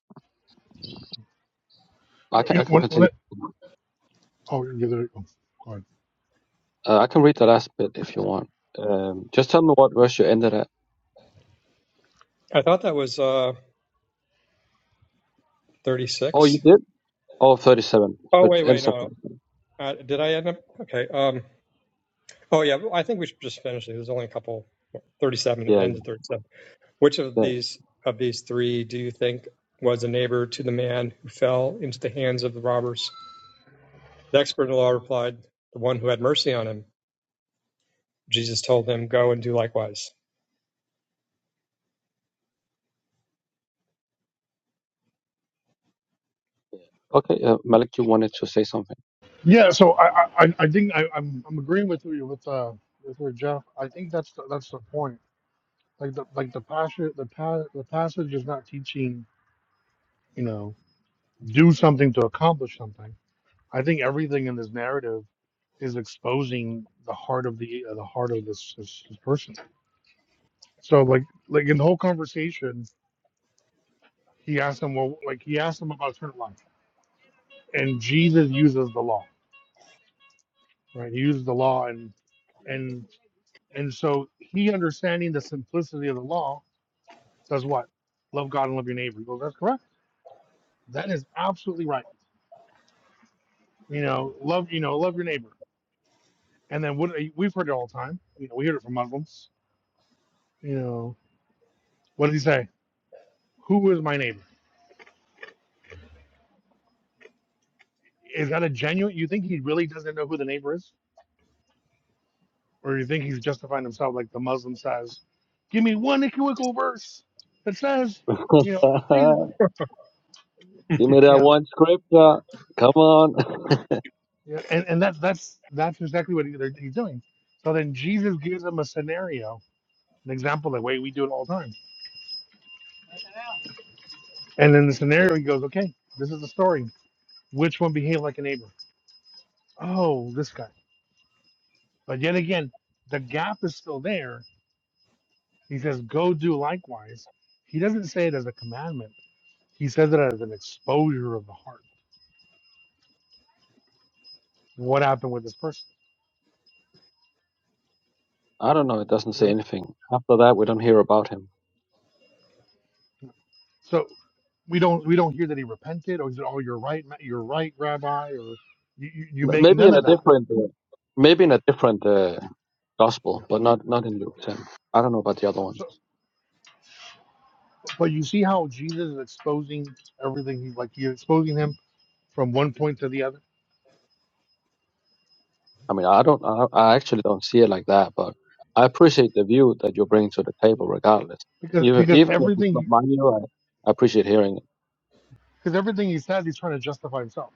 [SPEAKER 15] You
[SPEAKER 18] I
[SPEAKER 15] know,
[SPEAKER 18] can
[SPEAKER 15] you
[SPEAKER 18] I
[SPEAKER 15] know,
[SPEAKER 18] can
[SPEAKER 15] when, when
[SPEAKER 18] continue.
[SPEAKER 15] it, oh, yeah, there, oh, go ahead.
[SPEAKER 18] Uh, I can read the last bit if you want. Um, just tell me what verse you ended at.
[SPEAKER 14] I thought that was uh
[SPEAKER 18] Oh,
[SPEAKER 14] 36.
[SPEAKER 18] you did? Oh, thirty-seven.
[SPEAKER 14] Oh
[SPEAKER 18] 37.
[SPEAKER 14] wait,
[SPEAKER 18] Thir-
[SPEAKER 14] wait,
[SPEAKER 18] Ends of
[SPEAKER 14] no.
[SPEAKER 18] 37.
[SPEAKER 14] Uh, did I end up? Okay. Um. Oh yeah. I think we should just finish it. There's only a couple. 37. It
[SPEAKER 18] Yeah, yeah.
[SPEAKER 14] ends at 37. Which of
[SPEAKER 18] yeah.
[SPEAKER 14] these of these three do you think was a neighbor to the man who fell into the hands of the robbers? The expert in the law replied, "The one who had mercy on him." Jesus told them, "Go and do likewise."
[SPEAKER 18] Okay, uh, Malik, you wanted to say something.
[SPEAKER 15] Yeah, so I, I, I I think I, I'm, I'm agreeing with you with, uh, with where Jeff. I think that's the, that's the point. Like the like the passage the pa- the passage is not teaching you know do something to accomplish something. I think everything in this narrative is exposing the heart of the the heart of this, this, this person. So like like in the whole conversation, he asked him well like he asked him about eternal life. And Jesus uses the law, right? He uses the law and and and so he understanding the simplicity of the law says what? Love God and love your neighbor. He goes, That's correct. That is absolutely right. You know, love you know, love your neighbor. And then what we've heard it all the time. You know, we hear it from Muslims. You know, what did he say? Who is my neighbor? Is that a genuine you think he really doesn't know who the neighbor is? or you think he's justifying himself like the Muslim says, give me one equivocal verse that says, you know, Jesus,
[SPEAKER 18] Give me that
[SPEAKER 15] yeah,
[SPEAKER 18] one scripture. Come on.
[SPEAKER 15] yeah, yeah. and and that's that's that's exactly what he, they're- he's doing. So then Jesus gives him a scenario, an example, the way we do it all the time. And then the
[SPEAKER 18] Yeah,
[SPEAKER 15] scenario, he goes, okay, this is the story. Which one behaved like a neighbor? Oh, this guy. But yet again, the gap is still there. He says, go do likewise. He doesn't say it as a commandment. He says it as an exposure of the heart what happened with this person?
[SPEAKER 18] I don't know. It doesn't say
[SPEAKER 15] What
[SPEAKER 18] anything. After that, we don't hear about him.
[SPEAKER 15] So we don't we don't hear that he repented, or he said, "Oh, you're right, ma- you're right, Rabbi," or you you, you
[SPEAKER 18] M-
[SPEAKER 15] make
[SPEAKER 18] Maybe
[SPEAKER 15] none
[SPEAKER 18] in
[SPEAKER 15] of
[SPEAKER 18] a
[SPEAKER 15] that.
[SPEAKER 18] different, uh, maybe in a different uh,
[SPEAKER 15] You
[SPEAKER 18] gospel,
[SPEAKER 15] know.
[SPEAKER 18] but not not in Luke ten. I don't know about the other ones.
[SPEAKER 15] So, but you see how Jesus is exposing everything. He's like he's exposing him from one point to the other
[SPEAKER 18] I mean, I don't, I, I actually don't see it like that. But I appreciate the view that you're bringing to the
[SPEAKER 15] Yeah.
[SPEAKER 18] table, regardless.
[SPEAKER 15] because
[SPEAKER 18] Even
[SPEAKER 15] because
[SPEAKER 18] even if it's not
[SPEAKER 15] everything
[SPEAKER 18] my view, I, I appreciate hearing it.
[SPEAKER 15] because everything he says he's trying to justify himself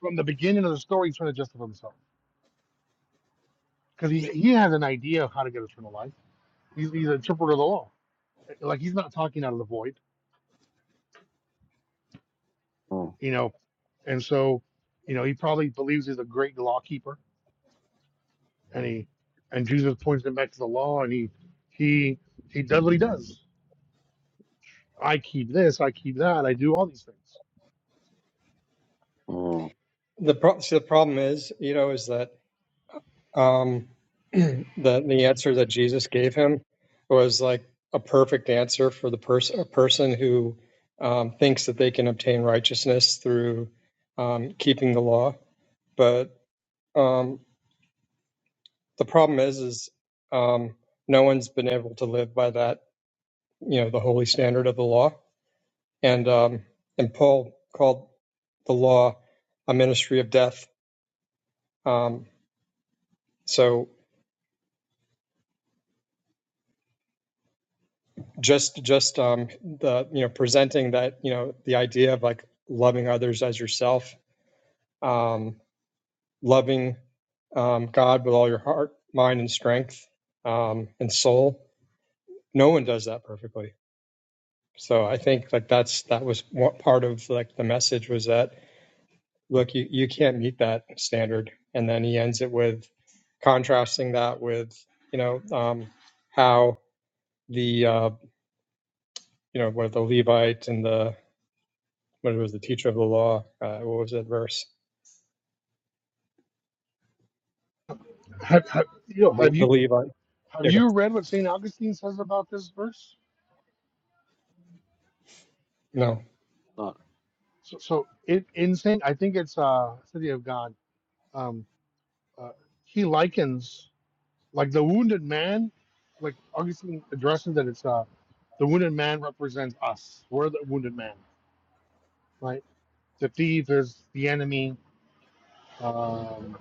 [SPEAKER 15] from the beginning of the story he's trying to justify himself because he, he has an idea of how to get eternal life he's, he's an interpreter of the law like he's not talking out of the void
[SPEAKER 18] Mm,
[SPEAKER 15] you know And so, you know, he probably believes he's a great law keeper, and he and Jesus points him back to the law, and he he he does what he does. I keep this, I keep that, I do all these things.
[SPEAKER 18] mm.
[SPEAKER 14] The pro- see, the problem is, you know, is that Um, the the answer that Jesus gave him was like a perfect answer for the person a person who um, thinks that they can obtain righteousness through um, keeping the law. But um, the problem is, is um, no one's been able to live by that, you know, the holy standard of the law. And um, and Paul called the law a ministry of death. Um, so just just um the you know presenting that you know the idea of like loving others as yourself um loving um god with all your heart mind and strength um and soul no one does that perfectly so i think like that's that was what part of like the message was that look you, you can't meet that standard and then he ends it with contrasting that with you know um how the uh you know where the levite and the when he was the teacher of the law. Uh, what was that verse?
[SPEAKER 15] Have, have, you know,
[SPEAKER 14] The,
[SPEAKER 15] have
[SPEAKER 14] the
[SPEAKER 15] you
[SPEAKER 14] Levite.
[SPEAKER 15] have you read what Saint Augustine says about this verse?
[SPEAKER 14] No.
[SPEAKER 18] Uh,
[SPEAKER 15] So, so it, in Saint, I think it's uh, City of God. Um, uh, he likens like the wounded man, like Augustine addresses that it's uh, the wounded man represents us. We're the wounded man, right? The thief is the enemy. Um,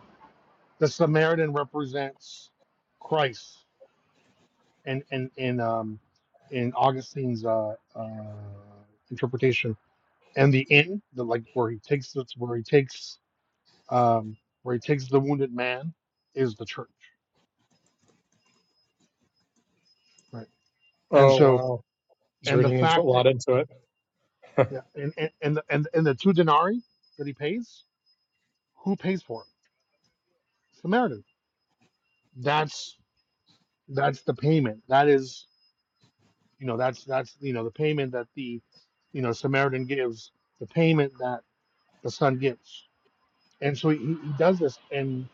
[SPEAKER 15] the Samaritan represents Christ, and in, in, in um in Augustine's uh, uh, interpretation, and the inn, the like where he takes that's where he takes um, where he takes the wounded man, is the church, right? And
[SPEAKER 14] Oh
[SPEAKER 15] so,
[SPEAKER 14] wow, he's
[SPEAKER 15] and the
[SPEAKER 14] reading into a
[SPEAKER 15] fact that
[SPEAKER 14] lot into it.
[SPEAKER 15] yeah, and and and the, and, and the two denarii that he pays, who pays for it? Samaritan. That's that's the payment. That is you know that's that's you know the payment that the you know samaritan gives the payment that the son gives and so he, he does this and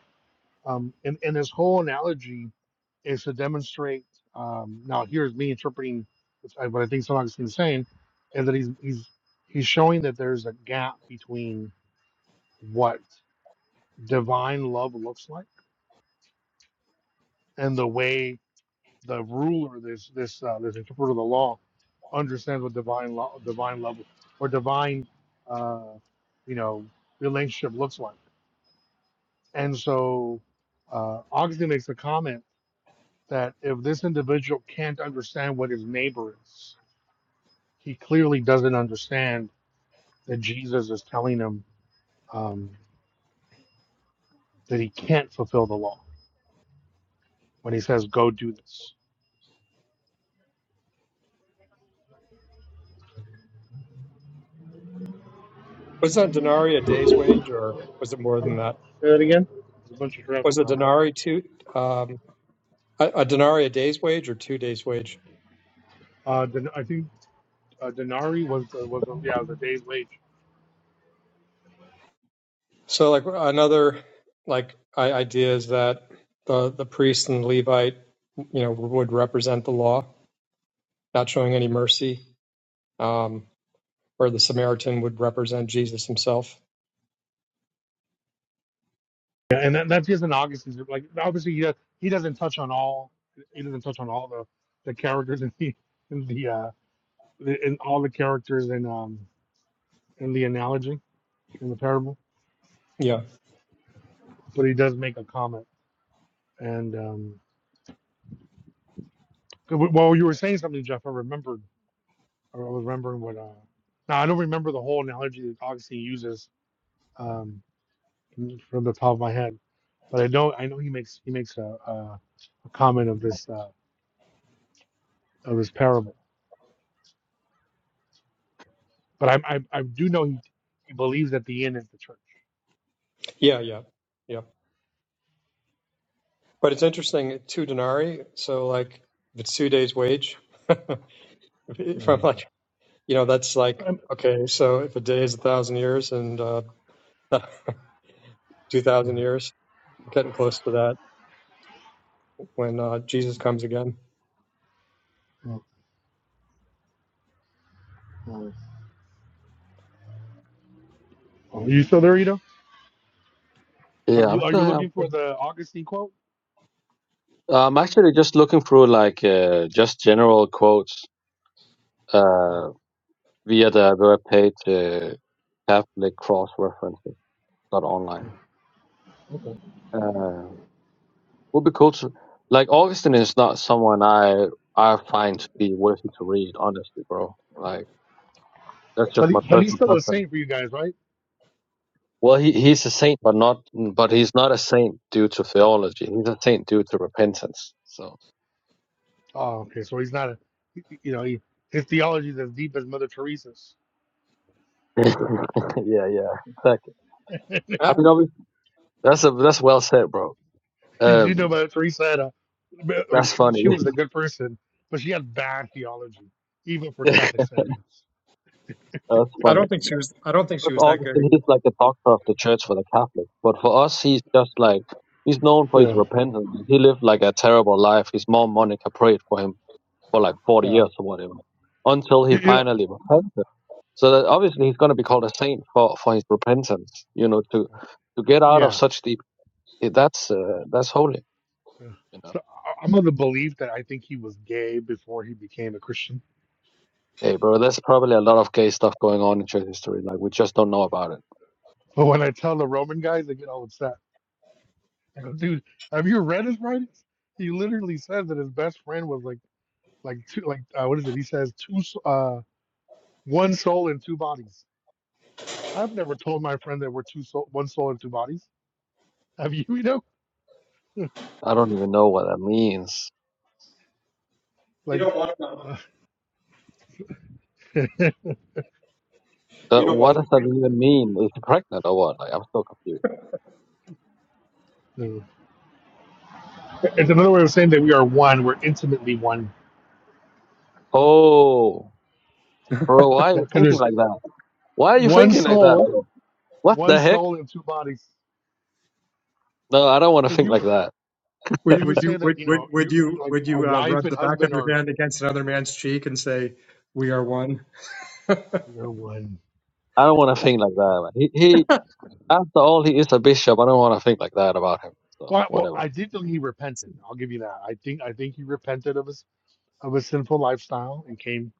[SPEAKER 15] um and, and his whole analogy is to demonstrate um now here's me interpreting what i what I think St. Augustine is saying is that he's he's he's showing that there's a gap between what divine love looks like and the way the ruler, this this uh, this interpreter of the law, understands what divine law, divine level, or divine, uh, you know, relationship looks like. And so, uh, Augustine makes the comment that if this individual can't understand what his neighbor is, he clearly doesn't understand that Jesus is telling him um, that he can't fulfill the law when he says, "Go do this."
[SPEAKER 14] Was that denarii a day's wage, or was it more than that?
[SPEAKER 15] There's a bunch of traffic
[SPEAKER 14] Was a
[SPEAKER 15] around that.
[SPEAKER 14] denarii two um, a, a denarii a day's wage or two days' wage?
[SPEAKER 15] Uh, Den- I think uh, denari was the, was the, yeah it was a day's wage
[SPEAKER 14] So like another like I, idea is that the the priest and Levite, you know, would represent the law, not showing any mercy, um, or the Samaritan would represent Jesus himself.
[SPEAKER 15] Yeah, and that, that's just an Augustine's group. like obviously he does, he doesn't touch on all he doesn't touch on all the the characters in the in the uh the, in all the characters in um in the analogy in the parable,
[SPEAKER 14] Yeah,
[SPEAKER 15] but he does make a comment. And um, w- while you were saying something, Jeff, I remembered I was remembering what uh now I don't remember the whole analogy that Augustine uses um from the top of my head, but I know I know he makes he makes a a, a comment of this uh, of this parable but I, I I do know he he believes that the end is the church.
[SPEAKER 14] yeah, yeah, yeah. But it's interesting, two denarii. So like, if it's two days' wage,
[SPEAKER 15] Yeah.
[SPEAKER 14] from like, you know, that's like,
[SPEAKER 15] Um,
[SPEAKER 14] okay, so if a day is a thousand years and uh, two
[SPEAKER 15] yeah.
[SPEAKER 14] thousand years, getting close to that when uh, Jesus comes again.
[SPEAKER 15] Oh, oh. Oh, Are you still there, Ito? Are
[SPEAKER 18] Yeah, I'm
[SPEAKER 15] you are
[SPEAKER 18] still.
[SPEAKER 15] you
[SPEAKER 18] here. I'm,
[SPEAKER 15] looking for
[SPEAKER 18] still-
[SPEAKER 15] the Augustine quote?
[SPEAKER 18] I'm actually just looking through like uh, just general quotes. Uh,
[SPEAKER 15] Oh,
[SPEAKER 18] via the web page uh, Catholic cross references dot online.
[SPEAKER 15] okay.
[SPEAKER 18] Uh, would be cool to like Augustine is not someone I I find to be worthy to read, honestly, bro. Like that's just
[SPEAKER 15] But he,
[SPEAKER 18] my
[SPEAKER 15] but he's
[SPEAKER 18] personal
[SPEAKER 15] still a
[SPEAKER 18] preference.
[SPEAKER 15] saint for you guys, right?
[SPEAKER 18] Well, he he's a saint, but not but he's not a saint due to theology. He's a saint due to repentance. So
[SPEAKER 15] Oh, okay. So he's not a he- he- you know he, his theology is as deep as Mother Teresa's.
[SPEAKER 18] yeah, yeah, exactly.
[SPEAKER 15] you
[SPEAKER 18] I
[SPEAKER 14] I,
[SPEAKER 18] mean, obviously, that's a that's well said, bro.
[SPEAKER 15] do know
[SPEAKER 18] Um,
[SPEAKER 15] Mother Teresa had a but, like
[SPEAKER 18] that's
[SPEAKER 15] I mean
[SPEAKER 18] funny.
[SPEAKER 15] she was a good person, but she had bad theology even for
[SPEAKER 18] that's
[SPEAKER 15] Catholic standards.
[SPEAKER 14] I
[SPEAKER 18] funny.
[SPEAKER 14] don't think she was. I don't think she
[SPEAKER 18] Because
[SPEAKER 14] was that good
[SPEAKER 18] Augustine,
[SPEAKER 14] either.
[SPEAKER 18] he's like the doctor of the church for the Catholics. But for us, he's just like, he's known for his
[SPEAKER 15] Yeah.
[SPEAKER 18] repentance. He lived like a terrible life. His mom, Monica, prayed for him for like 40
[SPEAKER 15] Yeah.
[SPEAKER 18] years or whatever until he
[SPEAKER 15] You, you know,
[SPEAKER 18] finally repented. So that obviously he's going to be called a saint for, for his repentance, you know, to, to get out of
[SPEAKER 15] yeah.
[SPEAKER 18] such deep, eh, that's, uh, that's holy,
[SPEAKER 15] Yeah.
[SPEAKER 18] you know.
[SPEAKER 15] So I- I'm of the belief that I think he was gay before he became a Christian.
[SPEAKER 18] Hey, bro, there's probably a lot of gay stuff going on in church history. Like, we just don't know about it.
[SPEAKER 15] But when I tell the Roman guys, they get all upset. I go, dude, have you read his writings? He literally says that his best friend was like, like two, like uh, what is it? He says two, s- uh, one soul and two bodies. I've never told my friend that we're two soul, one soul and two bodies. Have you? You know,
[SPEAKER 18] I don't even know what that means.
[SPEAKER 14] You
[SPEAKER 15] like,
[SPEAKER 14] don't want
[SPEAKER 15] uh,
[SPEAKER 14] to. You
[SPEAKER 18] So
[SPEAKER 14] don't
[SPEAKER 18] what
[SPEAKER 14] want
[SPEAKER 18] does that
[SPEAKER 14] to.
[SPEAKER 18] even mean? Is she pregnant or what? Like, I'm so confused.
[SPEAKER 15] no. it's another way of saying that we are one. We're intimately one.
[SPEAKER 18] Oh, bro, why are
[SPEAKER 15] Yeah,
[SPEAKER 18] you
[SPEAKER 15] because
[SPEAKER 18] thinking
[SPEAKER 15] there's
[SPEAKER 18] like that? Why are you
[SPEAKER 15] one
[SPEAKER 18] thinking like that?
[SPEAKER 15] soul,
[SPEAKER 18] bro? What
[SPEAKER 15] one
[SPEAKER 18] the heck?
[SPEAKER 15] soul and two bodies.
[SPEAKER 18] No, I don't want to
[SPEAKER 15] Because
[SPEAKER 18] think
[SPEAKER 15] you,
[SPEAKER 18] like that.
[SPEAKER 14] Would,
[SPEAKER 15] you
[SPEAKER 14] would
[SPEAKER 15] would
[SPEAKER 14] you?
[SPEAKER 15] say that
[SPEAKER 14] Would,
[SPEAKER 15] you
[SPEAKER 14] would,
[SPEAKER 15] know
[SPEAKER 14] would
[SPEAKER 15] you, you
[SPEAKER 14] you?
[SPEAKER 15] like
[SPEAKER 14] Would
[SPEAKER 15] a
[SPEAKER 14] you uh,
[SPEAKER 15] wife
[SPEAKER 14] rub
[SPEAKER 15] and
[SPEAKER 14] the back of
[SPEAKER 15] husband
[SPEAKER 14] your
[SPEAKER 15] are
[SPEAKER 14] hand against another man's cheek and say, "We are one"?
[SPEAKER 15] you're one.
[SPEAKER 18] I don't want to think like that. man. He, he, after all, he is a bishop. I don't want to think like that about him. So
[SPEAKER 15] Well, well,
[SPEAKER 18] whatever.
[SPEAKER 15] I did think he repented. I'll give you that. I think I think he repented of his of his sinful lifestyle and came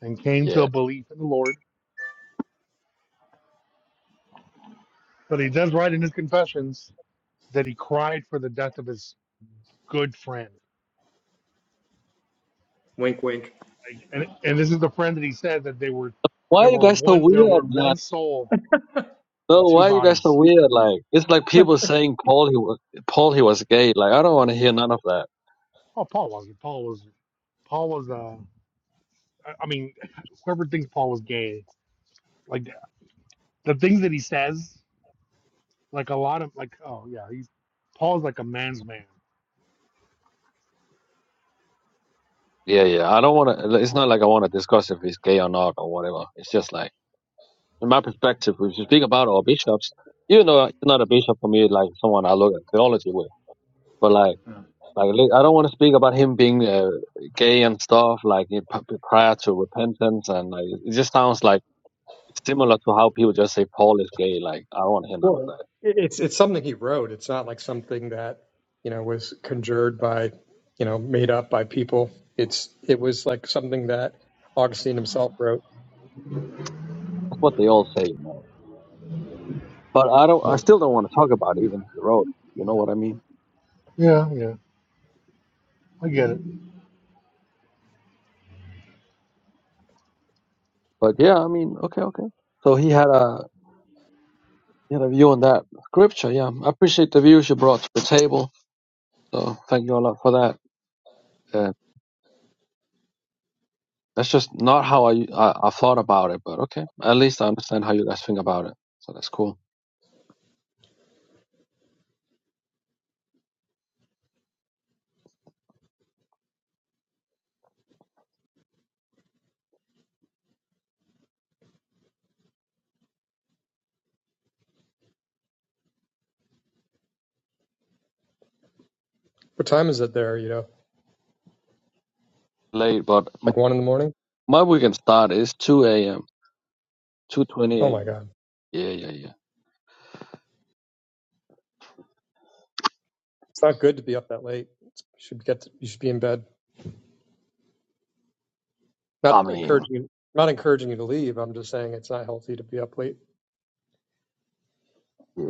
[SPEAKER 15] and came to
[SPEAKER 18] Yeah.
[SPEAKER 15] a belief in the Lord. But he does write in his confessions that he cried for the death of his good friend,
[SPEAKER 14] Wink, wink.
[SPEAKER 15] Like, and and this is the friend that he said that they were
[SPEAKER 18] Why are
[SPEAKER 15] there
[SPEAKER 18] you
[SPEAKER 15] were
[SPEAKER 18] guys so
[SPEAKER 15] one there
[SPEAKER 18] weird,
[SPEAKER 15] were
[SPEAKER 18] man?
[SPEAKER 15] one soul in
[SPEAKER 18] No,
[SPEAKER 15] two
[SPEAKER 18] why are you guys so
[SPEAKER 15] bodies.
[SPEAKER 18] weird? Like, it's like people saying Paul he was Paul he was gay. Like, I don't want to hear none of that.
[SPEAKER 15] Oh, Paul wasn't. Paul was. Paul was. Uh, I I mean, whoever thinks Paul was gay, like. the things that he says, like a lot of like, oh yeah, he's Paul's like a man's man.
[SPEAKER 18] Yeah, yeah. I don't want to. It's not like I want to discuss if he's gay or not or whatever. It's just like. in my perspective, if you speak about all bishops, you know, it's not a bishop for me, like someone I look at theology with. But like, like li- I don't want to speak about him being uh, gay and stuff, like in- p- prior to repentance, and like it just sounds like it's similar to how people just say Paul is gay. Like I don't want to hear none of
[SPEAKER 14] Well,
[SPEAKER 18] that.
[SPEAKER 14] it- it's it's something he wrote. It's not like something that you know was conjured by you know made up by people. It's it was like something that Augustine himself wrote.
[SPEAKER 18] That's what they all say, you know. But I don't. I
[SPEAKER 15] Yeah,
[SPEAKER 18] still don't want to talk about it, even if he wrote. it. You know what I mean?
[SPEAKER 15] yeah, yeah. I get it.
[SPEAKER 18] But yeah, I mean, okay, okay. So he had a he had a view on that scripture. Yeah, I appreciate the views you brought to the table. So thank you a lot for that. Uh, that's just not how I, I I thought about it, but okay. At least I understand how you guys think about it, so that's cool.
[SPEAKER 14] What time is it there? You know,
[SPEAKER 18] Late, but m-
[SPEAKER 14] like one in the morning.
[SPEAKER 18] my weekend start is two a.m. two twenty
[SPEAKER 14] Oh my
[SPEAKER 18] a.m.
[SPEAKER 14] God,
[SPEAKER 18] Yeah, yeah, yeah.
[SPEAKER 14] it's not good to be up that late. You should get to, you should be in bed.
[SPEAKER 18] I
[SPEAKER 14] Not
[SPEAKER 18] mean,
[SPEAKER 14] encouraging you, not encouraging you to leave. I'm just saying it's not healthy to be up late.
[SPEAKER 18] yeah.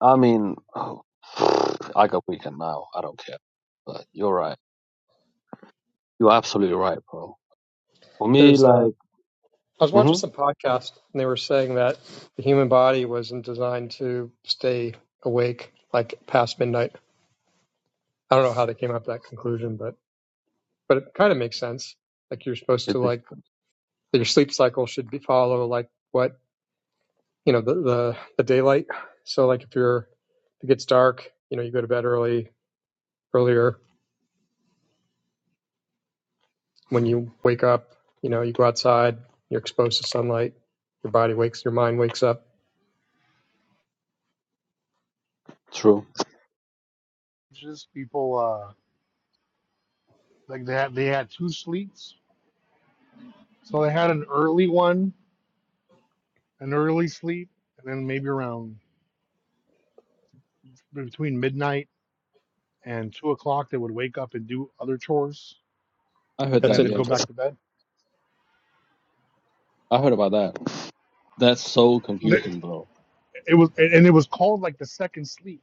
[SPEAKER 18] I mean, oh, I got weekend now. I don't care. But you're right. You're absolutely right, bro. For me,
[SPEAKER 14] There's uh,
[SPEAKER 18] like,
[SPEAKER 14] I was
[SPEAKER 18] hmm
[SPEAKER 14] watching some podcast and they were saying that the human body wasn't designed to stay awake like past midnight I don't know how they came up with that conclusion, but but it kind of makes sense. Like you're supposed to
[SPEAKER 18] it's
[SPEAKER 14] like your sleep cycle should be follow like what you know the the, the daylight. So like if you're if it gets dark, you know you go to bed early earlier. When you wake up, you know you go outside. You're exposed to sunlight. Your body wakes. Your mind wakes up.
[SPEAKER 18] true.
[SPEAKER 15] It's Just people, uh, like they had they had two sleeps, so they had an early one, an early sleep, and then maybe around between midnight and two o'clock they would wake up and do other chores,
[SPEAKER 18] I heard
[SPEAKER 15] and
[SPEAKER 14] That's
[SPEAKER 15] then
[SPEAKER 18] that.
[SPEAKER 15] they'd
[SPEAKER 18] Yeah,
[SPEAKER 15] go back
[SPEAKER 14] interesting.
[SPEAKER 15] to bed.
[SPEAKER 18] I heard about that. That's so
[SPEAKER 15] Th-
[SPEAKER 18] confusing, bro.
[SPEAKER 15] It was and and it was called like the second sleep.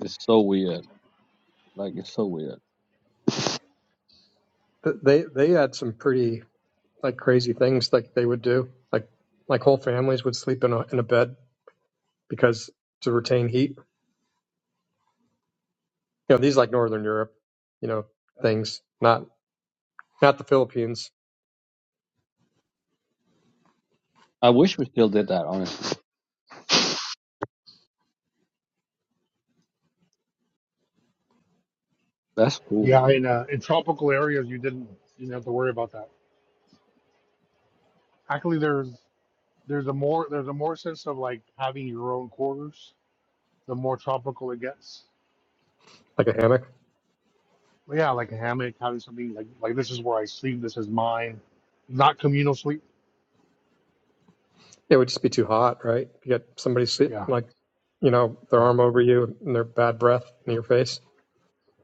[SPEAKER 18] It's so weird. Like, it's so weird.
[SPEAKER 14] They they had some pretty like crazy things like they would do. Like like whole families would sleep in a in a bed because to retain heat You know, these like Northern Europe, you know, things, not not the Philippines,
[SPEAKER 18] I wish we still did that, honestly. That's cool,
[SPEAKER 15] Yeah, in uh, in tropical areas you didn't you didn't have to worry about that. Actually, there's There's a more there's a more sense of like having your own quarters, the more tropical it gets.
[SPEAKER 14] like a hammock.
[SPEAKER 15] But yeah, like a hammock, having something like like this is where I sleep, this is mine. Not communal sleep.
[SPEAKER 14] It would just be too hot, right? You get somebody sit,
[SPEAKER 15] Yeah.
[SPEAKER 14] like, you know, their
[SPEAKER 15] Uh,
[SPEAKER 14] arm over you and their bad breath in your face.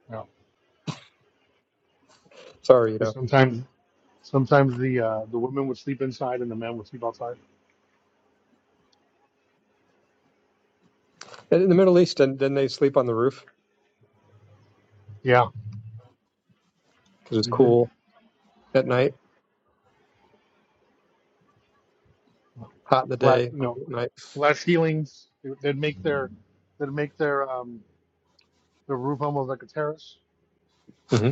[SPEAKER 15] yeah.
[SPEAKER 14] Sorry, you
[SPEAKER 15] 'Cause
[SPEAKER 14] know.
[SPEAKER 15] sometimes sometimes the uh the women would sleep inside and the men would sleep outside.
[SPEAKER 14] And in the Middle East, didn't, didn't they sleep on the roof
[SPEAKER 15] Yeah,
[SPEAKER 14] because it's
[SPEAKER 15] they did.
[SPEAKER 14] cool at night, hot in the
[SPEAKER 15] Flat
[SPEAKER 14] day,
[SPEAKER 15] you know,
[SPEAKER 14] cool at night?
[SPEAKER 15] flat ceilings. They- They'd make their they'd make their um the roof almost like a terrace.
[SPEAKER 14] hmm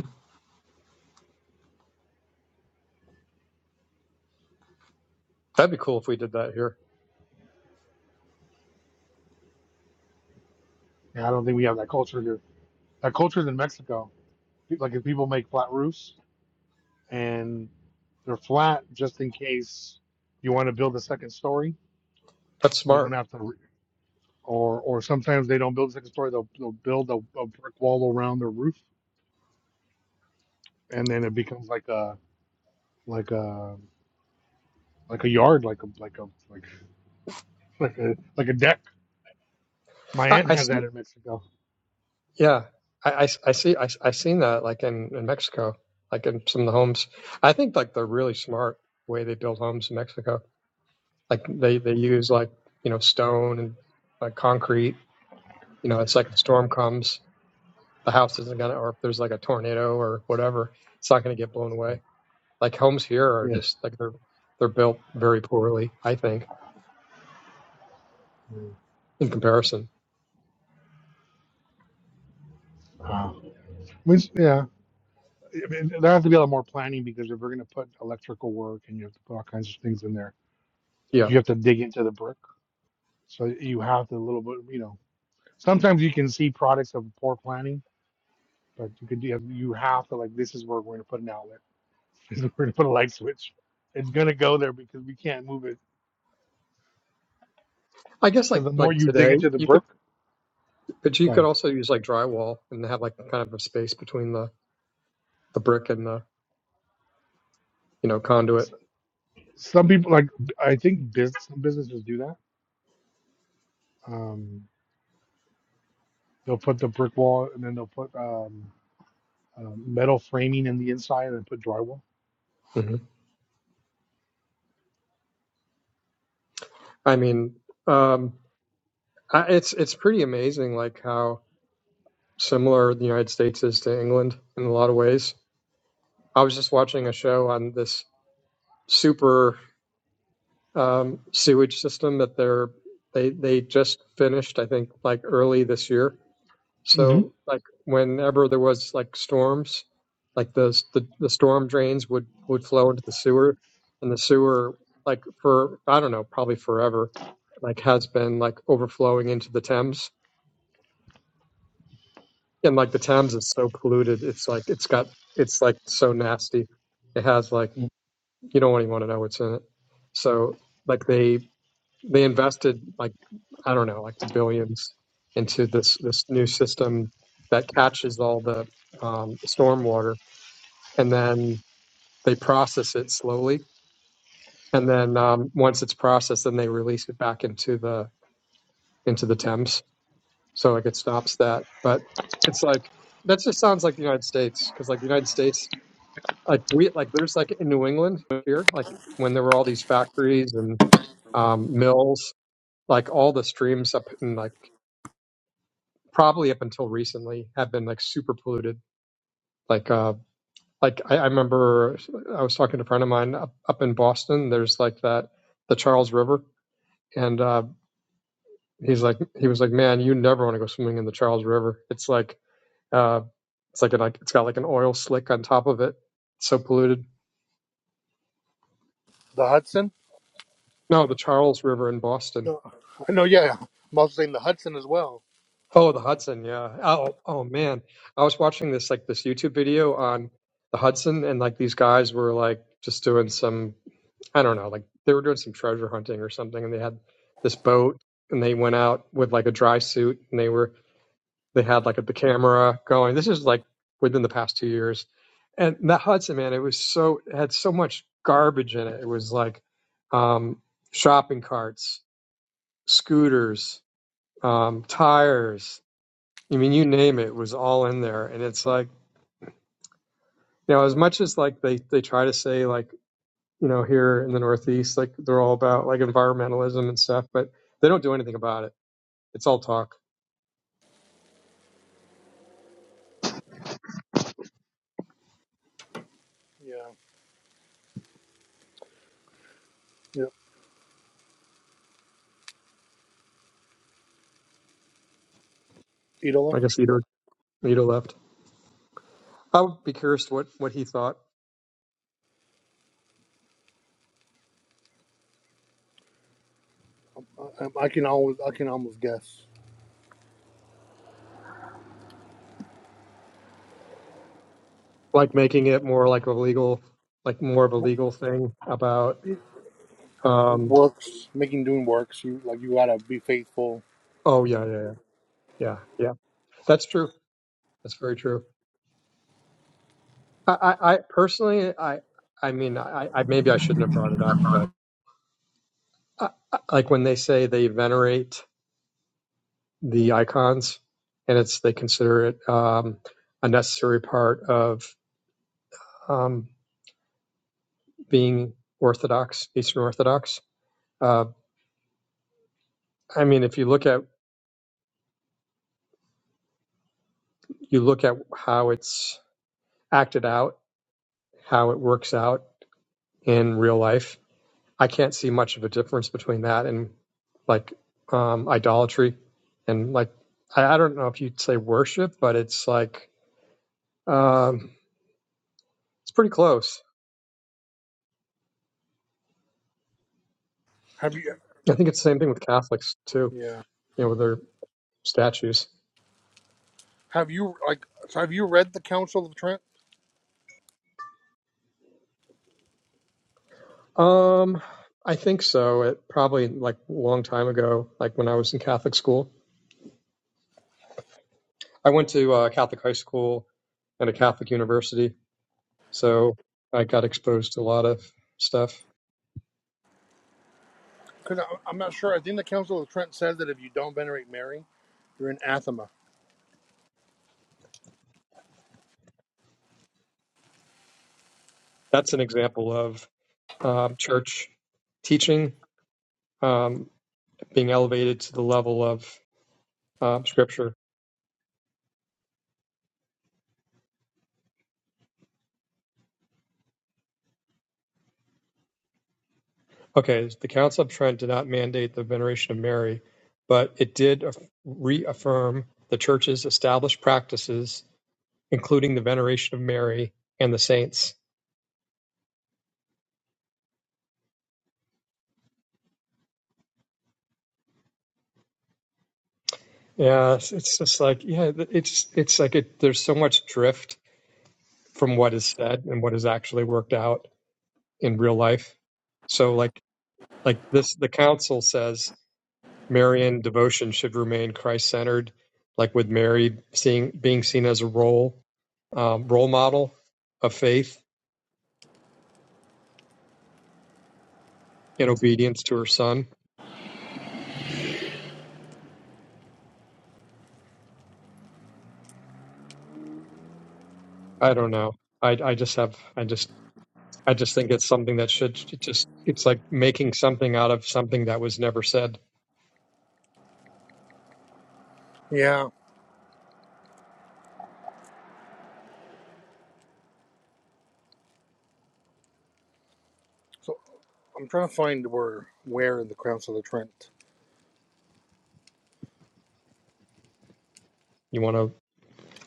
[SPEAKER 14] That'd be cool if we did that here.
[SPEAKER 15] Yeah, I don't think we have that culture here. That culture's in Mexico. Pe- Like if people make flat roofs and they're flat just in case you want to build a second story.
[SPEAKER 14] That's
[SPEAKER 15] You don't
[SPEAKER 14] smart.
[SPEAKER 15] have to, or or sometimes they don't build a second story. They'll they'll build a, a brick wall around their roof, and then it becomes like a like a like a yard, like a like a like like a like a deck. My
[SPEAKER 14] I,
[SPEAKER 15] aunt
[SPEAKER 14] I
[SPEAKER 15] has
[SPEAKER 14] see.
[SPEAKER 15] that in Mexico.
[SPEAKER 14] Yeah, I, I, I see. I, I seen that like in, in Mexico, like in some of the homes. I think like they're really smart way they build homes in Mexico. Like they they use like you know stone and like concrete. You know, it's like if a storm comes, the house isn't gonna, or if there's like a tornado or whatever, it's not gonna get blown away. Like homes here are
[SPEAKER 15] Yeah,
[SPEAKER 14] just like they're they're built very poorly, I think, in comparison.
[SPEAKER 15] wow. which yeah. I mean, there has to be a lot more planning because if we're going to put electrical work and you have to put all kinds of things in there,
[SPEAKER 14] Yeah,
[SPEAKER 15] you have to dig into the brick. So you have to a little bit, you know, Sometimes you can see products of poor planning, but you could do you have to like this is where we're going to put an outlet. This is where we're going to put a light switch. It's going to go there because we can't move it.
[SPEAKER 14] I guess
[SPEAKER 15] Because
[SPEAKER 14] like
[SPEAKER 15] the more
[SPEAKER 14] like
[SPEAKER 15] you dig
[SPEAKER 14] today
[SPEAKER 15] into the
[SPEAKER 14] you could,
[SPEAKER 15] brick,
[SPEAKER 14] but you
[SPEAKER 15] go
[SPEAKER 14] could
[SPEAKER 15] ahead.
[SPEAKER 14] also use like drywall and have like kind of a space between the the brick and the you know conduit.
[SPEAKER 15] S- Some people like I think business some businesses do that. Um, they'll put the brick wall and then they'll put um, uh, metal framing in the inside and then put drywall.
[SPEAKER 14] hmm I mean, um, I, it's it's pretty amazing like how similar the United States is to England in a lot of ways. I was just watching a show on this super um, sewage system that they're they they just finished, I think, like early this year.
[SPEAKER 15] hmm
[SPEAKER 14] So like whenever there was like storms, like the the, the storm drains would would flow into the sewer, and the sewer like for I don't know probably forever like has been like overflowing into the Thames and like the Thames is so polluted. It's like it's got it's like so nasty. It has like you don't even want to know what's in it. So like they they invested like I don't know like billions into this this new system that catches all the um, storm water and then they process it slowly and then um, once it's processed then they release it back into the into the Thames. So like it stops that, but it's like that just sounds like the United States because like the United States like we like there's like in New England here, like when there were all these factories and um, mills, like all the streams up in like probably up until recently have been like super polluted. Like uh like I, I remember I was talking to a friend of mine up, up in Boston. There's like that the Charles River, and uh, he's like he was like, man, you never want to go swimming in the Charles River. It's like uh it's like an, like it's got like an oil slick on top of it. It's so polluted. No, the Charles River in Boston Oh, the Hudson, yeah. Oh, oh man, I was watching this like this YouTube video on the Hudson, and like these guys were like just doing some, I don't know, like they were doing some treasure hunting or something, and they had this boat, and they went out with like a dry suit, and they were they had like the camera going. This is like within the past two years, and that Hudson, man, it was so it had so much garbage in it. It was like um, shopping carts, scooters, um, tires I mean, you name it was all in there, and it's like you know, as much as like they they try to say like you know here in the Northeast, like they're all about like environmentalism and stuff, but they don't do anything about it. It's all talk.
[SPEAKER 18] man.
[SPEAKER 14] I guess Ito Ito left. I would be curious what what he thought, like making it more like a legal, like more of a legal thing about. um
[SPEAKER 15] works making doing works you like you gotta be faithful
[SPEAKER 14] Oh yeah, yeah, yeah, yeah, yeah. That's true. That's very true. I, I, I personally, I, I mean, I, I maybe I shouldn't have brought it up, but. uh, like when they say they venerate the icons and it's they consider it um, a necessary part of um, being orthodox eastern orthodox uh, i mean if you look at you look at how it's acted out how it works out in real life i can't see much of a difference between that and like um, idolatry and like I, I don't know if you'd say worship but it's like um, it's pretty close
[SPEAKER 15] have you
[SPEAKER 14] I think it's the same thing with Catholics too,
[SPEAKER 15] yeah
[SPEAKER 14] you know, with their statues.
[SPEAKER 15] have you like so have you read the council of Trent?
[SPEAKER 14] Um, I think so. It probably like a long time ago, like when I was in Catholic school. I went to a Catholic high school and a Catholic university, so I got exposed to a lot of stuff.
[SPEAKER 15] Because I'm not sure. I think the Council of Trent said that if you don't venerate Mary, you're an anathema.
[SPEAKER 14] That's an example of um, church teaching um, being elevated to the level of um, scripture Okay, the Council of Trent did not mandate the veneration of Mary, but it did reaffirm the Church's established practices, including the veneration of Mary and the saints. Yeah, it's, it's just like yeah, it's it's like it, there's so much drift from what is said and what is actually worked out in real life. So like like this, the Council says Marian devotion should remain Christ-centered, like with Mary seeing being seen as a role um, role model of faith in obedience to her son. I don't know. I I just have I just I just think it's something that should just it's like making something out of something that was never said.
[SPEAKER 15] Yeah. So I'm trying to find where where in the Council of Trent.
[SPEAKER 14] You want to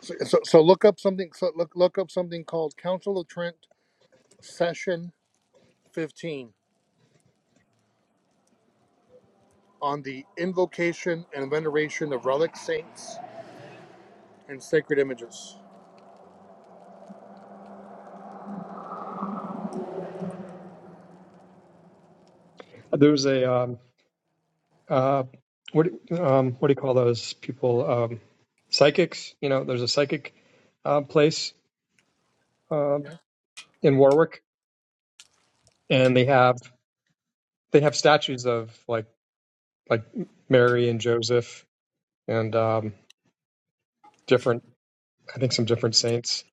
[SPEAKER 15] So, so, so look up something. So look look up something called Council of Trent Session 15 on the invocation and veneration of relic saints and sacred images.
[SPEAKER 14] there's a um uh what um what do you call those people um psychics? You know, there's a psychic uh, place uh,
[SPEAKER 15] Yeah.
[SPEAKER 14] in Warwick, and they have they have statues of like like Mary and Joseph and um, different I think some different saints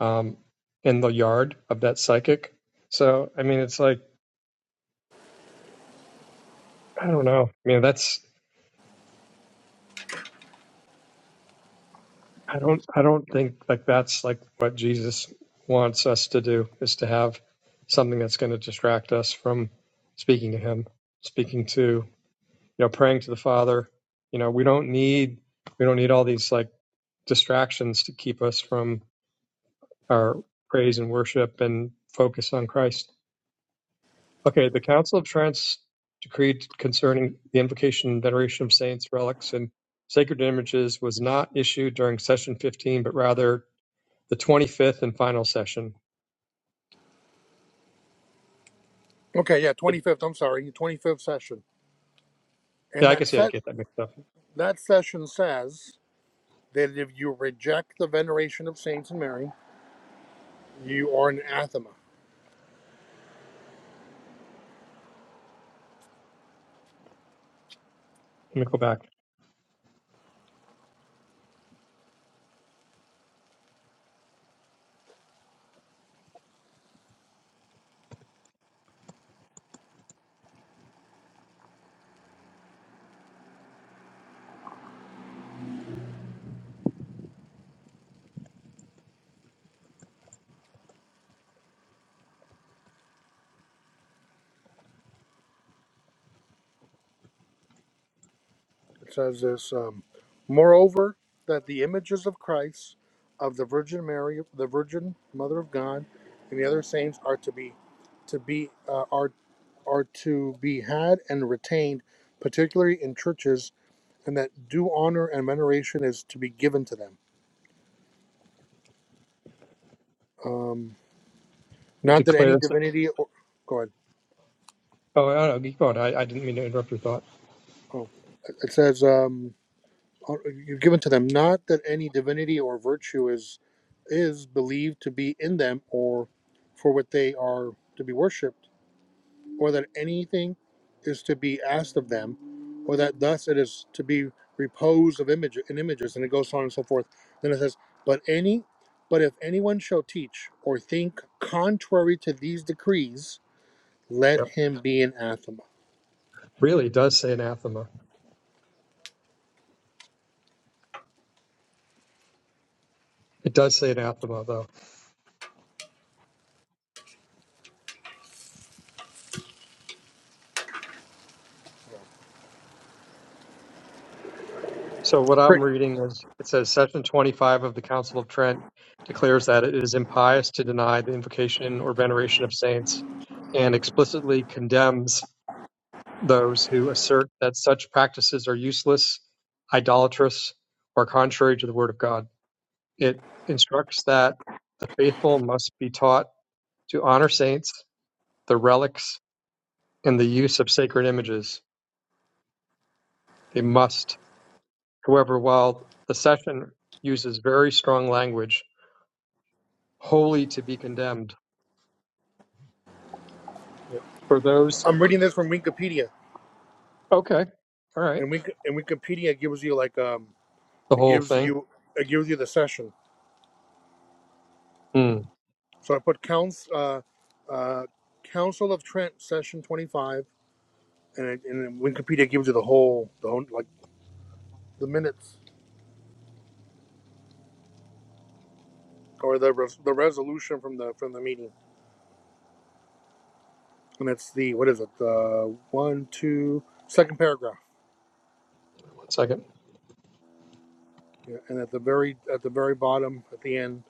[SPEAKER 14] um, in the yard of that psychic. So I mean, it's like I don't know. I mean, that's I don't I don't think like that's like what Jesus wants us to do is to have something that's going to distract us from speaking to Him, speaking to you know praying to the Father. You know, we don't need we don't need all these like distractions to keep us from our praise and worship and focus on Christ. Okay, the Council of Trent decreed concerning the invocation and veneration of saints, relics, and sacred images was not issued during session 15, but rather the 25th and final session.
[SPEAKER 15] Okay. Yeah.
[SPEAKER 14] But,
[SPEAKER 15] 25th. I'm sorry. 25th session. And
[SPEAKER 14] yeah, I
[SPEAKER 15] that
[SPEAKER 14] guess yeah, I
[SPEAKER 15] set
[SPEAKER 14] get that mixed up.
[SPEAKER 15] that session says that if you reject the veneration of saints and Mary, you are an anathema.
[SPEAKER 14] Let me go back.
[SPEAKER 15] It says this um, Moreover, that the images of Christ, of the Virgin Mary, the Virgin Mother of God, and the other saints are to be to be uh, are are to be had and retained, particularly in churches, and that due honor and veneration is to be given to them. Um,
[SPEAKER 14] It
[SPEAKER 15] not that any
[SPEAKER 14] declares.
[SPEAKER 15] divinity or go ahead.
[SPEAKER 14] Oh, I don't know. Keep going. I, I didn't mean to interrupt your thought.
[SPEAKER 15] Oh, it says. um, are- you've given to them not that any divinity or virtue is is believed to be in them or for what they are to be worshipped or that anything is to be asked of them or that thus it is to be repose of image in images and it goes on and so forth then it says but any but if anyone shall teach or think contrary to these decrees let
[SPEAKER 14] Yep.
[SPEAKER 15] him be anathema
[SPEAKER 14] Really, it does say anathema. It does say anathema, though. So what I'm
[SPEAKER 15] Great.
[SPEAKER 14] reading is it says section 25 of the Council of Trent declares that it is impious to deny the invocation or veneration of saints and explicitly condemns those who assert that such practices are useless, idolatrous, or contrary to the word of God. It instructs that the faithful must be taught to honor saints, the relics, and the use of sacred images. They must. However, while the session uses very strong language, wholly to be condemned for those.
[SPEAKER 15] i'm reading this from wikipedia
[SPEAKER 14] Okay, all right,
[SPEAKER 15] and, Wik- and wikipedia gives you like um.
[SPEAKER 14] the
[SPEAKER 15] It
[SPEAKER 14] whole
[SPEAKER 15] gives
[SPEAKER 14] thing.
[SPEAKER 15] you it gives you the session.
[SPEAKER 14] Hmm.
[SPEAKER 15] So I put counts uh, uh, Council of Trent session twenty five, and it, and then Wikipedia gives you the whole the whole, like the minutes or the res, the resolution from the from the meeting, and it's the what is it the one two second paragraph,
[SPEAKER 14] One second,
[SPEAKER 15] yeah, and at the very at the very bottom at the end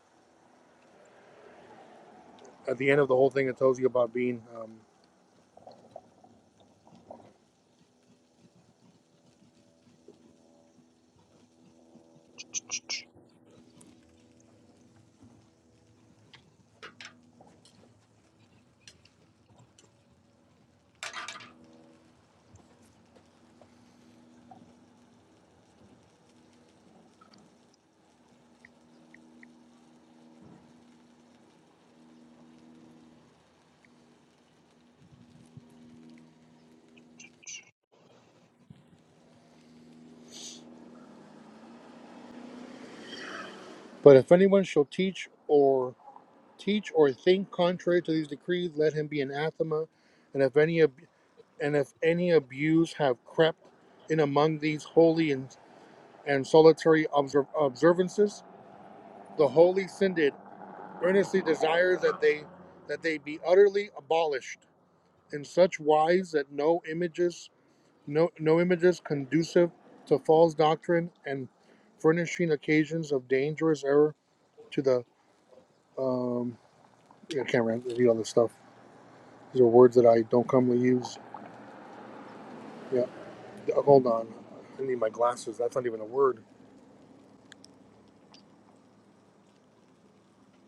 [SPEAKER 15] at the end of the whole thing it tells you about being. Um, but if anyone shall teach or teach or think contrary to these decrees, let him be anathema. And if any of and if any abuse have crept in among these holy and, and solitary obser- observances, the Holy Synod earnestly desires that they that they be utterly abolished in such wise that no images no no images conducive to false doctrine and furnishing occasions of dangerous error to the um yeah, I can't read all this stuff. These are words that I don't commonly use. Yeah, hold on. I need my glasses. That's not even a word.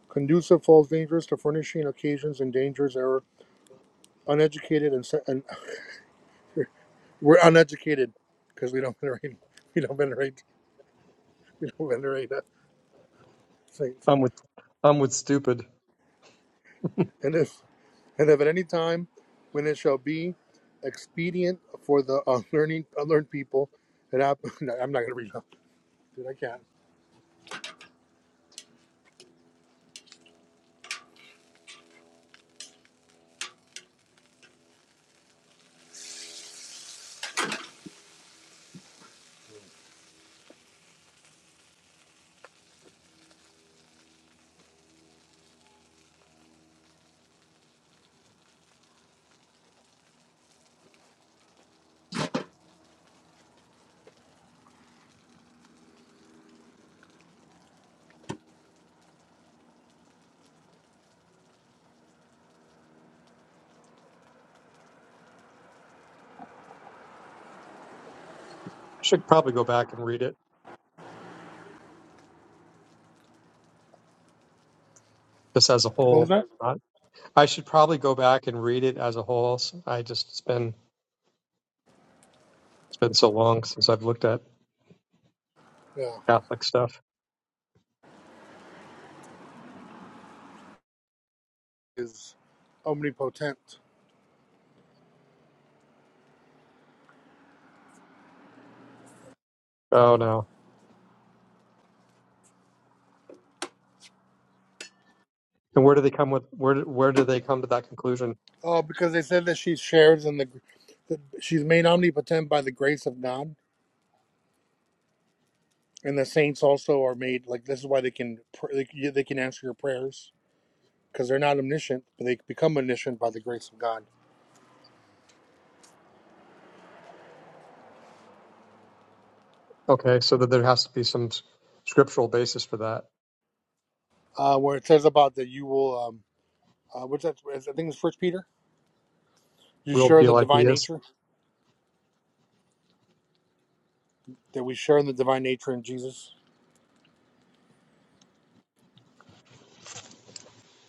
[SPEAKER 15] conducive falls dangerous to furnishing occasions and dangers are uneducated and, and we're uneducated because we don't venerate we don't venerate we don't venerate uh, saints
[SPEAKER 14] I'm with I'm with stupid. I
[SPEAKER 15] and if and if at any time when it shall be expedient for the unlearning unlearned people and I, no, I'm not gonna read that dude I can't
[SPEAKER 14] should probably go back and read it just as a
[SPEAKER 15] what was
[SPEAKER 14] whole.
[SPEAKER 15] that
[SPEAKER 14] Not- I should probably go back and read it as a whole. S- I just it's been it's been so long since I've looked at
[SPEAKER 15] yeah
[SPEAKER 14] Catholic stuff.
[SPEAKER 15] is omnipotent
[SPEAKER 14] Oh no! And where do they come with where do- where do they come to that conclusion?
[SPEAKER 15] oh because they said that she shares in the that she's made omnipotent by the grace of God and the saints also are made like this is why they can they, can- they can answer your prayers because they're not omniscient but they become omniscient by the grace of god
[SPEAKER 14] Okay, so that there has to be some s- scriptural basis for that.
[SPEAKER 15] uh, where it says about that you will um, uh, what's that i think it's first peter you
[SPEAKER 14] We'll
[SPEAKER 15] share in
[SPEAKER 14] be
[SPEAKER 15] the
[SPEAKER 14] like he
[SPEAKER 15] divine
[SPEAKER 14] is.
[SPEAKER 15] nature that we share in the divine nature in jesus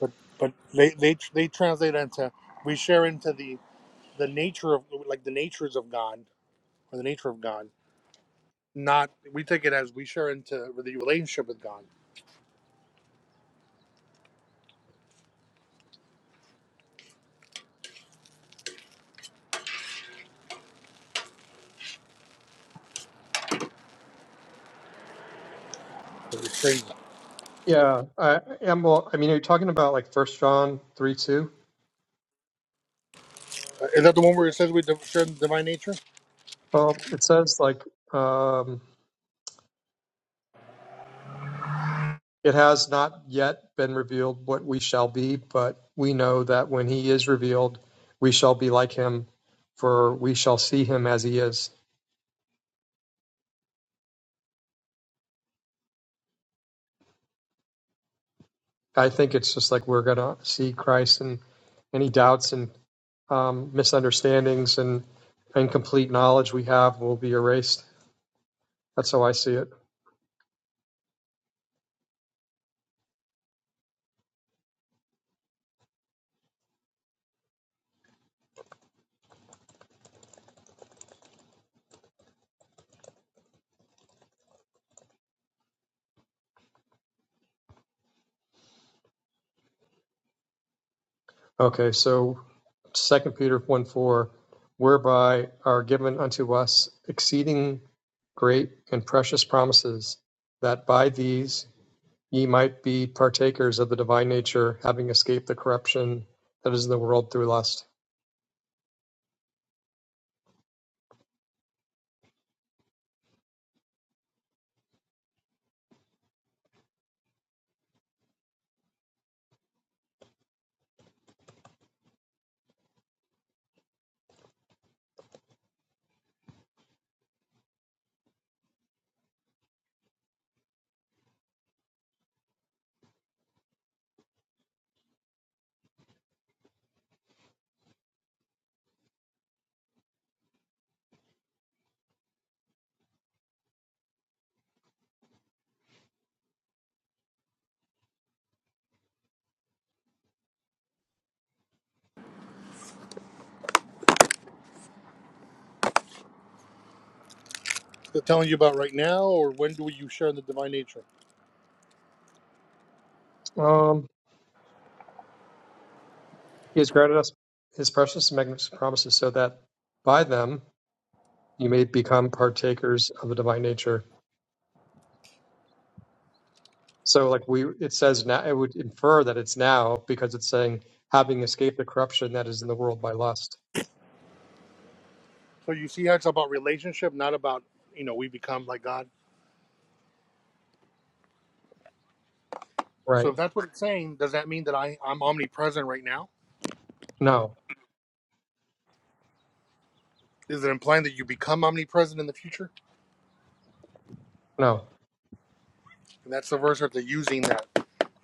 [SPEAKER 15] but but they they, they translate into we share into the the nature of like the natures of god or the nature of god not we take it as we share into the relationship with god
[SPEAKER 14] Yeah, I am. Well, I mean, are you talking about like First John three two?
[SPEAKER 15] Uh, is that the one where it says we share in the divine nature
[SPEAKER 14] Well, it says like um, it has not yet been revealed what we shall be, but we know that when he is revealed, we shall be like him, for we shall see him as he is. I think it's just like we're gonna see Christ, and any doubts and um, misunderstandings and incomplete knowledge we have will be erased. That's how I see it. Okay, so Second Peter one four, whereby are given unto us exceeding great and precious promises, that by these ye might be partakers of the divine nature, having escaped the corruption that is in the world through lust.
[SPEAKER 15] They're telling you about right now, or when do you share in the divine nature?
[SPEAKER 14] Um, he has granted us his precious and magnificent promises, so that by them you may become partakers of the divine nature. So like we, it says now, it would infer that it's now because it's saying having escaped the corruption that is in the world by lust.
[SPEAKER 15] So you see how it's about relationship, not about, you know, we become like God. So
[SPEAKER 14] Right.
[SPEAKER 15] if that's what it's saying, does that mean that I, I'm omnipresent right now?
[SPEAKER 14] No,
[SPEAKER 15] Is it implying that you become omnipresent in the future?
[SPEAKER 14] no.
[SPEAKER 15] And that's the verse that they're using that.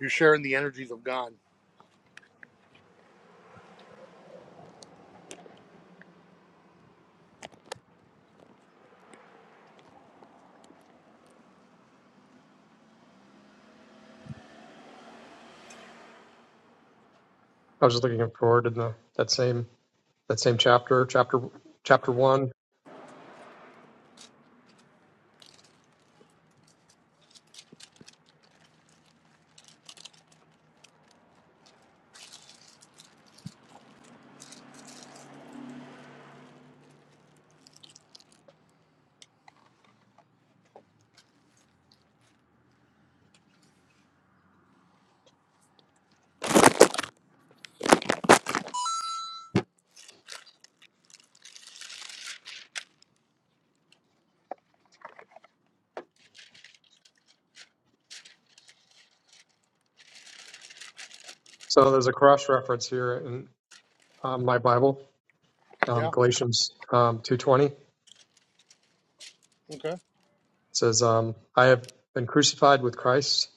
[SPEAKER 15] You share in the energies of God.
[SPEAKER 14] I was just looking forward in the that same that same chapter, chapter chapter one. So there's a cross reference here in um, my Bible, um,
[SPEAKER 15] Yeah,
[SPEAKER 14] Galatians um, two twenty. It
[SPEAKER 15] okay.
[SPEAKER 14] says, um, "I have been crucified with Christ,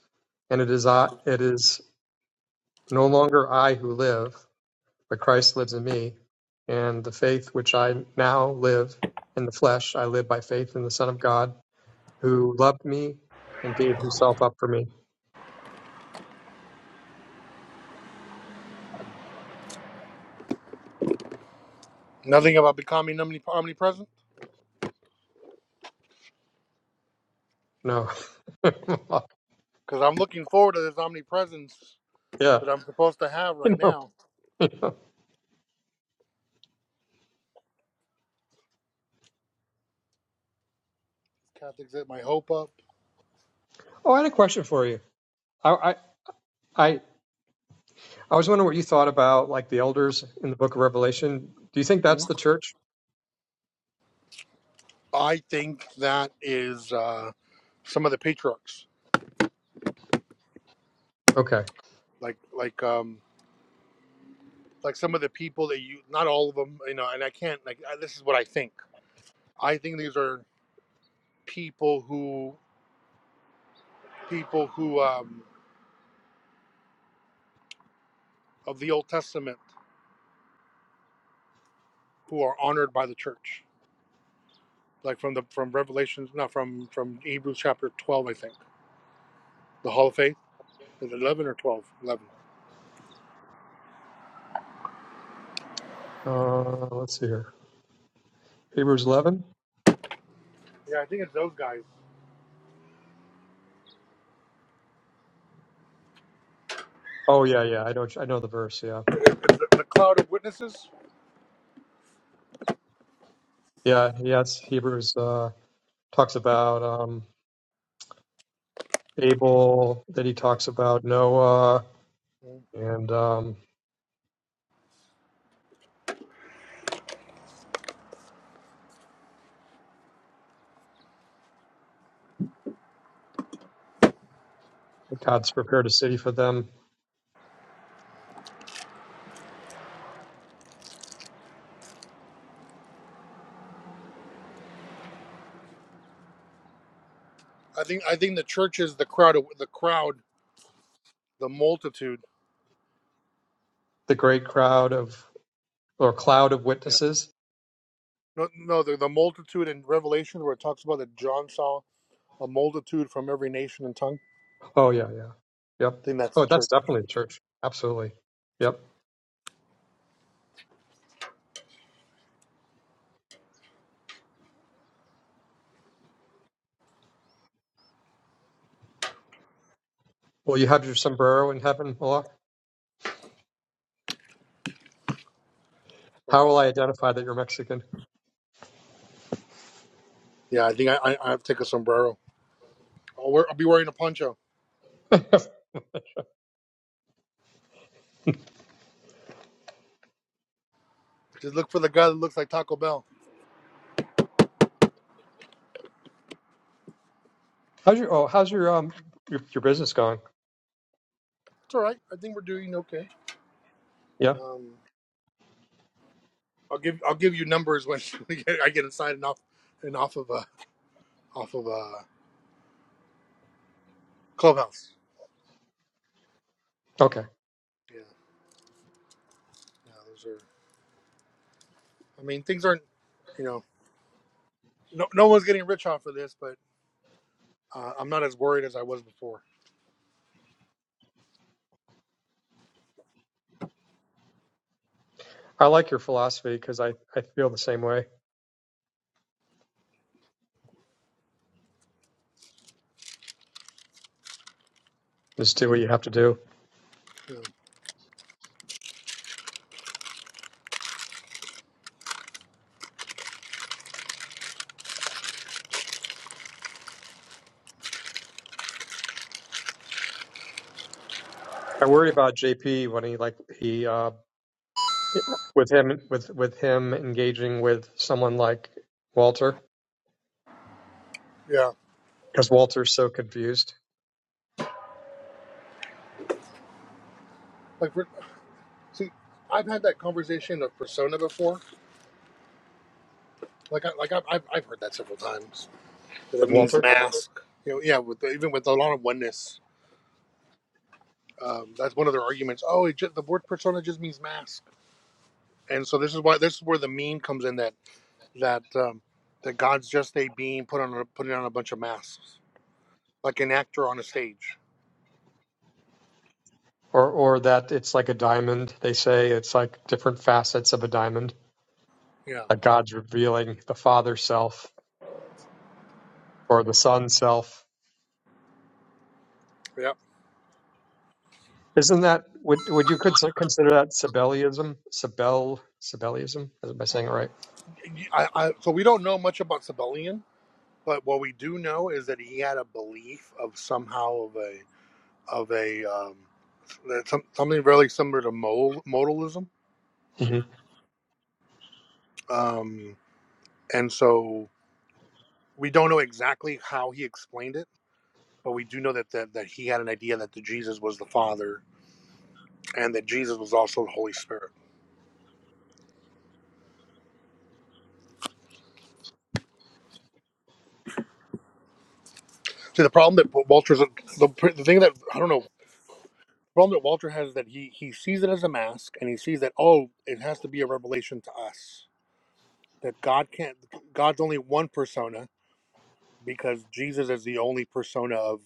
[SPEAKER 14] and it is I, it is no longer I who live." but Christ lives in me. And the faith which I now live in the flesh, I live by faith in the Son of God who loved me and gave himself up for me.
[SPEAKER 15] Nothing about becoming omni- omnipresent?
[SPEAKER 14] No.
[SPEAKER 15] Because I'm looking forward to this omnipresence
[SPEAKER 14] yeah.
[SPEAKER 15] that I'm supposed to have right
[SPEAKER 14] No.
[SPEAKER 15] now. Catholics hit my hope up.
[SPEAKER 14] Oh, I had a question for you. I, I, I, I was wondering what you thought about like the elders in the book of Revelation. Do you think
[SPEAKER 15] Hmm?
[SPEAKER 14] that's the church?
[SPEAKER 15] I think that is uh, some of the patriarchs
[SPEAKER 14] Okay.
[SPEAKER 15] like like um like some of the people that you not all of them you know and i can't like I, this is what i think i think these are people who people who um of the old testament who are honored by the church like from the from revelations not from from hebrews chapter 12 i think the hall of faith is it 11 or 12 11
[SPEAKER 14] Uh, let's see here. Hebrews 11.
[SPEAKER 15] yeah i think it's those guys
[SPEAKER 14] Oh yeah, yeah. I know. I know the verse. Yeah.
[SPEAKER 15] the, the cloud of witnesses
[SPEAKER 14] Yeah. Yeah. It's Hebrews, uh, talks about, um, Abel that he talks about, Noah,
[SPEAKER 15] Mm.
[SPEAKER 14] and um, God's prepared a city for them.
[SPEAKER 15] i think i think the church is the crowd of, the crowd the multitude
[SPEAKER 14] The great crowd of or cloud of
[SPEAKER 15] yeah
[SPEAKER 14] witnesses.
[SPEAKER 15] no no the, the multitude in revelation where it talks about that john saw a multitude from every nation and tongue. I
[SPEAKER 14] Oh yeah, yeah, yep.
[SPEAKER 15] think that's
[SPEAKER 14] Oh,
[SPEAKER 15] the
[SPEAKER 14] that's
[SPEAKER 15] church.
[SPEAKER 14] definitely the church. Absolutely. Yep. Well, you have your sombrero in heaven, Malak. How will I identify that you're Mexican?
[SPEAKER 15] Yeah, I think I, I, I have to take a sombrero. I'll, wear, I'll be wearing a poncho. Just look for the guy that looks like Taco Bell.
[SPEAKER 14] how's your oh, how's your um your, your business going?
[SPEAKER 15] It's all right. I think we're doing okay.
[SPEAKER 14] Yeah.
[SPEAKER 15] Um, I'll give I'll give you numbers when I get inside and off and off of uh, off of uh, clubhouse.
[SPEAKER 14] Okay.
[SPEAKER 15] Yeah, yeah. Those are. I mean, things aren't. You know, no, no one's getting rich off of this, but uh, I'm not as worried as I was before.
[SPEAKER 14] I like your philosophy because I I feel the same way. Just do what you have to do.
[SPEAKER 15] Yeah,
[SPEAKER 14] I worry about JP when he like he um with him with with him engaging with someone like Walter
[SPEAKER 15] yeah.
[SPEAKER 14] because Walter's so confused
[SPEAKER 15] like we're, see, I've had that conversation of persona before Like I, like I, have I've heard that several times. But that
[SPEAKER 14] with
[SPEAKER 15] means
[SPEAKER 14] Walter
[SPEAKER 15] mask. You know, yeah, with the, even with a lot of oneness, um, that's one of their arguments. Oh, it just, the word persona just means mask, and so this is why this is where the meme comes in that that um, that God's just a being put on a, putting on a bunch of masks, like an actor on a stage.
[SPEAKER 14] or or that it's like a diamond they say it's like different facets of a diamond
[SPEAKER 15] Yeah,
[SPEAKER 14] that God's revealing the father self or the son self
[SPEAKER 15] yeah.
[SPEAKER 14] isn't that would would you could consider that Sabellianism Sabell Sabellianism am I saying it right
[SPEAKER 15] I, I, so we don't know much about Sibelian, but what we do know is that he had a belief of somehow of a of a um, that some, something really similar to modalism
[SPEAKER 14] hmm
[SPEAKER 15] um, and so we don't know exactly how he explained it but we do know that, that that he had an idea that the jesus was the father and that jesus was also the holy spirit see the problem that walter's the, the thing that i don't know the problem that walter has is that he he sees it as a mask and he sees that oh it has to be a revelation to us that god can't god's only one persona because jesus is the only persona of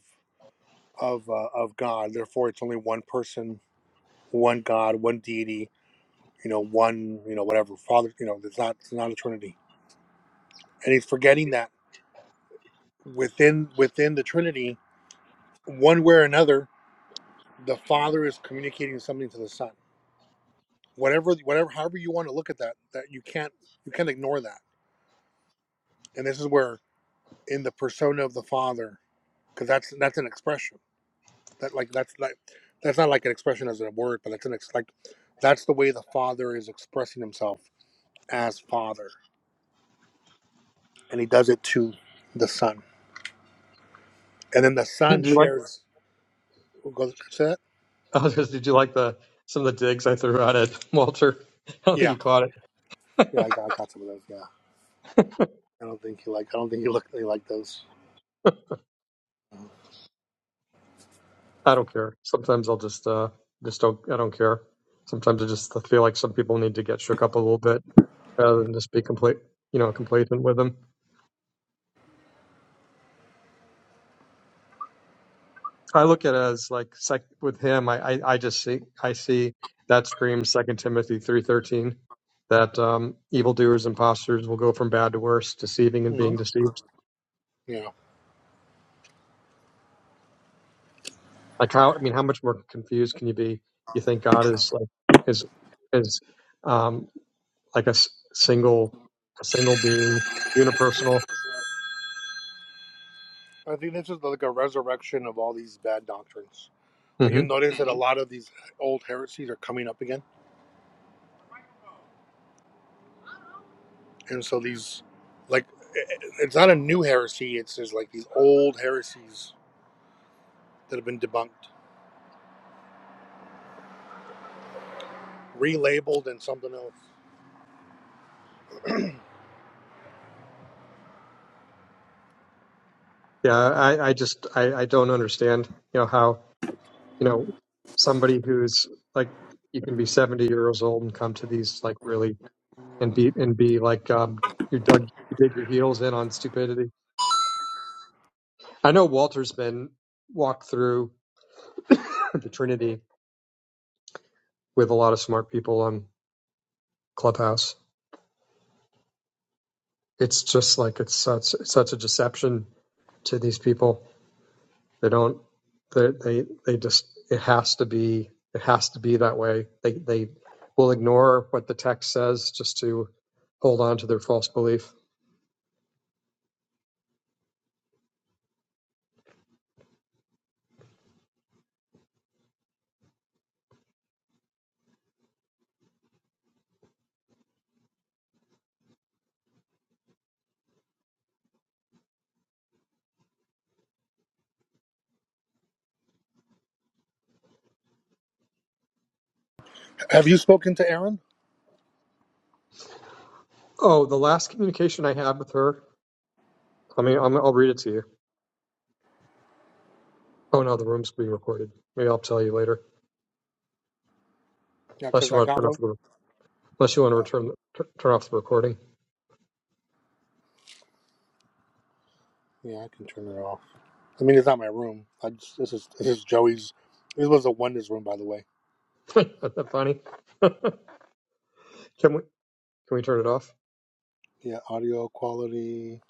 [SPEAKER 15] of uh, of god therefore it's only one person one god one deity you know, one, you know, whatever Father, you know, there's not it's not a Trinity, and he's forgetting that within within the Trinity, one way or another, the Father is communicating something to the Son. Whatever, whatever, however you want to look at that, that you can't you can't ignore that. And this is where in the persona of the Father, because that's that's an expression that like that's like that's not like an expression as a word, but that's an ex- like that's the way the Father is expressing himself as Father, and he does it to the Son, and then the Son
[SPEAKER 14] do you like
[SPEAKER 15] shares. Google set.
[SPEAKER 14] did you like the some of the digs I threw out at Walter I don't think he
[SPEAKER 15] Yeah,
[SPEAKER 14] caught it
[SPEAKER 15] yeah, I got, I got some of those. Yeah, I don't think he like. I don't think he look. he like those.
[SPEAKER 14] I don't care. Sometimes I'll just uh just don't I don't care. Sometimes I just feel like some people need to get shook up a little bit rather than just be complete you know complacent with them. I look at it as like sec- with him. I, I I just see I see that screams Second Timothy three thirteen that um, evildoers and imposters will go from bad to worse, deceiving and
[SPEAKER 15] hmm
[SPEAKER 14] being deceived.
[SPEAKER 15] Yeah,
[SPEAKER 14] Like how I mean, how much more confused can you be? You think God is like is is um, like a s- single a single being unipersonal
[SPEAKER 15] I think this is like a resurrection of all these bad doctrines. Like
[SPEAKER 14] hmm
[SPEAKER 15] you notice that a lot of these old heresies are coming up again, and so these, like, it's not a new heresy. It's just like these old heresies that have been debunked, relabeled, and something else.
[SPEAKER 14] Yeah, I, I just I, I don't understand, you know, how you know somebody who's like you can be seventy years old and come to these like really and be and be like um, you dug you dig your heels in on stupidity. I know Walter's been walked through the Trinity with a lot of smart people on Clubhouse. It's just like it's such it's such a deception to these people. They don't. They they they just. It has to be. It has to be that way. They they will ignore what the text says just to hold on to their false belief.
[SPEAKER 15] Have you spoken to Aaron?
[SPEAKER 14] Oh, the last communication I had with her. I mean, I'm, I'll read it to you. Oh no, the room's being recorded. Maybe I'll tell you later.
[SPEAKER 15] Yeah,
[SPEAKER 14] Unless
[SPEAKER 15] because
[SPEAKER 14] you
[SPEAKER 15] I
[SPEAKER 14] want to
[SPEAKER 15] got
[SPEAKER 14] turn off
[SPEAKER 15] one.
[SPEAKER 14] the. Unless you want to return t- turn off the recording.
[SPEAKER 15] Yeah, I can turn it off. I mean, it's not my room. I just, this is this is Joey's. This was a wonders room, by the way.
[SPEAKER 14] Isn't that funny? Can we can we turn it off?
[SPEAKER 15] Yeah, audio quality.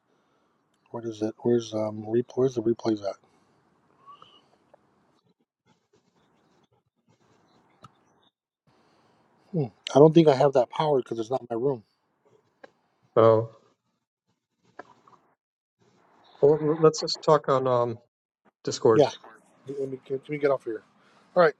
[SPEAKER 15] What is it? Where's um re- Where's the replays at? Hmm. I don't think I have that powered because it's not my room.
[SPEAKER 14] Oh, well, let's just talk on um, Discord.
[SPEAKER 15] Yeah, let me, let me get off here. All right.